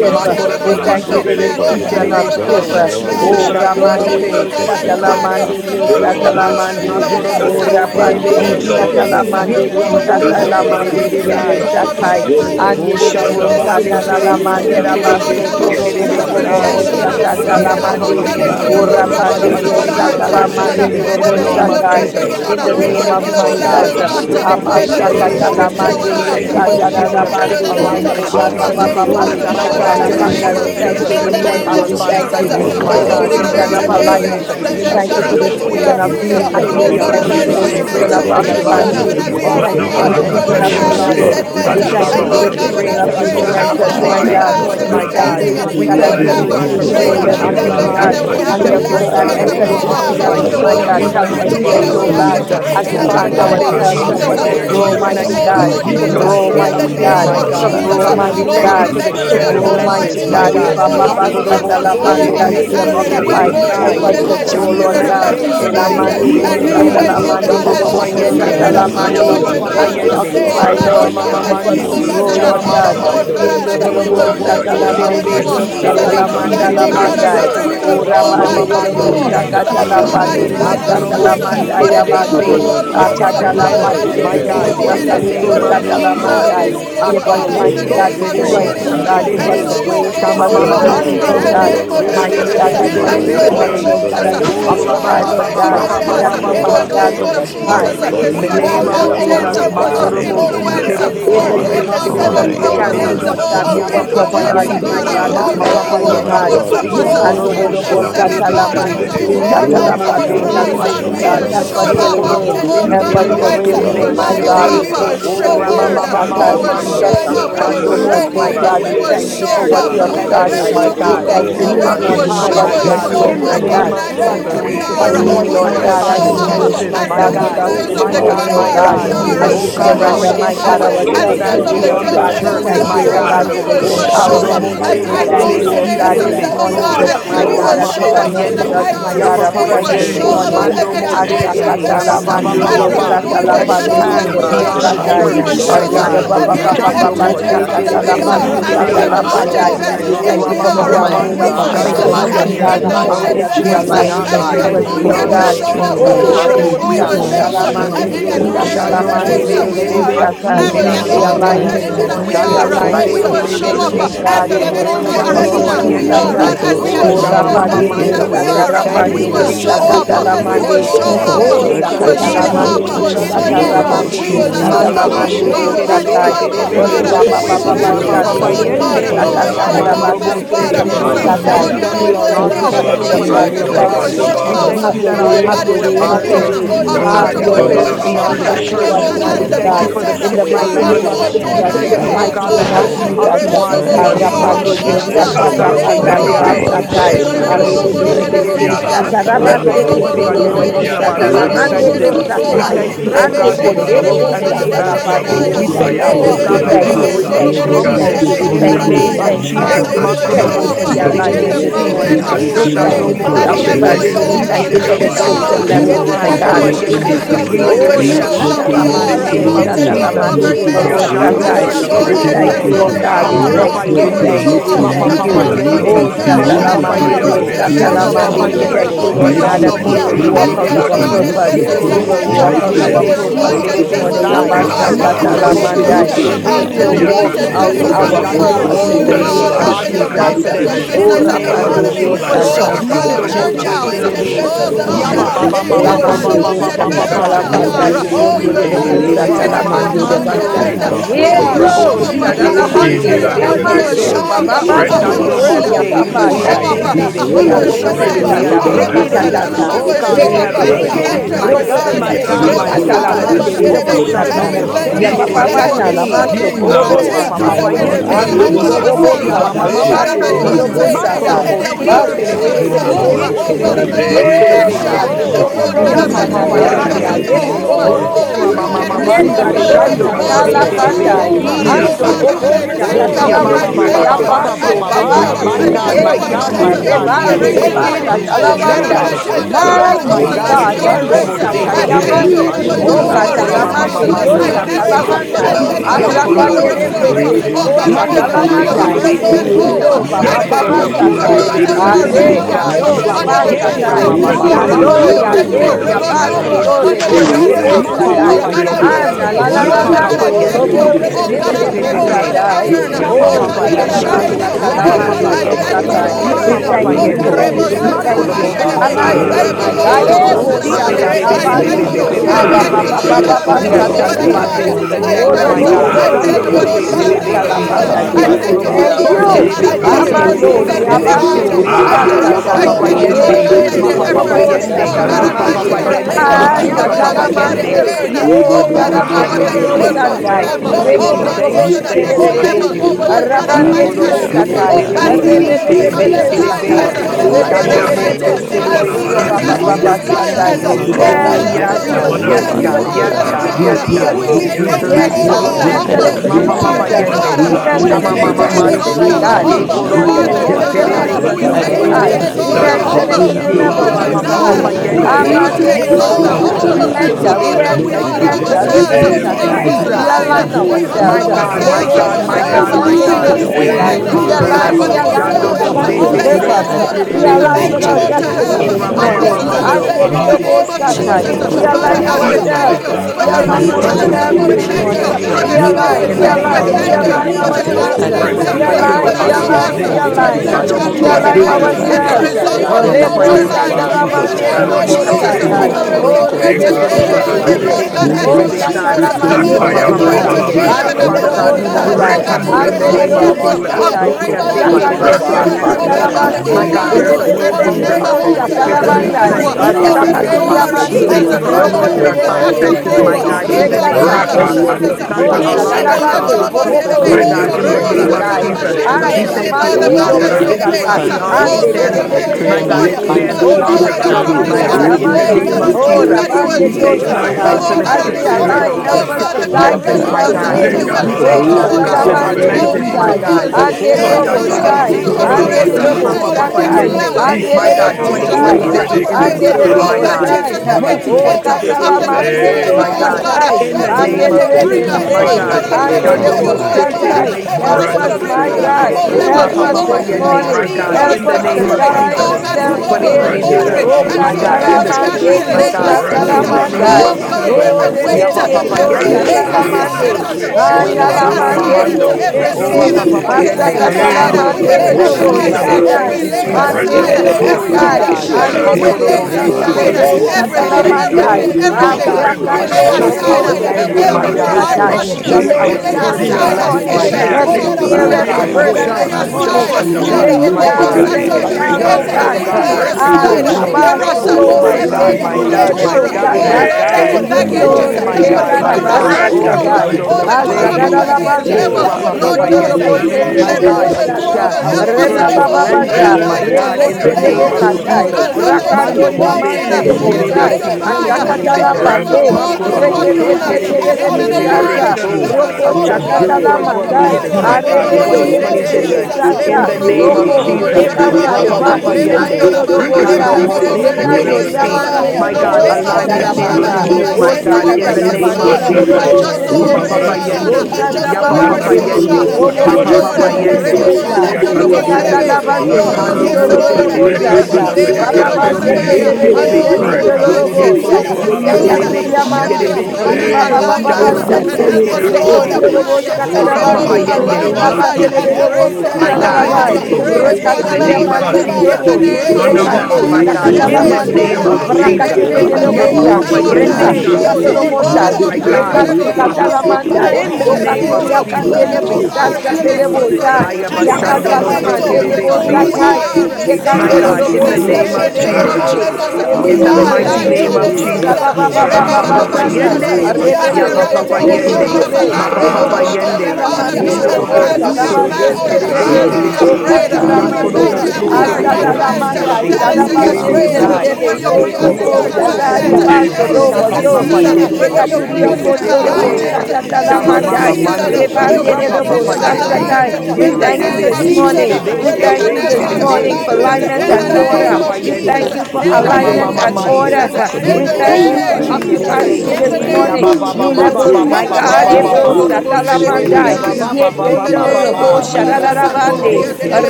Speaker 15: you have
Speaker 1: Lord
Speaker 14: uh,
Speaker 7: oh,
Speaker 1: God,
Speaker 8: you.
Speaker 15: taken
Speaker 1: we
Speaker 7: shake
Speaker 3: We
Speaker 15: us
Speaker 1: will
Speaker 2: Makorobo
Speaker 14: and we
Speaker 1: not
Speaker 2: Si
Speaker 3: thank
Speaker 7: it,
Speaker 15: into.
Speaker 3: you for
Speaker 1: shrink
Speaker 3: this
Speaker 2: Terebe
Speaker 1: back.
Speaker 14: glorify
Speaker 15: Lord
Speaker 2: Si
Speaker 14: your
Speaker 15: God,
Speaker 7: run,
Speaker 3: season
Speaker 15: we
Speaker 14: name.
Speaker 3: of
Speaker 2: Terebe
Speaker 1: Lord,
Speaker 7: get
Speaker 15: will
Speaker 1: we
Speaker 7: it,
Speaker 15: not
Speaker 1: will
Speaker 3: shift.
Speaker 8: We
Speaker 7: get
Speaker 14: God,
Speaker 2: So.
Speaker 1: not
Speaker 14: you
Speaker 7: it,
Speaker 8: lift
Speaker 15: shrink
Speaker 8: your
Speaker 14: are
Speaker 1: shrink
Speaker 7: run,
Speaker 15: back.
Speaker 2: Oh
Speaker 14: our
Speaker 8: name
Speaker 15: Uh,
Speaker 3: Oh,
Speaker 7: get
Speaker 1: back,
Speaker 8: on high,
Speaker 2: Shando
Speaker 7: it,
Speaker 14: refuge
Speaker 15: Lord
Speaker 1: but
Speaker 14: and
Speaker 7: get
Speaker 8: God.
Speaker 15: God,
Speaker 1: we
Speaker 3: Ramande
Speaker 7: it.
Speaker 15: we
Speaker 14: our
Speaker 1: we will
Speaker 15: will
Speaker 2: Mose.
Speaker 3: Dios,
Speaker 15: not
Speaker 1: go
Speaker 14: strength
Speaker 1: at
Speaker 7: Ra-
Speaker 15: shrink
Speaker 14: this
Speaker 8: We
Speaker 7: ba-
Speaker 1: your
Speaker 7: ba-
Speaker 15: back.
Speaker 14: morning.
Speaker 8: bless
Speaker 7: ba-
Speaker 15: Uh,
Speaker 14: Uh,
Speaker 8: your
Speaker 3: Satalamande Dios,
Speaker 8: name,
Speaker 7: ba-
Speaker 15: Lord,
Speaker 1: pace.
Speaker 7: ba-
Speaker 14: You
Speaker 1: We
Speaker 15: we
Speaker 4: there
Speaker 14: are
Speaker 4: is
Speaker 15: will
Speaker 1: will
Speaker 15: not
Speaker 14: our
Speaker 1: go
Speaker 4: no
Speaker 8: Jesus. We
Speaker 1: at
Speaker 15: shrink
Speaker 8: honor
Speaker 3: Satalamande.
Speaker 7: get
Speaker 1: your
Speaker 8: your
Speaker 7: it,
Speaker 15: back,
Speaker 14: fortress.
Speaker 15: uh,
Speaker 14: Uh,
Speaker 8: name,
Speaker 4: God.
Speaker 1: pace.
Speaker 2: Makorobo
Speaker 3: Oh,
Speaker 8: God.
Speaker 15: but
Speaker 2: So
Speaker 15: we will
Speaker 1: Oh
Speaker 14: My
Speaker 15: go
Speaker 7: run,
Speaker 2: Terebe
Speaker 3: Rapande
Speaker 1: God
Speaker 4: Oh,
Speaker 15: at
Speaker 7: bro,
Speaker 14: God,
Speaker 3: Dios,
Speaker 14: in
Speaker 7: bro,
Speaker 4: blessed
Speaker 15: your
Speaker 14: the
Speaker 2: Si.
Speaker 7: shake
Speaker 8: We
Speaker 1: Almighty,
Speaker 4: be
Speaker 8: honor
Speaker 14: name
Speaker 15: pace.
Speaker 4: the
Speaker 8: your
Speaker 1: we
Speaker 15: Uh,
Speaker 14: of
Speaker 7: it,
Speaker 1: will
Speaker 3: Satalamande
Speaker 2: Ye
Speaker 4: name
Speaker 8: great
Speaker 15: We
Speaker 4: of
Speaker 3: Dios,
Speaker 1: go
Speaker 15: will
Speaker 4: the
Speaker 1: at
Speaker 8: name,
Speaker 2: Korobo
Speaker 15: go
Speaker 1: your
Speaker 4: Lord
Speaker 14: Jesus.
Speaker 7: run,
Speaker 14: uh,
Speaker 15: at
Speaker 2: So
Speaker 15: your
Speaker 8: Almighty
Speaker 1: pace
Speaker 7: get it,
Speaker 4: God
Speaker 14: We
Speaker 2: Terebe
Speaker 3: Satalamande
Speaker 8: God.
Speaker 7: get
Speaker 15: pace.
Speaker 8: We
Speaker 1: in
Speaker 14: pray,
Speaker 15: Uh,
Speaker 1: the
Speaker 7: it,
Speaker 8: bless
Speaker 3: De
Speaker 2: Sai.
Speaker 14: God,
Speaker 7: run,
Speaker 1: name
Speaker 8: your
Speaker 15: Oh
Speaker 4: Almighty.
Speaker 1: of
Speaker 14: that
Speaker 7: get
Speaker 14: you
Speaker 7: it,
Speaker 15: God
Speaker 3: Satai.
Speaker 8: name.
Speaker 14: would
Speaker 7: get
Speaker 4: We
Speaker 7: it,
Speaker 1: Jesus.
Speaker 14: pour
Speaker 7: get
Speaker 14: a
Speaker 15: Almighty,
Speaker 7: it.
Speaker 4: lift
Speaker 2: Oh
Speaker 3: Andere
Speaker 4: your
Speaker 15: we
Speaker 8: For
Speaker 14: fresh
Speaker 1: Father,
Speaker 15: will
Speaker 4: foot
Speaker 1: in
Speaker 8: there
Speaker 3: robo
Speaker 7: Ra-
Speaker 2: Shando
Speaker 15: go
Speaker 8: is
Speaker 1: this
Speaker 4: on
Speaker 8: none
Speaker 4: the
Speaker 15: at
Speaker 14: anointing
Speaker 8: like
Speaker 3: sana
Speaker 2: Mose
Speaker 15: your
Speaker 7: ba-
Speaker 14: on
Speaker 1: season,
Speaker 8: you,
Speaker 4: God of
Speaker 3: la
Speaker 7: ba-
Speaker 14: us
Speaker 3: la
Speaker 8: God.
Speaker 4: the
Speaker 14: this
Speaker 15: pace
Speaker 2: Terebe
Speaker 1: we
Speaker 15: uh,
Speaker 8: Lord,
Speaker 6: Lord,
Speaker 8: to
Speaker 3: mande
Speaker 6: we
Speaker 2: Si
Speaker 14: morning,
Speaker 3: la
Speaker 15: in
Speaker 14: a
Speaker 4: praise
Speaker 1: declare,
Speaker 15: the
Speaker 7: get
Speaker 4: of
Speaker 6: wish you
Speaker 1: Lord
Speaker 8: compare
Speaker 2: Terebe
Speaker 14: fresh
Speaker 7: it,
Speaker 15: name
Speaker 6: could
Speaker 3: rabasto
Speaker 6: have
Speaker 1: God,
Speaker 8: to
Speaker 6: been
Speaker 15: of
Speaker 1: that
Speaker 6: a
Speaker 2: So
Speaker 1: the
Speaker 8: your
Speaker 3: coro
Speaker 14: fire.
Speaker 3: bo
Speaker 15: Jesus.
Speaker 1: spirit
Speaker 3: bo
Speaker 2: Terebe
Speaker 1: of
Speaker 7: run,
Speaker 15: Uh,
Speaker 6: second
Speaker 3: bo
Speaker 6: of
Speaker 3: bo
Speaker 7: bro,
Speaker 6: us,
Speaker 2: Sai.
Speaker 3: bo
Speaker 14: My
Speaker 15: Father,
Speaker 6: and
Speaker 4: our
Speaker 7: bro,
Speaker 4: in
Speaker 1: rejection
Speaker 8: glory
Speaker 15: in
Speaker 7: shake
Speaker 4: the
Speaker 14: God,
Speaker 8: to
Speaker 15: this
Speaker 14: in
Speaker 7: it,
Speaker 14: the
Speaker 3: shakanda
Speaker 8: God.
Speaker 7: get
Speaker 3: la
Speaker 1: will
Speaker 15: season,
Speaker 7: it,
Speaker 14: name
Speaker 2: Yapa
Speaker 15: uh,
Speaker 1: not,
Speaker 6: I
Speaker 14: of
Speaker 2: Papa
Speaker 1: Lord
Speaker 3: mande.
Speaker 15: we
Speaker 1: God,
Speaker 6: rekid
Speaker 1: be
Speaker 6: it
Speaker 14: Jesus,
Speaker 1: in
Speaker 7: run,
Speaker 6: with
Speaker 14: the
Speaker 4: name
Speaker 15: declare,
Speaker 6: a
Speaker 2: Yenu.
Speaker 8: Hallelujah.
Speaker 7: get
Speaker 15: Lord
Speaker 4: of Jesus
Speaker 3: Ora
Speaker 7: it,
Speaker 14: woman
Speaker 15: God,
Speaker 6: close
Speaker 7: get
Speaker 15: that
Speaker 14: went
Speaker 2: Father,
Speaker 7: it,
Speaker 1: operation
Speaker 15: the
Speaker 3: pande
Speaker 4: Christ
Speaker 1: in
Speaker 14: away
Speaker 6: circle
Speaker 4: of
Speaker 3: dio
Speaker 7: run,
Speaker 8: Hallelujah.
Speaker 6: of
Speaker 1: our
Speaker 15: spirit
Speaker 2: anoint
Speaker 6: a
Speaker 15: of
Speaker 7: get it,
Speaker 2: our
Speaker 1: lives.
Speaker 14: singing,
Speaker 4: Nazareth.
Speaker 3: sata
Speaker 14: uh,
Speaker 7: get
Speaker 3: la
Speaker 6: second
Speaker 2: five
Speaker 7: it.
Speaker 6: of a
Speaker 15: rejection
Speaker 1: We
Speaker 4: Lord,
Speaker 15: uh,
Speaker 3: mande
Speaker 8: Thank
Speaker 4: I
Speaker 14: came
Speaker 3: de
Speaker 2: senses
Speaker 14: back
Speaker 1: declare
Speaker 8: you,
Speaker 2: in
Speaker 4: speak
Speaker 1: that
Speaker 15: will
Speaker 2: the
Speaker 3: robo
Speaker 1: the
Speaker 4: to
Speaker 9: you.
Speaker 15: not,
Speaker 2: name
Speaker 14: bringing.
Speaker 1: spirit
Speaker 7: Ram
Speaker 4: you,
Speaker 15: Lord
Speaker 1: of
Speaker 2: of
Speaker 3: satai.
Speaker 7: bro
Speaker 15: God,
Speaker 4: I
Speaker 15: be
Speaker 8: Jesus.
Speaker 7: bro
Speaker 2: Jesus.
Speaker 15: in
Speaker 4: speak
Speaker 1: rejection,
Speaker 7: shake
Speaker 3: In
Speaker 8: Thank
Speaker 4: to
Speaker 3: the
Speaker 4: me,
Speaker 8: you,
Speaker 7: it,
Speaker 4: that you,
Speaker 2: We
Speaker 4: I
Speaker 3: name
Speaker 6: rack
Speaker 15: operation
Speaker 1: oh
Speaker 2: thank
Speaker 8: Lord.
Speaker 9: Thank
Speaker 3: of
Speaker 15: in
Speaker 2: you,
Speaker 6: on
Speaker 9: you,
Speaker 1: God
Speaker 4: speak
Speaker 6: my
Speaker 4: to
Speaker 2: my
Speaker 15: our
Speaker 4: you.
Speaker 9: Lord
Speaker 6: good
Speaker 1: Almighty,
Speaker 3: Jesus.
Speaker 2: God.
Speaker 9: God,
Speaker 15: lives.
Speaker 7: Rambro,
Speaker 15: Uh,
Speaker 1: will
Speaker 6: a
Speaker 9: that
Speaker 1: not,
Speaker 9: you
Speaker 8: Thank
Speaker 2: Shando
Speaker 15: We
Speaker 8: you,
Speaker 9: are
Speaker 6: circle
Speaker 2: Mose
Speaker 4: Mighty
Speaker 9: for
Speaker 6: of a
Speaker 1: oh
Speaker 15: declare
Speaker 8: Lord.
Speaker 4: God,
Speaker 15: that
Speaker 9: your
Speaker 1: God,
Speaker 15: the
Speaker 6: second
Speaker 14: So
Speaker 8: Thank
Speaker 6: of
Speaker 1: take
Speaker 6: a
Speaker 9: God,
Speaker 15: spirit
Speaker 14: that
Speaker 8: you,
Speaker 3: Abashakata
Speaker 9: our
Speaker 15: of
Speaker 1: root
Speaker 3: la
Speaker 6: second.
Speaker 2: Terebesi.
Speaker 4: mighty
Speaker 14: was
Speaker 9: Father.
Speaker 8: Lord.
Speaker 1: in
Speaker 14: not
Speaker 6: of
Speaker 4: God,
Speaker 1: our
Speaker 3: mande
Speaker 6: us.
Speaker 2: We
Speaker 15: rejection,
Speaker 8: Thank you,
Speaker 14: just
Speaker 15: uh,
Speaker 3: dio
Speaker 14: we
Speaker 2: thank you
Speaker 4: we
Speaker 8: Lord.
Speaker 2: for
Speaker 15: oh
Speaker 2: the
Speaker 3: sanda
Speaker 9: Thank
Speaker 14: lift
Speaker 9: you,
Speaker 15: God
Speaker 4: bless
Speaker 3: la
Speaker 8: Thank
Speaker 14: you
Speaker 2: season
Speaker 1: lives.
Speaker 3: la
Speaker 9: Lord,
Speaker 2: of
Speaker 8: you,
Speaker 14: up.
Speaker 15: Almighty,
Speaker 1: In
Speaker 9: that
Speaker 2: shift
Speaker 15: will
Speaker 1: the
Speaker 3: bande.
Speaker 9: you
Speaker 15: not,
Speaker 1: name
Speaker 9: be
Speaker 14: Oh
Speaker 15: uh,
Speaker 4: you,
Speaker 2: alignment
Speaker 8: Jesus.
Speaker 1: of
Speaker 4: we
Speaker 2: and
Speaker 9: afraid
Speaker 15: oh
Speaker 3: Oka
Speaker 9: of
Speaker 3: pa
Speaker 14: God,
Speaker 4: bless
Speaker 15: God,
Speaker 1: Jesus,
Speaker 3: pa
Speaker 14: we
Speaker 4: you,
Speaker 6: Hallelujah.
Speaker 15: take
Speaker 3: pa
Speaker 2: occupancy.
Speaker 4: we
Speaker 9: anything or
Speaker 3: pa
Speaker 15: root
Speaker 4: bless
Speaker 9: anyone,
Speaker 1: Father,
Speaker 15: in
Speaker 1: we
Speaker 2: My
Speaker 15: our
Speaker 14: glorify
Speaker 3: shakata
Speaker 8: Yeah,
Speaker 1: declare
Speaker 2: God,
Speaker 14: your
Speaker 3: la
Speaker 4: you,
Speaker 2: in
Speaker 15: lives.
Speaker 2: the
Speaker 9: Lord
Speaker 4: oh,
Speaker 8: blessed
Speaker 9: God.
Speaker 3: panda.
Speaker 1: today
Speaker 2: name
Speaker 8: be
Speaker 14: name
Speaker 3: We
Speaker 1: uh,
Speaker 2: of
Speaker 14: and we
Speaker 3: thank
Speaker 1: that
Speaker 14: give
Speaker 3: you,
Speaker 2: Jesus,
Speaker 8: your
Speaker 14: you
Speaker 15: In
Speaker 3: we
Speaker 1: Lord
Speaker 15: the
Speaker 1: God
Speaker 2: anoint
Speaker 3: thank
Speaker 8: name.
Speaker 15: name
Speaker 3: you,
Speaker 14: praise.
Speaker 2: our
Speaker 1: Almighty,
Speaker 15: of
Speaker 3: we
Speaker 4: Jesus.
Speaker 1: we
Speaker 2: five
Speaker 1: are
Speaker 3: thank
Speaker 15: Jesus,
Speaker 3: you
Speaker 15: uh,
Speaker 4: My
Speaker 1: free.
Speaker 2: senses.
Speaker 14: My
Speaker 3: for
Speaker 2: My
Speaker 8: Yeah,
Speaker 1: uh,
Speaker 4: God,
Speaker 3: the
Speaker 15: Father, we
Speaker 1: Oh
Speaker 4: let
Speaker 9: You
Speaker 2: God,
Speaker 14: God,
Speaker 1: God
Speaker 4: us
Speaker 8: kila
Speaker 9: and
Speaker 2: in
Speaker 14: in
Speaker 2: the
Speaker 14: the
Speaker 9: you
Speaker 15: declare
Speaker 3: season
Speaker 8: baba
Speaker 1: Almighty,
Speaker 3: of
Speaker 2: name
Speaker 1: of
Speaker 2: of
Speaker 1: the
Speaker 4: see
Speaker 8: baba,
Speaker 14: name
Speaker 9: alone
Speaker 6: Wash
Speaker 15: today
Speaker 9: are
Speaker 15: uh,
Speaker 4: your
Speaker 14: of
Speaker 3: alignment.
Speaker 1: spirit
Speaker 6: us,
Speaker 1: of
Speaker 2: Jesus.
Speaker 9: worthy
Speaker 15: that
Speaker 3: We
Speaker 4: name.
Speaker 9: to
Speaker 6: wash
Speaker 8: shukula
Speaker 15: Lord
Speaker 8: baba
Speaker 3: thank
Speaker 6: us,
Speaker 15: God
Speaker 3: you
Speaker 1: rejection,
Speaker 14: Jesus,
Speaker 1: uh,
Speaker 3: for
Speaker 14: uh,
Speaker 9: be
Speaker 4: Let
Speaker 3: the
Speaker 9: feared.
Speaker 6: wash
Speaker 8: baba.
Speaker 15: Almighty,
Speaker 4: us
Speaker 1: we
Speaker 15: we
Speaker 14: oh,
Speaker 1: are
Speaker 6: us.
Speaker 3: season
Speaker 15: are
Speaker 3: of
Speaker 14: we
Speaker 9: You
Speaker 4: find
Speaker 9: and
Speaker 1: free
Speaker 15: free,
Speaker 1: uh,
Speaker 9: you
Speaker 15: uh,
Speaker 3: shift.
Speaker 9: alone
Speaker 14: thank
Speaker 8: Yeah,
Speaker 14: you
Speaker 1: from
Speaker 15: oh
Speaker 14: for
Speaker 1: the
Speaker 3: We
Speaker 2: Hallelujah.
Speaker 14: your
Speaker 15: God
Speaker 2: We
Speaker 1: spirit
Speaker 8: mama
Speaker 3: thank
Speaker 1: of
Speaker 3: you
Speaker 6: Wash
Speaker 2: thank
Speaker 9: are
Speaker 3: for
Speaker 15: Almighty,
Speaker 2: you
Speaker 4: you,
Speaker 3: the
Speaker 8: mama,
Speaker 2: for
Speaker 15: of
Speaker 14: goodness. Uh,
Speaker 2: the
Speaker 4: oh,
Speaker 6: us,
Speaker 15: the
Speaker 9: worthy
Speaker 4: God.
Speaker 9: to
Speaker 3: season
Speaker 1: resentment.
Speaker 6: Lord,
Speaker 2: grace,
Speaker 15: spirit
Speaker 3: of
Speaker 15: of
Speaker 2: for
Speaker 14: God,
Speaker 1: uh,
Speaker 2: the
Speaker 9: be
Speaker 14: we
Speaker 1: And
Speaker 6: wash
Speaker 1: Lord,
Speaker 9: feared.
Speaker 15: rejection.
Speaker 14: thank you
Speaker 15: uh,
Speaker 9: As
Speaker 6: us.
Speaker 2: alignment,
Speaker 4: Come
Speaker 3: occupancy.
Speaker 1: even
Speaker 14: for
Speaker 1: as
Speaker 4: in,
Speaker 14: your
Speaker 9: you
Speaker 15: We
Speaker 3: We
Speaker 1: we
Speaker 4: my
Speaker 15: are
Speaker 2: all to
Speaker 3: thank
Speaker 1: come
Speaker 4: God,
Speaker 3: you
Speaker 2: the
Speaker 15: free
Speaker 3: for
Speaker 9: have
Speaker 14: provision.
Speaker 15: uh,
Speaker 9: prayed
Speaker 3: the
Speaker 1: off
Speaker 4: and
Speaker 2: honor
Speaker 8: Glory
Speaker 1: of
Speaker 14: Uh,
Speaker 9: for
Speaker 2: and
Speaker 8: to
Speaker 15: from
Speaker 1: our
Speaker 15: the
Speaker 3: season of
Speaker 4: then
Speaker 8: God.
Speaker 2: glory
Speaker 6: Wash
Speaker 4: the
Speaker 15: spirit
Speaker 2: of
Speaker 3: new
Speaker 15: of
Speaker 9: your
Speaker 14: My
Speaker 1: fast
Speaker 6: us,
Speaker 2: God
Speaker 3: levels.
Speaker 1: this
Speaker 2: in
Speaker 9: people,
Speaker 8: Glory,
Speaker 4: am
Speaker 6: Lord,
Speaker 2: this
Speaker 14: God, we
Speaker 15: resentment.
Speaker 1: morning,
Speaker 3: We
Speaker 15: uh,
Speaker 8: glory.
Speaker 2: next
Speaker 6: wash
Speaker 14: thank you
Speaker 3: thank
Speaker 6: us
Speaker 1: uh,
Speaker 3: you
Speaker 14: for
Speaker 6: in
Speaker 15: And
Speaker 3: for
Speaker 6: the
Speaker 2: level.
Speaker 14: your
Speaker 15: Lord,
Speaker 3: this
Speaker 1: Lord
Speaker 6: name
Speaker 1: God,
Speaker 15: even
Speaker 6: of
Speaker 3: season
Speaker 14: blessing
Speaker 2: Grace
Speaker 1: we
Speaker 15: as
Speaker 3: of
Speaker 2: to
Speaker 9: as
Speaker 15: we
Speaker 14: this
Speaker 3: new
Speaker 9: the
Speaker 15: come
Speaker 1: pray uh,
Speaker 2: adjust
Speaker 6: Jesus.
Speaker 14: morning.
Speaker 9: earth
Speaker 15: off
Speaker 9: is
Speaker 2: our
Speaker 15: of
Speaker 3: dimensions,
Speaker 6: Wash
Speaker 14: If
Speaker 1: that
Speaker 14: it
Speaker 1: Lord
Speaker 6: us,
Speaker 3: my
Speaker 15: our
Speaker 9: yours,
Speaker 14: had
Speaker 2: vantage
Speaker 6: Lord
Speaker 3: God.
Speaker 1: Jesus,
Speaker 15: fast
Speaker 14: not
Speaker 2: point,
Speaker 1: whatever
Speaker 6: God.
Speaker 3: We
Speaker 15: this
Speaker 14: been
Speaker 2: my
Speaker 9: the
Speaker 14: for
Speaker 3: thank
Speaker 1: plans
Speaker 2: God.
Speaker 1: the
Speaker 3: you,
Speaker 15: morning,
Speaker 4: Mighty God,
Speaker 15: uh,
Speaker 3: Lord
Speaker 2: We
Speaker 1: enemy
Speaker 3: God,
Speaker 4: we praise you,
Speaker 3: as
Speaker 15: Lord
Speaker 2: thank
Speaker 1: may
Speaker 3: we
Speaker 6: And
Speaker 1: have,
Speaker 2: you,
Speaker 3: have
Speaker 4: we
Speaker 6: to
Speaker 15: God,
Speaker 2: oh
Speaker 8: Glory,
Speaker 15: we
Speaker 4: praise
Speaker 2: God,
Speaker 1: live.
Speaker 2: for
Speaker 4: you,
Speaker 14: and
Speaker 3: vacated
Speaker 8: glory,
Speaker 6: minister
Speaker 15: pray
Speaker 14: God,
Speaker 3: all
Speaker 2: grace
Speaker 15: uh,
Speaker 1: Lord
Speaker 14: it
Speaker 2: to
Speaker 1: God,
Speaker 6: unto
Speaker 14: would
Speaker 3: levels,
Speaker 8: glory,
Speaker 6: your
Speaker 1: we
Speaker 15: that
Speaker 14: not
Speaker 3: my
Speaker 15: Lord
Speaker 14: have
Speaker 1: thank you
Speaker 8: glory,
Speaker 4: we
Speaker 3: God,
Speaker 2: occupy.
Speaker 14: been
Speaker 6: people,
Speaker 1: that
Speaker 15: Jesus,
Speaker 1: we
Speaker 6: Lord
Speaker 2: We
Speaker 8: glory.
Speaker 1: have
Speaker 3: and
Speaker 15: whatever
Speaker 3: we
Speaker 1: the
Speaker 3: have,
Speaker 6: God.
Speaker 14: possible
Speaker 2: thank
Speaker 8: Thank
Speaker 2: you,
Speaker 3: oh
Speaker 8: you,
Speaker 15: plans
Speaker 2: oh
Speaker 14: this
Speaker 1: grace
Speaker 15: the
Speaker 9: So,
Speaker 3: God,
Speaker 2: God,
Speaker 1: and
Speaker 9: Lord
Speaker 1: the
Speaker 2: that
Speaker 8: Jesus.
Speaker 15: enemy
Speaker 14: morning
Speaker 2: we
Speaker 9: God,
Speaker 3: entered
Speaker 14: uh,
Speaker 15: may
Speaker 2: will
Speaker 3: into
Speaker 1: power
Speaker 3: new
Speaker 15: have,
Speaker 14: if
Speaker 15: uh,
Speaker 14: it
Speaker 6: And
Speaker 2: occupy
Speaker 9: you,
Speaker 1: of
Speaker 6: to
Speaker 3: levels,
Speaker 14: had
Speaker 1: the
Speaker 6: let
Speaker 3: my
Speaker 14: not
Speaker 2: fully
Speaker 15: Lord
Speaker 1: Holy
Speaker 3: God.
Speaker 6: them
Speaker 9: God.
Speaker 2: in
Speaker 15: God,
Speaker 14: been
Speaker 2: the
Speaker 15: we
Speaker 3: Help
Speaker 14: for
Speaker 1: Spirit
Speaker 3: us
Speaker 14: you,
Speaker 6: feel
Speaker 1: to
Speaker 15: thank
Speaker 9: Even
Speaker 8: Thank
Speaker 2: mighty
Speaker 15: you
Speaker 3: there,
Speaker 8: you,
Speaker 15: that
Speaker 2: name
Speaker 14: God,
Speaker 3: too,
Speaker 15: we
Speaker 3: oh
Speaker 2: of
Speaker 14: that
Speaker 8: Lord.
Speaker 9: Lord
Speaker 1: overcome
Speaker 15: have
Speaker 6: afresh
Speaker 9: God,
Speaker 14: have
Speaker 3: God,
Speaker 15: the
Speaker 1: it
Speaker 9: as
Speaker 8: Thank
Speaker 2: Jesus.
Speaker 14: kept
Speaker 8: you,
Speaker 3: as
Speaker 15: grace
Speaker 3: we
Speaker 14: us.
Speaker 1: in
Speaker 8: Lord.
Speaker 15: and
Speaker 1: the
Speaker 15: the
Speaker 4: praise
Speaker 2: Father
Speaker 6: in
Speaker 3: plant
Speaker 8: Thank
Speaker 6: the
Speaker 2: God,
Speaker 4: you,
Speaker 1: name
Speaker 8: you,
Speaker 9: I
Speaker 15: power
Speaker 2: there
Speaker 1: of
Speaker 2: will
Speaker 3: ourselves.
Speaker 2: be
Speaker 8: Jesus.
Speaker 15: of the
Speaker 3: Help
Speaker 2: no
Speaker 1: Jesus.
Speaker 4: we
Speaker 6: atmosphere,
Speaker 3: us to
Speaker 6: Lord
Speaker 15: Holy
Speaker 2: fear
Speaker 4: praise
Speaker 2: in
Speaker 3: grow,
Speaker 2: this
Speaker 4: you.
Speaker 1: Lord,
Speaker 15: Spirit
Speaker 1: we
Speaker 15: to
Speaker 3: mighty
Speaker 2: next
Speaker 6: Jesus.
Speaker 1: thank you,
Speaker 9: you,
Speaker 3: God,
Speaker 4: We
Speaker 9: I
Speaker 2: level,
Speaker 1: Lord
Speaker 9: thank
Speaker 15: overcome
Speaker 3: to
Speaker 1: God
Speaker 9: you,
Speaker 15: it
Speaker 2: no
Speaker 15: uh,
Speaker 9: Jesus.
Speaker 3: grow,
Speaker 1: Almighty,
Speaker 9: As your
Speaker 4: glorify
Speaker 2: spirit
Speaker 15: in
Speaker 4: your
Speaker 1: that
Speaker 2: of
Speaker 15: the
Speaker 3: mighty
Speaker 1: we
Speaker 2: fear,
Speaker 15: name
Speaker 3: God,
Speaker 8: God,
Speaker 2: my
Speaker 8: if
Speaker 1: go
Speaker 4: name,
Speaker 15: of of
Speaker 6: the
Speaker 14: God,
Speaker 8: you
Speaker 3: to
Speaker 2: God.
Speaker 14: we
Speaker 8: shall
Speaker 9: you.
Speaker 4: mighty
Speaker 1: in
Speaker 15: Jesus.
Speaker 14: will
Speaker 8: pour
Speaker 3: grow,
Speaker 15: Uh,
Speaker 8: out
Speaker 1: the
Speaker 2: Father,
Speaker 8: your
Speaker 14: give
Speaker 4: God.
Speaker 2: we
Speaker 14: you
Speaker 3: mighty
Speaker 1: power
Speaker 8: spirit
Speaker 15: Lord,
Speaker 2: thank
Speaker 15: we
Speaker 1: of
Speaker 8: upon
Speaker 2: you
Speaker 3: God,
Speaker 1: the
Speaker 9: Lord
Speaker 2: for
Speaker 4: We
Speaker 8: our
Speaker 14: praise
Speaker 2: the
Speaker 15: thank
Speaker 9: God,
Speaker 15: you,
Speaker 4: honor
Speaker 14: this
Speaker 3: to
Speaker 1: Spirit.
Speaker 9: I
Speaker 2: shift
Speaker 4: your
Speaker 8: flesh,
Speaker 15: Lord
Speaker 2: in
Speaker 9: thank
Speaker 7: Glory,
Speaker 3: grow,
Speaker 15: God
Speaker 9: you,
Speaker 14: morning.
Speaker 4: name,
Speaker 1: Lord,
Speaker 4: we
Speaker 3: mighty
Speaker 15: Almighty,
Speaker 2: lenses,
Speaker 14: We
Speaker 4: honor
Speaker 8: pour
Speaker 15: that
Speaker 2: my
Speaker 8: out
Speaker 4: your
Speaker 3: God.
Speaker 1: even
Speaker 8: your
Speaker 9: Lord,
Speaker 15: we
Speaker 3: Eh,
Speaker 7: glory,
Speaker 2: God.
Speaker 1: as
Speaker 14: lift
Speaker 3: ba,
Speaker 4: name
Speaker 8: spirit
Speaker 14: you
Speaker 3: ba,
Speaker 15: go
Speaker 4: this
Speaker 15: uh,
Speaker 14: up,
Speaker 3: ba,
Speaker 14: oh
Speaker 1: Jesus
Speaker 8: upon us,
Speaker 3: sha,
Speaker 15: in
Speaker 1: left
Speaker 4: morning.
Speaker 3: ta,
Speaker 8: God.
Speaker 14: God,
Speaker 15: the
Speaker 3: la,
Speaker 1: his
Speaker 14: and
Speaker 4: We
Speaker 8: Pour
Speaker 3: pan,
Speaker 14: we
Speaker 15: power
Speaker 8: out
Speaker 3: de,
Speaker 1: fast
Speaker 8: your
Speaker 4: lift
Speaker 15: of
Speaker 14: honor
Speaker 3: As
Speaker 9: so
Speaker 15: the
Speaker 4: your
Speaker 3: we
Speaker 14: your
Speaker 8: spirit
Speaker 1: and
Speaker 3: have
Speaker 4: foot,
Speaker 8: upon
Speaker 15: Spirit.
Speaker 1: he
Speaker 15: Uh,
Speaker 8: us,
Speaker 14: name.
Speaker 4: Father
Speaker 1: went
Speaker 3: occupied,
Speaker 8: God.
Speaker 14: We
Speaker 1: in
Speaker 4: God,
Speaker 15: Lord,
Speaker 1: the
Speaker 4: from
Speaker 3: help
Speaker 2: Hakorobosoterebesiterebesai.
Speaker 3: us
Speaker 15: even
Speaker 4: the
Speaker 1: power
Speaker 8: Pour
Speaker 4: earth,
Speaker 3: to
Speaker 1: of
Speaker 8: out
Speaker 1: the
Speaker 15: as
Speaker 14: glorify
Speaker 8: your
Speaker 3: grow,
Speaker 14: you,
Speaker 4: and
Speaker 2: Chando
Speaker 3: Lord
Speaker 1: Spirit.
Speaker 15: Jesus
Speaker 4: we
Speaker 8: spirit,
Speaker 2: Mose
Speaker 8: pour
Speaker 3: God.
Speaker 15: left
Speaker 14: God,
Speaker 8: out your
Speaker 15: his
Speaker 4: praise
Speaker 1: Lord,
Speaker 4: you.
Speaker 14: for
Speaker 3: La
Speaker 8: spirit,
Speaker 15: fast
Speaker 14: you
Speaker 2: Terebe
Speaker 15: uh,
Speaker 1: today
Speaker 8: pour
Speaker 4: We
Speaker 3: mande
Speaker 2: Si
Speaker 8: out
Speaker 1: we
Speaker 8: your
Speaker 15: and
Speaker 3: Dios,
Speaker 14: alone
Speaker 15: he
Speaker 1: say,
Speaker 4: praise
Speaker 14: are
Speaker 8: spirit
Speaker 3: tata
Speaker 4: you
Speaker 2: Terebe
Speaker 15: went
Speaker 3: la
Speaker 8: upon
Speaker 15: in
Speaker 6: blessing
Speaker 1: oh
Speaker 15: the
Speaker 8: us,
Speaker 6: of
Speaker 3: mande
Speaker 1: God,
Speaker 14: worthy
Speaker 4: for
Speaker 3: de
Speaker 2: Rapa
Speaker 4: our
Speaker 8: God.
Speaker 4: God.
Speaker 14: of
Speaker 1: as
Speaker 15: power
Speaker 14: the
Speaker 3: dodo
Speaker 2: Papa
Speaker 15: of
Speaker 1: we,
Speaker 3: bo,
Speaker 15: the
Speaker 6: God
Speaker 1: oh
Speaker 4: We
Speaker 1: God,
Speaker 14: praise
Speaker 2: Yende
Speaker 3: tata
Speaker 15: Spirit,
Speaker 8: Let
Speaker 13: Lord,
Speaker 14: and
Speaker 15: uh,
Speaker 4: thank
Speaker 3: la
Speaker 1: move
Speaker 8: us
Speaker 14: the
Speaker 4: you
Speaker 8: live
Speaker 1: out
Speaker 4: for
Speaker 2: O
Speaker 1: of
Speaker 15: Lord,
Speaker 3: mande.
Speaker 14: glory.
Speaker 1: our
Speaker 2: Rapa
Speaker 8: dreams
Speaker 4: doing
Speaker 14: You're
Speaker 8: and
Speaker 13: hallelujah.
Speaker 2: Papa
Speaker 4: it.
Speaker 15: today
Speaker 3: As
Speaker 8: see
Speaker 3: we
Speaker 15: we
Speaker 14: worthy
Speaker 4: We
Speaker 8: rich
Speaker 4: thank
Speaker 1: fast,
Speaker 2: Yende
Speaker 4: you,
Speaker 8: and
Speaker 15: say,
Speaker 14: of
Speaker 15: uh,
Speaker 1: oh
Speaker 3: occupy,
Speaker 4: my God.
Speaker 1: God,
Speaker 14: all
Speaker 3: Lord.
Speaker 15: oh
Speaker 4: We
Speaker 2: Chama
Speaker 14: the
Speaker 1: into
Speaker 15: God,
Speaker 4: thank
Speaker 2: Mama
Speaker 14: honor
Speaker 1: our
Speaker 8: God
Speaker 15: as
Speaker 4: you
Speaker 3: Help
Speaker 14: this
Speaker 8: in
Speaker 3: us
Speaker 15: we,
Speaker 8: the
Speaker 1: next
Speaker 2: Mando
Speaker 4: even
Speaker 3: to
Speaker 15: oh
Speaker 4: now,
Speaker 15: God,
Speaker 3: grow,
Speaker 14: morning,
Speaker 1: season,
Speaker 8: name
Speaker 15: move
Speaker 8: of
Speaker 2: Chama
Speaker 4: Father.
Speaker 3: Lord
Speaker 14: my
Speaker 15: out
Speaker 2: Mama
Speaker 15: of
Speaker 1: that
Speaker 3: God.
Speaker 4: We
Speaker 15: our
Speaker 1: Lord
Speaker 8: Jesus.
Speaker 1: God
Speaker 2: Mando
Speaker 14: God.
Speaker 4: thank you
Speaker 8: Glory
Speaker 15: fast,
Speaker 3: Yendo
Speaker 8: to
Speaker 15: uh,
Speaker 1: Almighty,
Speaker 2: Ye
Speaker 4: now,
Speaker 14: In
Speaker 1: we
Speaker 14: the
Speaker 8: God.
Speaker 1: will
Speaker 3: Yendorobo
Speaker 15: oh
Speaker 4: Father.
Speaker 2: Korobo
Speaker 15: God,
Speaker 1: go
Speaker 14: name
Speaker 2: So
Speaker 1: by
Speaker 15: into
Speaker 14: of
Speaker 1: your
Speaker 15: our
Speaker 3: satalamande
Speaker 2: Terebe
Speaker 1: power,
Speaker 15: next
Speaker 14: Jesus,
Speaker 3: Dios
Speaker 2: Si
Speaker 13: Yes,
Speaker 14: we
Speaker 15: season,
Speaker 1: by
Speaker 13: Lord,
Speaker 14: pray,
Speaker 15: uh,
Speaker 2: Terebe
Speaker 1: your
Speaker 14: God,
Speaker 2: Si
Speaker 15: that
Speaker 3: satalamanda
Speaker 14: that
Speaker 1: might,
Speaker 4: Oh
Speaker 14: you
Speaker 15: Lord
Speaker 14: will
Speaker 8: Hallelujah,
Speaker 1: by
Speaker 13: hallelujah.
Speaker 2: Terebe
Speaker 15: God
Speaker 4: Lord,
Speaker 1: your
Speaker 8: hallelujah.
Speaker 3: labandai.
Speaker 4: let
Speaker 15: Almighty,
Speaker 14: strengthen
Speaker 2: So
Speaker 4: my
Speaker 15: we
Speaker 1: strength,
Speaker 14: us,
Speaker 4: be
Speaker 15: will
Speaker 3: Ora
Speaker 2: Rama
Speaker 15: go
Speaker 1: oh
Speaker 15: by
Speaker 4: rooted
Speaker 2: Mama
Speaker 6: Look
Speaker 3: bande
Speaker 1: God,
Speaker 14: oh
Speaker 3: de
Speaker 4: out
Speaker 6: at
Speaker 15: your
Speaker 1: by
Speaker 6: the-
Speaker 1: your
Speaker 3: robo
Speaker 2: Mando
Speaker 15: power,
Speaker 14: God,
Speaker 6: look at
Speaker 14: from
Speaker 1: grace.
Speaker 6: look
Speaker 14: the
Speaker 6: at
Speaker 8: To
Speaker 15: by
Speaker 3: shakata la
Speaker 14: crown
Speaker 15: your
Speaker 1: Lord
Speaker 14: of
Speaker 8: God,
Speaker 6: the-
Speaker 1: God,
Speaker 4: becoming
Speaker 15: might,
Speaker 14: our
Speaker 3: pande
Speaker 1: it
Speaker 4: in
Speaker 14: head
Speaker 1: is
Speaker 15: by
Speaker 6: look
Speaker 3: Dios
Speaker 8: glory,
Speaker 14: unto
Speaker 6: at
Speaker 1: not
Speaker 15: your
Speaker 14: the
Speaker 4: alignment
Speaker 6: the-
Speaker 1: of
Speaker 4: with
Speaker 14: very
Speaker 8: glory,
Speaker 1: us,
Speaker 15: strength, uh,
Speaker 4: heaven's
Speaker 2: Hakorobosi
Speaker 3: satalamanda
Speaker 1: but
Speaker 8: glory,
Speaker 1: it
Speaker 14: sole
Speaker 15: oh
Speaker 1: is
Speaker 15: God,
Speaker 4: perspective,
Speaker 1: all,
Speaker 14: of
Speaker 4: O
Speaker 8: glory.
Speaker 15: by
Speaker 3: yabando.
Speaker 2: terebesi.
Speaker 15: your
Speaker 14: our
Speaker 4: Lord
Speaker 1: all
Speaker 9: you
Speaker 1: you,
Speaker 9: are
Speaker 15: grace,
Speaker 14: feet.
Speaker 4: God
Speaker 8: Hallelujah.
Speaker 15: uh,
Speaker 2: Shifted
Speaker 1: Lord
Speaker 3: Akata
Speaker 9: worthy,
Speaker 14: My
Speaker 3: la
Speaker 1: God.
Speaker 9: Jesus.
Speaker 15: Lord
Speaker 4: Almighty.
Speaker 15: God
Speaker 14: God,
Speaker 13: Yes,
Speaker 15: that
Speaker 2: lenses,
Speaker 3: pande
Speaker 14: it's
Speaker 15: it
Speaker 3: de
Speaker 1: It
Speaker 14: the
Speaker 15: is
Speaker 2: my
Speaker 1: is
Speaker 13: Lord,
Speaker 15: none
Speaker 2: God,
Speaker 3: robo
Speaker 8: Shout
Speaker 15: of
Speaker 4: And
Speaker 1: you,
Speaker 14: anointing
Speaker 2: in
Speaker 1: it
Speaker 15: us,
Speaker 8: upon
Speaker 15: uh,
Speaker 2: the
Speaker 1: is
Speaker 4: Lord
Speaker 13: hallelujah.
Speaker 1: you,
Speaker 3: shatalebo
Speaker 15: but
Speaker 2: name
Speaker 8: God
Speaker 15: it
Speaker 14: that
Speaker 2: of
Speaker 1: it
Speaker 15: is
Speaker 14: makes
Speaker 1: is
Speaker 15: all,
Speaker 1: you,
Speaker 2: Jesus.
Speaker 15: all
Speaker 1: it
Speaker 3: satalamandai.
Speaker 7: glory,
Speaker 1: is
Speaker 15: you,
Speaker 1: you,
Speaker 15: Lord
Speaker 8: for
Speaker 3: Give us,
Speaker 8: the
Speaker 15: God. Uh,
Speaker 1: in the
Speaker 3: mighty
Speaker 15: It
Speaker 2: Hakoroboso
Speaker 3: God,
Speaker 15: is
Speaker 13: Yes,
Speaker 8: anointing,
Speaker 1: name
Speaker 3: the
Speaker 7: glory,
Speaker 1: of
Speaker 15: you,
Speaker 8: God,
Speaker 15: it
Speaker 3: strength,
Speaker 13: Lord.
Speaker 15: is
Speaker 3: oh
Speaker 1: Jesus.
Speaker 2: terebesi
Speaker 7: glory,
Speaker 8: for
Speaker 3: God.
Speaker 8: the
Speaker 15: you,
Speaker 3: Give
Speaker 15: it
Speaker 1: And
Speaker 3: us
Speaker 15: is
Speaker 2: terebe.
Speaker 3: the
Speaker 13: Hallelujah.
Speaker 1: so
Speaker 7: glory.
Speaker 15: you,
Speaker 1: we
Speaker 8: anointing,
Speaker 3: grace.
Speaker 15: it
Speaker 8: for
Speaker 3: Give
Speaker 1: go,
Speaker 14: Release
Speaker 8: it
Speaker 15: is
Speaker 13: Yes,
Speaker 3: us
Speaker 1: Lord
Speaker 14: the
Speaker 3: the
Speaker 8: out,
Speaker 15: you
Speaker 1: God,
Speaker 15: uh,
Speaker 1: as
Speaker 3: mercies,
Speaker 13: Lord.
Speaker 1: your
Speaker 14: anointing
Speaker 15: in
Speaker 3: oh
Speaker 8: God,
Speaker 13: It's
Speaker 14: in
Speaker 15: the
Speaker 2: Tamamamamando.
Speaker 13: by
Speaker 1: hands
Speaker 3: God.
Speaker 7: Hallelujah,
Speaker 14: our
Speaker 13: you,
Speaker 15: name of
Speaker 8: God.
Speaker 13: Lord.
Speaker 14: life. uh,
Speaker 1: extended,
Speaker 3: Mighty
Speaker 13: It's
Speaker 15: Jesus.
Speaker 3: God,
Speaker 13: by
Speaker 15: Uh,
Speaker 3: help
Speaker 1: in
Speaker 13: you.
Speaker 3: us
Speaker 1: the
Speaker 8: in
Speaker 13: It's
Speaker 15: And
Speaker 14: My
Speaker 8: the
Speaker 3: this
Speaker 1: name
Speaker 15: so
Speaker 13: by
Speaker 1: of
Speaker 15: we
Speaker 7: hallelujah,
Speaker 14: God,
Speaker 3: morning,
Speaker 13: you.
Speaker 8: name
Speaker 2: Rebebebebebebebebebe.
Speaker 15: go,
Speaker 8: of
Speaker 3: oh
Speaker 14: in
Speaker 13: It's
Speaker 14: the
Speaker 3: God,
Speaker 1: Jesus.
Speaker 15: Lord
Speaker 3: as
Speaker 13: by
Speaker 15: God,
Speaker 8: Jesus,
Speaker 3: we
Speaker 13: you,
Speaker 14: name
Speaker 15: as
Speaker 2: Oh,
Speaker 9: So
Speaker 1: We
Speaker 14: of
Speaker 15: your
Speaker 13: Lord
Speaker 9: we
Speaker 1: walk
Speaker 9: thank
Speaker 3: occupy,
Speaker 8: glory
Speaker 15: hands
Speaker 1: out
Speaker 13: God.
Speaker 3: Lord
Speaker 14: Jesus,
Speaker 8: to
Speaker 1: our
Speaker 3: God,
Speaker 8: God.
Speaker 9: I
Speaker 14: place
Speaker 15: extended
Speaker 14: the
Speaker 13: Yes,
Speaker 15: uh,
Speaker 1: purpose,
Speaker 3: that
Speaker 9: pray, my
Speaker 3: we,
Speaker 15: in
Speaker 13: Lord.
Speaker 14: anointing
Speaker 1: oh
Speaker 15: the
Speaker 2: rababababababababa.
Speaker 3: Lord
Speaker 14: on
Speaker 1: God,
Speaker 14: us.
Speaker 3: God,
Speaker 8: Oh
Speaker 15: name
Speaker 14: uh,
Speaker 1: in
Speaker 13: Strengthen
Speaker 1: the
Speaker 15: of
Speaker 13: that
Speaker 3: will
Speaker 8: God,
Speaker 7: hallelujah,
Speaker 8: as
Speaker 13: which
Speaker 1: four,
Speaker 8: the
Speaker 14: My
Speaker 3: arise
Speaker 15: Jesus. Uh,
Speaker 1: in
Speaker 14: God,
Speaker 1: the
Speaker 2: In
Speaker 8: established
Speaker 14: if
Speaker 2: the
Speaker 15: We
Speaker 13: remaineth,
Speaker 8: the
Speaker 14: there
Speaker 13: that
Speaker 14: is
Speaker 15: walk
Speaker 1: seven
Speaker 2: name
Speaker 13: which
Speaker 2: of
Speaker 13: is
Speaker 7: hallelujah,
Speaker 15: out
Speaker 14: ever a
Speaker 8: foundation,
Speaker 15: our
Speaker 13: about
Speaker 1: mountains
Speaker 2: Jesus,
Speaker 13: to
Speaker 9: God.
Speaker 14: time we
Speaker 9: I
Speaker 15: purpose,
Speaker 13: die.
Speaker 15: uh,
Speaker 1: of
Speaker 14: need your
Speaker 9: pray,
Speaker 2: Makorobo
Speaker 15: oh
Speaker 9: my
Speaker 8: in
Speaker 2: si
Speaker 15: God,
Speaker 8: the
Speaker 14: covering,
Speaker 9: God.
Speaker 15: in
Speaker 1: influence.
Speaker 13: Strengthen
Speaker 8: name
Speaker 14: it's
Speaker 15: the
Speaker 7: Hallelujah.
Speaker 8: of
Speaker 2: terebe
Speaker 14: now.
Speaker 3: In
Speaker 1: We
Speaker 15: four,
Speaker 3: the
Speaker 14: uh,
Speaker 8: Jesus,
Speaker 3: name
Speaker 15: in
Speaker 1: walk
Speaker 7: Glory,
Speaker 2: terebe
Speaker 13: God,
Speaker 15: the
Speaker 4: God,
Speaker 3: of
Speaker 13: I
Speaker 1: out
Speaker 8: glory
Speaker 14: My
Speaker 1: our
Speaker 8: to
Speaker 3: Jesus,
Speaker 13: pray
Speaker 2: terebe
Speaker 13: this
Speaker 15: seven
Speaker 13: in
Speaker 7: glory,
Speaker 3: we
Speaker 8: God,
Speaker 14: God,
Speaker 1: purpose,
Speaker 3: thank
Speaker 4: If
Speaker 14: we
Speaker 3: you,
Speaker 2: terebe.
Speaker 4: you
Speaker 15: mountains uh,
Speaker 13: the
Speaker 7: glory.
Speaker 3: Lord
Speaker 14: need your
Speaker 1: oh
Speaker 3: God,
Speaker 13: mighty
Speaker 8: hallelujah.
Speaker 15: of
Speaker 3: for
Speaker 1: Spirit.
Speaker 2: Ya
Speaker 4: the
Speaker 9: We
Speaker 3: what
Speaker 13: name
Speaker 1: Spirit
Speaker 3: you
Speaker 13: of
Speaker 4: way
Speaker 3: have
Speaker 1: of
Speaker 14: provision.
Speaker 1: the
Speaker 2: papa
Speaker 14: We
Speaker 15: influence.
Speaker 13: Jesus
Speaker 15: Uh,
Speaker 3: started,
Speaker 1: living
Speaker 8: Thank
Speaker 14: need
Speaker 4: you
Speaker 3: my
Speaker 2: yende,
Speaker 14: your
Speaker 4: do
Speaker 8: you,
Speaker 15: We
Speaker 13: Christ of
Speaker 3: God.
Speaker 4: what
Speaker 1: God.
Speaker 3: We
Speaker 2: ma
Speaker 7: Hallelujah.
Speaker 9: pray,
Speaker 1: We
Speaker 15: walk
Speaker 4: is
Speaker 8: Jesus,
Speaker 14: shelter.
Speaker 4: done,
Speaker 3: thank
Speaker 15: out
Speaker 13: Nazareth.
Speaker 1: walk
Speaker 2: papa
Speaker 3: you,
Speaker 15: our
Speaker 3: oh
Speaker 1: out
Speaker 14: My
Speaker 3: God.
Speaker 2: yende.
Speaker 1: our
Speaker 13: Pray,
Speaker 4: in
Speaker 15: purpose,
Speaker 4: the
Speaker 14: God,
Speaker 13: Abba,
Speaker 15: uh,
Speaker 14: this
Speaker 1: purpose
Speaker 2: Ye
Speaker 4: name
Speaker 15: oh
Speaker 6: Walk
Speaker 13: Father,
Speaker 4: of
Speaker 13: God,
Speaker 14: morning
Speaker 2: korobo
Speaker 1: in
Speaker 14: the
Speaker 15: Spirit
Speaker 13: that
Speaker 15: of
Speaker 1: the
Speaker 3: Yekandodorobo
Speaker 2: so
Speaker 4: Jesus
Speaker 15: the
Speaker 13: your will
Speaker 14: psalmist
Speaker 15: living
Speaker 13: be
Speaker 1: seven
Speaker 4: Christ
Speaker 2: terebe
Speaker 4: of
Speaker 13: done
Speaker 15: God. Uh,
Speaker 13: on
Speaker 14: declared
Speaker 2: si.
Speaker 1: mountains
Speaker 14: that
Speaker 1: of
Speaker 4: Nazareth,
Speaker 15: We
Speaker 13: earth
Speaker 3: shatalamanderio
Speaker 14: you
Speaker 13: as
Speaker 14: are
Speaker 13: it
Speaker 8: glory
Speaker 15: walk
Speaker 13: is
Speaker 2: Yando
Speaker 4: Lord
Speaker 14: our
Speaker 15: out
Speaker 1: influence.
Speaker 13: done
Speaker 8: to
Speaker 2: mo
Speaker 8: God,
Speaker 15: our
Speaker 4: God,
Speaker 2: se
Speaker 15: purpose
Speaker 7: Yeah,
Speaker 3: shatalapande.
Speaker 14: shepherd
Speaker 4: our
Speaker 14: uh,
Speaker 8: glory
Speaker 1: My
Speaker 3: Help
Speaker 15: purpose
Speaker 3: us,
Speaker 15: uh,
Speaker 4: Father,
Speaker 2: terebe
Speaker 8: to
Speaker 14: and
Speaker 1: God,
Speaker 8: God.
Speaker 13: in
Speaker 3: oh
Speaker 14: we
Speaker 1: we
Speaker 13: heaven.
Speaker 3: God.
Speaker 2: si.
Speaker 1: will
Speaker 15: in
Speaker 14: shall
Speaker 15: the
Speaker 4: we
Speaker 3: Help
Speaker 14: not
Speaker 3: us
Speaker 1: show
Speaker 2: Ye
Speaker 3: to
Speaker 4: bless
Speaker 1: up.
Speaker 15: seven
Speaker 4: you
Speaker 14: want.
Speaker 3: remain.
Speaker 2: korobo
Speaker 4: now,
Speaker 15: mountains
Speaker 8: thank
Speaker 15: of
Speaker 1: Oh
Speaker 14: You
Speaker 8: you,
Speaker 2: si
Speaker 3: Help
Speaker 1: God
Speaker 4: mighty
Speaker 14: make
Speaker 3: us
Speaker 14: it
Speaker 8: Jesus,
Speaker 3: to
Speaker 4: God.
Speaker 2: terebe
Speaker 14: us
Speaker 15: influence.
Speaker 14: to
Speaker 1: Almighty, we
Speaker 14: lie
Speaker 15: Uh,
Speaker 3: remain,
Speaker 1: will
Speaker 2: terebe
Speaker 4: We
Speaker 3: my
Speaker 15: My
Speaker 14: down in
Speaker 1: show
Speaker 3: God.
Speaker 15: God,
Speaker 7: yeah.
Speaker 1: up
Speaker 14: green
Speaker 2: terebe.
Speaker 15: we
Speaker 4: glorify
Speaker 15: will
Speaker 4: your
Speaker 14: pastures,
Speaker 2: O
Speaker 15: show
Speaker 14: and
Speaker 4: name
Speaker 2: rama
Speaker 15: up.
Speaker 3: Ekondedededebe
Speaker 4: now,
Speaker 1: prepared.
Speaker 15: Uh,
Speaker 14: God, you
Speaker 2: mama
Speaker 4: mighty
Speaker 14: lead
Speaker 1: We
Speaker 2: mama
Speaker 3: shatai.
Speaker 13: Dear
Speaker 15: Oh
Speaker 14: us
Speaker 4: God.
Speaker 1: will
Speaker 15: God
Speaker 13: Mama
Speaker 7: Hallelujah.
Speaker 2: mando.
Speaker 1: show
Speaker 14: beside.
Speaker 4: We
Speaker 14: uh,
Speaker 15: Almighty,
Speaker 3: Destiny
Speaker 1: up
Speaker 15: we
Speaker 13: I
Speaker 3: and
Speaker 15: will
Speaker 4: adore
Speaker 2: Chando
Speaker 13: pray
Speaker 4: you
Speaker 8: glory
Speaker 2: mo
Speaker 3: purpose,
Speaker 15: show
Speaker 13: for
Speaker 4: now,
Speaker 13: Duli
Speaker 8: to
Speaker 3: my
Speaker 2: se
Speaker 15: up
Speaker 13: Mash,
Speaker 15: uh,
Speaker 3: God.
Speaker 1: ready.
Speaker 4: Father
Speaker 7: Glory,
Speaker 8: God.
Speaker 1: We
Speaker 3: We
Speaker 13: I
Speaker 4: God,
Speaker 2: terebe
Speaker 1: will
Speaker 13: pray
Speaker 3: thank you
Speaker 13: for
Speaker 3: for
Speaker 1: show
Speaker 15: prepared.
Speaker 4: in
Speaker 7: glory,
Speaker 3: what
Speaker 15: Uh,
Speaker 13: Duli
Speaker 4: the
Speaker 1: up
Speaker 3: you
Speaker 2: shifted
Speaker 3: have
Speaker 13: Mash,
Speaker 15: We
Speaker 7: glory.
Speaker 15: will
Speaker 4: mighty
Speaker 2: lenses,
Speaker 3: started.
Speaker 1: ready
Speaker 13: I
Speaker 2: my
Speaker 1: to
Speaker 15: show
Speaker 4: name
Speaker 13: pray
Speaker 4: of
Speaker 3: We
Speaker 1: do
Speaker 15: up
Speaker 14: Your
Speaker 2: God.
Speaker 13: for
Speaker 15: uh,
Speaker 1: go
Speaker 3: thank you
Speaker 4: Jesus
Speaker 2: We
Speaker 13: Duli
Speaker 14: water,
Speaker 3: this
Speaker 1: forward.
Speaker 13: Mash,
Speaker 1: We
Speaker 14: your
Speaker 15: ready.
Speaker 1: will
Speaker 13: dear
Speaker 3: morning
Speaker 4: Christ
Speaker 3: for
Speaker 4: of
Speaker 2: occupy,
Speaker 15: We
Speaker 13: Mama
Speaker 1: show
Speaker 14: restorer
Speaker 2: my
Speaker 3: what
Speaker 15: will
Speaker 3: you
Speaker 1: up
Speaker 3: are
Speaker 14: this
Speaker 4: Nazareth.
Speaker 2: God,
Speaker 5: Bless
Speaker 13: Saka.
Speaker 15: show
Speaker 14: morning
Speaker 5: us,
Speaker 3: doing,
Speaker 2: in
Speaker 14: of
Speaker 2: the
Speaker 3: my
Speaker 15: up
Speaker 4: God
Speaker 15: uh,
Speaker 2: name
Speaker 3: God.
Speaker 14: broken
Speaker 13: Yes,
Speaker 4: your
Speaker 2: of
Speaker 4: way,
Speaker 5: Lord.
Speaker 1: recognizing
Speaker 13: Lord,
Speaker 15: ready
Speaker 14: pieces,
Speaker 2: Jesus.
Speaker 15: to
Speaker 1: who
Speaker 13: your
Speaker 3: Continue
Speaker 1: we
Speaker 14: your
Speaker 15: do
Speaker 3: to
Speaker 13: will,
Speaker 15: go
Speaker 3: do,
Speaker 1: are.
Speaker 13: your will,
Speaker 8: Yes,
Speaker 7: Ambrose,
Speaker 2: Anoint
Speaker 4: Jesus,
Speaker 1: We
Speaker 15: forward.
Speaker 14: finances,
Speaker 3: Lord
Speaker 15: We
Speaker 13: your
Speaker 1: will
Speaker 14: your
Speaker 2: our
Speaker 15: will
Speaker 8: God,
Speaker 13: will,
Speaker 3: God,
Speaker 2: five
Speaker 3: as
Speaker 1: show
Speaker 5: In
Speaker 13: your
Speaker 5: the
Speaker 15: show
Speaker 3: you
Speaker 14: restorer
Speaker 1: up
Speaker 13: will,
Speaker 15: up
Speaker 14: this
Speaker 5: mighty
Speaker 15: uh,
Speaker 3: wish,
Speaker 2: senses,
Speaker 3: my
Speaker 14: morning.
Speaker 1: as
Speaker 2: my
Speaker 1: the
Speaker 13: your
Speaker 3: God,
Speaker 13: will,
Speaker 5: name
Speaker 8: in
Speaker 3: with
Speaker 8: the
Speaker 2: God,
Speaker 3: us
Speaker 8: name of
Speaker 1: ministers
Speaker 3: this
Speaker 14: Oh
Speaker 7: Ambrose,
Speaker 15: recognizing
Speaker 1: of
Speaker 2: my
Speaker 1: the
Speaker 13: our
Speaker 15: who
Speaker 14: my
Speaker 13: Father
Speaker 8: Jesus,
Speaker 15: we
Speaker 3: morning,
Speaker 2: God,
Speaker 3: oh
Speaker 8: we
Speaker 1: gospel
Speaker 2: my
Speaker 14: God,
Speaker 1: that
Speaker 15: are.
Speaker 3: God.
Speaker 14: in
Speaker 8: show,
Speaker 1: we
Speaker 14: the
Speaker 2: God.
Speaker 5: of
Speaker 15: We
Speaker 1: are.
Speaker 3: As
Speaker 15: will
Speaker 13: God, be done, your
Speaker 14: name
Speaker 5: Jesus,
Speaker 2: Oh
Speaker 3: we
Speaker 13: will
Speaker 14: of
Speaker 1: We
Speaker 13: be
Speaker 2: God,
Speaker 15: show
Speaker 1: will
Speaker 7: Ambrose,
Speaker 13: done,
Speaker 15: up
Speaker 2: our
Speaker 3: surrender,
Speaker 15: uh,
Speaker 1: show
Speaker 3: my
Speaker 14: Jesus.
Speaker 1: up
Speaker 3: God,
Speaker 15: as
Speaker 13: your
Speaker 2: influence
Speaker 15: the
Speaker 13: will
Speaker 1: as
Speaker 14: Oh,
Speaker 13: be
Speaker 1: the
Speaker 3: ourselves to
Speaker 15: ministers
Speaker 2: expands
Speaker 14: use
Speaker 3: you,
Speaker 13: done,
Speaker 15: of
Speaker 8: we
Speaker 14: us
Speaker 15: the
Speaker 3: Lord
Speaker 13: Lord
Speaker 14: to
Speaker 2: beyond the
Speaker 1: anointed
Speaker 14: your
Speaker 8: show,
Speaker 13: God,
Speaker 3: God,
Speaker 15: gospel
Speaker 3: we
Speaker 14: honor
Speaker 15: that
Speaker 1: vessels
Speaker 13: your
Speaker 2: church,
Speaker 1: vessels
Speaker 14: and
Speaker 15: we
Speaker 13: will
Speaker 14: to
Speaker 3: thank
Speaker 1: that
Speaker 14: your
Speaker 2: my
Speaker 13: be
Speaker 1: we
Speaker 3: you,
Speaker 15: are.
Speaker 3: oh
Speaker 13: done
Speaker 2: God.
Speaker 3: God,
Speaker 14: glory.
Speaker 15: We
Speaker 3: for
Speaker 13: this
Speaker 1: are.
Speaker 15: will
Speaker 3: this
Speaker 1: We
Speaker 2: Oh
Speaker 1: will
Speaker 14: That
Speaker 15: show
Speaker 13: morning.
Speaker 1: show
Speaker 7: Ambrose,
Speaker 15: up
Speaker 14: God,
Speaker 2: Shando
Speaker 15: uh,
Speaker 1: up
Speaker 3: empowerment.
Speaker 14: your
Speaker 1: in
Speaker 2: Mose
Speaker 1: the
Speaker 15: as
Speaker 14: name
Speaker 15: the
Speaker 13: Mighty
Speaker 3: We
Speaker 14: will be
Speaker 13: God,
Speaker 3: thank
Speaker 1: IT
Speaker 2: Terebe
Speaker 3: you, oh
Speaker 14: praised,
Speaker 15: anointed
Speaker 2: Si
Speaker 8: in
Speaker 14: your
Speaker 3: God, this
Speaker 15: vessels
Speaker 13: hallelujah.
Speaker 1: space.
Speaker 2: Terebe
Speaker 15: that
Speaker 14: name
Speaker 1: Oh
Speaker 15: we
Speaker 14: will
Speaker 3: morning
Speaker 14: be
Speaker 15: are
Speaker 1: God,
Speaker 2: So.
Speaker 3: for,
Speaker 15: are.
Speaker 1: as
Speaker 15: Uh,
Speaker 13: Yes,
Speaker 1: the
Speaker 14: lifted
Speaker 5: uh,
Speaker 3: my
Speaker 15: We
Speaker 2: Oh
Speaker 13: Lord,
Speaker 3: God,
Speaker 14: up.
Speaker 15: will
Speaker 3: as
Speaker 2: Rapa
Speaker 3: you
Speaker 15: show
Speaker 1: anointed
Speaker 3: have
Speaker 2: Papa
Speaker 15: up in
Speaker 1: vessels
Speaker 15: the
Speaker 13: hallelujah.
Speaker 1: that
Speaker 3: anointed
Speaker 2: Yende.
Speaker 3: us,
Speaker 1: we
Speaker 7: Glory,
Speaker 3: my
Speaker 15: IT
Speaker 3: God,
Speaker 13: Yes,
Speaker 2: Yapa
Speaker 1: are. We
Speaker 2: Papa
Speaker 15: space,
Speaker 3: afresh
Speaker 13: Lord,
Speaker 1: will
Speaker 15: uh,
Speaker 3: this
Speaker 2: Yende.
Speaker 1: show
Speaker 15: oh
Speaker 1: up
Speaker 15: God,
Speaker 3: morning.
Speaker 1: in
Speaker 7: Jesus,
Speaker 13: hallelujah.
Speaker 1: the
Speaker 15: as
Speaker 2: Mando
Speaker 15: the
Speaker 2: Mose
Speaker 3: Ashta
Speaker 13: Yes,
Speaker 15: anointed
Speaker 1: education
Speaker 2: E.
Speaker 13: Lord,
Speaker 3: katala
Speaker 15: vessels
Speaker 2: Yaba
Speaker 15: that
Speaker 2: Baba
Speaker 13: anoint
Speaker 15: we
Speaker 1: space
Speaker 2: Baba
Speaker 1: as
Speaker 13: us
Speaker 3: mandirio
Speaker 15: are.
Speaker 1: the
Speaker 7: Jesus,
Speaker 15: Uh,
Speaker 2: Baba.
Speaker 13: afresh
Speaker 15: We
Speaker 1: anointed
Speaker 3: satala
Speaker 15: will
Speaker 13: again,
Speaker 15: show
Speaker 7: Jesus,
Speaker 1: vessels
Speaker 3: pandirio
Speaker 15: up
Speaker 13: mighty
Speaker 1: that
Speaker 2: Expands
Speaker 15: in
Speaker 1: we
Speaker 15: the
Speaker 7: Jesus.
Speaker 3: dodobo
Speaker 13: God.
Speaker 2: beyond the
Speaker 1: are.
Speaker 3: satai.
Speaker 13: Yes,
Speaker 1: We
Speaker 15: education
Speaker 2: church,
Speaker 1: will
Speaker 2: my
Speaker 13: Lord,
Speaker 15: space
Speaker 1: show
Speaker 15: uh,
Speaker 1: up
Speaker 3: Arriba
Speaker 2: God.
Speaker 3: ba
Speaker 15: as
Speaker 3: ba
Speaker 15: the
Speaker 1: in
Speaker 3: ba
Speaker 13: hallelujah.
Speaker 3: ba
Speaker 1: the
Speaker 3: ba
Speaker 2: Shando
Speaker 3: ba
Speaker 13: Give
Speaker 15: anointed
Speaker 2: Mose
Speaker 13: us that
Speaker 15: vessels
Speaker 1: entertainment
Speaker 15: that
Speaker 13: power,
Speaker 3: shakatala
Speaker 15: we
Speaker 2: Terebe
Speaker 1: space
Speaker 15: are.
Speaker 2: Si
Speaker 13: mighty
Speaker 15: Uh,
Speaker 3: basi
Speaker 1: as
Speaker 13: God,
Speaker 15: We
Speaker 1: the
Speaker 13: that
Speaker 2: Terebe
Speaker 3: katala
Speaker 15: will
Speaker 13: we
Speaker 15: show
Speaker 1: anointed
Speaker 13: need
Speaker 2: So.
Speaker 3: bandai.
Speaker 15: up
Speaker 13: to
Speaker 15: uh,
Speaker 14: [LAUGHS]
Speaker 13: go
Speaker 3: We
Speaker 1: vessels
Speaker 2: Oh
Speaker 15: in
Speaker 1: that
Speaker 3: thank
Speaker 13: forth,
Speaker 3: you
Speaker 15: the
Speaker 1: we
Speaker 3: for the
Speaker 1: are.
Speaker 6: in
Speaker 13: mighty
Speaker 3: download
Speaker 1: We
Speaker 2: Ramamamamando.
Speaker 6: our
Speaker 3: of
Speaker 15: entertainment
Speaker 3: a
Speaker 1: will
Speaker 13: God, in
Speaker 6: world,
Speaker 15: space
Speaker 13: the
Speaker 5: Father,
Speaker 2: Shando
Speaker 15: uh,
Speaker 1: show
Speaker 3: frequency
Speaker 6: walk
Speaker 1: up
Speaker 5: bring
Speaker 3: of
Speaker 15: as
Speaker 6: in
Speaker 2: Mose.
Speaker 13: highways
Speaker 15: the
Speaker 6: our
Speaker 5: your
Speaker 3: God.
Speaker 1: in
Speaker 13: and
Speaker 3: We
Speaker 4: Jesus,
Speaker 1: the
Speaker 13: byways,
Speaker 3: thank
Speaker 6: minds,
Speaker 2: Our
Speaker 3: you
Speaker 15: anointed
Speaker 5: God,
Speaker 1: art
Speaker 6: Lord
Speaker 3: that
Speaker 4: Jesus,
Speaker 3: we
Speaker 2: influence
Speaker 5: that
Speaker 15: vessels
Speaker 1: space
Speaker 5: you
Speaker 15: that
Speaker 4: Jesus,
Speaker 3: align
Speaker 14: Sete
Speaker 13: mighty
Speaker 6: Jesus.
Speaker 3: with
Speaker 15: we
Speaker 2: beyond
Speaker 3: the
Speaker 1: as
Speaker 5: release
Speaker 1: the
Speaker 13: God,
Speaker 15: are.
Speaker 5: in
Speaker 15: Uh,
Speaker 14: yurubu
Speaker 5: the
Speaker 13: to
Speaker 4: Jesus,
Speaker 2: extends
Speaker 5: Lord
Speaker 3: frequency
Speaker 13: do
Speaker 15: We
Speaker 3: of
Speaker 1: anointed
Speaker 5: God,
Speaker 13: your
Speaker 6: Power
Speaker 14: sete
Speaker 15: will
Speaker 2: beyond.
Speaker 3: God.
Speaker 14: ya
Speaker 6: is
Speaker 5: some
Speaker 13: work.
Speaker 1: vessels
Speaker 15: show
Speaker 1: that
Speaker 14: dada
Speaker 6: true,
Speaker 15: up uh,
Speaker 1: we
Speaker 13: Oh,
Speaker 6: Lord
Speaker 5: substance
Speaker 14: baba.
Speaker 15: in
Speaker 5: of
Speaker 15: the
Speaker 3: Oh,
Speaker 1: are.
Speaker 6: Jesus.
Speaker 1: We
Speaker 5: these,
Speaker 15: art
Speaker 5: uh,
Speaker 13: hallelujah.
Speaker 1: will
Speaker 6: Power
Speaker 14: Diri
Speaker 1: show
Speaker 6: is
Speaker 15: space uh,
Speaker 5: in
Speaker 13: Yeah,
Speaker 1: up
Speaker 5: the
Speaker 14: diri
Speaker 15: as
Speaker 6: true.
Speaker 13: Mama,
Speaker 3: Sakatalamandiri,
Speaker 1: in
Speaker 15: the
Speaker 1: the
Speaker 3: oh,
Speaker 5: mighty
Speaker 13: sweetie,
Speaker 2: Oh
Speaker 4: Jesus,
Speaker 6: Build us
Speaker 5: name
Speaker 15: anointed
Speaker 13: Yes,
Speaker 1: creative
Speaker 6: up,
Speaker 5: of
Speaker 2: Shando
Speaker 14: kuturururubu
Speaker 2: Mose
Speaker 15: vessels
Speaker 3: Satalamandiri,
Speaker 13: Lord.
Speaker 15: that
Speaker 6: Jesus.
Speaker 15: we
Speaker 14: sete
Speaker 5: Jesus.
Speaker 3: Dodobo
Speaker 15: are. Uh,
Speaker 2: Terebe
Speaker 14: ya
Speaker 1: space
Speaker 2: Si
Speaker 3: Satai.
Speaker 15: We
Speaker 5: You
Speaker 1: As
Speaker 15: will
Speaker 1: the
Speaker 5: don't
Speaker 13: Hallelujah.
Speaker 5: want
Speaker 6: Enhance
Speaker 3: We
Speaker 5: to
Speaker 15: show
Speaker 1: anointed
Speaker 2: Terebe
Speaker 6: our
Speaker 13: In
Speaker 15: up
Speaker 5: know,
Speaker 15: uh,
Speaker 1: anointed
Speaker 13: the
Speaker 3: align
Speaker 2: So.
Speaker 14: adadadadada
Speaker 6: minds,
Speaker 3: this
Speaker 13: name
Speaker 15: in
Speaker 1: vessels
Speaker 15: the
Speaker 13: of
Speaker 5: um,
Speaker 1: that
Speaker 14: baba
Speaker 1: we
Speaker 3: morning.
Speaker 6: enhance
Speaker 3: We
Speaker 6: our
Speaker 2: Shando
Speaker 5: and
Speaker 15: creative
Speaker 13: Jesus
Speaker 1: are.
Speaker 5: then
Speaker 3: align with
Speaker 5: you
Speaker 13: Christ
Speaker 6: thoughts,
Speaker 2: Mose
Speaker 1: We
Speaker 3: the
Speaker 13: of
Speaker 14: kutururubu
Speaker 15: space
Speaker 6: Lord
Speaker 1: will
Speaker 5: allow this
Speaker 1: show
Speaker 2: Terebe
Speaker 14: sete
Speaker 13: Nazareth,
Speaker 1: up
Speaker 3: frequency
Speaker 14: ya
Speaker 5: stuff
Speaker 1: uh,
Speaker 6: Jesus.
Speaker 3: of
Speaker 5: to
Speaker 2: Si.
Speaker 6: and
Speaker 13: I
Speaker 1: in
Speaker 15: as
Speaker 5: be
Speaker 14: dada
Speaker 3: God.
Speaker 15: the
Speaker 1: the
Speaker 5: real
Speaker 14: ba.
Speaker 3: Ebo
Speaker 13: praise
Speaker 5: time.
Speaker 2: Oh
Speaker 1: medical
Speaker 13: and
Speaker 15: anointed
Speaker 13: I
Speaker 3: Soto
Speaker 2: Rapa
Speaker 14: Iri
Speaker 6: Help
Speaker 15: vessels
Speaker 6: us
Speaker 2: Papa
Speaker 13: exalt
Speaker 14: diri
Speaker 1: arena,
Speaker 6: to
Speaker 3: Dodobo
Speaker 15: that
Speaker 13: you,
Speaker 15: we
Speaker 6: reach
Speaker 14: diri
Speaker 1: oh
Speaker 6: out
Speaker 2: Yende.
Speaker 15: are.
Speaker 6: to
Speaker 1: God,
Speaker 3: Satai.
Speaker 13: King
Speaker 1: as
Speaker 13: of
Speaker 15: We
Speaker 1: the
Speaker 6: those
Speaker 2: Oh
Speaker 15: will
Speaker 14: kutururubu
Speaker 3: Oh,
Speaker 6: who
Speaker 15: show
Speaker 14: sete
Speaker 6: need
Speaker 15: up
Speaker 1: anointed
Speaker 14: ya
Speaker 6: to
Speaker 3: Rapandiri,
Speaker 1: vessels
Speaker 14: dada
Speaker 15: in
Speaker 3: oh,
Speaker 13: Kings
Speaker 6: hear
Speaker 15: the
Speaker 1: that
Speaker 6: a
Speaker 14: bo.
Speaker 2: Shamamamamando.
Speaker 1: we
Speaker 13: and Lord of
Speaker 3: Sata,
Speaker 6: word
Speaker 1: are.
Speaker 15: medical
Speaker 13: Lords.
Speaker 6: from
Speaker 2: Thank
Speaker 14: Iri
Speaker 13: You
Speaker 6: you,
Speaker 1: We
Speaker 2: you,
Speaker 13: are
Speaker 3: Rapandiri,
Speaker 14: diri
Speaker 1: will
Speaker 3: oh,
Speaker 15: arena,
Speaker 6: Lord
Speaker 14: diri
Speaker 1: show
Speaker 13: worthy
Speaker 2: Jesus.
Speaker 15: oh
Speaker 1: up.
Speaker 6: Jesus.
Speaker 15: God, as
Speaker 13: this
Speaker 1: We
Speaker 14: kutururubu
Speaker 15: the
Speaker 1: will
Speaker 3: Sakatalamandi.
Speaker 14: sete
Speaker 13: morning.
Speaker 1: show
Speaker 6: Help
Speaker 14: ya
Speaker 15: anointed
Speaker 1: up.
Speaker 2: Oh
Speaker 14: dada
Speaker 6: us,
Speaker 14: ba.
Speaker 3: Oh,
Speaker 15: vessels
Speaker 6: Lord
Speaker 13: Hallelujah.
Speaker 15: that
Speaker 1: We
Speaker 2: Jesus,
Speaker 15: we
Speaker 1: will
Speaker 6: God, to
Speaker 14: My
Speaker 15: are.
Speaker 1: show
Speaker 2: Jesus,
Speaker 6: heal,
Speaker 1: up
Speaker 15: We
Speaker 14: God,
Speaker 1: uh,
Speaker 3: Shakatalamandiri,
Speaker 14: in
Speaker 15: will
Speaker 6: touch,
Speaker 3: oh,
Speaker 14: the
Speaker 6: and
Speaker 2: Jesus,
Speaker 1: in
Speaker 15: show
Speaker 1: the
Speaker 3: Sata,
Speaker 14: name
Speaker 6: deliver
Speaker 15: up.
Speaker 1: name
Speaker 14: of
Speaker 2: Jesus.
Speaker 1: of
Speaker 13: Yes,
Speaker 6: those
Speaker 15: We
Speaker 3: Ramandiri, oh,
Speaker 6: who
Speaker 15: will
Speaker 1: Jesus.
Speaker 6: need
Speaker 13: Lord.
Speaker 15: show
Speaker 6: it,
Speaker 2: Mando
Speaker 14: Jesus,
Speaker 15: up.
Speaker 14: we
Speaker 6: Lord
Speaker 2: mose
Speaker 1: Mighty
Speaker 3: Satalamandiri,
Speaker 15: We
Speaker 13: Hallelujah.
Speaker 3: oh,
Speaker 1: God,
Speaker 14: worship
Speaker 15: will
Speaker 6: Jesus.
Speaker 14: you.
Speaker 1: mighty
Speaker 15: show
Speaker 2: terebe
Speaker 3: Satai.
Speaker 1: God,
Speaker 15: up
Speaker 13: Yes,
Speaker 1: mighty
Speaker 14: Oh
Speaker 3: Oh,
Speaker 6: Help
Speaker 1: God.
Speaker 2: terebe.
Speaker 15: in
Speaker 6: us
Speaker 15: the
Speaker 13: Lord.
Speaker 3: Repa,
Speaker 14: God,
Speaker 6: to
Speaker 14: we
Speaker 1: We
Speaker 3: Papa,
Speaker 15: name
Speaker 14: honor
Speaker 2: Oh,
Speaker 15: of
Speaker 14: your
Speaker 3: Papa,
Speaker 6: see,
Speaker 1: thank you
Speaker 14: name
Speaker 6: Lord
Speaker 15: Jesus.
Speaker 1: now,
Speaker 2: rapapapa
Speaker 14: this
Speaker 3: Shandiri,
Speaker 6: God,
Speaker 1: Lord
Speaker 6: when
Speaker 14: morning
Speaker 3: Dodobo
Speaker 1: God,
Speaker 15: Mighty
Speaker 14: and we
Speaker 6: trouble
Speaker 2: yende.
Speaker 14: give
Speaker 15: God,
Speaker 1: that
Speaker 13: Hallelujah.
Speaker 14: you
Speaker 6: is
Speaker 1: you are
Speaker 3: Sakandara,
Speaker 15: mighty
Speaker 6: near
Speaker 15: God,
Speaker 2: Mando
Speaker 1: doing
Speaker 14: praise.
Speaker 13: Hallelujah.
Speaker 3: Rabaste,
Speaker 1: this
Speaker 15: mighty
Speaker 1: work
Speaker 3: Tere,
Speaker 6: and
Speaker 15: God.
Speaker 2: mose.
Speaker 6: to
Speaker 1: in
Speaker 14: For
Speaker 7: Perspective
Speaker 1: us.
Speaker 3: Rebe
Speaker 6: lend a
Speaker 15: We
Speaker 2: We
Speaker 14: God,
Speaker 3: Satai.
Speaker 2: thank
Speaker 15: thank
Speaker 1: Lord
Speaker 6: hand.
Speaker 2: you
Speaker 13: Hallelujah.
Speaker 15: you
Speaker 14: you
Speaker 1: God,
Speaker 2: that
Speaker 15: now,
Speaker 14: are
Speaker 1: we
Speaker 2: we
Speaker 3: We
Speaker 2: are
Speaker 15: Lord
Speaker 3: thank
Speaker 1: thank
Speaker 2: aligned
Speaker 6: Help
Speaker 13: Hallelujah.
Speaker 3: you
Speaker 1: you,
Speaker 2: with
Speaker 15: God,
Speaker 6: us
Speaker 3: for
Speaker 2: the
Speaker 6: to
Speaker 3: what you
Speaker 1: Lord
Speaker 3: have
Speaker 15: that
Speaker 7: and
Speaker 15: you
Speaker 6: hear
Speaker 15: are
Speaker 3: done.
Speaker 2: frequency
Speaker 6: when
Speaker 3: We
Speaker 1: Jesus,
Speaker 2: of
Speaker 1: that
Speaker 6: God
Speaker 15: doing
Speaker 13: Hallelujah,
Speaker 1: we
Speaker 3: thank
Speaker 6: is
Speaker 15: this
Speaker 2: God.
Speaker 1: will
Speaker 3: you
Speaker 7: perspective.
Speaker 3: this
Speaker 1: show
Speaker 15: work in
Speaker 2: We
Speaker 6: speaking
Speaker 1: up
Speaker 13: Jesus.
Speaker 3: morning.
Speaker 15: us.
Speaker 2: thank
Speaker 3: Have
Speaker 6: us.
Speaker 2: you
Speaker 3: your
Speaker 2: that
Speaker 1: in,
Speaker 2: our
Speaker 1: oh
Speaker 3: way,
Speaker 15: Lord
Speaker 3: have
Speaker 15: God,
Speaker 1: God,
Speaker 3: your
Speaker 15: we
Speaker 1: in
Speaker 14: worthy,
Speaker 1: the
Speaker 2: influence
Speaker 3: way,
Speaker 14: you're
Speaker 15: thank
Speaker 3: have
Speaker 6: help
Speaker 3: your
Speaker 15: you,
Speaker 6: us
Speaker 1: mountain
Speaker 14: worthy,
Speaker 6: to
Speaker 2: extends,
Speaker 3: way.
Speaker 14: you're
Speaker 13: Hallelujah,
Speaker 15: Lord
Speaker 1: of
Speaker 2: oh
Speaker 14: worthy,
Speaker 6: know
Speaker 3: Have
Speaker 15: Jesus,
Speaker 2: God,
Speaker 14: you're
Speaker 6: the
Speaker 15: that
Speaker 13: Jesus.
Speaker 15: we
Speaker 3: your
Speaker 15: will
Speaker 14: worthy.
Speaker 6: voice
Speaker 2: expands
Speaker 3: way
Speaker 15: show
Speaker 6: of
Speaker 15: up
Speaker 3: in
Speaker 15: grow
Speaker 1: entrepreneurship.
Speaker 3: us
Speaker 2: beyond
Speaker 15: up
Speaker 2: the
Speaker 15: uh,
Speaker 13: Hallelujah.
Speaker 3: and
Speaker 6: Jesus
Speaker 14: Oh,
Speaker 3: through
Speaker 15: in,
Speaker 1: Lord
Speaker 2: church.
Speaker 3: us,
Speaker 15: oh
Speaker 1: God,
Speaker 6: Christ
Speaker 14: Spirit
Speaker 15: God,
Speaker 6: in
Speaker 1: as
Speaker 6: the
Speaker 2: We
Speaker 15: in
Speaker 14: God,
Speaker 3: mighty
Speaker 1: the
Speaker 15: the
Speaker 14: we
Speaker 2: thank
Speaker 3: God.
Speaker 2: you
Speaker 1: vessel
Speaker 2: for
Speaker 14: pray
Speaker 13: Yes,
Speaker 2: the
Speaker 1: vessels
Speaker 15: mountain
Speaker 14: uh,
Speaker 15: uh,
Speaker 3: In
Speaker 1: that
Speaker 3: the
Speaker 1: we
Speaker 2: shifted
Speaker 13: Lord.
Speaker 15: of
Speaker 14: that
Speaker 1: are
Speaker 3: mighty
Speaker 14: you would
Speaker 3: name
Speaker 2: lenses.
Speaker 3: of
Speaker 6: in
Speaker 2: We
Speaker 14: fall
Speaker 1: anointed
Speaker 13: Hallelujah.
Speaker 3: Jesus,
Speaker 1: by
Speaker 6: three
Speaker 3: in
Speaker 2: thank
Speaker 15: entrepreneurship.
Speaker 3: the
Speaker 2: you,
Speaker 14: afresh
Speaker 1: you,
Speaker 15: Uh,
Speaker 6: hours
Speaker 2: oh
Speaker 14: on your
Speaker 1: O
Speaker 3: mighty
Speaker 6: after
Speaker 2: God,
Speaker 15: Lord
Speaker 2: that
Speaker 3: name
Speaker 1: God.
Speaker 14: people
Speaker 3: of
Speaker 2: as
Speaker 15: God,
Speaker 14: this
Speaker 4: Thank
Speaker 6: morning
Speaker 2: we
Speaker 15: as
Speaker 6: or
Speaker 15: the
Speaker 3: Jesus.
Speaker 14: morning, uh,
Speaker 4: you.
Speaker 2: occupy,
Speaker 15: vessels
Speaker 6: midnight
Speaker 2: we
Speaker 15: that
Speaker 1: Rebobobobo
Speaker 14: fresh
Speaker 2: are
Speaker 15: we
Speaker 6: hour,
Speaker 15: are
Speaker 6: Lord
Speaker 1: shorobo
Speaker 2: growing
Speaker 14: anointing,
Speaker 3: Arapanderio
Speaker 2: and
Speaker 14: uh,
Speaker 2: we are
Speaker 15: anointed
Speaker 1: saraba.
Speaker 6: Jesus.
Speaker 4: in the
Speaker 15: by
Speaker 14: fresh
Speaker 15: you,
Speaker 4: name
Speaker 14: touch. uh,
Speaker 2: developing,
Speaker 15: oh
Speaker 4: of
Speaker 2: my
Speaker 3: satarapandale
Speaker 15: God.
Speaker 2: God.
Speaker 1: Leporobobobo
Speaker 14: oh,
Speaker 4: Jesus,
Speaker 6: Gorokoboro
Speaker 2: Oh,
Speaker 3: basatai.
Speaker 14: my
Speaker 1: sende
Speaker 4: in the
Speaker 14: God,
Speaker 6: shikara
Speaker 14: in
Speaker 2: Shando
Speaker 15: Rebobobobo
Speaker 14: the
Speaker 2: Mose
Speaker 4: mighty
Speaker 1: rebobobobo
Speaker 14: name
Speaker 6: Sunday.
Speaker 4: name of
Speaker 14: of
Speaker 1: shelebo
Speaker 3: Arebebebebebe
Speaker 2: Terebe
Speaker 4: Jesus,
Speaker 1: saya.
Speaker 14: Jesus,
Speaker 2: Si.
Speaker 14: the
Speaker 2: We
Speaker 4: in
Speaker 6: Bakarabara
Speaker 4: the
Speaker 14: power
Speaker 2: thank you
Speaker 4: name
Speaker 3: satarabaseke
Speaker 2: for the
Speaker 6: bakarabara
Speaker 4: of
Speaker 14: from an eye
Speaker 6: kororo
Speaker 14: that
Speaker 3: tererebo
Speaker 4: Jesus.
Speaker 2: anointing
Speaker 14: will
Speaker 1: Leporoborobobobo
Speaker 2: of
Speaker 14: take
Speaker 2: our
Speaker 1: sende
Speaker 14: us
Speaker 6: shikara
Speaker 14: to
Speaker 2: five
Speaker 4: Rebe
Speaker 14: another
Speaker 1: rebobobo
Speaker 4: seke
Speaker 3: satalamanderio
Speaker 2: senses.
Speaker 14: level,
Speaker 6: sakarai.
Speaker 14: of
Speaker 2: We
Speaker 4: tere
Speaker 1: sotoa.
Speaker 3: satai.
Speaker 2: thank
Speaker 14: power.
Speaker 2: you,
Speaker 4: seke.
Speaker 2: oh
Speaker 6: Rokoroboro
Speaker 1: Rebe
Speaker 3: Ande
Speaker 2: God,
Speaker 4: Rebe
Speaker 2: for the
Speaker 6: karabara
Speaker 1: shende
Speaker 4: ba ba
Speaker 2: growth
Speaker 1: rebo
Speaker 3: konderebo
Speaker 2: and
Speaker 6: kororo.
Speaker 2: the
Speaker 4: ba ba
Speaker 1: salaba
Speaker 4: ba.
Speaker 2: development.
Speaker 14: Oh,
Speaker 1: sharadaya.
Speaker 3: satalapanderio
Speaker 2: We
Speaker 6: Activate
Speaker 14: my
Speaker 4: Yekende
Speaker 2: thank
Speaker 6: the
Speaker 2: you,
Speaker 3: satai.
Speaker 14: God,
Speaker 2: oh
Speaker 4: tere
Speaker 14: that
Speaker 3: We
Speaker 2: God,
Speaker 6: healing
Speaker 14: will
Speaker 4: seke
Speaker 2: that we
Speaker 3: thank
Speaker 1: Lebebebebebe
Speaker 4: te.
Speaker 3: you,
Speaker 2: will
Speaker 6: power,
Speaker 3: we
Speaker 1: sendo
Speaker 6: Lord
Speaker 2: remain
Speaker 3: thank you, we
Speaker 1: roborobo
Speaker 14: be
Speaker 4: Rebe
Speaker 6: Jesus.
Speaker 14: with
Speaker 3: thank
Speaker 2: humble
Speaker 14: us
Speaker 4: seke
Speaker 3: you, we
Speaker 14: throughout
Speaker 2: in
Speaker 4: tere
Speaker 6: Activate
Speaker 2: the
Speaker 14: this
Speaker 3: thank
Speaker 6: the
Speaker 1: serebe.
Speaker 3: you,
Speaker 4: me.
Speaker 3: we
Speaker 2: name
Speaker 14: day. The
Speaker 2: of
Speaker 6: healing
Speaker 3: thank you.
Speaker 4: Mighty
Speaker 1: Father,
Speaker 2: Jesus.
Speaker 14: power,
Speaker 6: power.
Speaker 1: we
Speaker 3: We
Speaker 4: God,
Speaker 1: will show
Speaker 14: my
Speaker 3: thank you
Speaker 2: Makorobo
Speaker 1: up
Speaker 14: God,
Speaker 3: for
Speaker 4: mighty
Speaker 14: that
Speaker 3: the
Speaker 1: uh,
Speaker 2: si
Speaker 14: will
Speaker 4: God,
Speaker 14: give
Speaker 1: in
Speaker 2: terebe
Speaker 3: alignment
Speaker 13: Yes,
Speaker 14: us
Speaker 1: the
Speaker 6: Activate
Speaker 3: this
Speaker 6: the
Speaker 4: Rebe
Speaker 2: si.
Speaker 13: Lord.
Speaker 1: mountain
Speaker 3: morning.
Speaker 1: of
Speaker 4: seke
Speaker 14: covering.
Speaker 2: Oh,
Speaker 6: deliverance
Speaker 3: We
Speaker 4: tere
Speaker 13: Hallelujah.
Speaker 3: thank
Speaker 14: Oh
Speaker 2: shando
Speaker 3: you
Speaker 1: family
Speaker 6: power,
Speaker 3: for
Speaker 2: mo
Speaker 4: seke.
Speaker 14: God,
Speaker 3: the
Speaker 1: as
Speaker 6: Lord
Speaker 14: in
Speaker 15: Father,
Speaker 1: the
Speaker 2: se
Speaker 14: the
Speaker 15: we will
Speaker 4: Rebe
Speaker 2: terebe
Speaker 14: name
Speaker 6: Jesus.
Speaker 15: show
Speaker 3: occupancy.
Speaker 4: ba
Speaker 3: We
Speaker 1: anointed
Speaker 14: of
Speaker 2: si
Speaker 15: up
Speaker 6: Have
Speaker 4: ba
Speaker 15: uh,
Speaker 3: thank
Speaker 1: vessels
Speaker 3: you
Speaker 4: ba
Speaker 3: for
Speaker 1: that
Speaker 4: ba
Speaker 2: terebe
Speaker 3: the
Speaker 15: in
Speaker 1: we
Speaker 4: ba
Speaker 15: the
Speaker 14: Jesus,
Speaker 6: the
Speaker 4: ba.
Speaker 14: we
Speaker 2: so.
Speaker 1: are.
Speaker 3: shifted
Speaker 15: mountain
Speaker 14: pray.
Speaker 6: watchful
Speaker 1: In
Speaker 3: levels,
Speaker 2: Oh,
Speaker 15: of
Speaker 4: Yende
Speaker 1: the
Speaker 3: my
Speaker 2: rapa
Speaker 4: seke
Speaker 6: prayer,
Speaker 1: name
Speaker 3: God.
Speaker 1: of
Speaker 2: papa
Speaker 14: Oh
Speaker 4: tere
Speaker 6: Lord
Speaker 15: family
Speaker 14: God,
Speaker 15: as
Speaker 1: Jesus,
Speaker 2: yende.
Speaker 14: that
Speaker 15: the
Speaker 14: you
Speaker 4: seke
Speaker 6: Jesus.
Speaker 14: will
Speaker 2: We
Speaker 1: uh,
Speaker 4: seke.
Speaker 2: will
Speaker 1: we
Speaker 14: fill
Speaker 1: will
Speaker 3: Oh,
Speaker 15: anointed
Speaker 14: us
Speaker 2: remain
Speaker 4: Rebe
Speaker 6: Bokoroboro
Speaker 14: up.
Speaker 1: show
Speaker 15: vessels that
Speaker 1: up
Speaker 4: seke
Speaker 15: we
Speaker 3: shakatala
Speaker 2: humble
Speaker 6: shikara
Speaker 2: in
Speaker 1: uh,
Speaker 2: the
Speaker 4: yende
Speaker 15: are.
Speaker 1: in the
Speaker 14: Oh
Speaker 2: name
Speaker 3: mandirio,
Speaker 4: tere
Speaker 15: In
Speaker 14: my
Speaker 2: of
Speaker 15: the
Speaker 4: seke.
Speaker 1: mountain
Speaker 6: sakarai.
Speaker 1: of
Speaker 3: satala
Speaker 14: God,
Speaker 15: name
Speaker 2: Jesus.
Speaker 15: of
Speaker 14: with
Speaker 6: Cover
Speaker 14: your
Speaker 3: mandirio,
Speaker 4: Mighty
Speaker 15: Jesus,
Speaker 1: government
Speaker 2: Oh,
Speaker 4: God,
Speaker 3: dobo
Speaker 15: uh,
Speaker 1: uh,
Speaker 14: power, fill
Speaker 15: we
Speaker 2: shando
Speaker 4: Rebe
Speaker 1: as
Speaker 14: us
Speaker 3: satai.
Speaker 15: will
Speaker 6: covering,
Speaker 1: the
Speaker 2: mo
Speaker 14: up.
Speaker 15: show
Speaker 4: seke
Speaker 2: se
Speaker 3: We
Speaker 6: covering,
Speaker 1: anointed
Speaker 15: up
Speaker 4: tere
Speaker 15: uh,
Speaker 3: thank
Speaker 14: Oh
Speaker 3: you,
Speaker 1: vessel
Speaker 2: terebe.
Speaker 3: oh
Speaker 15: in
Speaker 6: covering
Speaker 4: seke.
Speaker 14: God,
Speaker 1: that
Speaker 15: the
Speaker 14: with
Speaker 1: we
Speaker 6: for
Speaker 3: God.
Speaker 6: my
Speaker 14: the
Speaker 3: We
Speaker 2: Papa
Speaker 15: mountain
Speaker 4: Yes,
Speaker 1: are.
Speaker 6: family,
Speaker 3: thank
Speaker 2: papa
Speaker 15: of
Speaker 3: you.
Speaker 14: anointing,
Speaker 4: yes,
Speaker 1: We
Speaker 3: We
Speaker 1: will
Speaker 14: fill
Speaker 3: thank
Speaker 6: covering,
Speaker 14: us
Speaker 2: yende.
Speaker 1: show
Speaker 4: yes,
Speaker 3: you.
Speaker 14: up.
Speaker 15: government
Speaker 3: We
Speaker 1: up
Speaker 15: uh,
Speaker 4: yes,
Speaker 1: in
Speaker 6: covering,
Speaker 2: Mapa
Speaker 1: the
Speaker 3: thank
Speaker 4: yes,
Speaker 15: as
Speaker 4: yes,
Speaker 15: the
Speaker 3: you.
Speaker 2: papa
Speaker 14: My
Speaker 1: mountain
Speaker 6: covering
Speaker 1: of
Speaker 6: for
Speaker 14: God,
Speaker 2: yende.
Speaker 15: anointed
Speaker 6: my
Speaker 4: yes,
Speaker 3: Oh,
Speaker 14: with your
Speaker 1: media
Speaker 15: vessel
Speaker 2: Mapa
Speaker 15: that
Speaker 3: shatala
Speaker 1: as
Speaker 15: we
Speaker 4: yes,
Speaker 14: covering.
Speaker 2: papa
Speaker 1: the
Speaker 4: yes,
Speaker 6: grandchildren.
Speaker 4: yes.
Speaker 15: are.
Speaker 3: mandirio,
Speaker 2: yende.
Speaker 14: Oh
Speaker 1: anointed
Speaker 15: We
Speaker 4: Yeah,
Speaker 6: And
Speaker 15: will
Speaker 3: satala
Speaker 6: they're
Speaker 4: ba,
Speaker 14: Spirit
Speaker 2: Mapa
Speaker 1: vessels
Speaker 15: show
Speaker 14: of
Speaker 4: ba,
Speaker 1: that
Speaker 14: the
Speaker 3: mandi.
Speaker 2: papa
Speaker 15: up
Speaker 1: we
Speaker 6: coming
Speaker 4: ba,
Speaker 3: We
Speaker 15: in
Speaker 6: and
Speaker 4: ba.
Speaker 15: the
Speaker 1: are.
Speaker 14: living
Speaker 6: they're
Speaker 3: thank
Speaker 2: yende.
Speaker 3: you,
Speaker 14: God,
Speaker 1: We
Speaker 15: mountain
Speaker 3: Lord
Speaker 14: you
Speaker 4: Yes,
Speaker 6: going
Speaker 15: of
Speaker 1: will
Speaker 14: said
Speaker 3: God,
Speaker 14: your
Speaker 6: out
Speaker 4: yes,
Speaker 3: that
Speaker 2: Shando
Speaker 1: show
Speaker 2: mo
Speaker 3: we
Speaker 1: up
Speaker 4: yes,
Speaker 6: this
Speaker 14: word
Speaker 15: media
Speaker 3: will
Speaker 1: in
Speaker 2: se
Speaker 1: the
Speaker 14: will
Speaker 6: week,
Speaker 3: walk
Speaker 15: as
Speaker 4: yes,
Speaker 14: not
Speaker 15: the
Speaker 3: out
Speaker 6: Lord.
Speaker 2: terebe
Speaker 1: mountain
Speaker 4: yes,
Speaker 3: of
Speaker 1: of
Speaker 3: our
Speaker 2: si.
Speaker 1: art
Speaker 6: Cover
Speaker 14: return
Speaker 4: yes,
Speaker 6: them
Speaker 15: anointed
Speaker 4: yes,
Speaker 1: and
Speaker 6: under
Speaker 3: purpose.
Speaker 4: yes,
Speaker 2: Ye
Speaker 6: the
Speaker 15: vessels
Speaker 14: unto
Speaker 4: yes.
Speaker 15: that
Speaker 3: We
Speaker 6: blood
Speaker 14: your
Speaker 15: we
Speaker 3: will
Speaker 2: korobo
Speaker 6: of
Speaker 1: entertainment uh,
Speaker 2: so
Speaker 3: walk
Speaker 15: are.
Speaker 14: void,
Speaker 3: out
Speaker 14: but
Speaker 4: Mighty
Speaker 6: Jesus
Speaker 14: it
Speaker 1: as
Speaker 3: of
Speaker 15: We
Speaker 3: our
Speaker 2: terebe
Speaker 4: God,
Speaker 15: will
Speaker 1: the
Speaker 14: must
Speaker 6: Christ.
Speaker 15: show
Speaker 2: si
Speaker 3: purpose
Speaker 15: up
Speaker 3: this
Speaker 4: mighty
Speaker 1: anointed
Speaker 15: in
Speaker 14: accomplish.
Speaker 15: the
Speaker 2: terebe
Speaker 4: God,
Speaker 6: Oh,
Speaker 1: vessels
Speaker 3: morning.
Speaker 6: good,
Speaker 1: that
Speaker 15: mountain
Speaker 2: sai.
Speaker 6: oh,
Speaker 3: Abba
Speaker 1: we
Speaker 15: of
Speaker 4: Lord,
Speaker 6: the
Speaker 14: My
Speaker 15: art
Speaker 1: are.
Speaker 4: take
Speaker 15: and
Speaker 6: sick,
Speaker 14: God,
Speaker 4: care
Speaker 1: We
Speaker 6: the
Speaker 14: that
Speaker 3: shakatala
Speaker 1: will
Speaker 4: of
Speaker 14: which
Speaker 2: Makorobo
Speaker 14: it
Speaker 6: second
Speaker 1: show
Speaker 14: was
Speaker 6: of
Speaker 15: entertainment
Speaker 2: si
Speaker 1: up
Speaker 3: mandai.
Speaker 6: a
Speaker 1: in
Speaker 4: us,
Speaker 1: the
Speaker 15: uh,
Speaker 14: assigned
Speaker 15: as
Speaker 14: to
Speaker 2: terebe
Speaker 3: We
Speaker 15: the
Speaker 6: shindai.
Speaker 3: will
Speaker 1: mountains
Speaker 14: do.
Speaker 1: of
Speaker 4: Mighty
Speaker 3: walk
Speaker 2: terebe.
Speaker 4: God,
Speaker 15: anointed
Speaker 1: business and
Speaker 3: out
Speaker 14: Spirit of
Speaker 15: vessels
Speaker 4: Lord,
Speaker 2: Oh
Speaker 14: the
Speaker 15: that
Speaker 6: Rokumba,
Speaker 3: our
Speaker 15: we
Speaker 6: good,
Speaker 14: living
Speaker 6: oh,
Speaker 4: take
Speaker 2: shando
Speaker 6: the
Speaker 15: are.
Speaker 1: economy.
Speaker 14: God,
Speaker 3: purpose
Speaker 14: we
Speaker 4: care
Speaker 15: We
Speaker 3: in
Speaker 1: Oh
Speaker 13: Lord.
Speaker 6: sick,
Speaker 3: the
Speaker 15: will
Speaker 6: the
Speaker 2: mose.
Speaker 14: pray
Speaker 4: of
Speaker 3: name
Speaker 1: God,
Speaker 15: show
Speaker 3: of
Speaker 4: us,
Speaker 1: as
Speaker 15: up
Speaker 14: for our
Speaker 6: shindai.
Speaker 1: the
Speaker 15: in
Speaker 2: Godly
Speaker 6: Welcome,
Speaker 15: the
Speaker 6: welcome, oh,
Speaker 3: Jesus.
Speaker 14: families
Speaker 4: Mighty
Speaker 1: anointed
Speaker 15: mountains
Speaker 6: the
Speaker 15: of
Speaker 2: confidence
Speaker 14: on
Speaker 1: vessels
Speaker 4: God,
Speaker 2: in
Speaker 3: Oh,
Speaker 1: that
Speaker 14: today.
Speaker 2: the
Speaker 15: business
Speaker 4: you
Speaker 1: we
Speaker 15: and
Speaker 6: shindai.
Speaker 4: are
Speaker 2: name
Speaker 1: are,
Speaker 2: of
Speaker 15: economy.
Speaker 3: rapandirio,
Speaker 4: perfect,
Speaker 1: we will
Speaker 2: Jesus.
Speaker 1: show
Speaker 3: satai.
Speaker 6: Rakadaba,
Speaker 15: Oh
Speaker 6: the
Speaker 4: perfect
Speaker 1: up in
Speaker 4: in
Speaker 6: sick,
Speaker 1: the
Speaker 15: God,
Speaker 2: Mando
Speaker 6: the
Speaker 4: all of
Speaker 6: good,
Speaker 15: as
Speaker 6: oh,
Speaker 1: church
Speaker 6: the
Speaker 15: the
Speaker 4: your
Speaker 2: mose
Speaker 6: soul,
Speaker 4: ways.
Speaker 1: house.
Speaker 6: oh, the
Speaker 15: anointed
Speaker 2: terebe.
Speaker 4: Lord,
Speaker 6: shook,
Speaker 1: Oh
Speaker 15: vessels
Speaker 14: That
Speaker 6: oh,
Speaker 4: take
Speaker 15: that
Speaker 6: the
Speaker 15: we
Speaker 14: God,
Speaker 1: God,
Speaker 14: you will
Speaker 7: Rambo,
Speaker 2: Yaba ba
Speaker 15: are,
Speaker 6: shindai.
Speaker 2: ba
Speaker 4: care
Speaker 14: continue
Speaker 1: eh,
Speaker 4: of
Speaker 2: ba
Speaker 15: we
Speaker 14: to
Speaker 4: us,
Speaker 2: ba
Speaker 1: as
Speaker 15: will
Speaker 2: ba
Speaker 1: the
Speaker 2: ba
Speaker 3: Labande
Speaker 15: show
Speaker 14: bind
Speaker 2: ba
Speaker 15: up
Speaker 3: Dio
Speaker 14: us
Speaker 2: ba
Speaker 15: in
Speaker 4: take
Speaker 15: the
Speaker 1: anointed
Speaker 2: ba
Speaker 4: care
Speaker 2: ba
Speaker 4: of us.
Speaker 14: close.
Speaker 15: church
Speaker 1: vessels
Speaker 2: ba.
Speaker 1: that we
Speaker 6: Rakadabada
Speaker 15: house.
Speaker 4: Lord, take care of
Speaker 14: Oh,
Speaker 3: Sakatalapanda
Speaker 1: are,
Speaker 14: the
Speaker 7: Rambo,
Speaker 15: Oh
Speaker 1: we
Speaker 3: bonde
Speaker 6: sikadabada
Speaker 1: will
Speaker 3: de
Speaker 14: songwriter
Speaker 3: do
Speaker 1: not
Speaker 15: God,
Speaker 14: said,
Speaker 2: Oh,
Speaker 6: sodabada
Speaker 1: leave
Speaker 6: shokadabada
Speaker 14: just to
Speaker 3: bosata
Speaker 15: eh,
Speaker 4: us,
Speaker 14: be
Speaker 2: Rabba
Speaker 1: any
Speaker 3: la
Speaker 15: as the
Speaker 2: Mama
Speaker 1: part
Speaker 6: shindai.
Speaker 3: mande
Speaker 1: of
Speaker 14: close
Speaker 3: de
Speaker 1: us
Speaker 7: Rambo,
Speaker 15: anointed
Speaker 14: to
Speaker 2: Mando.
Speaker 14: your
Speaker 1: behind,
Speaker 3: Bastata
Speaker 15: vessels
Speaker 6: Kabadakadabada
Speaker 7: Rambo,
Speaker 6: sikadabada
Speaker 15: that
Speaker 14: God
Speaker 15: we
Speaker 14: is
Speaker 2: Ye
Speaker 1: but we
Speaker 14: where
Speaker 1: will
Speaker 14: I
Speaker 15: are,
Speaker 4: Lord,
Speaker 2: Korobo
Speaker 1: show
Speaker 14: want
Speaker 3: Yendo
Speaker 6: kadabada
Speaker 14: to
Speaker 4: take
Speaker 15: we
Speaker 1: up
Speaker 4: care
Speaker 14: be.
Speaker 2: Si
Speaker 15: will
Speaker 6: sandai. Kadokadabada
Speaker 14: Yeah.
Speaker 15: not
Speaker 1: a
Speaker 3: shadala
Speaker 4: of us.
Speaker 6: kadabada
Speaker 2: Terebe,
Speaker 15: leave
Speaker 14: Let me
Speaker 1: hundred.
Speaker 3: mande
Speaker 15: any
Speaker 4: Mighty
Speaker 14: hide
Speaker 2: Terebe,
Speaker 15: part of
Speaker 1: We will
Speaker 15: us
Speaker 4: God,
Speaker 3: Yamando
Speaker 1: show
Speaker 2: Terebe.
Speaker 14: myself
Speaker 4: we
Speaker 1: up
Speaker 15: behind,
Speaker 1: a
Speaker 6: Hallelujah,
Speaker 2: Oh,
Speaker 3: bababa
Speaker 4: praise you,
Speaker 14: inside
Speaker 15: but we
Speaker 14: your
Speaker 7: Rambo,
Speaker 4: we
Speaker 15: will
Speaker 2: Shando
Speaker 3: suto
Speaker 15: show
Speaker 14: arms
Speaker 1: hundred.
Speaker 4: praise
Speaker 14: uh,
Speaker 3: ya
Speaker 4: you,
Speaker 15: up
Speaker 2: Mose.
Speaker 4: we
Speaker 1: We
Speaker 14: and
Speaker 1: will
Speaker 3: Bababasu
Speaker 15: a
Speaker 4: praise
Speaker 2: We
Speaker 3: To
Speaker 4: you.
Speaker 1: show
Speaker 14: find
Speaker 2: have
Speaker 3: Yapapanda
Speaker 1: up
Speaker 15: hundred.
Speaker 14: our
Speaker 1: a
Speaker 4: We
Speaker 2: vacated. We
Speaker 15: We
Speaker 14: destiny
Speaker 15: will
Speaker 2: have
Speaker 1: hundred
Speaker 14: this
Speaker 15: show
Speaker 4: glorify
Speaker 3: Yebobobobo
Speaker 14: morning.
Speaker 15: up
Speaker 2: vacated.
Speaker 1: percent.
Speaker 14: Uh,
Speaker 2: We
Speaker 4: your
Speaker 2: have
Speaker 3: Sata
Speaker 15: a
Speaker 4: robust
Speaker 14: My
Speaker 4: wicked
Speaker 15: hundred.
Speaker 14: God,
Speaker 2: vacated.
Speaker 14: every
Speaker 4: little
Speaker 3: Brekatatata
Speaker 15: We
Speaker 14: step
Speaker 2: Oh,
Speaker 15: will
Speaker 14: that we
Speaker 2: God,
Speaker 4: system.
Speaker 15: show
Speaker 2: we
Speaker 15: up
Speaker 2: have
Speaker 14: take, uh,
Speaker 1: And we
Speaker 15: a
Speaker 3: Brekatototo
Speaker 1: thank
Speaker 2: vacated.
Speaker 14: every
Speaker 4: We
Speaker 1: you
Speaker 15: hundred
Speaker 2: My
Speaker 4: keep
Speaker 14: breath
Speaker 1: that
Speaker 2: God,
Speaker 15: percent.
Speaker 14: that
Speaker 1: as
Speaker 4: you.
Speaker 14: we
Speaker 2: my
Speaker 1: we
Speaker 4: We
Speaker 2: God,
Speaker 1: show
Speaker 14: breathe,
Speaker 1: up
Speaker 2: my
Speaker 14: uh,
Speaker 1: in
Speaker 4: adore
Speaker 3: la
Speaker 4: you.
Speaker 2: God.
Speaker 14: oh,
Speaker 4: We
Speaker 1: confidence,
Speaker 3: mande de
Speaker 4: thank
Speaker 14: Spirit
Speaker 2: Oh,
Speaker 4: you
Speaker 1: that
Speaker 3: Dobo
Speaker 14: of the
Speaker 1: we
Speaker 4: and
Speaker 2: Shando
Speaker 15: And
Speaker 3: Sata
Speaker 14: living
Speaker 15: we
Speaker 1: remain
Speaker 7: Rambo,
Speaker 4: advance
Speaker 2: Mose
Speaker 14: God,
Speaker 1: humble
Speaker 15: thank
Speaker 14: we
Speaker 4: and
Speaker 15: you
Speaker 14: just want
Speaker 1: before
Speaker 14: to
Speaker 15: that
Speaker 1: you.
Speaker 2: Terebe
Speaker 14: be
Speaker 15: as
Speaker 3: Yapapapanda
Speaker 15: we
Speaker 14: close
Speaker 4: advance.
Speaker 14: to
Speaker 2: Si.
Speaker 15: show
Speaker 14: you
Speaker 1: Lord
Speaker 15: up
Speaker 1: God,
Speaker 3: Lamasto
Speaker 4: That
Speaker 14: this
Speaker 15: in
Speaker 1: we
Speaker 4: the God
Speaker 1: will
Speaker 14: morning.
Speaker 3: Korobo
Speaker 14: Uh,
Speaker 1: not
Speaker 2: Oh,
Speaker 15: confidence,
Speaker 4: that
Speaker 1: take
Speaker 2: Rapa
Speaker 4: you
Speaker 3: Shatai
Speaker 14: My
Speaker 2: Papa
Speaker 15: that
Speaker 4: have
Speaker 15: we
Speaker 4: right
Speaker 14: God,
Speaker 1: any
Speaker 14: in
Speaker 4: now,
Speaker 14: the
Speaker 15: remain
Speaker 2: Yende.
Speaker 1: glory
Speaker 7: Rambo,
Speaker 3: Ande
Speaker 1: glory
Speaker 7: Rambo,
Speaker 3: de
Speaker 1: for
Speaker 15: humble
Speaker 14: name
Speaker 4: robust
Speaker 14: of
Speaker 15: before
Speaker 3: Dobo
Speaker 2: Oh,
Speaker 1: ourselves.
Speaker 15: you.
Speaker 4: wicked
Speaker 3: le
Speaker 2: Yamama
Speaker 1: Oh
Speaker 15: Lord
Speaker 4: people.
Speaker 1: God
Speaker 15: God,
Speaker 3: Lebande
Speaker 15: we
Speaker 3: de
Speaker 1: Almighty, but
Speaker 4: My
Speaker 15: will
Speaker 2: Mando.
Speaker 15: not
Speaker 1: we
Speaker 7: Thank
Speaker 3: Dobo
Speaker 1: will
Speaker 4: God,
Speaker 15: take
Speaker 1: say
Speaker 4: my
Speaker 1: uh,
Speaker 3: Shakai
Speaker 2: Makorobo
Speaker 4: God,
Speaker 15: any
Speaker 1: that
Speaker 15: any
Speaker 1: we
Speaker 4: my
Speaker 1: are
Speaker 2: Si
Speaker 1: a
Speaker 3: Basse
Speaker 15: glory
Speaker 4: God.
Speaker 14: So
Speaker 3: de
Speaker 1: vessel
Speaker 15: for
Speaker 3: de
Speaker 4: In
Speaker 2: Terebe.
Speaker 1: through
Speaker 3: de
Speaker 4: the
Speaker 15: ourselves.
Speaker 1: whom uh,
Speaker 14: cover
Speaker 2: Ye
Speaker 14: us,
Speaker 3: de
Speaker 4: mighty
Speaker 15: Oh
Speaker 14: you're
Speaker 3: de
Speaker 15: God
Speaker 1: your
Speaker 4: name
Speaker 2: Terebe
Speaker 14: covering
Speaker 15: Almighty,
Speaker 4: of
Speaker 15: but
Speaker 14: now.
Speaker 2: Si
Speaker 1: glory
Speaker 15: we will
Speaker 4: Jesus
Speaker 3: Eh,
Speaker 1: can
Speaker 2: Terebe
Speaker 15: say
Speaker 4: Christ
Speaker 15: uh,
Speaker 14: My
Speaker 3: God,
Speaker 1: shine.
Speaker 4: of
Speaker 3: ye
Speaker 15: that
Speaker 2: So.
Speaker 14: God,
Speaker 15: we
Speaker 4: Nazareth,
Speaker 3: bobo
Speaker 14: in
Speaker 15: are
Speaker 1: Lord
Speaker 15: a
Speaker 14: the
Speaker 3: bo
Speaker 1: God
Speaker 4: we
Speaker 15: vessel
Speaker 2: Yapa
Speaker 4: come
Speaker 1: Almighty,
Speaker 4: in
Speaker 14: name
Speaker 15: through
Speaker 2: Papa
Speaker 1: we
Speaker 14: of
Speaker 1: are a
Speaker 15: whom uh,
Speaker 2: Yende.
Speaker 1: vessel
Speaker 3: shadalamanda,
Speaker 4: alignment
Speaker 3: ye
Speaker 1: through
Speaker 15: your
Speaker 14: Jesus,
Speaker 4: now,
Speaker 1: whom,
Speaker 14: you're
Speaker 3: bobo
Speaker 4: Father,
Speaker 1: uh,
Speaker 3: bo
Speaker 4: with
Speaker 15: glory
Speaker 4: the
Speaker 1: oh
Speaker 15: can
Speaker 2: Oh,
Speaker 14: worthy,
Speaker 1: God,
Speaker 3: sete,
Speaker 14: you're
Speaker 1: you
Speaker 15: shine.
Speaker 1: can
Speaker 4: robust
Speaker 14: worthy,
Speaker 3: ye
Speaker 14: you're
Speaker 1: receive
Speaker 15: Lord
Speaker 2: Ramamamamando,
Speaker 4: wicked
Speaker 15: God
Speaker 3: kando
Speaker 14: worthy,
Speaker 1: glory.
Speaker 15: Almighty,
Speaker 14: you're
Speaker 2: Shando
Speaker 4: people.
Speaker 15: we
Speaker 13: Yes,
Speaker 15: are
Speaker 1: Oh
Speaker 4: And
Speaker 15: a
Speaker 3: satala
Speaker 14: worthy,
Speaker 2: Mosete
Speaker 1: Spirit of
Speaker 13: Lord.
Speaker 15: vessel
Speaker 2: de
Speaker 1: the
Speaker 15: through
Speaker 6: hallelujah,
Speaker 4: advance
Speaker 14: you're
Speaker 3: pandai,
Speaker 1: living
Speaker 4: this
Speaker 15: whom, uh,
Speaker 1: God, uh,
Speaker 13: Hallelujah.
Speaker 14: worthy,
Speaker 2: Besi.
Speaker 4: morning,
Speaker 15: oh
Speaker 3: ando
Speaker 15: God,
Speaker 4: Lord
Speaker 1: Father
Speaker 14: God,
Speaker 15: you
Speaker 14: to
Speaker 1: God,
Speaker 4: Father
Speaker 3: bobo
Speaker 15: can
Speaker 14: be
Speaker 1: I
Speaker 6: hallelujah.
Speaker 4: God
Speaker 15: receive
Speaker 1: thank
Speaker 4: Almighty.
Speaker 2: Oh,
Speaker 1: you.
Speaker 4: And
Speaker 14: praised.
Speaker 15: glory.
Speaker 2: Yaba
Speaker 1: I
Speaker 2: Baba
Speaker 4: we
Speaker 3: shakatalamande,
Speaker 2: Baba
Speaker 1: thank
Speaker 4: lift
Speaker 15: Oh
Speaker 3: ya
Speaker 4: the
Speaker 14: Strengthen
Speaker 1: you.
Speaker 15: Spirit of
Speaker 2: Baba
Speaker 4: back
Speaker 14: us,
Speaker 15: the
Speaker 1: I
Speaker 2: Baba
Speaker 3: pando
Speaker 4: of
Speaker 15: living
Speaker 1: thank you.
Speaker 15: God,
Speaker 2: Baba.
Speaker 4: heaven
Speaker 15: uh,
Speaker 3: babase
Speaker 2: My
Speaker 14: my
Speaker 1: I
Speaker 2: God,
Speaker 15: Father
Speaker 1: thank you
Speaker 2: my
Speaker 14: God,
Speaker 15: God,
Speaker 3: kete,
Speaker 1: for
Speaker 4: open
Speaker 14: in
Speaker 15: I
Speaker 14: the
Speaker 2: God,
Speaker 1: those
Speaker 2: my
Speaker 4: in
Speaker 15: thank
Speaker 1: uh,
Speaker 15: you.
Speaker 14: name
Speaker 4: the
Speaker 2: God.
Speaker 1: you
Speaker 14: of
Speaker 2: We
Speaker 15: I
Speaker 1: are
Speaker 2: have
Speaker 3: arebande
Speaker 4: name
Speaker 3: de
Speaker 1: raising
Speaker 15: thank
Speaker 4: of
Speaker 14: Jesus.
Speaker 1: up.
Speaker 15: you.
Speaker 2: vacated
Speaker 1: uh,
Speaker 6: Mokorobada,
Speaker 2: into
Speaker 15: I
Speaker 4: Jesus
Speaker 2: the
Speaker 1: Oh God
Speaker 15: thank
Speaker 2: next.
Speaker 15: you.
Speaker 14: Strengthen
Speaker 6: shakerabada,
Speaker 4: Christ
Speaker 3: basatalamandai.
Speaker 4: of
Speaker 1: Almighty,
Speaker 14: us,
Speaker 15: I
Speaker 14: dear
Speaker 1: under
Speaker 15: thank
Speaker 1: the
Speaker 4: Nazareth.
Speaker 15: you
Speaker 6: shakerabada,
Speaker 15: for
Speaker 2: Oh,
Speaker 1: banner of
Speaker 14: God.
Speaker 3: Mighty
Speaker 2: my
Speaker 15: those uh,
Speaker 2: God.
Speaker 3: God,
Speaker 15: you
Speaker 6: karakororo.
Speaker 4: Ramanda
Speaker 3: ye
Speaker 1: celestial
Speaker 14: Strengthen
Speaker 15: are
Speaker 2: Shando
Speaker 3: bo
Speaker 14: us,
Speaker 1: praise.
Speaker 15: raising
Speaker 4: Kata.
Speaker 14: dear
Speaker 13: Yes,
Speaker 3: sata
Speaker 15: up.
Speaker 1: I
Speaker 2: Mosete
Speaker 15: uh,
Speaker 2: de
Speaker 4: We
Speaker 2: Be.
Speaker 1: thank
Speaker 14: God.
Speaker 15: Oh
Speaker 13: Lord.
Speaker 1: you
Speaker 15: God
Speaker 6: Hallelujah,
Speaker 3: yamande,
Speaker 14: We
Speaker 1: for
Speaker 4: glorify you,
Speaker 15: Almighty,
Speaker 3: o
Speaker 14: need
Speaker 1: those you
Speaker 13: Hallelujah.
Speaker 14: your
Speaker 4: Lord
Speaker 15: under
Speaker 6: Jesus.
Speaker 1: are
Speaker 2: Oh,
Speaker 15: the
Speaker 4: Father.
Speaker 15: banner
Speaker 14: covering
Speaker 1: raising
Speaker 15: of
Speaker 14: this
Speaker 1: up.
Speaker 3: katalamande,
Speaker 4: We
Speaker 3: yo
Speaker 14: morning.
Speaker 1: I
Speaker 4: thank
Speaker 2: Ramamamamando.
Speaker 15: celestial
Speaker 4: you,
Speaker 1: thank
Speaker 4: Lord
Speaker 1: you
Speaker 15: praise. Uh,
Speaker 6: Hallelujah,
Speaker 14: My
Speaker 1: for
Speaker 4: God,
Speaker 15: I
Speaker 3: satalamandai,
Speaker 14: God,
Speaker 1: those,
Speaker 15: thank
Speaker 4: Almighty,
Speaker 14: we
Speaker 4: for
Speaker 1: Lord
Speaker 6: Jesus.
Speaker 15: you
Speaker 1: God,
Speaker 14: need
Speaker 1: who
Speaker 15: for
Speaker 1: you
Speaker 14: your
Speaker 1: are
Speaker 4: doing it.
Speaker 15: those
Speaker 3: ashakatele
Speaker 15: you
Speaker 2: Yakorobosi.
Speaker 1: raising
Speaker 15: are
Speaker 1: up.
Speaker 14: protection.
Speaker 6: Lord,
Speaker 3: pete
Speaker 6: I
Speaker 15: raising
Speaker 3: de
Speaker 1: Oh
Speaker 4: Rebe
Speaker 15: up.
Speaker 3: bo
Speaker 15: Uh,
Speaker 6: thank you,
Speaker 1: God,
Speaker 4: Shiki
Speaker 15: I
Speaker 2: Mando
Speaker 1: under
Speaker 6: Lord
Speaker 1: the
Speaker 15: thank
Speaker 4: Toro
Speaker 1: banner
Speaker 15: you
Speaker 2: Mosete
Speaker 1: of
Speaker 2: de
Speaker 3: satalamandai,
Speaker 6: Jesus.
Speaker 15: for
Speaker 6: I
Speaker 4: Tunde
Speaker 2: Besi.
Speaker 1: radiant
Speaker 15: those,
Speaker 6: thank
Speaker 15: Lord
Speaker 4: Kiki.
Speaker 6: you.
Speaker 1: hope.
Speaker 15: God,
Speaker 3: yendo
Speaker 15: who you are
Speaker 1: I
Speaker 14: Uh,
Speaker 4: Rebe
Speaker 2: Ye
Speaker 3: baba
Speaker 15: raising
Speaker 1: thank
Speaker 3: baba
Speaker 14: We
Speaker 1: you
Speaker 15: up.
Speaker 6: Thank
Speaker 4: Shiki
Speaker 15: uh,
Speaker 6: you
Speaker 14: need
Speaker 2: Koroboso
Speaker 1: for
Speaker 6: for
Speaker 14: your
Speaker 4: Ndo
Speaker 15: Oh
Speaker 3: satai.
Speaker 2: de
Speaker 6: your
Speaker 1: those
Speaker 15: God,
Speaker 1: that
Speaker 4: Toro
Speaker 1: you
Speaker 2: Besi
Speaker 14: anointing
Speaker 15: under
Speaker 6: healing
Speaker 1: are
Speaker 15: the
Speaker 14: this
Speaker 2: de
Speaker 4: Kiki.
Speaker 15: banner
Speaker 3: Ande
Speaker 1: raising
Speaker 14: morning.
Speaker 15: of
Speaker 14: Uh,
Speaker 1: up
Speaker 2: Besai.
Speaker 6: powers.
Speaker 14: Fill
Speaker 3: yando
Speaker 14: us
Speaker 15: radiant
Speaker 4: Ramanda
Speaker 1: under
Speaker 14: up
Speaker 3: baba
Speaker 14: uh,
Speaker 15: hope.
Speaker 1: the
Speaker 4: Kata.
Speaker 2: Ye
Speaker 6: Thank
Speaker 14: and
Speaker 1: banner
Speaker 6: you
Speaker 15: I
Speaker 1: of
Speaker 3: satai.
Speaker 6: for
Speaker 14: use
Speaker 6: the
Speaker 14: us
Speaker 15: thank
Speaker 4: Rebe
Speaker 15: you
Speaker 14: to
Speaker 1: roar.
Speaker 14: the
Speaker 15: for
Speaker 3: Yando
Speaker 1: I
Speaker 6: activation
Speaker 14: glory
Speaker 6: of
Speaker 15: those
Speaker 14: and
Speaker 4: Yende.
Speaker 2: Ramamamamamando.
Speaker 6: the
Speaker 15: that
Speaker 14: to
Speaker 1: thank
Speaker 15: you
Speaker 14: the
Speaker 1: you,
Speaker 15: are
Speaker 3: yande
Speaker 14: honor
Speaker 6: words
Speaker 14: of
Speaker 6: and
Speaker 1: Lord
Speaker 6: the
Speaker 15: raising
Speaker 14: your
Speaker 1: God,
Speaker 15: up
Speaker 1: for
Speaker 3: yabasto
Speaker 4: Ramanda
Speaker 14: name.
Speaker 6: minds
Speaker 14: Uh,
Speaker 1: those
Speaker 6: and
Speaker 3: torre
Speaker 6: the
Speaker 1: you
Speaker 15: under
Speaker 4: Kiki.
Speaker 14: Oh,
Speaker 1: are
Speaker 15: the
Speaker 3: bebe
Speaker 15: banner
Speaker 1: raising
Speaker 6: thoughts.
Speaker 3: bebe
Speaker 4: Rebe
Speaker 14: Spirit
Speaker 1: up.
Speaker 15: of
Speaker 14: of the
Speaker 2: Mapa
Speaker 15: roar.
Speaker 3: shadai.
Speaker 1: Oh
Speaker 14: living
Speaker 2: Papa
Speaker 1: God
Speaker 15: I
Speaker 4: Kiki.
Speaker 2: Yende.
Speaker 14: God.
Speaker 15: thank
Speaker 3: Ana
Speaker 14: uh,
Speaker 15: you,
Speaker 6: Okorokoro,
Speaker 1: Almighty.
Speaker 3: la
Speaker 1: Oh
Speaker 3: la
Speaker 14: Oh,
Speaker 3: la
Speaker 15: Lord
Speaker 4: Mighty
Speaker 2: Yapa
Speaker 1: Father
Speaker 15: God,
Speaker 14: light.
Speaker 1: God,
Speaker 2: Papa
Speaker 1: I
Speaker 6: sekerebe,
Speaker 4: God,
Speaker 3: lando
Speaker 15: for those
Speaker 1: thank
Speaker 4: mighty
Speaker 15: you
Speaker 2: Yende.
Speaker 1: you.
Speaker 15: are
Speaker 3: lobo
Speaker 4: God,
Speaker 1: Oh
Speaker 15: raising
Speaker 2: Ye
Speaker 6: senekerabada,
Speaker 1: God
Speaker 15: up.
Speaker 2: Pepe
Speaker 4: mighty
Speaker 3: sherebebe
Speaker 1: Almighty
Speaker 15: Oh
Speaker 6: shakerabada.
Speaker 4: God.
Speaker 1: for
Speaker 2: Pepe.
Speaker 15: God
Speaker 1: the
Speaker 3: satai.
Speaker 4: You're
Speaker 1: iron.
Speaker 15: Almighty.
Speaker 2: Kapa
Speaker 15: Oh
Speaker 1: Oh
Speaker 3: Oh
Speaker 4: awesome.
Speaker 1: God,
Speaker 2: Papa
Speaker 15: Father
Speaker 1: that
Speaker 4: You're
Speaker 15: God,
Speaker 1: is
Speaker 15: I
Speaker 2: Yende,
Speaker 15: thank
Speaker 6: Rokobokorabada,
Speaker 4: awesome.
Speaker 1: sharpening
Speaker 15: you.
Speaker 13: Hallelujah.
Speaker 3: shadalabasata la
Speaker 1: iron.
Speaker 4: You're
Speaker 2: Rapa
Speaker 15: Oh
Speaker 7: you.
Speaker 6: Behold
Speaker 15: God
Speaker 6: the
Speaker 2: Papa
Speaker 1: I
Speaker 3: manderio
Speaker 6: Lamb
Speaker 4: perfect.
Speaker 15: Almighty
Speaker 6: of
Speaker 1: thank
Speaker 2: Yende,
Speaker 15: for
Speaker 1: you,
Speaker 4: Lord.
Speaker 15: the
Speaker 3: satai.
Speaker 6: God.
Speaker 7: Branque,
Speaker 1: Lord.
Speaker 3: We
Speaker 2: Mapa
Speaker 15: iron.
Speaker 3: thank
Speaker 2: Papa
Speaker 4: Oh,
Speaker 15: Oh
Speaker 3: you, we
Speaker 15: God,
Speaker 4: they
Speaker 2: Yende,
Speaker 13: of
Speaker 15: that
Speaker 6: Behold
Speaker 3: thank
Speaker 1: Rebo
Speaker 15: is
Speaker 4: shake
Speaker 6: the
Speaker 3: you,
Speaker 13: all
Speaker 3: we
Speaker 4: it,
Speaker 6: Lamb
Speaker 15: sharpening
Speaker 3: thank
Speaker 4: they
Speaker 6: of
Speaker 1: satalaba
Speaker 13: glory,
Speaker 3: you.
Speaker 2: Makorobo
Speaker 4: shake
Speaker 6: God
Speaker 15: iron.
Speaker 4: it.
Speaker 13: God,
Speaker 2: Bobo
Speaker 6: who
Speaker 1: sherebe,
Speaker 13: and
Speaker 15: I
Speaker 13: you
Speaker 3: Align
Speaker 2: Bobo,
Speaker 4: Oh,
Speaker 6: taketh
Speaker 4: ba,
Speaker 3: us,
Speaker 15: thank
Speaker 1: rebo
Speaker 13: alone
Speaker 4: ba,
Speaker 3: my
Speaker 6: away
Speaker 15: you,
Speaker 4: ba,
Speaker 6: the
Speaker 13: is
Speaker 2: Ye
Speaker 3: God.
Speaker 15: Lord.
Speaker 4: ba,
Speaker 6: sins
Speaker 13: worthy
Speaker 4: ba, ba,
Speaker 1: kotolobo
Speaker 13: of
Speaker 6: of
Speaker 2: Korobo
Speaker 3: Ebo
Speaker 6: the
Speaker 2: Si
Speaker 4: ba,
Speaker 13: honor.
Speaker 1: sarabaya.
Speaker 6: world.
Speaker 2: Tere
Speaker 4: ba.
Speaker 3: shata
Speaker 15: Rebo
Speaker 3: la
Speaker 2: Bebe
Speaker 1: I
Speaker 2: Bebe
Speaker 4: Oh,
Speaker 13: Yes,
Speaker 1: thank
Speaker 3: pande.
Speaker 2: Bebe
Speaker 4: they
Speaker 1: you.
Speaker 15: satalaba
Speaker 13: Lord,
Speaker 4: shake
Speaker 14: [LAUGHS]
Speaker 2: Bebe
Speaker 13: do
Speaker 1: I
Speaker 13: a
Speaker 2: Bebe
Speaker 3: Aba
Speaker 15: sherebe,
Speaker 4: it,
Speaker 1: thank
Speaker 3: ba
Speaker 13: new
Speaker 4: they
Speaker 1: you,
Speaker 6: Makabakododo
Speaker 2: Bebe.
Speaker 3: ba
Speaker 1: Lord
Speaker 4: shake
Speaker 13: thing
Speaker 1: God
Speaker 4: it,
Speaker 13: this
Speaker 4: they
Speaker 6: shekere
Speaker 2: We
Speaker 1: Almighty,
Speaker 2: have
Speaker 4: shake it.
Speaker 13: morning,
Speaker 3: sata
Speaker 13: a
Speaker 1: for
Speaker 3: le
Speaker 1: the
Speaker 4: Oh,
Speaker 13: new
Speaker 2: vacated
Speaker 14: Rababa
Speaker 13: thing
Speaker 6: sakarai.
Speaker 4: man,
Speaker 3: bande.
Speaker 2: into
Speaker 1: capacity
Speaker 2: the
Speaker 13: about
Speaker 4: that's
Speaker 14: koto
Speaker 15: I
Speaker 4: a
Speaker 3: Oh
Speaker 2: next,
Speaker 14: de
Speaker 4: fire,
Speaker 13: Father
Speaker 15: thank
Speaker 1: builders.
Speaker 2: my
Speaker 14: de
Speaker 3: robo
Speaker 15: you.
Speaker 3: bobo
Speaker 4: it's
Speaker 2: God.
Speaker 13: God.
Speaker 4: a
Speaker 1: I
Speaker 3: bo
Speaker 15: I
Speaker 1: thank
Speaker 2: Shando
Speaker 15: thank
Speaker 1: you
Speaker 14: besete
Speaker 13: Do
Speaker 15: you,
Speaker 1: for
Speaker 4: fire.
Speaker 13: a
Speaker 6: Rokobokododo
Speaker 15: Lord
Speaker 2: Mose
Speaker 1: these
Speaker 13: new
Speaker 3: sherebebe
Speaker 15: God
Speaker 1: on
Speaker 4: Little
Speaker 2: Tere
Speaker 14: yudodo
Speaker 4: the
Speaker 13: thing,
Speaker 4: of
Speaker 1: this
Speaker 2: Be
Speaker 3: sata
Speaker 6: sekerabara
Speaker 15: Almighty,
Speaker 13: mighty
Speaker 3: la
Speaker 4: fun,
Speaker 2: Si,
Speaker 1: line
Speaker 15: for
Speaker 4: that's a
Speaker 15: the
Speaker 14: bosata
Speaker 3: panda.
Speaker 13: God.
Speaker 1: online.
Speaker 4: fire,
Speaker 1: I
Speaker 2: Ye
Speaker 6: sandai.
Speaker 3: Thank
Speaker 4: it's a
Speaker 3: you,
Speaker 1: thank
Speaker 15: capacity
Speaker 1: you
Speaker 13: Hallelujah.
Speaker 1: for
Speaker 2: Korobo
Speaker 14: yadadaba
Speaker 3: thank
Speaker 4: fire, it's a
Speaker 1: those,
Speaker 2: So
Speaker 15: builders.
Speaker 4: fire,
Speaker 3: you.
Speaker 1: oh
Speaker 2: Tere
Speaker 4: it's
Speaker 1: God
Speaker 4: a
Speaker 13: Yeah,
Speaker 2: Be
Speaker 15: I
Speaker 14: ekede
Speaker 6: Makarabadado
Speaker 13: Mama,
Speaker 4: fire,
Speaker 14: de
Speaker 2: Si
Speaker 15: thank
Speaker 1: Almighty,
Speaker 15: you
Speaker 4: it's
Speaker 14: de
Speaker 4: a
Speaker 15: for
Speaker 2: Tere
Speaker 14: bi
Speaker 13: thank
Speaker 1: who
Speaker 4: fire.
Speaker 13: you,
Speaker 15: these
Speaker 3: Amando
Speaker 2: Be
Speaker 6: karabadabra
Speaker 14: koto
Speaker 3: di
Speaker 15: on
Speaker 1: make
Speaker 13: Lord
Speaker 2: Tere
Speaker 1: the
Speaker 14: do
Speaker 15: this
Speaker 14: do
Speaker 4: Lord,
Speaker 13: God,
Speaker 2: Be
Speaker 14: do
Speaker 4: they
Speaker 13: as
Speaker 1: effort
Speaker 15: line.
Speaker 2: Tere
Speaker 1: to
Speaker 3: abando
Speaker 4: shake
Speaker 13: we
Speaker 1: be
Speaker 2: Be.
Speaker 13: wait
Speaker 15: I
Speaker 6: kadeshere.
Speaker 13: for
Speaker 14: bosete
Speaker 1: here.
Speaker 15: thank
Speaker 13: that
Speaker 15: you for
Speaker 2: Yapa
Speaker 3: babasatai.
Speaker 1: I
Speaker 13: shift,
Speaker 2: Papa
Speaker 15: those,
Speaker 1: thank
Speaker 6: Watch
Speaker 14: yadadaba
Speaker 1: you,
Speaker 15: oh God
Speaker 1: Lord
Speaker 6: over
Speaker 13: that
Speaker 2: Yende,
Speaker 1: God,
Speaker 6: that
Speaker 1: that
Speaker 15: Almighty,
Speaker 13: shift,
Speaker 14: ide
Speaker 6: little
Speaker 3: Yendo
Speaker 1: their
Speaker 14: de
Speaker 2: Mapa
Speaker 13: that
Speaker 14: de
Speaker 15: who
Speaker 2: Papa
Speaker 14: de
Speaker 1: effort,
Speaker 6: baby,
Speaker 13: shift,
Speaker 3: robo
Speaker 15: make
Speaker 14: bi
Speaker 15: the
Speaker 6: baby,
Speaker 13: that
Speaker 2: Yende,
Speaker 1: oh
Speaker 14: koto
Speaker 15: effort
Speaker 14: do
Speaker 1: God
Speaker 6: Lord
Speaker 13: shift,
Speaker 15: to
Speaker 4: Mighty
Speaker 14: do
Speaker 2: Rapa
Speaker 14: do
Speaker 15: be
Speaker 6: God.
Speaker 1: Almighty,
Speaker 2: Papa
Speaker 3: shatalamande.
Speaker 4: God,
Speaker 15: here.
Speaker 1: their
Speaker 13: mighty
Speaker 2: Yende,
Speaker 14: bosata
Speaker 15: I
Speaker 1: labor
Speaker 4: mighty
Speaker 3: Ah
Speaker 13: God.
Speaker 6: Watch
Speaker 15: thank you,
Speaker 4: God,
Speaker 6: over
Speaker 1: of
Speaker 2: Yapa
Speaker 15: Lord
Speaker 1: love
Speaker 2: Papa
Speaker 15: God,
Speaker 1: is
Speaker 15: that
Speaker 4: mighty
Speaker 1: not
Speaker 6: Crystal,
Speaker 13: Hallelujah.
Speaker 15: their
Speaker 1: in
Speaker 4: God.
Speaker 2: Yende.
Speaker 6: Lord
Speaker 14: yadadaba
Speaker 3: shatalamande.
Speaker 1: vain.
Speaker 15: effort,
Speaker 6: God.
Speaker 3: Oh
Speaker 15: oh
Speaker 2: Yay!
Speaker 15: God
Speaker 1: Almighty
Speaker 6: Watch
Speaker 1: God,
Speaker 2: Thank
Speaker 6: over
Speaker 1: but
Speaker 15: Almighty,
Speaker 3: shatalamande
Speaker 6: the
Speaker 2: you,
Speaker 3: ni
Speaker 1: that
Speaker 15: their
Speaker 1: you
Speaker 4: Rebebebebebebe.
Speaker 1: will
Speaker 6: baby,
Speaker 15: labor
Speaker 2: Jesus.
Speaker 6: the
Speaker 1: bring
Speaker 13: Yeah,
Speaker 3: osandai.
Speaker 2: Thank
Speaker 1: them,
Speaker 15: of
Speaker 13: Mama,
Speaker 2: you,
Speaker 6: newborn
Speaker 15: love
Speaker 13: Mama,
Speaker 15: is
Speaker 2: thank
Speaker 13: Mama,
Speaker 3: Rebo
Speaker 1: oh
Speaker 4: Rebebebebe.
Speaker 15: not
Speaker 2: you,
Speaker 3: bo
Speaker 13: Mama,
Speaker 6: baby.
Speaker 15: in
Speaker 1: God,
Speaker 3: bo
Speaker 2: thank
Speaker 14: baba
Speaker 3: bo
Speaker 1: into
Speaker 2: you,
Speaker 15: vain.
Speaker 13: Mama,
Speaker 1: the
Speaker 14: koto
Speaker 2: thank
Speaker 14: do
Speaker 4: Yekinde
Speaker 1: next
Speaker 6: Lord,
Speaker 2: you,
Speaker 6: I
Speaker 2: thank
Speaker 15: Almighty
Speaker 1: level.
Speaker 3: sherebe.
Speaker 14: bosete
Speaker 6: decree
Speaker 2: you.
Speaker 15: God,
Speaker 6: and I
Speaker 15: but
Speaker 4: kebekinde.
Speaker 1: Lord
Speaker 15: that
Speaker 14: yadaba
Speaker 15: you
Speaker 13: Mama,
Speaker 1: God
Speaker 6: declare
Speaker 15: will
Speaker 6: that
Speaker 3: Arabande
Speaker 13: Mama.
Speaker 1: Almighty,
Speaker 15: bring
Speaker 3: ni
Speaker 6: he
Speaker 1: as
Speaker 2: Yekorobo
Speaker 15: them,
Speaker 6: shall
Speaker 4: Yekinde
Speaker 6: be
Speaker 2: so
Speaker 14: in
Speaker 1: simple
Speaker 13: Yes,
Speaker 14: the
Speaker 15: oh
Speaker 3: osatai.
Speaker 15: God.
Speaker 6: well.
Speaker 1: as
Speaker 15: God,
Speaker 2: terebe
Speaker 13: Lord,
Speaker 14: name
Speaker 1: we
Speaker 15: into
Speaker 13: I
Speaker 3: Rebe
Speaker 2: si
Speaker 14: of
Speaker 15: the
Speaker 1: may
Speaker 3: be
Speaker 6: I
Speaker 1: be
Speaker 3: be
Speaker 13: praise
Speaker 15: next
Speaker 1: on
Speaker 3: be
Speaker 13: you
Speaker 4: kebekinde
Speaker 6: decree
Speaker 2: terebe
Speaker 3: be
Speaker 1: this
Speaker 6: and I
Speaker 13: this
Speaker 15: level.
Speaker 1: line,
Speaker 14: Jesus in
Speaker 4: kebe.
Speaker 14: the
Speaker 2: terebe.
Speaker 1: as
Speaker 6: declare
Speaker 3: shatai.
Speaker 13: morning.
Speaker 15: Lord
Speaker 6: where
Speaker 15: God
Speaker 1: uh,
Speaker 6: she
Speaker 14: name
Speaker 7: Oh,
Speaker 1: oh
Speaker 13: I
Speaker 6: will
Speaker 3: Rebe
Speaker 15: Almighty,
Speaker 1: God
Speaker 14: of
Speaker 6: go
Speaker 3: be
Speaker 2: Shando
Speaker 15: as
Speaker 6: with
Speaker 3: be be
Speaker 13: exalt
Speaker 2: mose
Speaker 7: glory,
Speaker 1: Almighty,
Speaker 3: be
Speaker 2: se
Speaker 6: no
Speaker 15: simple
Speaker 14: Jesus
Speaker 13: you
Speaker 3: soto
Speaker 7: glory,
Speaker 15: as
Speaker 4: Rapapapapapa.
Speaker 2: terebe
Speaker 15: we
Speaker 3: rebe
Speaker 6: incidents
Speaker 15: may
Speaker 6: or
Speaker 3: ba
Speaker 2: si.
Speaker 13: this
Speaker 1: unassuming
Speaker 14: have
Speaker 3: ba
Speaker 15: be
Speaker 1: as
Speaker 14: your
Speaker 7: glory.
Speaker 3: ba
Speaker 1: we
Speaker 15: on
Speaker 4: Yende
Speaker 3: ba
Speaker 15: this
Speaker 14: way
Speaker 1: may
Speaker 6: accidents,
Speaker 13: morning.
Speaker 1: be,
Speaker 14: this
Speaker 15: line,
Speaker 3: shandai.
Speaker 15: as,
Speaker 14: morning
Speaker 15: uh,
Speaker 6: no
Speaker 1: we
Speaker 14: oh
Speaker 13: You
Speaker 4: kebekinde.
Speaker 13: are
Speaker 15: oh
Speaker 1: thank
Speaker 6: mental
Speaker 1: you,
Speaker 15: God
Speaker 3: Yes,
Speaker 14: God
Speaker 2: Oh
Speaker 13: King.
Speaker 1: Lord
Speaker 7: Mighty
Speaker 3: God,
Speaker 2: yes
Speaker 13: You
Speaker 3: we
Speaker 4: Mighty
Speaker 1: God,
Speaker 13: are
Speaker 15: Almighty,
Speaker 2: God,
Speaker 6: challenges,
Speaker 7: God,
Speaker 4: God,
Speaker 6: no
Speaker 3: vacate,
Speaker 2: yes
Speaker 1: that
Speaker 13: worthy,
Speaker 3: we
Speaker 1: you
Speaker 4: mighty
Speaker 2: God,
Speaker 7: mighty
Speaker 6: bodily
Speaker 13: Lord of
Speaker 15: unassuming
Speaker 1: are
Speaker 2: yes
Speaker 3: vacate,
Speaker 4: God.
Speaker 3: we
Speaker 15: as
Speaker 1: the
Speaker 13: Lords.
Speaker 7: God,
Speaker 15: we
Speaker 2: God,
Speaker 15: may
Speaker 4: We
Speaker 1: God
Speaker 2: yes
Speaker 14: Yadadadaba,
Speaker 3: vacate,
Speaker 6: challenges,
Speaker 3: we
Speaker 15: be, uh,
Speaker 4: press,
Speaker 6: Lord,
Speaker 2: God.
Speaker 1: who
Speaker 13: You
Speaker 6: in the
Speaker 13: are
Speaker 1: is
Speaker 14: Koto,
Speaker 4: we
Speaker 3: vacate.
Speaker 15: we
Speaker 6: name
Speaker 2: We
Speaker 1: able
Speaker 4: press,
Speaker 6: of
Speaker 1: to
Speaker 13: worthy,
Speaker 15: thank you,
Speaker 4: we
Speaker 3: Yes,
Speaker 2: bless
Speaker 15: Lord
Speaker 2: the
Speaker 6: Jesus.
Speaker 3: God,
Speaker 4: press,
Speaker 1: exalt
Speaker 13: conquering
Speaker 3: we've
Speaker 1: the
Speaker 15: God,
Speaker 4: we
Speaker 15: uh,
Speaker 2: Lord.
Speaker 6: I
Speaker 14: Yitididididididi,
Speaker 3: entered
Speaker 13: lion.
Speaker 4: press,
Speaker 1: humble.
Speaker 7: hallelujah,
Speaker 15: that
Speaker 3: into
Speaker 14: Sete,
Speaker 6: decree
Speaker 15: you
Speaker 4: we
Speaker 3: new
Speaker 6: and
Speaker 1: You
Speaker 2: Mapa
Speaker 6: I
Speaker 13: You
Speaker 1: are
Speaker 15: are
Speaker 4: press.
Speaker 2: papa
Speaker 13: are
Speaker 1: the
Speaker 15: the
Speaker 6: declare
Speaker 3: seasons.
Speaker 14: Yadadababa,
Speaker 6: over
Speaker 1: God
Speaker 13: holy,
Speaker 2: yende.
Speaker 15: God
Speaker 4: We
Speaker 15: uh,
Speaker 6: that
Speaker 3: We've
Speaker 1: God uh,
Speaker 13: God.
Speaker 1: who
Speaker 15: who
Speaker 1: is
Speaker 4: press
Speaker 3: entered
Speaker 13: You
Speaker 6: baby,
Speaker 15: is
Speaker 2: Shama
Speaker 1: able
Speaker 3: into
Speaker 13: are
Speaker 4: the
Speaker 6: Lord
Speaker 3: new
Speaker 2: mama
Speaker 15: able
Speaker 1: to
Speaker 15: to
Speaker 7: hallelujah.
Speaker 6: God,
Speaker 4: spirit,
Speaker 3: ships,
Speaker 14: Dikidididididi,
Speaker 1: exalt
Speaker 2: mando.
Speaker 3: my
Speaker 1: the
Speaker 13: wonderful.
Speaker 15: exalt
Speaker 4: Lord,
Speaker 3: God.
Speaker 15: the
Speaker 6: that
Speaker 4: here.
Speaker 6: he
Speaker 13: You are
Speaker 1: humble.
Speaker 14: Kotododobo,
Speaker 15: humble.
Speaker 3: We've
Speaker 1: You
Speaker 4: we
Speaker 6: shall
Speaker 2: Yekorobo
Speaker 1: are
Speaker 3: entered
Speaker 15: You
Speaker 13: mighty,
Speaker 6: be
Speaker 1: the
Speaker 7: Spirit
Speaker 15: are
Speaker 3: into
Speaker 2: so
Speaker 4: repress
Speaker 14: Sataya,
Speaker 7: of
Speaker 3: new
Speaker 13: Lord
Speaker 15: the
Speaker 7: the
Speaker 4: by
Speaker 1: God uh,
Speaker 6: healthy.
Speaker 13: God,
Speaker 15: God
Speaker 4: the
Speaker 2: terebe
Speaker 15: uh,
Speaker 13: and
Speaker 7: living
Speaker 1: who
Speaker 4: God,
Speaker 3: dimensions,
Speaker 13: you're
Speaker 1: is
Speaker 15: who
Speaker 2: si
Speaker 6: I
Speaker 4: my
Speaker 15: is
Speaker 3: my
Speaker 7: God,
Speaker 1: able
Speaker 13: strong.
Speaker 15: able
Speaker 4: Lord
Speaker 6: decree
Speaker 7: give
Speaker 15: to
Speaker 1: to
Speaker 3: God.
Speaker 6: and
Speaker 14: Yadababa,
Speaker 2: terebe
Speaker 6: I
Speaker 7: us
Speaker 4: Father
Speaker 3: We've
Speaker 1: exalt
Speaker 13: You're
Speaker 1: the
Speaker 15: exalt
Speaker 6: declare
Speaker 15: the
Speaker 2: terebe.
Speaker 14: Sete,
Speaker 4: the
Speaker 6: that
Speaker 3: entered
Speaker 7: wisdom,
Speaker 6: he
Speaker 1: humble.
Speaker 13: true,
Speaker 3: into
Speaker 15: humble.
Speaker 6: shall
Speaker 3: new
Speaker 1: You
Speaker 2: Ye
Speaker 15: You
Speaker 13: Lord
Speaker 4: influence
Speaker 1: are
Speaker 4: of
Speaker 15: are
Speaker 3: levels
Speaker 2: papa
Speaker 13: God.
Speaker 7: give
Speaker 15: the
Speaker 1: the
Speaker 6: prosper.
Speaker 3: this
Speaker 4: having
Speaker 13: You
Speaker 2: papa
Speaker 14: Yikidididibi,
Speaker 7: us
Speaker 1: God
Speaker 4: been
Speaker 15: God
Speaker 1: uh,
Speaker 13: feel
Speaker 15: uh,
Speaker 2: papa
Speaker 4: the
Speaker 3: morning.
Speaker 6: I
Speaker 13: the
Speaker 1: who
Speaker 15: who
Speaker 4: spirit,
Speaker 1: is
Speaker 7: vision,
Speaker 15: is
Speaker 2: yende.
Speaker 6: decree
Speaker 14: Kotododobo,
Speaker 13: same.
Speaker 7: give
Speaker 1: able
Speaker 6: and
Speaker 4: and
Speaker 6: I
Speaker 15: able
Speaker 1: to
Speaker 4: we
Speaker 15: to
Speaker 4: get
Speaker 7: us
Speaker 14: Se,
Speaker 4: this
Speaker 3: Amanderio
Speaker 6: declare,
Speaker 1: exalt
Speaker 15: exalt
Speaker 1: the
Speaker 4: in
Speaker 7: vision,
Speaker 15: the
Speaker 6: Lord
Speaker 4: the
Speaker 3: Satai.
Speaker 2: Yekorobo
Speaker 7: O
Speaker 1: humble.
Speaker 6: God,
Speaker 13: Hallelujah.
Speaker 2: si
Speaker 4: children
Speaker 6: that
Speaker 15: humble.
Speaker 6: he
Speaker 1: And
Speaker 7: God.
Speaker 6: shall
Speaker 1: so,
Speaker 15: You
Speaker 3: Enter,
Speaker 4: scripture,
Speaker 14: Adadababa,
Speaker 2: terebe
Speaker 3: we
Speaker 1: Lord
Speaker 15: are
Speaker 6: grow
Speaker 15: the
Speaker 6: to
Speaker 1: God, we
Speaker 2: si.
Speaker 3: enter,
Speaker 6: his
Speaker 4: married
Speaker 3: we
Speaker 15: God
Speaker 1: humble
Speaker 4: to
Speaker 15: uh,
Speaker 6: full
Speaker 2: Oh
Speaker 7: Let
Speaker 4: God.
Speaker 3: enter.
Speaker 15: who
Speaker 4: We
Speaker 15: is
Speaker 7: us
Speaker 1: ourselves
Speaker 3: Lebo
Speaker 14: Yikidididididibi,
Speaker 4: pray,
Speaker 15: able
Speaker 6: potential.
Speaker 15: to
Speaker 7: see
Speaker 1: uh, on
Speaker 7: like
Speaker 3: Satai.
Speaker 4: Father
Speaker 1: this
Speaker 6: I
Speaker 15: exalt the
Speaker 7: you
Speaker 3: We
Speaker 4: God.
Speaker 2: Jesus.
Speaker 6: decree
Speaker 4: We
Speaker 15: humble.
Speaker 3: align
Speaker 6: and
Speaker 7: see,
Speaker 6: I
Speaker 1: line.
Speaker 4: goal
Speaker 7: O
Speaker 1: We
Speaker 15: And
Speaker 4: is
Speaker 15: so,
Speaker 6: declare
Speaker 1: humble
Speaker 7: God.
Speaker 3: ourselves.
Speaker 2: My
Speaker 15: Lord
Speaker 6: over
Speaker 4: beyond
Speaker 15: God,
Speaker 6: him,
Speaker 15: we
Speaker 2: God,
Speaker 4: Father
Speaker 2: my
Speaker 6: Lord
Speaker 1: ourselves
Speaker 15: humble
Speaker 3: Lebo
Speaker 4: God
Speaker 2: God,
Speaker 1: uh,
Speaker 2: my
Speaker 4: and
Speaker 1: on
Speaker 6: Jesus.
Speaker 7: Help
Speaker 6: uh,
Speaker 3: Satala
Speaker 15: ourselves
Speaker 1: this
Speaker 7: us
Speaker 2: God, my
Speaker 7: to
Speaker 14: Atadadabababa,
Speaker 4: human
Speaker 1: line.
Speaker 15: on
Speaker 3: Manderio
Speaker 2: God.
Speaker 6: that
Speaker 7: hear
Speaker 6: the
Speaker 15: this
Speaker 14: Sete,
Speaker 7: like
Speaker 1: We
Speaker 4: limitation.
Speaker 6: word
Speaker 3: Sandai.
Speaker 7: you
Speaker 2: New
Speaker 1: thank
Speaker 6: will
Speaker 15: line.
Speaker 1: you,
Speaker 3: We
Speaker 4: We
Speaker 13: Ye
Speaker 6: not
Speaker 1: Lord
Speaker 15: We
Speaker 2: hunger
Speaker 7: hear.
Speaker 4: pray
Speaker 14: Dodododobo,
Speaker 1: God,
Speaker 13: mama
Speaker 3: align,
Speaker 15: humble
Speaker 1: for
Speaker 6: swallow
Speaker 3: we
Speaker 2: level.
Speaker 1: the
Speaker 4: through
Speaker 6: him
Speaker 13: mama
Speaker 6: up,
Speaker 4: our
Speaker 14: Sataya,
Speaker 3: align,
Speaker 2: Shando
Speaker 4: God
Speaker 13: mama
Speaker 3: we
Speaker 6: Lord
Speaker 15: ourselves
Speaker 2: mo
Speaker 1: influence
Speaker 13: mama
Speaker 3: align
Speaker 1: uh,
Speaker 14: Yadadaba.
Speaker 2: se
Speaker 3: with
Speaker 15: on
Speaker 4: Almighty
Speaker 6: Jesus.
Speaker 1: that
Speaker 15: this
Speaker 7: Oh,
Speaker 1: you
Speaker 13: sata
Speaker 2: terebe
Speaker 1: are
Speaker 4: Father.
Speaker 7: Rogo
Speaker 3: purpose.
Speaker 2: si
Speaker 6: I
Speaker 15: line.
Speaker 1: causing
Speaker 4: Oh
Speaker 13: ikata
Speaker 3: We
Speaker 6: decree
Speaker 1: us
Speaker 2: terebe
Speaker 15: We
Speaker 6: and
Speaker 7: Shekeke,
Speaker 6: I
Speaker 1: to
Speaker 3: align
Speaker 13: oko
Speaker 14: In
Speaker 2: so.
Speaker 15: thank
Speaker 3: with
Speaker 1: reach,
Speaker 14: the
Speaker 15: you,
Speaker 1: uh,
Speaker 6: declare
Speaker 3: our
Speaker 4: my
Speaker 15: Lord
Speaker 6: that
Speaker 1: to
Speaker 6: he
Speaker 14: name
Speaker 15: God,
Speaker 6: will
Speaker 4: God,
Speaker 14: of
Speaker 15: for
Speaker 13: tokata.
Speaker 3: destiny
Speaker 1: have
Speaker 6: grow
Speaker 15: the
Speaker 2: Oh,
Speaker 6: up
Speaker 3: this
Speaker 4: Father,
Speaker 6: to
Speaker 1: uh,
Speaker 7: Lambro
Speaker 6: have
Speaker 1: on
Speaker 6: a
Speaker 4: that
Speaker 13: Ye
Speaker 1: this
Speaker 3: morning.
Speaker 15: influence
Speaker 4: we
Speaker 6: mind
Speaker 13: mama
Speaker 6: of
Speaker 1: line.
Speaker 4: are
Speaker 2: ramamamamando.
Speaker 14: Jesus.
Speaker 15: that
Speaker 6: his
Speaker 7: Shekeke,
Speaker 15: you
Speaker 1: In the
Speaker 15: are
Speaker 6: own,
Speaker 4: mighty
Speaker 13: yes,
Speaker 3: Anderiobo
Speaker 1: name of
Speaker 15: causing us
Speaker 6: that
Speaker 13: Lord.
Speaker 15: to
Speaker 6: he
Speaker 3: Satai.
Speaker 1: Jesus,
Speaker 6: will
Speaker 14: Dodobo
Speaker 1: uh,
Speaker 15: reach,
Speaker 6: grow
Speaker 3: We
Speaker 6: up
Speaker 4: God,
Speaker 7: Oh,
Speaker 6: to
Speaker 13: Thou
Speaker 15: to
Speaker 1: Father
Speaker 3: align
Speaker 6: be
Speaker 13: art
Speaker 7: Bage
Speaker 4: blowing
Speaker 1: God,
Speaker 15: have
Speaker 1: we
Speaker 14: Satai.
Speaker 13: worthy,
Speaker 1: thank
Speaker 3: ourselves.
Speaker 13: O
Speaker 4: into
Speaker 15: on
Speaker 6: smart,
Speaker 1: you
Speaker 7: Shekeke.
Speaker 15: this
Speaker 4: God. that
Speaker 14: Ya
Speaker 13: Lord
Speaker 3: We
Speaker 1: for
Speaker 14: te
Speaker 4: We
Speaker 13: God
Speaker 6: that
Speaker 1: the
Speaker 15: line.
Speaker 6: he
Speaker 13: of
Speaker 14: de
Speaker 6: will
Speaker 3: align
Speaker 4: will
Speaker 6: be
Speaker 14: de
Speaker 15: In
Speaker 14: de
Speaker 15: the
Speaker 2: Makorobo
Speaker 7: Glory
Speaker 1: regions.
Speaker 4: be
Speaker 6: grow
Speaker 13: glory,
Speaker 6: up
Speaker 7: to
Speaker 15: name
Speaker 3: ourselves
Speaker 2: so
Speaker 6: to
Speaker 14: be
Speaker 1: We
Speaker 15: of
Speaker 3: this
Speaker 7: your
Speaker 6: be
Speaker 13: and
Speaker 4: in
Speaker 14: koto
Speaker 1: thank
Speaker 13: you
Speaker 2: terebe
Speaker 4: our
Speaker 15: Jesus,
Speaker 1: you
Speaker 7: name.
Speaker 3: morning.
Speaker 4: God.
Speaker 2: si.
Speaker 13: alone.
Speaker 1: for
Speaker 14: dodobo
Speaker 3: We
Speaker 1: the
Speaker 6: educated
Speaker 15: Father
Speaker 6: in the
Speaker 4: We'll
Speaker 15: God, we
Speaker 3: align,
Speaker 1: states.
Speaker 6: name
Speaker 2: In
Speaker 14: Satai.
Speaker 3: we
Speaker 2: the
Speaker 14: Ya
Speaker 6: of
Speaker 4: experience
Speaker 14: da
Speaker 15: thank
Speaker 1: We
Speaker 15: you
Speaker 2: name
Speaker 14: da
Speaker 7: Franke,
Speaker 3: align,
Speaker 2: of
Speaker 14: ba
Speaker 3: we
Speaker 15: for
Speaker 6: Jesus
Speaker 1: thank you
Speaker 15: the
Speaker 4: clarity,
Speaker 2: Jesus.
Speaker 1: you
Speaker 3: align
Speaker 6: Christ.
Speaker 1: for
Speaker 4: Father
Speaker 1: the
Speaker 13: Lord,
Speaker 7: Franke
Speaker 14: E
Speaker 4: God.
Speaker 15: regions.
Speaker 6: I
Speaker 14: te
Speaker 3: ourselves.
Speaker 2: Oh,
Speaker 14: de
Speaker 15: We
Speaker 13: you are
Speaker 14: de
Speaker 1: continents
Speaker 6: decree
Speaker 4: Guide
Speaker 7: Shekeke.
Speaker 1: uh,
Speaker 14: de
Speaker 6: and
Speaker 3: We
Speaker 6: I
Speaker 15: thank
Speaker 14: de
Speaker 15: you
Speaker 14: be
Speaker 1: that you
Speaker 4: yourself,
Speaker 6: declare
Speaker 1: will
Speaker 15: for
Speaker 3: align,
Speaker 2: rapapapayende.
Speaker 6: that
Speaker 15: the
Speaker 3: we
Speaker 14: koto
Speaker 6: he
Speaker 4: guide
Speaker 1: allow
Speaker 4: your
Speaker 6: was
Speaker 1: us
Speaker 3: align,
Speaker 7: Help
Speaker 15: states.
Speaker 1: uh,
Speaker 3: we
Speaker 13: Hallelujah.
Speaker 4: mind,
Speaker 7: us,
Speaker 6: born a
Speaker 1: to
Speaker 15: We
Speaker 14: dodobo
Speaker 7: O
Speaker 4: Father
Speaker 3: align.
Speaker 4: God,
Speaker 6: male
Speaker 1: reach,
Speaker 15: thank
Speaker 6: and
Speaker 7: God,
Speaker 2: Shando
Speaker 15: you
Speaker 7: to
Speaker 6: he
Speaker 4: guide
Speaker 2: mo
Speaker 3: We
Speaker 2: se
Speaker 4: your
Speaker 15: for
Speaker 6: shall
Speaker 1: Almighty
Speaker 15: the
Speaker 13: Hallelujah.
Speaker 3: align
Speaker 7: align
Speaker 1: God,
Speaker 2: terebe
Speaker 7: our
Speaker 1: uh,
Speaker 4: vision,
Speaker 6: remain a
Speaker 2: si.
Speaker 1: as
Speaker 15: continents
Speaker 1: a
Speaker 13: Hallelujah.
Speaker 3: ourselves.
Speaker 4: mercy,
Speaker 7: vantage
Speaker 6: male
Speaker 15: that
Speaker 1: result
Speaker 2: O
Speaker 4: God,
Speaker 15: you
Speaker 7: point
Speaker 15: will
Speaker 1: of
Speaker 4: in
Speaker 13: Realign
Speaker 6: in
Speaker 2: Rapa
Speaker 7: with
Speaker 1: this
Speaker 13: us,
Speaker 6: the
Speaker 4: the
Speaker 15: allow
Speaker 2: Papa
Speaker 3: Lebo
Speaker 6: name
Speaker 1: prayer
Speaker 7: yours,
Speaker 4: name
Speaker 13: mighty
Speaker 6: of
Speaker 15: us
Speaker 2: Yende.
Speaker 4: of
Speaker 1: line.
Speaker 7: O
Speaker 13: God.
Speaker 15: to
Speaker 6: Jesus
Speaker 1: In
Speaker 4: Jesus,
Speaker 7: God.
Speaker 1: the
Speaker 2: O
Speaker 15: reach
Speaker 3: satalamande de
Speaker 6: Christ
Speaker 1: name
Speaker 4: as
Speaker 6: of
Speaker 1: of
Speaker 2: Shando
Speaker 13: Line
Speaker 15: Almighty
Speaker 4: we
Speaker 3: robo
Speaker 13: us up.
Speaker 2: Mose
Speaker 15: God
Speaker 4: come
Speaker 1: Jesus,
Speaker 15: uh,
Speaker 6: Nazareth.
Speaker 1: uh,
Speaker 4: in
Speaker 3: satai.
Speaker 15: as a
Speaker 13: Realign
Speaker 1: Father,
Speaker 2: Terebesi.
Speaker 7: Oh,
Speaker 1: we
Speaker 13: us,
Speaker 3: O
Speaker 4: alignment
Speaker 7: give
Speaker 15: result
Speaker 1: declare
Speaker 15: of
Speaker 7: us
Speaker 4: with
Speaker 13: mighty
Speaker 7: a
Speaker 2: Ye
Speaker 15: this
Speaker 4: your
Speaker 6: Brokododo
Speaker 13: God.
Speaker 1: today
Speaker 15: prayer
Speaker 1: uh,
Speaker 2: Korobo
Speaker 3: rebebebebe
Speaker 7: shift,
Speaker 2: So
Speaker 7: O
Speaker 4: perfect
Speaker 15: line.
Speaker 6: shekere
Speaker 15: uh,
Speaker 1: that,
Speaker 13: Realign
Speaker 4: will.
Speaker 13: us.
Speaker 1: Lord
Speaker 7: God.
Speaker 3: sete.
Speaker 15: In the
Speaker 1: God,
Speaker 2: Terebesi
Speaker 4: In
Speaker 1: as
Speaker 15: name
Speaker 7: Shift
Speaker 6: bisankara
Speaker 3: O
Speaker 1: you
Speaker 15: of
Speaker 4: the
Speaker 7: us
Speaker 4: city,
Speaker 13: Realign
Speaker 2: Terebesai.
Speaker 13: us
Speaker 15: Jesus,
Speaker 1: express,
Speaker 15: uh,
Speaker 13: with your
Speaker 6: brasedede.
Speaker 1: as
Speaker 4: in
Speaker 7: in
Speaker 3: shatalamande
Speaker 1: you,
Speaker 7: the
Speaker 15: Father,
Speaker 3: de
Speaker 4: the
Speaker 15: we
Speaker 2: Rapa
Speaker 1: Lord
Speaker 13: power.
Speaker 7: right
Speaker 2: Papa
Speaker 1: God,
Speaker 4: city,
Speaker 15: declare
Speaker 1: uh,
Speaker 3: osai.
Speaker 13: Realign
Speaker 6: Ororo
Speaker 7: place.
Speaker 13: us
Speaker 2: Yende.
Speaker 15: today
Speaker 4: in
Speaker 13: with
Speaker 15: uh,
Speaker 1: Father
Speaker 7: Shift
Speaker 13: your
Speaker 3: Ande
Speaker 1: God,
Speaker 6: shikara
Speaker 3: de
Speaker 7: us
Speaker 2: Father
Speaker 15: that,
Speaker 1: put
Speaker 13: grace.
Speaker 6: bara
Speaker 7: to
Speaker 1: us
Speaker 2: God,
Speaker 15: Lord
Speaker 3: robo
Speaker 2: we
Speaker 1: in
Speaker 7: our
Speaker 15: God,
Speaker 2: will
Speaker 1: the,
Speaker 6: karara
Speaker 15: as
Speaker 7: right
Speaker 2: remain
Speaker 1: oh
Speaker 15: you
Speaker 3: sandai.
Speaker 7: or
Speaker 1: God, in
Speaker 13: Realign
Speaker 2: humble
Speaker 7: to
Speaker 13: us,
Speaker 6: sakara
Speaker 1: the
Speaker 2: in
Speaker 7: our
Speaker 2: the
Speaker 15: express,
Speaker 3: Ande de
Speaker 4: the
Speaker 13: Lord
Speaker 15: as
Speaker 2: name
Speaker 7: left,
Speaker 2: of
Speaker 15: you,
Speaker 13: God,
Speaker 6: sanarai.
Speaker 7: O
Speaker 1: audience
Speaker 3: robo
Speaker 13: with
Speaker 15: Lord
Speaker 4: two,
Speaker 2: Jesus.
Speaker 1: uh,
Speaker 15: God,
Speaker 7: God.
Speaker 15: uh,
Speaker 1: of
Speaker 3: satai.
Speaker 13: purpose.
Speaker 2: We
Speaker 6: Roko
Speaker 1: great
Speaker 2: have
Speaker 15: Father
Speaker 1: ones,
Speaker 7: But
Speaker 15: God,
Speaker 4: in
Speaker 1: uh,
Speaker 6: bokora
Speaker 2: vacated
Speaker 15: put
Speaker 13: Mighty
Speaker 15: us
Speaker 6: bara
Speaker 1: that
Speaker 7: shift
Speaker 2: into
Speaker 1: we
Speaker 15: in
Speaker 2: the
Speaker 3: Yakandoria
Speaker 13: God,
Speaker 1: will
Speaker 15: the,
Speaker 4: city,
Speaker 7: us
Speaker 2: next
Speaker 7: so
Speaker 15: oh
Speaker 6: sikara
Speaker 15: God,
Speaker 7: that
Speaker 1: remember
Speaker 2: role.
Speaker 15: in
Speaker 7: we
Speaker 15: the
Speaker 13: hallelujah.
Speaker 1: who
Speaker 6: karara
Speaker 1: you
Speaker 2: My
Speaker 3: satarabase.
Speaker 7: can
Speaker 4: Mighty
Speaker 13: That
Speaker 2: God,
Speaker 1: are
Speaker 6: narai.
Speaker 2: there's
Speaker 15: audience
Speaker 7: see
Speaker 2: a
Speaker 15: uh,
Speaker 1: uh, and
Speaker 13: purpose
Speaker 7: like
Speaker 2: new
Speaker 4: God,
Speaker 13: that
Speaker 15: of
Speaker 3: Rebebebende
Speaker 13: you
Speaker 2: hunger
Speaker 6: Healing
Speaker 15: great
Speaker 3: de
Speaker 1: remember
Speaker 13: have
Speaker 7: you,
Speaker 6: for
Speaker 4: mighty
Speaker 2: level.
Speaker 1: who
Speaker 15: ones,
Speaker 1: we
Speaker 4: God,
Speaker 15: uh,
Speaker 1: are
Speaker 2: There's
Speaker 6: Crystal,
Speaker 13: proposed
Speaker 2: a
Speaker 7: so
Speaker 15: that
Speaker 13: in
Speaker 15: we
Speaker 2: new
Speaker 13: us,
Speaker 7: that
Speaker 6: healing
Speaker 1: in
Speaker 15: will
Speaker 1: you.
Speaker 3: osatarabandai.
Speaker 7: we
Speaker 6: for
Speaker 4: we
Speaker 2: sense
Speaker 1: uh,
Speaker 13: mighty
Speaker 2: of
Speaker 7: will
Speaker 6: Crystal
Speaker 15: remember
Speaker 1: In
Speaker 7: have
Speaker 6: of
Speaker 13: God.
Speaker 15: who
Speaker 6: the
Speaker 1: the
Speaker 7: your
Speaker 15: you
Speaker 4: glorify
Speaker 1: name
Speaker 2: sensitivity.
Speaker 6: mind,
Speaker 3: Shakatoria
Speaker 1: of
Speaker 15: are
Speaker 4: your
Speaker 15: uh,
Speaker 7: vantage
Speaker 2: We
Speaker 13: Hallelujah,
Speaker 3: mande.
Speaker 15: and
Speaker 1: Jesus,
Speaker 2: thank
Speaker 1: uh,
Speaker 2: you
Speaker 7: point,
Speaker 13: Lord
Speaker 4: name
Speaker 6: healing
Speaker 4: this
Speaker 2: for
Speaker 6: for
Speaker 13: God,
Speaker 7: O
Speaker 1: and
Speaker 15: remember
Speaker 6: her
Speaker 13: to
Speaker 6: of
Speaker 1: that
Speaker 2: anointing
Speaker 3: Brokote
Speaker 15: who
Speaker 6: the
Speaker 1: we
Speaker 7: God.
Speaker 13: do
Speaker 2: our
Speaker 15: we
Speaker 4: morning.
Speaker 1: will
Speaker 13: your
Speaker 2: five
Speaker 15: are
Speaker 6: body
Speaker 1: act
Speaker 13: work
Speaker 6: in
Speaker 4: Able
Speaker 6: the
Speaker 15: in
Speaker 13: and
Speaker 2: senses,
Speaker 13: to
Speaker 15: you.
Speaker 3: de
Speaker 4: to
Speaker 6: name
Speaker 1: according
Speaker 2: my
Speaker 15: uh,
Speaker 13: go
Speaker 7: Let
Speaker 1: to
Speaker 6: of
Speaker 4: keep
Speaker 7: the
Speaker 2: God,
Speaker 13: out.
Speaker 2: in
Speaker 4: you.
Speaker 15: In
Speaker 2: the
Speaker 15: the
Speaker 6: Jesus
Speaker 7: shift
Speaker 2: name
Speaker 6: as
Speaker 4: We
Speaker 15: name
Speaker 3: Rekana
Speaker 2: of
Speaker 13: Mighty
Speaker 6: you
Speaker 1: protocol.
Speaker 15: of
Speaker 4: honor
Speaker 13: God,
Speaker 7: take
Speaker 2: Jesus.
Speaker 6: bask
Speaker 4: you
Speaker 6: on
Speaker 1: uh,
Speaker 4: this
Speaker 15: Jesus,
Speaker 6: the
Speaker 3: bohondo,
Speaker 15: uh,
Speaker 7: place,
Speaker 2: God, we
Speaker 13: hallelujah.
Speaker 15: and
Speaker 7: O
Speaker 6: journey
Speaker 3: hosha
Speaker 15: that
Speaker 6: of
Speaker 15: we
Speaker 4: morning.
Speaker 13: I
Speaker 2: align
Speaker 7: God.
Speaker 15: will
Speaker 13: give
Speaker 15: act
Speaker 2: ourselves
Speaker 6: motherhood.
Speaker 3: dalabande,
Speaker 13: my
Speaker 2: with
Speaker 15: according
Speaker 2: purpose,
Speaker 15: to
Speaker 13: city
Speaker 1: Esheporoborobosherebe,
Speaker 4: We
Speaker 7: Let
Speaker 2: my
Speaker 6: Lord,
Speaker 13: as
Speaker 6: in
Speaker 3: boboboche
Speaker 7: the
Speaker 6: the
Speaker 2: God,
Speaker 3: de
Speaker 4: lift
Speaker 3: de
Speaker 2: in
Speaker 6: name
Speaker 2: the
Speaker 3: de
Speaker 4: you
Speaker 13: shepherds.
Speaker 15: protocol.
Speaker 6: of
Speaker 15: uh,
Speaker 2: name
Speaker 4: to
Speaker 7: shift
Speaker 2: of
Speaker 4: our
Speaker 13: Yes,
Speaker 6: Jesus,
Speaker 3: besaya.
Speaker 6: I
Speaker 7: take
Speaker 2: Jesus.
Speaker 4: God
Speaker 13: Lord.
Speaker 4: and
Speaker 6: declare
Speaker 4: our
Speaker 6: and
Speaker 3: Ay,
Speaker 2: We
Speaker 1: rebosatalabasharabaya.
Speaker 15: Eshe
Speaker 7: place.
Speaker 6: honor
Speaker 2: thank
Speaker 4: Father.
Speaker 2: you,
Speaker 1: Father
Speaker 2: oh
Speaker 3: amande
Speaker 6: that
Speaker 13: Lord,
Speaker 1: God,
Speaker 2: God,
Speaker 3: do
Speaker 6: she
Speaker 15: poroborobo
Speaker 2: that
Speaker 1: as
Speaker 4: Rebon
Speaker 2: our
Speaker 1: you
Speaker 4: the
Speaker 6: shall
Speaker 13: hallelujah.
Speaker 4: truth.
Speaker 1: bring
Speaker 6: be
Speaker 15: serebe,
Speaker 2: influence
Speaker 3: bosata,
Speaker 1: us,
Speaker 7: Shift
Speaker 4: We
Speaker 1: uh,
Speaker 6: found
Speaker 13: As
Speaker 2: beyond
Speaker 7: us,
Speaker 6: well.
Speaker 15: rebo
Speaker 1: oh
Speaker 3: ande
Speaker 7: O
Speaker 13: shepherds
Speaker 3: de
Speaker 1: God
Speaker 4: Rebon
Speaker 2: extends
Speaker 3: de
Speaker 7: God.
Speaker 6: I
Speaker 4: the
Speaker 3: de
Speaker 15: satalaba
Speaker 3: de
Speaker 4: truth.
Speaker 1: Almighty,
Speaker 6: decree
Speaker 2: my
Speaker 13: in
Speaker 7: Shift
Speaker 13: the
Speaker 4: We
Speaker 6: and
Speaker 13: field.
Speaker 6: I
Speaker 2: God,
Speaker 1: before
Speaker 7: us.
Speaker 15: sharabaya.
Speaker 3: besete,
Speaker 6: declare
Speaker 13: Mighty
Speaker 1: kings,
Speaker 4: Rikin
Speaker 2: expands
Speaker 6: that
Speaker 1: uh,
Speaker 15: Father
Speaker 4: the
Speaker 6: she
Speaker 13: God,
Speaker 15: God,
Speaker 2: beyond
Speaker 3: osha
Speaker 6: shall
Speaker 2: the
Speaker 1: Lord
Speaker 15: as
Speaker 1: God,
Speaker 15: you
Speaker 2: church,
Speaker 6: find
Speaker 1: from
Speaker 4: Kitty,
Speaker 15: bring
Speaker 1: this
Speaker 2: my
Speaker 6: you
Speaker 13: hallelujah.
Speaker 3: talamanda,
Speaker 15: us,
Speaker 6: in the
Speaker 15: uh,
Speaker 2: God,
Speaker 7: Oh,
Speaker 1: humble
Speaker 2: in
Speaker 6: name
Speaker 4: Rebon
Speaker 2: the
Speaker 6: of
Speaker 15: oh
Speaker 1: place,
Speaker 3: yamande,
Speaker 4: the
Speaker 2: name
Speaker 1: uh,
Speaker 15: God
Speaker 2: of
Speaker 4: Kitty,
Speaker 13: Lord,
Speaker 3: oh
Speaker 6: Jesus,
Speaker 13: we
Speaker 1: Lord
Speaker 15: Almighty,
Speaker 6: uh,
Speaker 7: Jesus,
Speaker 2: Jesus.
Speaker 1: God,
Speaker 4: Rebon
Speaker 13: praise
Speaker 1: you
Speaker 4: the
Speaker 1: will
Speaker 15: before
Speaker 3: rabande
Speaker 6: and
Speaker 2: We
Speaker 13: you
Speaker 6: that
Speaker 1: teach
Speaker 4: Kitty.
Speaker 13: this
Speaker 15: kings,
Speaker 2: thank
Speaker 6: you
Speaker 15: uh,
Speaker 2: you,
Speaker 1: us, uh,
Speaker 2: oh
Speaker 7: Jesus,
Speaker 13: morning.
Speaker 2: God,
Speaker 15: Lord
Speaker 3: diosatai.
Speaker 2: for
Speaker 1: oh
Speaker 4: Mighty
Speaker 2: the
Speaker 15: God,
Speaker 6: become
Speaker 1: God
Speaker 3: As
Speaker 15: from
Speaker 3: we
Speaker 4: God,
Speaker 6: her
Speaker 13: Bless
Speaker 15: this
Speaker 2: shifted
Speaker 7: Jesus.
Speaker 13: you,
Speaker 1: Almighty,
Speaker 6: guide,
Speaker 13: your
Speaker 15: humble
Speaker 3: align,
Speaker 2: levels,
Speaker 4: mighty
Speaker 2: for
Speaker 13: holy
Speaker 6: Lord
Speaker 2: the
Speaker 1: oh
Speaker 3: help
Speaker 15: place,
Speaker 4: God,
Speaker 3: us
Speaker 15: uh,
Speaker 3: to
Speaker 13: name,
Speaker 2: shifted
Speaker 1: Father
Speaker 6: Jesus.
Speaker 1: God,
Speaker 4: you're
Speaker 6: Uh,
Speaker 3: die
Speaker 13: Abba
Speaker 15: Lord
Speaker 3: to
Speaker 7: Let
Speaker 15: God,
Speaker 2: lenses,
Speaker 15: you
Speaker 7: us
Speaker 2: my
Speaker 15: will
Speaker 3: self
Speaker 6: you
Speaker 1: religious,
Speaker 13: Father.
Speaker 4: perfect,
Speaker 6: will
Speaker 1: uh,
Speaker 2: God.
Speaker 4: you're
Speaker 15: teach
Speaker 7: align
Speaker 1: you
Speaker 6: become
Speaker 15: us,
Speaker 3: daily.
Speaker 15: uh,
Speaker 1: will
Speaker 2: We
Speaker 6: her
Speaker 7: our
Speaker 4: awesome,
Speaker 13: Mighty
Speaker 2: thank
Speaker 1: teach
Speaker 15: oh
Speaker 2: you,
Speaker 1: us,
Speaker 3: Osha
Speaker 15: God
Speaker 13: God,
Speaker 2: oh
Speaker 6: miracle
Speaker 1: Lord
Speaker 13: you
Speaker 4: Rebon
Speaker 1: God,
Speaker 2: God, that
Speaker 4: the
Speaker 13: are
Speaker 6: worker,
Speaker 2: our
Speaker 6: her
Speaker 7: thoughts
Speaker 15: Almighty,
Speaker 3: talamande
Speaker 13: worthy
Speaker 6: way
Speaker 1: spiritual
Speaker 7: with
Speaker 4: Kitty.
Speaker 15: oh
Speaker 2: lenses,
Speaker 13: this
Speaker 2: my
Speaker 4: As
Speaker 6: maker,
Speaker 15: Father
Speaker 6: and
Speaker 3: diosai,
Speaker 7: you.
Speaker 6: her
Speaker 4: we
Speaker 15: God,
Speaker 2: God,
Speaker 1: protocols, uh,
Speaker 4: pray,
Speaker 6: prince of
Speaker 7: Let
Speaker 3: ande
Speaker 15: religious,
Speaker 2: oh
Speaker 1: eh,
Speaker 15: uh,
Speaker 7: us
Speaker 4: Father
Speaker 1: God
Speaker 6: peace.
Speaker 15: you
Speaker 4: God
Speaker 2: Shando
Speaker 15: will
Speaker 2: Mose
Speaker 4: to
Speaker 1: Almighty,
Speaker 3: diobosai,
Speaker 7: align
Speaker 1: to
Speaker 15: teach
Speaker 4: come
Speaker 15: us, Lord
Speaker 4: into
Speaker 7: our
Speaker 2: Terebe
Speaker 3: ande
Speaker 15: God,
Speaker 1: operate
Speaker 4: your
Speaker 2: Si
Speaker 1: uh,
Speaker 2: Ba
Speaker 7: vision
Speaker 1: at
Speaker 2: Pa
Speaker 15: spiritual
Speaker 1: the
Speaker 4: presence,
Speaker 7: with
Speaker 4: O
Speaker 1: next
Speaker 3: diobosatai,
Speaker 4: Lord
Speaker 7: you.
Speaker 2: Yende,
Speaker 15: protocols,
Speaker 1: level,
Speaker 15: uh,
Speaker 4: God
Speaker 3: ande
Speaker 1: oh
Speaker 2: my
Speaker 1: Oh
Speaker 15: eh,
Speaker 2: God,
Speaker 1: God,
Speaker 4: Almighty.
Speaker 15: God
Speaker 1: teach
Speaker 7: Oh,
Speaker 6: Bokodobodoshikodosanakodobodosikodokodobodosikodokodobodosikodokodobodosandai.
Speaker 1: us the
Speaker 4: Oh,
Speaker 2: 2020
Speaker 15: Almighty,
Speaker 3: diobosai,
Speaker 15: to
Speaker 4: the
Speaker 7: God,
Speaker 2: vision in
Speaker 7: help
Speaker 2: the
Speaker 1: protocols.
Speaker 15: operate
Speaker 3: ande
Speaker 7: us
Speaker 4: sickness,
Speaker 7: to
Speaker 2: spirit,
Speaker 15: uh,
Speaker 4: the
Speaker 1: Oh
Speaker 2: my
Speaker 15: at
Speaker 1: God,
Speaker 15: the
Speaker 7: align
Speaker 2: God.
Speaker 4: sickness,
Speaker 15: next
Speaker 1: teach us
Speaker 7: with
Speaker 1: the
Speaker 3: diobosai,
Speaker 4: my
Speaker 15: level,
Speaker 7: heavenly
Speaker 3: O
Speaker 4: God,
Speaker 15: oh
Speaker 2: 2020
Speaker 1: etiquette
Speaker 4: that
Speaker 15: God. God,
Speaker 4: will
Speaker 1: of
Speaker 2: vision
Speaker 15: teach
Speaker 3: katala
Speaker 15: us
Speaker 2: in
Speaker 4: never
Speaker 1: the
Speaker 2: the
Speaker 15: the
Speaker 4: be
Speaker 1: next
Speaker 4: the
Speaker 3: manderi
Speaker 2: spirit,
Speaker 3: o
Speaker 1: level,
Speaker 4: same,
Speaker 2: my
Speaker 15: protocols.
Speaker 1: Lord
Speaker 2: God,
Speaker 4: Father.
Speaker 1: God.
Speaker 3: satai.
Speaker 15: Oh
Speaker 7: oh,
Speaker 2: in
Speaker 4: Our
Speaker 2: the
Speaker 15: God,
Speaker 1: Help us
Speaker 15: teach
Speaker 1: not
Speaker 2: name
Speaker 15: us
Speaker 4: vantage
Speaker 15: the
Speaker 1: to
Speaker 2: of
Speaker 7: perspective
Speaker 1: bring,
Speaker 4: point,
Speaker 3: Anderebe
Speaker 2: Jesus,
Speaker 15: etiquette
Speaker 7: and
Speaker 4: Father
Speaker 2: my
Speaker 1: oh
Speaker 3: stay.
Speaker 4: God,
Speaker 1: God
Speaker 2: God.
Speaker 15: of
Speaker 4: my
Speaker 15: the
Speaker 6: Hallelujah.
Speaker 7: heavenly
Speaker 4: Lord,
Speaker 15: next
Speaker 1: Almighty, what
Speaker 2: Shando
Speaker 4: has
Speaker 1: you
Speaker 15: level,
Speaker 3: Anderebo
Speaker 2: Mose
Speaker 1: do
Speaker 6: Hallelujah.
Speaker 7: wisdom.
Speaker 15: Lord
Speaker 1: not
Speaker 7: Oh,
Speaker 15: God.
Speaker 4: shifted,
Speaker 1: need
Speaker 3: satai.
Speaker 6: Activate,
Speaker 2: Terebe
Speaker 7: God,
Speaker 15: Help
Speaker 1: for
Speaker 2: Si
Speaker 4: my
Speaker 15: us
Speaker 3: Help
Speaker 1: us
Speaker 15: not
Speaker 1: to
Speaker 6: activate,
Speaker 4: God,
Speaker 3: us,
Speaker 15: to
Speaker 2: Terebe
Speaker 4: from
Speaker 1: bring
Speaker 3: my
Speaker 1: to
Speaker 15: bring,
Speaker 2: So.
Speaker 1: the
Speaker 4: that
Speaker 7: help
Speaker 6: activate
Speaker 3: God.
Speaker 7: us,
Speaker 1: next
Speaker 15: oh
Speaker 6: the
Speaker 7: oh,
Speaker 2: Oh,
Speaker 15: God
Speaker 4: earth,
Speaker 1: level.
Speaker 6: power.
Speaker 3: Help
Speaker 4: O
Speaker 2: Rapa
Speaker 3: us
Speaker 15: Almighty,
Speaker 7: God,
Speaker 4: Lord
Speaker 2: Papa
Speaker 3: this
Speaker 15: what
Speaker 1: Only
Speaker 7: help
Speaker 15: you
Speaker 7: us,
Speaker 1: what
Speaker 15: do
Speaker 4: God
Speaker 6: Activate,
Speaker 2: Yende,
Speaker 1: you
Speaker 15: not
Speaker 2: my
Speaker 3: morning.
Speaker 1: need
Speaker 15: need
Speaker 1: for
Speaker 2: God,
Speaker 7: God.
Speaker 6: activate
Speaker 4: Almighty.
Speaker 3: Help
Speaker 1: us
Speaker 2: in the
Speaker 1: to
Speaker 6: the
Speaker 3: us
Speaker 15: for
Speaker 3: to
Speaker 15: us
Speaker 2: name
Speaker 6: power
Speaker 15: to
Speaker 4: to
Speaker 2: of
Speaker 6: of
Speaker 1: carry,
Speaker 15: bring
Speaker 6: the
Speaker 3: die
Speaker 7: Help
Speaker 15: to
Speaker 2: Jesus,
Speaker 1: oh
Speaker 3: to
Speaker 15: the
Speaker 7: us
Speaker 6: knowledge
Speaker 7: to
Speaker 1: God,
Speaker 6: of
Speaker 15: next
Speaker 1: is
Speaker 3: self
Speaker 6: your
Speaker 1: what we
Speaker 15: level.
Speaker 7: align
Speaker 1: will
Speaker 2: 2020
Speaker 3: daily.
Speaker 6: words.
Speaker 4: Lord,
Speaker 15: Only
Speaker 1: carry.
Speaker 2: vision,
Speaker 7: ourselves,
Speaker 4: thank
Speaker 3: O
Speaker 15: what
Speaker 7: oh,
Speaker 15: you
Speaker 1: And
Speaker 2: my
Speaker 1: so,
Speaker 15: need
Speaker 2: God,
Speaker 4: our
Speaker 7: God.
Speaker 15: for
Speaker 3: katala
Speaker 2: in the
Speaker 15: us
Speaker 1: Father
Speaker 15: to
Speaker 6: Activate,
Speaker 1: God, we
Speaker 2: spirit,
Speaker 3: manderi
Speaker 15: carry,
Speaker 2: my
Speaker 3: o
Speaker 1: lay
Speaker 6: Jesus.
Speaker 7: Help
Speaker 2: God,
Speaker 7: us
Speaker 15: oh
Speaker 7: to
Speaker 15: God, is
Speaker 3: satala
Speaker 1: aside,
Speaker 2: in
Speaker 6: Activate,
Speaker 2: the
Speaker 15: what we
Speaker 7: align our
Speaker 15: will
Speaker 2: name
Speaker 3: mandai.
Speaker 1: oh
Speaker 2: of
Speaker 6: Jesus.
Speaker 1: God,
Speaker 15: carry.
Speaker 7: vantage
Speaker 2: Jesus,
Speaker 3: O
Speaker 15: And
Speaker 7: point
Speaker 1: every
Speaker 15: so,
Speaker 1: weight
Speaker 7: with
Speaker 2: Yapa
Speaker 6: Activate,
Speaker 15: Father
Speaker 4: Father.
Speaker 3: rebenderi
Speaker 2: Papa
Speaker 15: God,
Speaker 1: that
Speaker 3: o
Speaker 7: yours,
Speaker 6: Jesus,
Speaker 15: we
Speaker 7: oh,
Speaker 1: so
Speaker 4: Lord,
Speaker 7: God.
Speaker 15: lay
Speaker 6: the
Speaker 2: Yende,
Speaker 3: satala
Speaker 1: easily
Speaker 4: Lord,
Speaker 15: aside,
Speaker 1: besets
Speaker 3: mande.
Speaker 4: my
Speaker 1: us.
Speaker 6: perseverance to
Speaker 4: son,
Speaker 1: Jesus.
Speaker 4: give
Speaker 15: oh
Speaker 1: We
Speaker 4: my
Speaker 2: Oh,
Speaker 6: study
Speaker 15: God,
Speaker 1: lay
Speaker 3: Handala
Speaker 6: your
Speaker 4: heart
Speaker 15: every
Speaker 4: to
Speaker 2: Ramamama
Speaker 6: word
Speaker 1: aside
Speaker 3: manderi
Speaker 4: you,
Speaker 15: weight
Speaker 3: o
Speaker 2: Mando.
Speaker 4: Father.
Speaker 6: and
Speaker 1: every
Speaker 15: that
Speaker 6: to
Speaker 2: Oh,
Speaker 15: so
Speaker 3: seke.
Speaker 1: sin.
Speaker 6: know
Speaker 2: Rapa
Speaker 4: Labor
Speaker 2: Papa
Speaker 6: your
Speaker 15: easily
Speaker 1: We
Speaker 7: Sakeke,
Speaker 1: lay
Speaker 2: Yende.
Speaker 6: word.
Speaker 15: besets us.
Speaker 3: Ashakatala
Speaker 2: Align,
Speaker 1: aside
Speaker 4: Thank
Speaker 2: Lord,
Speaker 15: We
Speaker 4: you
Speaker 2: for
Speaker 4: for
Speaker 7: Rambro
Speaker 2: the
Speaker 15: lay
Speaker 3: manderi
Speaker 1: every
Speaker 7: Boshe,
Speaker 2: next
Speaker 6: Activate,
Speaker 3: robo
Speaker 4: opening
Speaker 2: new
Speaker 15: aside
Speaker 4: the
Speaker 15: uh,
Speaker 1: tendency.
Speaker 6: Lord
Speaker 2: level.
Speaker 4: door,
Speaker 1: We
Speaker 2: Thank
Speaker 3: shanai.
Speaker 15: every
Speaker 2: you,
Speaker 6: Jesus.
Speaker 1: lay
Speaker 4: mighty
Speaker 15: sin.
Speaker 4: God.
Speaker 2: Jesus.
Speaker 7: Brange
Speaker 15: We
Speaker 1: aside
Speaker 7: de
Speaker 6: Activate.
Speaker 7: de
Speaker 15: lay
Speaker 3: Handerebe
Speaker 4: Revenue
Speaker 7: de,
Speaker 1: every
Speaker 2: Glory
Speaker 4: to
Speaker 2: to
Speaker 4: the
Speaker 15: aside
Speaker 3: sai.
Speaker 6: Make
Speaker 15: uh,
Speaker 7: Brange
Speaker 6: it
Speaker 2: God.
Speaker 6: a
Speaker 4: people.
Speaker 1: addiction.
Speaker 6: bit
Speaker 15: every
Speaker 6: of
Speaker 1: We
Speaker 7: Sakeke,
Speaker 4: Thank
Speaker 3: Anderebe
Speaker 4: you,
Speaker 1: lay
Speaker 2: Hakorobo
Speaker 6: sugar,
Speaker 15: tendency.
Speaker 2: so
Speaker 4: mighty
Speaker 15: We
Speaker 7: Rage
Speaker 1: aside
Speaker 7: de
Speaker 4: God.
Speaker 6: sugar,
Speaker 15: lay
Speaker 2: terebe
Speaker 3: satalebo
Speaker 7: de de
Speaker 2: si
Speaker 4: Rabbi,
Speaker 15: aside
Speaker 6: Sunday.
Speaker 1: everything,
Speaker 15: uh,
Speaker 4: sick
Speaker 2: terebe
Speaker 15: every
Speaker 3: mandai.
Speaker 1: everything,
Speaker 2: so.
Speaker 4: people,
Speaker 2: My
Speaker 4: only
Speaker 1: everything.
Speaker 15: addiction.
Speaker 6: Rakambo,
Speaker 2: God,
Speaker 4: people.
Speaker 6: kudu,
Speaker 1: We
Speaker 15: We
Speaker 7: de,
Speaker 1: lay
Speaker 15: lay
Speaker 3: Avrakando
Speaker 2: adjust
Speaker 6: kudu,
Speaker 7: Sakeke,
Speaker 4: Mighty
Speaker 3: robo
Speaker 1: aside,
Speaker 2: our
Speaker 15: aside uh,
Speaker 4: God,
Speaker 1: oh
Speaker 6: sugar,
Speaker 2: lens,
Speaker 4: you
Speaker 1: God, a
Speaker 2: my
Speaker 4: are
Speaker 3: sheketerebe
Speaker 1: poor
Speaker 15: everything,
Speaker 6: Sunday.
Speaker 2: God.
Speaker 7: Rambro
Speaker 1: heart
Speaker 3: satai.
Speaker 15: everything,
Speaker 3: We
Speaker 1: posture.
Speaker 4: You
Speaker 2: Adjust
Speaker 1: We
Speaker 3: lay
Speaker 2: our
Speaker 15: everything.
Speaker 7: Boshekeke,
Speaker 3: it
Speaker 4: are
Speaker 1: lay
Speaker 3: down
Speaker 15: We
Speaker 3: this
Speaker 4: awesome.
Speaker 6: Ukora
Speaker 2: spiritual
Speaker 15: lay
Speaker 1: aside,
Speaker 4: You
Speaker 2: lens,
Speaker 4: are
Speaker 7: Brange
Speaker 1: oh
Speaker 3: morning.
Speaker 2: my
Speaker 15: aside, uh,
Speaker 1: God,
Speaker 6: secondary
Speaker 2: God.
Speaker 4: magnificent,
Speaker 15: oh
Speaker 3: Every
Speaker 7: Sakeke,
Speaker 15: God,
Speaker 4: O
Speaker 15: a
Speaker 3: care,
Speaker 2: Oh
Speaker 15: poor
Speaker 7: Brange
Speaker 4: Lord
Speaker 1: disobedience.
Speaker 3: every
Speaker 2: God,
Speaker 7: de
Speaker 15: heart
Speaker 6: come
Speaker 4: God,
Speaker 7: de
Speaker 1: We
Speaker 7: de,
Speaker 4: our
Speaker 3: burden
Speaker 15: posture.
Speaker 6: against
Speaker 1: lay
Speaker 2: adjust,
Speaker 3: this
Speaker 4: Father
Speaker 15: We
Speaker 6: every
Speaker 7: Brange
Speaker 15: lay
Speaker 2: adjust,
Speaker 3: morning.
Speaker 1: aside,
Speaker 6: issue,
Speaker 4: and
Speaker 3: We
Speaker 7: Sakeke,
Speaker 15: aside,
Speaker 2: adjust,
Speaker 15: uh,
Speaker 3: lay
Speaker 4: we
Speaker 3: it
Speaker 4: look
Speaker 2: my
Speaker 15: oh
Speaker 4: to
Speaker 1: leporobo
Speaker 3: down,
Speaker 15: God,
Speaker 3: we
Speaker 4: be
Speaker 2: God.
Speaker 7: Rage
Speaker 3: lay
Speaker 4: on
Speaker 7: de
Speaker 3: it
Speaker 4: our
Speaker 6: every
Speaker 7: de
Speaker 1: satire,
Speaker 7: de
Speaker 3: down,
Speaker 7: de
Speaker 15: disobedience.
Speaker 4: God
Speaker 3: oh
Speaker 2: Adjust,
Speaker 6: issue.
Speaker 2: oh
Speaker 15: We
Speaker 1: anything,
Speaker 3: God.
Speaker 2: God,
Speaker 4: Almighty
Speaker 15: lay
Speaker 2: our
Speaker 1: Lord,
Speaker 4: for
Speaker 3: Ah,
Speaker 4: your
Speaker 1: that
Speaker 15: aside
Speaker 7: de,
Speaker 1: would
Speaker 15: uh,
Speaker 6: Ukora
Speaker 2: spiritual.
Speaker 1: hinder
Speaker 4: leading,
Speaker 7: Sakeke,
Speaker 1: us
Speaker 4: for
Speaker 1: uh,
Speaker 4: your
Speaker 2: Oh
Speaker 3: yabasoto
Speaker 2: my
Speaker 1: from
Speaker 6: secondary
Speaker 2: God,
Speaker 1: coming
Speaker 3: rebe
Speaker 4: direction,
Speaker 2: my
Speaker 4: in
Speaker 1: through
Speaker 6: secondary
Speaker 7: Rambro
Speaker 1: the
Speaker 4: our
Speaker 2: God, my
Speaker 1: door.
Speaker 3: seterebo
Speaker 4: God
Speaker 6: standing.
Speaker 15: anything,
Speaker 2: God,
Speaker 15: Lord,
Speaker 1: Oh
Speaker 7: Boshekeke,
Speaker 2: my
Speaker 15: uh,
Speaker 3: satai.
Speaker 4: Almighty,
Speaker 15: that
Speaker 1: God,
Speaker 4: for
Speaker 15: that
Speaker 2: God.
Speaker 1: any
Speaker 15: would
Speaker 4: your
Speaker 15: hinder
Speaker 1: baggage
Speaker 4: guidance,
Speaker 7: Brange
Speaker 3: Yendo
Speaker 15: us
Speaker 2: Oh
Speaker 7: de
Speaker 15: uh,
Speaker 7: de
Speaker 2: my
Speaker 4: for
Speaker 1: that
Speaker 4: your
Speaker 1: would
Speaker 7: de,
Speaker 15: from
Speaker 2: God,
Speaker 3: rebenda
Speaker 6: Ukora
Speaker 2: my
Speaker 1: hinder
Speaker 6: the
Speaker 15: coming
Speaker 1: us
Speaker 7: Brange
Speaker 15: through
Speaker 1: uh,
Speaker 4: protection,
Speaker 2: God.
Speaker 15: the
Speaker 3: rabazat
Speaker 2: Oh
Speaker 1: from
Speaker 6: secondary
Speaker 15: door.
Speaker 7: Sakeke,
Speaker 4: Almighty
Speaker 3: satai.
Speaker 1: coming
Speaker 2: Shando
Speaker 1: through
Speaker 15: Oh
Speaker 4: God,
Speaker 1: the
Speaker 3: Ah,
Speaker 6: standing.
Speaker 15: God,
Speaker 4: in
Speaker 1: door
Speaker 4: the
Speaker 1: of
Speaker 2: Mose.
Speaker 7: Rage
Speaker 15: any
Speaker 7: de
Speaker 1: our
Speaker 4: name
Speaker 7: de de
Speaker 4: of
Speaker 1: next
Speaker 15: baggage uh,
Speaker 3: shadadalabaze.
Speaker 2: Oh,
Speaker 4: Jesus,
Speaker 1: level.
Speaker 7: de,
Speaker 15: that would
Speaker 2: Rapa
Speaker 4: as
Speaker 1: Lord
Speaker 2: Papa
Speaker 15: hinder
Speaker 4: we
Speaker 1: God
Speaker 15: us uh,
Speaker 3: Zodododobo
Speaker 2: Yende.
Speaker 1: Almighty,
Speaker 15: from
Speaker 4: navigate,
Speaker 2: My
Speaker 1: that
Speaker 6: Ukora
Speaker 15: coming
Speaker 4: in
Speaker 6: the
Speaker 1: Lord
Speaker 7: Sakeke,
Speaker 2: God,
Speaker 15: through
Speaker 4: our
Speaker 15: the
Speaker 1: Jesus,
Speaker 4: God,
Speaker 15: door
Speaker 1: you
Speaker 6: secondary
Speaker 15: of
Speaker 3: jenderebezata.
Speaker 2: adjust
Speaker 1: will
Speaker 15: our
Speaker 2: our
Speaker 4: not
Speaker 1: help
Speaker 15: next
Speaker 1: us.
Speaker 4: with
Speaker 1: uh,
Speaker 6: secondary.
Speaker 4: our
Speaker 15: level.
Speaker 2: spiritual
Speaker 1: Oh
Speaker 4: strength,
Speaker 1: God
Speaker 4: in
Speaker 15: Lord
Speaker 2: lenses,
Speaker 3: Rebababaja,
Speaker 15: God
Speaker 4: our
Speaker 2: my
Speaker 1: Almighty, to
Speaker 4: God,
Speaker 2: God,
Speaker 15: Almighty,
Speaker 1: lay
Speaker 2: in
Speaker 3: Rekote
Speaker 2: the
Speaker 4: but
Speaker 1: it
Speaker 15: that
Speaker 6: Ukora
Speaker 4: the
Speaker 3: Rebe
Speaker 2: name
Speaker 15: Lord
Speaker 1: down. uh,
Speaker 2: of
Speaker 7: Rambro
Speaker 4: strength
Speaker 6: secondary
Speaker 15: Jesus,
Speaker 1: Oh
Speaker 3: Kandai,
Speaker 15: you
Speaker 4: of the
Speaker 1: God,
Speaker 2: Jesus.
Speaker 15: will
Speaker 1: so
Speaker 15: help
Speaker 4: Lord,
Speaker 1: that
Speaker 6: secondary.
Speaker 15: us.
Speaker 1: we
Speaker 15: uh,
Speaker 4: our
Speaker 2: Mando
Speaker 1: can
Speaker 3: Rakandoria
Speaker 2: mose
Speaker 4: God,
Speaker 1: come
Speaker 15: Oh
Speaker 1: in
Speaker 15: God
Speaker 1: uh,
Speaker 3: Mande
Speaker 4: the
Speaker 3: de
Speaker 2: twe
Speaker 15: Almighty,
Speaker 1: and
Speaker 7: bank,
Speaker 15: to
Speaker 4: leader,
Speaker 2: terebe
Speaker 3: Bochai,
Speaker 15: lay
Speaker 2: si
Speaker 15: it
Speaker 4: Father
Speaker 1: occupy uh,
Speaker 15: down. uh,
Speaker 4: God,
Speaker 2: 2020
Speaker 7: bank,
Speaker 1: that
Speaker 3: Astakatala
Speaker 15: Oh
Speaker 1: which
Speaker 2: vision.
Speaker 15: God,
Speaker 1: you
Speaker 4: in the
Speaker 15: so
Speaker 1: have
Speaker 3: Pande,
Speaker 15: that we
Speaker 1: called us
Speaker 4: path of
Speaker 1: to
Speaker 15: can
Speaker 2: Makorobo
Speaker 15: come
Speaker 6: Ukora
Speaker 3: Brekete
Speaker 2: so
Speaker 15: in uh,
Speaker 1: occupy.
Speaker 4: holiness,
Speaker 1: uh,
Speaker 2: terebe
Speaker 3: Tere
Speaker 6: secondary
Speaker 15: and
Speaker 1: In the
Speaker 2: si
Speaker 7: bank.
Speaker 4: and
Speaker 1: name
Speaker 6: secondary
Speaker 15: occupy
Speaker 2: terebe
Speaker 1: of
Speaker 3: Bezaza,
Speaker 15: uh,
Speaker 6: standing.
Speaker 4: righteousness
Speaker 2: so.
Speaker 15: that which
Speaker 3: Roko
Speaker 15: you
Speaker 1: Jesus.
Speaker 15: have
Speaker 2: Adjust
Speaker 4: and
Speaker 2: our
Speaker 15: called us
Speaker 7: oh
Speaker 15: to
Speaker 3: Sakatala
Speaker 4: joy
Speaker 2: spiritual
Speaker 6: Ukora
Speaker 3: Mandai,
Speaker 4: and
Speaker 15: occupy
Speaker 7: Jesus,
Speaker 6: the
Speaker 2: lenses,
Speaker 15: uh,
Speaker 2: my
Speaker 4: peace.
Speaker 15: in
Speaker 2: God,
Speaker 15: the
Speaker 6: secondary
Speaker 3: Arebe
Speaker 4: And
Speaker 7: Jesus,
Speaker 4: the
Speaker 3: Bebe
Speaker 15: name
Speaker 4: love
Speaker 2: 2020
Speaker 15: of
Speaker 4: of
Speaker 3: Bebe
Speaker 1: Eporoboboboyoseteya.
Speaker 4: God
Speaker 6: standing.
Speaker 2: vision,
Speaker 15: Jesus.
Speaker 4: is
Speaker 15: uh.
Speaker 4: by
Speaker 2: in
Speaker 3: Bezaza,
Speaker 4: the
Speaker 2: the name
Speaker 4: radio
Speaker 2: of
Speaker 3: Roko
Speaker 4: system
Speaker 2: Jesus.
Speaker 7: Rambo,
Speaker 6: Ukora
Speaker 3: Brekanda
Speaker 1: Leporobobobobosharabaya.
Speaker 2: Rapa
Speaker 15: Eporobobobo
Speaker 2: Papa
Speaker 3: Lebasi
Speaker 6: secondary
Speaker 2: Yende.
Speaker 15: yoseteya.
Speaker 3: Kandolo
Speaker 2: Rikando
Speaker 3: Robosha,
Speaker 7: Rambo,
Speaker 2: mose
Speaker 1: Lemandarabarabarabayaseterebe.
Speaker 15: Leporoborobobobo
Speaker 3: Yekando
Speaker 2: terebe
Speaker 1: Yes,
Speaker 2: si.
Speaker 1: God,
Speaker 3: Diamande
Speaker 15: sharabaya.
Speaker 2: My
Speaker 6: standing.
Speaker 2: God,
Speaker 1: adjust
Speaker 3: Lobosa
Speaker 1: our
Speaker 2: align me
Speaker 1: vision,
Speaker 2: daily
Speaker 7: Rambo,
Speaker 3: Dalabaza,
Speaker 6: Activate,
Speaker 2: in
Speaker 15: Lemandarabarabaya
Speaker 2: you,
Speaker 3: O
Speaker 2: my
Speaker 1: adjust
Speaker 2: God,
Speaker 1: our
Speaker 15: seterebe.
Speaker 2: in the
Speaker 3: Sakatala
Speaker 15: Yes,
Speaker 2: name
Speaker 3: Pande
Speaker 1: perception,
Speaker 2: of
Speaker 15: God.
Speaker 7: oh
Speaker 2: Jesus.
Speaker 3: Lobo
Speaker 1: adjust
Speaker 15: Adjust
Speaker 1: our
Speaker 15: our
Speaker 2: Rapa
Speaker 7: Jesus,
Speaker 2: Papa
Speaker 3: Zezeze,
Speaker 15: vision.
Speaker 1: perception,
Speaker 3: O
Speaker 2: Yende.
Speaker 7: Jesus,
Speaker 3: Zaza
Speaker 1: new
Speaker 15: Adjust our
Speaker 2: Yapa
Speaker 3: Baba
Speaker 1: level of
Speaker 2: Papa
Speaker 7: Jesus,
Speaker 3: Zeze,
Speaker 1: hunger.
Speaker 15: perception.
Speaker 2: Yende,
Speaker 3: O
Speaker 1: Yes,
Speaker 2: Mapa
Speaker 3: Bobo
Speaker 15: Adjust
Speaker 1: Lord.
Speaker 2: Papa
Speaker 15: our
Speaker 2: Yende,
Speaker 7: Rambo, Rambo,
Speaker 15: perception.
Speaker 3: Zezebeza,
Speaker 2: Robo
Speaker 7: Frank,
Speaker 15: New
Speaker 2: Bobo Bo,
Speaker 15: level
Speaker 1: Rebobosenderoboserebe.
Speaker 15: of hunger.
Speaker 3: Zekatalabaze,
Speaker 7: Frank,
Speaker 1: Oh,
Speaker 2: Rikando
Speaker 15: Yes,
Speaker 1: Spirit of the
Speaker 2: Mose
Speaker 15: Lord.
Speaker 1: Living God,
Speaker 2: Terebesi,
Speaker 15: Rebobo
Speaker 3: Zololobozaza,
Speaker 15: sendo robo
Speaker 3: Bababa
Speaker 2: Yakorobo
Speaker 15: serebe.
Speaker 1: Lebalabasharabaya.
Speaker 2: Si
Speaker 3: Shegerebe,
Speaker 1: anoint
Speaker 15: Oh,
Speaker 4: Mighty
Speaker 2: Terebesi,
Speaker 6: activate,
Speaker 1: our
Speaker 15: Spirit of the
Speaker 1: five
Speaker 15: living
Speaker 3: Senseloloboya,
Speaker 1: senses.
Speaker 15: God.
Speaker 2: Yekorobo
Speaker 1: Yes,
Speaker 2: Si
Speaker 15: Lebara
Speaker 1: Lord.
Speaker 3: Yakaturia
Speaker 7: Rambo,
Speaker 2: Terebesi
Speaker 1: Shift
Speaker 3: Mande,
Speaker 1: us, Lord
Speaker 2: Terebeso,
Speaker 1: God,
Speaker 3: Riba
Speaker 15: Anoint
Speaker 3: Baba
Speaker 15: our
Speaker 1: align us
Speaker 3: Baba
Speaker 15: five
Speaker 2: Chando Mose
Speaker 1: and
Speaker 15: senses.
Speaker 3: Shandai,
Speaker 1: help
Speaker 7: Rambo,
Speaker 15: Yes,
Speaker 1: us to
Speaker 15: Lord.
Speaker 2: Terebesi,
Speaker 3: Yekondorobo
Speaker 1: occupy.
Speaker 15: Shift us,
Speaker 2: Rapa
Speaker 15: Lord
Speaker 2: Papa
Speaker 3: Shakarabande,
Speaker 4: God,
Speaker 15: God.
Speaker 2: Yende,
Speaker 15: Align
Speaker 7: Rambo,
Speaker 15: us uh,
Speaker 4: mighty
Speaker 15: and
Speaker 4: God,
Speaker 15: help
Speaker 3: Labandelobo
Speaker 15: us
Speaker 1: Grace
Speaker 15: to
Speaker 1: to
Speaker 4: mighty
Speaker 2: my
Speaker 4: God,
Speaker 2: God,
Speaker 1: align.
Speaker 15: occupy.
Speaker 3: Shandalabai,
Speaker 4: mighty
Speaker 7: Bagge,
Speaker 4: God.
Speaker 1: Grace
Speaker 2: focus
Speaker 1: for
Speaker 2: in the
Speaker 3: Rekaturia
Speaker 2: name
Speaker 4: Robert,
Speaker 2: of
Speaker 1: alignment
Speaker 3: Mande
Speaker 4: take the
Speaker 1: in
Speaker 2: Jesus.
Speaker 1: the
Speaker 3: Robo,
Speaker 4: pity,
Speaker 1: name of
Speaker 15: Grace to
Speaker 4: pity.
Speaker 2: Focus,
Speaker 7: Bagge,
Speaker 3: Rekando,
Speaker 1: Jesus.
Speaker 2: my
Speaker 15: align. uh,
Speaker 2: God,
Speaker 7: Bagge,
Speaker 4: Robert,
Speaker 1: Yes,
Speaker 2: in the
Speaker 4: take
Speaker 1: Lord
Speaker 15: Grace for
Speaker 3: Sakatalamande,
Speaker 1: God,
Speaker 7: Bagge,
Speaker 2: name
Speaker 4: the pity,
Speaker 2: of
Speaker 1: we
Speaker 6: activate.
Speaker 15: alignment. uh,
Speaker 3: Brakate
Speaker 2: Jesus.
Speaker 1: vacate
Speaker 15: In
Speaker 4: pity.
Speaker 3: de
Speaker 15: the
Speaker 1: our,
Speaker 15: name
Speaker 2: Yapa
Speaker 1: oh
Speaker 3: Robosa,
Speaker 15: of
Speaker 4: Robert,
Speaker 1: God,
Speaker 2: Papa
Speaker 1: our
Speaker 7: Rangelele,
Speaker 4: Robert,
Speaker 15: Jesus. uh,
Speaker 3: Breka,
Speaker 1: past
Speaker 4: Robert,
Speaker 7: range
Speaker 2: Yende,
Speaker 1: role,
Speaker 15: Yes,
Speaker 4: Robert,
Speaker 15: Lord
Speaker 7: sekeke,
Speaker 1: oh God,
Speaker 3: Shikatolomondai,
Speaker 2: oh
Speaker 15: God.
Speaker 1: our
Speaker 2: my
Speaker 15: We
Speaker 1: past
Speaker 2: God,
Speaker 3: Breka
Speaker 1: level.
Speaker 15: vacate our, oh
Speaker 7: rabababababababa
Speaker 15: God,
Speaker 3: Sukatalamandai,
Speaker 4: Robert.
Speaker 1: And
Speaker 15: our
Speaker 2: in
Speaker 1: we
Speaker 2: the
Speaker 7: sekeke,
Speaker 1: step
Speaker 15: past
Speaker 4: Mighty
Speaker 2: name of
Speaker 6: Activate,
Speaker 15: role.
Speaker 3: Bokaturia
Speaker 1: into
Speaker 4: God, you
Speaker 3: Kande
Speaker 15: Oh
Speaker 2: Jesus.
Speaker 4: are
Speaker 3: de
Speaker 15: God,
Speaker 1: who
Speaker 6: activate,
Speaker 15: our
Speaker 1: we
Speaker 7: rambrogo
Speaker 1: are
Speaker 15: past
Speaker 4: perfect.
Speaker 3: Bozaza
Speaker 1: in
Speaker 6: activate,
Speaker 1: this
Speaker 15: level
Speaker 3: de
Speaker 7: sekeke,
Speaker 4: Mighty
Speaker 1: season.
Speaker 3: Bozai,
Speaker 4: God,
Speaker 1: We
Speaker 15: and
Speaker 4: you
Speaker 15: we
Speaker 6: activate
Speaker 1: step
Speaker 6: the
Speaker 2: Hayabashando
Speaker 15: step
Speaker 4: are
Speaker 3: Yakandala
Speaker 1: into
Speaker 6: power of
Speaker 2: Mose
Speaker 1: the
Speaker 15: into
Speaker 6: the
Speaker 4: awesome.
Speaker 3: mandere
Speaker 7: agelelelele,
Speaker 1: fullness
Speaker 6: Holy
Speaker 3: bo
Speaker 1: of
Speaker 15: who
Speaker 7: range
Speaker 15: we
Speaker 1: who
Speaker 2: Terebesi.
Speaker 6: Ghost.
Speaker 1: we
Speaker 4: Robert,
Speaker 3: shatai.
Speaker 15: are
Speaker 7: sekeke,
Speaker 1: are
Speaker 15: in
Speaker 4: take
Speaker 15: this
Speaker 4: the
Speaker 1: in
Speaker 2: My
Speaker 15: season.
Speaker 1: this
Speaker 2: God,
Speaker 6: Activate
Speaker 3: Yekandolo
Speaker 6: the
Speaker 4: pity,
Speaker 3: bo
Speaker 2: in
Speaker 15: We
Speaker 1: season.
Speaker 2: the
Speaker 7: rambrogo
Speaker 15: step
Speaker 4: pity.
Speaker 1: In
Speaker 2: name
Speaker 1: the
Speaker 2: of
Speaker 15: into
Speaker 4: Mighty
Speaker 1: name
Speaker 7: sekeke,
Speaker 15: the
Speaker 6: capacity
Speaker 1: of
Speaker 2: Jesus
Speaker 3: seterebeze.
Speaker 15: fullness
Speaker 4: God,
Speaker 15: of
Speaker 1: Jesus,
Speaker 4: we
Speaker 15: who we
Speaker 1: we
Speaker 2: in
Speaker 6: to
Speaker 2: the
Speaker 1: are
Speaker 15: are
Speaker 7: rambrogo
Speaker 6: pray.
Speaker 2: mighty
Speaker 4: glorify
Speaker 1: aligned to
Speaker 4: your
Speaker 2: name
Speaker 15: in
Speaker 1: our
Speaker 3: Rebebebebebebende.
Speaker 2: of
Speaker 6: Activate
Speaker 15: this
Speaker 7: sekeke,
Speaker 6: the
Speaker 4: name this
Speaker 2: Jesus.
Speaker 15: season.
Speaker 1: purpose.
Speaker 15: In
Speaker 4: morning.
Speaker 6: capacity
Speaker 15: the
Speaker 6: to
Speaker 2: Rapa
Speaker 15: name
Speaker 3: Rabababababa
Speaker 4: We
Speaker 15: of
Speaker 6: study
Speaker 2: Papa
Speaker 4: honor
Speaker 7: rambrogo
Speaker 6: your
Speaker 4: your
Speaker 15: Jesus,
Speaker 6: word.
Speaker 2: Yende,
Speaker 4: name
Speaker 15: we
Speaker 4: this
Speaker 1: Rebabalabasharabaya.
Speaker 7: sekeke,
Speaker 15: are
Speaker 1: And and
Speaker 2: Yapa
Speaker 4: morning.
Speaker 15: aligned
Speaker 1: wherever
Speaker 15: to
Speaker 2: Papa
Speaker 1: we
Speaker 4: We
Speaker 6: Activate
Speaker 15: our
Speaker 6: the
Speaker 1: feel
Speaker 4: lift
Speaker 2: Yende,
Speaker 1: out
Speaker 4: your
Speaker 15: purpose.
Speaker 1: of
Speaker 7: rambrogo
Speaker 3: Rebebebebebebebebe.
Speaker 6: knowledge
Speaker 4: name
Speaker 6: of
Speaker 4: up
Speaker 2: Mapa
Speaker 6: your
Speaker 1: alignment,
Speaker 4: and
Speaker 7: sekeke,
Speaker 2: Papa
Speaker 3: Robo
Speaker 4: lift up
Speaker 6: word.
Speaker 1: Holy
Speaker 2: Yende,
Speaker 3: shatala
Speaker 1: Father
Speaker 7: range
Speaker 4: your
Speaker 3: mandere
Speaker 1: God,
Speaker 15: Rebabalabasharabaya. And
Speaker 3: robo
Speaker 2: Yekorobo
Speaker 7: sekeke,
Speaker 1: as
Speaker 6: Bokodobla
Speaker 15: wherever
Speaker 2: Si
Speaker 1: we
Speaker 15: we
Speaker 1: have
Speaker 3: shalaba
Speaker 15: feel
Speaker 6: senki
Speaker 2: Terebe,
Speaker 7: range
Speaker 15: out of
Speaker 1: fasted,
Speaker 6: debla
Speaker 4: We
Speaker 2: Terebe,
Speaker 3: setetebe.
Speaker 1: as
Speaker 7: sekeke,
Speaker 1: we
Speaker 6: sedada
Speaker 15: alignment,
Speaker 1: have
Speaker 3: O
Speaker 4: lift the
Speaker 2: Terebe,
Speaker 1: prayed,
Speaker 4: people,
Speaker 15: Holy
Speaker 6: sedada.
Speaker 3: katala
Speaker 4: we
Speaker 1: we
Speaker 15: Father
Speaker 4: lift
Speaker 15: God,
Speaker 3: mande.
Speaker 1: thank
Speaker 2: Yakorobo
Speaker 1: you
Speaker 4: you.
Speaker 1: and
Speaker 7: rangelelele,
Speaker 2: So
Speaker 1: we
Speaker 15: as
Speaker 1: are
Speaker 15: we
Speaker 6: Bokodobla
Speaker 15: have
Speaker 4: We
Speaker 2: Terebe,
Speaker 7: range
Speaker 4: are
Speaker 2: Si
Speaker 1: confident
Speaker 6: bokodobla
Speaker 15: fasted,
Speaker 4: the
Speaker 7: sekeke,
Speaker 3: Ashadalamanda,
Speaker 2: Terebe,
Speaker 6: shiki
Speaker 4: people,
Speaker 1: that
Speaker 15: as
Speaker 1: this
Speaker 2: Si
Speaker 6: debla
Speaker 15: we
Speaker 1: is
Speaker 4: you,
Speaker 1: the
Speaker 15: have
Speaker 4: lift
Speaker 2: Terebe
Speaker 3: Shadabazet,
Speaker 4: the
Speaker 15: prayed,
Speaker 1: season
Speaker 6: sedada.
Speaker 4: people.
Speaker 2: Sai,
Speaker 7: rambrogo
Speaker 15: we
Speaker 3: Sedebe,
Speaker 1: where you
Speaker 15: thank thank
Speaker 1: bring
Speaker 7: sekeke,
Speaker 15: you,
Speaker 1: us
Speaker 15: and
Speaker 4: Mighty
Speaker 2: Yekoko
Speaker 15: we
Speaker 1: into
Speaker 3: Sozo,
Speaker 15: are
Speaker 4: God,
Speaker 2: Koko
Speaker 4: we
Speaker 6: Bokodobla
Speaker 3: Zaza,
Speaker 2: Koko
Speaker 1: alignment.
Speaker 15: confident uh,
Speaker 7: range
Speaker 2: Ko,
Speaker 6: senki
Speaker 4: praise
Speaker 6: debla
Speaker 1: This
Speaker 3: Yabazo,
Speaker 15: that
Speaker 4: you.
Speaker 1: is
Speaker 15: this
Speaker 7: sekeke,
Speaker 1: the
Speaker 3: Dobo,
Speaker 15: is
Speaker 6: siki
Speaker 2: Tapa
Speaker 15: a
Speaker 4: We
Speaker 3: Do,
Speaker 6: debla
Speaker 2: Papa
Speaker 7: rambrogo
Speaker 1: season
Speaker 15: season uh,
Speaker 6: shiki
Speaker 1: where
Speaker 2: Yende,
Speaker 6: debla
Speaker 15: where
Speaker 1: you
Speaker 4: glorify
Speaker 15: you
Speaker 7: sekeke,
Speaker 4: your
Speaker 1: bring
Speaker 15: bring
Speaker 3: Zekaturia
Speaker 1: us
Speaker 15: us
Speaker 6: sedada.
Speaker 2: Pepe
Speaker 4: name.
Speaker 1: into
Speaker 15: into
Speaker 2: Pepe
Speaker 4: We
Speaker 3: Kondorobo,
Speaker 4: are
Speaker 7: ah,
Speaker 2: Pe,
Speaker 1: alignment.
Speaker 15: alignment.
Speaker 4: the
Speaker 7: range
Speaker 1: This
Speaker 15: This
Speaker 1: is
Speaker 15: is
Speaker 2: Chama
Speaker 1: the
Speaker 4: people,
Speaker 6: Rakabada
Speaker 15: the
Speaker 7: sekeke,
Speaker 4: we
Speaker 2: Mama
Speaker 3: Shakatalamandai,
Speaker 1: season
Speaker 4: lift
Speaker 6: siki
Speaker 15: season
Speaker 4: the
Speaker 15: uh,
Speaker 2: Mando,
Speaker 1: where
Speaker 6: debla
Speaker 4: people.
Speaker 15: where
Speaker 1: you
Speaker 15: you
Speaker 7: Banque
Speaker 3: Rebande,
Speaker 1: bring
Speaker 2: Rapa
Speaker 15: bring
Speaker 1: us
Speaker 6: kodobla
Speaker 15: us
Speaker 3: Dobo,
Speaker 1: into
Speaker 2: Papa
Speaker 4: My
Speaker 15: into
Speaker 6: siki
Speaker 7: secrete,
Speaker 4: God,
Speaker 6: debla.
Speaker 2: Yende,
Speaker 3: Satatai,
Speaker 7: banque
Speaker 1: alignment.
Speaker 7: de
Speaker 15: alignment.
Speaker 7: de
Speaker 3: we
Speaker 1: In
Speaker 2: Ye
Speaker 1: the
Speaker 4: hallelujah.
Speaker 7: sekete,
Speaker 15: This
Speaker 3: thank you
Speaker 15: is
Speaker 1: name
Speaker 6: We
Speaker 2: Terebe,
Speaker 3: this
Speaker 15: the
Speaker 1: of
Speaker 2: Si
Speaker 6: thank you,
Speaker 4: Glory
Speaker 15: season
Speaker 3: morning.
Speaker 4: to
Speaker 15: uh,
Speaker 1: Jesus,
Speaker 2: Terebe,
Speaker 3: We
Speaker 15: where
Speaker 4: God.
Speaker 15: you
Speaker 1: in
Speaker 6: Jesus.
Speaker 3: thank
Speaker 1: the
Speaker 6: We
Speaker 15: bring
Speaker 3: you
Speaker 2: Terebe,
Speaker 15: us
Speaker 3: this
Speaker 1: name
Speaker 6: thank
Speaker 1: of
Speaker 15: into
Speaker 6: you for
Speaker 7: banke dedede, banke
Speaker 6: your
Speaker 3: morning
Speaker 7: de
Speaker 2: Terebe,
Speaker 3: for
Speaker 7: de
Speaker 1: Jesus,
Speaker 15: alignment.
Speaker 7: dedede,
Speaker 3: alignment
Speaker 1: in
Speaker 6: presence.
Speaker 3: and
Speaker 15: In
Speaker 1: the
Speaker 2: Oh
Speaker 15: the
Speaker 7: banke
Speaker 2: Rapa
Speaker 1: name
Speaker 3: order.
Speaker 15: name
Speaker 1: of
Speaker 2: Papa
Speaker 7: sekete,
Speaker 15: of
Speaker 3: We
Speaker 6: We
Speaker 15: Jesus,
Speaker 1: Jesus,
Speaker 3: thank
Speaker 2: Yende,
Speaker 3: you
Speaker 15: uh,
Speaker 6: thank you,
Speaker 3: for
Speaker 1: in
Speaker 15: in
Speaker 1: the
Speaker 15: the
Speaker 6: Jesus.
Speaker 4: Jesus,
Speaker 3: alignment
Speaker 15: name
Speaker 7: bambro
Speaker 1: name
Speaker 3: and
Speaker 1: of
Speaker 15: of
Speaker 7: po
Speaker 4: Jesus,
Speaker 3: order.
Speaker 2: Shamamamamando.
Speaker 1: Jesus,
Speaker 15: Jesus,
Speaker 3: [LAUGHS]
Speaker 15: uh,
Speaker 7: sekete,
Speaker 6: Wokora
Speaker 1: in
Speaker 2: Ye
Speaker 15: in
Speaker 3: We
Speaker 1: the
Speaker 4: we
Speaker 15: the
Speaker 6: wura
Speaker 3: thank
Speaker 15: name
Speaker 3: you
Speaker 4: praise
Speaker 3: for
Speaker 15: of
Speaker 1: name
Speaker 6: shekere
Speaker 1: of
Speaker 2: korobosi
Speaker 4: you,
Speaker 1: Jesus.
Speaker 4: we
Speaker 7: de
Speaker 15: Jesus,
Speaker 6: wakara
Speaker 15: uh,
Speaker 3: occupancy
Speaker 2: terebe.
Speaker 7: de
Speaker 4: praise
Speaker 15: in
Speaker 6: sana
Speaker 3: this
Speaker 4: you,
Speaker 15: the
Speaker 6: kara
Speaker 4: we
Speaker 7: banke
Speaker 15: name
Speaker 6: wura
Speaker 3: morning.
Speaker 15: of
Speaker 4: praise
Speaker 6: kara.
Speaker 3: New
Speaker 4: you, we
Speaker 7: sekete,
Speaker 15: Jesus, uh,
Speaker 3: levels,
Speaker 4: praise
Speaker 3: my
Speaker 15: in
Speaker 4: you,
Speaker 15: the
Speaker 3: God.
Speaker 4: we
Speaker 7: papa
Speaker 6: Wokora
Speaker 7: papa
Speaker 3: Ebo
Speaker 2: Yabababababababababababa.
Speaker 7: papa
Speaker 15: name.
Speaker 6: wakora
Speaker 4: praise
Speaker 6: wura
Speaker 4: you, we
Speaker 7: papa
Speaker 2: Oh,
Speaker 6: shekere
Speaker 2: ya
Speaker 3: satalamandai.
Speaker 4: praise you.
Speaker 7: sakeke,
Speaker 3: Ye
Speaker 6: wasana.
Speaker 1: In
Speaker 4: Mighty
Speaker 1: the
Speaker 3: kondo
Speaker 4: God,
Speaker 7: papa
Speaker 1: name
Speaker 4: in
Speaker 7: papa
Speaker 1: of
Speaker 3: robo
Speaker 4: the
Speaker 2: yabababababababa.
Speaker 7: papa
Speaker 4: name
Speaker 1: Jesus.
Speaker 6: Wakabara
Speaker 4: of
Speaker 6: kara
Speaker 7: papa
Speaker 3: shadadadabande.
Speaker 4: Jesus
Speaker 1: Yes,
Speaker 6: wura
Speaker 7: sakeke,
Speaker 4: Christ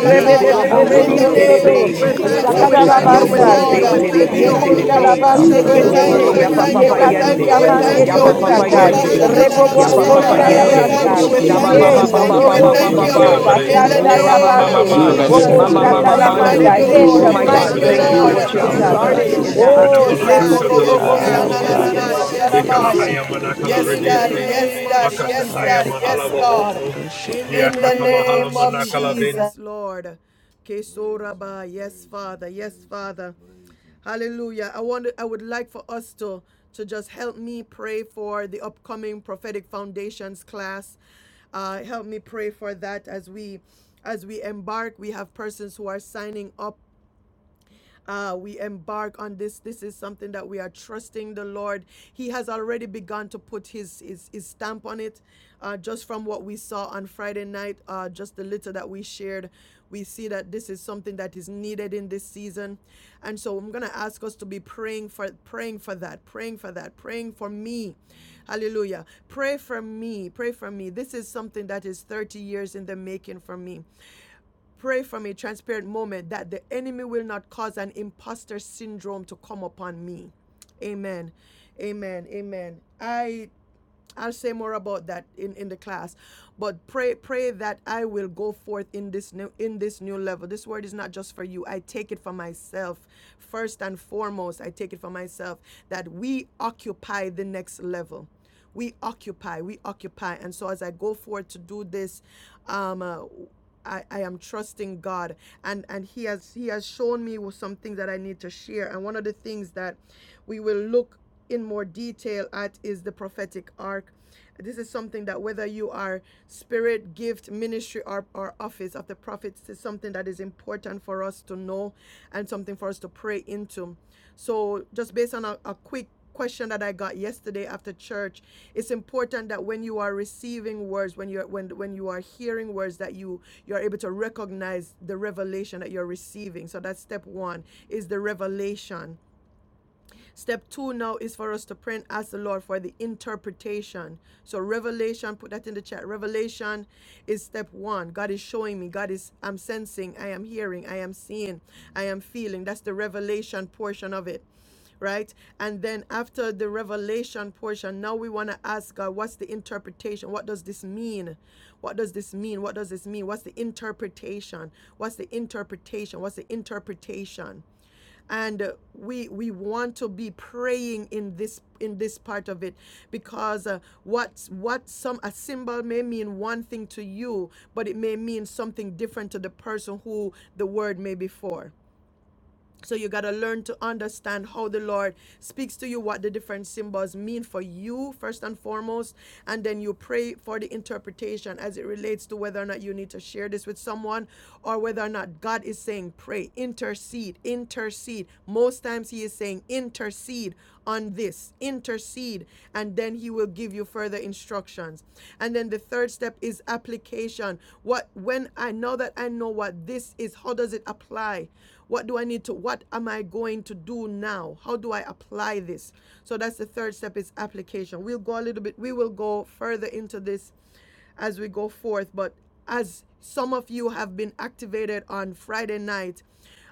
Speaker 4: of
Speaker 2: Ye
Speaker 6: wura
Speaker 4: Nazareth,
Speaker 1: We
Speaker 6: shena.
Speaker 15: In
Speaker 1: thank
Speaker 7: bambro
Speaker 4: Lord
Speaker 15: the
Speaker 2: korobosi
Speaker 1: you.
Speaker 7: po
Speaker 4: God
Speaker 15: name of
Speaker 3: zozodo.
Speaker 2: terebe.
Speaker 1: We
Speaker 7: sekete,
Speaker 4: Almighty,
Speaker 6: Akara
Speaker 1: thank
Speaker 15: Jesus.
Speaker 1: you.
Speaker 2: Oh,
Speaker 15: uh,
Speaker 4: help
Speaker 6: wura
Speaker 1: We
Speaker 4: us,
Speaker 1: thank
Speaker 4: my
Speaker 2: chando
Speaker 1: you.
Speaker 15: Yes,
Speaker 1: We
Speaker 6: Jesus.
Speaker 4: God,
Speaker 7: bambro
Speaker 1: thank
Speaker 7: po
Speaker 4: that
Speaker 15: Lord.
Speaker 1: you.
Speaker 2: moste
Speaker 1: We
Speaker 4: we
Speaker 15: uh,
Speaker 4: will
Speaker 1: thank
Speaker 15: We
Speaker 7: sekete,
Speaker 1: you.
Speaker 4: not
Speaker 2: terebe
Speaker 6: Wokora
Speaker 15: thank
Speaker 4: rest,
Speaker 3: Yekunda la
Speaker 6: wakara
Speaker 2: terebe.
Speaker 15: you.
Speaker 1: Roba
Speaker 4: we
Speaker 3: base
Speaker 4: will
Speaker 6: wakara
Speaker 15: We
Speaker 4: not
Speaker 7: bambro
Speaker 6: wura
Speaker 1: Shananana
Speaker 7: po
Speaker 4: be
Speaker 15: thank
Speaker 2: Oh,
Speaker 15: you.
Speaker 3: ketete.
Speaker 15: We
Speaker 2: ya
Speaker 1: Masaya.
Speaker 6: sakara.
Speaker 15: thank you.
Speaker 7: sekete,
Speaker 2: yapapapa
Speaker 4: satisfied,
Speaker 1: We
Speaker 15: We
Speaker 4: O
Speaker 1: thank
Speaker 15: thank
Speaker 4: Lord
Speaker 3: Yekaturi
Speaker 2: yende.
Speaker 15: you.
Speaker 1: you.
Speaker 15: We
Speaker 1: We
Speaker 4: God
Speaker 15: thank
Speaker 1: thank
Speaker 2: ya
Speaker 3: amanderi
Speaker 1: you.
Speaker 15: you.
Speaker 1: We
Speaker 7: bambro
Speaker 4: Almighty,
Speaker 6: Deliverance,
Speaker 7: po
Speaker 2: Yapapapa
Speaker 1: thank you. We
Speaker 3: osatai.
Speaker 15: Roba
Speaker 2: yende.
Speaker 1: thank
Speaker 2: ya
Speaker 4: until we
Speaker 7: sekete,
Speaker 1: you.
Speaker 6: deliverance,
Speaker 3: Rebo
Speaker 15: Shananana
Speaker 4: come in
Speaker 3: bobo
Speaker 1: In
Speaker 3: bo
Speaker 1: the
Speaker 2: Yapapapa
Speaker 15: Masaya.
Speaker 6: deliverance.
Speaker 4: alignment
Speaker 7: ah,
Speaker 15: We
Speaker 4: with
Speaker 1: name
Speaker 2: yende.
Speaker 1: of
Speaker 15: thank
Speaker 7: beke
Speaker 3: basa.
Speaker 15: you.
Speaker 4: heaven's
Speaker 15: We thank
Speaker 7: sekete,
Speaker 1: Jesus.
Speaker 15: you.
Speaker 6: Healing,
Speaker 15: We
Speaker 4: perspective.
Speaker 7: papa
Speaker 3: Yendo
Speaker 15: thank you. We
Speaker 1: We
Speaker 4: We
Speaker 7: papa
Speaker 3: robo
Speaker 6: healing,
Speaker 1: thank
Speaker 15: thank
Speaker 4: thank
Speaker 1: you,
Speaker 15: you.
Speaker 4: you,
Speaker 7: papa
Speaker 3: sede
Speaker 2: Shababababababababa.
Speaker 1: Lord.
Speaker 4: Lord
Speaker 6: bleeding,
Speaker 1: We
Speaker 15: In
Speaker 7: sakeke,
Speaker 4: God
Speaker 15: the
Speaker 1: thank
Speaker 3: basata
Speaker 2: Oh,
Speaker 1: you,
Speaker 6: healing.
Speaker 3: da
Speaker 2: rama
Speaker 15: name
Speaker 4: Almighty.
Speaker 1: Lord.
Speaker 2: mama
Speaker 15: of
Speaker 3: base.
Speaker 4: We
Speaker 2: ramamamaman.
Speaker 7: beke
Speaker 15: Jesus.
Speaker 4: bless
Speaker 3: Bobo
Speaker 15: uh,
Speaker 6: Blessings
Speaker 4: your
Speaker 2: Mama
Speaker 7: sekete,
Speaker 3: zata
Speaker 2: Mama
Speaker 4: name.
Speaker 15: We
Speaker 6: overflow.
Speaker 4: We
Speaker 15: thank
Speaker 3: lamanda.
Speaker 2: Bando.
Speaker 15: you,
Speaker 7: beke
Speaker 3: In
Speaker 15: Lord.
Speaker 2: Oh
Speaker 3: the
Speaker 15: We
Speaker 2: my
Speaker 4: glorify
Speaker 7: sekete,
Speaker 2: God,
Speaker 15: thank
Speaker 3: mighty
Speaker 15: you,
Speaker 4: your
Speaker 6: Blessings
Speaker 2: thank
Speaker 3: name
Speaker 2: you for
Speaker 3: of
Speaker 15: Lord.
Speaker 4: name,
Speaker 2: what you have
Speaker 6: overflow.
Speaker 3: Jesus.
Speaker 4: mighty
Speaker 2: started
Speaker 4: God.
Speaker 2: in
Speaker 6: Blessings
Speaker 2: that.
Speaker 7: Ambregeseke,
Speaker 3: Oh,
Speaker 1: Yes,
Speaker 4: We
Speaker 6: overflow.
Speaker 4: thank
Speaker 1: Daddy. Yes,
Speaker 4: you,
Speaker 15: Leporobobo
Speaker 1: Daddy.
Speaker 4: Lord
Speaker 1: Yes,
Speaker 15: Sananana
Speaker 6: Okoroboro
Speaker 1: Daddy.
Speaker 7: Abrages,
Speaker 1: Yes,
Speaker 4: God.
Speaker 6: sekelebere
Speaker 15: Masharabahaya.
Speaker 1: God.
Speaker 15: Yes,
Speaker 1: In
Speaker 6: sekelelelele.
Speaker 1: the
Speaker 15: Daddy. Yes,
Speaker 1: name of
Speaker 15: Daddy. Yes, Daddy.
Speaker 1: Jesus.
Speaker 15: Yes,
Speaker 6: Awakadaba
Speaker 15: God
Speaker 6: kadabara shek.
Speaker 1: In the
Speaker 15: in the
Speaker 1: name of
Speaker 15: name of
Speaker 1: Jesus.
Speaker 15: Jesus.
Speaker 1: Yes, Lord. Kesoraba. Yes, Father. Yes, Father. Hallelujah. I want I would like for us to to just help me pray for the upcoming prophetic foundations class. Uh, help me pray for that as we as we embark. We have persons who are signing up uh, we embark on this. This is something that we are trusting the Lord. He has already begun to put his his, his stamp on it. Uh, just from what we saw on Friday night, uh, just the little that we shared, we see that this is something that is needed in this season. And so I'm gonna ask us to be praying for praying for that, praying for that, praying for me. Hallelujah. Pray for me. Pray for me. This is something that is 30 years in the making for me. Pray from a transparent moment that the enemy will not cause an imposter syndrome to come upon me. Amen. Amen. Amen. I I'll say more about that in, in the class. But pray pray that I will go forth in this new in this new level. This word is not just for you. I take it for myself. First and foremost, I take it for myself that we occupy the next level. We occupy, we occupy. And so as I go forward to do this, um uh, I, I am trusting God and and he has he has shown me some things that I need to share and one of the things that we will look in more detail at is the prophetic ark. This is something that whether you are spirit, gift, ministry, or, or office of the prophets, is something that is important for us to know and something for us to pray into. So, just based on a, a quick question that I got yesterday after church, it's important that when you are receiving words, when you're when when you are hearing words, that you you are able to recognize the revelation that you're receiving. So that's step one is the revelation. Step two now is for us to pray and ask the Lord for the interpretation. So revelation, put that in the chat. Revelation is step one. God is showing me. God is I'm sensing. I am hearing. I am seeing. I am feeling. That's the revelation portion of it right? And then after the revelation portion, now we want to ask God, what's the interpretation? What does this mean? What does this mean? What does this mean? What's the interpretation? What's the interpretation? What's the interpretation? and uh, we we want to be praying in this in this part of it because uh, what what some a symbol may mean one thing to you but it may mean something different to the person who the word may be for so you got to learn to understand how the Lord speaks to you, what the different symbols mean for you, first and foremost. And then you pray for the interpretation as it relates to whether or not you need to share this with someone or whether or not God is saying, pray, intercede, intercede. Most times He is saying, intercede on this, intercede. And then He will give you further instructions. And then the third step is application. What, when I know that I know what this is, how does it apply? What do I need to, what am I going to do now? How do I apply this? So that's the third step is application. We'll go a little bit, we will go further into this as we go forth. But as some of you have been activated on Friday night,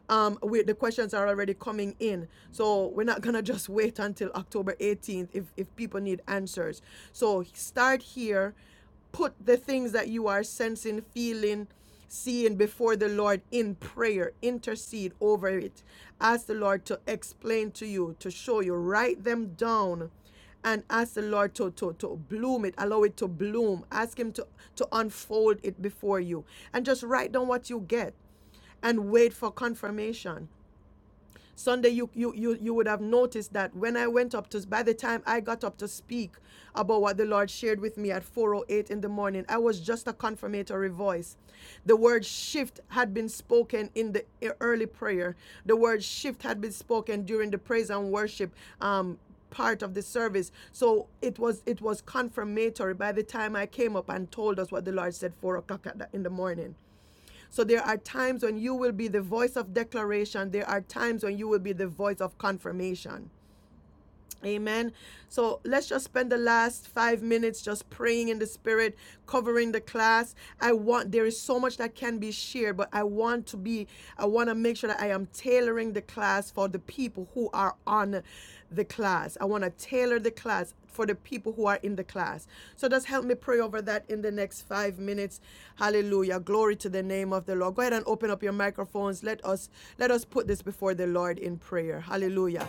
Speaker 1: um, we, the questions are already coming in. So we're not gonna just wait until October 18th if, if people need answers. So start here put the things that you are sensing, feeling, seeing before the Lord in prayer. Intercede over it. Ask the Lord to explain to you, to show you. Write them down and ask the Lord to, to, to bloom it, allow it to bloom. Ask Him to, to unfold it before you. And just write down what you get and wait for confirmation. Sunday, you, you, you, you would have noticed that when I went up to, by the time I got up to speak about what the Lord shared with me at 4.08 in the morning, I was just a confirmatory voice. The word shift had been spoken in the e- early prayer. The word shift had been spoken during the praise and worship um, part of the service so it was it was confirmatory by the time i came up and told us what the lord said four o'clock in the morning so there are times when you will be the voice of declaration, there are times when you will be the voice of confirmation. Amen. So let's just spend the last five minutes just praying in the spirit, covering the class. I want, there is so much that can be shared, but I want to be, I want to make sure that I am tailoring the class for the people who are on the class. I want to tailor the class for the people who are in the class. So just help me pray over that in the next five minutes. Hallelujah. Glory to the name of the Lord. Go ahead and open up your microphones. Let us let us put this before the Lord in prayer. Hallelujah.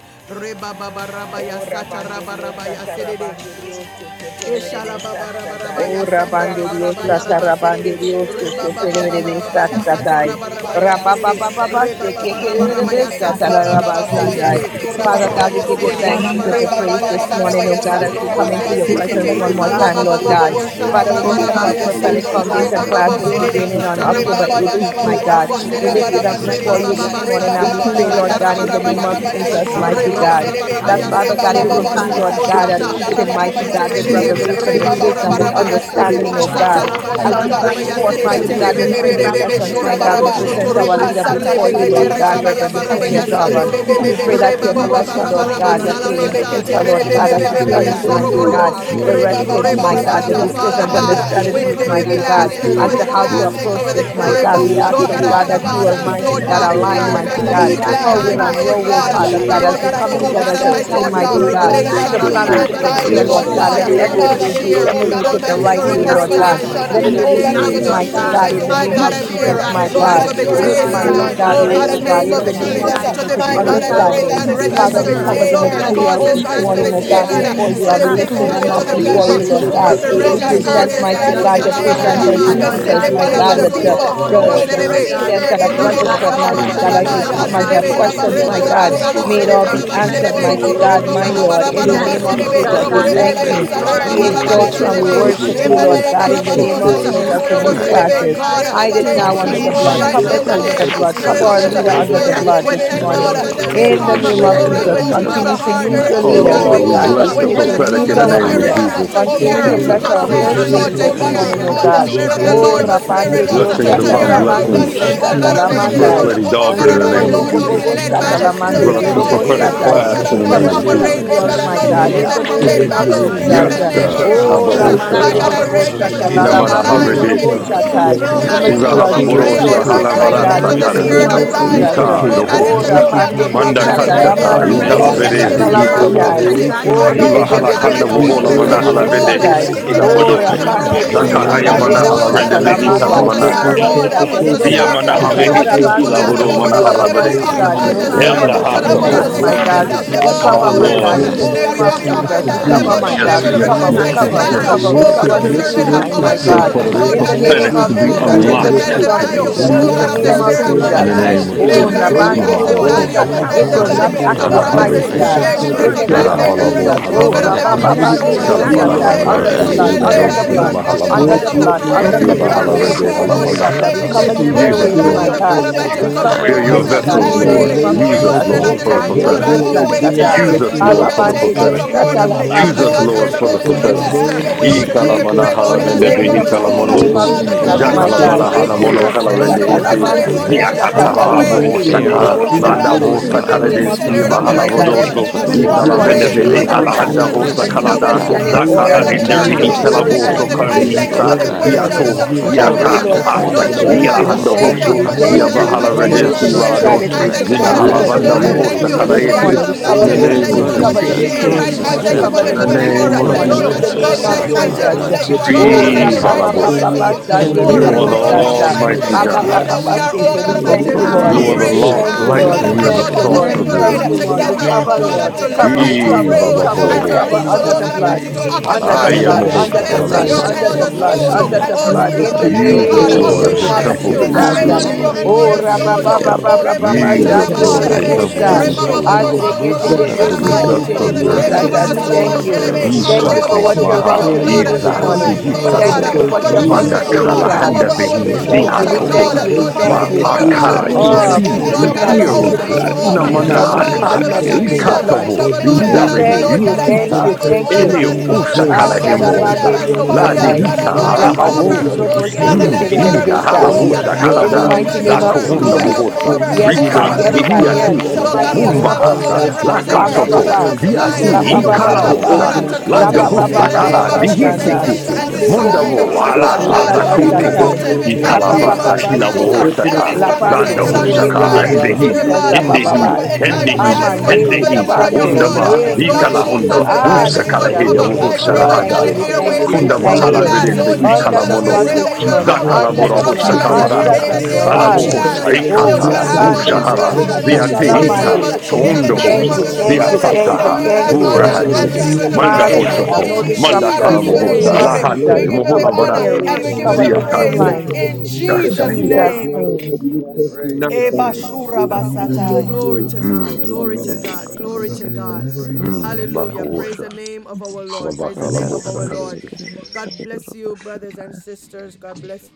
Speaker 3: O rabande Dios tata rabande Dios
Speaker 4: Thank
Speaker 3: shekete de
Speaker 4: you, Lord God. Thank you,
Speaker 3: satsatai.
Speaker 4: Lord God.
Speaker 3: Rabababababa
Speaker 4: Thank you,
Speaker 3: shekete
Speaker 4: Lord God.
Speaker 3: de
Speaker 4: Thank you,
Speaker 15: Babababababaya
Speaker 3: satarabasandai.
Speaker 15: santora
Speaker 3: Father
Speaker 8: the name of
Speaker 3: God, we
Speaker 8: Jesus,
Speaker 15: barabaya
Speaker 3: give you
Speaker 1: [LAUGHS]
Speaker 15: serere.
Speaker 3: thanks,
Speaker 1: Shura
Speaker 3: we give
Speaker 1: bara
Speaker 15: re
Speaker 3: you
Speaker 1: bara
Speaker 15: baba
Speaker 3: praise
Speaker 1: baya
Speaker 3: this
Speaker 15: bara bara
Speaker 1: sando
Speaker 3: morning,
Speaker 15: bara
Speaker 1: lo
Speaker 3: oh
Speaker 15: ya
Speaker 1: boro
Speaker 3: God, as
Speaker 1: boro
Speaker 3: we
Speaker 15: sandora
Speaker 1: bo
Speaker 3: come
Speaker 4: Mighty
Speaker 3: into
Speaker 15: baraba
Speaker 4: God,
Speaker 3: your
Speaker 1: selele.
Speaker 3: presence
Speaker 15: setete.
Speaker 4: in
Speaker 1: Re
Speaker 3: one more
Speaker 1: ba
Speaker 16: it
Speaker 1: ba
Speaker 16: one
Speaker 3: time,
Speaker 1: ba
Speaker 16: more
Speaker 4: the
Speaker 1: ba
Speaker 16: time.
Speaker 3: Lord
Speaker 1: ba
Speaker 3: God.
Speaker 15: Robobobobobo
Speaker 1: baya
Speaker 15: shora
Speaker 1: sando
Speaker 4: name
Speaker 3: Father,
Speaker 1: la
Speaker 3: we
Speaker 4: of
Speaker 3: lift
Speaker 1: bara
Speaker 4: Jesus
Speaker 3: up
Speaker 1: ba
Speaker 3: our
Speaker 4: Christ of
Speaker 15: barabarabaya
Speaker 1: selele.
Speaker 3: prophetic
Speaker 4: Nazareth,
Speaker 15: sandolo
Speaker 1: Re
Speaker 8: [COUGHS]
Speaker 1: ba
Speaker 3: foundation
Speaker 4: and
Speaker 1: ba ba
Speaker 15: boroborobo
Speaker 8: God,
Speaker 1: ba
Speaker 3: classes
Speaker 4: the
Speaker 15: serere.
Speaker 1: baya
Speaker 4: Spirit of the
Speaker 3: beginning
Speaker 1: sa
Speaker 3: on
Speaker 1: chara
Speaker 15: re
Speaker 3: October
Speaker 1: bara
Speaker 15: baba
Speaker 4: Lord,
Speaker 8: we
Speaker 1: baya
Speaker 15: baba
Speaker 3: 18th,
Speaker 1: shura
Speaker 3: my
Speaker 15: baba ya
Speaker 1: boro
Speaker 3: God.
Speaker 1: bo
Speaker 3: We
Speaker 15: sandora
Speaker 1: selele.
Speaker 3: lift it
Speaker 6: Awakadabara
Speaker 15: baraba
Speaker 3: up
Speaker 1: Re ba
Speaker 3: before
Speaker 15: serere.
Speaker 1: ba
Speaker 6: sekelebere
Speaker 3: you
Speaker 1: ba
Speaker 3: this
Speaker 1: ba
Speaker 3: morning
Speaker 1: sa
Speaker 6: sekelebere
Speaker 3: and
Speaker 1: chala
Speaker 3: we
Speaker 8: Jesus,
Speaker 1: ba
Speaker 3: pray,
Speaker 8: thank
Speaker 9: Lord
Speaker 6: sekelebere
Speaker 15: Rebababababaya
Speaker 3: Lord
Speaker 1: shanda
Speaker 8: you
Speaker 9: God,
Speaker 1: ra
Speaker 3: God,
Speaker 9: as
Speaker 8: for
Speaker 9: you
Speaker 3: in
Speaker 6: kadabara
Speaker 1: bara
Speaker 3: the
Speaker 9: have
Speaker 15: satara
Speaker 3: name
Speaker 1: baya
Speaker 3: of
Speaker 8: mercy,
Speaker 9: opened
Speaker 6: sekelebere
Speaker 9: up
Speaker 15: barabaya
Speaker 1: selele.
Speaker 9: our
Speaker 8: God.
Speaker 3: Jesus,
Speaker 8: I
Speaker 9: back
Speaker 6: sele.
Speaker 15: shoro
Speaker 1: Re
Speaker 3: mighty
Speaker 1: ba
Speaker 9: door
Speaker 15: borobo
Speaker 1: ba
Speaker 3: God.
Speaker 9: for us
Speaker 1: ra
Speaker 4: mighty
Speaker 9: to
Speaker 1: bara
Speaker 15: serebe.
Speaker 3: That
Speaker 1: baya
Speaker 8: open
Speaker 9: happen,
Speaker 4: God,
Speaker 8: up
Speaker 3: Father
Speaker 4: in
Speaker 1: sondo
Speaker 3: God,
Speaker 4: the
Speaker 1: lo
Speaker 8: my
Speaker 3: it
Speaker 9: you
Speaker 1: bo
Speaker 8: eyes.
Speaker 9: will
Speaker 3: will
Speaker 15: Rebabababa
Speaker 1: boro
Speaker 9: God
Speaker 3: be,
Speaker 4: name of
Speaker 6: Wororoboro
Speaker 1: boro
Speaker 3: Lord
Speaker 1: bo
Speaker 15: satala
Speaker 3: God,
Speaker 4: Jesus
Speaker 9: bring
Speaker 3: a
Speaker 1: sata.
Speaker 6: kashilebere
Speaker 8: Thank you,
Speaker 4: Christ
Speaker 15: bashanda
Speaker 4: of
Speaker 8: God,
Speaker 3: teaching,
Speaker 1: Le
Speaker 8: for
Speaker 6: shilebere
Speaker 9: provision.
Speaker 4: Nazareth,
Speaker 3: mighty
Speaker 8: giving
Speaker 1: peke
Speaker 8: the
Speaker 15: rabarabaya
Speaker 1: se
Speaker 3: God,
Speaker 1: re
Speaker 3: with
Speaker 6: shekelebere
Speaker 1: be
Speaker 8: word.
Speaker 4: all
Speaker 15: serere.
Speaker 1: be be
Speaker 4: the
Speaker 1: be
Speaker 9: Jesus,
Speaker 6: sekelebere
Speaker 1: be
Speaker 3: revelation,
Speaker 9: you
Speaker 1: be
Speaker 3: with
Speaker 9: will,
Speaker 8: God,
Speaker 6: sele.
Speaker 4: sisters
Speaker 1: shura
Speaker 9: you
Speaker 8: thank
Speaker 3: wisdom,
Speaker 9: will
Speaker 3: with
Speaker 8: you
Speaker 1: ba.
Speaker 4: in
Speaker 9: bring
Speaker 15: Rebabarabaya
Speaker 4: the
Speaker 8: for
Speaker 1: Re
Speaker 4: church,
Speaker 15: sondolo
Speaker 3: understanding,
Speaker 1: pa
Speaker 3: oh
Speaker 8: continuing
Speaker 1: sa
Speaker 8: to
Speaker 4: all
Speaker 3: God.
Speaker 1: chala
Speaker 9: protection.
Speaker 8: see.
Speaker 15: boroborobo
Speaker 9: And
Speaker 1: banda
Speaker 3: As
Speaker 4: the
Speaker 1: ra
Speaker 3: you
Speaker 9: Lord
Speaker 6: Shekelebere
Speaker 15: sata.
Speaker 1: bara
Speaker 4: sisters
Speaker 9: God,
Speaker 3: bring
Speaker 1: baya
Speaker 15: Le
Speaker 3: forth,
Speaker 9: Jesus,
Speaker 4: in
Speaker 8: Thank you,
Speaker 9: this
Speaker 1: selele.
Speaker 4: the
Speaker 9: will
Speaker 6: shekelebere
Speaker 3: mighty
Speaker 15: pekete
Speaker 9: be
Speaker 8: God,
Speaker 15: re
Speaker 8: for
Speaker 4: church,
Speaker 3: God, the
Speaker 1: Re
Speaker 6: sele.
Speaker 15: Lepekete
Speaker 1: be
Speaker 8: continuing
Speaker 9: led
Speaker 1: be
Speaker 3: training
Speaker 8: to
Speaker 9: by
Speaker 1: be
Speaker 4: all
Speaker 9: the
Speaker 1: be
Speaker 15: rebebebebebe
Speaker 3: sessions,
Speaker 9: Holy
Speaker 1: she
Speaker 8: feel,
Speaker 3: my
Speaker 15: shora
Speaker 1: re bo
Speaker 3: God,
Speaker 4: powerful,
Speaker 8: God.
Speaker 3: we
Speaker 1: bo
Speaker 9: Spirit.
Speaker 15: baraba.
Speaker 8: Thank you,
Speaker 1: shoto
Speaker 6: Okoroboro
Speaker 3: present
Speaker 8: God,
Speaker 3: our
Speaker 1: robo.
Speaker 9: My
Speaker 8: for the,
Speaker 3: leader
Speaker 9: God, I
Speaker 4: omnipotent,
Speaker 6: shekelebere
Speaker 15: Repasata
Speaker 1: Le
Speaker 15: la
Speaker 3: before
Speaker 8: for
Speaker 9: pray,
Speaker 3: you,
Speaker 8: the
Speaker 1: beke
Speaker 15: banda
Speaker 1: te
Speaker 9: Jesus,
Speaker 3: Lord
Speaker 4: all
Speaker 1: re
Speaker 6: sekelebere
Speaker 1: ba
Speaker 3: God,
Speaker 8: burden
Speaker 1: ba
Speaker 4: strong,
Speaker 8: of
Speaker 1: ra
Speaker 15: rabarabaya
Speaker 3: Reverend
Speaker 8: your
Speaker 1: bara
Speaker 9: that
Speaker 15: serere.
Speaker 6: sekelebere
Speaker 9: you
Speaker 3: Materia
Speaker 1: baya
Speaker 8: people.
Speaker 9: will
Speaker 6: sele.
Speaker 4: God,
Speaker 1: sando
Speaker 3: Dobbin.
Speaker 9: remove
Speaker 1: robo.
Speaker 15: Rebebe,
Speaker 8: Thank
Speaker 1: Robo,
Speaker 8: you,
Speaker 3: We
Speaker 15: Rebebebe,
Speaker 3: pray
Speaker 8: God, that
Speaker 3: that
Speaker 4: God,
Speaker 3: you
Speaker 1: Reba
Speaker 3: will
Speaker 8: you're
Speaker 9: everything
Speaker 8: going to
Speaker 9: that
Speaker 15: Sherebobo,
Speaker 1: Baba
Speaker 4: God,
Speaker 3: bless
Speaker 8: rest
Speaker 9: is
Speaker 3: her,
Speaker 8: on
Speaker 6: Yekelebere
Speaker 9: not
Speaker 1: Baraba
Speaker 3: Lord
Speaker 8: my
Speaker 9: of
Speaker 4: God,
Speaker 9: you,
Speaker 1: Raba
Speaker 15: Shotorobo,
Speaker 3: God, that
Speaker 9: Lord
Speaker 6: koroboro
Speaker 3: you
Speaker 8: shoulder,
Speaker 3: will
Speaker 4: Mighty God,
Speaker 9: Jesus.
Speaker 8: mighty
Speaker 6: kadabara
Speaker 1: Salamanda,
Speaker 3: increase
Speaker 15: Lebekete,
Speaker 4: we
Speaker 8: God.
Speaker 3: her, Lord
Speaker 4: look
Speaker 3: God,
Speaker 9: Jesus,
Speaker 3: as
Speaker 8: Thank
Speaker 3: she
Speaker 8: you
Speaker 9: that
Speaker 6: sekelebere
Speaker 8: for
Speaker 9: you
Speaker 8: the
Speaker 9: will
Speaker 1: Lebebebebebe
Speaker 15: Rebabarabarabaya,
Speaker 3: studies,
Speaker 8: mighty
Speaker 9: take
Speaker 6: sele.
Speaker 3: mighty
Speaker 1: Shorobo
Speaker 9: over,
Speaker 8: warrior
Speaker 1: Robo
Speaker 9: Lord
Speaker 3: God,
Speaker 15: Sandorobo,
Speaker 8: that is
Speaker 1: Seke,
Speaker 9: Jesus.
Speaker 8: inside me.
Speaker 6: Roku
Speaker 3: directives,
Speaker 9: I
Speaker 8: Thank you
Speaker 3: my
Speaker 1: Rebo
Speaker 9: pray
Speaker 8: for
Speaker 6: bakuru
Speaker 8: the
Speaker 9: that
Speaker 3: God, the
Speaker 9: you
Speaker 15: Rebababarabaraba,
Speaker 9: will
Speaker 1: Sata,
Speaker 6: bakara
Speaker 8: Lord
Speaker 1: Father
Speaker 8: that's
Speaker 3: decisions and
Speaker 9: deposit,
Speaker 3: the
Speaker 1: God,
Speaker 15: Salamanda,
Speaker 8: inside
Speaker 9: Lord
Speaker 6: barasekera
Speaker 1: we
Speaker 9: Jesus,
Speaker 8: me,
Speaker 3: strategies,
Speaker 1: cover
Speaker 8: God.
Speaker 1: the
Speaker 3: mighty
Speaker 6: barasekera
Speaker 1: class,
Speaker 3: God,
Speaker 15: Lebebebebe,
Speaker 1: we
Speaker 3: as
Speaker 1: cover the
Speaker 3: to
Speaker 6: sekera
Speaker 9: everything
Speaker 3: how to
Speaker 15: Shoroborobo,
Speaker 1: class,
Speaker 8: Thank
Speaker 1: we
Speaker 3: approach
Speaker 1: cover
Speaker 15: Seke,
Speaker 1: the
Speaker 3: this,
Speaker 8: you,
Speaker 3: my
Speaker 8: Jesus,
Speaker 6: Roku
Speaker 8: of
Speaker 3: God. We
Speaker 1: class.
Speaker 6: bakara
Speaker 3: ask,
Speaker 8: the
Speaker 9: that
Speaker 1: Lord
Speaker 9: you
Speaker 15: Rebosata,
Speaker 3: oh
Speaker 1: God, I
Speaker 9: have
Speaker 3: God,
Speaker 15: Father
Speaker 1: cover
Speaker 3: that you
Speaker 9: done.
Speaker 15: God,
Speaker 6: barasekera
Speaker 3: will,
Speaker 1: myself,
Speaker 15: we
Speaker 3: mighty
Speaker 1: Lord
Speaker 6: sekera
Speaker 8: name,
Speaker 3: God,
Speaker 9: Lord
Speaker 15: cover
Speaker 8: God.
Speaker 1: God.
Speaker 15: the
Speaker 6: bakuru
Speaker 3: align,
Speaker 1: Father
Speaker 9: God,
Speaker 15: class,
Speaker 9: you
Speaker 15: we
Speaker 3: mighty
Speaker 4: to
Speaker 1: God,
Speaker 15: cover
Speaker 3: God
Speaker 9: belong
Speaker 8: Lord,
Speaker 15: the
Speaker 4: you
Speaker 1: lead
Speaker 4: this
Speaker 1: and
Speaker 9: down
Speaker 8: for
Speaker 9: in
Speaker 3: her
Speaker 8: your
Speaker 15: class,
Speaker 9: the
Speaker 15: we
Speaker 1: guide
Speaker 3: will
Speaker 8: name,
Speaker 1: me,
Speaker 3: and
Speaker 15: cover
Speaker 6: bakuru
Speaker 4: morning.
Speaker 15: the
Speaker 9: classes,
Speaker 1: Lord
Speaker 3: your
Speaker 8: Jesus,
Speaker 3: will,
Speaker 9: Lord
Speaker 1: God.
Speaker 15: class.
Speaker 8: thank
Speaker 9: Jesus.
Speaker 3: Father
Speaker 8: you
Speaker 4: Oh,
Speaker 3: God,
Speaker 6: barasekera
Speaker 1: Father,
Speaker 8: for
Speaker 3: as
Speaker 15: Lord
Speaker 3: we
Speaker 15: God,
Speaker 8: what
Speaker 15: I
Speaker 1: into,
Speaker 3: come
Speaker 9: Lord,
Speaker 8: you're
Speaker 15: cover
Speaker 1: oh
Speaker 9: I
Speaker 3: together
Speaker 1: God
Speaker 6: barasekera
Speaker 8: doing
Speaker 3: as
Speaker 8: in
Speaker 3: a
Speaker 15: myself,
Speaker 9: pray,
Speaker 8: my
Speaker 9: God,
Speaker 1: Almighty,
Speaker 3: team,
Speaker 9: that
Speaker 15: Lord
Speaker 8: life.
Speaker 9: it
Speaker 6: barasekera
Speaker 9: will
Speaker 3: mighty
Speaker 1: deeper
Speaker 15: God.
Speaker 4: this
Speaker 9: be
Speaker 3: God,
Speaker 8: Thank
Speaker 15: Father
Speaker 8: you
Speaker 4: morning,
Speaker 8: for
Speaker 9: aligned,
Speaker 1: revelation,
Speaker 3: to
Speaker 8: the
Speaker 15: God,
Speaker 4: O God,
Speaker 9: Lord
Speaker 3: plan
Speaker 8: woman
Speaker 15: lead
Speaker 8: of
Speaker 3: and
Speaker 9: God,
Speaker 1: oh
Speaker 4: we
Speaker 3: to
Speaker 15: and
Speaker 8: God
Speaker 1: God,
Speaker 8: that
Speaker 1: into
Speaker 15: guide
Speaker 8: I
Speaker 9: with
Speaker 15: me,
Speaker 1: the
Speaker 3: prepare,
Speaker 6: Linus
Speaker 3: Lord
Speaker 15: Lord
Speaker 8: become,
Speaker 1: truths
Speaker 3: God.
Speaker 9: heaven's
Speaker 15: God.
Speaker 1: that
Speaker 3: Let
Speaker 8: my
Speaker 1: you
Speaker 9: will. It
Speaker 1: want me to
Speaker 3: everything
Speaker 15: Father,
Speaker 3: be
Speaker 8: God.
Speaker 15: into,
Speaker 6: Linus
Speaker 1: share.
Speaker 9: will
Speaker 15: oh
Speaker 9: be
Speaker 15: God
Speaker 1: Lord
Speaker 3: disseminated
Speaker 8: Get
Speaker 6: Linus
Speaker 9: aligned
Speaker 3: the
Speaker 1: God,
Speaker 8: no
Speaker 9: with
Speaker 15: Almighty,
Speaker 9: the
Speaker 3: right
Speaker 8: close
Speaker 1: during
Speaker 9: word
Speaker 3: way,
Speaker 6: Linus
Speaker 8: to
Speaker 15: deeper
Speaker 9: of
Speaker 6: with
Speaker 1: this
Speaker 3: Lord
Speaker 6: the
Speaker 3: God.
Speaker 8: myself,
Speaker 9: God.
Speaker 1: time,
Speaker 6: word
Speaker 8: God,
Speaker 15: revelation,
Speaker 8: but
Speaker 3: Let
Speaker 1: in
Speaker 3: it
Speaker 9: And
Speaker 3: be
Speaker 8: one
Speaker 9: it
Speaker 1: the
Speaker 4: lift
Speaker 15: oh
Speaker 4: up
Speaker 9: will
Speaker 15: God,
Speaker 8: thing
Speaker 1: name of
Speaker 4: your
Speaker 9: not,
Speaker 3: received,
Speaker 15: into
Speaker 8: I
Speaker 12: Father,
Speaker 15: the
Speaker 6: Linus
Speaker 4: Lord
Speaker 8: am
Speaker 9: Lord
Speaker 6: with
Speaker 4: God, O
Speaker 3: mighty
Speaker 6: the
Speaker 1: Jesus,
Speaker 15: truths
Speaker 3: God,
Speaker 9: God,
Speaker 15: that
Speaker 3: in
Speaker 15: you
Speaker 6: word
Speaker 12: in
Speaker 3: the
Speaker 12: the
Speaker 1: my
Speaker 12: name
Speaker 15: want
Speaker 4: Father.
Speaker 15: me
Speaker 8: complete.
Speaker 6: Lord
Speaker 3: name
Speaker 12: of
Speaker 15: to
Speaker 9: be
Speaker 1: God,
Speaker 3: of
Speaker 1: I pray
Speaker 4: We
Speaker 9: anything,
Speaker 3: Jesus,
Speaker 12: Yeshua
Speaker 15: share,
Speaker 6: Linus
Speaker 1: that
Speaker 8: My
Speaker 6: with
Speaker 9: God,
Speaker 3: my
Speaker 6: the
Speaker 4: speak
Speaker 1: this
Speaker 9: that
Speaker 4: of
Speaker 8: prayer
Speaker 15: Lord
Speaker 8: is
Speaker 6: word
Speaker 9: is
Speaker 4: our
Speaker 1: class
Speaker 3: God,
Speaker 1: will
Speaker 15: God,
Speaker 8: you
Speaker 12: HaMashiach,
Speaker 1: be
Speaker 12: may
Speaker 8: break
Speaker 15: during
Speaker 12: your
Speaker 4: guidance
Speaker 3: with
Speaker 15: this
Speaker 4: and
Speaker 9: carnal,
Speaker 1: tailored,
Speaker 8: free,
Speaker 3: mighty
Speaker 12: kingdom
Speaker 9: Lord
Speaker 6: Bakuru
Speaker 15: time,
Speaker 4: direction,
Speaker 9: God,
Speaker 3: God,
Speaker 8: break
Speaker 1: oh
Speaker 12: come.
Speaker 1: God.
Speaker 4: O
Speaker 9: or
Speaker 15: in
Speaker 1: Lord
Speaker 8: out,
Speaker 1: God,
Speaker 15: the
Speaker 3: mighty
Speaker 4: Lord
Speaker 9: anything of
Speaker 3: God,
Speaker 8: my
Speaker 15: name
Speaker 6: barasekera
Speaker 3: in
Speaker 15: of
Speaker 4: God
Speaker 3: the
Speaker 12: May
Speaker 9: fleshly
Speaker 12: your
Speaker 15: Jesus.
Speaker 8: God.
Speaker 3: name
Speaker 1: specifically
Speaker 12: will
Speaker 3: of
Speaker 15: Jesus.
Speaker 4: Almighty.
Speaker 12: be
Speaker 9: desire.
Speaker 1: to
Speaker 6: barasekera
Speaker 3: Jesus,
Speaker 1: the
Speaker 3: with
Speaker 12: done
Speaker 15: My
Speaker 1: people
Speaker 4: My
Speaker 15: God,
Speaker 9: Lord
Speaker 15: I
Speaker 1: who
Speaker 9: God,
Speaker 1: will,
Speaker 4: God,
Speaker 9: I
Speaker 15: pray
Speaker 1: oh
Speaker 4: on
Speaker 15: that
Speaker 3: understanding.
Speaker 1: God,
Speaker 12: as
Speaker 9: we
Speaker 15: this
Speaker 12: it
Speaker 4: this
Speaker 9: pray,
Speaker 12: is
Speaker 15: class
Speaker 3: Father,
Speaker 15: will
Speaker 9: my
Speaker 6: Linus
Speaker 1: register.
Speaker 12: in
Speaker 15: be
Speaker 3: we
Speaker 4: coming
Speaker 6: with
Speaker 9: God,
Speaker 3: cover
Speaker 12: heaven,
Speaker 6: the
Speaker 3: the
Speaker 4: upcoming
Speaker 1: Lord
Speaker 4: coming
Speaker 1: God,
Speaker 15: tailored,
Speaker 9: that
Speaker 4: to
Speaker 6: word
Speaker 9: the
Speaker 1: cause
Speaker 12: as
Speaker 3: materials
Speaker 12: it
Speaker 15: oh
Speaker 1: this
Speaker 4: second
Speaker 3: this
Speaker 15: God,
Speaker 9: people
Speaker 1: class
Speaker 9: who
Speaker 1: to
Speaker 4: class
Speaker 3: morning,
Speaker 1: be
Speaker 9: will
Speaker 4: on
Speaker 3: oh
Speaker 9: be
Speaker 12: pertains
Speaker 4: the
Speaker 3: God,
Speaker 1: tailored uh,
Speaker 12: to
Speaker 15: specifically
Speaker 3: before
Speaker 9: attending
Speaker 4: 18th
Speaker 3: you,
Speaker 9: this
Speaker 15: to
Speaker 4: of
Speaker 3: and
Speaker 15: the
Speaker 3: we
Speaker 4: this
Speaker 9: class,
Speaker 3: lift
Speaker 12: prophetic
Speaker 6: Bakuru
Speaker 15: people
Speaker 4: month,
Speaker 15: who
Speaker 3: them
Speaker 1: specifically
Speaker 15: will,
Speaker 1: to
Speaker 6: bakara
Speaker 3: up
Speaker 9: Jesus,
Speaker 1: the
Speaker 15: oh
Speaker 12: class.
Speaker 15: God,
Speaker 4: Lord,
Speaker 3: before
Speaker 4: we
Speaker 1: people
Speaker 9: will
Speaker 3: you, Lord
Speaker 6: barasekera
Speaker 9: take
Speaker 4: speak
Speaker 1: who
Speaker 9: it
Speaker 1: will
Speaker 15: register.
Speaker 3: God.
Speaker 4: with
Speaker 1: be
Speaker 6: bakara
Speaker 4: your
Speaker 3: We
Speaker 15: Lord
Speaker 9: seriously
Speaker 15: God,
Speaker 9: and they
Speaker 4: supper.
Speaker 1: registered.
Speaker 15: cause
Speaker 9: will
Speaker 3: present,
Speaker 6: barasekera
Speaker 15: this
Speaker 3: mighty
Speaker 9: stand
Speaker 15: class
Speaker 9: on
Speaker 15: to
Speaker 3: God,
Speaker 4: Mighty
Speaker 15: be
Speaker 9: your
Speaker 3: the
Speaker 4: God,
Speaker 9: word.
Speaker 15: tailored
Speaker 6: Line
Speaker 4: you
Speaker 6: up
Speaker 3: presenters, the
Speaker 6: the
Speaker 9: And
Speaker 4: raise
Speaker 9: Lord
Speaker 4: our
Speaker 6: word
Speaker 3: teachers,
Speaker 6: of
Speaker 3: my
Speaker 9: God,
Speaker 15: specifically
Speaker 9: they
Speaker 4: purpose
Speaker 6: those
Speaker 15: to
Speaker 3: God,
Speaker 9: will
Speaker 6: who
Speaker 4: and
Speaker 15: the
Speaker 3: the, the
Speaker 12: Thank you
Speaker 4: our
Speaker 9: do
Speaker 6: need
Speaker 15: people
Speaker 6: it,
Speaker 12: that
Speaker 9: all
Speaker 12: you
Speaker 15: who
Speaker 6: Lord
Speaker 9: the
Speaker 12: will
Speaker 3: the,
Speaker 15: will
Speaker 4: O
Speaker 15: be
Speaker 3: the
Speaker 9: things,
Speaker 12: show
Speaker 9: Lord
Speaker 4: Lord
Speaker 6: Jesus.
Speaker 12: us
Speaker 9: God,
Speaker 4: God
Speaker 3: students
Speaker 15: registered.
Speaker 3: that have
Speaker 4: Almighty.
Speaker 9: Lord
Speaker 15: Etelebo
Speaker 12: great
Speaker 9: God,
Speaker 6: Lamb
Speaker 3: registered,
Speaker 12: and
Speaker 6: is
Speaker 9: according
Speaker 3: mighty
Speaker 12: mighty
Speaker 4: And
Speaker 9: to
Speaker 6: right
Speaker 9: the
Speaker 3: God,
Speaker 6: in
Speaker 3: as
Speaker 6: their
Speaker 3: they
Speaker 9: word
Speaker 12: things
Speaker 4: now,
Speaker 15: salabatalabaya,
Speaker 12: that
Speaker 9: of
Speaker 3: come,
Speaker 12: we
Speaker 4: mighty
Speaker 3: as
Speaker 6: land
Speaker 3: they
Speaker 9: God.
Speaker 3: have
Speaker 12: know
Speaker 6: for
Speaker 4: God, in
Speaker 6: who
Speaker 4: the
Speaker 12: not.
Speaker 3: questions,
Speaker 4: name
Speaker 3: my
Speaker 9: Heavenly
Speaker 6: needs
Speaker 15: lepalabasoto
Speaker 4: of
Speaker 6: it
Speaker 3: God,
Speaker 9: Father,
Speaker 6: this
Speaker 9: we
Speaker 15: roborobo
Speaker 4: Jesus,
Speaker 6: morning,
Speaker 3: may it
Speaker 9: pray,
Speaker 3: all be
Speaker 9: Lord,
Speaker 4: we
Speaker 15: serebe,
Speaker 6: Lord
Speaker 9: in the
Speaker 12: Thank you
Speaker 4: come
Speaker 6: Jesus.
Speaker 3: answered,
Speaker 9: mighty
Speaker 4: in
Speaker 9: name
Speaker 3: mighty
Speaker 9: of
Speaker 3: God, my
Speaker 4: alignment
Speaker 9: Jesus,
Speaker 15: lepoloboroborobaba
Speaker 3: Lord,
Speaker 12: that
Speaker 3: in
Speaker 4: with
Speaker 3: the
Speaker 12: you will
Speaker 9: that
Speaker 15: sananama
Speaker 3: name
Speaker 6: Hallelujah,
Speaker 12: be
Speaker 4: Father
Speaker 3: of
Speaker 6: Lord
Speaker 9: we,
Speaker 15: serebe,
Speaker 4: God,
Speaker 9: that
Speaker 3: Jesus.
Speaker 6: God,
Speaker 4: your
Speaker 3: We
Speaker 9: God,
Speaker 6: be
Speaker 12: glorified.
Speaker 4: will,
Speaker 9: that
Speaker 3: thank you.
Speaker 4: Father
Speaker 9: you,
Speaker 6: available
Speaker 4: God,
Speaker 6: to
Speaker 4: the
Speaker 6: them
Speaker 9: Lord,
Speaker 3: We
Speaker 4: Lord
Speaker 12: You
Speaker 6: again
Speaker 15: rebalabasalabakatalaba
Speaker 9: will
Speaker 3: exalt
Speaker 12: will
Speaker 4: God,
Speaker 3: you
Speaker 12: be
Speaker 9: take
Speaker 3: and we
Speaker 4: what
Speaker 15: serebe,
Speaker 9: full
Speaker 6: tomorrow.
Speaker 4: you
Speaker 12: blessed
Speaker 3: worship
Speaker 1: In
Speaker 3: you,
Speaker 1: the
Speaker 9: control.
Speaker 4: desire
Speaker 3: Lord
Speaker 1: name
Speaker 3: God,
Speaker 1: of
Speaker 3: in
Speaker 9: Take
Speaker 12: in
Speaker 3: the
Speaker 9: full
Speaker 12: your
Speaker 4: to
Speaker 15: rebabalabarabarabo
Speaker 3: name
Speaker 6: The
Speaker 3: of
Speaker 4: pour
Speaker 1: Jesus,
Speaker 9: control, you
Speaker 4: out,
Speaker 6: Yeah,
Speaker 12: presence,
Speaker 3: Jesus
Speaker 9: not
Speaker 3: for
Speaker 9: the
Speaker 1: Spirit
Speaker 15: sondoroborobo
Speaker 12: Lord,
Speaker 3: these
Speaker 1: of
Speaker 4: Father
Speaker 6: Father.
Speaker 1: the
Speaker 4: God,
Speaker 9: airwaves,
Speaker 15: serebe,
Speaker 1: living
Speaker 9: Lord
Speaker 4: and
Speaker 3: classes.
Speaker 1: God,
Speaker 9: God.
Speaker 4: us,
Speaker 3: Hide it
Speaker 4: Father
Speaker 1: take
Speaker 3: now
Speaker 9: When
Speaker 4: God,
Speaker 1: control
Speaker 12: the
Speaker 3: under the
Speaker 9: when
Speaker 6: Rokodoba
Speaker 12: Lord
Speaker 1: control
Speaker 3: blood.
Speaker 4: in
Speaker 6: shake
Speaker 9: Zoom,
Speaker 1: right
Speaker 4: this
Speaker 6: it
Speaker 15: rebabalabashanamaya.
Speaker 3: Cover
Speaker 15: In
Speaker 3: it
Speaker 9: Lord
Speaker 1: now,
Speaker 15: the
Speaker 6: over,
Speaker 9: God,
Speaker 12: Jesus.
Speaker 3: under
Speaker 9: is
Speaker 1: God.
Speaker 3: the
Speaker 15: name
Speaker 6: shake
Speaker 15: of
Speaker 4: specific,
Speaker 3: blood.
Speaker 6: it
Speaker 1: Spirit
Speaker 6: over,
Speaker 3: Cover
Speaker 4: Father
Speaker 1: of
Speaker 9: activated,
Speaker 3: our
Speaker 1: the
Speaker 15: Jesus,
Speaker 4: God,
Speaker 6: set
Speaker 3: leader
Speaker 6: it.
Speaker 9: we
Speaker 1: living
Speaker 3: under
Speaker 4: building
Speaker 9: pray
Speaker 3: the
Speaker 1: God,
Speaker 15: Spirit
Speaker 9: that
Speaker 4: up,
Speaker 15: of
Speaker 9: the
Speaker 15: the
Speaker 12: The
Speaker 3: blood
Speaker 1: we
Speaker 3: this
Speaker 12: Lord
Speaker 15: living
Speaker 6: Now
Speaker 1: thank
Speaker 9: teachings
Speaker 1: you,
Speaker 9: will
Speaker 6: come,
Speaker 15: God.
Speaker 1: Lord
Speaker 3: morning.
Speaker 4: mighty
Speaker 9: go
Speaker 1: God, that
Speaker 12: understanding.
Speaker 9: well.
Speaker 1: we
Speaker 4: God,
Speaker 15: Take
Speaker 4: in
Speaker 3: In the
Speaker 4: the
Speaker 6: Rokodoba
Speaker 1: come,
Speaker 9: We
Speaker 3: name
Speaker 9: pray
Speaker 6: shake
Speaker 3: of
Speaker 4: name
Speaker 15: control
Speaker 9: that
Speaker 1: oh
Speaker 6: it
Speaker 4: of
Speaker 9: they
Speaker 15: right
Speaker 1: God,
Speaker 6: over,
Speaker 3: Jesus,
Speaker 9: will
Speaker 1: with
Speaker 9: be
Speaker 15: now,
Speaker 4: Jesus.
Speaker 9: well
Speaker 12: We
Speaker 15: God.
Speaker 6: Rokodoba,
Speaker 1: teachable
Speaker 3: continue
Speaker 12: know
Speaker 3: to
Speaker 1: hearts.
Speaker 9: received.
Speaker 3: use
Speaker 4: We
Speaker 12: the
Speaker 15: Spirit
Speaker 6: Rokodoba,
Speaker 3: your
Speaker 15: of
Speaker 12: hope
Speaker 17: Oh
Speaker 15: the
Speaker 1: Oh
Speaker 12: of
Speaker 3: leader,
Speaker 4: pray,
Speaker 1: God,
Speaker 15: living
Speaker 12: your
Speaker 1: we
Speaker 17: Lord,
Speaker 3: Lord
Speaker 4: dear
Speaker 17: we
Speaker 15: God.
Speaker 3: God.
Speaker 12: call,
Speaker 9: And
Speaker 4: Lord
Speaker 1: come
Speaker 9: we
Speaker 17: bless
Speaker 15: We
Speaker 17: the
Speaker 9: pray
Speaker 3: Continue
Speaker 9: that
Speaker 1: with
Speaker 3: to
Speaker 4: God,
Speaker 9: your
Speaker 1: a
Speaker 15: thank you,
Speaker 17: prophetic
Speaker 15: Lord
Speaker 3: use
Speaker 17: in
Speaker 9: people
Speaker 15: God,
Speaker 17: the
Speaker 1: teachable
Speaker 4: Almighty.
Speaker 9: will
Speaker 15: that
Speaker 3: our
Speaker 17: name
Speaker 15: we
Speaker 17: of
Speaker 12: which
Speaker 1: spirit
Speaker 3: leader.
Speaker 12: is
Speaker 15: come.
Speaker 12: of
Speaker 9: understand
Speaker 1: to
Speaker 12: the
Speaker 17: Jesus.
Speaker 15: Oh God,
Speaker 12: glory
Speaker 3: Continue
Speaker 4: First
Speaker 9: and
Speaker 1: hear,
Speaker 4: of
Speaker 3: to
Speaker 9: they
Speaker 15: with
Speaker 12: of your
Speaker 9: will
Speaker 3: bless
Speaker 4: all,
Speaker 1: thus
Speaker 15: teachable
Speaker 3: our
Speaker 4: your
Speaker 9: operate
Speaker 1: saith
Speaker 3: first
Speaker 6: Rokodoba,
Speaker 1: the
Speaker 12: inheritance
Speaker 15: hearts.
Speaker 12: in
Speaker 9: under
Speaker 4: grant
Speaker 3: lady
Speaker 1: Lord,
Speaker 12: the
Speaker 6: shake
Speaker 9: the
Speaker 1: to
Speaker 4: us,
Speaker 6: it
Speaker 15: Oh
Speaker 3: this
Speaker 6: over,
Speaker 15: God,
Speaker 1: hear
Speaker 4: Father
Speaker 15: we
Speaker 12: saints,
Speaker 9: function
Speaker 3: morning,
Speaker 6: shake it
Speaker 9: and
Speaker 3: oh
Speaker 4: God,
Speaker 9: the
Speaker 1: what
Speaker 15: come
Speaker 4: this
Speaker 1: the
Speaker 6: over,
Speaker 3: God.
Speaker 6: set
Speaker 9: unction
Speaker 1: Spirit
Speaker 15: with
Speaker 1: of
Speaker 9: of
Speaker 15: a
Speaker 9: the
Speaker 6: it.
Speaker 1: the
Speaker 3: Oh,
Speaker 9: Holy
Speaker 1: Lord
Speaker 15: teachable
Speaker 12: exceeding
Speaker 4: revelation.
Speaker 1: will
Speaker 12: great
Speaker 1: say
Speaker 9: Spirit.
Speaker 1: to
Speaker 3: rapande
Speaker 4: Help
Speaker 15: spirit
Speaker 4: us,
Speaker 1: us,
Speaker 3: Dios,
Speaker 6: Now
Speaker 12: power
Speaker 15: to
Speaker 9: They
Speaker 17: Blessings
Speaker 1: to
Speaker 4: Father
Speaker 9: will
Speaker 3: sata
Speaker 6: come,
Speaker 17: upon
Speaker 9: not
Speaker 1: hear
Speaker 4: God,
Speaker 15: hear.
Speaker 9: be
Speaker 4: to
Speaker 1: how
Speaker 3: ramande
Speaker 12: toward
Speaker 4: be
Speaker 9: doing
Speaker 6: Rokodoba,
Speaker 9: it,
Speaker 1: we,
Speaker 15: Thus
Speaker 17: blessings.
Speaker 12: us
Speaker 3: Dios,
Speaker 9: Lord
Speaker 15: saith
Speaker 12: who
Speaker 6: shake
Speaker 9: God,
Speaker 1: oh
Speaker 15: the
Speaker 6: it
Speaker 3: sata
Speaker 1: God
Speaker 4: attuned
Speaker 15: Lord,
Speaker 12: believe.
Speaker 6: over,
Speaker 4: to
Speaker 15: to
Speaker 9: according
Speaker 6: set
Speaker 1: Almighty,
Speaker 9: to
Speaker 6: it.
Speaker 17: First
Speaker 15: hear
Speaker 3: lamandai.
Speaker 1: should,
Speaker 4: your
Speaker 17: Lady
Speaker 9: flesh,
Speaker 15: what
Speaker 1: oh
Speaker 15: the
Speaker 1: God
Speaker 17: Dalvin
Speaker 12: Thank
Speaker 15: Spirit
Speaker 4: spirit,
Speaker 17: in
Speaker 12: you,
Speaker 3: Alebo
Speaker 15: of
Speaker 4: O
Speaker 17: the
Speaker 15: the
Speaker 3: bo
Speaker 17: name
Speaker 9: according
Speaker 3: bo
Speaker 17: of
Speaker 1: Almighty,
Speaker 9: to
Speaker 15: Lord
Speaker 4: Lord
Speaker 3: bo
Speaker 1: uh,
Speaker 15: will
Speaker 12: Jesus,
Speaker 3: bo
Speaker 4: God
Speaker 1: be
Speaker 12: that
Speaker 17: Jesus.
Speaker 9: fleshly
Speaker 3: bo
Speaker 15: say to
Speaker 12: we're
Speaker 1: led by
Speaker 3: sata
Speaker 15: us,
Speaker 4: Almighty.
Speaker 12: growing
Speaker 6: Better
Speaker 1: the
Speaker 9: desires.
Speaker 6: get
Speaker 4: So,
Speaker 6: it,
Speaker 15: to
Speaker 3: lamande,
Speaker 1: Spirit,
Speaker 17: Bless
Speaker 15: hear
Speaker 6: better
Speaker 17: the
Speaker 9: And
Speaker 1: to
Speaker 6: do
Speaker 4: Father
Speaker 15: how
Speaker 3: robo
Speaker 6: it,
Speaker 9: so,
Speaker 12: in
Speaker 1: hear
Speaker 15: we,
Speaker 4: God,
Speaker 17: prophetic
Speaker 9: Lord
Speaker 1: how
Speaker 6: Rokodoba,
Speaker 3: satai.
Speaker 4: as
Speaker 15: oh
Speaker 1: we
Speaker 15: God
Speaker 4: you
Speaker 9: Jesus,
Speaker 17: class
Speaker 12: spiritual
Speaker 17: in
Speaker 3: We
Speaker 17: the
Speaker 1: must
Speaker 9: open
Speaker 3: cover
Speaker 15: Almighty,
Speaker 4: speak,
Speaker 17: name
Speaker 6: Rokodoba,
Speaker 7: Lord, recover the covered material, Lord,
Speaker 9: up
Speaker 3: the
Speaker 17: of
Speaker 4: O
Speaker 12: wisdom
Speaker 9: their
Speaker 12: and
Speaker 15: should,
Speaker 7: recover
Speaker 1: operate
Speaker 17: Jesus.
Speaker 4: Lord
Speaker 12: having
Speaker 7: the
Speaker 15: oh
Speaker 1: in
Speaker 9: spiritual
Speaker 3: materials,
Speaker 1: the
Speaker 15: God
Speaker 4: God
Speaker 3: my
Speaker 9: eyes.
Speaker 6: Rokodoba,
Speaker 1: flow,
Speaker 8: Mm-hmm.
Speaker 3: God,
Speaker 15: Almighty,
Speaker 12: revelation.
Speaker 1: in
Speaker 4: Almighty,
Speaker 3: in
Speaker 1: the
Speaker 7: material,
Speaker 3: the
Speaker 15: uh, be
Speaker 9: Touch
Speaker 4: it
Speaker 9: Lady
Speaker 15: led
Speaker 4: will
Speaker 3: name
Speaker 1: prophetic
Speaker 15: by
Speaker 4: be
Speaker 3: of
Speaker 9: Gaba,
Speaker 15: the
Speaker 1: flow,
Speaker 9: Lord
Speaker 6: Coverage,
Speaker 1: in
Speaker 15: Spirit,
Speaker 9: God,
Speaker 3: Jesus.
Speaker 4: revealed
Speaker 1: the
Speaker 7: where
Speaker 17: Yes,
Speaker 9: as
Speaker 15: to
Speaker 7: we
Speaker 12: And
Speaker 1: name
Speaker 6: coverage,
Speaker 4: into
Speaker 12: Lord,
Speaker 1: of
Speaker 9: she,
Speaker 17: God.
Speaker 15: hear
Speaker 12: as
Speaker 4: our
Speaker 15: how
Speaker 12: we
Speaker 3: Oh,
Speaker 15: we
Speaker 6: coverage,
Speaker 1: Jesus.
Speaker 12: have
Speaker 9: Lord
Speaker 4: spirit, O
Speaker 3: ramande
Speaker 9: God,
Speaker 1: My
Speaker 15: must
Speaker 6: coverage,
Speaker 9: as
Speaker 1: God,
Speaker 4: Lord
Speaker 17: Habahoshaka.
Speaker 1: I
Speaker 9: she,
Speaker 12: revelation,
Speaker 3: robo
Speaker 4: God,
Speaker 15: operate
Speaker 1: thank
Speaker 4: in
Speaker 1: you
Speaker 9: she,
Speaker 6: coverage.
Speaker 15: in
Speaker 7: are,
Speaker 4: the
Speaker 12: Lord.
Speaker 1: for
Speaker 9: she
Speaker 3: sata
Speaker 15: the
Speaker 3: la
Speaker 1: these
Speaker 4: name
Speaker 1: on
Speaker 4: of
Speaker 1: the
Speaker 7: God,
Speaker 9: seeks
Speaker 15: flow,
Speaker 9: you
Speaker 15: in
Speaker 3: lamande
Speaker 12: with
Speaker 9: and
Speaker 15: the
Speaker 9: as
Speaker 4: Jesus
Speaker 9: she
Speaker 1: line.
Speaker 6: Coverage,
Speaker 3: robo
Speaker 12: perfect
Speaker 15: prophetic
Speaker 17: Inamadaharedesi.
Speaker 4: Christ.
Speaker 6: Lord
Speaker 7: the
Speaker 9: listens to
Speaker 15: flow,
Speaker 9: you,
Speaker 6: God,
Speaker 3: satai.
Speaker 15: in
Speaker 4: Rabbi,
Speaker 1: Oh
Speaker 9: Lord
Speaker 15: the
Speaker 6: work
Speaker 3: The
Speaker 1: God,
Speaker 9: God.
Speaker 12: interpretation,
Speaker 6: it
Speaker 15: name
Speaker 1: we
Speaker 7: material,
Speaker 17: Shiva
Speaker 12: Lord
Speaker 15: of
Speaker 4: Shukri,
Speaker 6: out
Speaker 1: were
Speaker 7: oh
Speaker 3: materials,
Speaker 6: for
Speaker 9: Give
Speaker 3: the
Speaker 7: God,
Speaker 4: Shukri,
Speaker 9: her
Speaker 6: their
Speaker 15: Jesus.
Speaker 9: the
Speaker 12: Jesus,
Speaker 6: own
Speaker 17: halaborosha
Speaker 1: activated.
Speaker 9: words
Speaker 4: Shukri,
Speaker 15: My
Speaker 9: to
Speaker 3: resources,
Speaker 15: God,
Speaker 6: good.
Speaker 1: Oh
Speaker 3: my
Speaker 15: I
Speaker 9: say,
Speaker 1: God,
Speaker 7: Lord,
Speaker 3: God,
Speaker 15: thank
Speaker 17: halavarasa
Speaker 1: into
Speaker 9: God.
Speaker 3: in
Speaker 15: you
Speaker 4: Mandi,
Speaker 3: the
Speaker 1: the
Speaker 15: for
Speaker 12: and
Speaker 7: recover
Speaker 15: these
Speaker 3: name
Speaker 6: Work
Speaker 1: spirit
Speaker 9: Give
Speaker 15: on
Speaker 1: of
Speaker 3: of
Speaker 9: her
Speaker 6: it
Speaker 4: Shukri,
Speaker 15: the
Speaker 9: the
Speaker 17: karabesi.
Speaker 7: the
Speaker 6: out
Speaker 4: Shukri,
Speaker 3: Jesus.
Speaker 1: prophecy.
Speaker 15: line.
Speaker 12: application
Speaker 6: for
Speaker 9: teachings,
Speaker 12: how
Speaker 17: Ika
Speaker 1: Oh
Speaker 9: Lord
Speaker 4: Shukri.
Speaker 12: to
Speaker 7: material,
Speaker 9: God,
Speaker 1: God,
Speaker 7: oh
Speaker 3: Oh,
Speaker 9: that
Speaker 12: apply
Speaker 1: into
Speaker 17: dohosho.
Speaker 12: it,
Speaker 1: the
Speaker 9: she
Speaker 15: Oh
Speaker 7: God,
Speaker 4: Mighty
Speaker 15: God,
Speaker 1: gift
Speaker 12: Lord
Speaker 15: who
Speaker 3: rapande
Speaker 1: of
Speaker 15: you
Speaker 4: God,
Speaker 9: needs.
Speaker 12: Jesus.
Speaker 15: have
Speaker 3: Dios,
Speaker 17: Manda
Speaker 4: and
Speaker 9: My
Speaker 1: prophecy.
Speaker 3: sata
Speaker 7: let
Speaker 4: as
Speaker 9: God,
Speaker 7: it
Speaker 9: give
Speaker 15: activated.
Speaker 1: Oh
Speaker 17: kashtata.
Speaker 9: her
Speaker 3: ramande
Speaker 4: Father
Speaker 7: be
Speaker 17: Ika
Speaker 1: Father,
Speaker 15: Oh
Speaker 1: in,
Speaker 3: Dios,
Speaker 15: God,
Speaker 12: Lord
Speaker 7: what
Speaker 4: God,
Speaker 6: the
Speaker 1: in
Speaker 7: is
Speaker 15: into
Speaker 1: the
Speaker 4: you
Speaker 9: revelation,
Speaker 15: the
Speaker 3: sakata
Speaker 17: laverezi
Speaker 4: give
Speaker 12: Yeshua
Speaker 9: Lord
Speaker 4: us
Speaker 1: ministry
Speaker 15: spirit
Speaker 4: a
Speaker 9: God.
Speaker 1: of
Speaker 15: of
Speaker 12: HaMashiach.
Speaker 3: lamandai.
Speaker 6: city,
Speaker 9: And
Speaker 17: hisamosho.
Speaker 1: prophecy.
Speaker 15: prophecy.
Speaker 9: God,
Speaker 4: revelation,
Speaker 3: Oh,
Speaker 15: Oh
Speaker 1: Or
Speaker 15: God,
Speaker 12: Thank
Speaker 1: those,
Speaker 3: rebe
Speaker 4: mighty
Speaker 17: Iva
Speaker 9: heighten,
Speaker 12: you,
Speaker 15: into
Speaker 3: be
Speaker 1: Lord
Speaker 6: Sure
Speaker 4: God.
Speaker 9: Lord
Speaker 15: the
Speaker 3: be
Speaker 1: God
Speaker 12: Lord.
Speaker 9: God,
Speaker 3: be
Speaker 6: could
Speaker 9: her
Speaker 17: halakana
Speaker 3: be
Speaker 15: gift
Speaker 1: Almighty,
Speaker 6: have
Speaker 3: be
Speaker 15: of
Speaker 1: who
Speaker 4: We
Speaker 1: you
Speaker 17: vohola
Speaker 6: said
Speaker 7: God,
Speaker 4: pray,
Speaker 3: sete,
Speaker 1: may
Speaker 6: that,
Speaker 15: prophecy.
Speaker 9: spiritual,
Speaker 1: have
Speaker 6: sure
Speaker 4: dear
Speaker 17: manahala
Speaker 3: rebe
Speaker 4: Lord
Speaker 12: By
Speaker 15: Oh
Speaker 9: her
Speaker 6: that.
Speaker 17: vende
Speaker 1: called
Speaker 12: your
Speaker 3: satai.
Speaker 15: Father,
Speaker 4: God,
Speaker 15: in,
Speaker 17: hesiki
Speaker 12: spirit
Speaker 1: into
Speaker 9: spiritual
Speaker 12: of
Speaker 1: the
Speaker 15: the
Speaker 9: man,
Speaker 3: Oh,
Speaker 4: Almighty
Speaker 1: office
Speaker 12: truth,
Speaker 9: Lord
Speaker 12: you
Speaker 1: of
Speaker 15: ministry
Speaker 1: the
Speaker 7: pray
Speaker 17: lavadosh.
Speaker 12: will
Speaker 9: God,
Speaker 15: of
Speaker 4: Father,
Speaker 12: guide
Speaker 7: that
Speaker 3: rapande
Speaker 6: Look
Speaker 1: prophet.
Speaker 6: at
Speaker 12: us
Speaker 4: that
Speaker 3: Dios
Speaker 15: prophecy
Speaker 9: in
Speaker 12: into
Speaker 6: her,
Speaker 9: the
Speaker 6: could
Speaker 12: all
Speaker 1: Father
Speaker 17: Zakahaya
Speaker 3: sata,
Speaker 4: Lord
Speaker 6: have
Speaker 15: are
Speaker 9: name
Speaker 1: God,
Speaker 6: been
Speaker 9: of
Speaker 6: a
Speaker 15: those,
Speaker 3: lebo
Speaker 12: truth.
Speaker 1: whatever
Speaker 4: God,
Speaker 17: manahala
Speaker 15: Lord
Speaker 4: you
Speaker 6: sick
Speaker 15: God
Speaker 17: rende
Speaker 3: sata
Speaker 9: Jesus.
Speaker 1: level we
Speaker 3: la
Speaker 15: Almighty,
Speaker 6: and a
Speaker 1: are
Speaker 15: who
Speaker 4: also
Speaker 17: vehika
Speaker 15: you
Speaker 1: called
Speaker 9: Oh
Speaker 3: mandai.
Speaker 4: give
Speaker 1: to
Speaker 6: Sunday.
Speaker 15: may
Speaker 4: the
Speaker 12: Thank
Speaker 15: have
Speaker 12: you,
Speaker 1: serve,
Speaker 9: God,
Speaker 12: Lord.
Speaker 3: Yes,
Speaker 17: lavanakata.
Speaker 15: called
Speaker 12: We
Speaker 9: let
Speaker 3: God,
Speaker 1: help
Speaker 9: your
Speaker 3: the
Speaker 1: us
Speaker 12: rely
Speaker 9: will
Speaker 1: to
Speaker 15: into
Speaker 3: other
Speaker 9: be
Speaker 12: and
Speaker 15: the
Speaker 17: Siya
Speaker 4: interpretation
Speaker 1: serve
Speaker 12: trust
Speaker 9: done
Speaker 15: office
Speaker 1: in
Speaker 9: through
Speaker 4: to
Speaker 12: in
Speaker 15: of
Speaker 3: portion,
Speaker 12: the
Speaker 17: manaha
Speaker 15: the
Speaker 1: that
Speaker 7: thy
Speaker 9: this
Speaker 6: I
Speaker 4: make
Speaker 3: sata
Speaker 1: level
Speaker 6: should
Speaker 1: to
Speaker 15: prophet.
Speaker 1: the
Speaker 4: sure,
Speaker 9: prophetic
Speaker 17: vehesiki
Speaker 7: will.
Speaker 3: rabande.
Speaker 1: fullest.
Speaker 4: Father
Speaker 15: Father
Speaker 17: lavoro
Speaker 15: God,
Speaker 9: class,
Speaker 4: God,
Speaker 3: We
Speaker 12: Holy
Speaker 4: we
Speaker 1: Oh
Speaker 15: whatever
Speaker 4: have
Speaker 1: God,
Speaker 17: manahala
Speaker 3: cover,
Speaker 4: a
Speaker 9: Jesus.
Speaker 1: may
Speaker 12: Spirit
Speaker 15: level
Speaker 1: we
Speaker 12: to
Speaker 15: we
Speaker 3: mighty
Speaker 4: clear
Speaker 7: We
Speaker 17: verese.
Speaker 12: help
Speaker 15: are
Speaker 3: God,
Speaker 1: occupy
Speaker 9: Heavenly
Speaker 6: Look
Speaker 15: called
Speaker 3: uh,
Speaker 15: to
Speaker 6: at
Speaker 12: us.
Speaker 7: pray,
Speaker 3: we
Speaker 1: that
Speaker 6: her,
Speaker 7: O
Speaker 9: Father,
Speaker 6: look
Speaker 1: level
Speaker 15: serve,
Speaker 3: cover
Speaker 17: Yenda
Speaker 4: understanding
Speaker 3: the
Speaker 6: at
Speaker 1: to
Speaker 7: God,
Speaker 17: ha
Speaker 6: her,
Speaker 1: the
Speaker 4: of
Speaker 7: that
Speaker 15: help
Speaker 3: Zoom
Speaker 15: us
Speaker 7: our
Speaker 9: let
Speaker 4: that
Speaker 15: to
Speaker 1: fullest
Speaker 6: look
Speaker 3: line,
Speaker 6: at
Speaker 9: those
Speaker 3: my
Speaker 9: who
Speaker 4: which,
Speaker 12: Thank
Speaker 17: sokoto.
Speaker 7: ears
Speaker 12: you,
Speaker 15: serve
Speaker 9: are
Speaker 15: in
Speaker 7: will
Speaker 3: God.
Speaker 1: extent.
Speaker 6: her.
Speaker 4: Father
Speaker 15: that
Speaker 7: be
Speaker 15: level
Speaker 3: We
Speaker 4: God,
Speaker 12: Jesus.
Speaker 15: to
Speaker 7: open
Speaker 1: Oh
Speaker 15: the
Speaker 9: participating
Speaker 4: my
Speaker 17: Ah,
Speaker 3: cover,
Speaker 1: Father
Speaker 9: take
Speaker 3: my
Speaker 9: it
Speaker 4: Lord,
Speaker 15: fullest.
Speaker 7: to
Speaker 3: God,
Speaker 1: God,
Speaker 17: Lord.
Speaker 4: you're
Speaker 3: in the
Speaker 6: That's
Speaker 15: Oh
Speaker 6: the
Speaker 1: may
Speaker 9: seriously,
Speaker 3: name
Speaker 7: hear,
Speaker 15: God,
Speaker 1: we
Speaker 15: may
Speaker 3: of
Speaker 9: Lord
Speaker 15: we
Speaker 6: woman
Speaker 4: instructing
Speaker 9: God,
Speaker 6: of
Speaker 4: us
Speaker 3: Jesus.
Speaker 1: occupy
Speaker 7: O
Speaker 4: to
Speaker 3: We
Speaker 1: that
Speaker 15: occupy
Speaker 9: and
Speaker 6: God,
Speaker 15: that
Speaker 12: Thank
Speaker 4: do.
Speaker 7: God,
Speaker 3: cover,
Speaker 1: level.
Speaker 9: let
Speaker 12: you,
Speaker 6: Lord
Speaker 3: my
Speaker 9: them
Speaker 15: level
Speaker 12: Lord
Speaker 9: look
Speaker 1: May
Speaker 3: God,
Speaker 15: to
Speaker 9: to
Speaker 1: we
Speaker 3: we
Speaker 15: the
Speaker 6: Jesus.
Speaker 9: you
Speaker 12: Jesus,
Speaker 17: Yes,
Speaker 3: cover,
Speaker 9: and
Speaker 15: fullest
Speaker 3: we
Speaker 12: for
Speaker 9: not
Speaker 4: Rabanda
Speaker 1: recognize
Speaker 17: yes,
Speaker 9: to
Speaker 1: the
Speaker 12: right
Speaker 3: cover,
Speaker 17: yes,
Speaker 3: we
Speaker 7: eyes
Speaker 15: extent.
Speaker 4: kata
Speaker 6: I
Speaker 1: value,
Speaker 9: man
Speaker 7: be
Speaker 3: cover,
Speaker 17: yes.
Speaker 3: we
Speaker 6: should
Speaker 1: oh
Speaker 15: Oh
Speaker 12: alignment,
Speaker 4: wiki
Speaker 1: God,
Speaker 9: for
Speaker 7: open to
Speaker 3: cover
Speaker 9: the
Speaker 1: of
Speaker 3: the
Speaker 15: Father
Speaker 6: increase
Speaker 4: mbuku
Speaker 3: Zoom
Speaker 1: serving
Speaker 6: her
Speaker 15: God,
Speaker 1: at
Speaker 7: see,
Speaker 3: line,
Speaker 9: blessings,
Speaker 1: our
Speaker 15: may
Speaker 3: my
Speaker 15: we
Speaker 9: for
Speaker 17: Pray
Speaker 4: rukutu.
Speaker 6: capacity,
Speaker 9: the
Speaker 3: God.
Speaker 1: level.
Speaker 17: for the
Speaker 7: open
Speaker 15: occupy
Speaker 6: Lord.
Speaker 7: in
Speaker 1: Lord
Speaker 3: In
Speaker 7: the
Speaker 15: that
Speaker 3: the
Speaker 1: God, may
Speaker 12: Jesus.
Speaker 7: midst,
Speaker 1: May we,
Speaker 15: level.
Speaker 3: name
Speaker 17: prophetic
Speaker 4: Rabashe
Speaker 17: to
Speaker 3: of
Speaker 9: interpretation,
Speaker 1: uh,
Speaker 15: May
Speaker 17: be
Speaker 15: we
Speaker 1: oh
Speaker 6: I
Speaker 1: God,
Speaker 3: Jesus,
Speaker 9: and
Speaker 4: kendo
Speaker 7: oh
Speaker 6: pray
Speaker 3: in the
Speaker 7: God,
Speaker 6: that
Speaker 9: Jesus
Speaker 15: recognize
Speaker 6: you
Speaker 1: recognize
Speaker 15: the
Speaker 9: for
Speaker 3: name
Speaker 17: unlocked
Speaker 9: the
Speaker 1: the
Speaker 3: of
Speaker 4: kurukutu.
Speaker 15: value,
Speaker 1: value,
Speaker 6: increase
Speaker 12: Thank
Speaker 7: O
Speaker 12: you,
Speaker 3: Jesus,
Speaker 15: oh
Speaker 6: her
Speaker 7: God.
Speaker 4: Lead
Speaker 1: oh
Speaker 9: revelation.
Speaker 3: in
Speaker 15: God,
Speaker 12: Lord,
Speaker 1: God,
Speaker 4: us,
Speaker 3: the
Speaker 15: of
Speaker 12: for
Speaker 1: of the
Speaker 3: name
Speaker 9: And
Speaker 4: guide
Speaker 6: pockets,
Speaker 15: serving
Speaker 3: of
Speaker 4: us,
Speaker 9: so,
Speaker 4: O
Speaker 1: spirit
Speaker 15: at
Speaker 1: of
Speaker 7: praise
Speaker 12: revelation
Speaker 15: our
Speaker 9: Lord
Speaker 17: in
Speaker 4: Lord
Speaker 3: Jesus.
Speaker 17: the
Speaker 7: for the
Speaker 9: God,
Speaker 1: prophecy.
Speaker 15: level.
Speaker 4: God,
Speaker 17: name
Speaker 12: knowledge.
Speaker 17: of
Speaker 6: capacity
Speaker 7: Lord.
Speaker 1: May
Speaker 9: we
Speaker 4: Holy
Speaker 15: Lord
Speaker 3: Oh,
Speaker 1: we
Speaker 17: Jesus.
Speaker 15: God, may may
Speaker 9: bless
Speaker 4: Spirit.
Speaker 6: tenfold
Speaker 15: we,
Speaker 9: you
Speaker 3: rabande
Speaker 17: Shiva
Speaker 1: recognize
Speaker 15: all
Speaker 3: de
Speaker 9: for
Speaker 6: over.
Speaker 1: the
Speaker 15: oh
Speaker 3: robo
Speaker 9: what
Speaker 4: Oh
Speaker 15: God,
Speaker 9: you
Speaker 1: value,
Speaker 17: halabosho.
Speaker 4: my
Speaker 3: sata.
Speaker 9: have
Speaker 6: I
Speaker 1: oh
Speaker 3: It
Speaker 15: recognize the
Speaker 4: God,
Speaker 3: will
Speaker 1: God,
Speaker 12: Thank
Speaker 1: of
Speaker 12: you,
Speaker 4: that
Speaker 1: the
Speaker 6: Surrounded
Speaker 3: not
Speaker 6: the
Speaker 9: mentioned
Speaker 15: value,
Speaker 4: as
Speaker 1: gift
Speaker 9: today,
Speaker 3: act
Speaker 1: of
Speaker 6: blood
Speaker 4: you
Speaker 15: oh
Speaker 3: up,
Speaker 6: for
Speaker 9: Lord.
Speaker 15: God,
Speaker 7: pray.
Speaker 4: give
Speaker 15: of
Speaker 6: her
Speaker 4: us
Speaker 15: the
Speaker 1: prophecy.
Speaker 3: mighty
Speaker 4: the
Speaker 7: prayer.
Speaker 9: We
Speaker 17: Halahabesi,
Speaker 15: spirit
Speaker 3: God
Speaker 15: of
Speaker 1: May we
Speaker 6: patience,
Speaker 9: thank you,
Speaker 6: Lord
Speaker 3: in
Speaker 9: Lord
Speaker 3: the
Speaker 15: prophecy.
Speaker 9: God,
Speaker 1: recognize
Speaker 3: name
Speaker 17: Zara
Speaker 6: God,
Speaker 9: for
Speaker 1: the
Speaker 15: May
Speaker 4: interpretation,
Speaker 3: of
Speaker 15: we
Speaker 9: your
Speaker 4: oh
Speaker 17: Holabo,
Speaker 1: value,
Speaker 3: Jesus.
Speaker 4: Lord
Speaker 7: You
Speaker 1: oh
Speaker 7: will
Speaker 15: recognize
Speaker 3: Oh,
Speaker 9: teachings.
Speaker 1: God,
Speaker 15: the
Speaker 1: of
Speaker 7: give
Speaker 4: God
Speaker 6: that
Speaker 1: the
Speaker 9: We
Speaker 17: Halabalasa,
Speaker 15: value,
Speaker 6: I'm
Speaker 1: ministry
Speaker 4: Almighty,
Speaker 9: thank
Speaker 1: of
Speaker 9: you,
Speaker 15: oh
Speaker 12: Lord,
Speaker 9: Lord
Speaker 15: God,
Speaker 6: still
Speaker 15: of
Speaker 4: we
Speaker 15: the
Speaker 7: thanks
Speaker 9: God,
Speaker 1: prophecy.
Speaker 17: Shalabara
Speaker 9: for
Speaker 15: gift
Speaker 7: to
Speaker 6: of
Speaker 4: will
Speaker 9: your
Speaker 3: Rabababandiosatai,
Speaker 15: of
Speaker 1: May we
Speaker 6: glory
Speaker 3: under
Speaker 17: Hamane,
Speaker 9: word.
Speaker 12: Lord. You
Speaker 3: the
Speaker 4: apply
Speaker 15: prophecy.
Speaker 6: that
Speaker 12: will
Speaker 3: blood,
Speaker 6: she
Speaker 4: it,
Speaker 9: We
Speaker 7: be
Speaker 1: recognize
Speaker 12: Put
Speaker 17: Kelihida
Speaker 6: had
Speaker 15: May
Speaker 1: the
Speaker 3: under
Speaker 6: to
Speaker 15: we
Speaker 17: Rosh,
Speaker 3: the
Speaker 9: thank
Speaker 4: Father
Speaker 9: you,
Speaker 1: value
Speaker 6: this
Speaker 4: God,
Speaker 3: blood,
Speaker 12: words
Speaker 9: Lord
Speaker 12: in
Speaker 6: blood.
Speaker 12: our
Speaker 1: of
Speaker 15: recognize
Speaker 17: Kilimahala
Speaker 1: the
Speaker 15: the
Speaker 3: under
Speaker 1: office
Speaker 3: the
Speaker 9: Jesus,
Speaker 1: of
Speaker 12: mouths.
Speaker 15: value,
Speaker 1: the
Speaker 3: blood,
Speaker 4: appropriately,
Speaker 15: oh
Speaker 9: that
Speaker 1: prophet.
Speaker 15: God,
Speaker 3: under
Speaker 9: you
Speaker 4: oh
Speaker 15: of the
Speaker 3: the
Speaker 6: Broken
Speaker 17: Ziba
Speaker 3: blood.
Speaker 4: Lord
Speaker 9: never
Speaker 1: And
Speaker 6: over the
Speaker 15: ministry
Speaker 3: Hey,
Speaker 4: God.
Speaker 1: may
Speaker 15: of
Speaker 17: Halarede,
Speaker 6: sick,
Speaker 9: forget
Speaker 1: we,
Speaker 12: Thank you,
Speaker 6: the
Speaker 1: Lord
Speaker 9: about
Speaker 4: My
Speaker 15: prophecy.
Speaker 9: us.
Speaker 1: God
Speaker 6: sick,
Speaker 3: Bobobosata,
Speaker 4: God,
Speaker 15: May
Speaker 3: we
Speaker 6: the
Speaker 15: we
Speaker 17: Halamanakata.
Speaker 9: You
Speaker 4: not
Speaker 9: will
Speaker 1: Almighty,
Speaker 3: cover
Speaker 6: sick,
Speaker 3: the
Speaker 12: Jesus
Speaker 1: oh
Speaker 6: the
Speaker 9: never
Speaker 15: recognize
Speaker 17: Use
Speaker 1: God,
Speaker 15: the
Speaker 17: us,
Speaker 6: sick.
Speaker 3: airwaves,
Speaker 1: oh
Speaker 9: leave us
Speaker 3: my
Speaker 17: Lord.
Speaker 4: prematurely,
Speaker 15: value
Speaker 9: or
Speaker 1: Father
Speaker 4: oh
Speaker 3: God.
Speaker 1: God
Speaker 15: of the
Speaker 4: Lord
Speaker 9: forsake
Speaker 1: Almighty,
Speaker 3: We
Speaker 15: office
Speaker 9: us.
Speaker 4: God,
Speaker 15: of the
Speaker 1: govern
Speaker 3: cover
Speaker 17: We are
Speaker 3: it,
Speaker 9: And
Speaker 17: your
Speaker 4: not
Speaker 15: prophet.
Speaker 6: Hallelujah,
Speaker 3: mighty
Speaker 1: ourselves
Speaker 3: God,
Speaker 9: so,
Speaker 4: being
Speaker 17: vessels,
Speaker 3: in
Speaker 15: And
Speaker 3: the
Speaker 4: too
Speaker 15: may
Speaker 17: Lord.
Speaker 9: Lord
Speaker 3: name
Speaker 1: accordingly.
Speaker 15: we,
Speaker 3: of
Speaker 6: Jesus.
Speaker 4: late,
Speaker 17: Use
Speaker 15: Lord
Speaker 12: Jesus,
Speaker 9: Jesus,
Speaker 1: Oh
Speaker 4: my
Speaker 15: God
Speaker 17: us,
Speaker 3: Jesus.
Speaker 1: Spirit
Speaker 17: Lord,
Speaker 1: of
Speaker 4: God,
Speaker 1: the
Speaker 17: for
Speaker 15: Almighty,
Speaker 17: the
Speaker 3: Yekon,
Speaker 12: the
Speaker 9: have
Speaker 1: Living
Speaker 4: that
Speaker 9: your
Speaker 15: oh
Speaker 1: God,
Speaker 12: tongue
Speaker 4: we
Speaker 17: prophetic.
Speaker 15: God,
Speaker 9: way
Speaker 12: of
Speaker 1: have
Speaker 15: oh
Speaker 1: your
Speaker 12: the
Speaker 9: in
Speaker 4: will
Speaker 1: way
Speaker 9: this
Speaker 12: Lord
Speaker 15: Father
Speaker 4: do it
Speaker 15: God
Speaker 3: Nedebosata,
Speaker 12: of
Speaker 17: Use
Speaker 9: class,
Speaker 15: Almighty,
Speaker 17: us,
Speaker 1: today.
Speaker 9: Lord
Speaker 1: Lord
Speaker 4: fittingly
Speaker 17: Lord,
Speaker 15: govern
Speaker 17: for
Speaker 1: God,
Speaker 17: the
Speaker 4: and
Speaker 9: Jesus.
Speaker 1: take
Speaker 12: Jesus Christ.
Speaker 15: ourselves
Speaker 17: prophetic.
Speaker 4: on
Speaker 9: Let
Speaker 1: control.
Speaker 9: it be
Speaker 4: time,
Speaker 15: accordingly.
Speaker 17: Use
Speaker 1: Father
Speaker 4: mighty
Speaker 3: Alabandiosatalabande.
Speaker 17: us,
Speaker 15: Oh
Speaker 1: God, as
Speaker 4: God,
Speaker 17: Lord,
Speaker 15: Spirit
Speaker 9: successful.
Speaker 15: of
Speaker 17: for
Speaker 15: the
Speaker 6: We
Speaker 17: the
Speaker 1: folks
Speaker 4: in
Speaker 6: can
Speaker 15: living
Speaker 4: the
Speaker 9: Let
Speaker 12: Tongues,
Speaker 17: prophetic.
Speaker 15: God,
Speaker 9: it
Speaker 12: by
Speaker 9: be
Speaker 15: have
Speaker 1: register,
Speaker 12: the
Speaker 4: name
Speaker 15: your
Speaker 12: God,
Speaker 15: way
Speaker 4: of
Speaker 12: of
Speaker 17: Ye
Speaker 6: cast
Speaker 1: Lord God,
Speaker 15: today.
Speaker 9: successful.
Speaker 12: the
Speaker 1: we
Speaker 4: Jesus
Speaker 17: kalamana
Speaker 12: pains,
Speaker 1: pray,
Speaker 15: Lord
Speaker 17: hala
Speaker 1: Lord
Speaker 9: Let
Speaker 15: God,
Speaker 1: God,
Speaker 4: Christ
Speaker 9: it
Speaker 17: vende
Speaker 12: the
Speaker 4: of
Speaker 1: that
Speaker 15: take
Speaker 3: In
Speaker 1: they
Speaker 3: the
Speaker 17: bihi
Speaker 4: Nazareth.
Speaker 9: produce
Speaker 1: will
Speaker 12: writers.
Speaker 15: control.
Speaker 6: Heal,
Speaker 3: mighty name
Speaker 9: fruits
Speaker 6: touch,
Speaker 3: of
Speaker 17: kalamonoto.
Speaker 9: in
Speaker 4: robo
Speaker 9: the
Speaker 15: Father
Speaker 6: and
Speaker 1: Oh,
Speaker 15: God,
Speaker 3: Jesus,
Speaker 9: name
Speaker 6: deliver
Speaker 1: Father
Speaker 15: as
Speaker 4: shake
Speaker 3: my
Speaker 9: of
Speaker 6: as
Speaker 17: Jakala
Speaker 6: we
Speaker 1: God,
Speaker 15: folks
Speaker 3: God.
Speaker 6: go
Speaker 4: it
Speaker 17: bala
Speaker 6: on
Speaker 3: Ye
Speaker 4: it
Speaker 17: hala
Speaker 9: Jesus.
Speaker 6: our
Speaker 1: begin
Speaker 4: it
Speaker 17: mono
Speaker 1: to
Speaker 12: Jesus.
Speaker 6: way
Speaker 15: register,
Speaker 3: korobo
Speaker 17: kala
Speaker 6: today,
Speaker 1: sense
Speaker 17: rende
Speaker 9: Let
Speaker 15: Lord
Speaker 7: as
Speaker 1: your
Speaker 4: Mighty
Speaker 15: God,
Speaker 6: Lord
Speaker 15: we
Speaker 9: it
Speaker 17: hisi.
Speaker 12: Thank
Speaker 4: God,
Speaker 6: God.
Speaker 1: presence
Speaker 15: pray,
Speaker 6: I
Speaker 9: bear
Speaker 12: you,
Speaker 3: shatalamande
Speaker 1: even
Speaker 7: Lord,
Speaker 15: Lord
Speaker 4: Father
Speaker 12: Lord
Speaker 6: pray
Speaker 1: in
Speaker 3: dio
Speaker 15: God,
Speaker 1: a
Speaker 6: for
Speaker 9: fruits.
Speaker 15: that they
Speaker 9: Let
Speaker 17: Ziakata
Speaker 4: that
Speaker 6: coverage
Speaker 9: it
Speaker 1: stronger
Speaker 7: for
Speaker 15: will.
Speaker 4: we
Speaker 17: ha
Speaker 7: what
Speaker 6: over a
Speaker 4: may
Speaker 17: buho
Speaker 7: it
Speaker 9: produce
Speaker 3: shakatalamande
Speaker 7: is
Speaker 3: di
Speaker 6: day,
Speaker 1: way.
Speaker 7: you
Speaker 9: fruits,
Speaker 17: shaka.
Speaker 15: Oh,
Speaker 6: over a
Speaker 3: dorobo
Speaker 7: will
Speaker 15: Father
Speaker 7: be
Speaker 4: intercede,
Speaker 6: week,
Speaker 3: sha.
Speaker 4: O
Speaker 17: Manda
Speaker 15: God,
Speaker 7: teach
Speaker 9: good
Speaker 17: vo
Speaker 6: Lord
Speaker 4: Lord
Speaker 3: In the
Speaker 12: Jesus.
Speaker 9: fruits
Speaker 6: God.
Speaker 9: in
Speaker 15: begin
Speaker 17: sakala
Speaker 9: the
Speaker 15: to
Speaker 3: name
Speaker 4: God,
Speaker 3: of
Speaker 9: name
Speaker 17: deski
Speaker 15: sense
Speaker 9: of
Speaker 1: Spirit
Speaker 7: God
Speaker 15: your
Speaker 1: of
Speaker 3: Jesus,
Speaker 1: the
Speaker 6: I
Speaker 4: Almighty
Speaker 17: mahala
Speaker 3: my
Speaker 9: Jesus.
Speaker 6: come
Speaker 1: living
Speaker 3: God.
Speaker 15: presence
Speaker 4: Father,
Speaker 1: God,
Speaker 15: even
Speaker 17: rodoso.
Speaker 6: against
Speaker 15: in
Speaker 7: in
Speaker 3: Everything
Speaker 6: what
Speaker 15: a
Speaker 7: our
Speaker 3: will
Speaker 4: as
Speaker 17: Ye
Speaker 9: Heavenly
Speaker 3: go
Speaker 6: the
Speaker 4: you
Speaker 17: kala
Speaker 7: ears
Speaker 15: stronger
Speaker 6: enemy
Speaker 9: Father,
Speaker 4: are
Speaker 1: I
Speaker 6: is
Speaker 3: according
Speaker 7: and
Speaker 9: oh
Speaker 17: vende
Speaker 15: way.
Speaker 1: thank
Speaker 3: to
Speaker 1: you
Speaker 7: our
Speaker 9: we
Speaker 6: trying,
Speaker 3: your
Speaker 1: for
Speaker 17: bele
Speaker 1: the
Speaker 6: will
Speaker 9: pray
Speaker 4: directed,
Speaker 17: hala
Speaker 7: minds.
Speaker 4: O
Speaker 9: that
Speaker 6: try
Speaker 3: plan.
Speaker 6: to
Speaker 17: handa
Speaker 9: those
Speaker 7: Yes,
Speaker 9: who
Speaker 17: ho
Speaker 1: questions
Speaker 4: Lord
Speaker 9: are
Speaker 6: place
Speaker 3: In
Speaker 6: in
Speaker 1: that
Speaker 4: God,
Speaker 17: sakala
Speaker 6: our
Speaker 7: Lord,
Speaker 1: will
Speaker 17: da.
Speaker 4: in
Speaker 9: partaking,
Speaker 3: decency
Speaker 4: the
Speaker 6: path
Speaker 7: that
Speaker 3: and in
Speaker 1: emerge
Speaker 4: name
Speaker 9: it
Speaker 3: order,
Speaker 15: Spirit
Speaker 1: during
Speaker 17: Zakala
Speaker 9: will
Speaker 4: of
Speaker 1: the
Speaker 15: of
Speaker 3: my
Speaker 15: the
Speaker 6: and
Speaker 9: be
Speaker 6: to
Speaker 7: soon
Speaker 3: God.
Speaker 1: class.
Speaker 17: henderi
Speaker 7: you
Speaker 15: living
Speaker 9: impactful,
Speaker 3: So
Speaker 17: hi
Speaker 4: Jesus
Speaker 3: we
Speaker 6: tempt
Speaker 15: God,
Speaker 7: will
Speaker 3: give
Speaker 6: us
Speaker 1: I
Speaker 17: kala
Speaker 3: you
Speaker 6: in
Speaker 9: Lord
Speaker 4: Christ
Speaker 1: thank
Speaker 7: be
Speaker 1: you
Speaker 9: God.
Speaker 4: of
Speaker 1: for
Speaker 17: voso
Speaker 1: the
Speaker 9: even
Speaker 3: thanks.
Speaker 6: certain
Speaker 3: We
Speaker 9: as they
Speaker 15: I
Speaker 3: give
Speaker 4: Nazareth,
Speaker 3: you
Speaker 17: kandi
Speaker 9: make a
Speaker 6: ways,
Speaker 7: teaching
Speaker 1: questions
Speaker 15: thank
Speaker 1: that
Speaker 15: you
Speaker 7: of
Speaker 6: Lord
Speaker 3: praise
Speaker 1: will
Speaker 17: hisa.
Speaker 15: for the
Speaker 4: Lord
Speaker 3: this
Speaker 6: God.
Speaker 4: God,
Speaker 1: emerge
Speaker 7: us,
Speaker 3: morning.
Speaker 9: sacrifice.
Speaker 1: even
Speaker 15: questions
Speaker 4: and
Speaker 17: Ziato
Speaker 15: uh,
Speaker 4: we
Speaker 1: before
Speaker 6: But
Speaker 15: that
Speaker 4: will
Speaker 1: the
Speaker 9: Oh O
Speaker 3: Thank
Speaker 15: will
Speaker 3: you,
Speaker 4: wait
Speaker 6: Lord,
Speaker 17: yaka
Speaker 1: class.
Speaker 6: I
Speaker 4: for
Speaker 3: Lord
Speaker 9: Jesus,
Speaker 15: emerge
Speaker 6: pray
Speaker 3: God.
Speaker 1: Lord,
Speaker 3: We
Speaker 15: during
Speaker 6: that
Speaker 1: that
Speaker 17: asake.
Speaker 15: the
Speaker 7: oh
Speaker 6: you
Speaker 9: reveal
Speaker 1: will
Speaker 9: to
Speaker 3: thank
Speaker 7: God,
Speaker 1: help
Speaker 17: Yela
Speaker 3: you.
Speaker 15: class.
Speaker 1: to
Speaker 15: Uh,
Speaker 4: confirmation
Speaker 3: We
Speaker 9: them
Speaker 6: cover
Speaker 17: handa
Speaker 15: I
Speaker 3: thank
Speaker 1: shape,
Speaker 4: in
Speaker 3: you.
Speaker 6: over
Speaker 15: thank
Speaker 9: the
Speaker 17: hosho.
Speaker 4: the
Speaker 15: you
Speaker 3: We
Speaker 15: for the
Speaker 1: Lord
Speaker 4: name
Speaker 17: Zia
Speaker 6: us,
Speaker 9: things
Speaker 7: the
Speaker 3: thank
Speaker 1: God
Speaker 3: you.
Speaker 9: that
Speaker 4: of
Speaker 7: love
Speaker 9: they
Speaker 3: We
Speaker 15: questions
Speaker 17: bahala
Speaker 9: need
Speaker 15: that
Speaker 9: to
Speaker 1: Almighty,
Speaker 15: will
Speaker 9: know,
Speaker 6: give
Speaker 3: thank
Speaker 1: what
Speaker 4: Jesus
Speaker 6: us
Speaker 3: you
Speaker 1: is
Speaker 6: the
Speaker 3: for
Speaker 17: redesi
Speaker 15: emerge
Speaker 3: the
Speaker 1: shared.
Speaker 9: Lord,
Speaker 4: Christ
Speaker 15: even
Speaker 4: of
Speaker 6: strength
Speaker 17: valadosh.
Speaker 6: to
Speaker 15: before
Speaker 1: I
Speaker 3: strategy.
Speaker 9: and
Speaker 15: the
Speaker 4: Nazareth.
Speaker 3: We
Speaker 9: so
Speaker 1: thank you
Speaker 9: that
Speaker 1: for
Speaker 17: Mina
Speaker 7: to
Speaker 3: thank
Speaker 9: they
Speaker 1: the
Speaker 15: class.
Speaker 3: you
Speaker 15: Uh,
Speaker 9: may
Speaker 3: for
Speaker 6: recognize
Speaker 7: understand,
Speaker 3: the
Speaker 9: help
Speaker 6: when
Speaker 1: questions.
Speaker 17: halavanda
Speaker 15: Lord,
Speaker 1: I
Speaker 15: that
Speaker 6: evil
Speaker 3: team
Speaker 9: others.
Speaker 4: Rabando
Speaker 17: boho
Speaker 15: will
Speaker 1: thank
Speaker 6: is
Speaker 1: you,
Speaker 15: help to
Speaker 7: oh
Speaker 9: We
Speaker 17: shakara
Speaker 3: this
Speaker 7: God,
Speaker 6: evil
Speaker 1: Lord
Speaker 15: shape,
Speaker 9: thank
Speaker 17: hisi.
Speaker 15: uh,
Speaker 3: morning.
Speaker 1: God
Speaker 9: you,
Speaker 3: We
Speaker 9: Lord
Speaker 17: In
Speaker 3: cover
Speaker 17: the
Speaker 1: Almighty,
Speaker 15: Lord
Speaker 6: and
Speaker 3: the
Speaker 15: God
Speaker 6: when
Speaker 17: name
Speaker 1: that
Speaker 3: team.
Speaker 1: you
Speaker 17: of
Speaker 7: give
Speaker 9: Jesus,
Speaker 3: We
Speaker 15: Almighty,
Speaker 6: good
Speaker 1: are
Speaker 7: us
Speaker 9: for
Speaker 15: what
Speaker 6: is
Speaker 3: cover
Speaker 15: is
Speaker 3: the
Speaker 17: Jesus.
Speaker 6: good.
Speaker 9: opening
Speaker 1: causing
Speaker 9: up
Speaker 6: Give
Speaker 1: the
Speaker 15: shared. Uh,
Speaker 3: team.
Speaker 9: this
Speaker 6: us
Speaker 1: right
Speaker 6: the
Speaker 7: wisdom
Speaker 15: I
Speaker 9: door.
Speaker 3: We
Speaker 1: questions
Speaker 15: thank
Speaker 7: as
Speaker 1: to
Speaker 15: you
Speaker 6: strength
Speaker 7: we
Speaker 15: for
Speaker 3: cover
Speaker 1: come
Speaker 3: the
Speaker 15: the
Speaker 9: We
Speaker 6: to
Speaker 1: to
Speaker 17: In
Speaker 7: take
Speaker 17: the
Speaker 1: the
Speaker 7: the
Speaker 3: team
Speaker 9: thank
Speaker 4: Mighty
Speaker 1: fore.
Speaker 9: you,
Speaker 15: questions.
Speaker 17: name
Speaker 3: this
Speaker 9: Lord
Speaker 15: I
Speaker 17: of
Speaker 4: God,
Speaker 7: class
Speaker 15: thank
Speaker 3: morning.
Speaker 4: that
Speaker 1: Lord
Speaker 15: you,
Speaker 3: In
Speaker 4: the
Speaker 1: God
Speaker 17: Jesus.
Speaker 3: the
Speaker 6: organize
Speaker 9: Jesus,
Speaker 15: Lord
Speaker 7: of
Speaker 3: name
Speaker 1: Almighty,
Speaker 9: for
Speaker 15: God
Speaker 4: perfect
Speaker 3: of
Speaker 1: that
Speaker 9: this
Speaker 7: our
Speaker 6: ourselves,
Speaker 1: you will
Speaker 4: will of
Speaker 6: Lord
Speaker 15: Almighty,
Speaker 7: ears,
Speaker 1: help
Speaker 9: access.
Speaker 1: help
Speaker 6: God,
Speaker 4: God
Speaker 3: Jesus.
Speaker 15: that
Speaker 6: to
Speaker 15: you
Speaker 4: will
Speaker 9: We
Speaker 15: are
Speaker 4: be
Speaker 1: Lord God
Speaker 3: Oh,
Speaker 4: made
Speaker 6: deliver
Speaker 15: causing
Speaker 9: thank you,
Speaker 1: Almighty,
Speaker 15: the
Speaker 4: done
Speaker 7: open
Speaker 1: not
Speaker 7: up
Speaker 15: right
Speaker 1: to
Speaker 6: ourselves.
Speaker 1: be,
Speaker 4: in
Speaker 9: Lord,
Speaker 15: questions
Speaker 7: our
Speaker 17: Rivalabosha.
Speaker 15: to
Speaker 3: rapapapapa,
Speaker 4: your
Speaker 7: hearts,
Speaker 9: because
Speaker 15: come to
Speaker 9: you
Speaker 15: the
Speaker 6: In
Speaker 9: are
Speaker 6: the
Speaker 4: time, O
Speaker 1: oh
Speaker 7: open
Speaker 15: fore.
Speaker 7: up
Speaker 15: Uh,
Speaker 1: God
Speaker 17: You
Speaker 6: name
Speaker 17: are the
Speaker 4: Lord
Speaker 7: our
Speaker 6: of
Speaker 1: Almighty,
Speaker 15: Lord God
Speaker 4: God
Speaker 7: minds,
Speaker 1: puffed up
Speaker 3: shandidoboshata.
Speaker 6: Jesus
Speaker 1: in
Speaker 15: Almighty,
Speaker 4: Almighty.
Speaker 15: that
Speaker 7: oh
Speaker 17: Almighty
Speaker 6: Christ
Speaker 15: you
Speaker 1: pride
Speaker 15: will
Speaker 6: of
Speaker 15: help
Speaker 17: God.
Speaker 7: God,
Speaker 15: help
Speaker 1: that
Speaker 15: us,
Speaker 1: we
Speaker 15: uh,
Speaker 3: Apapapapa,
Speaker 6: Nazareth.
Speaker 4: Rabanda
Speaker 1: are, oh
Speaker 15: Lord
Speaker 3: sete.
Speaker 9: worthy.
Speaker 1: God
Speaker 15: God
Speaker 3: We
Speaker 7: to
Speaker 15: Almighty,
Speaker 1: Almighty,
Speaker 3: thank
Speaker 7: hear
Speaker 6: Boku
Speaker 3: you,
Speaker 15: not
Speaker 1: af-
Speaker 15: to
Speaker 3: Lord.
Speaker 7: from
Speaker 17: You
Speaker 6: boku
Speaker 15: be.
Speaker 17: are the
Speaker 7: you,
Speaker 3: We
Speaker 1: afraid to
Speaker 17: law,
Speaker 3: thank
Speaker 9: Hallelujah.
Speaker 3: you,
Speaker 1: ask.
Speaker 7: to
Speaker 15: Oh
Speaker 7: hear,
Speaker 17: light,
Speaker 3: Lord.
Speaker 15: God
Speaker 4: Mighty
Speaker 17: and
Speaker 3: We
Speaker 17: we
Speaker 6: shikiri
Speaker 17: are
Speaker 1: But
Speaker 15: Almighty,
Speaker 17: the
Speaker 4: God,
Speaker 3: thank
Speaker 1: Lord
Speaker 3: you,
Speaker 1: God,
Speaker 15: puffed
Speaker 6: shikiri
Speaker 4: we
Speaker 1: that
Speaker 7: to
Speaker 15: up
Speaker 3: Lord.
Speaker 17: salt
Speaker 7: hear
Speaker 1: we
Speaker 15: in
Speaker 3: We
Speaker 17: of the
Speaker 1: will
Speaker 4: come
Speaker 9: Thank
Speaker 7: the
Speaker 4: to
Speaker 15: pride
Speaker 3: thank
Speaker 9: you,
Speaker 15: uh,
Speaker 1: come
Speaker 17: earth.
Speaker 3: you,
Speaker 7: Lord,
Speaker 4: thee
Speaker 3: Lord.
Speaker 15: that
Speaker 4: right
Speaker 3: We
Speaker 1: together,
Speaker 15: we
Speaker 4: now,
Speaker 15: are,
Speaker 3: cover,
Speaker 15: oh
Speaker 1: Lord
Speaker 15: God
Speaker 4: Father.
Speaker 3: Lord.
Speaker 1: God, to
Speaker 3: We
Speaker 15: Almighty,
Speaker 9: Jesus.
Speaker 1: learn
Speaker 3: cover,
Speaker 4: We
Speaker 1: and
Speaker 3: we
Speaker 1: to
Speaker 4: cover,
Speaker 3: cover,
Speaker 15: afraid
Speaker 3: we
Speaker 1: grow
Speaker 4: Father
Speaker 15: to
Speaker 3: cover,
Speaker 4: God,
Speaker 3: we
Speaker 4: the
Speaker 1: and to
Speaker 15: ask.
Speaker 3: cover
Speaker 9: Yes,
Speaker 17: Ivabaholabosha.
Speaker 1: reach,
Speaker 4: upcoming
Speaker 15: But
Speaker 3: under
Speaker 1: Lord
Speaker 9: Lord
Speaker 15: Lord
Speaker 3: the
Speaker 1: God
Speaker 4: class,
Speaker 15: God,
Speaker 4: O
Speaker 15: that
Speaker 3: blood.
Speaker 15: we
Speaker 1: Almighty,
Speaker 4: Lord
Speaker 1: to
Speaker 15: will
Speaker 4: God,
Speaker 15: come
Speaker 3: Under
Speaker 9: Jesus.
Speaker 3: the
Speaker 1: occupy
Speaker 4: and the
Speaker 3: blood,
Speaker 6: boku
Speaker 15: together,
Speaker 1: the
Speaker 3: under
Speaker 15: Lord
Speaker 3: the
Speaker 15: God,
Speaker 1: space
Speaker 4: participants,
Speaker 15: to
Speaker 6: shikiri
Speaker 4: O
Speaker 1: that
Speaker 3: blood,
Speaker 1: you have
Speaker 15: learn
Speaker 4: Lord
Speaker 17: Ayamohoshakabayeti.
Speaker 3: under
Speaker 15: and
Speaker 1: called
Speaker 3: the
Speaker 15: to
Speaker 9: Yes,
Speaker 1: us
Speaker 4: God
Speaker 7: oh
Speaker 6: shikiri
Speaker 3: blood,
Speaker 15: grow
Speaker 7: help,
Speaker 1: into.
Speaker 3: under
Speaker 4: Almighty,
Speaker 6: shikiri
Speaker 9: Lord
Speaker 15: and
Speaker 3: the
Speaker 1: Oh
Speaker 15: to
Speaker 7: oh
Speaker 9: Jesus.
Speaker 3: blood,
Speaker 4: and
Speaker 7: God.
Speaker 15: reach,
Speaker 1: Spirit
Speaker 4: the
Speaker 1: of
Speaker 3: in
Speaker 1: the
Speaker 15: Lord
Speaker 3: the
Speaker 15: God
Speaker 4: teacher,
Speaker 1: living
Speaker 17: Use
Speaker 15: Almighty,
Speaker 6: Roku
Speaker 1: God,
Speaker 17: us,
Speaker 15: to
Speaker 6: bara
Speaker 17: Lord,
Speaker 1: we
Speaker 17: as
Speaker 3: name
Speaker 17: the
Speaker 4: Almighty
Speaker 3: of
Speaker 15: occupy
Speaker 1: bless
Speaker 4: God,
Speaker 7: Let
Speaker 4: I
Speaker 17: temples
Speaker 7: the
Speaker 1: you,
Speaker 6: shikiri
Speaker 17: that
Speaker 15: this
Speaker 17: you
Speaker 4: pray,
Speaker 1: we
Speaker 3: Jesus.
Speaker 15: space
Speaker 4: O
Speaker 17: created,
Speaker 1: honor
Speaker 15: that
Speaker 7: instruction,
Speaker 6: shikiri
Speaker 15: you
Speaker 1: you,
Speaker 4: Lord
Speaker 15: have
Speaker 9: Hallelujah.
Speaker 7: let
Speaker 17: Lord.
Speaker 9: We
Speaker 1: and
Speaker 7: the
Speaker 1: we
Speaker 15: called
Speaker 9: give
Speaker 4: God
Speaker 3: Oh,
Speaker 15: us
Speaker 9: you
Speaker 1: exalt
Speaker 15: into.
Speaker 4: Almighty
Speaker 6: shikiri
Speaker 1: exalt
Speaker 9: praise.
Speaker 1: you.
Speaker 7: material
Speaker 4: Father
Speaker 15: Oh
Speaker 1: Reba
Speaker 9: We
Speaker 15: Spirit
Speaker 4: that
Speaker 15: of
Speaker 3: rapapapapapa,
Speaker 15: the
Speaker 9: give
Speaker 4: your
Speaker 17: Use
Speaker 6: Build
Speaker 7: be
Speaker 9: you
Speaker 6: us
Speaker 15: living
Speaker 17: us,
Speaker 1: katalaba
Speaker 9: praise.
Speaker 17: Lord,
Speaker 15: God,
Speaker 9: We
Speaker 17: as
Speaker 4: coverers
Speaker 17: the
Speaker 1: sherebe.
Speaker 9: give
Speaker 15: we
Speaker 4: and
Speaker 9: you
Speaker 7: precise,
Speaker 17: temples that
Speaker 3: shandidoboshata.
Speaker 4: Michaela
Speaker 9: praise.
Speaker 15: bless
Speaker 17: you
Speaker 9: We
Speaker 1: Reba
Speaker 9: give
Speaker 15: you,
Speaker 17: created,
Speaker 4: Blackman
Speaker 15: we
Speaker 1: babobo
Speaker 9: you
Speaker 4: with
Speaker 17: Lord.
Speaker 15: honor you,
Speaker 9: praise.
Speaker 15: and
Speaker 4: wisdom,
Speaker 15: we
Speaker 17: Out of
Speaker 15: exalt
Speaker 17: the
Speaker 7: clear,
Speaker 9: We
Speaker 15: exalt
Speaker 4: knowledge,
Speaker 17: dust
Speaker 7: oh
Speaker 15: you.
Speaker 17: of
Speaker 9: praise.
Speaker 1: Father
Speaker 9: you
Speaker 17: the
Speaker 4: and
Speaker 7: God,
Speaker 1: God,
Speaker 7: let
Speaker 17: earth.
Speaker 15: Reba
Speaker 9: Thank
Speaker 7: it,
Speaker 9: even
Speaker 1: cover
Speaker 3: Asheketedebesete,
Speaker 1: us
Speaker 4: understanding,
Speaker 3: We
Speaker 9: you,
Speaker 6: up,
Speaker 4: O
Speaker 1: under
Speaker 9: though,
Speaker 15: katalaba
Speaker 3: thank
Speaker 1: your
Speaker 6: Lord.
Speaker 4: Lord
Speaker 9: Father,
Speaker 3: you.
Speaker 9: for
Speaker 1: blood.
Speaker 9: the
Speaker 6: Build
Speaker 4: God
Speaker 15: sherebe.
Speaker 9: Jesus.
Speaker 6: us
Speaker 1: Cover
Speaker 9: revelation
Speaker 6: up.
Speaker 3: Thank
Speaker 4: Almighty,
Speaker 3: you
Speaker 1: our
Speaker 15: Reba
Speaker 3: for
Speaker 17: Fishako
Speaker 3: what
Speaker 4: to
Speaker 1: bishop
Speaker 3: you're
Speaker 15: bobobo
Speaker 9: system.
Speaker 1: under your
Speaker 3: about to
Speaker 17: maha
Speaker 4: discern,
Speaker 3: do
Speaker 1: blood.
Speaker 9: We
Speaker 15: sondolobo
Speaker 3: this
Speaker 4: Father
Speaker 6: Build
Speaker 17: iza
Speaker 4: God,
Speaker 6: us
Speaker 1: Cover
Speaker 9: praise
Speaker 3: morning.
Speaker 15: sharabai.
Speaker 6: up,
Speaker 4: and
Speaker 9: you,
Speaker 1: him, Lord
Speaker 4: follow
Speaker 6: Lord.
Speaker 7: God,
Speaker 15: Father
Speaker 4: the
Speaker 9: even
Speaker 3: Thank
Speaker 1: God.
Speaker 7: so
Speaker 6: Build
Speaker 3: you
Speaker 17: vihisako
Speaker 15: God,
Speaker 3: for
Speaker 7: that
Speaker 9: though,
Speaker 4: Spirit
Speaker 7: it
Speaker 15: cover
Speaker 3: what you're
Speaker 6: us
Speaker 7: will
Speaker 9: oh
Speaker 1: Father
Speaker 6: up.
Speaker 15: us
Speaker 7: be
Speaker 3: about
Speaker 1: God,
Speaker 6: Build
Speaker 15: under
Speaker 3: to
Speaker 4: leading,
Speaker 9: Lord
Speaker 1: as
Speaker 3: do
Speaker 4: O
Speaker 15: your
Speaker 6: us
Speaker 1: you
Speaker 6: up.
Speaker 3: in the
Speaker 7: clearly
Speaker 17: mandakala
Speaker 15: blood.
Speaker 1: cover
Speaker 4: Lord
Speaker 9: God.
Speaker 3: class.
Speaker 1: our
Speaker 17: handa
Speaker 15: Cover
Speaker 4: God
Speaker 15: our
Speaker 1: bishop,
Speaker 9: Father,
Speaker 3: We
Speaker 17: vihi
Speaker 7: understood,
Speaker 15: bishop
Speaker 6: Continue
Speaker 7: oh
Speaker 3: thank
Speaker 9: you
Speaker 4: Almighty,
Speaker 15: under
Speaker 3: you.
Speaker 6: to
Speaker 1: Bishop
Speaker 15: your
Speaker 3: We
Speaker 9: Thank
Speaker 7: God.
Speaker 4: as
Speaker 6: work
Speaker 9: alone,
Speaker 3: thank
Speaker 15: blood.
Speaker 4: we
Speaker 17: ziatoho
Speaker 9: you,
Speaker 6: on
Speaker 3: you.
Speaker 1: Dauban,
Speaker 9: Lord
Speaker 3: We
Speaker 4: go
Speaker 1: Lord
Speaker 9: God,
Speaker 6: us.
Speaker 15: Cover
Speaker 1: God,
Speaker 4: through
Speaker 9: Jesus.
Speaker 3: thank
Speaker 1: we
Speaker 4: the
Speaker 9: this
Speaker 17: ma
Speaker 15: him,
Speaker 7: Oh
Speaker 3: you.
Speaker 15: Lord
Speaker 1: cover
Speaker 6: Continue to
Speaker 15: God.
Speaker 4: material
Speaker 1: Bishop
Speaker 9: moment.
Speaker 17: aka
Speaker 7: Father,
Speaker 6: work
Speaker 4: and
Speaker 6: on
Speaker 4: the
Speaker 9: Glory
Speaker 1: Mitchell.
Speaker 15: Father
Speaker 3: Oh,
Speaker 9: be
Speaker 6: us.
Speaker 3: we
Speaker 9: to
Speaker 15: God,
Speaker 9: We
Speaker 17: isi
Speaker 3: plead
Speaker 15: as
Speaker 3: the
Speaker 9: God.
Speaker 1: Lord
Speaker 15: you
Speaker 4: resources,
Speaker 1: God,
Speaker 7: help
Speaker 3: blood.
Speaker 15: cover
Speaker 1: as
Speaker 3: We
Speaker 1: he
Speaker 7: us,
Speaker 6: O
Speaker 4: my
Speaker 15: our
Speaker 3: plead
Speaker 7: oh
Speaker 3: the
Speaker 9: Hallelujah.
Speaker 6: could
Speaker 9: you
Speaker 1: travels
Speaker 17: ihirusho
Speaker 6: have
Speaker 3: blood.
Speaker 15: bishop,
Speaker 4: God,
Speaker 7: God,
Speaker 3: We
Speaker 7: to
Speaker 15: uh,
Speaker 9: even
Speaker 1: home,
Speaker 4: in
Speaker 6: could
Speaker 9: Lord
Speaker 3: plead
Speaker 4: the
Speaker 3: the
Speaker 6: have
Speaker 17: inamana
Speaker 9: Thank the
Speaker 15: Bishop
Speaker 3: blood.
Speaker 6: shit
Speaker 4: name
Speaker 3: We
Speaker 1: Lord
Speaker 9: you, Jesus.
Speaker 1: God,
Speaker 4: of
Speaker 7: understand
Speaker 3: plead the
Speaker 9: miracles
Speaker 17: aka
Speaker 7: what
Speaker 15: Darban,
Speaker 1: cover
Speaker 9: and
Speaker 7: it
Speaker 15: Lord
Speaker 3: blood.
Speaker 4: Jesus
Speaker 3: We
Speaker 9: Thank
Speaker 1: Bishop
Speaker 15: God,
Speaker 9: and you,
Speaker 15: we
Speaker 3: plead
Speaker 7: is.
Speaker 3: the
Speaker 9: wonders
Speaker 4: Christ,
Speaker 1: Mitchell.
Speaker 15: cover
Speaker 9: Jesus. and
Speaker 3: blood.
Speaker 9: signs
Speaker 15: Bishop
Speaker 9: to
Speaker 4: as
Speaker 17: ikatavo
Speaker 1: Cover,
Speaker 4: we
Speaker 1: Lord
Speaker 15: Mitchell.
Speaker 3: We
Speaker 4: do
Speaker 1: God
Speaker 4: this,
Speaker 9: Thank
Speaker 17: zihidarede
Speaker 3: thank
Speaker 15: Lord
Speaker 4: Father
Speaker 9: you,
Speaker 1: Almighty.
Speaker 3: you.
Speaker 15: God,
Speaker 9: come,
Speaker 4: God,
Speaker 15: as
Speaker 9: Father
Speaker 15: he
Speaker 3: Thank
Speaker 4: in
Speaker 17: zikita
Speaker 3: you.
Speaker 6: could
Speaker 15: travels
Speaker 3: Thank
Speaker 9: Jesus.
Speaker 15: home,
Speaker 3: you.
Speaker 4: person
Speaker 1: Father
Speaker 9: Thank
Speaker 4: and
Speaker 9: you,
Speaker 1: God,
Speaker 17: eleo
Speaker 4: on
Speaker 6: lose
Speaker 15: Lord
Speaker 1: cover, uh,
Speaker 9: We
Speaker 15: God,
Speaker 9: Jesus.
Speaker 4: Zoom,
Speaker 17: ushakala
Speaker 15: cover
Speaker 9: bless
Speaker 1: oh God
Speaker 15: Bishop
Speaker 9: you,
Speaker 4: mighty
Speaker 1: Almighty,
Speaker 17: hemboota
Speaker 15: Mitchell.
Speaker 9: Lord.
Speaker 4: God, in
Speaker 1: Pastor
Speaker 4: the
Speaker 15: Cover,
Speaker 17: la
Speaker 4: name
Speaker 3: Ashadabanderiosatai.
Speaker 4: of
Speaker 1: Williams.
Speaker 15: Lord
Speaker 6: Okay,
Speaker 9: We
Speaker 15: God
Speaker 7: Jesus,
Speaker 17: dehika
Speaker 4: Jesus,
Speaker 1: Lord God,
Speaker 15: Almighty.
Speaker 6: loose
Speaker 9: worship
Speaker 4: we
Speaker 9: you,
Speaker 4: pray
Speaker 6: this,
Speaker 9: my
Speaker 1: cover,
Speaker 4: you
Speaker 6: Lord,
Speaker 4: that
Speaker 7: cover
Speaker 17: alahavoso
Speaker 9: God
Speaker 7: the
Speaker 1: oh
Speaker 4: the
Speaker 6: or
Speaker 9: and
Speaker 1: Spirit
Speaker 9: my
Speaker 4: power
Speaker 1: of the
Speaker 15: Father
Speaker 6: loose
Speaker 4: of
Speaker 6: the
Speaker 17: mm,
Speaker 15: God,
Speaker 1: Living
Speaker 7: speaker,
Speaker 1: God,
Speaker 4: God
Speaker 15: cover,
Speaker 17: iza
Speaker 15: oh,
Speaker 1: Bishop
Speaker 6: shackles,
Speaker 3: Labasotorobosheketedededebesa
Speaker 4: it
Speaker 15: oh
Speaker 4: be
Speaker 6: loose
Speaker 1: Lee.
Speaker 6: the
Speaker 15: God
Speaker 4: a
Speaker 7: cover
Speaker 9: Father
Speaker 17: halavosha
Speaker 9: God.
Speaker 15: Almighty,
Speaker 1: Oh
Speaker 3: in the
Speaker 9: Thank
Speaker 15: Pastor
Speaker 17: kalada
Speaker 7: everyone
Speaker 1: Father
Speaker 4: miracle of
Speaker 9: you,
Speaker 6: shackles,
Speaker 7: who
Speaker 3: mighty
Speaker 9: Thank
Speaker 1: God,
Speaker 9: you,
Speaker 17: za
Speaker 9: Lord
Speaker 3: name
Speaker 15: Williams.
Speaker 4: God
Speaker 3: of
Speaker 9: God.
Speaker 1: cover,
Speaker 7: desires
Speaker 17: kuhunda
Speaker 6: loose
Speaker 15: Lord
Speaker 1: cover
Speaker 9: Jesus.
Speaker 4: Almighty.
Speaker 15: God,
Speaker 1: your,
Speaker 3: Jesus.
Speaker 7: to
Speaker 6: the
Speaker 7: take
Speaker 17: wohosa,
Speaker 1: your
Speaker 4: And
Speaker 7: this
Speaker 15: cover,
Speaker 4: we
Speaker 1: men
Speaker 3: Yes,
Speaker 1: and
Speaker 4: see
Speaker 6: shackles,
Speaker 9: Thank
Speaker 15: oh
Speaker 1: your
Speaker 4: the
Speaker 9: you,
Speaker 3: God.
Speaker 15: Spirit
Speaker 17: rika
Speaker 6: loose the
Speaker 15: of
Speaker 1: women
Speaker 3: Yes,
Speaker 15: the
Speaker 9: Abba
Speaker 7: class.
Speaker 1: of
Speaker 3: God.
Speaker 4: mighty
Speaker 15: Living
Speaker 17: vihia
Speaker 1: God.
Speaker 15: God,
Speaker 6: shackles,
Speaker 9: Father.
Speaker 3: Yes,
Speaker 4: hand
Speaker 3: in
Speaker 4: of
Speaker 3: the
Speaker 15: Bishop
Speaker 17: kiti,
Speaker 6: Lord
Speaker 1: Lord
Speaker 7: Oh
Speaker 1: God,
Speaker 3: mighty
Speaker 4: God
Speaker 15: Lee.
Speaker 1: who
Speaker 3: name
Speaker 7: God,
Speaker 9: Thank
Speaker 3: of
Speaker 1: have,
Speaker 6: Jesus.
Speaker 9: you,
Speaker 15: Oh
Speaker 4: moving,
Speaker 1: oh
Speaker 9: O
Speaker 17: mumbahasa,
Speaker 1: God,
Speaker 15: Father
Speaker 4: oh
Speaker 3: Jesus.
Speaker 15: God,
Speaker 9: righteous
Speaker 4: God, in
Speaker 6: Loose
Speaker 9: God.
Speaker 4: the
Speaker 3: Abba,
Speaker 15: cover,
Speaker 6: the
Speaker 3: ba,
Speaker 1: representation
Speaker 4: name
Speaker 15: cover
Speaker 17: lakashoto,
Speaker 1: on
Speaker 7: give us
Speaker 15: your,
Speaker 1: this
Speaker 4: of
Speaker 15: your
Speaker 6: shackles
Speaker 1: line.
Speaker 6: in
Speaker 17: viasi
Speaker 4: Jesus
Speaker 15: men
Speaker 3: La,
Speaker 6: the
Speaker 15: and
Speaker 3: ba,
Speaker 7: wisdom
Speaker 15: your
Speaker 4: Christ.
Speaker 3: ba,
Speaker 6: name
Speaker 7: as
Speaker 3: ba,
Speaker 1: Father
Speaker 6: of
Speaker 9: Hallelujah.
Speaker 15: women
Speaker 7: we
Speaker 3: ba,
Speaker 1: God,
Speaker 4: To
Speaker 15: of
Speaker 1: cover
Speaker 3: ba.
Speaker 15: God.
Speaker 17: ikalaonsha,
Speaker 4: open
Speaker 7: receive
Speaker 4: up
Speaker 6: Jesus.
Speaker 1: Dr.
Speaker 7: your
Speaker 3: La,
Speaker 15: Lord
Speaker 1: Cotton
Speaker 3: ba,
Speaker 15: God,
Speaker 4: eyes,
Speaker 3: ba,
Speaker 15: who's
Speaker 3: ba,
Speaker 1: in
Speaker 17: landohosa
Speaker 4: my
Speaker 7: word.
Speaker 15: have,
Speaker 1: the
Speaker 3: ba,
Speaker 6: Loose
Speaker 9: Hallelujah. Thank
Speaker 6: the
Speaker 3: ba,
Speaker 15: oh
Speaker 1: name
Speaker 17: kala
Speaker 4: God,
Speaker 9: you,
Speaker 15: God,
Speaker 3: ba,
Speaker 1: of
Speaker 4: that
Speaker 6: shack
Speaker 4: they
Speaker 6: of
Speaker 17: dihisi
Speaker 4: may
Speaker 1: Jesus
Speaker 7: Give
Speaker 3: sana.
Speaker 9: Hallelujah.
Speaker 7: us
Speaker 15: representation
Speaker 17: kiti,
Speaker 4: see
Speaker 1: and
Speaker 15: on
Speaker 1: his
Speaker 15: this
Speaker 3: Le,
Speaker 9: Jesus.
Speaker 3: bo, bo,
Speaker 6: discontent.
Speaker 9: Hallelujah.
Speaker 15: line.
Speaker 3: bo,
Speaker 17: mundavo
Speaker 7: understanding,
Speaker 3: bo,
Speaker 1: congregation,
Speaker 7: O
Speaker 4: Open
Speaker 1: Lord
Speaker 15: Father
Speaker 17: ala
Speaker 6: Loose
Speaker 3: sata,
Speaker 7: God,
Speaker 6: the
Speaker 15: God,
Speaker 3: da,
Speaker 1: God.
Speaker 4: their
Speaker 7: as
Speaker 3: ba,
Speaker 15: cover
Speaker 7: we
Speaker 6: shack
Speaker 15: Dr.
Speaker 4: ears
Speaker 1: Spirit
Speaker 6: of
Speaker 1: of
Speaker 4: that
Speaker 17: azakotoho,
Speaker 3: satai.
Speaker 1: the
Speaker 15: Cotton
Speaker 9: Hallelujah,
Speaker 4: they
Speaker 7: receive
Speaker 1: Living
Speaker 7: the
Speaker 9: Abba
Speaker 4: may
Speaker 15: in
Speaker 1: God,
Speaker 15: the
Speaker 1: for
Speaker 3: Abba,
Speaker 4: hear,
Speaker 9: Father.
Speaker 3: ba,
Speaker 1: any
Speaker 15: name of
Speaker 3: ba,
Speaker 6: confusement.
Speaker 17: ikalavasa
Speaker 1: other
Speaker 4: Father.
Speaker 3: ba,
Speaker 17: kila
Speaker 7: instruction,
Speaker 9: Hallelujah.
Speaker 15: Jesus
Speaker 7: O
Speaker 4: To
Speaker 3: shake
Speaker 1: pastor
Speaker 15: uh,
Speaker 3: it.
Speaker 4: open
Speaker 7: God.
Speaker 15: and
Speaker 1: that
Speaker 6: Look
Speaker 4: up
Speaker 15: his
Speaker 17: wohoshaka,
Speaker 1: is
Speaker 6: at
Speaker 3: La,
Speaker 4: our
Speaker 6: the book of
Speaker 3: pando.
Speaker 1: represented
Speaker 6: the
Speaker 7: Give
Speaker 1: on
Speaker 15: congregation,
Speaker 3: Re,
Speaker 4: understanding,
Speaker 7: us
Speaker 1: this
Speaker 3: be,
Speaker 6: shadow.
Speaker 15: Lord
Speaker 3: be,
Speaker 17: landahoshaka,
Speaker 4: Father
Speaker 3: be,
Speaker 15: God,
Speaker 1: line,
Speaker 3: be,
Speaker 9: Hallelujah,
Speaker 1: oh
Speaker 3: be,
Speaker 4: God,
Speaker 9: Lord.
Speaker 3: be,
Speaker 4: that
Speaker 1: Father
Speaker 15: Spirit
Speaker 17: andehi,
Speaker 4: we
Speaker 15: of
Speaker 7: understanding,
Speaker 15: the
Speaker 4: may
Speaker 3: sesa,
Speaker 7: O
Speaker 3: ba,
Speaker 4: come
Speaker 15: Living
Speaker 3: ba,
Speaker 4: to
Speaker 15: God,
Speaker 17: indehi,
Speaker 15: for
Speaker 3: ba.
Speaker 4: him,
Speaker 7: God.
Speaker 1: God.
Speaker 15: any
Speaker 4: Lord
Speaker 1: I
Speaker 15: other
Speaker 1: pray
Speaker 4: God,
Speaker 9: Hallelujah.
Speaker 17: endehi, endehi,
Speaker 1: that you
Speaker 9: Let
Speaker 1: will
Speaker 15: pastor
Speaker 3: Amande,
Speaker 7: Help
Speaker 9: no
Speaker 1: cover
Speaker 4: Almighty,
Speaker 15: that
Speaker 1: them
Speaker 7: us,
Speaker 15: is
Speaker 17: endehi,
Speaker 4: in
Speaker 1: under
Speaker 4: the
Speaker 1: your
Speaker 7: Lord.
Speaker 9: deception,
Speaker 3: yabando,
Speaker 4: mighty
Speaker 1: blood.
Speaker 15: represented
Speaker 9: Lord
Speaker 15: on
Speaker 17: undava,
Speaker 4: name of
Speaker 15: this
Speaker 9: God,
Speaker 1: Lord
Speaker 3: yendo.
Speaker 6: Look
Speaker 15: line,
Speaker 4: Jesus
Speaker 6: at the
Speaker 15: oh
Speaker 1: Jesus,
Speaker 17: ikalahunda,
Speaker 6: book
Speaker 4: Christ
Speaker 15: Father
Speaker 1: we
Speaker 9: take
Speaker 4: of
Speaker 6: of the
Speaker 3: Ah,
Speaker 1: pray
Speaker 15: God.
Speaker 9: place
Speaker 1: that
Speaker 4: Nazareth.
Speaker 1: you
Speaker 9: in
Speaker 17: vusakala
Speaker 1: will
Speaker 6: mistake
Speaker 9: this
Speaker 3: Jesus,
Speaker 6: of
Speaker 7: Help
Speaker 17: heda
Speaker 3: we
Speaker 1: cover.
Speaker 6: the
Speaker 7: us,
Speaker 4: Lord
Speaker 15: I
Speaker 3: thank
Speaker 9: class, oh
Speaker 3: you,
Speaker 1: Cover,
Speaker 15: pray
Speaker 17: wohoshala
Speaker 3: we
Speaker 6: second.
Speaker 4: God,
Speaker 15: that
Speaker 9: Lord
Speaker 1: Lord
Speaker 15: you
Speaker 3: thank
Speaker 7: Lord.
Speaker 1: God,
Speaker 15: will
Speaker 3: you,
Speaker 1: the
Speaker 4: most
Speaker 9: God.
Speaker 3: we
Speaker 7: Help
Speaker 15: cover
Speaker 17: hadasa.
Speaker 4: high,
Speaker 15: them
Speaker 3: thank
Speaker 4: we
Speaker 7: us.
Speaker 1: airwaves,
Speaker 3: you,
Speaker 15: under
Speaker 4: look
Speaker 3: we
Speaker 9: Let
Speaker 17: Kunda
Speaker 1: even
Speaker 15: your
Speaker 4: to
Speaker 9: no
Speaker 1: for
Speaker 4: thee,
Speaker 1: the
Speaker 6: Rack
Speaker 3: thank
Speaker 4: O
Speaker 15: blood.
Speaker 6: of
Speaker 3: you
Speaker 17: Vahala
Speaker 9: lies,
Speaker 4: Lord
Speaker 6: back
Speaker 1: class.
Speaker 9: Thank oh you,
Speaker 6: of
Speaker 4: God
Speaker 17: Vedese
Speaker 15: Lord
Speaker 9: Lord God,
Speaker 1: Lord
Speaker 3: under
Speaker 4: Almighty,
Speaker 17: Ikala
Speaker 6: the
Speaker 1: God
Speaker 15: Jesus,
Speaker 3: the
Speaker 15: we
Speaker 4: and
Speaker 9: Jesus.
Speaker 1: Almighty,
Speaker 3: blood
Speaker 15: pray
Speaker 4: we
Speaker 17: Monoto,
Speaker 1: that
Speaker 3: this
Speaker 15: that
Speaker 1: we
Speaker 15: you
Speaker 9: be
Speaker 4: trust
Speaker 1: will
Speaker 15: will
Speaker 4: in
Speaker 3: morning,
Speaker 1: have
Speaker 4: our
Speaker 1: no
Speaker 15: cover,
Speaker 17: Zakala
Speaker 9: spoken
Speaker 3: under
Speaker 9: in
Speaker 4: Father,
Speaker 3: the
Speaker 15: cover,
Speaker 9: this Thank
Speaker 17: Vorahosha
Speaker 15: Lord
Speaker 3: blood,
Speaker 9: you, class,
Speaker 15: God,
Speaker 1: disruptions
Speaker 9: Lord
Speaker 15: the
Speaker 4: because
Speaker 9: God
Speaker 3: under
Speaker 4: Lord
Speaker 17: Kavarata,
Speaker 1: in
Speaker 3: the
Speaker 1: the
Speaker 15: airwaves,
Speaker 4: God
Speaker 15: even
Speaker 9: Jesus.
Speaker 1: name
Speaker 15: for
Speaker 1: of
Speaker 15: the
Speaker 3: blood.
Speaker 4: Almighty
Speaker 9: Almighty.
Speaker 6: Remember
Speaker 15: class.
Speaker 1: Jesus.
Speaker 17: Alavohosha
Speaker 4: Father,
Speaker 6: the
Speaker 4: when
Speaker 6: shake
Speaker 4: you
Speaker 9: And
Speaker 1: That
Speaker 3: Oh,
Speaker 15: Lord
Speaker 1: we
Speaker 6: of
Speaker 9: let, oh
Speaker 17: Ikata,
Speaker 4: do
Speaker 6: the
Speaker 15: God
Speaker 1: will have
Speaker 9: Jesus.
Speaker 15: Almighty,
Speaker 1: no
Speaker 9: Lord
Speaker 6: mistake
Speaker 15: that
Speaker 6: of
Speaker 3: Rabandi,
Speaker 9: God,
Speaker 4: something,
Speaker 15: we
Speaker 6: the
Speaker 9: Thank
Speaker 15: will
Speaker 3: Dio,
Speaker 17: Vushahara,
Speaker 4: it
Speaker 15: have
Speaker 9: you,
Speaker 4: is
Speaker 1: disruptions
Speaker 15: no
Speaker 6: second
Speaker 9: everyone here
Speaker 4: done
Speaker 6: eye.
Speaker 17: Ziate
Speaker 1: in the
Speaker 4: well,
Speaker 9: Jesus. just
Speaker 4: O
Speaker 1: name
Speaker 17: Ika,
Speaker 15: disruptions
Speaker 1: of
Speaker 3: Sakatalamandi.
Speaker 9: speak
Speaker 4: Lord God.
Speaker 15: in
Speaker 6: Look
Speaker 1: Jesus.
Speaker 9: Thank
Speaker 15: the
Speaker 9: you, what
Speaker 17: Tohundo
Speaker 6: at
Speaker 9: you
Speaker 1: God,
Speaker 6: the
Speaker 9: say,
Speaker 1: we
Speaker 3: Thank
Speaker 15: name
Speaker 4: And
Speaker 17: Hosho,
Speaker 6: book
Speaker 1: give
Speaker 15: of
Speaker 3: you,
Speaker 1: you
Speaker 6: of
Speaker 4: now,
Speaker 1: the
Speaker 6: the
Speaker 9: Jesus.
Speaker 3: thank
Speaker 17: Via
Speaker 3: you,
Speaker 9: oh
Speaker 15: Jesus,
Speaker 4: mighty
Speaker 1: glory,
Speaker 9: Lord
Speaker 6: second
Speaker 3: thank
Speaker 15: that
Speaker 9: God.
Speaker 4: God,
Speaker 6: of
Speaker 3: you,
Speaker 1: we
Speaker 15: we
Speaker 17: Sataha,
Speaker 6: the
Speaker 1: give
Speaker 4: we
Speaker 15: will
Speaker 1: you
Speaker 3: thank
Speaker 15: have
Speaker 1: the
Speaker 4: pray
Speaker 3: you,
Speaker 9: Thank
Speaker 15: no
Speaker 9: you,
Speaker 6: second
Speaker 9: And
Speaker 4: that
Speaker 1: honor,
Speaker 9: let
Speaker 3: thank
Speaker 9: them
Speaker 6: eye.
Speaker 4: you
Speaker 3: you.
Speaker 1: and we
Speaker 9: Jesus.
Speaker 17: Burahashehe,
Speaker 1: give
Speaker 15: disruptions
Speaker 9: not,
Speaker 1: you
Speaker 4: seal
Speaker 9: oh
Speaker 1: the
Speaker 4: this,
Speaker 15: in
Speaker 17: Manda
Speaker 4: O
Speaker 9: Lord
Speaker 15: the
Speaker 1: praise
Speaker 3: Master,
Speaker 15: name
Speaker 9: God,
Speaker 4: Lord
Speaker 3: shall
Speaker 15: of
Speaker 17: Hoshoto,
Speaker 3: no
Speaker 1: in
Speaker 6: The
Speaker 4: God.
Speaker 9: speak
Speaker 15: Jesus.
Speaker 9: what
Speaker 6: second
Speaker 17: Manda
Speaker 9: they
Speaker 15: God,
Speaker 6: of the second of
Speaker 9: Thank
Speaker 15: we
Speaker 6: the
Speaker 3: disruptions
Speaker 1: Jesus'
Speaker 15: give
Speaker 4: Fill
Speaker 3: in
Speaker 9: you,
Speaker 17: Kavo
Speaker 15: you
Speaker 4: us
Speaker 3: the
Speaker 15: the
Speaker 3: name
Speaker 17: Hosha,
Speaker 9: hear in
Speaker 4: with
Speaker 3: of
Speaker 4: the
Speaker 9: Jesus.
Speaker 15: glory,
Speaker 9: the
Speaker 1: name.
Speaker 6: second
Speaker 4: blood
Speaker 3: Jesus.
Speaker 15: we
Speaker 17: Lahate,
Speaker 4: of
Speaker 6: eye.
Speaker 9: flesh,
Speaker 3: We
Speaker 15: give you the
Speaker 3: cover
Speaker 17: Mohola
Speaker 9: Lord
Speaker 3: the
Speaker 4: Jesus
Speaker 9: God,
Speaker 15: honor,
Speaker 4: and the
Speaker 17: Varasa,
Speaker 3: airwaves,
Speaker 15: and we
Speaker 3: we
Speaker 9: but
Speaker 4: mighty
Speaker 15: give you
Speaker 3: cover
Speaker 9: what
Speaker 15: the
Speaker 1: Ebashura
Speaker 4: name of
Speaker 3: the
Speaker 9: they
Speaker 3: Zoom
Speaker 15: praise
Speaker 4: Jesus
Speaker 9: hear
Speaker 17: Ziakate,
Speaker 3: line
Speaker 9: from
Speaker 1: basatai.
Speaker 4: Christ
Speaker 15: in
Speaker 9: your
Speaker 4: of
Speaker 9: Holy
Speaker 4: Nazareth.
Speaker 3: in
Speaker 15: Jesus'
Speaker 9: Spirit.
Speaker 4: Lord
Speaker 3: Jesus'
Speaker 17: Shashahira,
Speaker 15: name.
Speaker 4: God
Speaker 3: name.
Speaker 4: Almighty, we trust
Speaker 15: Praise
Speaker 4: you now, Father.
Speaker 15: Ebashura Lord.
Speaker 4: In
Speaker 9: Lead them, oh
Speaker 4: Jesus'
Speaker 9: Lord Mm.
Speaker 1: Glory
Speaker 4: name.
Speaker 1: to
Speaker 9: God,
Speaker 1: God.
Speaker 17: Mm,
Speaker 1: Glory to
Speaker 4: Amen.
Speaker 1: God.
Speaker 6: Look at the
Speaker 9: so
Speaker 1: Glory
Speaker 9: that
Speaker 1: to
Speaker 6: mistake
Speaker 9: they will
Speaker 6: of the
Speaker 1: God.
Speaker 9: never
Speaker 6: second
Speaker 9: be
Speaker 15: Praise
Speaker 6: of the
Speaker 17: mm,
Speaker 9: deceived,
Speaker 6: second
Speaker 9: Lord
Speaker 1: Hallelujah.
Speaker 9: God.
Speaker 1: Praise
Speaker 17: Bakohosha,
Speaker 1: the name of our Lord. Praise the
Speaker 6: Rack
Speaker 17: Rabakala
Speaker 1: name
Speaker 6: of
Speaker 1: of
Speaker 9: Mm.
Speaker 17: Bosha
Speaker 1: our
Speaker 6: the
Speaker 1: Lord.
Speaker 17: Karete.
Speaker 6: second of the
Speaker 1: God
Speaker 6: second of
Speaker 1: bless
Speaker 6: the
Speaker 1: you,
Speaker 6: second
Speaker 1: brothers and sisters. God bless